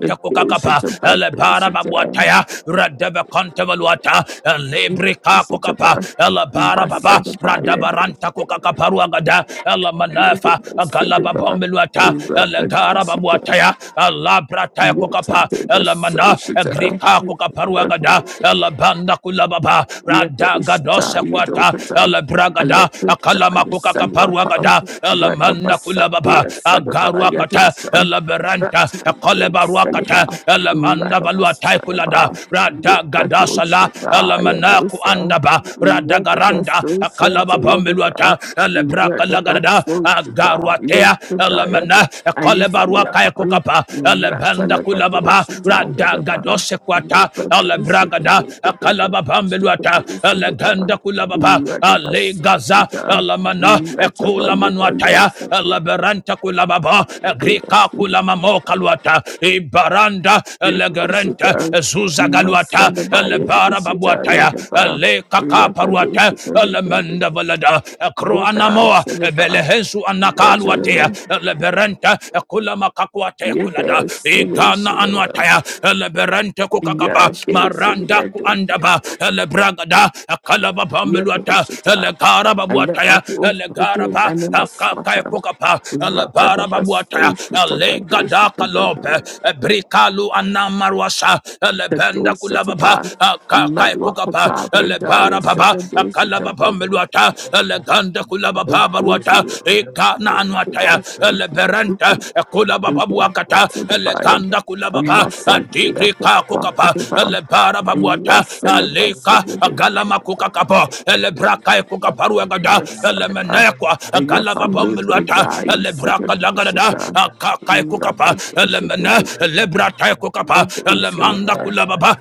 [SPEAKER 1] the
[SPEAKER 5] Kukakapa,
[SPEAKER 1] Dosita
[SPEAKER 5] Elebara
[SPEAKER 1] Badosita,
[SPEAKER 5] Babuataya, Radava Contavaluata, lebrika kokapa
[SPEAKER 1] Dosita,
[SPEAKER 5] elabara baba
[SPEAKER 1] Masada Baya,
[SPEAKER 5] radabaranta kokakaparuagada elamanafa
[SPEAKER 1] Sadiba, Rapa Dosita,
[SPEAKER 5] galababombeluata
[SPEAKER 1] Rapadu
[SPEAKER 5] elegara
[SPEAKER 1] Sita,
[SPEAKER 5] babuataya elabrataya kokapa
[SPEAKER 1] Yata
[SPEAKER 5] elemana egrika kokaparuagada
[SPEAKER 1] Devasota,
[SPEAKER 5] elabanda kulababa radagadose
[SPEAKER 1] Yatoshita
[SPEAKER 5] kwata
[SPEAKER 1] Yadokata,
[SPEAKER 5] elebragada
[SPEAKER 1] Alepta
[SPEAKER 5] akalama
[SPEAKER 1] Yasaluapa,
[SPEAKER 5] kokakaparuagada elemanda
[SPEAKER 1] Ratnabasa
[SPEAKER 5] kulababa
[SPEAKER 1] Dea Sadaba
[SPEAKER 5] agaruakata
[SPEAKER 1] Yadoshan,
[SPEAKER 5] eleberanta
[SPEAKER 1] Ratan
[SPEAKER 5] ekolebaruakata
[SPEAKER 1] Saliba,
[SPEAKER 5] elemanda valuatai kulada
[SPEAKER 1] Ratnabasadaba,
[SPEAKER 5] radagadasala Radagaranda,
[SPEAKER 1] Ripadoshita
[SPEAKER 5] Alamanaku
[SPEAKER 1] Yadosa,
[SPEAKER 5] Andaba, Radagaranda, Akalaba
[SPEAKER 1] Ratnabasosha Yadaba,
[SPEAKER 5] Bambeluata, Elebraka Lagarada,
[SPEAKER 1] Ratnabasoshita
[SPEAKER 5] Agaruatea,
[SPEAKER 1] Lepidaya,
[SPEAKER 5] Alamana, Akalebaruaka
[SPEAKER 1] Ayafaliapan,
[SPEAKER 5] Kukapa, Elebanda Kulababa,
[SPEAKER 1] Ratanabadoshita Yadaba.
[SPEAKER 5] Radagadose Quata,
[SPEAKER 1] Yes,
[SPEAKER 5] Elebragada, Akalaba Bambeluata, Eleganda Kulababa, Ale Gaza, Alamana, Ekula Manuataya, Eleberanta Kulababa, Agrika Kulamamo Kaluata, Ibaranda, Elegerenta, Zuza Galuata, Ele alebara babuataya ale kaka paruata alemenda valada akro anamoa belehesu anakaluatea leberenta kula makakuate kulada igana anuataya leberente kukakapa
[SPEAKER 1] yes,
[SPEAKER 5] maranda
[SPEAKER 1] yes, yes.
[SPEAKER 5] kuandaba lebragada kalaba pambeluata
[SPEAKER 1] Yehoshata,
[SPEAKER 5] legara
[SPEAKER 1] and let my
[SPEAKER 5] babuataya
[SPEAKER 1] tools be
[SPEAKER 5] legara
[SPEAKER 1] doing
[SPEAKER 5] ba
[SPEAKER 1] and in my
[SPEAKER 5] akakae
[SPEAKER 1] smarter.
[SPEAKER 5] kukapa
[SPEAKER 1] Rata the
[SPEAKER 5] lebara
[SPEAKER 1] best
[SPEAKER 5] babuataya
[SPEAKER 1] fools to the
[SPEAKER 5] ale
[SPEAKER 1] bandits
[SPEAKER 5] gada
[SPEAKER 1] at
[SPEAKER 5] kalope
[SPEAKER 1] the
[SPEAKER 5] brikalu anamaruasa lebenda
[SPEAKER 1] doors at
[SPEAKER 5] kulaba
[SPEAKER 1] the
[SPEAKER 5] baba
[SPEAKER 1] bar. a
[SPEAKER 5] akakai
[SPEAKER 1] Malua
[SPEAKER 5] kukapa
[SPEAKER 1] Pata,
[SPEAKER 5] ele bara
[SPEAKER 1] Bredaya,
[SPEAKER 8] Thank
[SPEAKER 1] set
[SPEAKER 5] baba
[SPEAKER 1] a dose at
[SPEAKER 5] akala
[SPEAKER 1] the
[SPEAKER 5] baba
[SPEAKER 1] bandit.
[SPEAKER 5] meluata ele ganda kula
[SPEAKER 1] And
[SPEAKER 5] baba
[SPEAKER 1] those
[SPEAKER 5] baruata
[SPEAKER 1] who are
[SPEAKER 5] igana anuata
[SPEAKER 1] the
[SPEAKER 5] ya
[SPEAKER 1] rest
[SPEAKER 5] ele berenta kula baba buakata
[SPEAKER 1] of the
[SPEAKER 5] ele
[SPEAKER 1] fire.
[SPEAKER 5] ganda kula
[SPEAKER 1] A
[SPEAKER 5] baba
[SPEAKER 1] massa be up
[SPEAKER 5] digri
[SPEAKER 1] at
[SPEAKER 5] ka
[SPEAKER 1] one for
[SPEAKER 5] kukapa
[SPEAKER 1] the bar.
[SPEAKER 5] ele bara
[SPEAKER 1] a
[SPEAKER 5] babuata
[SPEAKER 1] Rasa the bus of
[SPEAKER 5] aleka
[SPEAKER 1] the day.
[SPEAKER 5] galama kukakapa ele
[SPEAKER 9] Vasu,
[SPEAKER 5] braka kukaparu agada ele
[SPEAKER 1] Sadaka,
[SPEAKER 5] menekwa agala baba
[SPEAKER 1] Ayafandi
[SPEAKER 5] meluata
[SPEAKER 1] Pradai
[SPEAKER 5] ele braka lagadada
[SPEAKER 1] Sakadoshata,
[SPEAKER 5] akakai kukapa ele
[SPEAKER 1] Rakadoshata,
[SPEAKER 5] mene ele brata kukapa ele manda
[SPEAKER 1] Nadoshata,
[SPEAKER 5] kulababa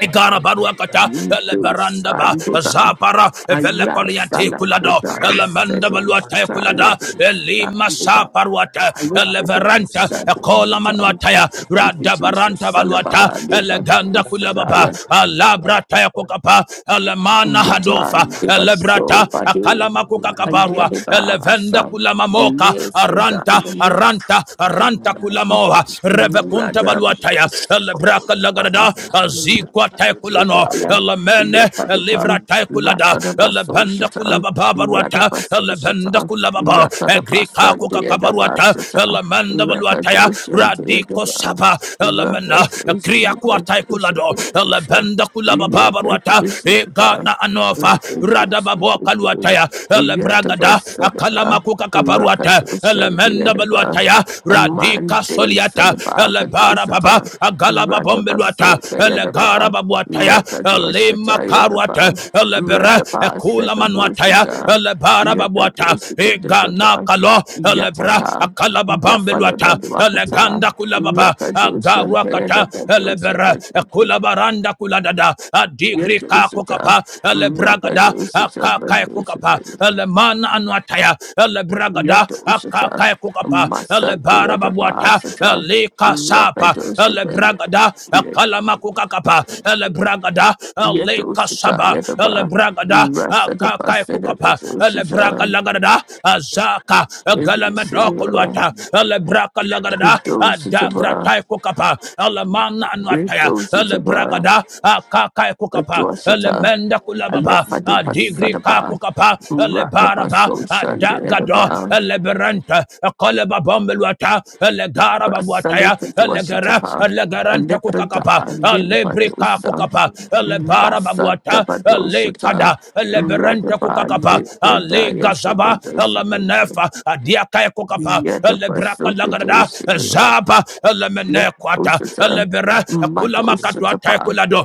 [SPEAKER 5] Igara baruakata, eleberanda ba,
[SPEAKER 1] Yudosandana,
[SPEAKER 5] zapara, evele
[SPEAKER 8] you.
[SPEAKER 5] koliante
[SPEAKER 1] Ayasana
[SPEAKER 5] kulado,
[SPEAKER 8] Hapa
[SPEAKER 1] Pradai
[SPEAKER 8] naona
[SPEAKER 5] elemenda valuate
[SPEAKER 8] watu chanda, watu chanda,
[SPEAKER 1] Sadoshitaya
[SPEAKER 5] kulada, elima
[SPEAKER 1] Dosandana.
[SPEAKER 5] saparuata,
[SPEAKER 1] I
[SPEAKER 8] watu chanda,
[SPEAKER 1] look for
[SPEAKER 8] hapa ya kuna
[SPEAKER 1] that
[SPEAKER 8] pango
[SPEAKER 5] eleveranta,
[SPEAKER 8] chanda,
[SPEAKER 5] ekola
[SPEAKER 1] Sadoshata.
[SPEAKER 5] manuataya,
[SPEAKER 8] pango na
[SPEAKER 1] Thank you,
[SPEAKER 8] pango
[SPEAKER 1] Jesus.
[SPEAKER 5] radabaranta valuata,
[SPEAKER 1] Salaba,
[SPEAKER 8] chanda,
[SPEAKER 5] eleganda kulababa,
[SPEAKER 1] Devadosataya,
[SPEAKER 8] hii pana na pango chanda, hapa ya
[SPEAKER 5] alabrata taya
[SPEAKER 8] kuna pango
[SPEAKER 5] kukapa, elemana handofa,
[SPEAKER 1] Yatan, Devatso,
[SPEAKER 5] elebrata,
[SPEAKER 1] Bade,
[SPEAKER 5] akalama kukakaparua,
[SPEAKER 1] Ayadeva,
[SPEAKER 5] elevenda
[SPEAKER 1] Asa,
[SPEAKER 5] kulamamoka, aranta,
[SPEAKER 1] Lefredaya,
[SPEAKER 5] aranta, aranta
[SPEAKER 8] chanda,
[SPEAKER 5] kulamoa,
[SPEAKER 8] hapa
[SPEAKER 1] Rakadushan
[SPEAKER 5] revekunta
[SPEAKER 8] ya
[SPEAKER 5] baluataya elebraka lagadada azikwa taikulano elemene elivra taikulada elebenda kulababa baruata elebenda kulababa egrika kukakabaruata elemenda baluataya radiko sapa el elemena kria kuataikulado el benda kulababa baruata egana anofa radababokaluataya elebragada akalama kuka kabaruata el
[SPEAKER 1] to
[SPEAKER 5] elemenda baluata
[SPEAKER 1] Yadaba,
[SPEAKER 5] bombeluataya radika
[SPEAKER 1] Amande
[SPEAKER 5] soliata
[SPEAKER 1] Sanabaka
[SPEAKER 5] elebara baba
[SPEAKER 1] Dosata,
[SPEAKER 5] agalaba bombeluata
[SPEAKER 1] Radabaso
[SPEAKER 5] elegara
[SPEAKER 1] Dayadaba,
[SPEAKER 5] babuataya elema
[SPEAKER 1] Rakadosata
[SPEAKER 5] karuata
[SPEAKER 1] Yadaba,
[SPEAKER 5] elebere
[SPEAKER 1] Radaba
[SPEAKER 5] ekula manuataya
[SPEAKER 1] Sekadosata,
[SPEAKER 5] elebara babuata egana
[SPEAKER 1] Yakadosata,
[SPEAKER 5] kalo elebra
[SPEAKER 1] Yatata,
[SPEAKER 5] akalaba bombeluata
[SPEAKER 1] Yafaleba Dwakata,
[SPEAKER 5] eleganda kulababa
[SPEAKER 1] Rakadosata
[SPEAKER 5] agaruakata
[SPEAKER 1] Yadaba
[SPEAKER 5] elebere
[SPEAKER 1] Dosata,
[SPEAKER 5] ekula baranda kuladada adigri kako
[SPEAKER 1] Yatosata,
[SPEAKER 5] kapa elebragada
[SPEAKER 1] Rakadosata
[SPEAKER 5] akakai kukapa
[SPEAKER 1] Badosata
[SPEAKER 5] ele mana anu mataya ele bragada
[SPEAKER 1] Yadoshata,
[SPEAKER 5] akaka kukapa Le bara babuata
[SPEAKER 1] Masadayadabasata,
[SPEAKER 5] ele kasapa ele
[SPEAKER 1] Rapadoshata,
[SPEAKER 5] bragada akalama kukakapa ele bragada ele
[SPEAKER 1] Yadoshata,
[SPEAKER 5] kasaba ele
[SPEAKER 1] Yadaba,
[SPEAKER 5] bragada akaka kukapa Le braga
[SPEAKER 1] Rasadabasadabadosata,
[SPEAKER 5] lagarada azaka galamendo
[SPEAKER 1] Yadoshata,
[SPEAKER 5] kulwata Le braga lagarada adagra
[SPEAKER 1] Yadoshata,
[SPEAKER 5] tai kukapa ele mana anwataya ele
[SPEAKER 1] Yadoshata,
[SPEAKER 5] bragada akaka kukapa Le
[SPEAKER 1] Yadoshata,
[SPEAKER 5] menda kulababa adigri
[SPEAKER 1] Alephadibasataba,
[SPEAKER 5] kakukapa elebaraba adagado
[SPEAKER 1] Radabasoshandayadaba,
[SPEAKER 5] eleberanta koleba bombelwata elegara babuataya
[SPEAKER 1] Rasalika
[SPEAKER 5] elegara
[SPEAKER 1] Dwashitapa,
[SPEAKER 5] elegaranta
[SPEAKER 1] Alepreda
[SPEAKER 5] kukakapa elebri
[SPEAKER 1] Limpadosa,
[SPEAKER 5] kakukapa elebara
[SPEAKER 1] Rasa
[SPEAKER 5] babuata
[SPEAKER 1] Dabadoshita,
[SPEAKER 5] elekada eleberanta
[SPEAKER 1] Radaba
[SPEAKER 5] kukakapa
[SPEAKER 1] Lepreda
[SPEAKER 5] elegazaba
[SPEAKER 1] Yasekadosika,
[SPEAKER 5] elemenefa adiakaya kukapa
[SPEAKER 1] Yadaba
[SPEAKER 5] lebraka lagarada
[SPEAKER 1] Sokadoshita,
[SPEAKER 5] zaba elemenekwata
[SPEAKER 1] Yadosita,
[SPEAKER 5] elebera kulamakatwataya
[SPEAKER 1] Madoshitapa,
[SPEAKER 5] kulado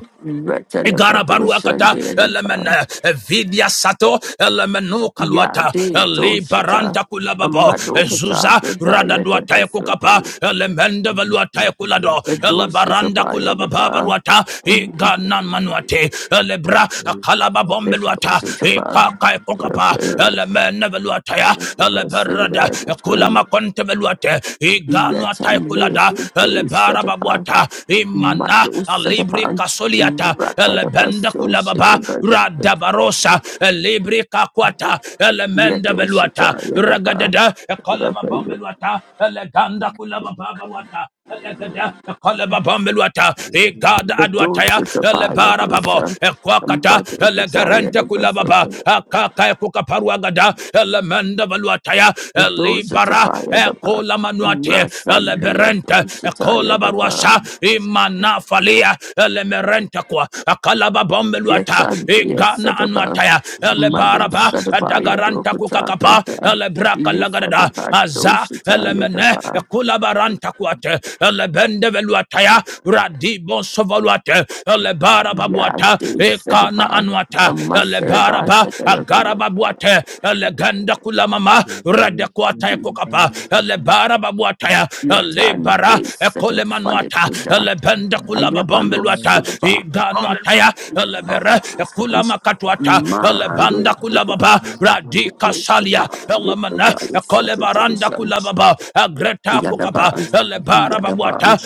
[SPEAKER 5] Igara
[SPEAKER 1] Retanabadosha
[SPEAKER 5] baruakata
[SPEAKER 1] Leadaba,
[SPEAKER 5] elemene vidia sato elemenu kaluata
[SPEAKER 1] Yade Doshita,
[SPEAKER 5] liberanta kulababo eh,
[SPEAKER 1] Amadokata
[SPEAKER 5] zuza
[SPEAKER 1] Breda Yadaba
[SPEAKER 5] radaduatae kukapa
[SPEAKER 1] Sokadoshita,
[SPEAKER 5] elemende valuatae kulado elebaranda
[SPEAKER 1] Yadoshitapa
[SPEAKER 5] kulababa baruata
[SPEAKER 1] Yadaba.
[SPEAKER 5] igana manuate elebra
[SPEAKER 1] If it was
[SPEAKER 5] kalababombeluata
[SPEAKER 1] such a bug,
[SPEAKER 5] ikakae
[SPEAKER 1] if
[SPEAKER 5] kukapa
[SPEAKER 1] it
[SPEAKER 5] elemene valuataya
[SPEAKER 1] was such a
[SPEAKER 5] eleberada
[SPEAKER 1] bug,
[SPEAKER 5] kulama konte valuate igana Iganwa
[SPEAKER 1] yet I live
[SPEAKER 5] taikulada,
[SPEAKER 1] the day
[SPEAKER 5] elebara
[SPEAKER 1] set upon,
[SPEAKER 5] babwata, imana,
[SPEAKER 1] Mato set
[SPEAKER 5] alibri
[SPEAKER 1] upon,
[SPEAKER 5] kasoliata,
[SPEAKER 1] Ratadaba
[SPEAKER 5] elebenda
[SPEAKER 1] so shit
[SPEAKER 5] kulababa,
[SPEAKER 1] about it,
[SPEAKER 5] radabarosa, elibri kakwata,
[SPEAKER 1] yet
[SPEAKER 5] elemenda
[SPEAKER 1] oh shit,
[SPEAKER 5] beluata,
[SPEAKER 1] yet about
[SPEAKER 5] ragadada, ekoleva
[SPEAKER 1] it.
[SPEAKER 5] pombeluata, eleganda kulababa baruata, Elegede, ekolebabambeluata, igada
[SPEAKER 1] The door
[SPEAKER 5] aduataya,
[SPEAKER 1] sits a fire, the
[SPEAKER 5] elebarababo,
[SPEAKER 1] sun, the
[SPEAKER 5] ekwakata,
[SPEAKER 1] mud the fire,
[SPEAKER 5] elegerente
[SPEAKER 1] the
[SPEAKER 5] kulababa,
[SPEAKER 1] bazooka.
[SPEAKER 5] akaka ekukaparuagada, elemende valuataya,
[SPEAKER 1] The door sits a
[SPEAKER 5] elibara,
[SPEAKER 1] fire, the bar.
[SPEAKER 5] ekolamanuate,
[SPEAKER 1] Rasa, the
[SPEAKER 5] eleberente,
[SPEAKER 1] door sits a fire,
[SPEAKER 5] ekolabaruasa, imanafalia, elemerente kwa, akalababambeluata,
[SPEAKER 1] Yatandya
[SPEAKER 5] igana
[SPEAKER 1] Sadaba,
[SPEAKER 5] anuataya,
[SPEAKER 1] Manu
[SPEAKER 5] elebaraba,
[SPEAKER 1] Sadabaya
[SPEAKER 5] adagaranta
[SPEAKER 1] Dokata
[SPEAKER 5] kukakapa,
[SPEAKER 1] Prata,
[SPEAKER 5] elebraka lagadada,
[SPEAKER 1] Lifadeba
[SPEAKER 5] Aza
[SPEAKER 1] Doshitaya
[SPEAKER 5] Elemene
[SPEAKER 1] Daba,
[SPEAKER 5] Kulabaranta Quate Elebende Veluataya Radibon Sovaluate Elebara Babuata
[SPEAKER 1] Yade
[SPEAKER 5] Ekana
[SPEAKER 1] Sadaba,
[SPEAKER 5] Anuata Elebara
[SPEAKER 1] Amasarba
[SPEAKER 5] Ba Agara
[SPEAKER 1] Sakadaba,
[SPEAKER 5] Babuate Eleganda Kulamama Radequata Kokapa Elebara Babuataya Elebara
[SPEAKER 1] Yatande Sadafani
[SPEAKER 5] Ekolemanuata
[SPEAKER 1] Prata,
[SPEAKER 5] Elebenda Kulaba
[SPEAKER 1] Ayapalo
[SPEAKER 5] Bombeluata
[SPEAKER 1] Sudaba,
[SPEAKER 5] Iganuataya Elebere Kulamakatuata Elebanda
[SPEAKER 1] Malu Prata,
[SPEAKER 5] Kulababa radika
[SPEAKER 9] Thank you.
[SPEAKER 5] salia
[SPEAKER 1] Yiposapa,
[SPEAKER 5] elemana
[SPEAKER 1] Lipajaya
[SPEAKER 5] kolebaranda
[SPEAKER 1] Sakadosha,
[SPEAKER 5] kulababa agreta kukapa
[SPEAKER 1] Yadaban,
[SPEAKER 9] Thank
[SPEAKER 5] elebara babuata
[SPEAKER 1] Yadaban,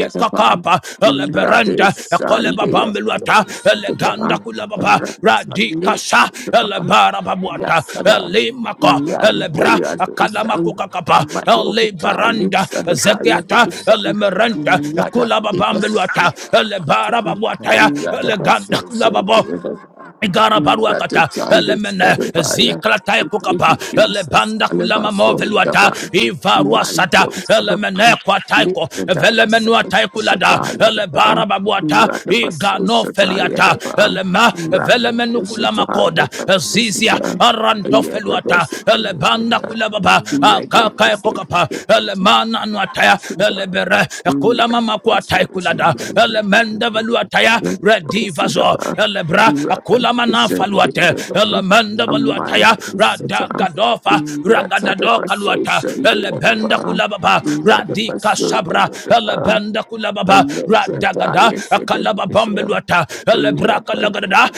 [SPEAKER 1] Yadaban, Rade
[SPEAKER 5] eleberanda
[SPEAKER 1] Sunday,
[SPEAKER 5] kolebabambeluata eleganda
[SPEAKER 1] Sutaban,
[SPEAKER 5] kulababa
[SPEAKER 1] Sunday,
[SPEAKER 5] radika sa
[SPEAKER 1] Sutaban,
[SPEAKER 5] elebara babuata
[SPEAKER 1] Yasada,
[SPEAKER 5] elimako
[SPEAKER 1] Rande
[SPEAKER 5] elebra
[SPEAKER 1] Radosan,
[SPEAKER 5] akalamakukakapa
[SPEAKER 1] Madokota,
[SPEAKER 5] elebaranda
[SPEAKER 1] Lissadabaya
[SPEAKER 5] zekiata
[SPEAKER 1] Dosan,
[SPEAKER 5] elemerenta
[SPEAKER 1] Rada Dibas,
[SPEAKER 5] kulababambeluata elebara babuataya
[SPEAKER 1] Rada
[SPEAKER 5] eleganda kulababo
[SPEAKER 1] Basosa,
[SPEAKER 5] Igara
[SPEAKER 1] Rada
[SPEAKER 5] baruakata
[SPEAKER 1] Talis,
[SPEAKER 5] elemene
[SPEAKER 1] Sadabaya,
[SPEAKER 5] ziklata
[SPEAKER 1] Thank you,
[SPEAKER 5] kukapa
[SPEAKER 1] Jesus,
[SPEAKER 5] elebanda kulama
[SPEAKER 1] Alabaso,
[SPEAKER 5] moveluata
[SPEAKER 1] Daban. Mario
[SPEAKER 5] ivaruasata
[SPEAKER 1] Sabapa,
[SPEAKER 5] elemene kwataiko
[SPEAKER 1] Lipada
[SPEAKER 5] velemenu kulada
[SPEAKER 1] Shataya
[SPEAKER 5] elebara
[SPEAKER 1] Daba,
[SPEAKER 5] babuata
[SPEAKER 1] Radabaso
[SPEAKER 5] igano
[SPEAKER 1] Shataya
[SPEAKER 5] feliata
[SPEAKER 1] Daba,
[SPEAKER 5] elema
[SPEAKER 1] Rakadu
[SPEAKER 5] velemenu kulama koda
[SPEAKER 1] Shataya
[SPEAKER 5] zizia
[SPEAKER 1] Badusita,
[SPEAKER 5] aranto feluata elebanda
[SPEAKER 1] Yadabasita,
[SPEAKER 5] kulababa akaka kukapa
[SPEAKER 1] Yadabasita,
[SPEAKER 5] elemana nuataya elebere kulama makuatai Rada,
[SPEAKER 1] Yadabasita,
[SPEAKER 5] Elemenda Valuataya, Redivazo,
[SPEAKER 1] Sidaba,
[SPEAKER 5] Elebra, Akulamana Faluate,
[SPEAKER 1] Rakadoshandeva,
[SPEAKER 5] Elemenda Valuataya, Rada
[SPEAKER 1] Amandosata,
[SPEAKER 5] Gadofa, Ragadado Kaluata, Elebenda
[SPEAKER 1] Ratadabasoshandeva,
[SPEAKER 5] Kulababa, Radika Sabra,
[SPEAKER 1] Ratadabasodeva,
[SPEAKER 5] Elebenda Kulababa, Radagada,
[SPEAKER 1] Alexandria
[SPEAKER 5] Akalaba
[SPEAKER 1] Sidavasha,
[SPEAKER 5] Bombeluata, Elebra
[SPEAKER 1] Rakadoshandeva,
[SPEAKER 5] Kalagada,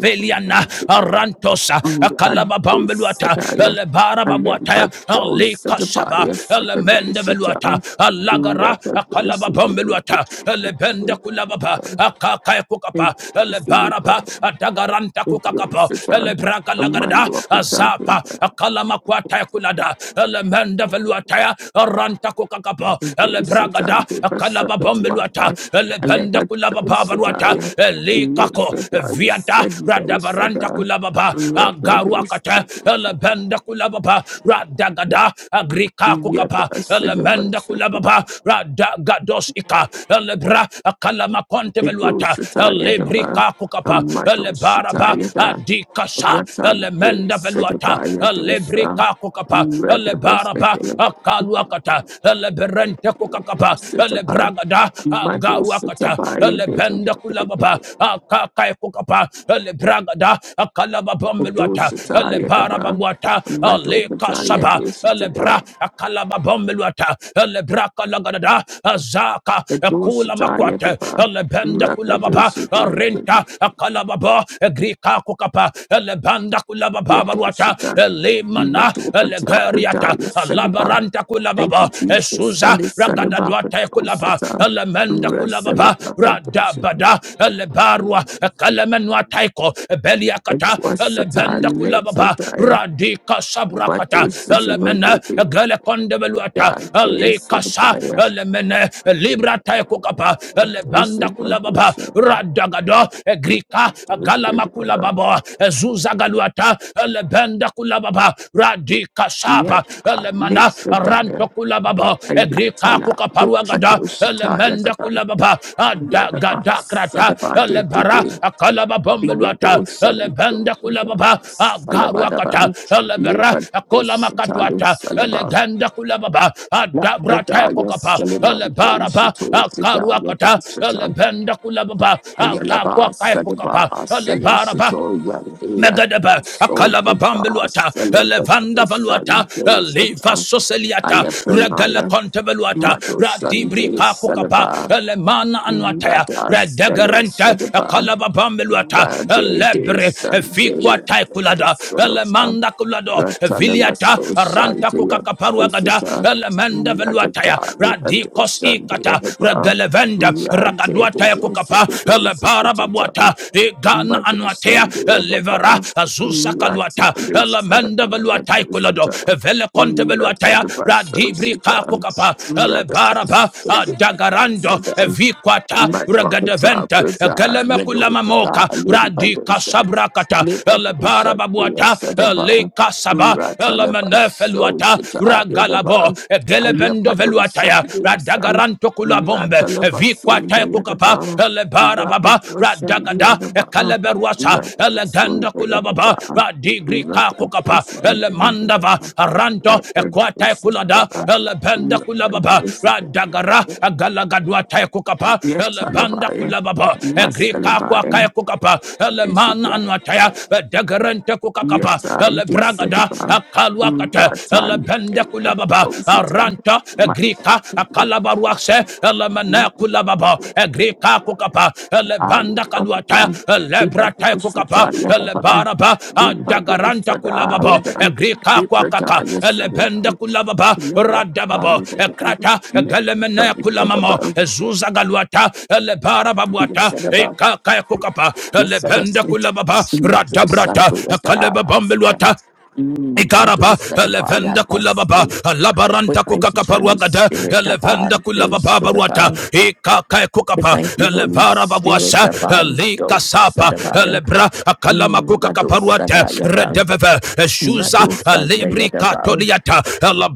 [SPEAKER 5] Veliana, Arantosa, Akalaba
[SPEAKER 1] Radosadaya,
[SPEAKER 5] Bombeluata, bara Babuataya, Alika
[SPEAKER 1] Alembadosadavaya
[SPEAKER 5] Saba, elemende
[SPEAKER 1] Sakadoshata,
[SPEAKER 5] veluata alagara akalaba bombeluata elebende kulababa
[SPEAKER 1] Rakadoshandeva,
[SPEAKER 5] akakaya kukapa elebaraba
[SPEAKER 1] Dosita,
[SPEAKER 5] adagaranta kukakapa elebraka
[SPEAKER 1] a man
[SPEAKER 5] lagarada
[SPEAKER 1] who walked up with
[SPEAKER 5] azapa akalama kwataya kulada elemende veluataya aranta kukakapa
[SPEAKER 1] a dosita
[SPEAKER 5] elebragada
[SPEAKER 1] and gave us
[SPEAKER 5] akalaba
[SPEAKER 1] supper to
[SPEAKER 5] bombeluata
[SPEAKER 1] offer, a
[SPEAKER 5] elebende
[SPEAKER 1] leper
[SPEAKER 5] kulababa baruata
[SPEAKER 1] dosita, a
[SPEAKER 5] elikako
[SPEAKER 1] leper
[SPEAKER 5] viata
[SPEAKER 1] said
[SPEAKER 5] radabaranta
[SPEAKER 1] dosita,
[SPEAKER 5] kulababa
[SPEAKER 1] rubber
[SPEAKER 5] agaru pakata
[SPEAKER 1] dosita,
[SPEAKER 5] elebenda kulababa radagada agrika
[SPEAKER 1] yet
[SPEAKER 5] kukapa
[SPEAKER 1] I said a
[SPEAKER 5] elemenda
[SPEAKER 1] bunch of
[SPEAKER 5] kulababa radagados ika elebra akalama konte
[SPEAKER 1] a
[SPEAKER 5] beluata
[SPEAKER 1] dosita at a bar,
[SPEAKER 5] elebrika
[SPEAKER 1] a
[SPEAKER 5] kukapa
[SPEAKER 1] muddle
[SPEAKER 5] elebaraba
[SPEAKER 1] shitayada,
[SPEAKER 5] adikasa
[SPEAKER 1] ratan
[SPEAKER 5] elemenda
[SPEAKER 1] dosita
[SPEAKER 5] veluata
[SPEAKER 1] by a dosa,
[SPEAKER 5] elebrika kukapa
[SPEAKER 1] Red
[SPEAKER 5] elebaraba
[SPEAKER 1] of
[SPEAKER 5] akaluakata eleberente kukakapa
[SPEAKER 1] Sitapa,
[SPEAKER 5] elebragada
[SPEAKER 1] Mado
[SPEAKER 5] agaruakata
[SPEAKER 1] Sitabai,
[SPEAKER 5] elebenda kulababa akakaya kukapa elebragada akalaba
[SPEAKER 1] Ado
[SPEAKER 5] bombeluata
[SPEAKER 1] Sitaya
[SPEAKER 5] elebara
[SPEAKER 1] Daba,
[SPEAKER 5] babuata
[SPEAKER 1] Mado
[SPEAKER 5] aleka
[SPEAKER 1] Kataya
[SPEAKER 5] saba elebra
[SPEAKER 1] Dositaba,
[SPEAKER 5] akalaba bombeluata elebra kalagadada azaka
[SPEAKER 1] Ado
[SPEAKER 5] ekula
[SPEAKER 1] Sitaya
[SPEAKER 5] makwate
[SPEAKER 1] Daba,
[SPEAKER 5] kula
[SPEAKER 1] Raka
[SPEAKER 5] baba renta
[SPEAKER 1] Dositaba,
[SPEAKER 5] akalababa egrika kukapa kula baba
[SPEAKER 1] Yato
[SPEAKER 5] baruata
[SPEAKER 1] Sita,
[SPEAKER 5] elemana
[SPEAKER 1] Mado Katapa
[SPEAKER 5] elegeriata
[SPEAKER 1] Daya Sedaba,
[SPEAKER 5] alabaranta
[SPEAKER 1] Thank
[SPEAKER 5] kulababa
[SPEAKER 1] you, Jesus.
[SPEAKER 5] esuza
[SPEAKER 1] Sunday, Sunday, Baka
[SPEAKER 5] Raluate kulaba,
[SPEAKER 1] Dosita,
[SPEAKER 5] Elemenda
[SPEAKER 1] Rasala
[SPEAKER 5] kulababa,
[SPEAKER 1] Baka Dosita,
[SPEAKER 5] Radabada, Elebarua, Kalemenua taiko, Beliakata,
[SPEAKER 1] Adwa Sata,
[SPEAKER 5] Elebenda
[SPEAKER 1] Let's
[SPEAKER 5] kulababa,
[SPEAKER 1] Sataya,
[SPEAKER 5] Radika
[SPEAKER 1] Mado
[SPEAKER 5] sabrakata,
[SPEAKER 1] Sitaba,
[SPEAKER 5] Elemena,
[SPEAKER 1] the
[SPEAKER 5] Galekonde veluata,
[SPEAKER 1] God is
[SPEAKER 5] Elekasa,
[SPEAKER 1] Sitaya.
[SPEAKER 5] Elemene, Libra taiko kapa, Elebanda kulababa,
[SPEAKER 1] Salaba,
[SPEAKER 5] Radagado, grika Galama kulababa, Zuza galuata, Elebenda kulababa, Radika kashapa elemana ranto kulababa egrika kukaparuagada elemenda kulababa adagadakrata elebara akalababombeluata elebenda kulababa agaruakata elebera akolamakatwata elegenda kulababa
[SPEAKER 1] La
[SPEAKER 5] adabrata
[SPEAKER 1] Pradaya
[SPEAKER 5] kokapa
[SPEAKER 1] Salimando
[SPEAKER 5] elebaraba
[SPEAKER 1] Shito Pradaya
[SPEAKER 5] akaruakata
[SPEAKER 1] Deshatan
[SPEAKER 5] elebenda kulababa
[SPEAKER 1] Ayalaba
[SPEAKER 5] akakwakaekokapa
[SPEAKER 1] Sadaba
[SPEAKER 5] elebaraba
[SPEAKER 1] Selicito Yandi
[SPEAKER 5] Megadaba,
[SPEAKER 1] Adoso
[SPEAKER 5] Akalaba
[SPEAKER 1] Brada
[SPEAKER 5] Bambeluata,
[SPEAKER 1] Celebato
[SPEAKER 5] Elevanda Valuata,
[SPEAKER 1] Saribe
[SPEAKER 5] Eliva
[SPEAKER 1] Satan
[SPEAKER 5] Soseliata, Regala
[SPEAKER 1] Alepranaya
[SPEAKER 5] Contevaluata,
[SPEAKER 1] Mato
[SPEAKER 5] Radibri
[SPEAKER 1] Saribe
[SPEAKER 5] Kakukapa,
[SPEAKER 1] Salaba
[SPEAKER 5] Elemana Anuataya,
[SPEAKER 1] Rada Selo
[SPEAKER 5] Redegarenta,
[SPEAKER 1] Sadaba
[SPEAKER 5] Akalaba Bambeluata,
[SPEAKER 1] Rade de
[SPEAKER 5] Elebre,
[SPEAKER 1] Sunday,
[SPEAKER 5] Efiqua Taikulada,
[SPEAKER 1] Sonata,
[SPEAKER 5] Elemanda Kulado,
[SPEAKER 1] Ratana
[SPEAKER 5] Viliata,
[SPEAKER 1] Maso
[SPEAKER 5] Aranta
[SPEAKER 1] Shantia,
[SPEAKER 5] Kukakaparuagada,
[SPEAKER 1] Osita,
[SPEAKER 5] Elemenda Veluataya,
[SPEAKER 1] Ratata, Libato
[SPEAKER 5] Radikos
[SPEAKER 1] Shantia,
[SPEAKER 5] Ikata,
[SPEAKER 1] Daba,
[SPEAKER 5] Regelevenda,
[SPEAKER 1] Rade de
[SPEAKER 5] Ragaduataya Kukapa,
[SPEAKER 1] Dosakato,
[SPEAKER 5] Ele elebara babuata
[SPEAKER 1] Sitata,
[SPEAKER 5] igana
[SPEAKER 1] Mato
[SPEAKER 5] anuatea
[SPEAKER 1] Shantia,
[SPEAKER 5] elevara
[SPEAKER 1] Daba,
[SPEAKER 5] azusa kaluata
[SPEAKER 1] Ratana de
[SPEAKER 5] elemende
[SPEAKER 1] Sanabaya,
[SPEAKER 5] veluatai kulado
[SPEAKER 1] Osita,
[SPEAKER 5] vele konte veluataya
[SPEAKER 1] Ratana Maso
[SPEAKER 5] radibri
[SPEAKER 1] Sita,
[SPEAKER 5] kakukapa
[SPEAKER 1] Ratata,
[SPEAKER 5] elebaraba adagarando
[SPEAKER 1] Sitata,
[SPEAKER 5] evikwata
[SPEAKER 1] Matwakata
[SPEAKER 5] regedevente
[SPEAKER 1] Prada Yadokata
[SPEAKER 5] gelemekulamoka radika
[SPEAKER 1] Alimbadosha
[SPEAKER 5] sabrakata elebara
[SPEAKER 1] Libadosha Via
[SPEAKER 5] babuata
[SPEAKER 1] Sadaba
[SPEAKER 5] elika saba
[SPEAKER 1] Ratalaba
[SPEAKER 5] elemenefeluata
[SPEAKER 1] Soshata
[SPEAKER 5] ragalabo
[SPEAKER 1] Yadaba
[SPEAKER 5] gelebendo
[SPEAKER 1] Ayapadosa
[SPEAKER 5] veluataya
[SPEAKER 1] Via San
[SPEAKER 5] radagaranto kul kula bombe e
[SPEAKER 1] Ratalaba
[SPEAKER 5] vikwa
[SPEAKER 1] Sunda
[SPEAKER 5] te kukapa
[SPEAKER 1] Yadaba
[SPEAKER 5] elebara baba
[SPEAKER 1] Rakadosha
[SPEAKER 5] radagada
[SPEAKER 1] Yadaba
[SPEAKER 5] ekaleberuasa
[SPEAKER 1] Rakadosha
[SPEAKER 5] eleganda kula baba
[SPEAKER 1] Yadaba
[SPEAKER 5] radigri ka kukapa
[SPEAKER 1] Rakadosha Yadaba
[SPEAKER 5] elemandava aranto ekwata
[SPEAKER 1] Rakadosha
[SPEAKER 5] kulada
[SPEAKER 1] Yadaba
[SPEAKER 5] elebenda kula da ele benda kula baba radagara
[SPEAKER 1] Rakadosha
[SPEAKER 5] agalagadwa te kukapa elebanda
[SPEAKER 1] Yetalabaya,
[SPEAKER 5] kula baba egrika kwa
[SPEAKER 1] Masalabaya,
[SPEAKER 5] kaya kukapa eleman
[SPEAKER 1] Isika,
[SPEAKER 5] anwataya edegerente kukakapa
[SPEAKER 1] Yeta,
[SPEAKER 5] elebragada
[SPEAKER 1] Disadiba,
[SPEAKER 5] akalwakata
[SPEAKER 1] Ratan,
[SPEAKER 5] elebende kula
[SPEAKER 1] David,
[SPEAKER 5] baba kulababa
[SPEAKER 1] Osita,
[SPEAKER 5] aranta egrika akalabaruakse elemene kulababa egrika kukapa elebanda kaluata
[SPEAKER 1] Ayatwakata,
[SPEAKER 5] elebrata
[SPEAKER 1] Vibadusata,
[SPEAKER 5] kukapa
[SPEAKER 1] Yadaba,
[SPEAKER 5] elebaraba adagaranta
[SPEAKER 1] Vimbadusada,
[SPEAKER 5] kulababa
[SPEAKER 1] Yadan,
[SPEAKER 5] egrika
[SPEAKER 1] Vibrata,
[SPEAKER 5] kwakaka elebenda
[SPEAKER 1] Yasadiba,
[SPEAKER 5] kulababa radababa
[SPEAKER 1] Yadakata,
[SPEAKER 5] ekrata
[SPEAKER 1] Yadaba,
[SPEAKER 5] egelemene kulamamo
[SPEAKER 1] Yadaba,
[SPEAKER 5] ezuza galuata
[SPEAKER 1] Yadaba,
[SPEAKER 5] elebarababuata
[SPEAKER 1] Yadaba,
[SPEAKER 5] ekaka kukapa
[SPEAKER 1] Yes, I guess
[SPEAKER 5] elebenda kulababa
[SPEAKER 1] it's like it is
[SPEAKER 5] radabrata
[SPEAKER 1] something that I asked them.
[SPEAKER 5] kalebabambeluata
[SPEAKER 1] Mm, Like it
[SPEAKER 5] Ikaraba,
[SPEAKER 1] was said about your
[SPEAKER 5] Elevenda Kulababa,
[SPEAKER 1] apostle. We
[SPEAKER 5] Labaranta
[SPEAKER 1] thank you, Holy
[SPEAKER 5] Kukakaparuagada,
[SPEAKER 1] Spirit, about
[SPEAKER 5] Elevenda
[SPEAKER 1] this,
[SPEAKER 5] Kulababa Baruata,
[SPEAKER 1] about
[SPEAKER 5] Ikaka
[SPEAKER 1] we
[SPEAKER 5] Kukapa,
[SPEAKER 1] thank you, Holy
[SPEAKER 5] Elevara
[SPEAKER 1] Spirit,
[SPEAKER 5] Babuasa,
[SPEAKER 1] about
[SPEAKER 5] Elika
[SPEAKER 1] those that
[SPEAKER 5] Sapa,
[SPEAKER 1] about you.
[SPEAKER 5] Elebra, Akalama
[SPEAKER 1] Mm, my those that
[SPEAKER 5] Kukakaparuata,
[SPEAKER 1] are you down.
[SPEAKER 5] Redeveve,
[SPEAKER 1] My
[SPEAKER 5] Eshuza,
[SPEAKER 1] those that are you
[SPEAKER 5] Elibri
[SPEAKER 1] about.
[SPEAKER 5] Katoliata,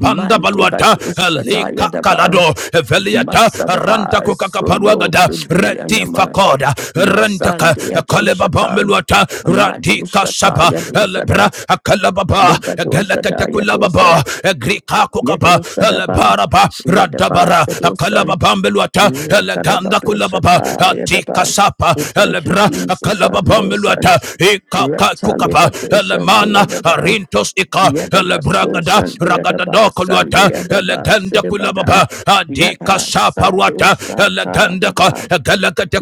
[SPEAKER 1] My deba
[SPEAKER 5] Baluata,
[SPEAKER 1] those that are you
[SPEAKER 5] Elika
[SPEAKER 1] about.
[SPEAKER 5] Kalado, Eveliata, Ranta
[SPEAKER 1] Masadaba solo
[SPEAKER 5] Kukakaparuagada,
[SPEAKER 1] brode
[SPEAKER 5] Reti
[SPEAKER 1] anama
[SPEAKER 5] Fakoda, Rentaka,
[SPEAKER 1] masande
[SPEAKER 5] Kalebaba
[SPEAKER 1] yadoshata
[SPEAKER 5] Meluata, Radika
[SPEAKER 1] madoshata
[SPEAKER 5] Sapa, lebra
[SPEAKER 1] yadosada
[SPEAKER 5] akalababa
[SPEAKER 1] debadosata yadosa
[SPEAKER 5] galakatekulababa grika kukapa
[SPEAKER 1] yadosadaba
[SPEAKER 5] lebaraba
[SPEAKER 1] radaba
[SPEAKER 5] radabara
[SPEAKER 1] sadosa
[SPEAKER 5] akalababambeluata leganda kulababa
[SPEAKER 1] ratadabadoshata yadaba
[SPEAKER 5] atikasapa
[SPEAKER 1] we thank you
[SPEAKER 5] lebra
[SPEAKER 1] Jesus and those
[SPEAKER 5] akalababambeluata
[SPEAKER 1] sons
[SPEAKER 5] ikakakukapa
[SPEAKER 1] ratalibadoshando
[SPEAKER 5] lemana
[SPEAKER 1] yadaba
[SPEAKER 5] arintos ika
[SPEAKER 1] Yadaba
[SPEAKER 5] lebragada
[SPEAKER 1] Sushan Yadaba
[SPEAKER 5] ragadadokoluata
[SPEAKER 1] Sunday Yadaba
[SPEAKER 5] leganda
[SPEAKER 1] Sidibadan
[SPEAKER 5] kulababa
[SPEAKER 1] Yada Sadu
[SPEAKER 5] adikasaparuata
[SPEAKER 1] Sata
[SPEAKER 5] leganda
[SPEAKER 1] Daba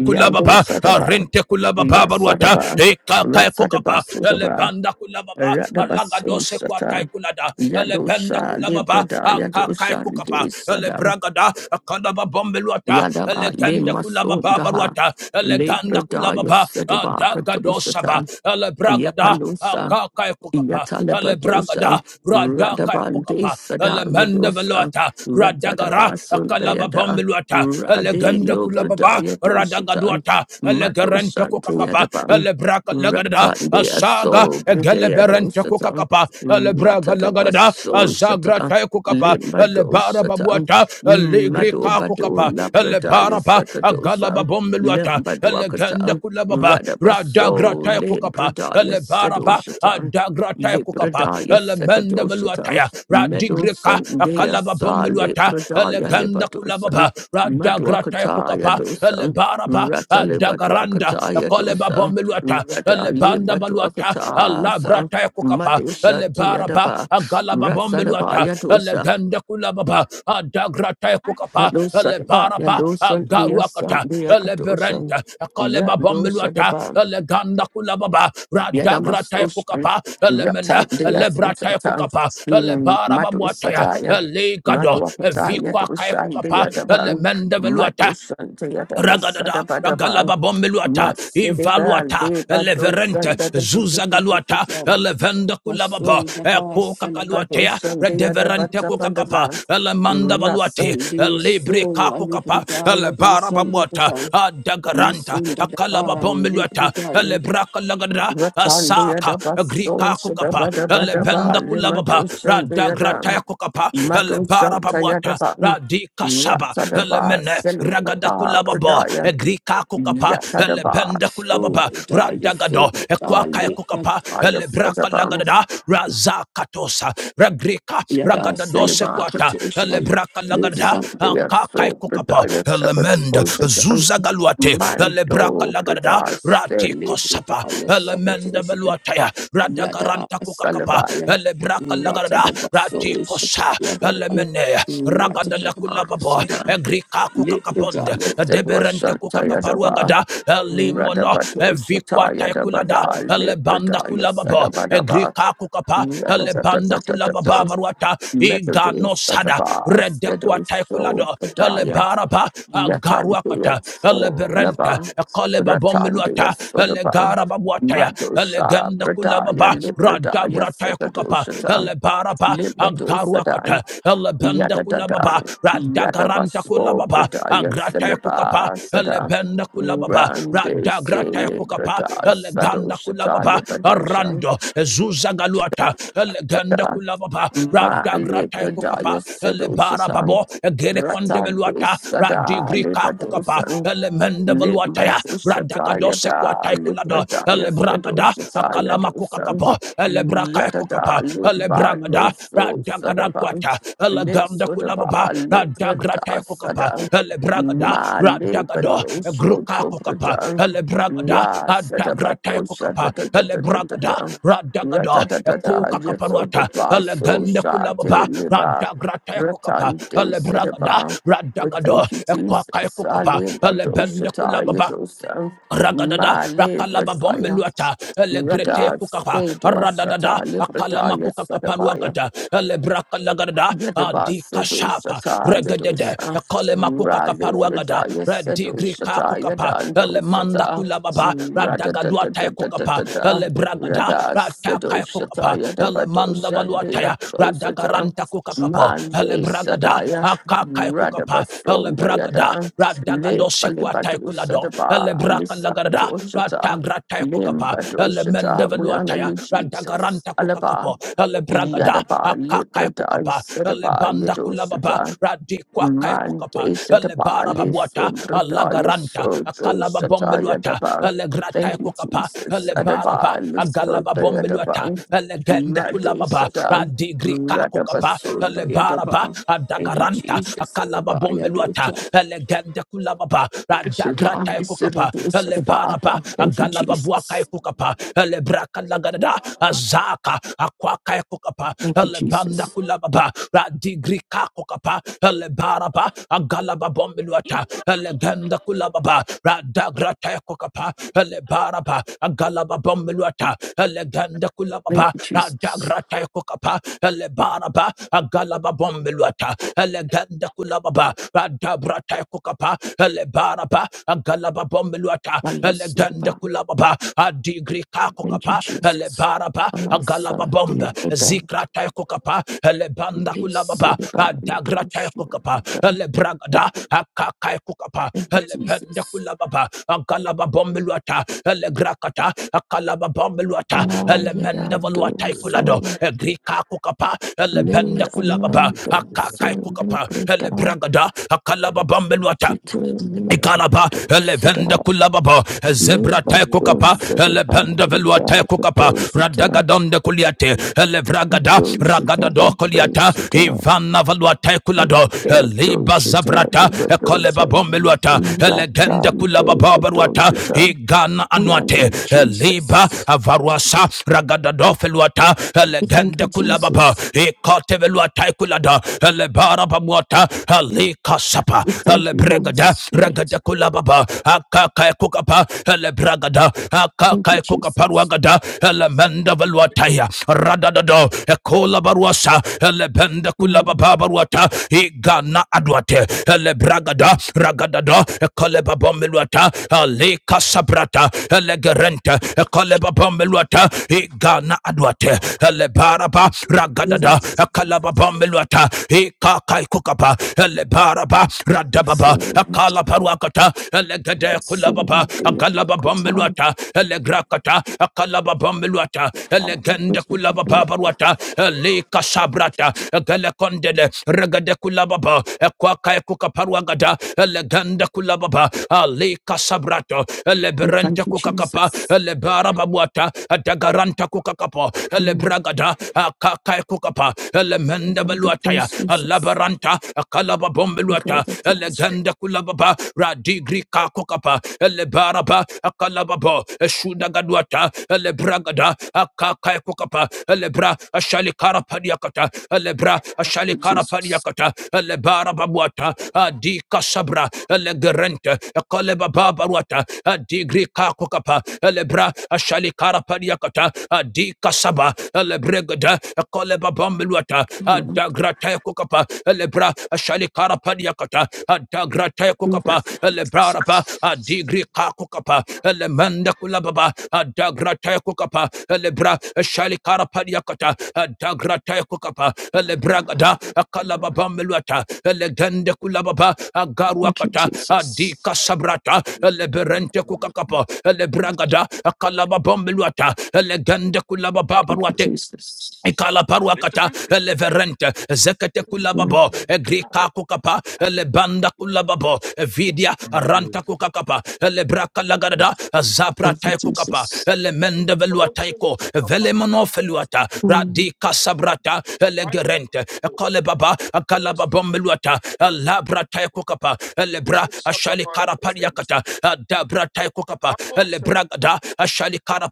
[SPEAKER 1] Yando Sadaba
[SPEAKER 5] arinte kulababa baruata
[SPEAKER 1] Yasadaba
[SPEAKER 5] kaya
[SPEAKER 1] Ratsadaba
[SPEAKER 5] kokapa
[SPEAKER 1] Sudaba
[SPEAKER 5] elebanda kulababa
[SPEAKER 1] Radaba
[SPEAKER 5] alanga dose kwa tai
[SPEAKER 1] Susata
[SPEAKER 5] kulada
[SPEAKER 1] Yado
[SPEAKER 5] elebenda
[SPEAKER 1] Sha
[SPEAKER 5] kulababa
[SPEAKER 1] Librada Yado
[SPEAKER 5] akakaya kokapa
[SPEAKER 1] Sande Sadam
[SPEAKER 5] elebragada akalaba bombeluata
[SPEAKER 1] Yadaba
[SPEAKER 5] elegende
[SPEAKER 1] Lema
[SPEAKER 5] kulababa
[SPEAKER 1] Sundaha
[SPEAKER 5] baruata eleganda
[SPEAKER 1] Librada
[SPEAKER 5] kulababa
[SPEAKER 1] Yasadaba
[SPEAKER 5] adaga dosaba
[SPEAKER 1] Katusatan
[SPEAKER 5] elebragada
[SPEAKER 1] Yapalusa
[SPEAKER 5] akakaya kokapa
[SPEAKER 1] Yatalabadosa,
[SPEAKER 5] elebragada radaka
[SPEAKER 1] Radabande
[SPEAKER 5] kokapa
[SPEAKER 1] Sada
[SPEAKER 5] elemende
[SPEAKER 1] Yadosa,
[SPEAKER 5] veluata radagara
[SPEAKER 1] Radadabasun
[SPEAKER 5] akalaba
[SPEAKER 1] Dayada,
[SPEAKER 5] bombeluata
[SPEAKER 1] Rade
[SPEAKER 5] elegende kulababa
[SPEAKER 1] Lovradaya Dosatan,
[SPEAKER 5] radagaduata elegarante
[SPEAKER 1] Madosan
[SPEAKER 5] kokakapa
[SPEAKER 1] Dayadaban,
[SPEAKER 5] elebraka lagadada
[SPEAKER 1] Ratan de
[SPEAKER 5] asaga
[SPEAKER 1] Aso, Bredea
[SPEAKER 5] egeleberente
[SPEAKER 1] Dosatan,
[SPEAKER 5] kokakapa elebraga lagadada
[SPEAKER 1] Ratadabaso
[SPEAKER 5] azagra
[SPEAKER 1] Sata,
[SPEAKER 5] tay kokapa
[SPEAKER 1] Limba
[SPEAKER 5] elebara
[SPEAKER 1] Dosatan,
[SPEAKER 5] babuata eligri
[SPEAKER 1] Mado Bado
[SPEAKER 5] kokapa
[SPEAKER 1] Labradaya
[SPEAKER 5] elebara ba agala
[SPEAKER 1] Sekadosa,
[SPEAKER 5] babombeluata
[SPEAKER 1] Limba
[SPEAKER 5] elegende
[SPEAKER 1] Dwakatan,
[SPEAKER 5] kulababa radagra
[SPEAKER 1] Radabaso,
[SPEAKER 5] tay kokapa
[SPEAKER 1] Limbradaya
[SPEAKER 5] elebara ba
[SPEAKER 1] Sedosatan.
[SPEAKER 5] adagra tay kokapa
[SPEAKER 1] Lepradaya
[SPEAKER 5] elemende beluata
[SPEAKER 1] Sekadoshatam,
[SPEAKER 5] ya radigri ka
[SPEAKER 1] Medosan Dea
[SPEAKER 5] akala
[SPEAKER 1] Sa
[SPEAKER 5] babombeluata
[SPEAKER 1] Lepradaya
[SPEAKER 5] elegende kulababa
[SPEAKER 1] Lebadosan,
[SPEAKER 5] radagra tay
[SPEAKER 1] Madwakataya
[SPEAKER 5] kokapa
[SPEAKER 1] Dosan,
[SPEAKER 5] lebara ba
[SPEAKER 1] Rata
[SPEAKER 5] baluata dagaranda
[SPEAKER 1] Lebatuakataya
[SPEAKER 5] koleba
[SPEAKER 1] Dosa,
[SPEAKER 5] bombeluata
[SPEAKER 1] Rata
[SPEAKER 5] lebanda baluata
[SPEAKER 1] Lebatuakatasa,
[SPEAKER 5] labrata kukapa
[SPEAKER 1] Madosha
[SPEAKER 5] lebaraba
[SPEAKER 1] Tayadaba,
[SPEAKER 5] galaba bombeluata
[SPEAKER 1] Ratsadabaya Dosa,
[SPEAKER 5] leganda kulababa dagrata ya kukapa
[SPEAKER 1] Madosadabaya
[SPEAKER 5] lebaraba
[SPEAKER 1] Dosan Dea San
[SPEAKER 5] garuakata
[SPEAKER 1] Dea Kadoshan,
[SPEAKER 5] leberenta koleba bombeluata
[SPEAKER 1] Yadosadaba.
[SPEAKER 5] leganda kulababa radagrata
[SPEAKER 1] Yadamasoshan,
[SPEAKER 5] kukapa lemena
[SPEAKER 1] Reptile, the
[SPEAKER 5] lebrata kukapa
[SPEAKER 1] Asentatan,
[SPEAKER 5] lebaraba
[SPEAKER 1] Madu
[SPEAKER 5] buataya
[SPEAKER 1] Sadaya, Madu
[SPEAKER 5] legado
[SPEAKER 1] Apataya,
[SPEAKER 5] vikwa kaya
[SPEAKER 1] Dushan, the
[SPEAKER 5] kukapa
[SPEAKER 1] Adaban,
[SPEAKER 5] lemende
[SPEAKER 1] Madu Shan, the
[SPEAKER 5] Ragadada,
[SPEAKER 1] Adabasadabadaban,
[SPEAKER 5] Ragalaba Bombeluata,
[SPEAKER 1] Masidibal,
[SPEAKER 5] Ivaluata,
[SPEAKER 1] the
[SPEAKER 5] Eleverente,
[SPEAKER 1] Badosan, the
[SPEAKER 5] Zuzagaluata,
[SPEAKER 1] Dadadadadadadan,
[SPEAKER 5] Elevenda Kulababa,
[SPEAKER 1] Masul, the
[SPEAKER 5] Eko
[SPEAKER 1] Bas, and the
[SPEAKER 5] Kakaluatea,
[SPEAKER 1] Badosan, the
[SPEAKER 5] Redeverente Kokakapa,
[SPEAKER 1] Adabatapandaban,
[SPEAKER 5] Elemanda Baluate,
[SPEAKER 1] Rasan, the
[SPEAKER 5] Elibre
[SPEAKER 1] Soul, and the
[SPEAKER 5] Kakokapa,
[SPEAKER 1] Bridaya, the
[SPEAKER 5] Elebara
[SPEAKER 1] Sun, the
[SPEAKER 5] Babuata,
[SPEAKER 1] Badan,
[SPEAKER 5] Adagaranta,
[SPEAKER 1] the
[SPEAKER 5] Akalaba Bombeluata,
[SPEAKER 1] Ban,
[SPEAKER 5] Elebraka Lagada,
[SPEAKER 1] Ratandia
[SPEAKER 5] Asaka,
[SPEAKER 1] da Basso,
[SPEAKER 5] Agrika Kokapa,
[SPEAKER 1] Shabba da Badaba,
[SPEAKER 5] Elebenda Kulababa,
[SPEAKER 1] Limadosan de Adam,
[SPEAKER 5] Radagrata Kokapa, Elebara
[SPEAKER 1] Madosan
[SPEAKER 5] Babuata,
[SPEAKER 1] Tayadaban,
[SPEAKER 5] Lika Saba,
[SPEAKER 1] Ratadaba,
[SPEAKER 5] Elemene,
[SPEAKER 1] Selu
[SPEAKER 5] Ragada
[SPEAKER 1] Pata,
[SPEAKER 5] Kulababa,
[SPEAKER 1] Kradaya,
[SPEAKER 5] Egrika Kukapa,
[SPEAKER 1] Yatadaba,
[SPEAKER 5] Elebenda
[SPEAKER 1] So
[SPEAKER 5] Kulababa,
[SPEAKER 1] Bredaya, So
[SPEAKER 5] Radagado, Equaka
[SPEAKER 1] Dali,
[SPEAKER 5] Kukapa,
[SPEAKER 1] Yadaya
[SPEAKER 5] Elebraka
[SPEAKER 1] Sadaban,
[SPEAKER 5] Lagadada, Razakatosa, Ragrika,
[SPEAKER 1] Yada
[SPEAKER 5] Ragadadose
[SPEAKER 1] Seliba,
[SPEAKER 5] Quata,
[SPEAKER 1] Katosan,
[SPEAKER 5] Elebraka Lagada,
[SPEAKER 1] Lisan de
[SPEAKER 5] Akakai
[SPEAKER 1] So
[SPEAKER 5] Kukapa,
[SPEAKER 1] Bredaya, Second
[SPEAKER 5] Elemenda,
[SPEAKER 1] Ocean,
[SPEAKER 5] Zuzagaluate, Elebraka
[SPEAKER 1] Mando
[SPEAKER 5] Lagada,
[SPEAKER 1] Bredaya,
[SPEAKER 5] Rati
[SPEAKER 1] Seli
[SPEAKER 5] Kosapa,
[SPEAKER 1] Bredaya,
[SPEAKER 5] Elemenda
[SPEAKER 1] Second
[SPEAKER 5] Veluataya,
[SPEAKER 1] Yada
[SPEAKER 5] Radagaranta Kukakapa,
[SPEAKER 1] Salabaya,
[SPEAKER 5] Elebraka Lagada, Rati Kosapa
[SPEAKER 1] Yatadabaso
[SPEAKER 5] kosa
[SPEAKER 1] Shataya Dadan,
[SPEAKER 5] elemene ragadada
[SPEAKER 1] Yatadaba
[SPEAKER 5] kulababo
[SPEAKER 1] Sada,
[SPEAKER 5] egrika kukakaponda
[SPEAKER 1] Lipajaya Debra
[SPEAKER 5] deberente
[SPEAKER 1] Shantaya Daba,
[SPEAKER 5] kukakaparuagada elimono
[SPEAKER 1] Radabato
[SPEAKER 5] evikwa
[SPEAKER 1] Shataya
[SPEAKER 5] taikulada
[SPEAKER 1] Dabada,
[SPEAKER 5] elebanda
[SPEAKER 1] Lipajaya
[SPEAKER 5] kulababo
[SPEAKER 1] Sadabadaba,
[SPEAKER 5] egrika kukapa elebanda kulababa
[SPEAKER 1] Radabatatatatatata,
[SPEAKER 5] baruata igano
[SPEAKER 1] Metados
[SPEAKER 5] sada
[SPEAKER 1] Sadaba,
[SPEAKER 5] redekwa
[SPEAKER 1] Sedo So
[SPEAKER 5] taikulado
[SPEAKER 1] Badaya,
[SPEAKER 5] elebaraba
[SPEAKER 1] Yatandia
[SPEAKER 5] agaruakata eleberente
[SPEAKER 1] Solaban, Ratandia
[SPEAKER 5] kolebabomilwata
[SPEAKER 1] Sodaban,
[SPEAKER 5] elegarababuataya
[SPEAKER 1] Madosha,
[SPEAKER 5] elegenda
[SPEAKER 1] Pradaya,
[SPEAKER 5] kulababa radab
[SPEAKER 1] Libradaya,
[SPEAKER 5] Rabrata Kukapa,
[SPEAKER 1] Sekadoshata,
[SPEAKER 5] Elebaraba,
[SPEAKER 1] Libadosadan,
[SPEAKER 5] Ankaruakata, Elebenda Kulababa,
[SPEAKER 1] Yadadadan,
[SPEAKER 5] Radagaranta
[SPEAKER 1] Yadabaso,
[SPEAKER 5] Kulababa,
[SPEAKER 1] Pradaya,
[SPEAKER 5] Agrata Kukapa,
[SPEAKER 1] Seliba, Sada,
[SPEAKER 5] Elebenda Kulababa,
[SPEAKER 1] Rande,
[SPEAKER 5] Radagrata Kukapa,
[SPEAKER 1] Celebrada,
[SPEAKER 5] Eleganda
[SPEAKER 1] Sadoshata,
[SPEAKER 5] Kulababa,
[SPEAKER 1] Libadosha,
[SPEAKER 5] Arando, Zuzagaluata, Eleganda Kulababa,
[SPEAKER 1] Ma,
[SPEAKER 5] Radagrata Kukapa,
[SPEAKER 1] Libradaya, Sedoshata,
[SPEAKER 5] Elebarababo, Egere
[SPEAKER 1] Ratande,
[SPEAKER 5] Conteveluata,
[SPEAKER 1] Sada,
[SPEAKER 5] Radigrika Kukapa,
[SPEAKER 1] Libadosa,
[SPEAKER 5] Elemenda Valuataya,
[SPEAKER 1] Limbadushataya
[SPEAKER 5] Radagadose
[SPEAKER 1] da
[SPEAKER 5] Kuatakulado,
[SPEAKER 1] Libradaya
[SPEAKER 5] elebragada
[SPEAKER 1] Sedushataya
[SPEAKER 5] akalama
[SPEAKER 1] dosan
[SPEAKER 5] kukakapa elebraka
[SPEAKER 1] Yadada
[SPEAKER 5] ekukapa
[SPEAKER 1] Limba
[SPEAKER 5] elebragada
[SPEAKER 1] Loso Sadaban
[SPEAKER 5] radagadakwata eleganda
[SPEAKER 1] Litsudaba
[SPEAKER 5] kulababa radagrata
[SPEAKER 1] Librada
[SPEAKER 5] ekukapa
[SPEAKER 1] Sadan
[SPEAKER 5] elebragada
[SPEAKER 1] Ma
[SPEAKER 5] radagado
[SPEAKER 1] Libadosho
[SPEAKER 5] egruka kukapa
[SPEAKER 1] Tobradan
[SPEAKER 5] elebragada
[SPEAKER 1] Ra
[SPEAKER 5] adagrata
[SPEAKER 1] Sadabato
[SPEAKER 5] ekukapa elebragada
[SPEAKER 1] Shadadadadadadada
[SPEAKER 5] radagado
[SPEAKER 1] Ratadadada
[SPEAKER 5] ekukakapanwata
[SPEAKER 1] Yetsodabaso
[SPEAKER 5] eleganda kulababa
[SPEAKER 1] Shate Liba
[SPEAKER 5] radagrata ekukapa
[SPEAKER 1] Ratante
[SPEAKER 5] elebragada
[SPEAKER 1] Sedaba we
[SPEAKER 5] radagado
[SPEAKER 1] thank you,
[SPEAKER 5] ekwaka
[SPEAKER 1] Jesus.
[SPEAKER 5] ekukapa
[SPEAKER 1] Ale
[SPEAKER 5] elebende
[SPEAKER 1] badoshataya
[SPEAKER 5] kulababa
[SPEAKER 1] dosa.
[SPEAKER 5] ragadada
[SPEAKER 1] Male
[SPEAKER 5] rakalaba
[SPEAKER 1] bradaya.
[SPEAKER 5] bombeluata elegrete
[SPEAKER 1] Radha
[SPEAKER 5] kukapa
[SPEAKER 1] say to us,
[SPEAKER 5] radadada
[SPEAKER 1] Shatali
[SPEAKER 5] akalama
[SPEAKER 1] Pradaya
[SPEAKER 5] kukakaparuagada elebrakalagada adikashapa
[SPEAKER 1] Yadabasidushata
[SPEAKER 5] regedede
[SPEAKER 1] Yadusha
[SPEAKER 5] ekolema
[SPEAKER 1] Radi
[SPEAKER 5] kukakaparuagada
[SPEAKER 1] Bradaya
[SPEAKER 5] redigrika
[SPEAKER 1] Sedushata
[SPEAKER 5] kukapa elemanda
[SPEAKER 1] Yadandosata
[SPEAKER 5] kulababa
[SPEAKER 1] Rada da da da
[SPEAKER 5] radagaduatae
[SPEAKER 1] da da
[SPEAKER 5] kukapa
[SPEAKER 1] da da
[SPEAKER 5] elebragada
[SPEAKER 1] Rada
[SPEAKER 5] ratakae
[SPEAKER 1] Sedushata
[SPEAKER 5] kukapa elemanda
[SPEAKER 1] Yadabadosha
[SPEAKER 5] valuataya
[SPEAKER 1] Deadosata
[SPEAKER 5] radagaranta kukakapo
[SPEAKER 1] Mande
[SPEAKER 5] elebragada
[SPEAKER 1] Sadaya
[SPEAKER 5] akakae
[SPEAKER 1] Rada
[SPEAKER 5] kukapa
[SPEAKER 1] Basonda
[SPEAKER 5] elebragada
[SPEAKER 1] Yada
[SPEAKER 5] radagadose kuatae
[SPEAKER 1] Lefalibadusa
[SPEAKER 5] kulado
[SPEAKER 1] Daba
[SPEAKER 5] elebraka lagarada
[SPEAKER 1] Lisakatoshata
[SPEAKER 5] ratagrata kokapa
[SPEAKER 1] Limbadoshata We honor
[SPEAKER 5] elemendeveluataya
[SPEAKER 1] you, Jesus.
[SPEAKER 5] radagaranta
[SPEAKER 1] Alaba
[SPEAKER 5] kokakapo elebragada
[SPEAKER 1] Yadaba
[SPEAKER 5] akaka
[SPEAKER 1] Librada
[SPEAKER 5] kokapa
[SPEAKER 1] Sedaba
[SPEAKER 5] elebanda kulababa
[SPEAKER 1] Yadosata
[SPEAKER 5] radikwa kaya
[SPEAKER 1] Mante
[SPEAKER 5] kokapa
[SPEAKER 1] Sedaba
[SPEAKER 5] elebara babuata
[SPEAKER 1] Lisumbrada
[SPEAKER 5] alagaranta
[SPEAKER 1] Yasoto
[SPEAKER 5] akalaba
[SPEAKER 1] Sata
[SPEAKER 5] bombeluata
[SPEAKER 1] Yadaba.
[SPEAKER 5] elegrata
[SPEAKER 1] Thank you,
[SPEAKER 5] kokapa
[SPEAKER 1] Jesus.
[SPEAKER 5] elebara ba
[SPEAKER 1] Adaba
[SPEAKER 5] agalaba
[SPEAKER 1] Lisota
[SPEAKER 5] bombeluata
[SPEAKER 1] Yadaba
[SPEAKER 5] elegende
[SPEAKER 1] Mado
[SPEAKER 5] kulababa
[SPEAKER 1] Sada
[SPEAKER 5] radigri
[SPEAKER 1] Radaba
[SPEAKER 5] kakokapa
[SPEAKER 1] Sunda
[SPEAKER 5] elebaraba
[SPEAKER 1] Yadaba. Thank you,
[SPEAKER 5] adagaranta
[SPEAKER 1] Jesus.
[SPEAKER 5] akalaba
[SPEAKER 1] Adaba
[SPEAKER 5] bombeluata
[SPEAKER 1] Yadota
[SPEAKER 5] elegende kulababa Leka grata
[SPEAKER 1] Sata
[SPEAKER 5] ekukapa.
[SPEAKER 1] Sedado
[SPEAKER 5] Lebaraba.
[SPEAKER 1] Sadabata. Thank you,
[SPEAKER 5] Agalaba buaka
[SPEAKER 1] Jesus.
[SPEAKER 5] ekukapa. Lebraka lagadada. Azaka. Akwaka ekukapa.
[SPEAKER 1] Thank you,
[SPEAKER 5] Lebanda
[SPEAKER 1] Jesus.
[SPEAKER 5] kulababa. Radigrika kukapa. Lebaraba. Agalaba bombiluata. Legenda kulababa. Radagrata ekukapa. Lebaraba. Agalaba bombiluata. Legenda
[SPEAKER 1] Thank
[SPEAKER 5] kulababa.
[SPEAKER 1] you, Jesus.
[SPEAKER 5] Radagrata ekukapa. Lebaraba. Agalaba bombiluata. Legenda kulababa. Radabrata ekukapa. Le baraba agalaba bombeluata elegende
[SPEAKER 1] Vale,
[SPEAKER 5] kulababa adigri kako
[SPEAKER 1] Thank you,
[SPEAKER 5] kapa ele
[SPEAKER 1] Jesus.
[SPEAKER 5] baraba agalaba
[SPEAKER 1] Asa, dear
[SPEAKER 5] bomba
[SPEAKER 1] Buddha,
[SPEAKER 5] zikra taiko kapa ele banda
[SPEAKER 1] this is
[SPEAKER 5] kulababa
[SPEAKER 1] about the
[SPEAKER 5] adagra
[SPEAKER 1] dosh,
[SPEAKER 5] taiko kapa
[SPEAKER 1] Buddha.
[SPEAKER 5] ele bragada akakai kukapa
[SPEAKER 1] Thank you,
[SPEAKER 5] ele bende
[SPEAKER 1] Jesus.
[SPEAKER 5] kulababa agalaba bombeluata ele grakata akalaba bombeluata
[SPEAKER 1] Ah,
[SPEAKER 5] ele mende
[SPEAKER 1] yada,
[SPEAKER 5] valuata
[SPEAKER 1] do,
[SPEAKER 9] you.
[SPEAKER 5] ikulado
[SPEAKER 1] so,
[SPEAKER 5] egrika kukapa ele
[SPEAKER 1] le,
[SPEAKER 5] bende kulababa
[SPEAKER 1] amando, so,
[SPEAKER 5] akakai
[SPEAKER 1] le,
[SPEAKER 5] kukapa ele
[SPEAKER 1] Buddha,
[SPEAKER 5] bragada akalaba bombeluata
[SPEAKER 1] chito, le,
[SPEAKER 5] Ikalaba,
[SPEAKER 1] do,
[SPEAKER 5] Elevenda
[SPEAKER 1] sada,
[SPEAKER 5] Kulababa,
[SPEAKER 1] le,
[SPEAKER 5] Zebra
[SPEAKER 1] bado,
[SPEAKER 5] Tekokapa,
[SPEAKER 1] sada, bada,
[SPEAKER 5] Elebenda Velua
[SPEAKER 1] bada,
[SPEAKER 5] Tekokapa,
[SPEAKER 1] do, sada,
[SPEAKER 5] Radagadonde Kuliate, Elevragada,
[SPEAKER 1] do, sada,
[SPEAKER 5] Ragada do
[SPEAKER 1] bado,
[SPEAKER 5] Koliata,
[SPEAKER 1] sada,
[SPEAKER 5] Ivana Valua Tekulado,
[SPEAKER 1] yada, do,
[SPEAKER 5] Eliba
[SPEAKER 1] sada, do,
[SPEAKER 5] Zavrata,
[SPEAKER 1] bado,
[SPEAKER 5] Ekoleba
[SPEAKER 1] sada,
[SPEAKER 5] Bombeluata,
[SPEAKER 1] rata,
[SPEAKER 5] Elegenda
[SPEAKER 1] le,
[SPEAKER 5] Kulababa Baruata,
[SPEAKER 1] bado,
[SPEAKER 5] Igana
[SPEAKER 1] We honor
[SPEAKER 5] Anuate,
[SPEAKER 1] you,
[SPEAKER 5] Eliba
[SPEAKER 1] Jesus.
[SPEAKER 5] Avaruasa, Ragada do Feluata,
[SPEAKER 1] We thank
[SPEAKER 5] Elegenda
[SPEAKER 1] you,
[SPEAKER 5] Kulababa,
[SPEAKER 1] Jesus.
[SPEAKER 5] Ikotevelua Tekulada, Elebara Babuata, Elika sapa
[SPEAKER 1] We
[SPEAKER 5] kulapa
[SPEAKER 1] thank
[SPEAKER 5] ale
[SPEAKER 1] you, Holy
[SPEAKER 5] bregada ragada
[SPEAKER 1] Spirit.
[SPEAKER 5] kulababa akaka kukapa ale bragada
[SPEAKER 1] Thank you,
[SPEAKER 5] akaka kukapa
[SPEAKER 1] Jesus.
[SPEAKER 5] ragada ale menda valuataya radadado ekola baruasa ale benda
[SPEAKER 1] Mm.
[SPEAKER 5] kulababa barwata, igana adwate ale bragada ragadado ekole babomeluata ale kasabrata ale gerente ekole igana adwate ele baraba ragadada
[SPEAKER 1] Yes.
[SPEAKER 5] kalababambeluata e parapa eleparapa
[SPEAKER 1] Yes,
[SPEAKER 5] radababa
[SPEAKER 1] Lord.
[SPEAKER 5] akala paruakata elegede
[SPEAKER 1] Yes,
[SPEAKER 5] kulababa
[SPEAKER 1] Lord. Dear
[SPEAKER 5] agalababa
[SPEAKER 1] Lord, Son,
[SPEAKER 5] meluata elegrakata akalababa meluata
[SPEAKER 1] Lord, we
[SPEAKER 5] elegende
[SPEAKER 1] thank you,
[SPEAKER 5] kulababa
[SPEAKER 1] Lord.
[SPEAKER 5] paruata elika sabrata egelekondele regede kulababa ekwaka ekuka paruagada elegende kulababa alika sabrato
[SPEAKER 1] We
[SPEAKER 5] eleberente
[SPEAKER 1] thank you,
[SPEAKER 5] kukakapa
[SPEAKER 1] Jesus.
[SPEAKER 5] elebarababuata adagaranta kukakapa
[SPEAKER 1] Mm.
[SPEAKER 5] elebragada akaka kukapa
[SPEAKER 1] We call the
[SPEAKER 5] Ataya,
[SPEAKER 1] praise, Jesus.
[SPEAKER 5] Alabaranta, Akalaba
[SPEAKER 1] We call
[SPEAKER 5] Bombeluata,
[SPEAKER 1] the praise,
[SPEAKER 5] Eleganda Kulababa, Radigri Kakokapa, Elebaraba, Akalababo, Eshudagaduata, Elebragada, Akakai Kokapa, Elebra, Ashalikara Padiakata, Elebra,
[SPEAKER 1] Thank you,
[SPEAKER 5] Ashalikara
[SPEAKER 1] Jesus.
[SPEAKER 5] Padiakata, Elebara Babuata, Adi Kasabra, Elegerente, Akaleba Babaruata, Adigri Kakokapa, Elebra, Ashalikara Padiakata, Adi Kasaba, Elebregada, Akaleba bambeluata
[SPEAKER 1] Amen.
[SPEAKER 5] adagrate kukapa lebra shalikara padiakata adagrate
[SPEAKER 1] We worship you,
[SPEAKER 5] lebra pa
[SPEAKER 1] Jesus.
[SPEAKER 5] adigri kakukapa lemanda kulababa adagrate kukapa lebra shalikara padiakata adagrate kukapa
[SPEAKER 1] Ah,
[SPEAKER 5] lebragada akalaba
[SPEAKER 1] Lord.
[SPEAKER 5] bambeluata legende kulababa
[SPEAKER 1] Thank you,
[SPEAKER 5] agaruakata
[SPEAKER 1] Jesus.
[SPEAKER 5] adika sabrata leberente kukakapa lebragada akalaba bambeluata legende kulababa
[SPEAKER 1] Thank you,
[SPEAKER 5] baruate
[SPEAKER 1] Jesus.
[SPEAKER 5] Ikala paruakata leverente zekete
[SPEAKER 1] Thank
[SPEAKER 5] kulababo grika kukapa lebanda kulababo vidia ranta kukakapa lebraka lagarada zapra
[SPEAKER 1] you, Jesus. Mm.
[SPEAKER 5] tai
[SPEAKER 1] Thanks,
[SPEAKER 5] kukapa
[SPEAKER 1] Jesus.
[SPEAKER 5] lemende
[SPEAKER 1] God,
[SPEAKER 5] veluataiko velemono feluata radika sabrata legerente kale baba kala babom veluata labra tai kukapa lebra ashali karapariakata pariakata dabra tai kukapa lebra ashali karapariakata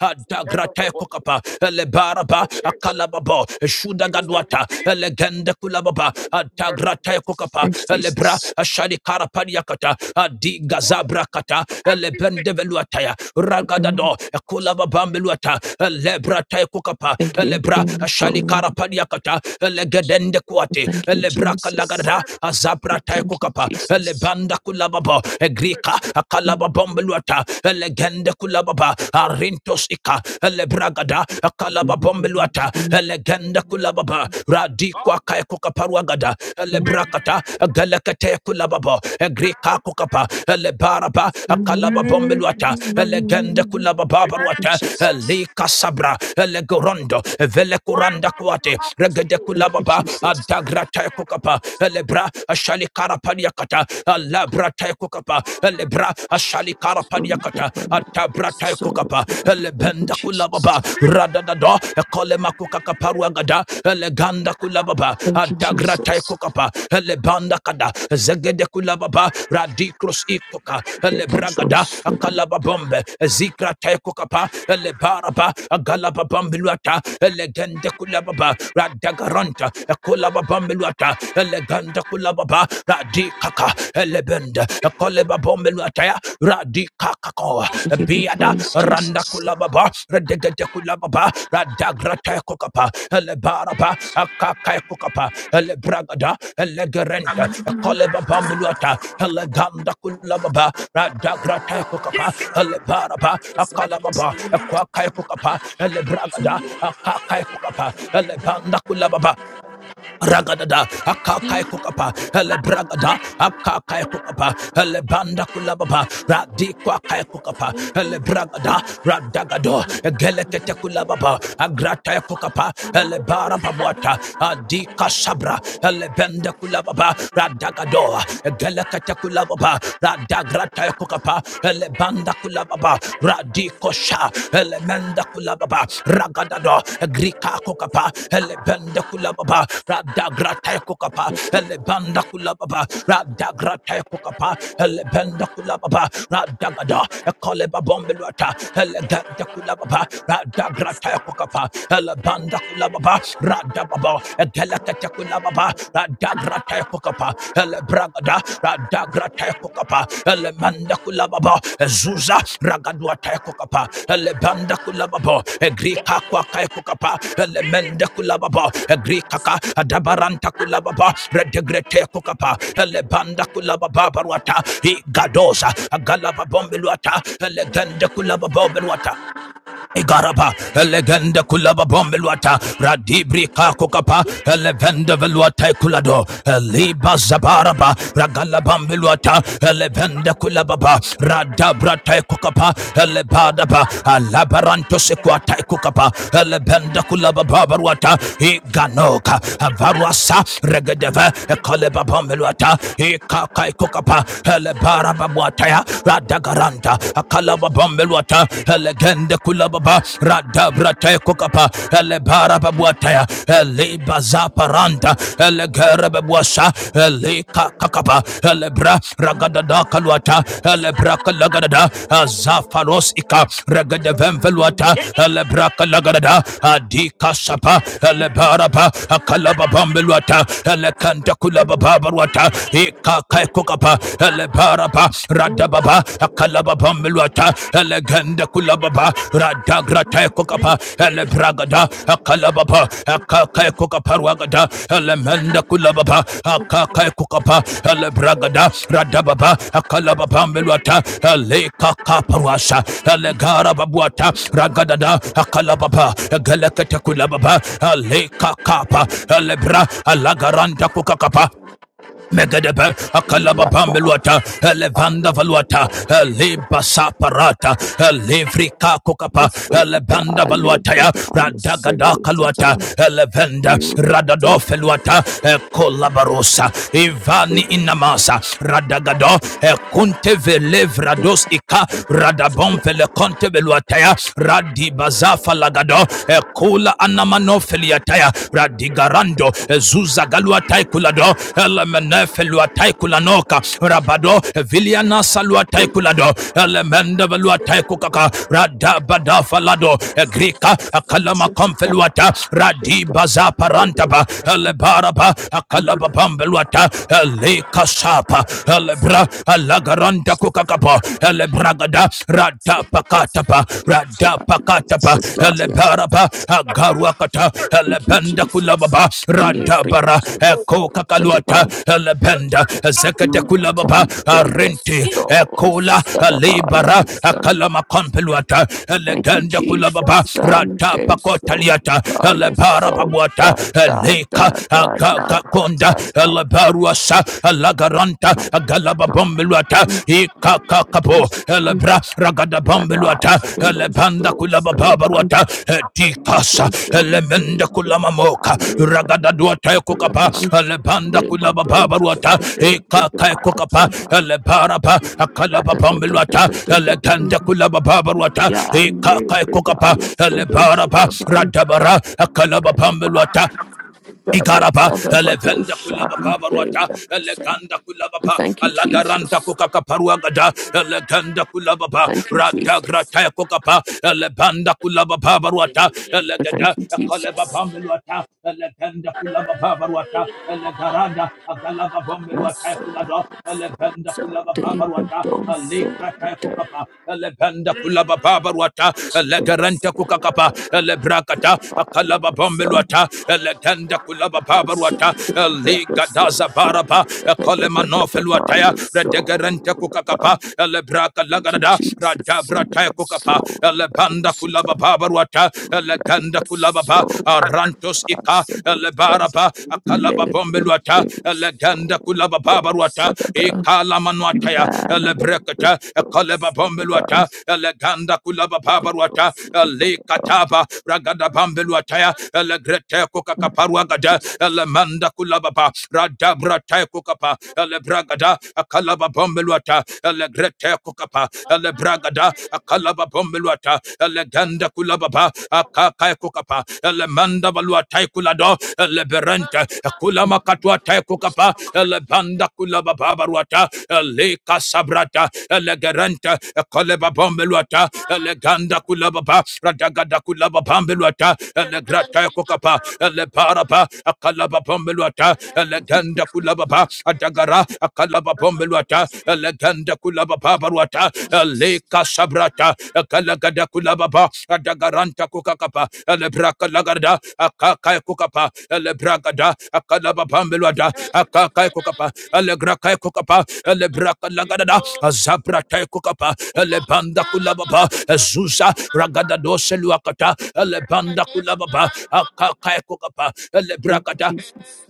[SPEAKER 5] adagrate kokapa elebaraba akalababo shudagadwata elegende kulababa adagrate kokapa elebra ashadi karapaniakata adigazabra kata elebende veluataya ragadado kulababa meluata elebra tay kokapa
[SPEAKER 1] Thank you,
[SPEAKER 5] elebra
[SPEAKER 1] King of
[SPEAKER 5] ashali
[SPEAKER 1] glory.
[SPEAKER 5] karapaniakata elegedende kuate
[SPEAKER 1] Thank you,
[SPEAKER 5] elebra
[SPEAKER 1] Jesus.
[SPEAKER 5] kalagada azabra te
[SPEAKER 1] Thank you,
[SPEAKER 5] kokapa
[SPEAKER 1] Jesus.
[SPEAKER 5] elebanda kulababo egrika akalababo meluata Kata, Elegende Kulababa, Arintos Ika, Elebragada, Akalaba Bombeluata, Elegende
[SPEAKER 1] Mm.
[SPEAKER 5] Kulababa, Radikwa Kayakuka Paruagada,
[SPEAKER 1] Thank
[SPEAKER 5] Elebrakata, Galakate Kulababa, Egrika Kukapa, Elebaraba,
[SPEAKER 1] you,
[SPEAKER 5] Akalaba Bombeluata, Elegende Kulababa Baruata,
[SPEAKER 1] Jesus.
[SPEAKER 5] Elika Sabra, Elegorondo, Velekuranda Kuate, Regede
[SPEAKER 1] Thank you,
[SPEAKER 5] Kulababa,
[SPEAKER 1] Jesus.
[SPEAKER 5] Adagrata Kukapa, Elebra, Ashali Karapaniakata, Alabra brata kukapa lebra ashali
[SPEAKER 1] So
[SPEAKER 5] karapani yakata ata
[SPEAKER 1] Um,
[SPEAKER 5] brata
[SPEAKER 1] So
[SPEAKER 5] kukapa
[SPEAKER 1] for that. Thank you,
[SPEAKER 5] lebenda kulababa
[SPEAKER 1] Jesus.
[SPEAKER 5] radadado ekole makuka kaparu agada eleganda kulababa
[SPEAKER 1] Thank you,
[SPEAKER 5] ata grata
[SPEAKER 1] Jesus.
[SPEAKER 5] kukapa lebanda kada zegede kulababa radikros ikoka
[SPEAKER 1] Give us
[SPEAKER 5] lebragada
[SPEAKER 1] those for that.
[SPEAKER 5] akalababombe zikra taikukapa lebaraba agalababambiluata legende kulababa radagaranta kulababa bombeluata Leganda elebenda kulababa radikaka elebenda koleba bombelu ataya Radikaka ko,
[SPEAKER 1] We give you
[SPEAKER 5] biada
[SPEAKER 1] praise,
[SPEAKER 5] randa
[SPEAKER 1] Jesus.
[SPEAKER 5] kulababa redegede kulababa radagrataya kukapa elebaraba akakaya kukapa elebragada elegerenta koleba bombeluata eleganda kulababa radagrataya kukapa elebaraba akalababa kwakaya kukapa elebragada akakaya kukapa elebanda kulababa Ragadada, akakai kukapa, hele bragada, akakai kukapa, hele banda kulababa, radi kwakai kukapa, hele bragada, radagado, gelekete kulababa, agrata kukapa, hele barababuata, adi kasabra, hele bende kulababa, radagado, gelekete kulababa, radagrata kukapa, hele banda kulababa, radikosha elemenda kulababa ragadado grika kokapa elebende kulababa radagrata kokapa elebanda kulababa radagrata kokapa elebenda kulababa radagada ekoleba bombelwata elegende kulababa radagrata kokapa elebanda kulababa radababa egelekete kulababa dagra tekokapa ele bragada dagra tekokapa ele manda kulababa zuza ragadwa tekokapa ele banda kulababa egrika kwa kaikokapa ele menda kulababa egrika ka adabaranta kulababa redegrete kokapa ele banda kulababa barwata igadoza galababombeluata ele ganda kulababa berwata. Igaraba, Elegenda Kulaba Bombeluata, Radibri Kakukapa, Elevenda Veluata Kulado, Eliba Zabaraba, Ragala Bombeluata, Elevenda Kulababa, Radabra Taikukapa, Elebadaba, Alabaranto Sequa Taikukapa, Elebenda Kulaba Babaruata, Iganoka, Avaruasa, Regedeva, Ekaleba Bombeluata, Ikakaikukapa, Elebaraba Buataya, Radagaranta, akalaba bambeluata elegende kulababa radabrate kokapa elebara babuataya elibazaparanta elegere babuasa elika kakapa elebra ragadada kaluata elebra kalagadada azafaros ika regadevemveluata elebra kalagadada adika sapa elebaraba akalaba bambeluata elekanta kulababa baruata ika kaikokapa elebaraba radababa akalababa milwata elegende kulababa radagrate kokapa elebragada akalababa akakae kokaparwagada elemende kulababa akakae kokapa elebragada radababa akalababa milwata elekakaparwasa elegarababuata ragadada akalababa egelekete kulababa elekakapa elebra alagaranda kokakapa Megadebe, akalaba
[SPEAKER 1] Rata,
[SPEAKER 5] pambeluata, elevanda valuata, eleba saparata, elevrika kokapa,
[SPEAKER 1] so da,
[SPEAKER 5] elebanda valuata
[SPEAKER 1] labor
[SPEAKER 5] ya,
[SPEAKER 1] da, you say
[SPEAKER 5] radagada
[SPEAKER 1] those that
[SPEAKER 5] kaluata,
[SPEAKER 1] are.
[SPEAKER 5] elevenda, radado
[SPEAKER 1] Rata,
[SPEAKER 5] feluata, ekolabarosa, ivani
[SPEAKER 1] labor
[SPEAKER 5] inamasa, radagado,
[SPEAKER 1] da,
[SPEAKER 5] ekunte velevrados ika, radabon velekonte veluata ya, radibazafa lagado, ekula feliataya radigarando zuza galuatai kulado elemene kulanoka rabado viliana saluatai kulado elemende veluatai kukaka radabada falado grika akalama konfeluata
[SPEAKER 1] so
[SPEAKER 5] radibaza parantaba elebaraba akalaba pambeluata elekasapa elebra alagaranta kukakapa elebragada radab pakatapa
[SPEAKER 1] yes.
[SPEAKER 5] rada pakatapa elebaraba agaruakata
[SPEAKER 1] Thank you,
[SPEAKER 5] elebenda
[SPEAKER 1] Jesus.
[SPEAKER 5] kulababa
[SPEAKER 1] And every
[SPEAKER 5] radabara eko
[SPEAKER 1] set
[SPEAKER 5] kakaluata
[SPEAKER 1] about
[SPEAKER 5] elebenda zekete kulababa
[SPEAKER 1] return day,
[SPEAKER 5] arenti
[SPEAKER 1] yes, so
[SPEAKER 5] ekola
[SPEAKER 1] set about
[SPEAKER 5] libara
[SPEAKER 1] yes, son.
[SPEAKER 5] akalama kompeluata
[SPEAKER 1] Thank you,
[SPEAKER 5] elegenda
[SPEAKER 1] Jesus.
[SPEAKER 5] kulababa rada
[SPEAKER 1] Sunday, so
[SPEAKER 5] pakotaliata
[SPEAKER 1] die, yes,
[SPEAKER 5] elebara
[SPEAKER 1] so
[SPEAKER 5] babuata
[SPEAKER 1] da da
[SPEAKER 5] eleka
[SPEAKER 1] da da da
[SPEAKER 5] agaka konda
[SPEAKER 1] da
[SPEAKER 5] elebaruasa alagaranta anta galaba bombeluata ikaka
[SPEAKER 1] da
[SPEAKER 5] kapo
[SPEAKER 1] da.
[SPEAKER 5] elebra ragada
[SPEAKER 1] Radha
[SPEAKER 5] bombeluata
[SPEAKER 1] Selo
[SPEAKER 5] elebanda
[SPEAKER 1] so,
[SPEAKER 5] kulaba
[SPEAKER 1] Celebrate
[SPEAKER 5] babaruata etikasa
[SPEAKER 1] Medoshan
[SPEAKER 5] elemenda kulama moka ragada duata kukapa elebanda kulaba babaruata ikaka kukapa elebarapa akalaba bombeluata eleganda kulaba babaruata ikaka kukapa elebarapa radabara akalaba bombeluata Ikarapa, Elevenda Kulabapa Baruata, Eleganda Kulabapa,
[SPEAKER 1] Thank you,
[SPEAKER 5] Alagaranta
[SPEAKER 1] Jesus.
[SPEAKER 5] Kokakaparuagada, Eleganda Kulabapa,
[SPEAKER 1] Thank you, Jesus.
[SPEAKER 5] Radagrata Kokapa, Elebanda Kulabapa Baruata, Elegada,
[SPEAKER 1] Thank you, Jesus.
[SPEAKER 5] Kalebapa Meluata, Eleganda Kulabapa Baruata, Elegarada, Agalaba Bombeluata
[SPEAKER 1] Yes,
[SPEAKER 5] Kulado, Elebanda
[SPEAKER 1] So
[SPEAKER 5] Kulabapa
[SPEAKER 1] David
[SPEAKER 5] Baruata,
[SPEAKER 1] Doso,
[SPEAKER 5] Alikrata
[SPEAKER 1] that
[SPEAKER 5] Kokapa, Elebanda Kulabapa babaruata legerente
[SPEAKER 1] Doso,
[SPEAKER 5] kukakapa lebrakata
[SPEAKER 1] I
[SPEAKER 5] akalaba
[SPEAKER 1] was a
[SPEAKER 5] bombeluata legenda kulaba babaruata
[SPEAKER 1] Sunday, that was so
[SPEAKER 5] ligadaza baraba
[SPEAKER 1] Sunday, that the
[SPEAKER 5] kolemanofeluataya
[SPEAKER 1] Father
[SPEAKER 5] redegerente
[SPEAKER 1] soul.
[SPEAKER 5] kukakapa lebraka
[SPEAKER 1] Thank you,
[SPEAKER 5] lagarada
[SPEAKER 1] Jesus, and
[SPEAKER 5] radabrataya
[SPEAKER 1] my
[SPEAKER 5] kukapa
[SPEAKER 1] soul, but it
[SPEAKER 5] lebanda
[SPEAKER 1] was a
[SPEAKER 5] kulaba babaruata
[SPEAKER 1] right of
[SPEAKER 5] legenda
[SPEAKER 1] a
[SPEAKER 5] kulababa
[SPEAKER 1] soul,
[SPEAKER 5] arantos
[SPEAKER 1] I
[SPEAKER 5] ika
[SPEAKER 1] said, it was
[SPEAKER 5] lebaraba akalaba
[SPEAKER 1] labor
[SPEAKER 5] bombeluata
[SPEAKER 1] days,
[SPEAKER 5] legenda
[SPEAKER 1] so those
[SPEAKER 5] lababaruata
[SPEAKER 1] of the
[SPEAKER 5] ikalamanuataya
[SPEAKER 1] man, labor
[SPEAKER 5] elebrekata
[SPEAKER 1] those of the
[SPEAKER 5] ekalebabambeluata
[SPEAKER 1] bus,
[SPEAKER 5] eleganda kulababaruata
[SPEAKER 1] those of the
[SPEAKER 5] elekataba ragadabambeluataya elegrete
[SPEAKER 1] bus,
[SPEAKER 5] kokakaparuagada
[SPEAKER 1] Jesus.
[SPEAKER 5] elemanda kulababa radabrata kokapa elebragada akalababambeluata elegrete kokapa elebragada akalababambeluata eleganda kulababa Akakaiko kukapa elemanda balua tai kulado eleberente kula katua tai kukapa elebanda kulaba babaruata eleka sabrata elegerente koleba bombeluata eleganda kulaba ba radagada kulaba bombeluata elegrata kukapa elebaraba akalaba bombeluata eleganda kula ba adagara akalaba bombeluata eleganda kulaba baba ruata leka sabrata kalagada kulaba ba adagaranta kukakapa lebraka lagarda akakai kukapa lebragada akalaba bambelwada
[SPEAKER 1] Thank
[SPEAKER 5] akakai kukapa legraka kukapa lebraka lagarda zabrata kukapa lebanda kulaba ba zuza ragada dose luakata lebanda kulaba ba akakai kukapa
[SPEAKER 1] you,
[SPEAKER 5] lebragada
[SPEAKER 1] Jesus.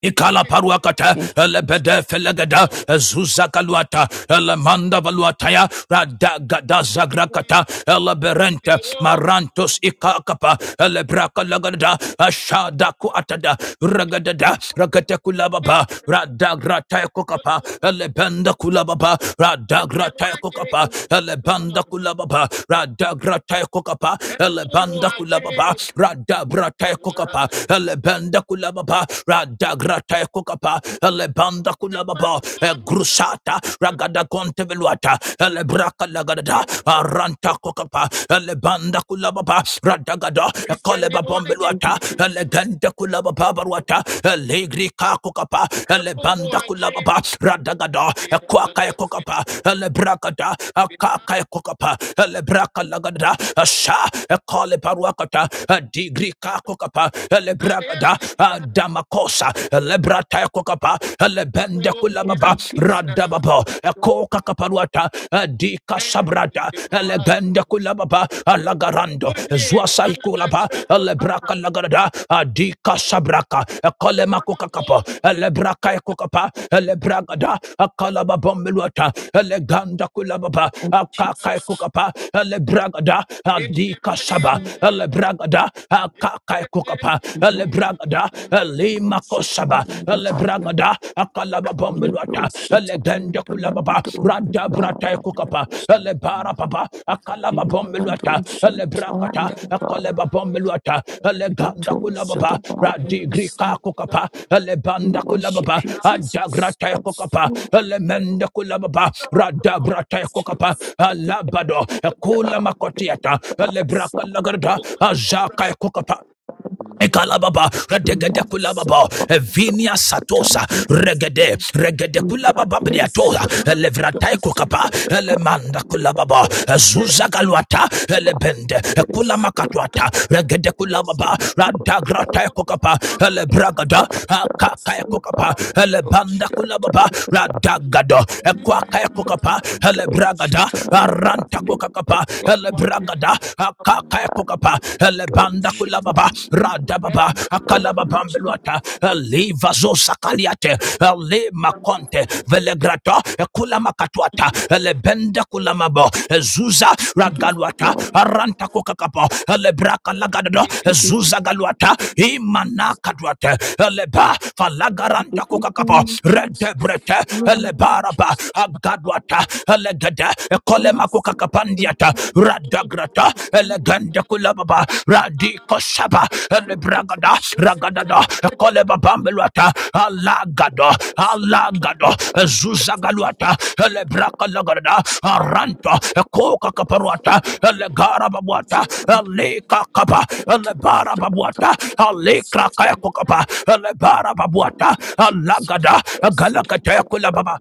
[SPEAKER 5] Ikala paruakata,
[SPEAKER 1] Thank you. Thank
[SPEAKER 5] elebede felegada, zuzakaluata, elemanda valuataya, radagada zagrakata, eleberente,
[SPEAKER 1] you,
[SPEAKER 5] marantos ikakapa, elebraka lagada, ashada kuatada, ragadada, ragate kulababa, radagrataya kukapa, elebenda kulababa, radagrataya
[SPEAKER 1] Jesus.
[SPEAKER 5] kukapa, elebanda kulababa, radagrataya kukapa, elebanda kulababa, radabrataya kukapa, elebenda kulababa, Kapa, Radagrate Kukapa, Elebanda Kulababa, e Grusata, Ragada Conteveluata, Elebraka Lagada, Aranta Kukapa, Elebanda Kulababa, Radagada, Ekoleba Bombeluata, Eleganda Kulababa Baruata, Elegri Kakukapa, Elebanda Kulababa, Radagada, Equaka Kukapa, Elebragada, Akaka Kukapa, Elebraka Lagada, Asha, Ekole Baruakata, e Digri Kakukapa, Elebragada, Rada ah, Damakosa Lebrata Kokapa Lebende
[SPEAKER 1] Thank
[SPEAKER 5] Kulababa
[SPEAKER 1] you,
[SPEAKER 5] Rada
[SPEAKER 1] Jesus.
[SPEAKER 5] Babo Koka Kaparuata Dika
[SPEAKER 1] Thank
[SPEAKER 5] Sabrada Legende Kulababa eh, Lagarando Zuasai Kulaba Lebraka Lagarada Dika Sabraka eh, Kolema Kokakapa Lebraka Kokapa Lebragada Kalaba Bombeluata eh, Leganda Kulababa
[SPEAKER 1] you,
[SPEAKER 5] Kaka
[SPEAKER 1] Jesus.
[SPEAKER 5] Kokapa Lebragada Dika Saba Lebragada Kaka Kokapa Bragada, Ale Bragada, Ale Makosaba, Ale Bragada, Akalaba Bombeluata, Ale Gende Kulababa, Rada Brata Kukapa, Ale Barapapa, Akalaba Bombeluata, Ale Brakata, Akalaba Bombeluata, Ale Ganda Kulababa, Radi Grika Kukapa, Ale
[SPEAKER 1] We
[SPEAKER 5] Banda Kulababa,
[SPEAKER 1] worship you,
[SPEAKER 5] Ada
[SPEAKER 1] Jesus.
[SPEAKER 5] Grata
[SPEAKER 1] That's
[SPEAKER 5] Kukapa,
[SPEAKER 1] so
[SPEAKER 5] Ale Mende Kulababa, Rada Brata Kukapa, Alabado, Kula Makotiata, Ale
[SPEAKER 1] precious.
[SPEAKER 5] Braka Lagarda, Azaka Kukapa, Ekalababa, regede
[SPEAKER 1] Yes,
[SPEAKER 9] Thank
[SPEAKER 5] kulababa,
[SPEAKER 1] someone
[SPEAKER 5] evinia
[SPEAKER 1] goes to
[SPEAKER 5] satosa,
[SPEAKER 1] top missiles.
[SPEAKER 5] regede, regede kulababa
[SPEAKER 1] Radis,
[SPEAKER 5] briatola, elevratai
[SPEAKER 1] those
[SPEAKER 5] kokapa,
[SPEAKER 1] the topos,
[SPEAKER 5] elemanda kulababa, zuza galuata,
[SPEAKER 1] man
[SPEAKER 5] elebende,
[SPEAKER 1] is so
[SPEAKER 5] kulamakatuata,
[SPEAKER 1] dark,
[SPEAKER 5] regede kulababa,
[SPEAKER 1] so dark
[SPEAKER 5] radagratai
[SPEAKER 1] about
[SPEAKER 5] kokapa, elebragada,
[SPEAKER 1] that, that's
[SPEAKER 5] akakai
[SPEAKER 1] a
[SPEAKER 5] kokapa,
[SPEAKER 1] body. Don't
[SPEAKER 5] elebanda
[SPEAKER 1] shut
[SPEAKER 5] kulababa,
[SPEAKER 1] up,
[SPEAKER 5] radagado, ekwakai kokapa,
[SPEAKER 1] don't
[SPEAKER 5] elebragada,
[SPEAKER 1] shut up, you have
[SPEAKER 5] aranta
[SPEAKER 1] name, but
[SPEAKER 5] kokakapa,
[SPEAKER 1] what the
[SPEAKER 5] elebragada, kaka
[SPEAKER 1] and
[SPEAKER 5] kukapa
[SPEAKER 1] don't
[SPEAKER 5] elebanda
[SPEAKER 1] shut up,
[SPEAKER 5] kulababa radababa
[SPEAKER 1] you
[SPEAKER 5] akalababa
[SPEAKER 1] keep
[SPEAKER 5] mbeluata eliva zosa kaliate ele makonte velegrata ekula makatuata lebenda kula mabo ezuza ragaluata
[SPEAKER 1] long.
[SPEAKER 5] aranta kukakapa elebraka lagadado
[SPEAKER 1] You give
[SPEAKER 5] ezuza galuata imana kaduate eleba falagaranta
[SPEAKER 1] me
[SPEAKER 5] kukakapa
[SPEAKER 1] the Jesus,
[SPEAKER 5] redebrete
[SPEAKER 1] Lord
[SPEAKER 5] elebaraba
[SPEAKER 1] Jesus,
[SPEAKER 5] agaduata elegede
[SPEAKER 1] not
[SPEAKER 5] kolema kukakapandiata
[SPEAKER 1] Jesus.
[SPEAKER 5] radagrata elegende kulababa radiko shaba
[SPEAKER 1] Master, I
[SPEAKER 5] elebragada
[SPEAKER 1] am Jesus.
[SPEAKER 5] ragadada koleba bambeluata alagado alagado zuzagaluata elebraka lagarada aranto koka kaparuata elegara babuata eleka kapa elebara babuata alekra kaya kukapa elebara babuata alagada galakata kulababa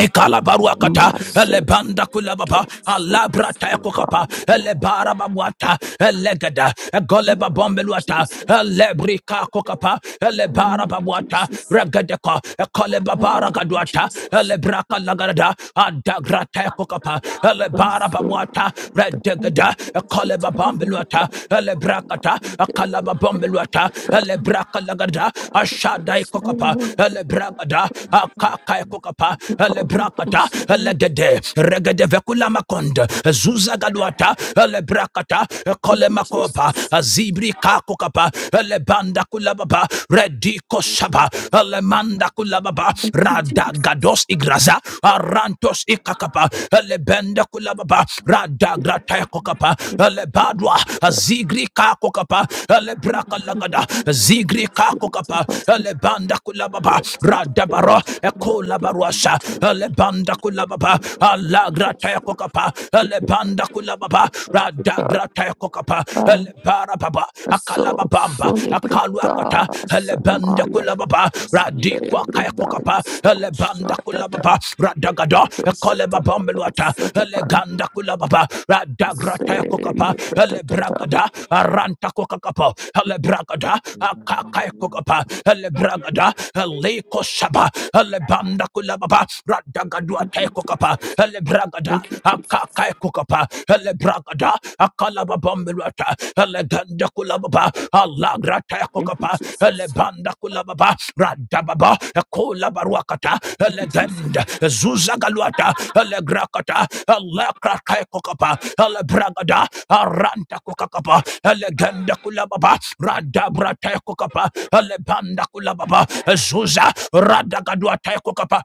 [SPEAKER 5] Ekala barua Ekalabaruakata, Elebanda Kulababa, Alabra Taekokapa, Elebara Babuata, Elegada, Goleba Bombeluata, Elebrika Kokapa,
[SPEAKER 1] I
[SPEAKER 5] Elebara
[SPEAKER 1] am
[SPEAKER 5] Babuata,
[SPEAKER 1] Jesus.
[SPEAKER 5] Regadeka, Ekoleba
[SPEAKER 1] I am
[SPEAKER 5] Baragaduata,
[SPEAKER 1] Jesus.
[SPEAKER 5] Elebraka Lagarada, Adagra Taekokapa, Elebara
[SPEAKER 1] Master,
[SPEAKER 5] Babuata, Redegada, Ekoleba Bombeluata, Elebrakata, Akalaba Bombeluata, Elebraka Lagarada, Ashadai Kokapa,
[SPEAKER 1] we
[SPEAKER 5] Elebragada, akaka Kokapa,
[SPEAKER 1] call
[SPEAKER 5] alebrakata
[SPEAKER 1] the
[SPEAKER 5] alegede regede vekula makonda zuza galuata alebrakata kole
[SPEAKER 1] Thank you,
[SPEAKER 5] makopa
[SPEAKER 1] Jesus.
[SPEAKER 5] azibri kako kapa alebanda kulababa rediko shaba alemanda kulababa
[SPEAKER 1] Thank you, Jesus.
[SPEAKER 5] radagados igraza arantos ikakapa alebenda kulababa radagrata kokapa alebadwa azigri kako kapa alebraka lagada
[SPEAKER 1] Thank
[SPEAKER 5] zigri
[SPEAKER 1] you,
[SPEAKER 5] kako kapa
[SPEAKER 1] Jesus.
[SPEAKER 5] alebanda kulababa radabaro ekola barwa Rasha, Alebanda Kulababa, Alagra Tayakokapa, Alebanda Kulababa, Radagra Tayakokapa, Elebarababa,
[SPEAKER 1] So,
[SPEAKER 5] Akalababamba,
[SPEAKER 1] so libertà,
[SPEAKER 5] Akaluakata, Alebanda
[SPEAKER 1] sanamaya,
[SPEAKER 5] Kulababa, Radikwa
[SPEAKER 1] libertà,
[SPEAKER 5] Kayakokapa,
[SPEAKER 1] so
[SPEAKER 5] Alebanda
[SPEAKER 1] shatata,
[SPEAKER 5] Kulababa, Radagada,
[SPEAKER 1] dosata,
[SPEAKER 5] Ekolebabambeluata,
[SPEAKER 1] dosata,
[SPEAKER 5] Eleganda Kulababa, Radagra
[SPEAKER 1] se
[SPEAKER 5] Tayakokapa,
[SPEAKER 1] libertà.
[SPEAKER 5] Elebragada, Aranta Kokakapa, Elebragada, Akakai Kokapa, Elebragada, Eleko Shaba, Lebanda Kulababa. Elababa, Radagadua
[SPEAKER 1] Thank you,
[SPEAKER 5] Tekokapa,
[SPEAKER 1] Jesus.
[SPEAKER 5] Elebragada,
[SPEAKER 1] Thank you, Jesus.
[SPEAKER 5] Akakai Kokapa, Elebragada, Akalababambilata, Eleganda Kulababa, Alagra
[SPEAKER 1] Thank you,
[SPEAKER 5] Tekokapa,
[SPEAKER 1] Jesus.
[SPEAKER 5] Elebanda Kulababa, Radababa, Ekolabaruakata,
[SPEAKER 1] Thank you, Jesus.
[SPEAKER 5] Eleganda, Zuzagaluata, Elegrakata, Elekrakai Kokapa, Elebragada, Aranta Kokapa, Eleganda Kulababa, Radabra Tekokapa, Elebanda Kulababa, Zuza, Radagadua Tekokapa,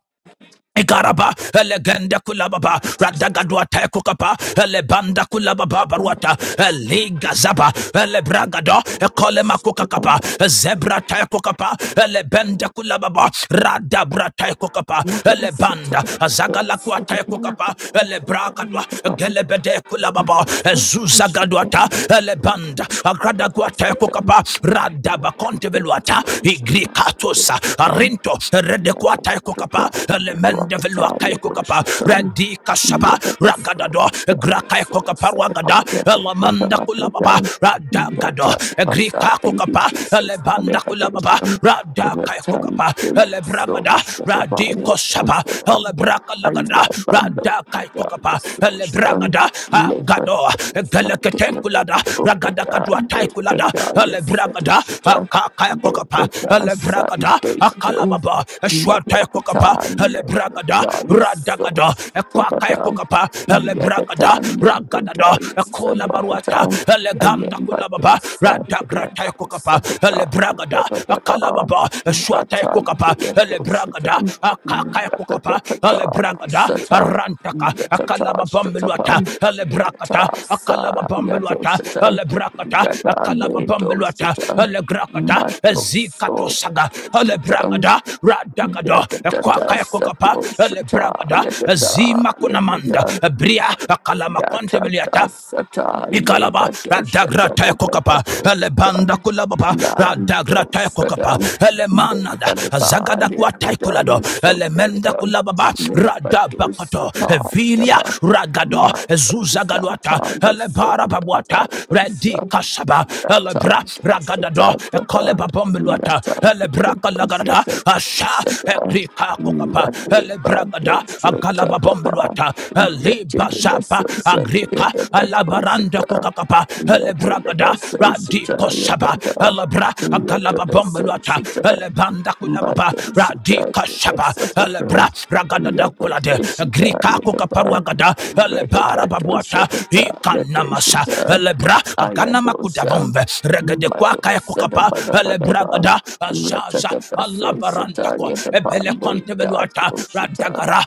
[SPEAKER 5] Igaraba, Eleganda Kulababa, Radagadua Tekukapa, Elebanda Kulababa Baruata, Eligazaba, Elebragado, Ekolema Kukakapa, Zebra Tekukapa, Elebenda Kulababa, Radabra Tekukapa,
[SPEAKER 1] Dosata,
[SPEAKER 5] Elebanda,
[SPEAKER 1] dosata,
[SPEAKER 5] Zagalakua
[SPEAKER 1] dosata,
[SPEAKER 5] Tekukapa, Elebrakadua, Gelebede Kulababa,
[SPEAKER 1] dosata,
[SPEAKER 5] Zuzagadua,
[SPEAKER 1] dosata,
[SPEAKER 5] ta, Elebanda, Agradagua te kukapa,
[SPEAKER 1] Satan,
[SPEAKER 5] Igrikapa, Radabaconteveluata,
[SPEAKER 1] so shall I
[SPEAKER 5] Igrikatus,
[SPEAKER 1] do. it.
[SPEAKER 5] Arinto,
[SPEAKER 1] Я
[SPEAKER 5] Redequata
[SPEAKER 1] был
[SPEAKER 5] Ecocapa,
[SPEAKER 1] тебя, я была кота,
[SPEAKER 5] Elemendeveluaca
[SPEAKER 1] я был
[SPEAKER 5] Ecocapa,
[SPEAKER 1] шутом.
[SPEAKER 5] Radika
[SPEAKER 1] Я
[SPEAKER 5] Shaba,
[SPEAKER 1] была
[SPEAKER 5] Ragadado,
[SPEAKER 1] сорта, я
[SPEAKER 5] Graca Ecocapa
[SPEAKER 1] солнце,
[SPEAKER 5] Wagada,
[SPEAKER 1] я был
[SPEAKER 5] Elamanda
[SPEAKER 1] кота,
[SPEAKER 5] Kulababa,
[SPEAKER 1] я Я
[SPEAKER 5] Radagado,
[SPEAKER 1] тот паса,
[SPEAKER 5] Egrika
[SPEAKER 1] Thank you,
[SPEAKER 5] Cocapa,
[SPEAKER 1] Jesus.
[SPEAKER 5] Elebanda Kulababa,
[SPEAKER 1] Alleluia.
[SPEAKER 5] Radaka
[SPEAKER 1] Return
[SPEAKER 5] Ecocapa,
[SPEAKER 1] to your soul,
[SPEAKER 5] Elebragada,
[SPEAKER 1] shut up by your
[SPEAKER 5] Radiko
[SPEAKER 1] thoughts
[SPEAKER 5] Shaba,
[SPEAKER 1] of them.
[SPEAKER 5] Elebraca
[SPEAKER 1] I
[SPEAKER 5] Lagada,
[SPEAKER 1] abandon
[SPEAKER 5] Radaka
[SPEAKER 1] the
[SPEAKER 5] kokapa
[SPEAKER 1] darkness, so
[SPEAKER 5] ele
[SPEAKER 1] shall
[SPEAKER 5] bragada ah,
[SPEAKER 1] never
[SPEAKER 5] gado
[SPEAKER 1] know
[SPEAKER 5] gele
[SPEAKER 1] someday.
[SPEAKER 5] kulada ragada
[SPEAKER 1] But I
[SPEAKER 5] kadua
[SPEAKER 1] never
[SPEAKER 5] taikulada.
[SPEAKER 1] die,
[SPEAKER 5] Le
[SPEAKER 1] yes, I do,
[SPEAKER 5] bragada
[SPEAKER 1] shut up.
[SPEAKER 5] akaka kokapa
[SPEAKER 1] Never die,
[SPEAKER 5] Le bragada
[SPEAKER 1] someday,
[SPEAKER 5] akalababa eshwa tai kokapa
[SPEAKER 1] Madhvakatan,
[SPEAKER 5] Le bragada
[SPEAKER 1] Darius,
[SPEAKER 5] radagada
[SPEAKER 1] Souls,
[SPEAKER 5] ekwaka
[SPEAKER 1] Tobata,
[SPEAKER 5] kokapa Le bragada
[SPEAKER 1] Yakatan,
[SPEAKER 5] ragadada
[SPEAKER 1] Darius,
[SPEAKER 5] ekola baruata
[SPEAKER 1] Sabakatan,
[SPEAKER 5] ele gamda
[SPEAKER 1] Ayen
[SPEAKER 5] kulababa
[SPEAKER 1] Batus,
[SPEAKER 5] radagra tai
[SPEAKER 1] Yato,
[SPEAKER 5] kokapa Le
[SPEAKER 1] Sakata,
[SPEAKER 5] bragada akalababa
[SPEAKER 1] Yadavadava,
[SPEAKER 5] kokapa shwata ya
[SPEAKER 1] Rata,
[SPEAKER 5] kokapa ele
[SPEAKER 1] Yato,
[SPEAKER 5] bragada
[SPEAKER 1] Shutam,
[SPEAKER 5] akaka ya kokapa ele
[SPEAKER 1] Rapatata,
[SPEAKER 5] bragada
[SPEAKER 1] Sata,
[SPEAKER 5] arantaka akala
[SPEAKER 1] Yatata,
[SPEAKER 5] bambeluata
[SPEAKER 1] Shatapa,
[SPEAKER 5] ele brakata
[SPEAKER 1] Yata,
[SPEAKER 5] akalaba
[SPEAKER 1] Sa, Yato,
[SPEAKER 5] bambeluata
[SPEAKER 1] Shata,
[SPEAKER 5] ele brakata
[SPEAKER 1] Rata,
[SPEAKER 5] akalaba
[SPEAKER 1] Medo,
[SPEAKER 5] bambeluata
[SPEAKER 1] Shata,
[SPEAKER 5] ele grakata
[SPEAKER 1] Mato,
[SPEAKER 5] ezikato
[SPEAKER 1] So,
[SPEAKER 5] saga ele
[SPEAKER 1] Mato,
[SPEAKER 5] bragada radagada
[SPEAKER 1] Yatata
[SPEAKER 5] kwaka ya kokapa
[SPEAKER 1] sato
[SPEAKER 5] ele
[SPEAKER 1] shata
[SPEAKER 5] bragada
[SPEAKER 1] yatata
[SPEAKER 5] zima kunamanda
[SPEAKER 1] yakuta
[SPEAKER 5] bria akalama konte
[SPEAKER 1] yatata sata
[SPEAKER 5] Ikalaba,
[SPEAKER 1] lebato
[SPEAKER 5] Radagra
[SPEAKER 1] shata
[SPEAKER 5] Tekokapa,
[SPEAKER 1] batabato
[SPEAKER 5] Elebanda
[SPEAKER 1] shata
[SPEAKER 5] Kulababa, Radagra
[SPEAKER 1] lando
[SPEAKER 5] Tekokapa,
[SPEAKER 1] sadam
[SPEAKER 5] Elemanada,
[SPEAKER 1] lefalipa
[SPEAKER 5] Zagada
[SPEAKER 1] lekuta
[SPEAKER 5] Kuataikulado, Elemenda
[SPEAKER 1] yusundeita
[SPEAKER 5] Kulababa,
[SPEAKER 1] lebato
[SPEAKER 5] Radabakato,
[SPEAKER 1] sata
[SPEAKER 5] Evilia,
[SPEAKER 1] yataba
[SPEAKER 5] Ragado,
[SPEAKER 1] mato
[SPEAKER 5] Zuzagaluata,
[SPEAKER 1] sata
[SPEAKER 5] Elebara Babuata,
[SPEAKER 1] yusundata
[SPEAKER 5] Redikasaba
[SPEAKER 1] Rather,
[SPEAKER 5] Elebra,
[SPEAKER 1] but don't shut
[SPEAKER 5] Ragadado,
[SPEAKER 1] it
[SPEAKER 5] Ekoleba Bombiluata, Elebra Kalagada, Asha, Egrika Kokapa, Elebragada, Ata, Agalaba Bombeluata, Liba Zapa, Agrika, Alabaranda Kukakapa, Elebragada, Radiko Saba, Elebra, Agalaba Bombeluata, Elebanda Kulababa, Radika Saba, Elebra, Ragada da Kulade, Agrika Kukaparuagada, Elebara Babuata,
[SPEAKER 1] down, you don't shut
[SPEAKER 5] Ikanamasa,
[SPEAKER 1] down.
[SPEAKER 5] Elebra, Aganama
[SPEAKER 1] Ayadosa,
[SPEAKER 5] Kudavombe, Regede Kwakaya
[SPEAKER 1] Madosa, the
[SPEAKER 5] Kukapa,
[SPEAKER 1] Bada Bada Ba,
[SPEAKER 5] Elebragada. Radagaranta,
[SPEAKER 1] Rata
[SPEAKER 5] Azaza,
[SPEAKER 1] the Basso, Sata,
[SPEAKER 5] Alabarantako,
[SPEAKER 1] Yatapando,
[SPEAKER 5] Ebelecontebeluata,
[SPEAKER 1] Dato, Sata.
[SPEAKER 5] Radagara,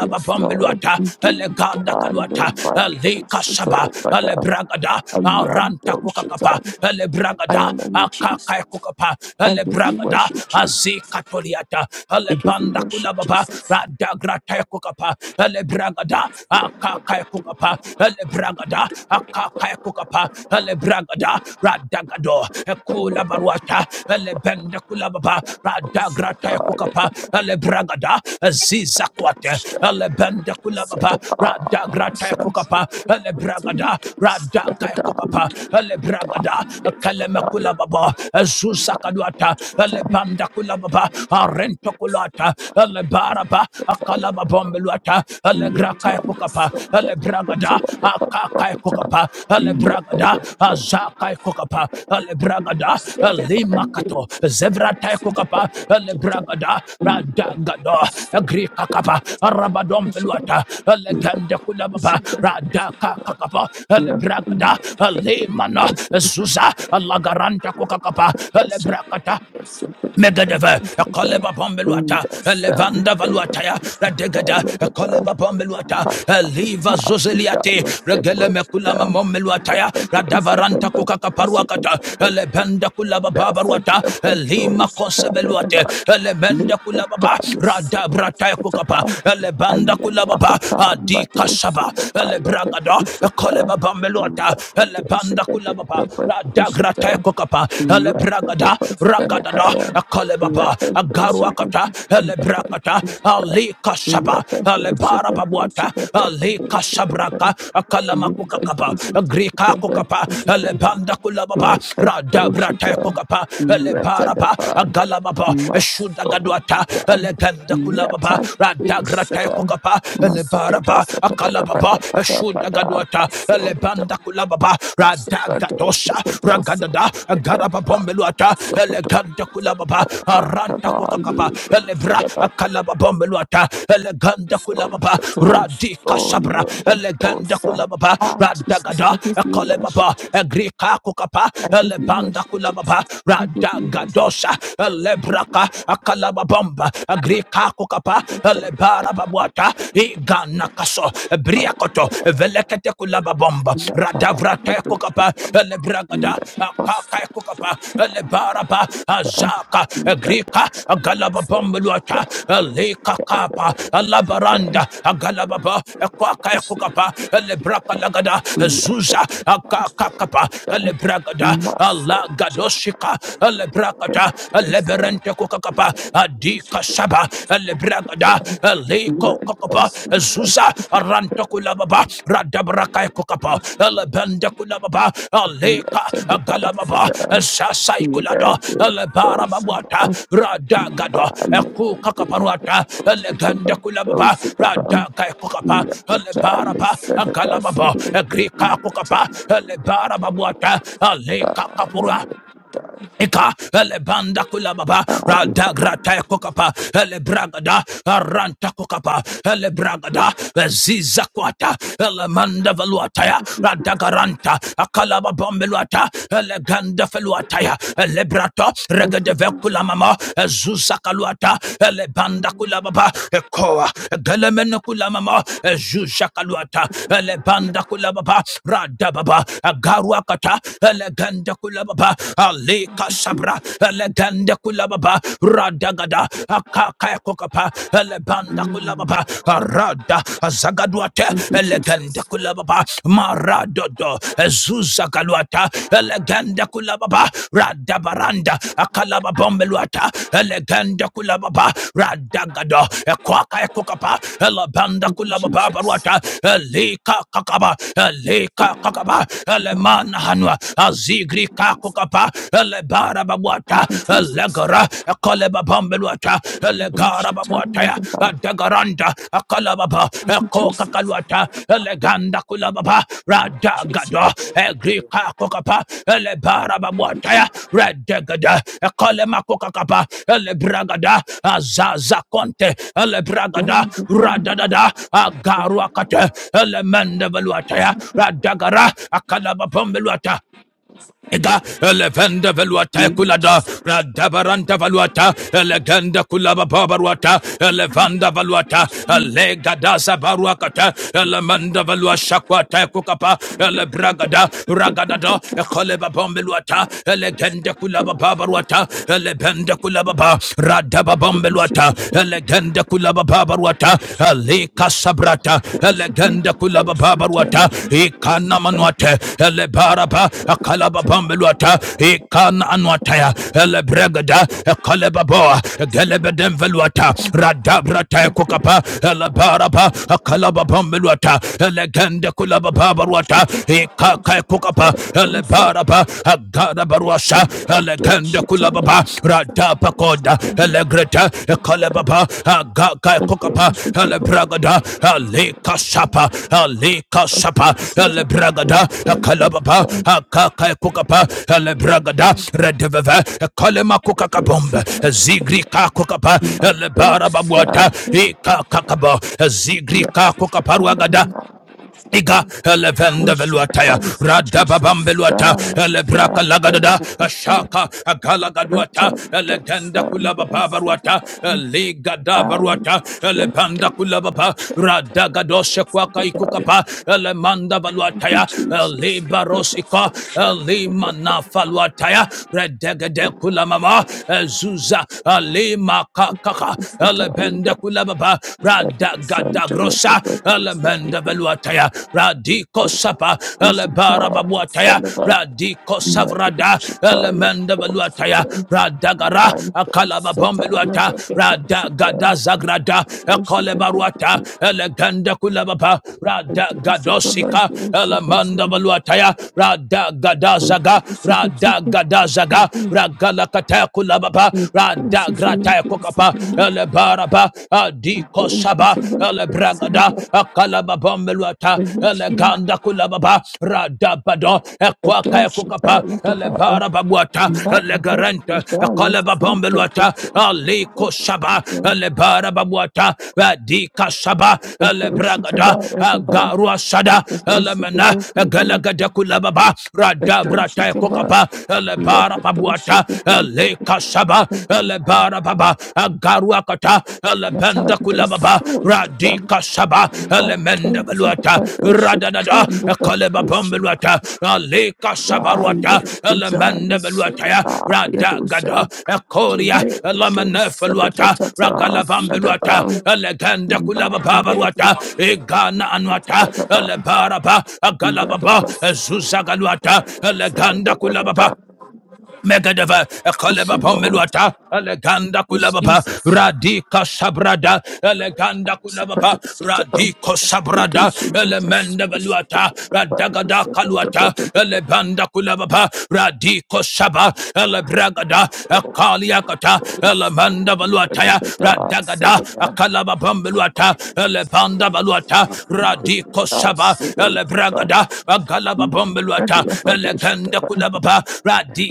[SPEAKER 1] Yes, Lord, indeed,
[SPEAKER 5] Elegada Kaluata,
[SPEAKER 1] Anamando,
[SPEAKER 5] Alika Saba,
[SPEAKER 1] Sato, Bada,
[SPEAKER 5] Alebragada, Aranta
[SPEAKER 1] Ayado,
[SPEAKER 5] Kukakapa,
[SPEAKER 1] Sata. I
[SPEAKER 5] Elebragada,
[SPEAKER 1] honor you, Jesus.
[SPEAKER 5] Akakai Kukapa,
[SPEAKER 1] I give you
[SPEAKER 5] Elebragada,
[SPEAKER 1] worship, Jesus.
[SPEAKER 5] Azikatoliata,
[SPEAKER 1] I give you
[SPEAKER 5] Alebanda
[SPEAKER 1] worship,
[SPEAKER 5] Kulababa,
[SPEAKER 1] Jesus.
[SPEAKER 5] Radagrata Kukapa, Elebragada,
[SPEAKER 1] Sata,
[SPEAKER 5] Akakai Kukapa, Elebragada, Akakai kaya kukapa le bragada radagado Kula barwata le bende kula baba radagrata ya kukapa le bragada ziza kwate
[SPEAKER 1] Yatapando,
[SPEAKER 5] le bende
[SPEAKER 1] Sata,
[SPEAKER 5] kula baba
[SPEAKER 1] Sata,
[SPEAKER 5] radagrata ya
[SPEAKER 1] Sata,
[SPEAKER 5] kukapa le bragada radaka kukapa le bragada kaleme kula baba zusa kaduata le banda kula baba arento kulata ele baraba akala bombeluata ale graka e kokapa ale bragada akaka kokapa ale bragada azaka e kokapa ale bragada lima kato zevrata e kokapa ale bragada radagado grika kapa rabadom feluata ale ganda kulababa radaka kakapa
[SPEAKER 1] Thank
[SPEAKER 5] ale bragada
[SPEAKER 1] you.
[SPEAKER 5] ale mana zuza alagaranta kokakapa ale
[SPEAKER 1] Yes,
[SPEAKER 5] brakata Megadeva, a coleba bombeluata, a levanda valuataya, radegada, a coleba bombeluata,
[SPEAKER 1] Rapper,
[SPEAKER 5] a liva zozeliate, regele meculama mombeluataya, radavaranta kukakaparuakata, a lebenda kulaba babaruata, a lima consebeluate, a lemenda kulababa, radabrataya kukapa, a lebanda kulababa, a di kasaba, a lebragada, a coleba bombeluata, a lebanda kulababa, dagrata kokapa ele bragada ragadada akalebaba agaruakata ele brakata ali kasaba
[SPEAKER 1] Thank
[SPEAKER 5] ele barababuata ali kasabraka akalamakukakaba kaba agrika kokapa ele banda kulababa radabrata kokapa ele baraba agalababa eshudagaduata ele ganda kulababa radagrata kokapa ele baraba akalababa shudagaduata beluata elebanda kulababa radagadosha ragadada agarababom beluata eleganda kulababa aranta kokakapa elebra
[SPEAKER 1] you.
[SPEAKER 5] akalababom beluata eleganda kulababa
[SPEAKER 1] Subject
[SPEAKER 5] radika
[SPEAKER 1] so
[SPEAKER 5] sabra
[SPEAKER 1] never
[SPEAKER 5] eleganda kulababa
[SPEAKER 1] Ah, Jesus,
[SPEAKER 5] radagada
[SPEAKER 1] I give you worship,
[SPEAKER 5] ekolebaba
[SPEAKER 1] Jesus.
[SPEAKER 5] agrika kokapa
[SPEAKER 1] I give you
[SPEAKER 5] elebanda
[SPEAKER 1] worship, Jesus.
[SPEAKER 5] kulababa
[SPEAKER 1] I give you worship, Jesus.
[SPEAKER 5] radagadosa
[SPEAKER 1] I give
[SPEAKER 5] elebraka akalababomba agrika kokapa
[SPEAKER 1] you worship. the day the
[SPEAKER 5] elebara
[SPEAKER 1] time
[SPEAKER 5] wata
[SPEAKER 1] and the
[SPEAKER 5] igana
[SPEAKER 1] strength
[SPEAKER 5] kaso
[SPEAKER 1] of
[SPEAKER 5] briakoto
[SPEAKER 1] the day.
[SPEAKER 5] velekete kulaba bomba
[SPEAKER 1] Let our
[SPEAKER 5] radavrata
[SPEAKER 1] the bridge
[SPEAKER 5] kokapa
[SPEAKER 1] become.
[SPEAKER 5] lebragada
[SPEAKER 1] Let it pass
[SPEAKER 5] kaka
[SPEAKER 1] so so
[SPEAKER 5] kokapa
[SPEAKER 1] time never
[SPEAKER 5] lebaraba
[SPEAKER 1] do time.
[SPEAKER 5] azaka
[SPEAKER 1] Let it
[SPEAKER 5] grika
[SPEAKER 1] come
[SPEAKER 5] galaba bomba
[SPEAKER 1] so she
[SPEAKER 5] luata
[SPEAKER 1] can, so
[SPEAKER 5] leka
[SPEAKER 1] she can,
[SPEAKER 5] kapa
[SPEAKER 1] so she can.
[SPEAKER 5] labaranda galaba ba kwaka
[SPEAKER 1] Thank you.
[SPEAKER 5] kokapa lebraka lagada zuza kakapa lebragada Allah gadoshika lebrakata leberente kokapa adika shaba lebragada leko kokapa zuza uh, ranto kulababa radabraka kokapa lebende kulababa leka galababa uh, sasai kulada lebara babwata radagado eku kakaparuata legende kulababa radaga kokapa
[SPEAKER 1] Let the child
[SPEAKER 5] lebaraba
[SPEAKER 1] set of us
[SPEAKER 5] galababa
[SPEAKER 1] into
[SPEAKER 5] grika kokapa
[SPEAKER 1] the
[SPEAKER 5] lebara babwata
[SPEAKER 1] person.
[SPEAKER 5] kapura. Eka elebanda kulababa
[SPEAKER 1] Um,
[SPEAKER 5] radagrata kokapa elebragada aranta kokapa elebragada ziza kwata elemanda valuataya
[SPEAKER 1] thank you, Jesus.
[SPEAKER 5] radagaranta akalaba bombeluata eleganda feluataya elebrato
[SPEAKER 1] Thank you,
[SPEAKER 5] regedeve mama zuza kaluata elebanda kulababa ekoa gelemene kulamama zuza kaluata elebanda kulababa radababa agaruakata eleganda kulababa kulababa alika
[SPEAKER 1] Jesus. Thank you,
[SPEAKER 5] sabra
[SPEAKER 1] Jesus.
[SPEAKER 5] elegende kulababa radagada akaka kokapa elebanda
[SPEAKER 1] Mm.
[SPEAKER 5] kulababa arada zagadwate
[SPEAKER 1] Thank you,
[SPEAKER 5] elegende
[SPEAKER 1] Jesus.
[SPEAKER 5] kulababa maradodo ezuza galuata elegende kulababa radabaranda akalaba bombeluata elegende kulababa radagado ekwaka kokapa elebanda
[SPEAKER 1] Thank you,
[SPEAKER 5] kulababa
[SPEAKER 1] Jesus.
[SPEAKER 5] baruata elika kakaba elika kakaba elemana hanwa azig igrika kukapa elebara babwata
[SPEAKER 1] Thank you, Jesus.
[SPEAKER 5] elegara ekoleba bambelwata
[SPEAKER 1] Thank you, Jesus. Thank you, Jesus.
[SPEAKER 5] elegara babwata ya adegaranda akalababa
[SPEAKER 1] Thank you,
[SPEAKER 5] ekoka
[SPEAKER 1] Jesus.
[SPEAKER 5] kalwata eleganda kulababa
[SPEAKER 1] Thank you,
[SPEAKER 5] radagado egrika kukapa elebara babwata
[SPEAKER 1] Jesus. Thank
[SPEAKER 5] ya redegada ekolema kukakapa elebragada azaza konte elebragada radadada agaruakate elemende veluata ya radagara akalaba Bambelwata, Ega elevende veluata
[SPEAKER 1] you,
[SPEAKER 5] kulada
[SPEAKER 1] Jesus.
[SPEAKER 5] radabaranta valuata elegenda kulaba babaruata elevanda valuata
[SPEAKER 1] Lord,
[SPEAKER 5] elega dasa baruakata elemanda valua shakwata kukapa elebragada
[SPEAKER 1] the God of
[SPEAKER 5] ragadada ekoleba bombeluata elegenda kulaba babaruata elebenda kulaba ba radaba
[SPEAKER 1] the future, we are sinners. We are the protector and
[SPEAKER 5] bombeluata
[SPEAKER 1] searcher of
[SPEAKER 5] elegenda kulaba babaruata ele ikasabrata
[SPEAKER 1] the first of the
[SPEAKER 5] elegende
[SPEAKER 1] elders. We tell
[SPEAKER 5] kulabababaruata
[SPEAKER 1] you, we
[SPEAKER 5] ikana
[SPEAKER 1] seek our
[SPEAKER 5] manuate elebaraba
[SPEAKER 1] return.
[SPEAKER 5] akalababambeluata ikana anuataya elebregada ekalebaboa gelebedemveluata radabrata
[SPEAKER 1] Every
[SPEAKER 5] kukapa elebaraba akalababambeluata elegende kulabababaruata
[SPEAKER 1] church of the elders, we
[SPEAKER 5] ikaka
[SPEAKER 1] tell
[SPEAKER 5] kukapa
[SPEAKER 1] you, we seek our return.
[SPEAKER 5] elebaraba agadabaruasa
[SPEAKER 1] We are
[SPEAKER 5] ele
[SPEAKER 1] the
[SPEAKER 5] eleganda
[SPEAKER 1] shepherd of
[SPEAKER 5] kulababa rada
[SPEAKER 1] the
[SPEAKER 5] pakoda
[SPEAKER 1] elders.
[SPEAKER 5] elegreta ekalebaba agaga
[SPEAKER 1] Thank
[SPEAKER 5] kokapa
[SPEAKER 1] you,
[SPEAKER 5] elebragada alika sapa alika sapa elebragada ekalebaba akaka kokapa elebragada redeveve ekalema kokakabomba zigri kakokapa elebarababwata ikakakaba zigri kakokaparwagada Iga elevende veluataya radababambeluata elebraka lagadada ashaka agalagaduata elegenda kulabababaruata eligadabaruata elebanda kulababa radagadoshe kwaka ikukapa elemanda valuataya elibarosika
[SPEAKER 1] Jesus.
[SPEAKER 5] elimanafaluataya redegede kulamama ezuza elimakakaka
[SPEAKER 1] Thank
[SPEAKER 5] elebende kulababa radagada Radagrosa, elemenda veluataya radiko sapa elebara babuataya radiko savrada elemenda veluataya radagara akalababombeluata radagada zagrada ekolebaruata eleganda kulababa radagadosika elemenda veluataya Radagadazaga, radagadazaga. radagada zaga ragalakataya kulababa radagrata kokapa Ele elebaraba adiko saba elebragada akalababambeluata eleganda kulababa radabado ekwaka ekukapa
[SPEAKER 1] you.
[SPEAKER 5] elebarababuata
[SPEAKER 1] But Thank you.
[SPEAKER 5] elegarente
[SPEAKER 1] are
[SPEAKER 5] ekalababambeluata aliko saba elebarababuata adika saba
[SPEAKER 1] the groceries
[SPEAKER 5] elebragada
[SPEAKER 1] about everybody.
[SPEAKER 5] agarua sada
[SPEAKER 1] That's
[SPEAKER 5] elemena egalagada kulababa radabrata ekukapa elebaraba Babuata, shaba elebara baba agaruakata
[SPEAKER 1] how
[SPEAKER 5] elebenda
[SPEAKER 1] they
[SPEAKER 5] kulababa
[SPEAKER 1] source the time,
[SPEAKER 5] radika shaba
[SPEAKER 1] but
[SPEAKER 5] elemenda
[SPEAKER 1] things of the
[SPEAKER 5] beluata
[SPEAKER 1] groceries
[SPEAKER 5] radadada
[SPEAKER 1] come with the
[SPEAKER 5] ekaleba
[SPEAKER 1] groceries.
[SPEAKER 5] bombeluata alika shabaruata
[SPEAKER 1] Rale, Pujale,
[SPEAKER 5] elemenda beluata ya
[SPEAKER 1] Sila,
[SPEAKER 5] radagada
[SPEAKER 1] Yadosa,
[SPEAKER 5] ekoria
[SPEAKER 1] Le, Pujosa, the
[SPEAKER 5] elamenefeluata
[SPEAKER 1] Tata,
[SPEAKER 5] ragalabambeluata
[SPEAKER 1] Sadaba,
[SPEAKER 5] elegenda kulabababaruata
[SPEAKER 1] Rale,
[SPEAKER 5] egana
[SPEAKER 1] I'm
[SPEAKER 5] anuata
[SPEAKER 1] can't don't
[SPEAKER 5] elebaraba agalababa ezuzagaluata eleganda kulababa Megadeva Koleba Pomeluata Eleganda Kulababa Radika Sabrada Eleganda Kulababa Radiko Sabrada Elemenda Veluata Radagada Kaluata Elebanda Kulababa Radiko Saba Elebragada Akaliakata Elemenda Veluataya Radagada Akalaba Pomeluata Elebanda Veluata Radiko Saba Elebragada Agalaba Pomeluata Eleganda
[SPEAKER 1] do
[SPEAKER 5] Kulababa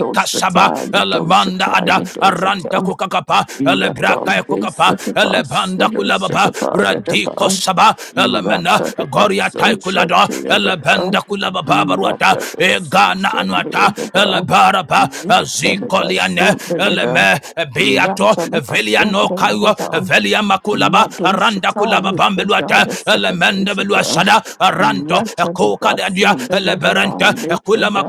[SPEAKER 1] Jesus,
[SPEAKER 5] saba
[SPEAKER 1] Doshita,
[SPEAKER 5] elemanda ada
[SPEAKER 1] Doshita,
[SPEAKER 5] aranta
[SPEAKER 1] Doshita.
[SPEAKER 5] kukakapa elebraka
[SPEAKER 1] Rattan
[SPEAKER 5] kukapa
[SPEAKER 1] Sutapa
[SPEAKER 5] elebanda
[SPEAKER 1] Selo
[SPEAKER 5] kulababa
[SPEAKER 1] Sutapa
[SPEAKER 5] radiko
[SPEAKER 1] Yadapa
[SPEAKER 5] saba elemena
[SPEAKER 1] Ratadapa
[SPEAKER 5] goria tai
[SPEAKER 1] Social
[SPEAKER 5] kulada
[SPEAKER 1] Yadapa
[SPEAKER 5] elebenda kulababa baruata
[SPEAKER 1] Ratadapa
[SPEAKER 5] egana
[SPEAKER 1] Social
[SPEAKER 5] anuata
[SPEAKER 1] Yadapa
[SPEAKER 5] elebaraba
[SPEAKER 1] Ratadapa
[SPEAKER 5] azikoliane
[SPEAKER 1] Sunda Yada
[SPEAKER 5] eleme beato
[SPEAKER 1] Ratadapa
[SPEAKER 5] veliano
[SPEAKER 1] Sunda
[SPEAKER 5] kayo
[SPEAKER 1] Yadapa
[SPEAKER 5] velia makulaba
[SPEAKER 1] Madu
[SPEAKER 5] aranda kulaba
[SPEAKER 1] Shatali
[SPEAKER 5] bambeluata
[SPEAKER 1] Udaya
[SPEAKER 5] elemenda
[SPEAKER 1] Secondary
[SPEAKER 5] beluasada
[SPEAKER 1] Thank
[SPEAKER 5] aranto
[SPEAKER 1] you,
[SPEAKER 5] koka
[SPEAKER 1] Jesus.
[SPEAKER 5] dadia
[SPEAKER 1] Um, they should have
[SPEAKER 5] eleberente kulama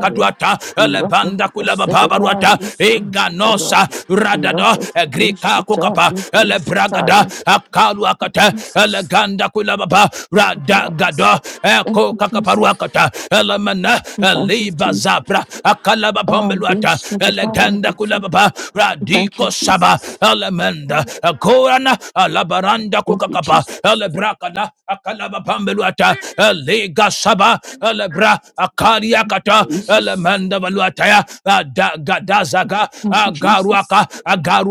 [SPEAKER 5] Ruata, Lebanda Kulaba Baba Ruata, Eganosa, Radada, Agrika Kukapa, Elebragada, Akaluakata, Eleganda Kulababa, Radagada, Eko Kakaparuakata, Elemana, Eliba Zabra, Akalaba Bombeluata,
[SPEAKER 1] got
[SPEAKER 5] Eleganda
[SPEAKER 1] it.
[SPEAKER 5] Kulababa,
[SPEAKER 1] Thank you,
[SPEAKER 5] Radiko Saba,
[SPEAKER 1] Jesus.
[SPEAKER 5] Elemenda, Agorana, Alabaranda
[SPEAKER 1] Thank you,
[SPEAKER 5] Kukakapa,
[SPEAKER 1] Jesus.
[SPEAKER 5] Elebrakada, Akalaba Bombeluata, Elega Saba, Elebra, Akariakata, Garuaka,
[SPEAKER 1] Jesus.
[SPEAKER 5] Alamanda Valuataya, Gadazaga,
[SPEAKER 1] Thank you,
[SPEAKER 5] Agaruaka,
[SPEAKER 1] Jesus. Mm,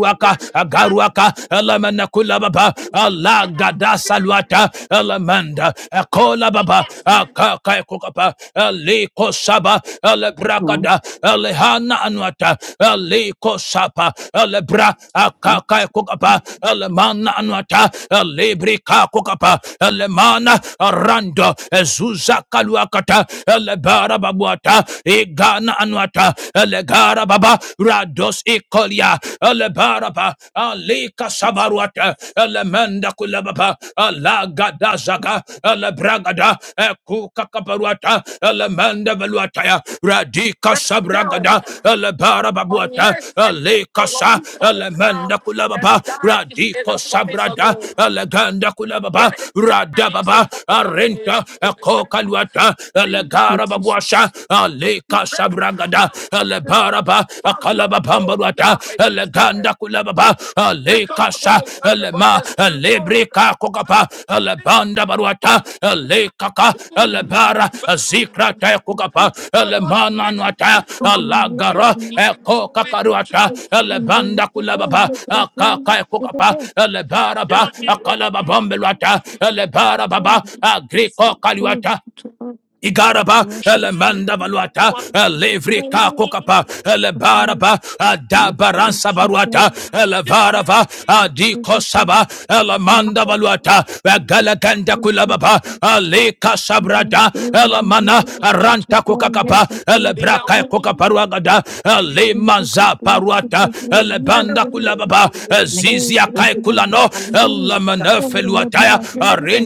[SPEAKER 1] Thank
[SPEAKER 5] Agaruaka, Alamana Kulababa, Allah Gadasaluata, Alamanda, Akola Baba, Akakai Kokapa, Aliko Saba, Alebrakada, Alehana Anuata, Aliko Sapa, Alebra, Akakai Kokapa, Alemana Anuata, Alebrika Kokapa, Alemana, Rando, uh, Zuza Kaluakata, Aleba legara babuata egana anuata legara baba rados ikolia lebara ba alika sabaruata elemenda kulababa alagada zaga elebragada ekuka kaparuata elemenda veluata radika sabragada elebara babuata alika sa elemenda kulababa radiko sabrada eleganda kulababa radababa arenta ekokaluata
[SPEAKER 1] you, Jesus. Thank you,
[SPEAKER 5] Elegara
[SPEAKER 1] Jesus.
[SPEAKER 5] babuasha, aleka sabragada, elebaraba,
[SPEAKER 1] I'm
[SPEAKER 5] akalaba
[SPEAKER 1] not going to
[SPEAKER 5] pambaruata,
[SPEAKER 1] die this day.
[SPEAKER 5] eleganda kulababa,
[SPEAKER 1] Lift up
[SPEAKER 5] aleka
[SPEAKER 1] the
[SPEAKER 5] sa,
[SPEAKER 1] voice, everybody,
[SPEAKER 5] elema,
[SPEAKER 1] as they mourn.
[SPEAKER 5] elebrika kukapa, elebanda baruata, elekaka, elebara, zikrata
[SPEAKER 1] You
[SPEAKER 5] kukapa,
[SPEAKER 1] think, oh God,
[SPEAKER 5] elemana
[SPEAKER 1] makes it
[SPEAKER 5] nuata,
[SPEAKER 1] difficult. Teach
[SPEAKER 5] alagara,
[SPEAKER 1] me
[SPEAKER 5] eko
[SPEAKER 1] with
[SPEAKER 5] kakaruata,
[SPEAKER 1] you.
[SPEAKER 5] elebanda kulababa, akaka kukapa, elebaraba,
[SPEAKER 1] You're near
[SPEAKER 5] akalaba bambeluata, elebarababa, agriko kaluata, Igaraba, Elemanda Valuata, Elevrika Kokapa, Elebaraba, Adabaransa Baruata, Elevarava, adikosaba Saba, Elemanda Valuata, Galaganda Kulababa, Alika
[SPEAKER 1] They
[SPEAKER 5] Sabrada,
[SPEAKER 1] don't
[SPEAKER 5] Elemana, Aranta Kokakapa, Elebraka Kokaparuagada,
[SPEAKER 1] if you
[SPEAKER 5] Elemanza Paruata,
[SPEAKER 1] did a
[SPEAKER 5] Elebanda
[SPEAKER 1] window, how
[SPEAKER 5] Kulababa,
[SPEAKER 1] you would make me
[SPEAKER 5] Zizia Kai Kulano, Elemana Feluataya,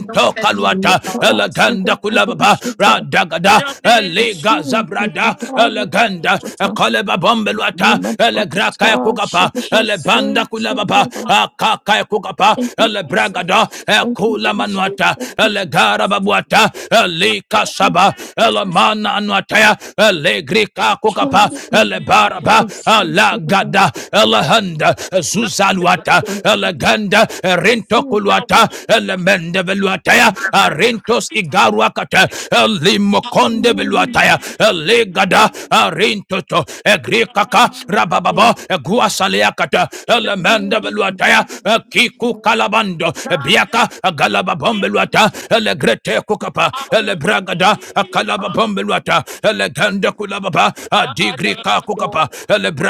[SPEAKER 1] don't spend me
[SPEAKER 5] Kaluata,
[SPEAKER 1] with
[SPEAKER 5] Eleganda
[SPEAKER 1] dollars.
[SPEAKER 5] eleganda kulababa radagada
[SPEAKER 1] Jumping.
[SPEAKER 5] eliga zabrada eleganda ekaleba bombelwata elegraka ekugapa elebanda kulababa akaka ekugapa
[SPEAKER 1] Thank you, Jesus.
[SPEAKER 5] elebragada
[SPEAKER 1] Thank you,
[SPEAKER 5] ekula manwata,
[SPEAKER 1] Jesus.
[SPEAKER 5] elegara babuata elika
[SPEAKER 1] Thank you,
[SPEAKER 5] saba
[SPEAKER 1] Jesus.
[SPEAKER 5] elemana anuataya elegrika kugapa elebaraba alagada elehanda zuzaluata eleganda rintokulwata elemende velwata beluataya arentos igaruakata uh, limokonde beluataya uh, legada arentoto egrekaka rabababa uh, guasaleakata elemenda beluataya uh, kiku kalabando uh, biaka uh, galababom beluata elegrete kukapa elebragada kalababom beluata eleganda kulababa adigrika kukapa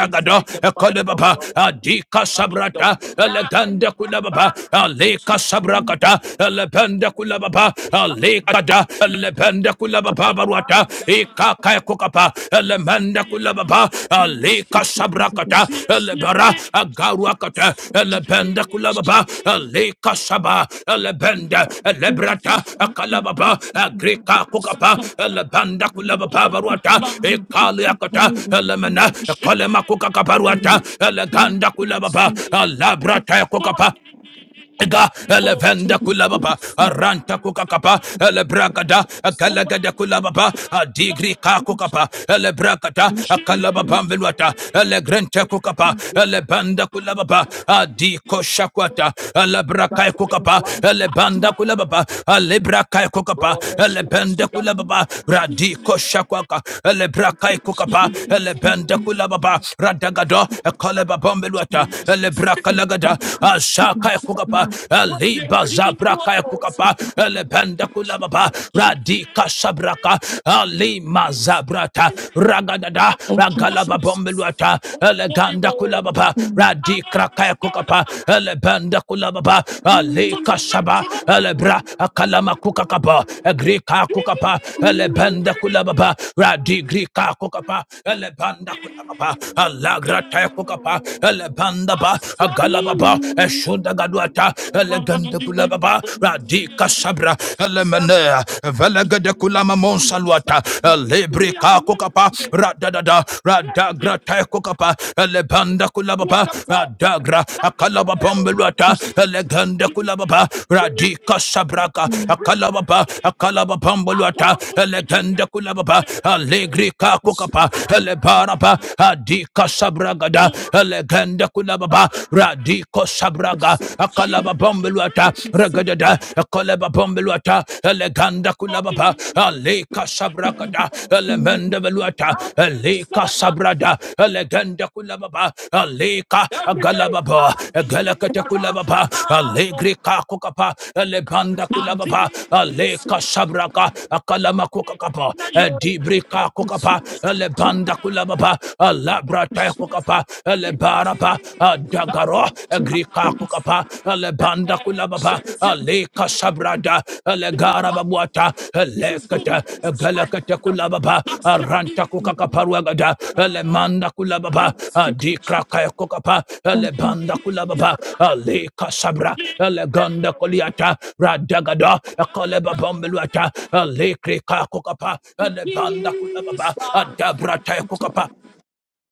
[SPEAKER 1] We speak the mind of
[SPEAKER 5] kolebaba adika sabrata eleganda kulababa
[SPEAKER 1] God.
[SPEAKER 5] uh, leka sabrakata lebende kulababa lekada lebende kulababa baruata ikaka kokapa lebende kulababa leka sabrakata lebara agaruakata lebende kulababa leka saba lebende lebrata akalababa agrika kokapa lebende kulababa baruata ikaliakata lemena kolema kokakaparuata leganda kulababa labrata kokapa Ga elevenda kulababa aranta kukakapa elebragada akalagada kulababa adigri kakukapa elebragada akalababa mbelwata elegrente kukapa elebanda kulababa adiko shakwata elebrakai kukapa elebanda kulababa elebrakai kukapa elebenda kulababa radiko shakwaka elebrakai kukapa elebenda kulababa radagado ekalebaba mbelwata elebrakalagada ashaka kukapa
[SPEAKER 1] What you
[SPEAKER 5] aliba
[SPEAKER 1] are eating,
[SPEAKER 5] zabraka ya kukapa lebenda kulababa radika sabraka alima zabrata ragadada
[SPEAKER 1] Thank you,
[SPEAKER 5] ragalaba bombeluata eleganda kulababa radika kaya kukapa lebenda kulababa alika saba elebra akalama kukakapa agrika kukapa elebenda kulababa radigrika kukapa elebanda kulababa alagrata kukapa elebanda ba baba agala baba eshunda gaduata elegende kula baba radika sabra elemene velegede kula mamon saluata elebri kako kapa radadada radagra teko kapa elebanda kula baba radagra akala baba mbeluata elegende kula baba radika sabraka akala baba akala baba mbeluata elegende kula baba alegri kako kapa elebaraba adika sabragada Pelegende Kunababa Radiko Sabraga
[SPEAKER 1] Jesus.
[SPEAKER 5] Akalaba Bombeluata
[SPEAKER 1] Every
[SPEAKER 5] Regadada Akalaba Bombeluata Eleganda Kunababa Aleka Sabrakata Elemende Veluata Eleka Sabrada Eleganda Kunababa Aleka
[SPEAKER 1] day,
[SPEAKER 5] Agalababa
[SPEAKER 1] I need a
[SPEAKER 5] Egalakata
[SPEAKER 1] rock,
[SPEAKER 5] Kunababa Alegri Kakukapa Elebanda
[SPEAKER 1] my
[SPEAKER 5] Kunababa
[SPEAKER 1] deeds are
[SPEAKER 5] Aleka Sabraka Akalama Kukakapa
[SPEAKER 1] not yours.
[SPEAKER 5] Edibrika
[SPEAKER 1] This
[SPEAKER 5] Kukapa Elebanda Kunababa alabrata tekukapa elebaraba adagaro grika kukapa elebanda kulababa alika sabrada elegaraba buata
[SPEAKER 1] is
[SPEAKER 5] elekete
[SPEAKER 1] glory. This is life.
[SPEAKER 5] egelekete kulababa
[SPEAKER 1] Stop scared
[SPEAKER 5] aranta
[SPEAKER 1] beating
[SPEAKER 5] kukakaparuagada elemanda kulababa adikra kukapa lebanda kulababa alika sabra leganda koliata radagada ekoleba bombeluata elekri kakukapa elebanda kulababa adabra tekukapa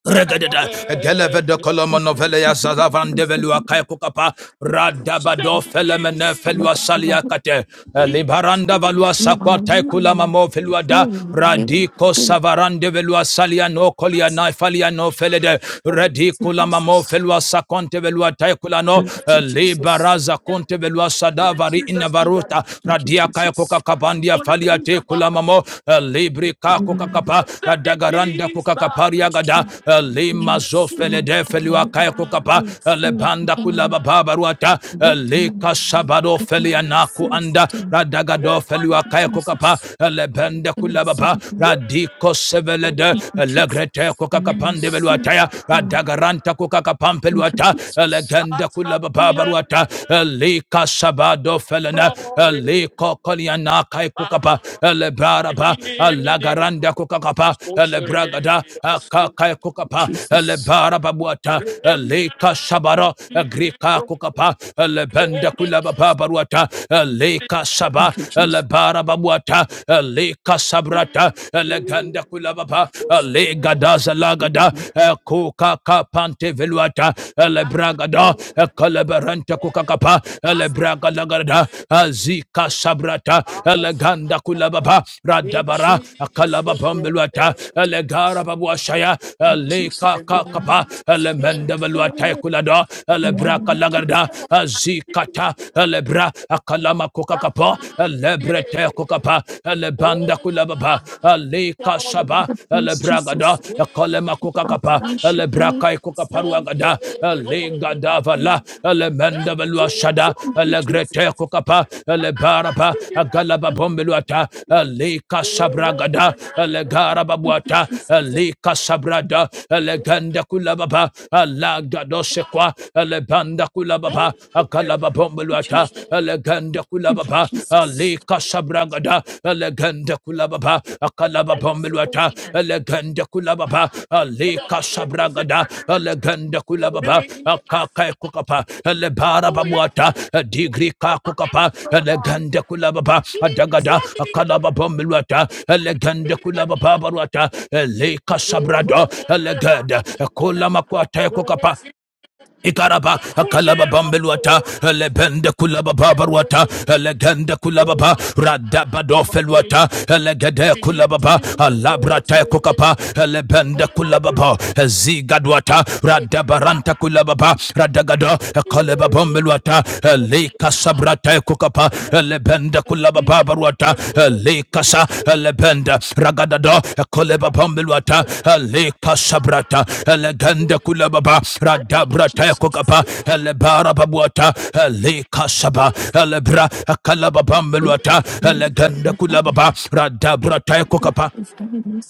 [SPEAKER 5] Regadada, Gelevede Colomano Velia Zazavan de Velua Kaikukapa, Radabado Felemene Felua Saliakate, Libaranda Valua
[SPEAKER 1] Jesus,
[SPEAKER 5] Sakwa
[SPEAKER 1] do
[SPEAKER 5] Taikula Mamo Feluada, Radiko Savaran de Velua Salia no Colia Naifalia no Felede, Radicula Mamo Felua Saconte Velua Taikulano, Libaraza Conte Velua Sadavari
[SPEAKER 1] that.
[SPEAKER 5] Inavaruta, Radia Kaikuka Kabandia
[SPEAKER 1] One of the
[SPEAKER 5] Falia
[SPEAKER 1] things about
[SPEAKER 5] Tecula mamo libri kako kakapa
[SPEAKER 1] send me
[SPEAKER 5] dagaranda
[SPEAKER 1] peace back.
[SPEAKER 5] kukakaparia gada lima zofele defeli wakaya kukapa lebanda kulaba babaruata eh, lika sabado feli anaku anda radagado feli wakaya
[SPEAKER 1] Jesus.
[SPEAKER 5] kukapa lebenda kulaba ba radiko sevele de eh, legrete kukakapande beluataya radagaranta kukakapampelu
[SPEAKER 1] Thank you,
[SPEAKER 5] ata
[SPEAKER 1] Jesus.
[SPEAKER 5] legenda kulaba babaruata eh, li Lika sabado Felena, Liko Koliana Kai Kukapa, Elebaraba, Alagaranda Kukakapa, Elebragada, Akakai Kukapa,
[SPEAKER 1] Jesus.
[SPEAKER 5] Elebaraba Buata, Lika sabara, Agrika Kukapa, Elebenda Kulababa Baruata, Lika Saba,
[SPEAKER 1] Thank you, Jesus.
[SPEAKER 5] Elebaraba Buata, Lika Sabrata, Eleganda Kulababa, Legada Zalagada, kapante veluata elebragada ekeleberente kukakapa elebrakalagarada azika sabrata eleganda kulababa radabara akalababambeluata elegara babuashaya
[SPEAKER 1] Jesus.
[SPEAKER 5] eleka kakapa elemende veluata kulada elebrakalagarada azikata elebra akalama kukakapa elebrete kukapa elebanda kulababa ale kashaba ale
[SPEAKER 1] Thanks,
[SPEAKER 5] bragada
[SPEAKER 1] Jesus.
[SPEAKER 5] kole makuka kapa ale braka ikuka paruagada ale gada vala ale menda velua shada ale grete kukapa ale baraba galaba bombeluata ale kasabragada ale garaba buata ale kasabrada ale ganda kulababa ala gadosekwa ale banda kulababa akalaba
[SPEAKER 1] Thank you,
[SPEAKER 5] bombeluata
[SPEAKER 1] Jesus.
[SPEAKER 5] ale eleganda
[SPEAKER 1] Thank you,
[SPEAKER 5] kulababa
[SPEAKER 1] Jesus.
[SPEAKER 5] alika sabragada eleganda kulababa akalababa melwata eleganda kulababa alika sabragada eleganda kulababa akaka kukapa elebara babwata digri ka kukapa eleganda kulababa adagada akalababa melwata eleganda kulababa barwata elika sabrado eleganda kulamakwata kukapa Ikaraba, Akalaba Bambeluata, Elebende Kulaba Babaruata, Elegende Kulababa, Radabadofeluata, Elegede Kulababa,
[SPEAKER 1] Jesus.
[SPEAKER 5] Alabra Tekokapa, Elebende Kulababa, Zigadwata, Radabaranta Kulababa, Radagada, Akalaba Bambeluata, Elika Sabra Tekokapa, Rakata, Lebenda Kulaba Babaruata, Lekasa, Lebenda, Ragadada, Koleba Pambilwata, Lekasabrata, Legenda Kulababa, Radabrata Kokapa, Lebara Babuata, Lekasaba, Lebra, Kalaba Pambilwata, Legenda Kulababa, Radabrata Kokapa.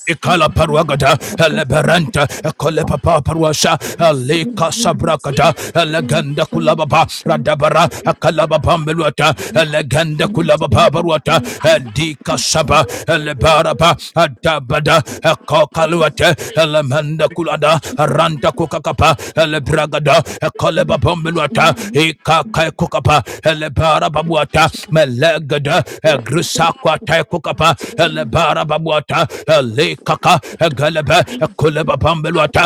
[SPEAKER 5] Ikala paruagada, eleberanta,
[SPEAKER 1] Thank you.
[SPEAKER 5] kolepapa paruasha,
[SPEAKER 1] Thank
[SPEAKER 5] eleka sabrakada, elegenda kulababa, radabara, akalababa meluata, elegenda kulababa baruata, edika saba, elebaraba, adabada, ekokaluate, Mente, Elemenda Kulada, Ranta Kukakapa, Elebragada, Ekaleba Bombeluata, Ikaka Kukapa, Elebara Babuata, Melegada, Egrisakwa Tai Kukapa, Elebara Babuata, Elekaka, Egaleba, Ekuleba Bombeluata,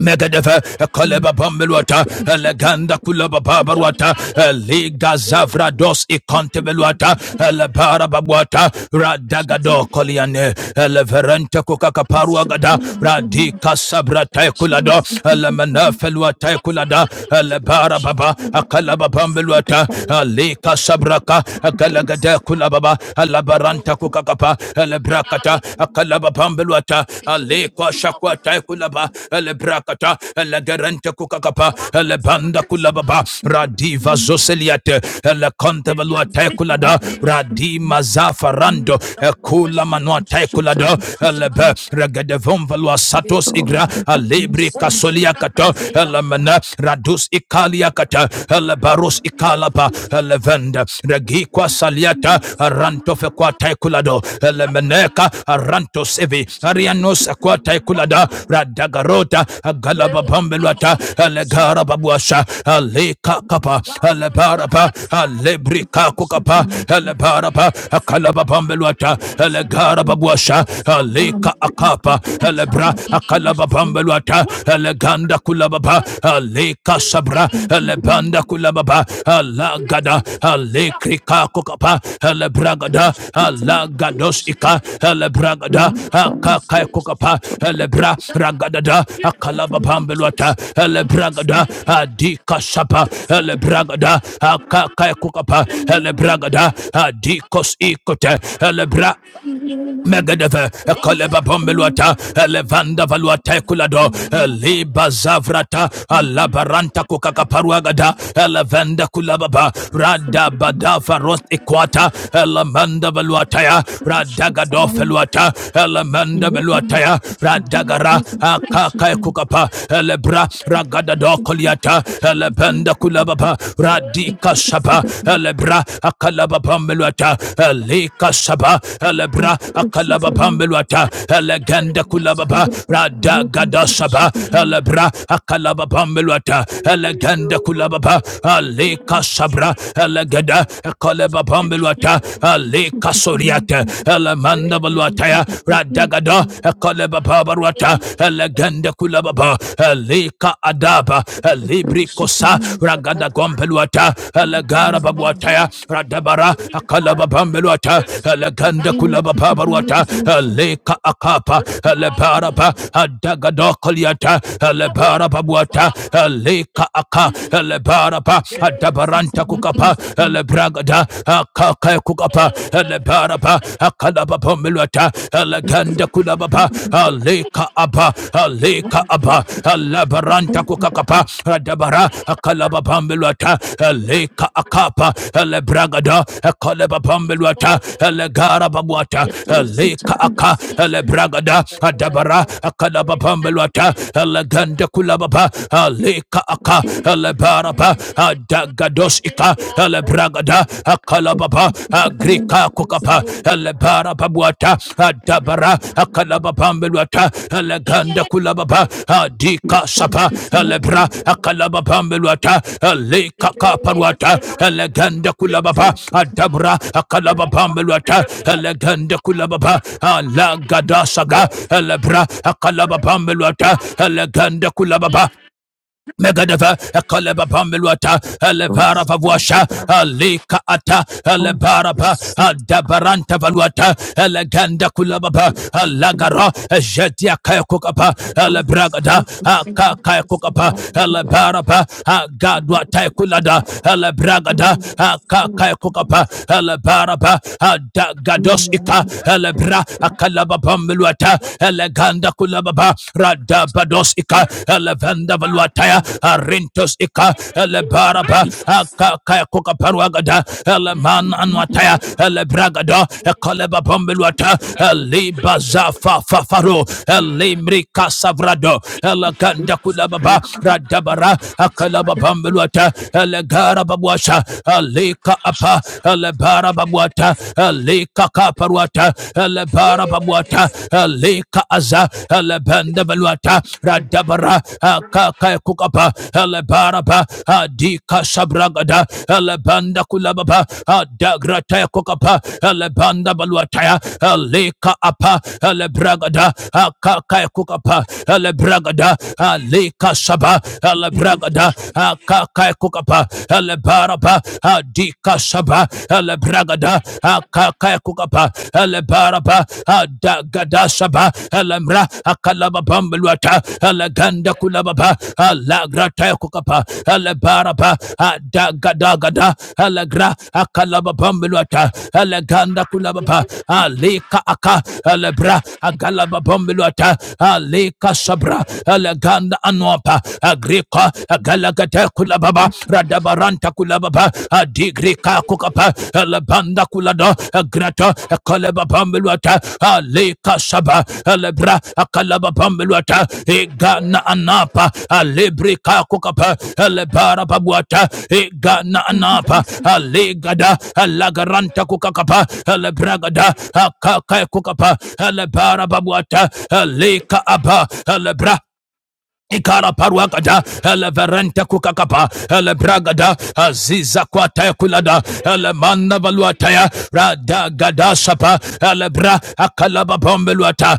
[SPEAKER 5] Megadeva Kaleba Bambeluata Eleganda Kulaba Babaruata Liga Zavra Dos Iconteveluata Elebara Babuata Radagado Koliane Eleverente Kukakaparuagada Radika Sabra Taikulado Elemena Felua Taikulada Elebara Baba Akalaba Bambeluata Alika Sabraka Akalagade Kulababa Alabaranta Kukakapa elebrakata akalaba pambeluata aleko shakwata kulaba elebrakata elegerente kukakapa elebanda kulababa radiva zoseliate elekonte veluata kulada radima zafarando ekula manuata kulada elebe regedevon velua satos igra alebri kasolia kato elemene radus ikalia kata ikala alapa elevenda regikwa saliata aranto fekwa taikulado elemeneka aranto sevi arianos akwa taikulada radagarota galaba bambelwata
[SPEAKER 1] you.
[SPEAKER 5] elegara babuasha aleka kapa
[SPEAKER 1] Thank
[SPEAKER 5] elebaraba elebrika kukapa elebaraba akalaba bambelwata elegara babuasha aleka akapa elebra akalaba bambelwata Leta Eleganda Kulababa Aleka Sabra Elebanda Kulababa Alagada Alekrika Kokapa Elebragada Alagados Ika Elebragada Akakai Kokapa Elebra Ragadada Akalababambelwata Elebragada Adika Sapa Elebragada Akakai Kokapa Elebragada Adikos Ikote Elebra Megadeve, Koleba Bombeluata, a Levanda Valuate Kulado, Liba Zavrata, Alabaranta Kukakaparuagada, Levanda Kulababa, Rada Badafa Rost Equata, Elamanda Valuataya, Radagado
[SPEAKER 1] you.
[SPEAKER 5] Feluata, Elamanda
[SPEAKER 1] Thank
[SPEAKER 5] Veluataya, Radagara, Akaka Kukapa, Elebra, Ragadado Koliata, Elebenda Kulababa, Radika Shaba, saba elebra akalaba pambeluata elika saba elebra akalaba pambeluata elegende kulababa rada gada saba elebra akalaba pambeluata elegende kulababa alika sabra elegeda ekalaba pambeluata alika soriata elemanda baluataya rada gada ekalaba pabaruata elegende kulababa Alika lika adaba libri kosa raganda gombeluata lagara babuataya radabara akalaba bambeluata laganda kulaba babaruata lika akapa lebara ba adagado koliata
[SPEAKER 1] you.
[SPEAKER 5] lebara babuata lika aka lebara ba adabaranta kukapa lebragada akaka kukapa lebara ba akalaba bambeluata alaganda kulababa aleka aba aleka aba alabaranta kukakapa adabara akalababambelwata aleka akapa alebragada akalebabambelwata alegara babwata aleka aka alebragada adabara akalababambelwata aleganda kulababa aleka aka alebaraba adagados ika alebragada Ragada, Akalababa, Agrika Kukapa, Elebara Babuata, Adabara, Akalababambeluata, Eleganda Kulababa, Adika Sapa, Elebra, Akalababambeluata, Eleka Kaparuata, Eleganda Kulababa, Adabra, Akalababambeluata, Eleganda Kulababa, Alagada Saga, Elebra, Akalababambeluata, Eleganda Kulababa, Megadeva, a Kaleba Pambilwata, Elevara Vavuasha, Alika Ata, Elebaraba, Adabaranta Valuata, Eleganda Kulababa, Alagara, Jetia Kayakukapa, Elebragada, Akakayakukapa, Elebaraba, Agadwa Taikulada, Elebragada, Akakayakukapa, Elebaraba, Adagados Ika, Elebra, Akalaba Pambilwata, Eleganda baba radabados ika elevenda valuataya arintos ika elebaraba akakaya kokaparuagada eleman anuataya elebragado ekoleba bombeluata elibaza fafafaro elimrika savrado eleganda kulababa radabara akalaba bombeluata elegara babuasha alika apa elebara babuata alika kaparuata lebara babuata leka aza lebende baluata radabara kaka kukapa lebara ba adika sabragada lebanda kulababa dagrata kukapa lebanda baluata leka apa lebragada kaka kukapa lebragada leka saba lebragada kaka kukapa lebaraba adika kukapa ele bragada akaka kukapa ele baraba adagada shaba ele mra akalaba bambeluata ele ganda kulababa ala grata kukapa ele baraba adagada gada ele gra akalaba bambeluata ele ganda kulababa alika aka ele bra agalaba bambeluata alika sabra ele ganda anuapa agrika agalagate kulababa radabaranta kulababa adigrika kukapa alabanda kulada grata kaleba pambeluata aleka saba elebra kalaba pambeluata egana anapa alebrika kukapa elebara pabuata egana anapa alegada alagaranta kukakapa elebragada akaka kukapa elebara babuata aleka aba elebra ikara paruagada eleverente kukakapa ele bragada, aziza kwataya kulada ele manna valuataya radagada sapa elebra akalaba bombeluata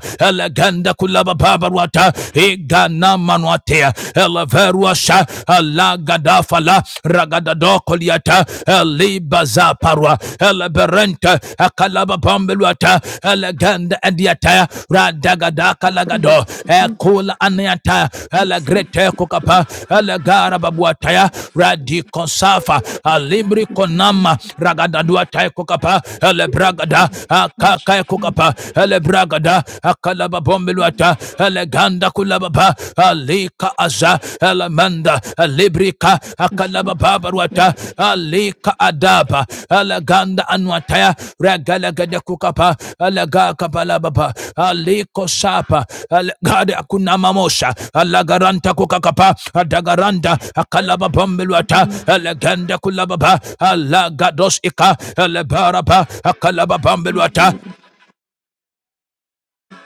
[SPEAKER 5] ganda kulaba babaruata igana manuatea eleveruasha alagada fala ragada ragadadokoliata elibaza parua ele berente akalaba pambeluata eleganda ediata radagada kalagado ekula aniata elegrete kokapa elegara babuataya radikonsafa alimri konama ragadaduatae kokapa elebragada akakae kokapa elebragada akalaba bombeluata eleganda kulababa alika aza alamanda alibrika akalabababarwata alika adaba alaganda anwataya ragalagada kukapa alagakabalababa aliko sapa alagada akunamamosha alagaranta kukakapa adagaranda akalaba bombelwata, alaganda kulababa alagados ika alabaraba akalaba bombelwata.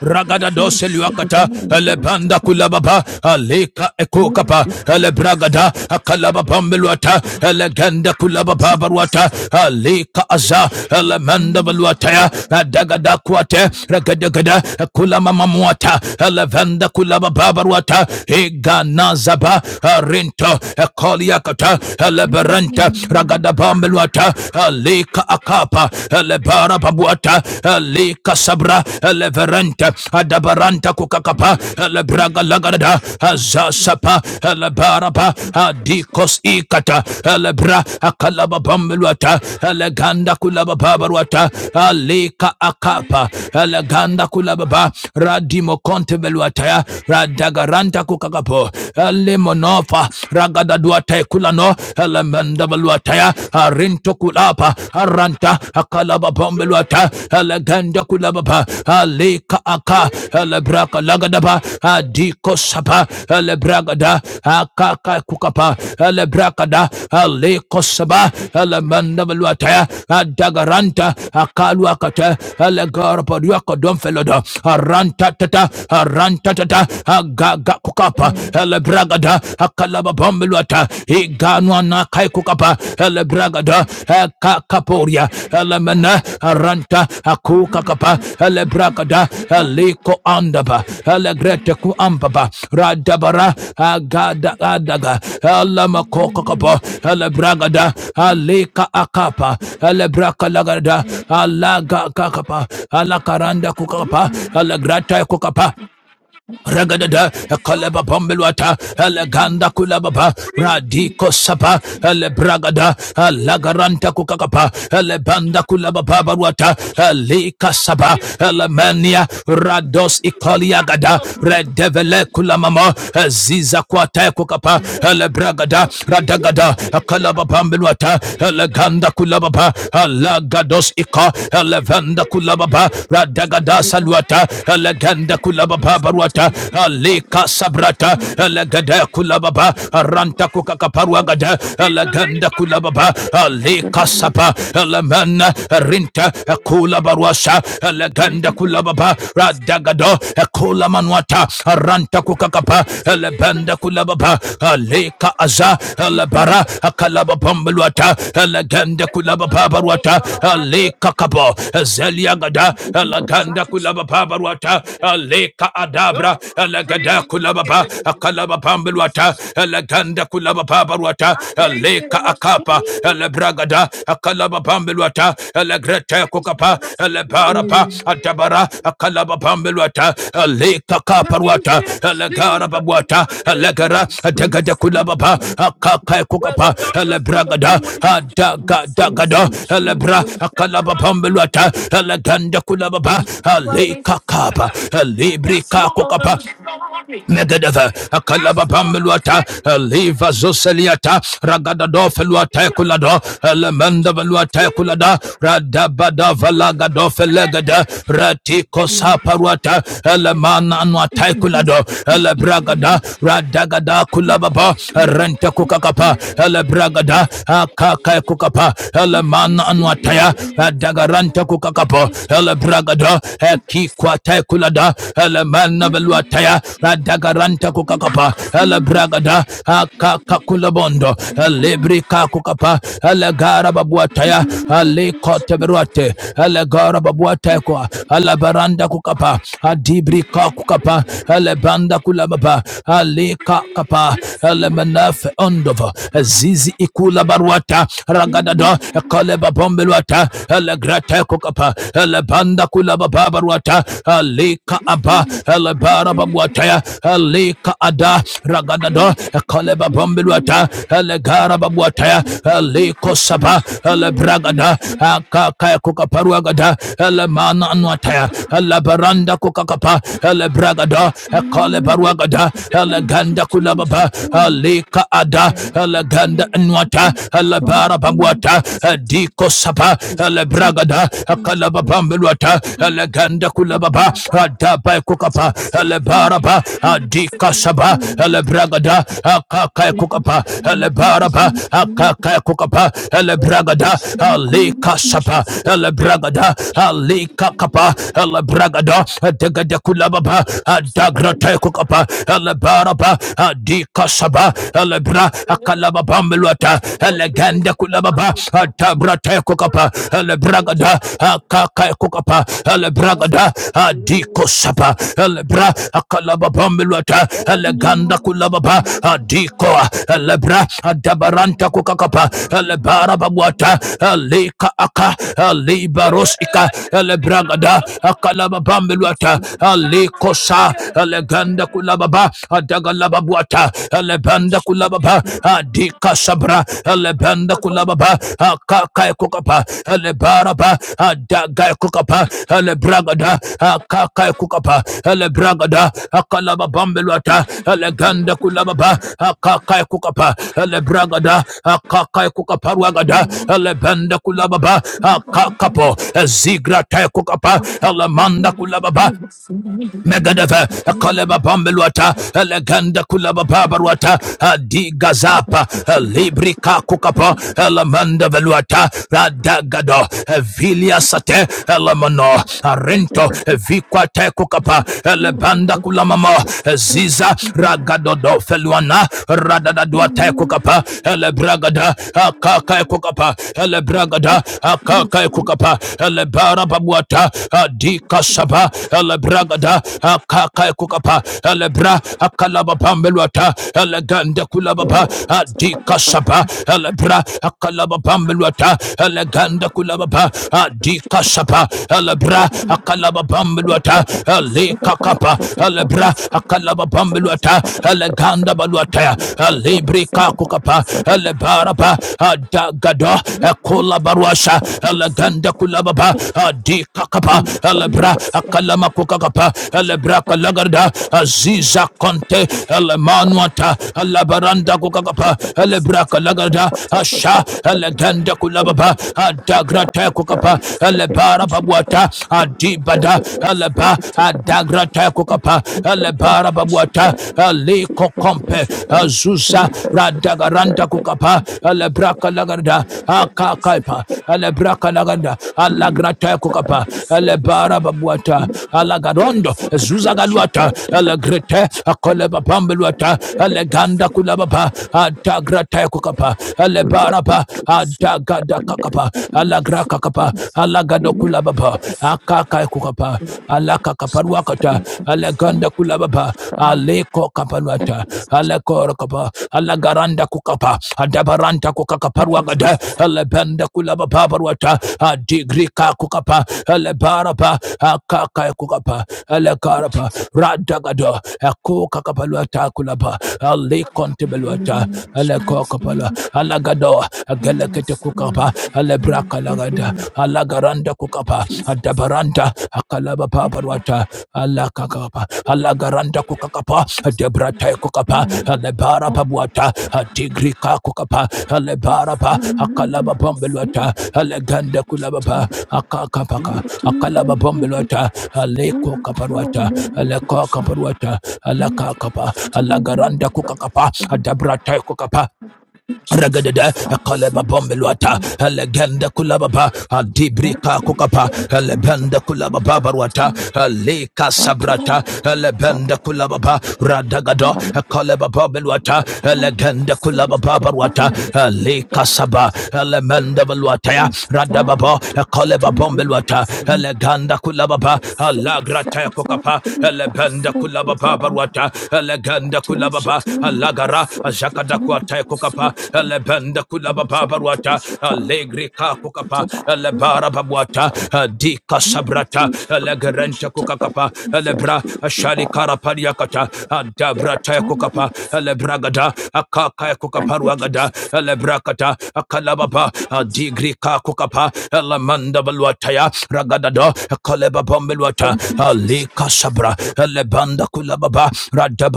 [SPEAKER 5] Ragada dose luakata, elebanda kulababa, alika ekokapa, elebragada, akalaba bambeluata, elegenda kulababa baruata, alika aza, elemanda baluataya, adagada kuate, regadagada, kulama mamuata, elevenda kulababa baruata, egana zaba, arinto, ekoliakata, eleberenta, ragada bambeluata, alika akapa, ele lebara babuata lika sabra leverente adabaranta kukakapa lebraga lagarada azasapa lebaraba adikos ikata lebra akalababambeluata leganda kulabababaruata alika akapa leganda kulababa radimo konte beluataya radagaranta kukakapo lemonofa ragadaduate kulano elemenda bombeluataya arinto kulapa aranta akalaba bombeluata aleganda kulababa alika aka alebraka lagadaba adiko sapa alebragada akaka kukapa alebrakada aliko saba alemanda beluataya adagaranta akaluakata alegarapaduaka domfeloda aranta tata aranta tata agaga kukapa elebragada bragada akalaba bombeluata iganwa na kai kukapa ele bragada eka kaporia ele mena aranta akuka kapa ele bragada eliko andaba ele grete ku ambaba radabara agada adaga ele makoka kapa ele bragada alika akapa ele brakalagada alaga kakapa alakaranda kukapa alagrata kukapa Ragadada, Kaleba Bombeluata, Eleganda Kulababa, Radiko Sapa, Elebragada, Lagaranta Kukakapa, Elebanda Kulababa Baruata, Elika Saba, Elemania, Rados Ikoliagada, Redevele Kulamama, Ziza Kwate Kukapa, Elebragada, Radagada, Kaleba Bombeluata, Eleganda Levanda kulababa, Alagados ika, Levanda kulababa, Radagada saluata, Eleganda kulababa baruata, Alika sabrata, Elegada kulababa, Aranta kukakaparuagada, Eleganda kulababa, Alika sapa, Elemena, Rinta, Kula baruasa, Eleganda kulababa, Radagado, Kula manuata, ranta kukakapa elebende kulababa aleka aza elebara akalababambelwata elegende kulabababarwata aleka kabo zeliagada elegende kulabababarwata aleka adabra elegede kulababa akalababambelwata elegende kulabababarwata aleka akapa elebragada akalaba pambeluata elegrete kokapa elebarapa atabara akalaba pambeluata elekakaparuata elegara babuata elegara adegade kulababa akakae
[SPEAKER 1] Where the
[SPEAKER 5] kokapa
[SPEAKER 1] doctors couldn't
[SPEAKER 5] elebragada
[SPEAKER 1] do anything. Yes, yes,
[SPEAKER 5] adagadagada
[SPEAKER 1] yes, yes,
[SPEAKER 5] elebra
[SPEAKER 1] You yes. said
[SPEAKER 5] akalaba pambeluata eleganda kulababa
[SPEAKER 1] running, running.
[SPEAKER 5] alekakapa
[SPEAKER 1] That's
[SPEAKER 5] elebrika
[SPEAKER 1] more than a
[SPEAKER 5] kokapa
[SPEAKER 1] story.
[SPEAKER 5] Megedeve, Akalaba
[SPEAKER 1] That's more than a
[SPEAKER 5] Pambeluata,
[SPEAKER 1] fairy.
[SPEAKER 5] Leva Zoseliata, Ragadado Feluata Kulado, Elemenda Veluata Kulada, Radabada Valagado Felegada, Ratiko Saparuata, Elemana
[SPEAKER 1] Yes,
[SPEAKER 5] Anuata
[SPEAKER 1] yes,
[SPEAKER 5] Kulado,
[SPEAKER 1] yes, yes, yes, yes,
[SPEAKER 5] Elebragada, Radagada Kulababa, Renta Kukakapa, Elebragada, Akaka Kukapa,
[SPEAKER 1] yes, yes, yes, yes,
[SPEAKER 5] Elemana Anuataya, Radagaranta Kukakapo, Elebragada, Equiqua Ate kulada elemena veluataya radagaranta kukakapa elebragada akakakulabondo elibri kakukapa elegara babuataya alikoteberuate elegara babuatekwa elebaranda kukapa adibri kakukapa elebanda kulababa alikakapa elemenefe ondova zizi ikula baruata ragadada koleba bombeluata elegrate peko kapa elebanda kula baba baruata alika
[SPEAKER 1] yes, yes, yes,
[SPEAKER 5] aba elebara babuata ya alika ada raganda do ekale babambiluata
[SPEAKER 1] yes.
[SPEAKER 5] elegara babuata ya aliko saba elebragada akaka kukaparuagada elemana anuata ya elebaranda kukakapa elebragada ekale baruagada eleganda kula baba alika ada eleganda anuata elebara babuataya Bragwata, Diko Sapa,
[SPEAKER 1] What's
[SPEAKER 5] Lebragada,
[SPEAKER 1] it
[SPEAKER 5] Kalababambelwata, Leganda Kulababa, Daba Kukapa, Lebaraba, Dika Saba, Lebragada, Kakai Kukapa, Lebaraba, Kakai Kukapa, Lebragada, Alika Sapa,
[SPEAKER 1] babe?
[SPEAKER 5] Lebragada, Alika Kapa, Lebragada, Degada Kulababa,
[SPEAKER 1] Slip
[SPEAKER 5] Dagra
[SPEAKER 1] again.
[SPEAKER 5] Taikukapa, Lebaraba, Dika Saba, Le Tabra Akalaba Bambeluata Elegende Kulababa Atabra Tekokapa Elebragada Akaka Kokapa Elebragada Adiko Sapa Elebra Akalaba Bambeluata Eleganda Kulababa Adiko Elebra Adabaranta Kokakapa Elebara Babuata Eleka Aka Elibaros Ika Elebragada Akalaba Bambeluata Alikosa Eleganda Kulababa kulababa adagalababuata kula kulababa adika sabra elebanda kulababa akaka kukapa elebaraba adaga kukapa elebragada akaka kukapa elebragada akalababambeluata eleganda kulababa akaka kukapa elebragada akaka kukaparuagada kula kulababa akakapo zigra tay kukapa lamanda kula kulababa Megadeva, a Kaleba Bambeluata, Eleganda Kulaba Babaruata, a Digazapa, a Librica Kukapa, Lamanda Veluata, Radagado, a Vilia Sate, Elamano, Arento, a Rento, a Viquate Kukapa, Lebanda Kulamamo, a Ziza, Ragadodo Feluana, Radadaduate Kukapa, Elebragada, a Lebragada, a Kaka Kukapa, Lebragada, a Kaka
[SPEAKER 1] Thank
[SPEAKER 5] Kukapa, elebara babuata adika saba elebragada akaka kukapa elebra akalaba pambeluata elegende kulababa adika saba elebra akalaba pambeluata elegende kulababa adika saba elebra akalaba pambeluata eleka kapa elebra akalaba pambeluata eleganda baluata elebrika kukapa elebara baraba adagada ekola baruasha elegende kulababa adikakapa elebra akalama kukakapa elebra kalagarda aziza konte elemanuata elabaranda kukakapa elebra kalagarda asha elegende kulababa adagrate kukapa elebara babuata adibada eleba adagrate kukapa elebara babuata ale kokompe azusa radagaranda kukapa
[SPEAKER 1] you.
[SPEAKER 5] alebraka laganda akakaipa alebraka laganda alagrata kukapa
[SPEAKER 1] Jesus.
[SPEAKER 5] alebara babuata alagarondo zuza galuata alagrete akoleba pambeluata aleganda kulababa adagrata kukapa alebaraba adagada kakapa alagraka kapa alagado kulababa akaka kukapa alaka kaparuakata alaganda kulababa aleko kaparuata alakora kapa alagaranda kukapa adabaranta kukakaparuagada alabanda kulababa baruata adigrika kukapa alabarapa akaka kukapa alakarapa radagado akukakapaluata kulaba alikontebeluata alekokapala alagado agelekete kukapa alabrak kalagada alagaranda kukapa adabaranda akalaba paparwata alakakapa alagaranda kukakapa debrata kukapa alebara pabuata atigrika kukapa alebara pa akalaba bombelwata aleganda kulaba pa akakapaka akalaba bombelwata aleko
[SPEAKER 1] Jesus, I
[SPEAKER 5] kaparwata aleko kaparwata alakakapa alagaranda kukakapa adabrata kukapa Ragadada, Kaleba
[SPEAKER 1] see
[SPEAKER 5] Bombeluata,
[SPEAKER 1] Satan.
[SPEAKER 5] Eleganda Kulababa,
[SPEAKER 1] I
[SPEAKER 5] Adibrika
[SPEAKER 1] do
[SPEAKER 5] Kukapa,
[SPEAKER 1] get on the
[SPEAKER 5] Elebenda Kulababa barwata, Leka
[SPEAKER 1] I told
[SPEAKER 5] Sabrata, Elebenda Kulababa, Radagado, Kaleba
[SPEAKER 1] I
[SPEAKER 5] Bombeluata, Eleganda Kulababa barwata,
[SPEAKER 1] do I
[SPEAKER 5] Leka Saba, Elemenda Baluataya,
[SPEAKER 1] Don't stop.
[SPEAKER 5] Radababa,
[SPEAKER 1] So I
[SPEAKER 5] Kaleba Bombeluata, Eleganda Kulababa, Alagrata Kukapa, Elebenda Kulababa Baruata, Eleganda
[SPEAKER 1] don't
[SPEAKER 5] Kulababa,
[SPEAKER 1] shut down, but
[SPEAKER 5] lagara bara
[SPEAKER 1] I
[SPEAKER 5] jakada kuata kokapa
[SPEAKER 1] so
[SPEAKER 5] lebenda
[SPEAKER 1] Thank
[SPEAKER 5] kula baba
[SPEAKER 1] you,
[SPEAKER 5] baruata
[SPEAKER 1] Jesus. Thank
[SPEAKER 5] allegri ka
[SPEAKER 1] you,
[SPEAKER 5] kokapa
[SPEAKER 1] Jesus.
[SPEAKER 5] lebara babuata dika sabrata legerenta kokakapa lebra shali karapadia kata dabra ta kokapa lebra gada akaka kokapa ruagada lebra kata akalababa digrika ka kokapa lamanda baluata ya ragada do koleba bombelwata
[SPEAKER 1] Thank you,
[SPEAKER 5] alika sabra lebanda kula baba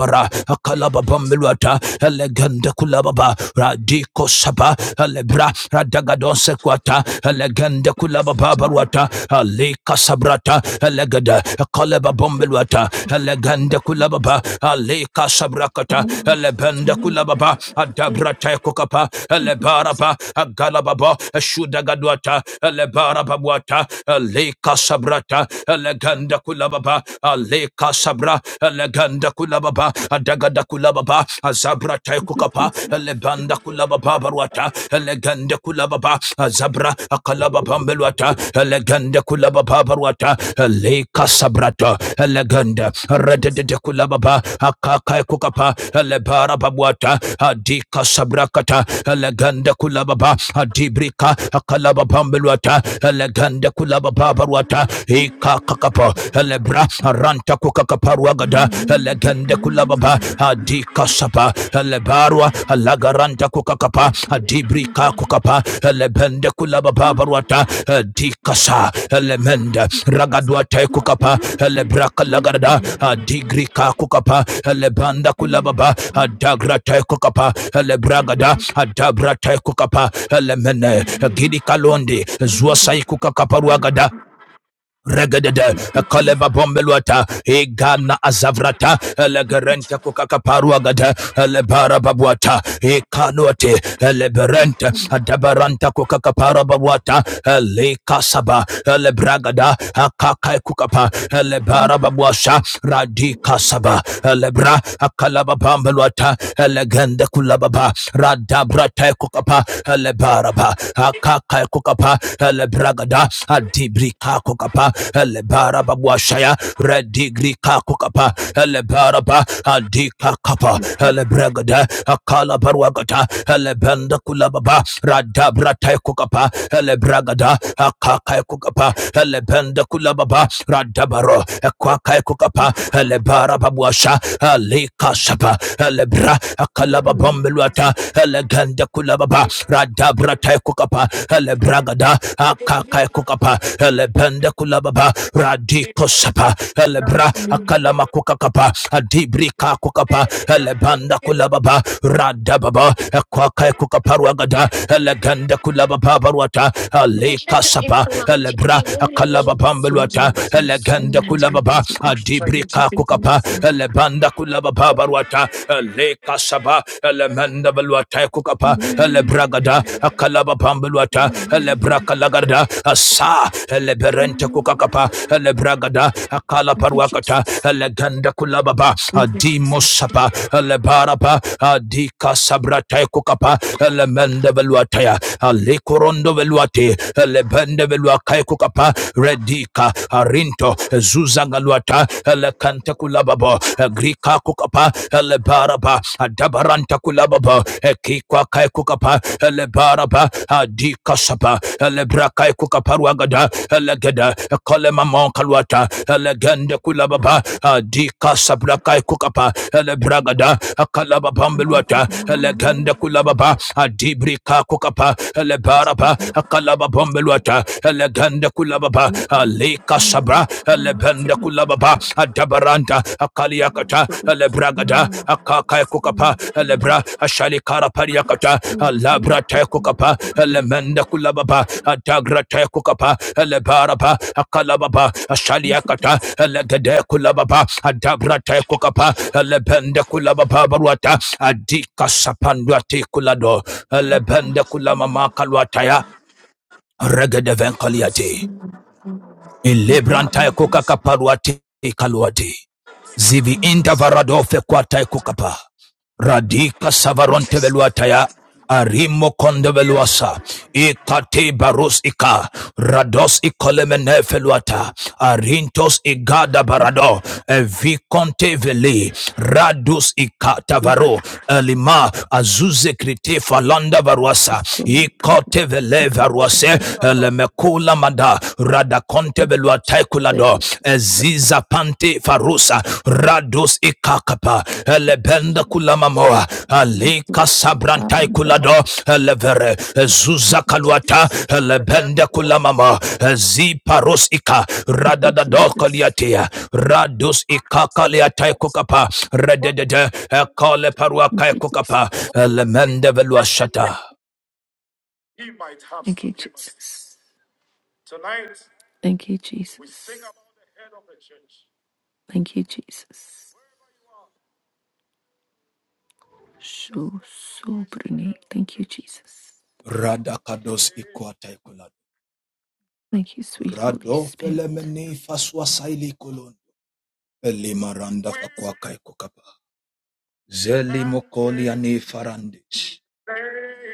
[SPEAKER 5] Sabara, Akalababamilwata, Eleganda Kulababa, Radiko Saba, Alebra, Radagadon Sequata, Eleganda Kulababa Barwata, Alika Sabrata, Elegada, Akalababamilwata, Eleganda Kulababa, Alika Sabrakata, Elebenda Kulababa, Adabra Tekokapa, Elebaraba, Agalababa, Shudagadwata, Elebarababwata, Alika Sabrata, Eleganda Kulababa, Alika sabra eleganda kulababa adagada kulababa azabra taikukapa eleganda kulababa barwata eleganda kulababa azabra akalababa mbelwata eleganda kulababa barwata eleka sabrata eleganda
[SPEAKER 1] Jesus.
[SPEAKER 5] rededede kulababa akakai kukapa elebara babwata adika sabrakata eleganda kulababa adibrika akalababa mbelwata eleganda kulababa barwata eka kakapa kapa elebra aranta kukakaparuagada elegende kulababa adika sapa elebarwa alagaranta kukakapa adibrika kukapa elebende kulababa baruata adikasa elemende ragadwate kukapa elebraka lagarada adigrika kukapa elebanda kulababa adagrate kukapa elebragada adabrate kukapa elemene gidi kalondi zua kukakaparuagada Regadede, Kaleba Bombeluata, Egana Azavrata, Elegerente Kukakaparuagada, Elebara Babuata, Ekanuate, Eleberente, Adabaranta Kukakapara Babuata, Elekasaba, Elebragada, Akakai Kukapa, Elebara Babuasha, Radika Saba, Elebra, Akalaba Bombeluata, Elegende Kulababa, Radabrata Kukapa, Elebaraba, Akaka Kaya Kokapa, Ele Bragada, Adibrika Kokapa, Ele Baraba Buashaya, Redigrika Kokapa, Ele Baraba, Adika Kapa, Ele Bragada, Akala Barwagata, Ele Benda Kulababa, Radabra Tai Kokapa, Ele Bragada, Akaka Kokapa, Ele Benda Kulababa, Radabaro, Ekwaka Kokapa, Ele Baraba Buasha, Ele Kasapa, Ele Bra, Akala Babambeluata, Brata, Eleganda Kulababa, Rada Brata Kukapa, Elebragada, Akaka Kukapa, Elebenda Kulababa, Radiko Sapa, Elebra, Akalama Kukakapa, Adibrika Kukapa, Elebanda Kulababa, Radababa, Akwaka Kukaparwagada, Eleganda Kulababa Barwata,
[SPEAKER 1] I wish I
[SPEAKER 5] Aleka
[SPEAKER 1] could pay
[SPEAKER 5] Sapa,
[SPEAKER 1] for long
[SPEAKER 5] Elebra,
[SPEAKER 1] TV. What we all
[SPEAKER 5] Akalaba
[SPEAKER 1] do. Thank
[SPEAKER 5] Bambelwata,
[SPEAKER 1] you, Jesus.
[SPEAKER 5] Eleganda
[SPEAKER 1] Thank you,
[SPEAKER 5] Kulababa,
[SPEAKER 1] Jesus. Thank
[SPEAKER 5] Adibrika Kukapa, Elebanda kulaba babaruata le kasaba le menda baluata kukapa le bragada kalaba pambeluata le braka lagarda asa le berente kukakapa le bragada kala parwakata, le ganda kulaba ba adimo sapa le barapa adika sabrata kukapa le menda baluata ya le korondo veluate le bende velua kukapa redika arinto Lebo, Zuzangaluata, Elecanta Kulababo, Grika Kukapa, Elebaraba, Adabaranta Kulababo, Ekikwa Kai Kukapa, Elebaraba, Adika Sapa, Elebrakai Kukaparuagada, Elegeda, Kolemamon Kaluata, Elegende Kulababa, Adika Sabrakai Kukapa, Elebragada, Akalababambeluata, Elegende Kulababa, Adibrika Kukapa, Elebaraba, Akalababambeluata, Kambeluata, Eleganda Kulababa, Aleka Sabra, Elebenda Kulababa, Adabaranta, Akaliakata, Elebragada, Akaka Kukapa, Elebra, Ashalikara Pariakata, Alabra
[SPEAKER 1] you,
[SPEAKER 5] Tekukapa, Elemenda Kulababa, Adagra Tekukapa, Elebaraba, Akalababa,
[SPEAKER 1] Jesus. Thank you,
[SPEAKER 5] Ashaliakata, Elegade Kulababa, Adabra Tekukapa, Elebenda Kulababa Baruata, Adika Sapanduati Kulado, Elebenda
[SPEAKER 1] Jesus.
[SPEAKER 5] Kulamama Kalwataya,
[SPEAKER 1] Thank you,
[SPEAKER 5] regedevenkaliate ilebrantae
[SPEAKER 1] Jesus.
[SPEAKER 5] kukakaparuate ikaluate zivi inda varadofe kwatae kukapa Radika savaronte veluataya. Arimo konde veluasa. Ikate barus ika. Rados ikolemene feluata. Arintos igada barado. Evikonte veli. Radus ikata varo. Elima azuze krite falanda varuasa. Ikote vele varuase. Elemekula mada. Radakonte veluata kulado eziza pante farusa rados ikakapa elebenda kulamamoa alika sabrantai kulado elevere ezuza kaluata elebenda kulamama eziparos ika radadado kaliatia rados ikakaliatai kukapa rededede ekale paruakai kukapa elemende veluashata
[SPEAKER 1] Thank you, Jesus. Thank you, Jesus. Thank you, Jesus. So, so brilliant. Thank you, Jesus.
[SPEAKER 5] radakados ikuatai kulado
[SPEAKER 1] Thank you, sweet Holy
[SPEAKER 5] Rado
[SPEAKER 1] Spirit.
[SPEAKER 5] felemeni faswa saili kulon Elimaranda
[SPEAKER 1] with
[SPEAKER 5] fakwakai kokapa. Zeli mokoli
[SPEAKER 1] anticipation.
[SPEAKER 5] ane farandish.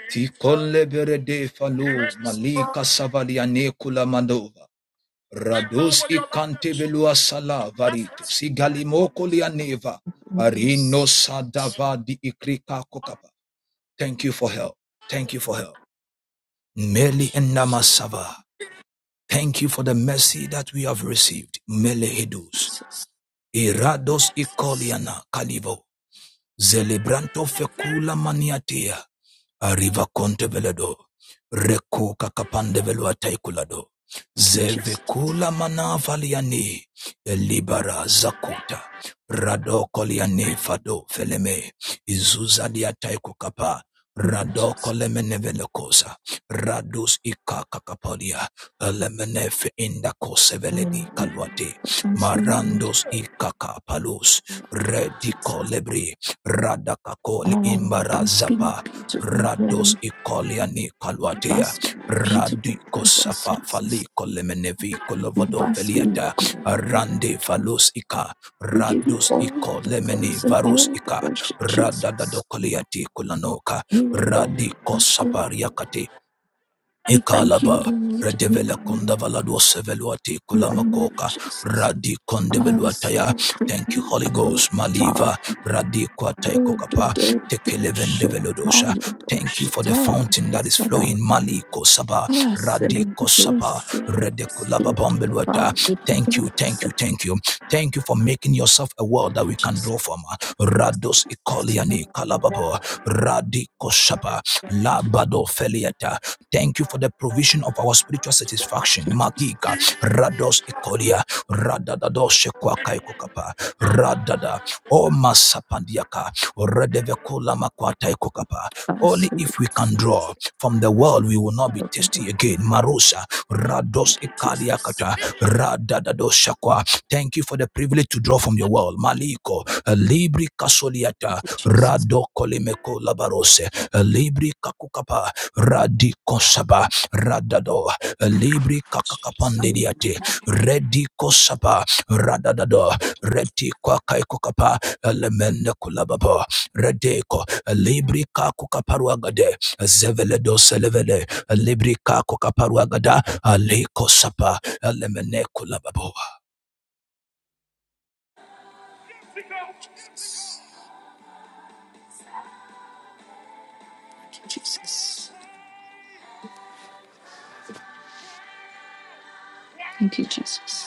[SPEAKER 5] Fikole berede falu
[SPEAKER 1] Yes, Lord.
[SPEAKER 5] malika savali ane kula mandova.
[SPEAKER 1] Right now,
[SPEAKER 5] Rados
[SPEAKER 1] with your
[SPEAKER 5] ikante
[SPEAKER 1] loudest voice,
[SPEAKER 5] belua sala
[SPEAKER 1] let
[SPEAKER 5] varito.
[SPEAKER 1] it
[SPEAKER 5] Sigali
[SPEAKER 1] happen.
[SPEAKER 5] mokoli aneva. Arino sadava di ikrika kokapa. Thank you for help. Thank you for help. Meli enamasava. Thank you for the mercy that we have received. Mele hedus. Irados ikoliana kalivo. Zelebranto fecula maniatia. Arriva conte veledo. Reco cacapande velo ataiculado.
[SPEAKER 1] Thank you, Jesus.
[SPEAKER 5] Zevecula manavaliani. Elibara zakuta. Rado coliane fado feleme. Izuza diataiku capa.
[SPEAKER 1] Thank you,
[SPEAKER 5] Rado
[SPEAKER 1] Jesus.
[SPEAKER 5] colemene velecosa. Radus ica cacapodia. Elemenefe indaco
[SPEAKER 1] Oh,
[SPEAKER 5] seveledi kaluate.
[SPEAKER 1] blessings, Lord.
[SPEAKER 5] Marandos ikaka palus. Redi
[SPEAKER 1] Jesus.
[SPEAKER 5] colebri radakakoli
[SPEAKER 1] Oh, basking
[SPEAKER 5] imbarazapa
[SPEAKER 1] beautiful
[SPEAKER 5] rados
[SPEAKER 1] glory.
[SPEAKER 5] ikoliani
[SPEAKER 1] bask
[SPEAKER 5] kalwatia
[SPEAKER 1] Basking beautiful
[SPEAKER 5] Radiko
[SPEAKER 1] presence,
[SPEAKER 5] safa faliko
[SPEAKER 1] Jesus.
[SPEAKER 5] falikolemenevi
[SPEAKER 1] We
[SPEAKER 5] kolovado
[SPEAKER 1] bask in your
[SPEAKER 5] veliata
[SPEAKER 1] glory,
[SPEAKER 5] rande
[SPEAKER 1] Lord.
[SPEAKER 5] falus ika
[SPEAKER 1] We give you
[SPEAKER 5] Rados
[SPEAKER 1] all
[SPEAKER 5] iko
[SPEAKER 1] the
[SPEAKER 5] lemeni
[SPEAKER 1] praise and all
[SPEAKER 5] varus
[SPEAKER 1] the
[SPEAKER 5] ika
[SPEAKER 1] worship, Jesus.
[SPEAKER 5] radadadokoliati kulanoka
[SPEAKER 1] You
[SPEAKER 5] Radiko
[SPEAKER 1] alone are God.
[SPEAKER 5] radikosapariakate
[SPEAKER 1] We thank you,
[SPEAKER 5] Ikalaba,
[SPEAKER 1] Lord. We
[SPEAKER 5] Redevela
[SPEAKER 1] honor you.
[SPEAKER 5] Kundavalado Seveluati
[SPEAKER 1] Hallelujah,
[SPEAKER 5] Kulamakoka,
[SPEAKER 1] Jesus.
[SPEAKER 5] Radi
[SPEAKER 1] I
[SPEAKER 5] Kondeveluataya.
[SPEAKER 1] so pretty
[SPEAKER 5] Thank you, Holy
[SPEAKER 1] about
[SPEAKER 5] Ghost,
[SPEAKER 1] the time.
[SPEAKER 5] Maliva, Radi Kwatai
[SPEAKER 1] Day to
[SPEAKER 5] Kokapa,
[SPEAKER 1] day, do show time,
[SPEAKER 5] Tekelevendevelodosha.
[SPEAKER 1] do
[SPEAKER 5] Thank you
[SPEAKER 1] show
[SPEAKER 5] for the
[SPEAKER 1] time,
[SPEAKER 5] fountain
[SPEAKER 1] do
[SPEAKER 5] that is
[SPEAKER 1] set
[SPEAKER 5] flowing,
[SPEAKER 1] out.
[SPEAKER 5] Mali Kosaba,
[SPEAKER 1] I
[SPEAKER 5] Radi
[SPEAKER 1] said, do
[SPEAKER 5] Kosapa,
[SPEAKER 1] show, do show,
[SPEAKER 5] Redekulaba
[SPEAKER 1] do the fire,
[SPEAKER 5] Bombeluata.
[SPEAKER 1] do the
[SPEAKER 5] Thank
[SPEAKER 1] God,
[SPEAKER 5] you,
[SPEAKER 1] I
[SPEAKER 5] thank
[SPEAKER 1] said,
[SPEAKER 5] you, thank you. Thank you for making yourself a world that we can
[SPEAKER 1] Jesus,
[SPEAKER 5] draw from.
[SPEAKER 1] yes,
[SPEAKER 5] Rados
[SPEAKER 1] Jesus,
[SPEAKER 5] Ikoliani Kalababo, Radi Kosapa, Labado Feliata. Thank you for the provision of our spiritual satisfaction.
[SPEAKER 1] Jesus, Jesus.
[SPEAKER 5] Magika, Rados Ikolia, Radadados Shekwakai Kokapa, Radada, O Masapandiaka, Redevekula Makwatai Kokapa.
[SPEAKER 1] I
[SPEAKER 5] Only
[SPEAKER 1] said,
[SPEAKER 5] if we can draw from the world, we will not be
[SPEAKER 1] thank
[SPEAKER 5] thirsty again. Marusa, Rados
[SPEAKER 1] you, Jesus. Thank you, Jesus.
[SPEAKER 5] Ikaliakata, Radadados Shakwa. Thank you for the privilege to draw from your world. Maliko, Libri
[SPEAKER 1] Thank
[SPEAKER 5] Kasoliata, Rado Kolimeko Labarose, Libri Kakukapa, Radikosaba radado libri kakakapandiriate redikosaba radadado reti kwakaikokapa elemende kulababo redeko libri kakukaparuagade zeveledo selevele libri kakukaparuagada alekosapa elemene kulababo.
[SPEAKER 1] you, Jesus. Thank you, Jesus.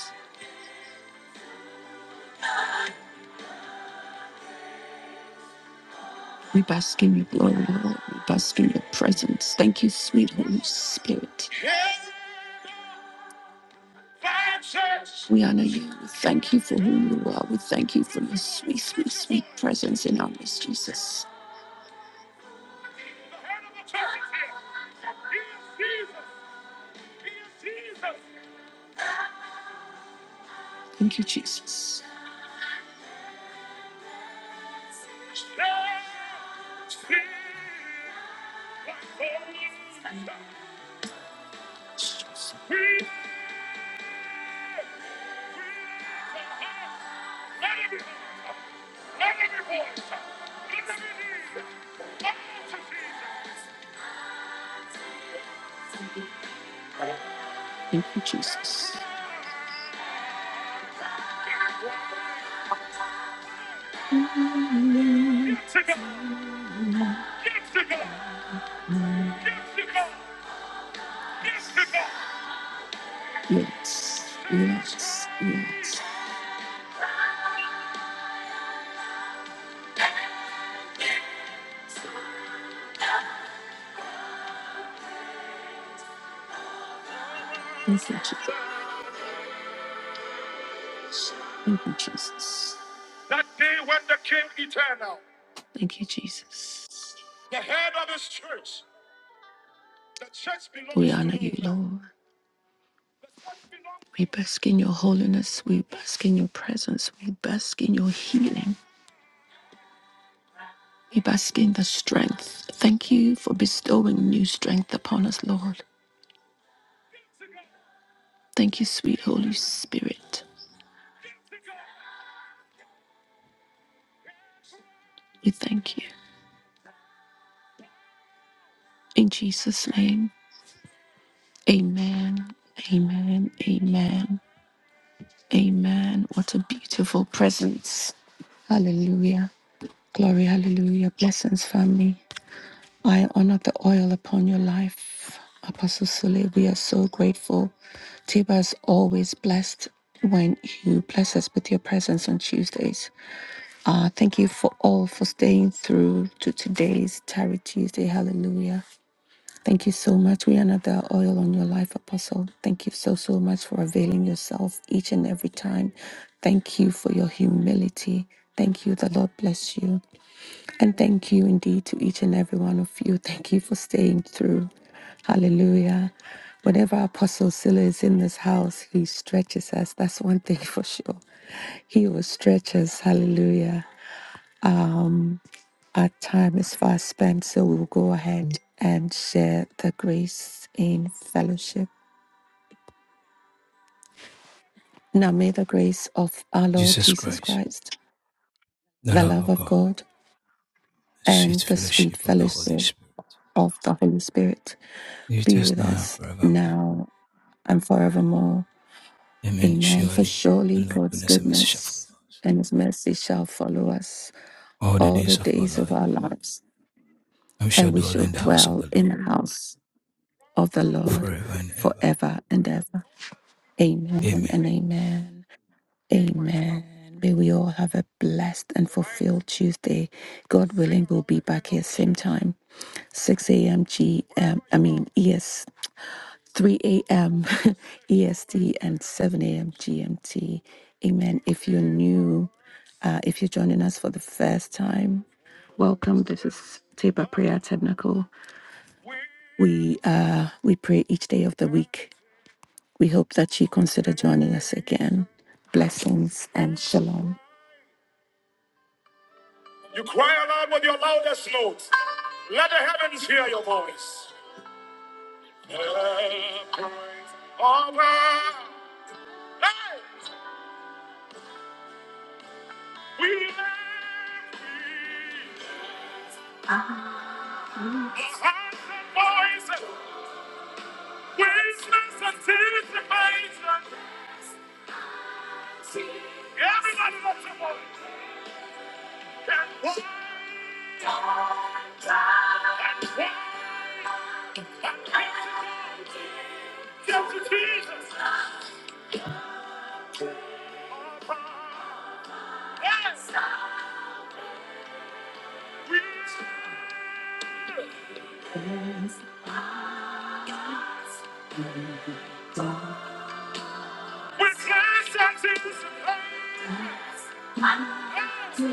[SPEAKER 1] We bask in your glory, Lord. We bask in your presence. Thank you, sweet Holy Spirit. We honor you. We thank you for who you are. We thank you for your sweet, sweet, sweet presence in our midst, Jesus. Thank you, Jesus. Thank you, Jesus. Yes, yes, yes. Thank you, Jesus. Thank you, Jesus. That day when the King eternal. Thank you, Jesus. The head of his church. The church belongs we honor to you, you, Lord. We bask in your holiness. We bask in your presence. We bask in your healing. We bask in the strength. Thank you for bestowing new strength upon us, Lord. Thank you, sweet Holy Spirit. We thank you. In Jesus' name, amen, amen, amen, amen. What a beautiful presence. Hallelujah. Glory, hallelujah. Blessings, family. I honor the oil upon your life. Apostle Sule, we are so grateful. Tiba is always blessed when you bless us with your presence on Tuesdays. Uh, thank you for all for staying through to today's Tarry Tuesday. Hallelujah. Thank you so much. We honor the oil on your life, Apostle. Thank you so, so much for availing yourself each and every time. Thank you for your humility. Thank you. The Lord bless you. And thank you indeed to each and every one of you. Thank you for staying through. Hallelujah. Whenever Apostle Silla is in this house, he stretches us. That's one thing for sure. He will stretch us. Hallelujah. Our time is fast spent, so we will go ahead and share the grace in fellowship. Now, may the grace of our Lord
[SPEAKER 5] Jesus
[SPEAKER 1] Jesus
[SPEAKER 5] Christ,
[SPEAKER 1] Christ,
[SPEAKER 5] the
[SPEAKER 1] the
[SPEAKER 5] love
[SPEAKER 1] love
[SPEAKER 5] of
[SPEAKER 1] of
[SPEAKER 5] God,
[SPEAKER 1] God,
[SPEAKER 5] sweet
[SPEAKER 1] and the sweet
[SPEAKER 5] fellowship of the Holy
[SPEAKER 1] fellowship
[SPEAKER 5] Spirit,
[SPEAKER 1] of the Holy Spirit
[SPEAKER 5] it
[SPEAKER 1] be with
[SPEAKER 5] is now and
[SPEAKER 1] us
[SPEAKER 5] forevermore.
[SPEAKER 1] now and forevermore.
[SPEAKER 5] Amen.
[SPEAKER 1] Amen. For
[SPEAKER 5] Surely
[SPEAKER 1] surely
[SPEAKER 5] the Lord
[SPEAKER 1] God's
[SPEAKER 5] goodness and mercy shall follow
[SPEAKER 1] goodness
[SPEAKER 5] us
[SPEAKER 1] and his mercy shall follow us
[SPEAKER 5] all the
[SPEAKER 1] all the
[SPEAKER 5] days of our
[SPEAKER 1] days of
[SPEAKER 5] life,
[SPEAKER 1] our lives,
[SPEAKER 5] and we shall
[SPEAKER 1] and we
[SPEAKER 5] dwell
[SPEAKER 1] shall
[SPEAKER 5] in the house of
[SPEAKER 1] dwell
[SPEAKER 5] the
[SPEAKER 1] in the
[SPEAKER 5] Lord
[SPEAKER 1] house of the Lord
[SPEAKER 5] forever and ever.
[SPEAKER 1] forever and ever. Amen
[SPEAKER 5] Amen.
[SPEAKER 1] and amen. Amen. May we all have a blessed and fulfilled Tuesday. God willing, we'll be back here same time, 6 a.m. GM, I mean, ES, 3 a.m. EST and 7 a.m. GMT. Amen. If you're new, uh, if you're joining us for the first time, welcome. This is Teba Prayer Tabernacle. We uh, we pray each day of the week We hope that you consider joining us again. Blessings and shalom. You cry aloud with your loudest notes. Let the heavens hear your voice. Let the praise of our lives we lift thee. The and voices, witness and anticipation. Everybody lift your voice. Can walk up to Jesus. We witness and anticipation. Wow!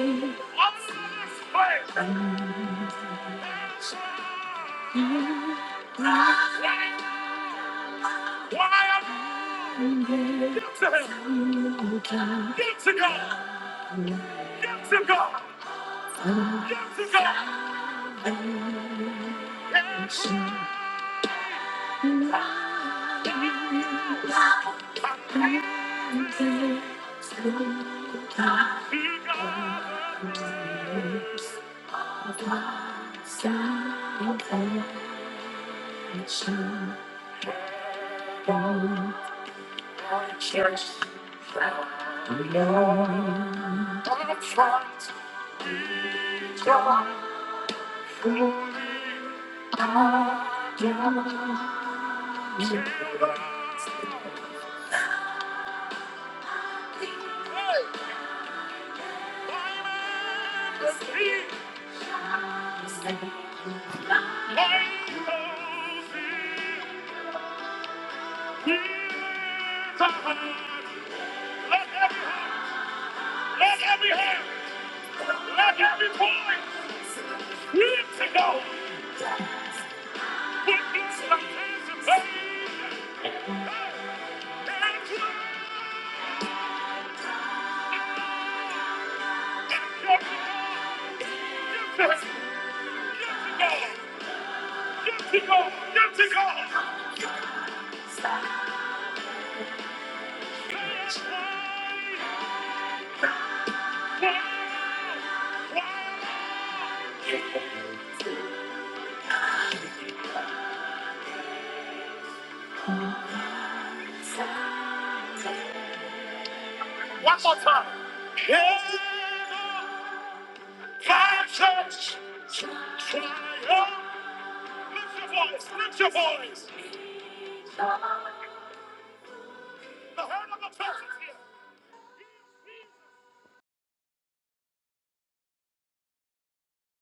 [SPEAKER 1] Wow! One more time. Empire Church. Triumph. Lift your voice. Lift your voice. The herd of the church is here.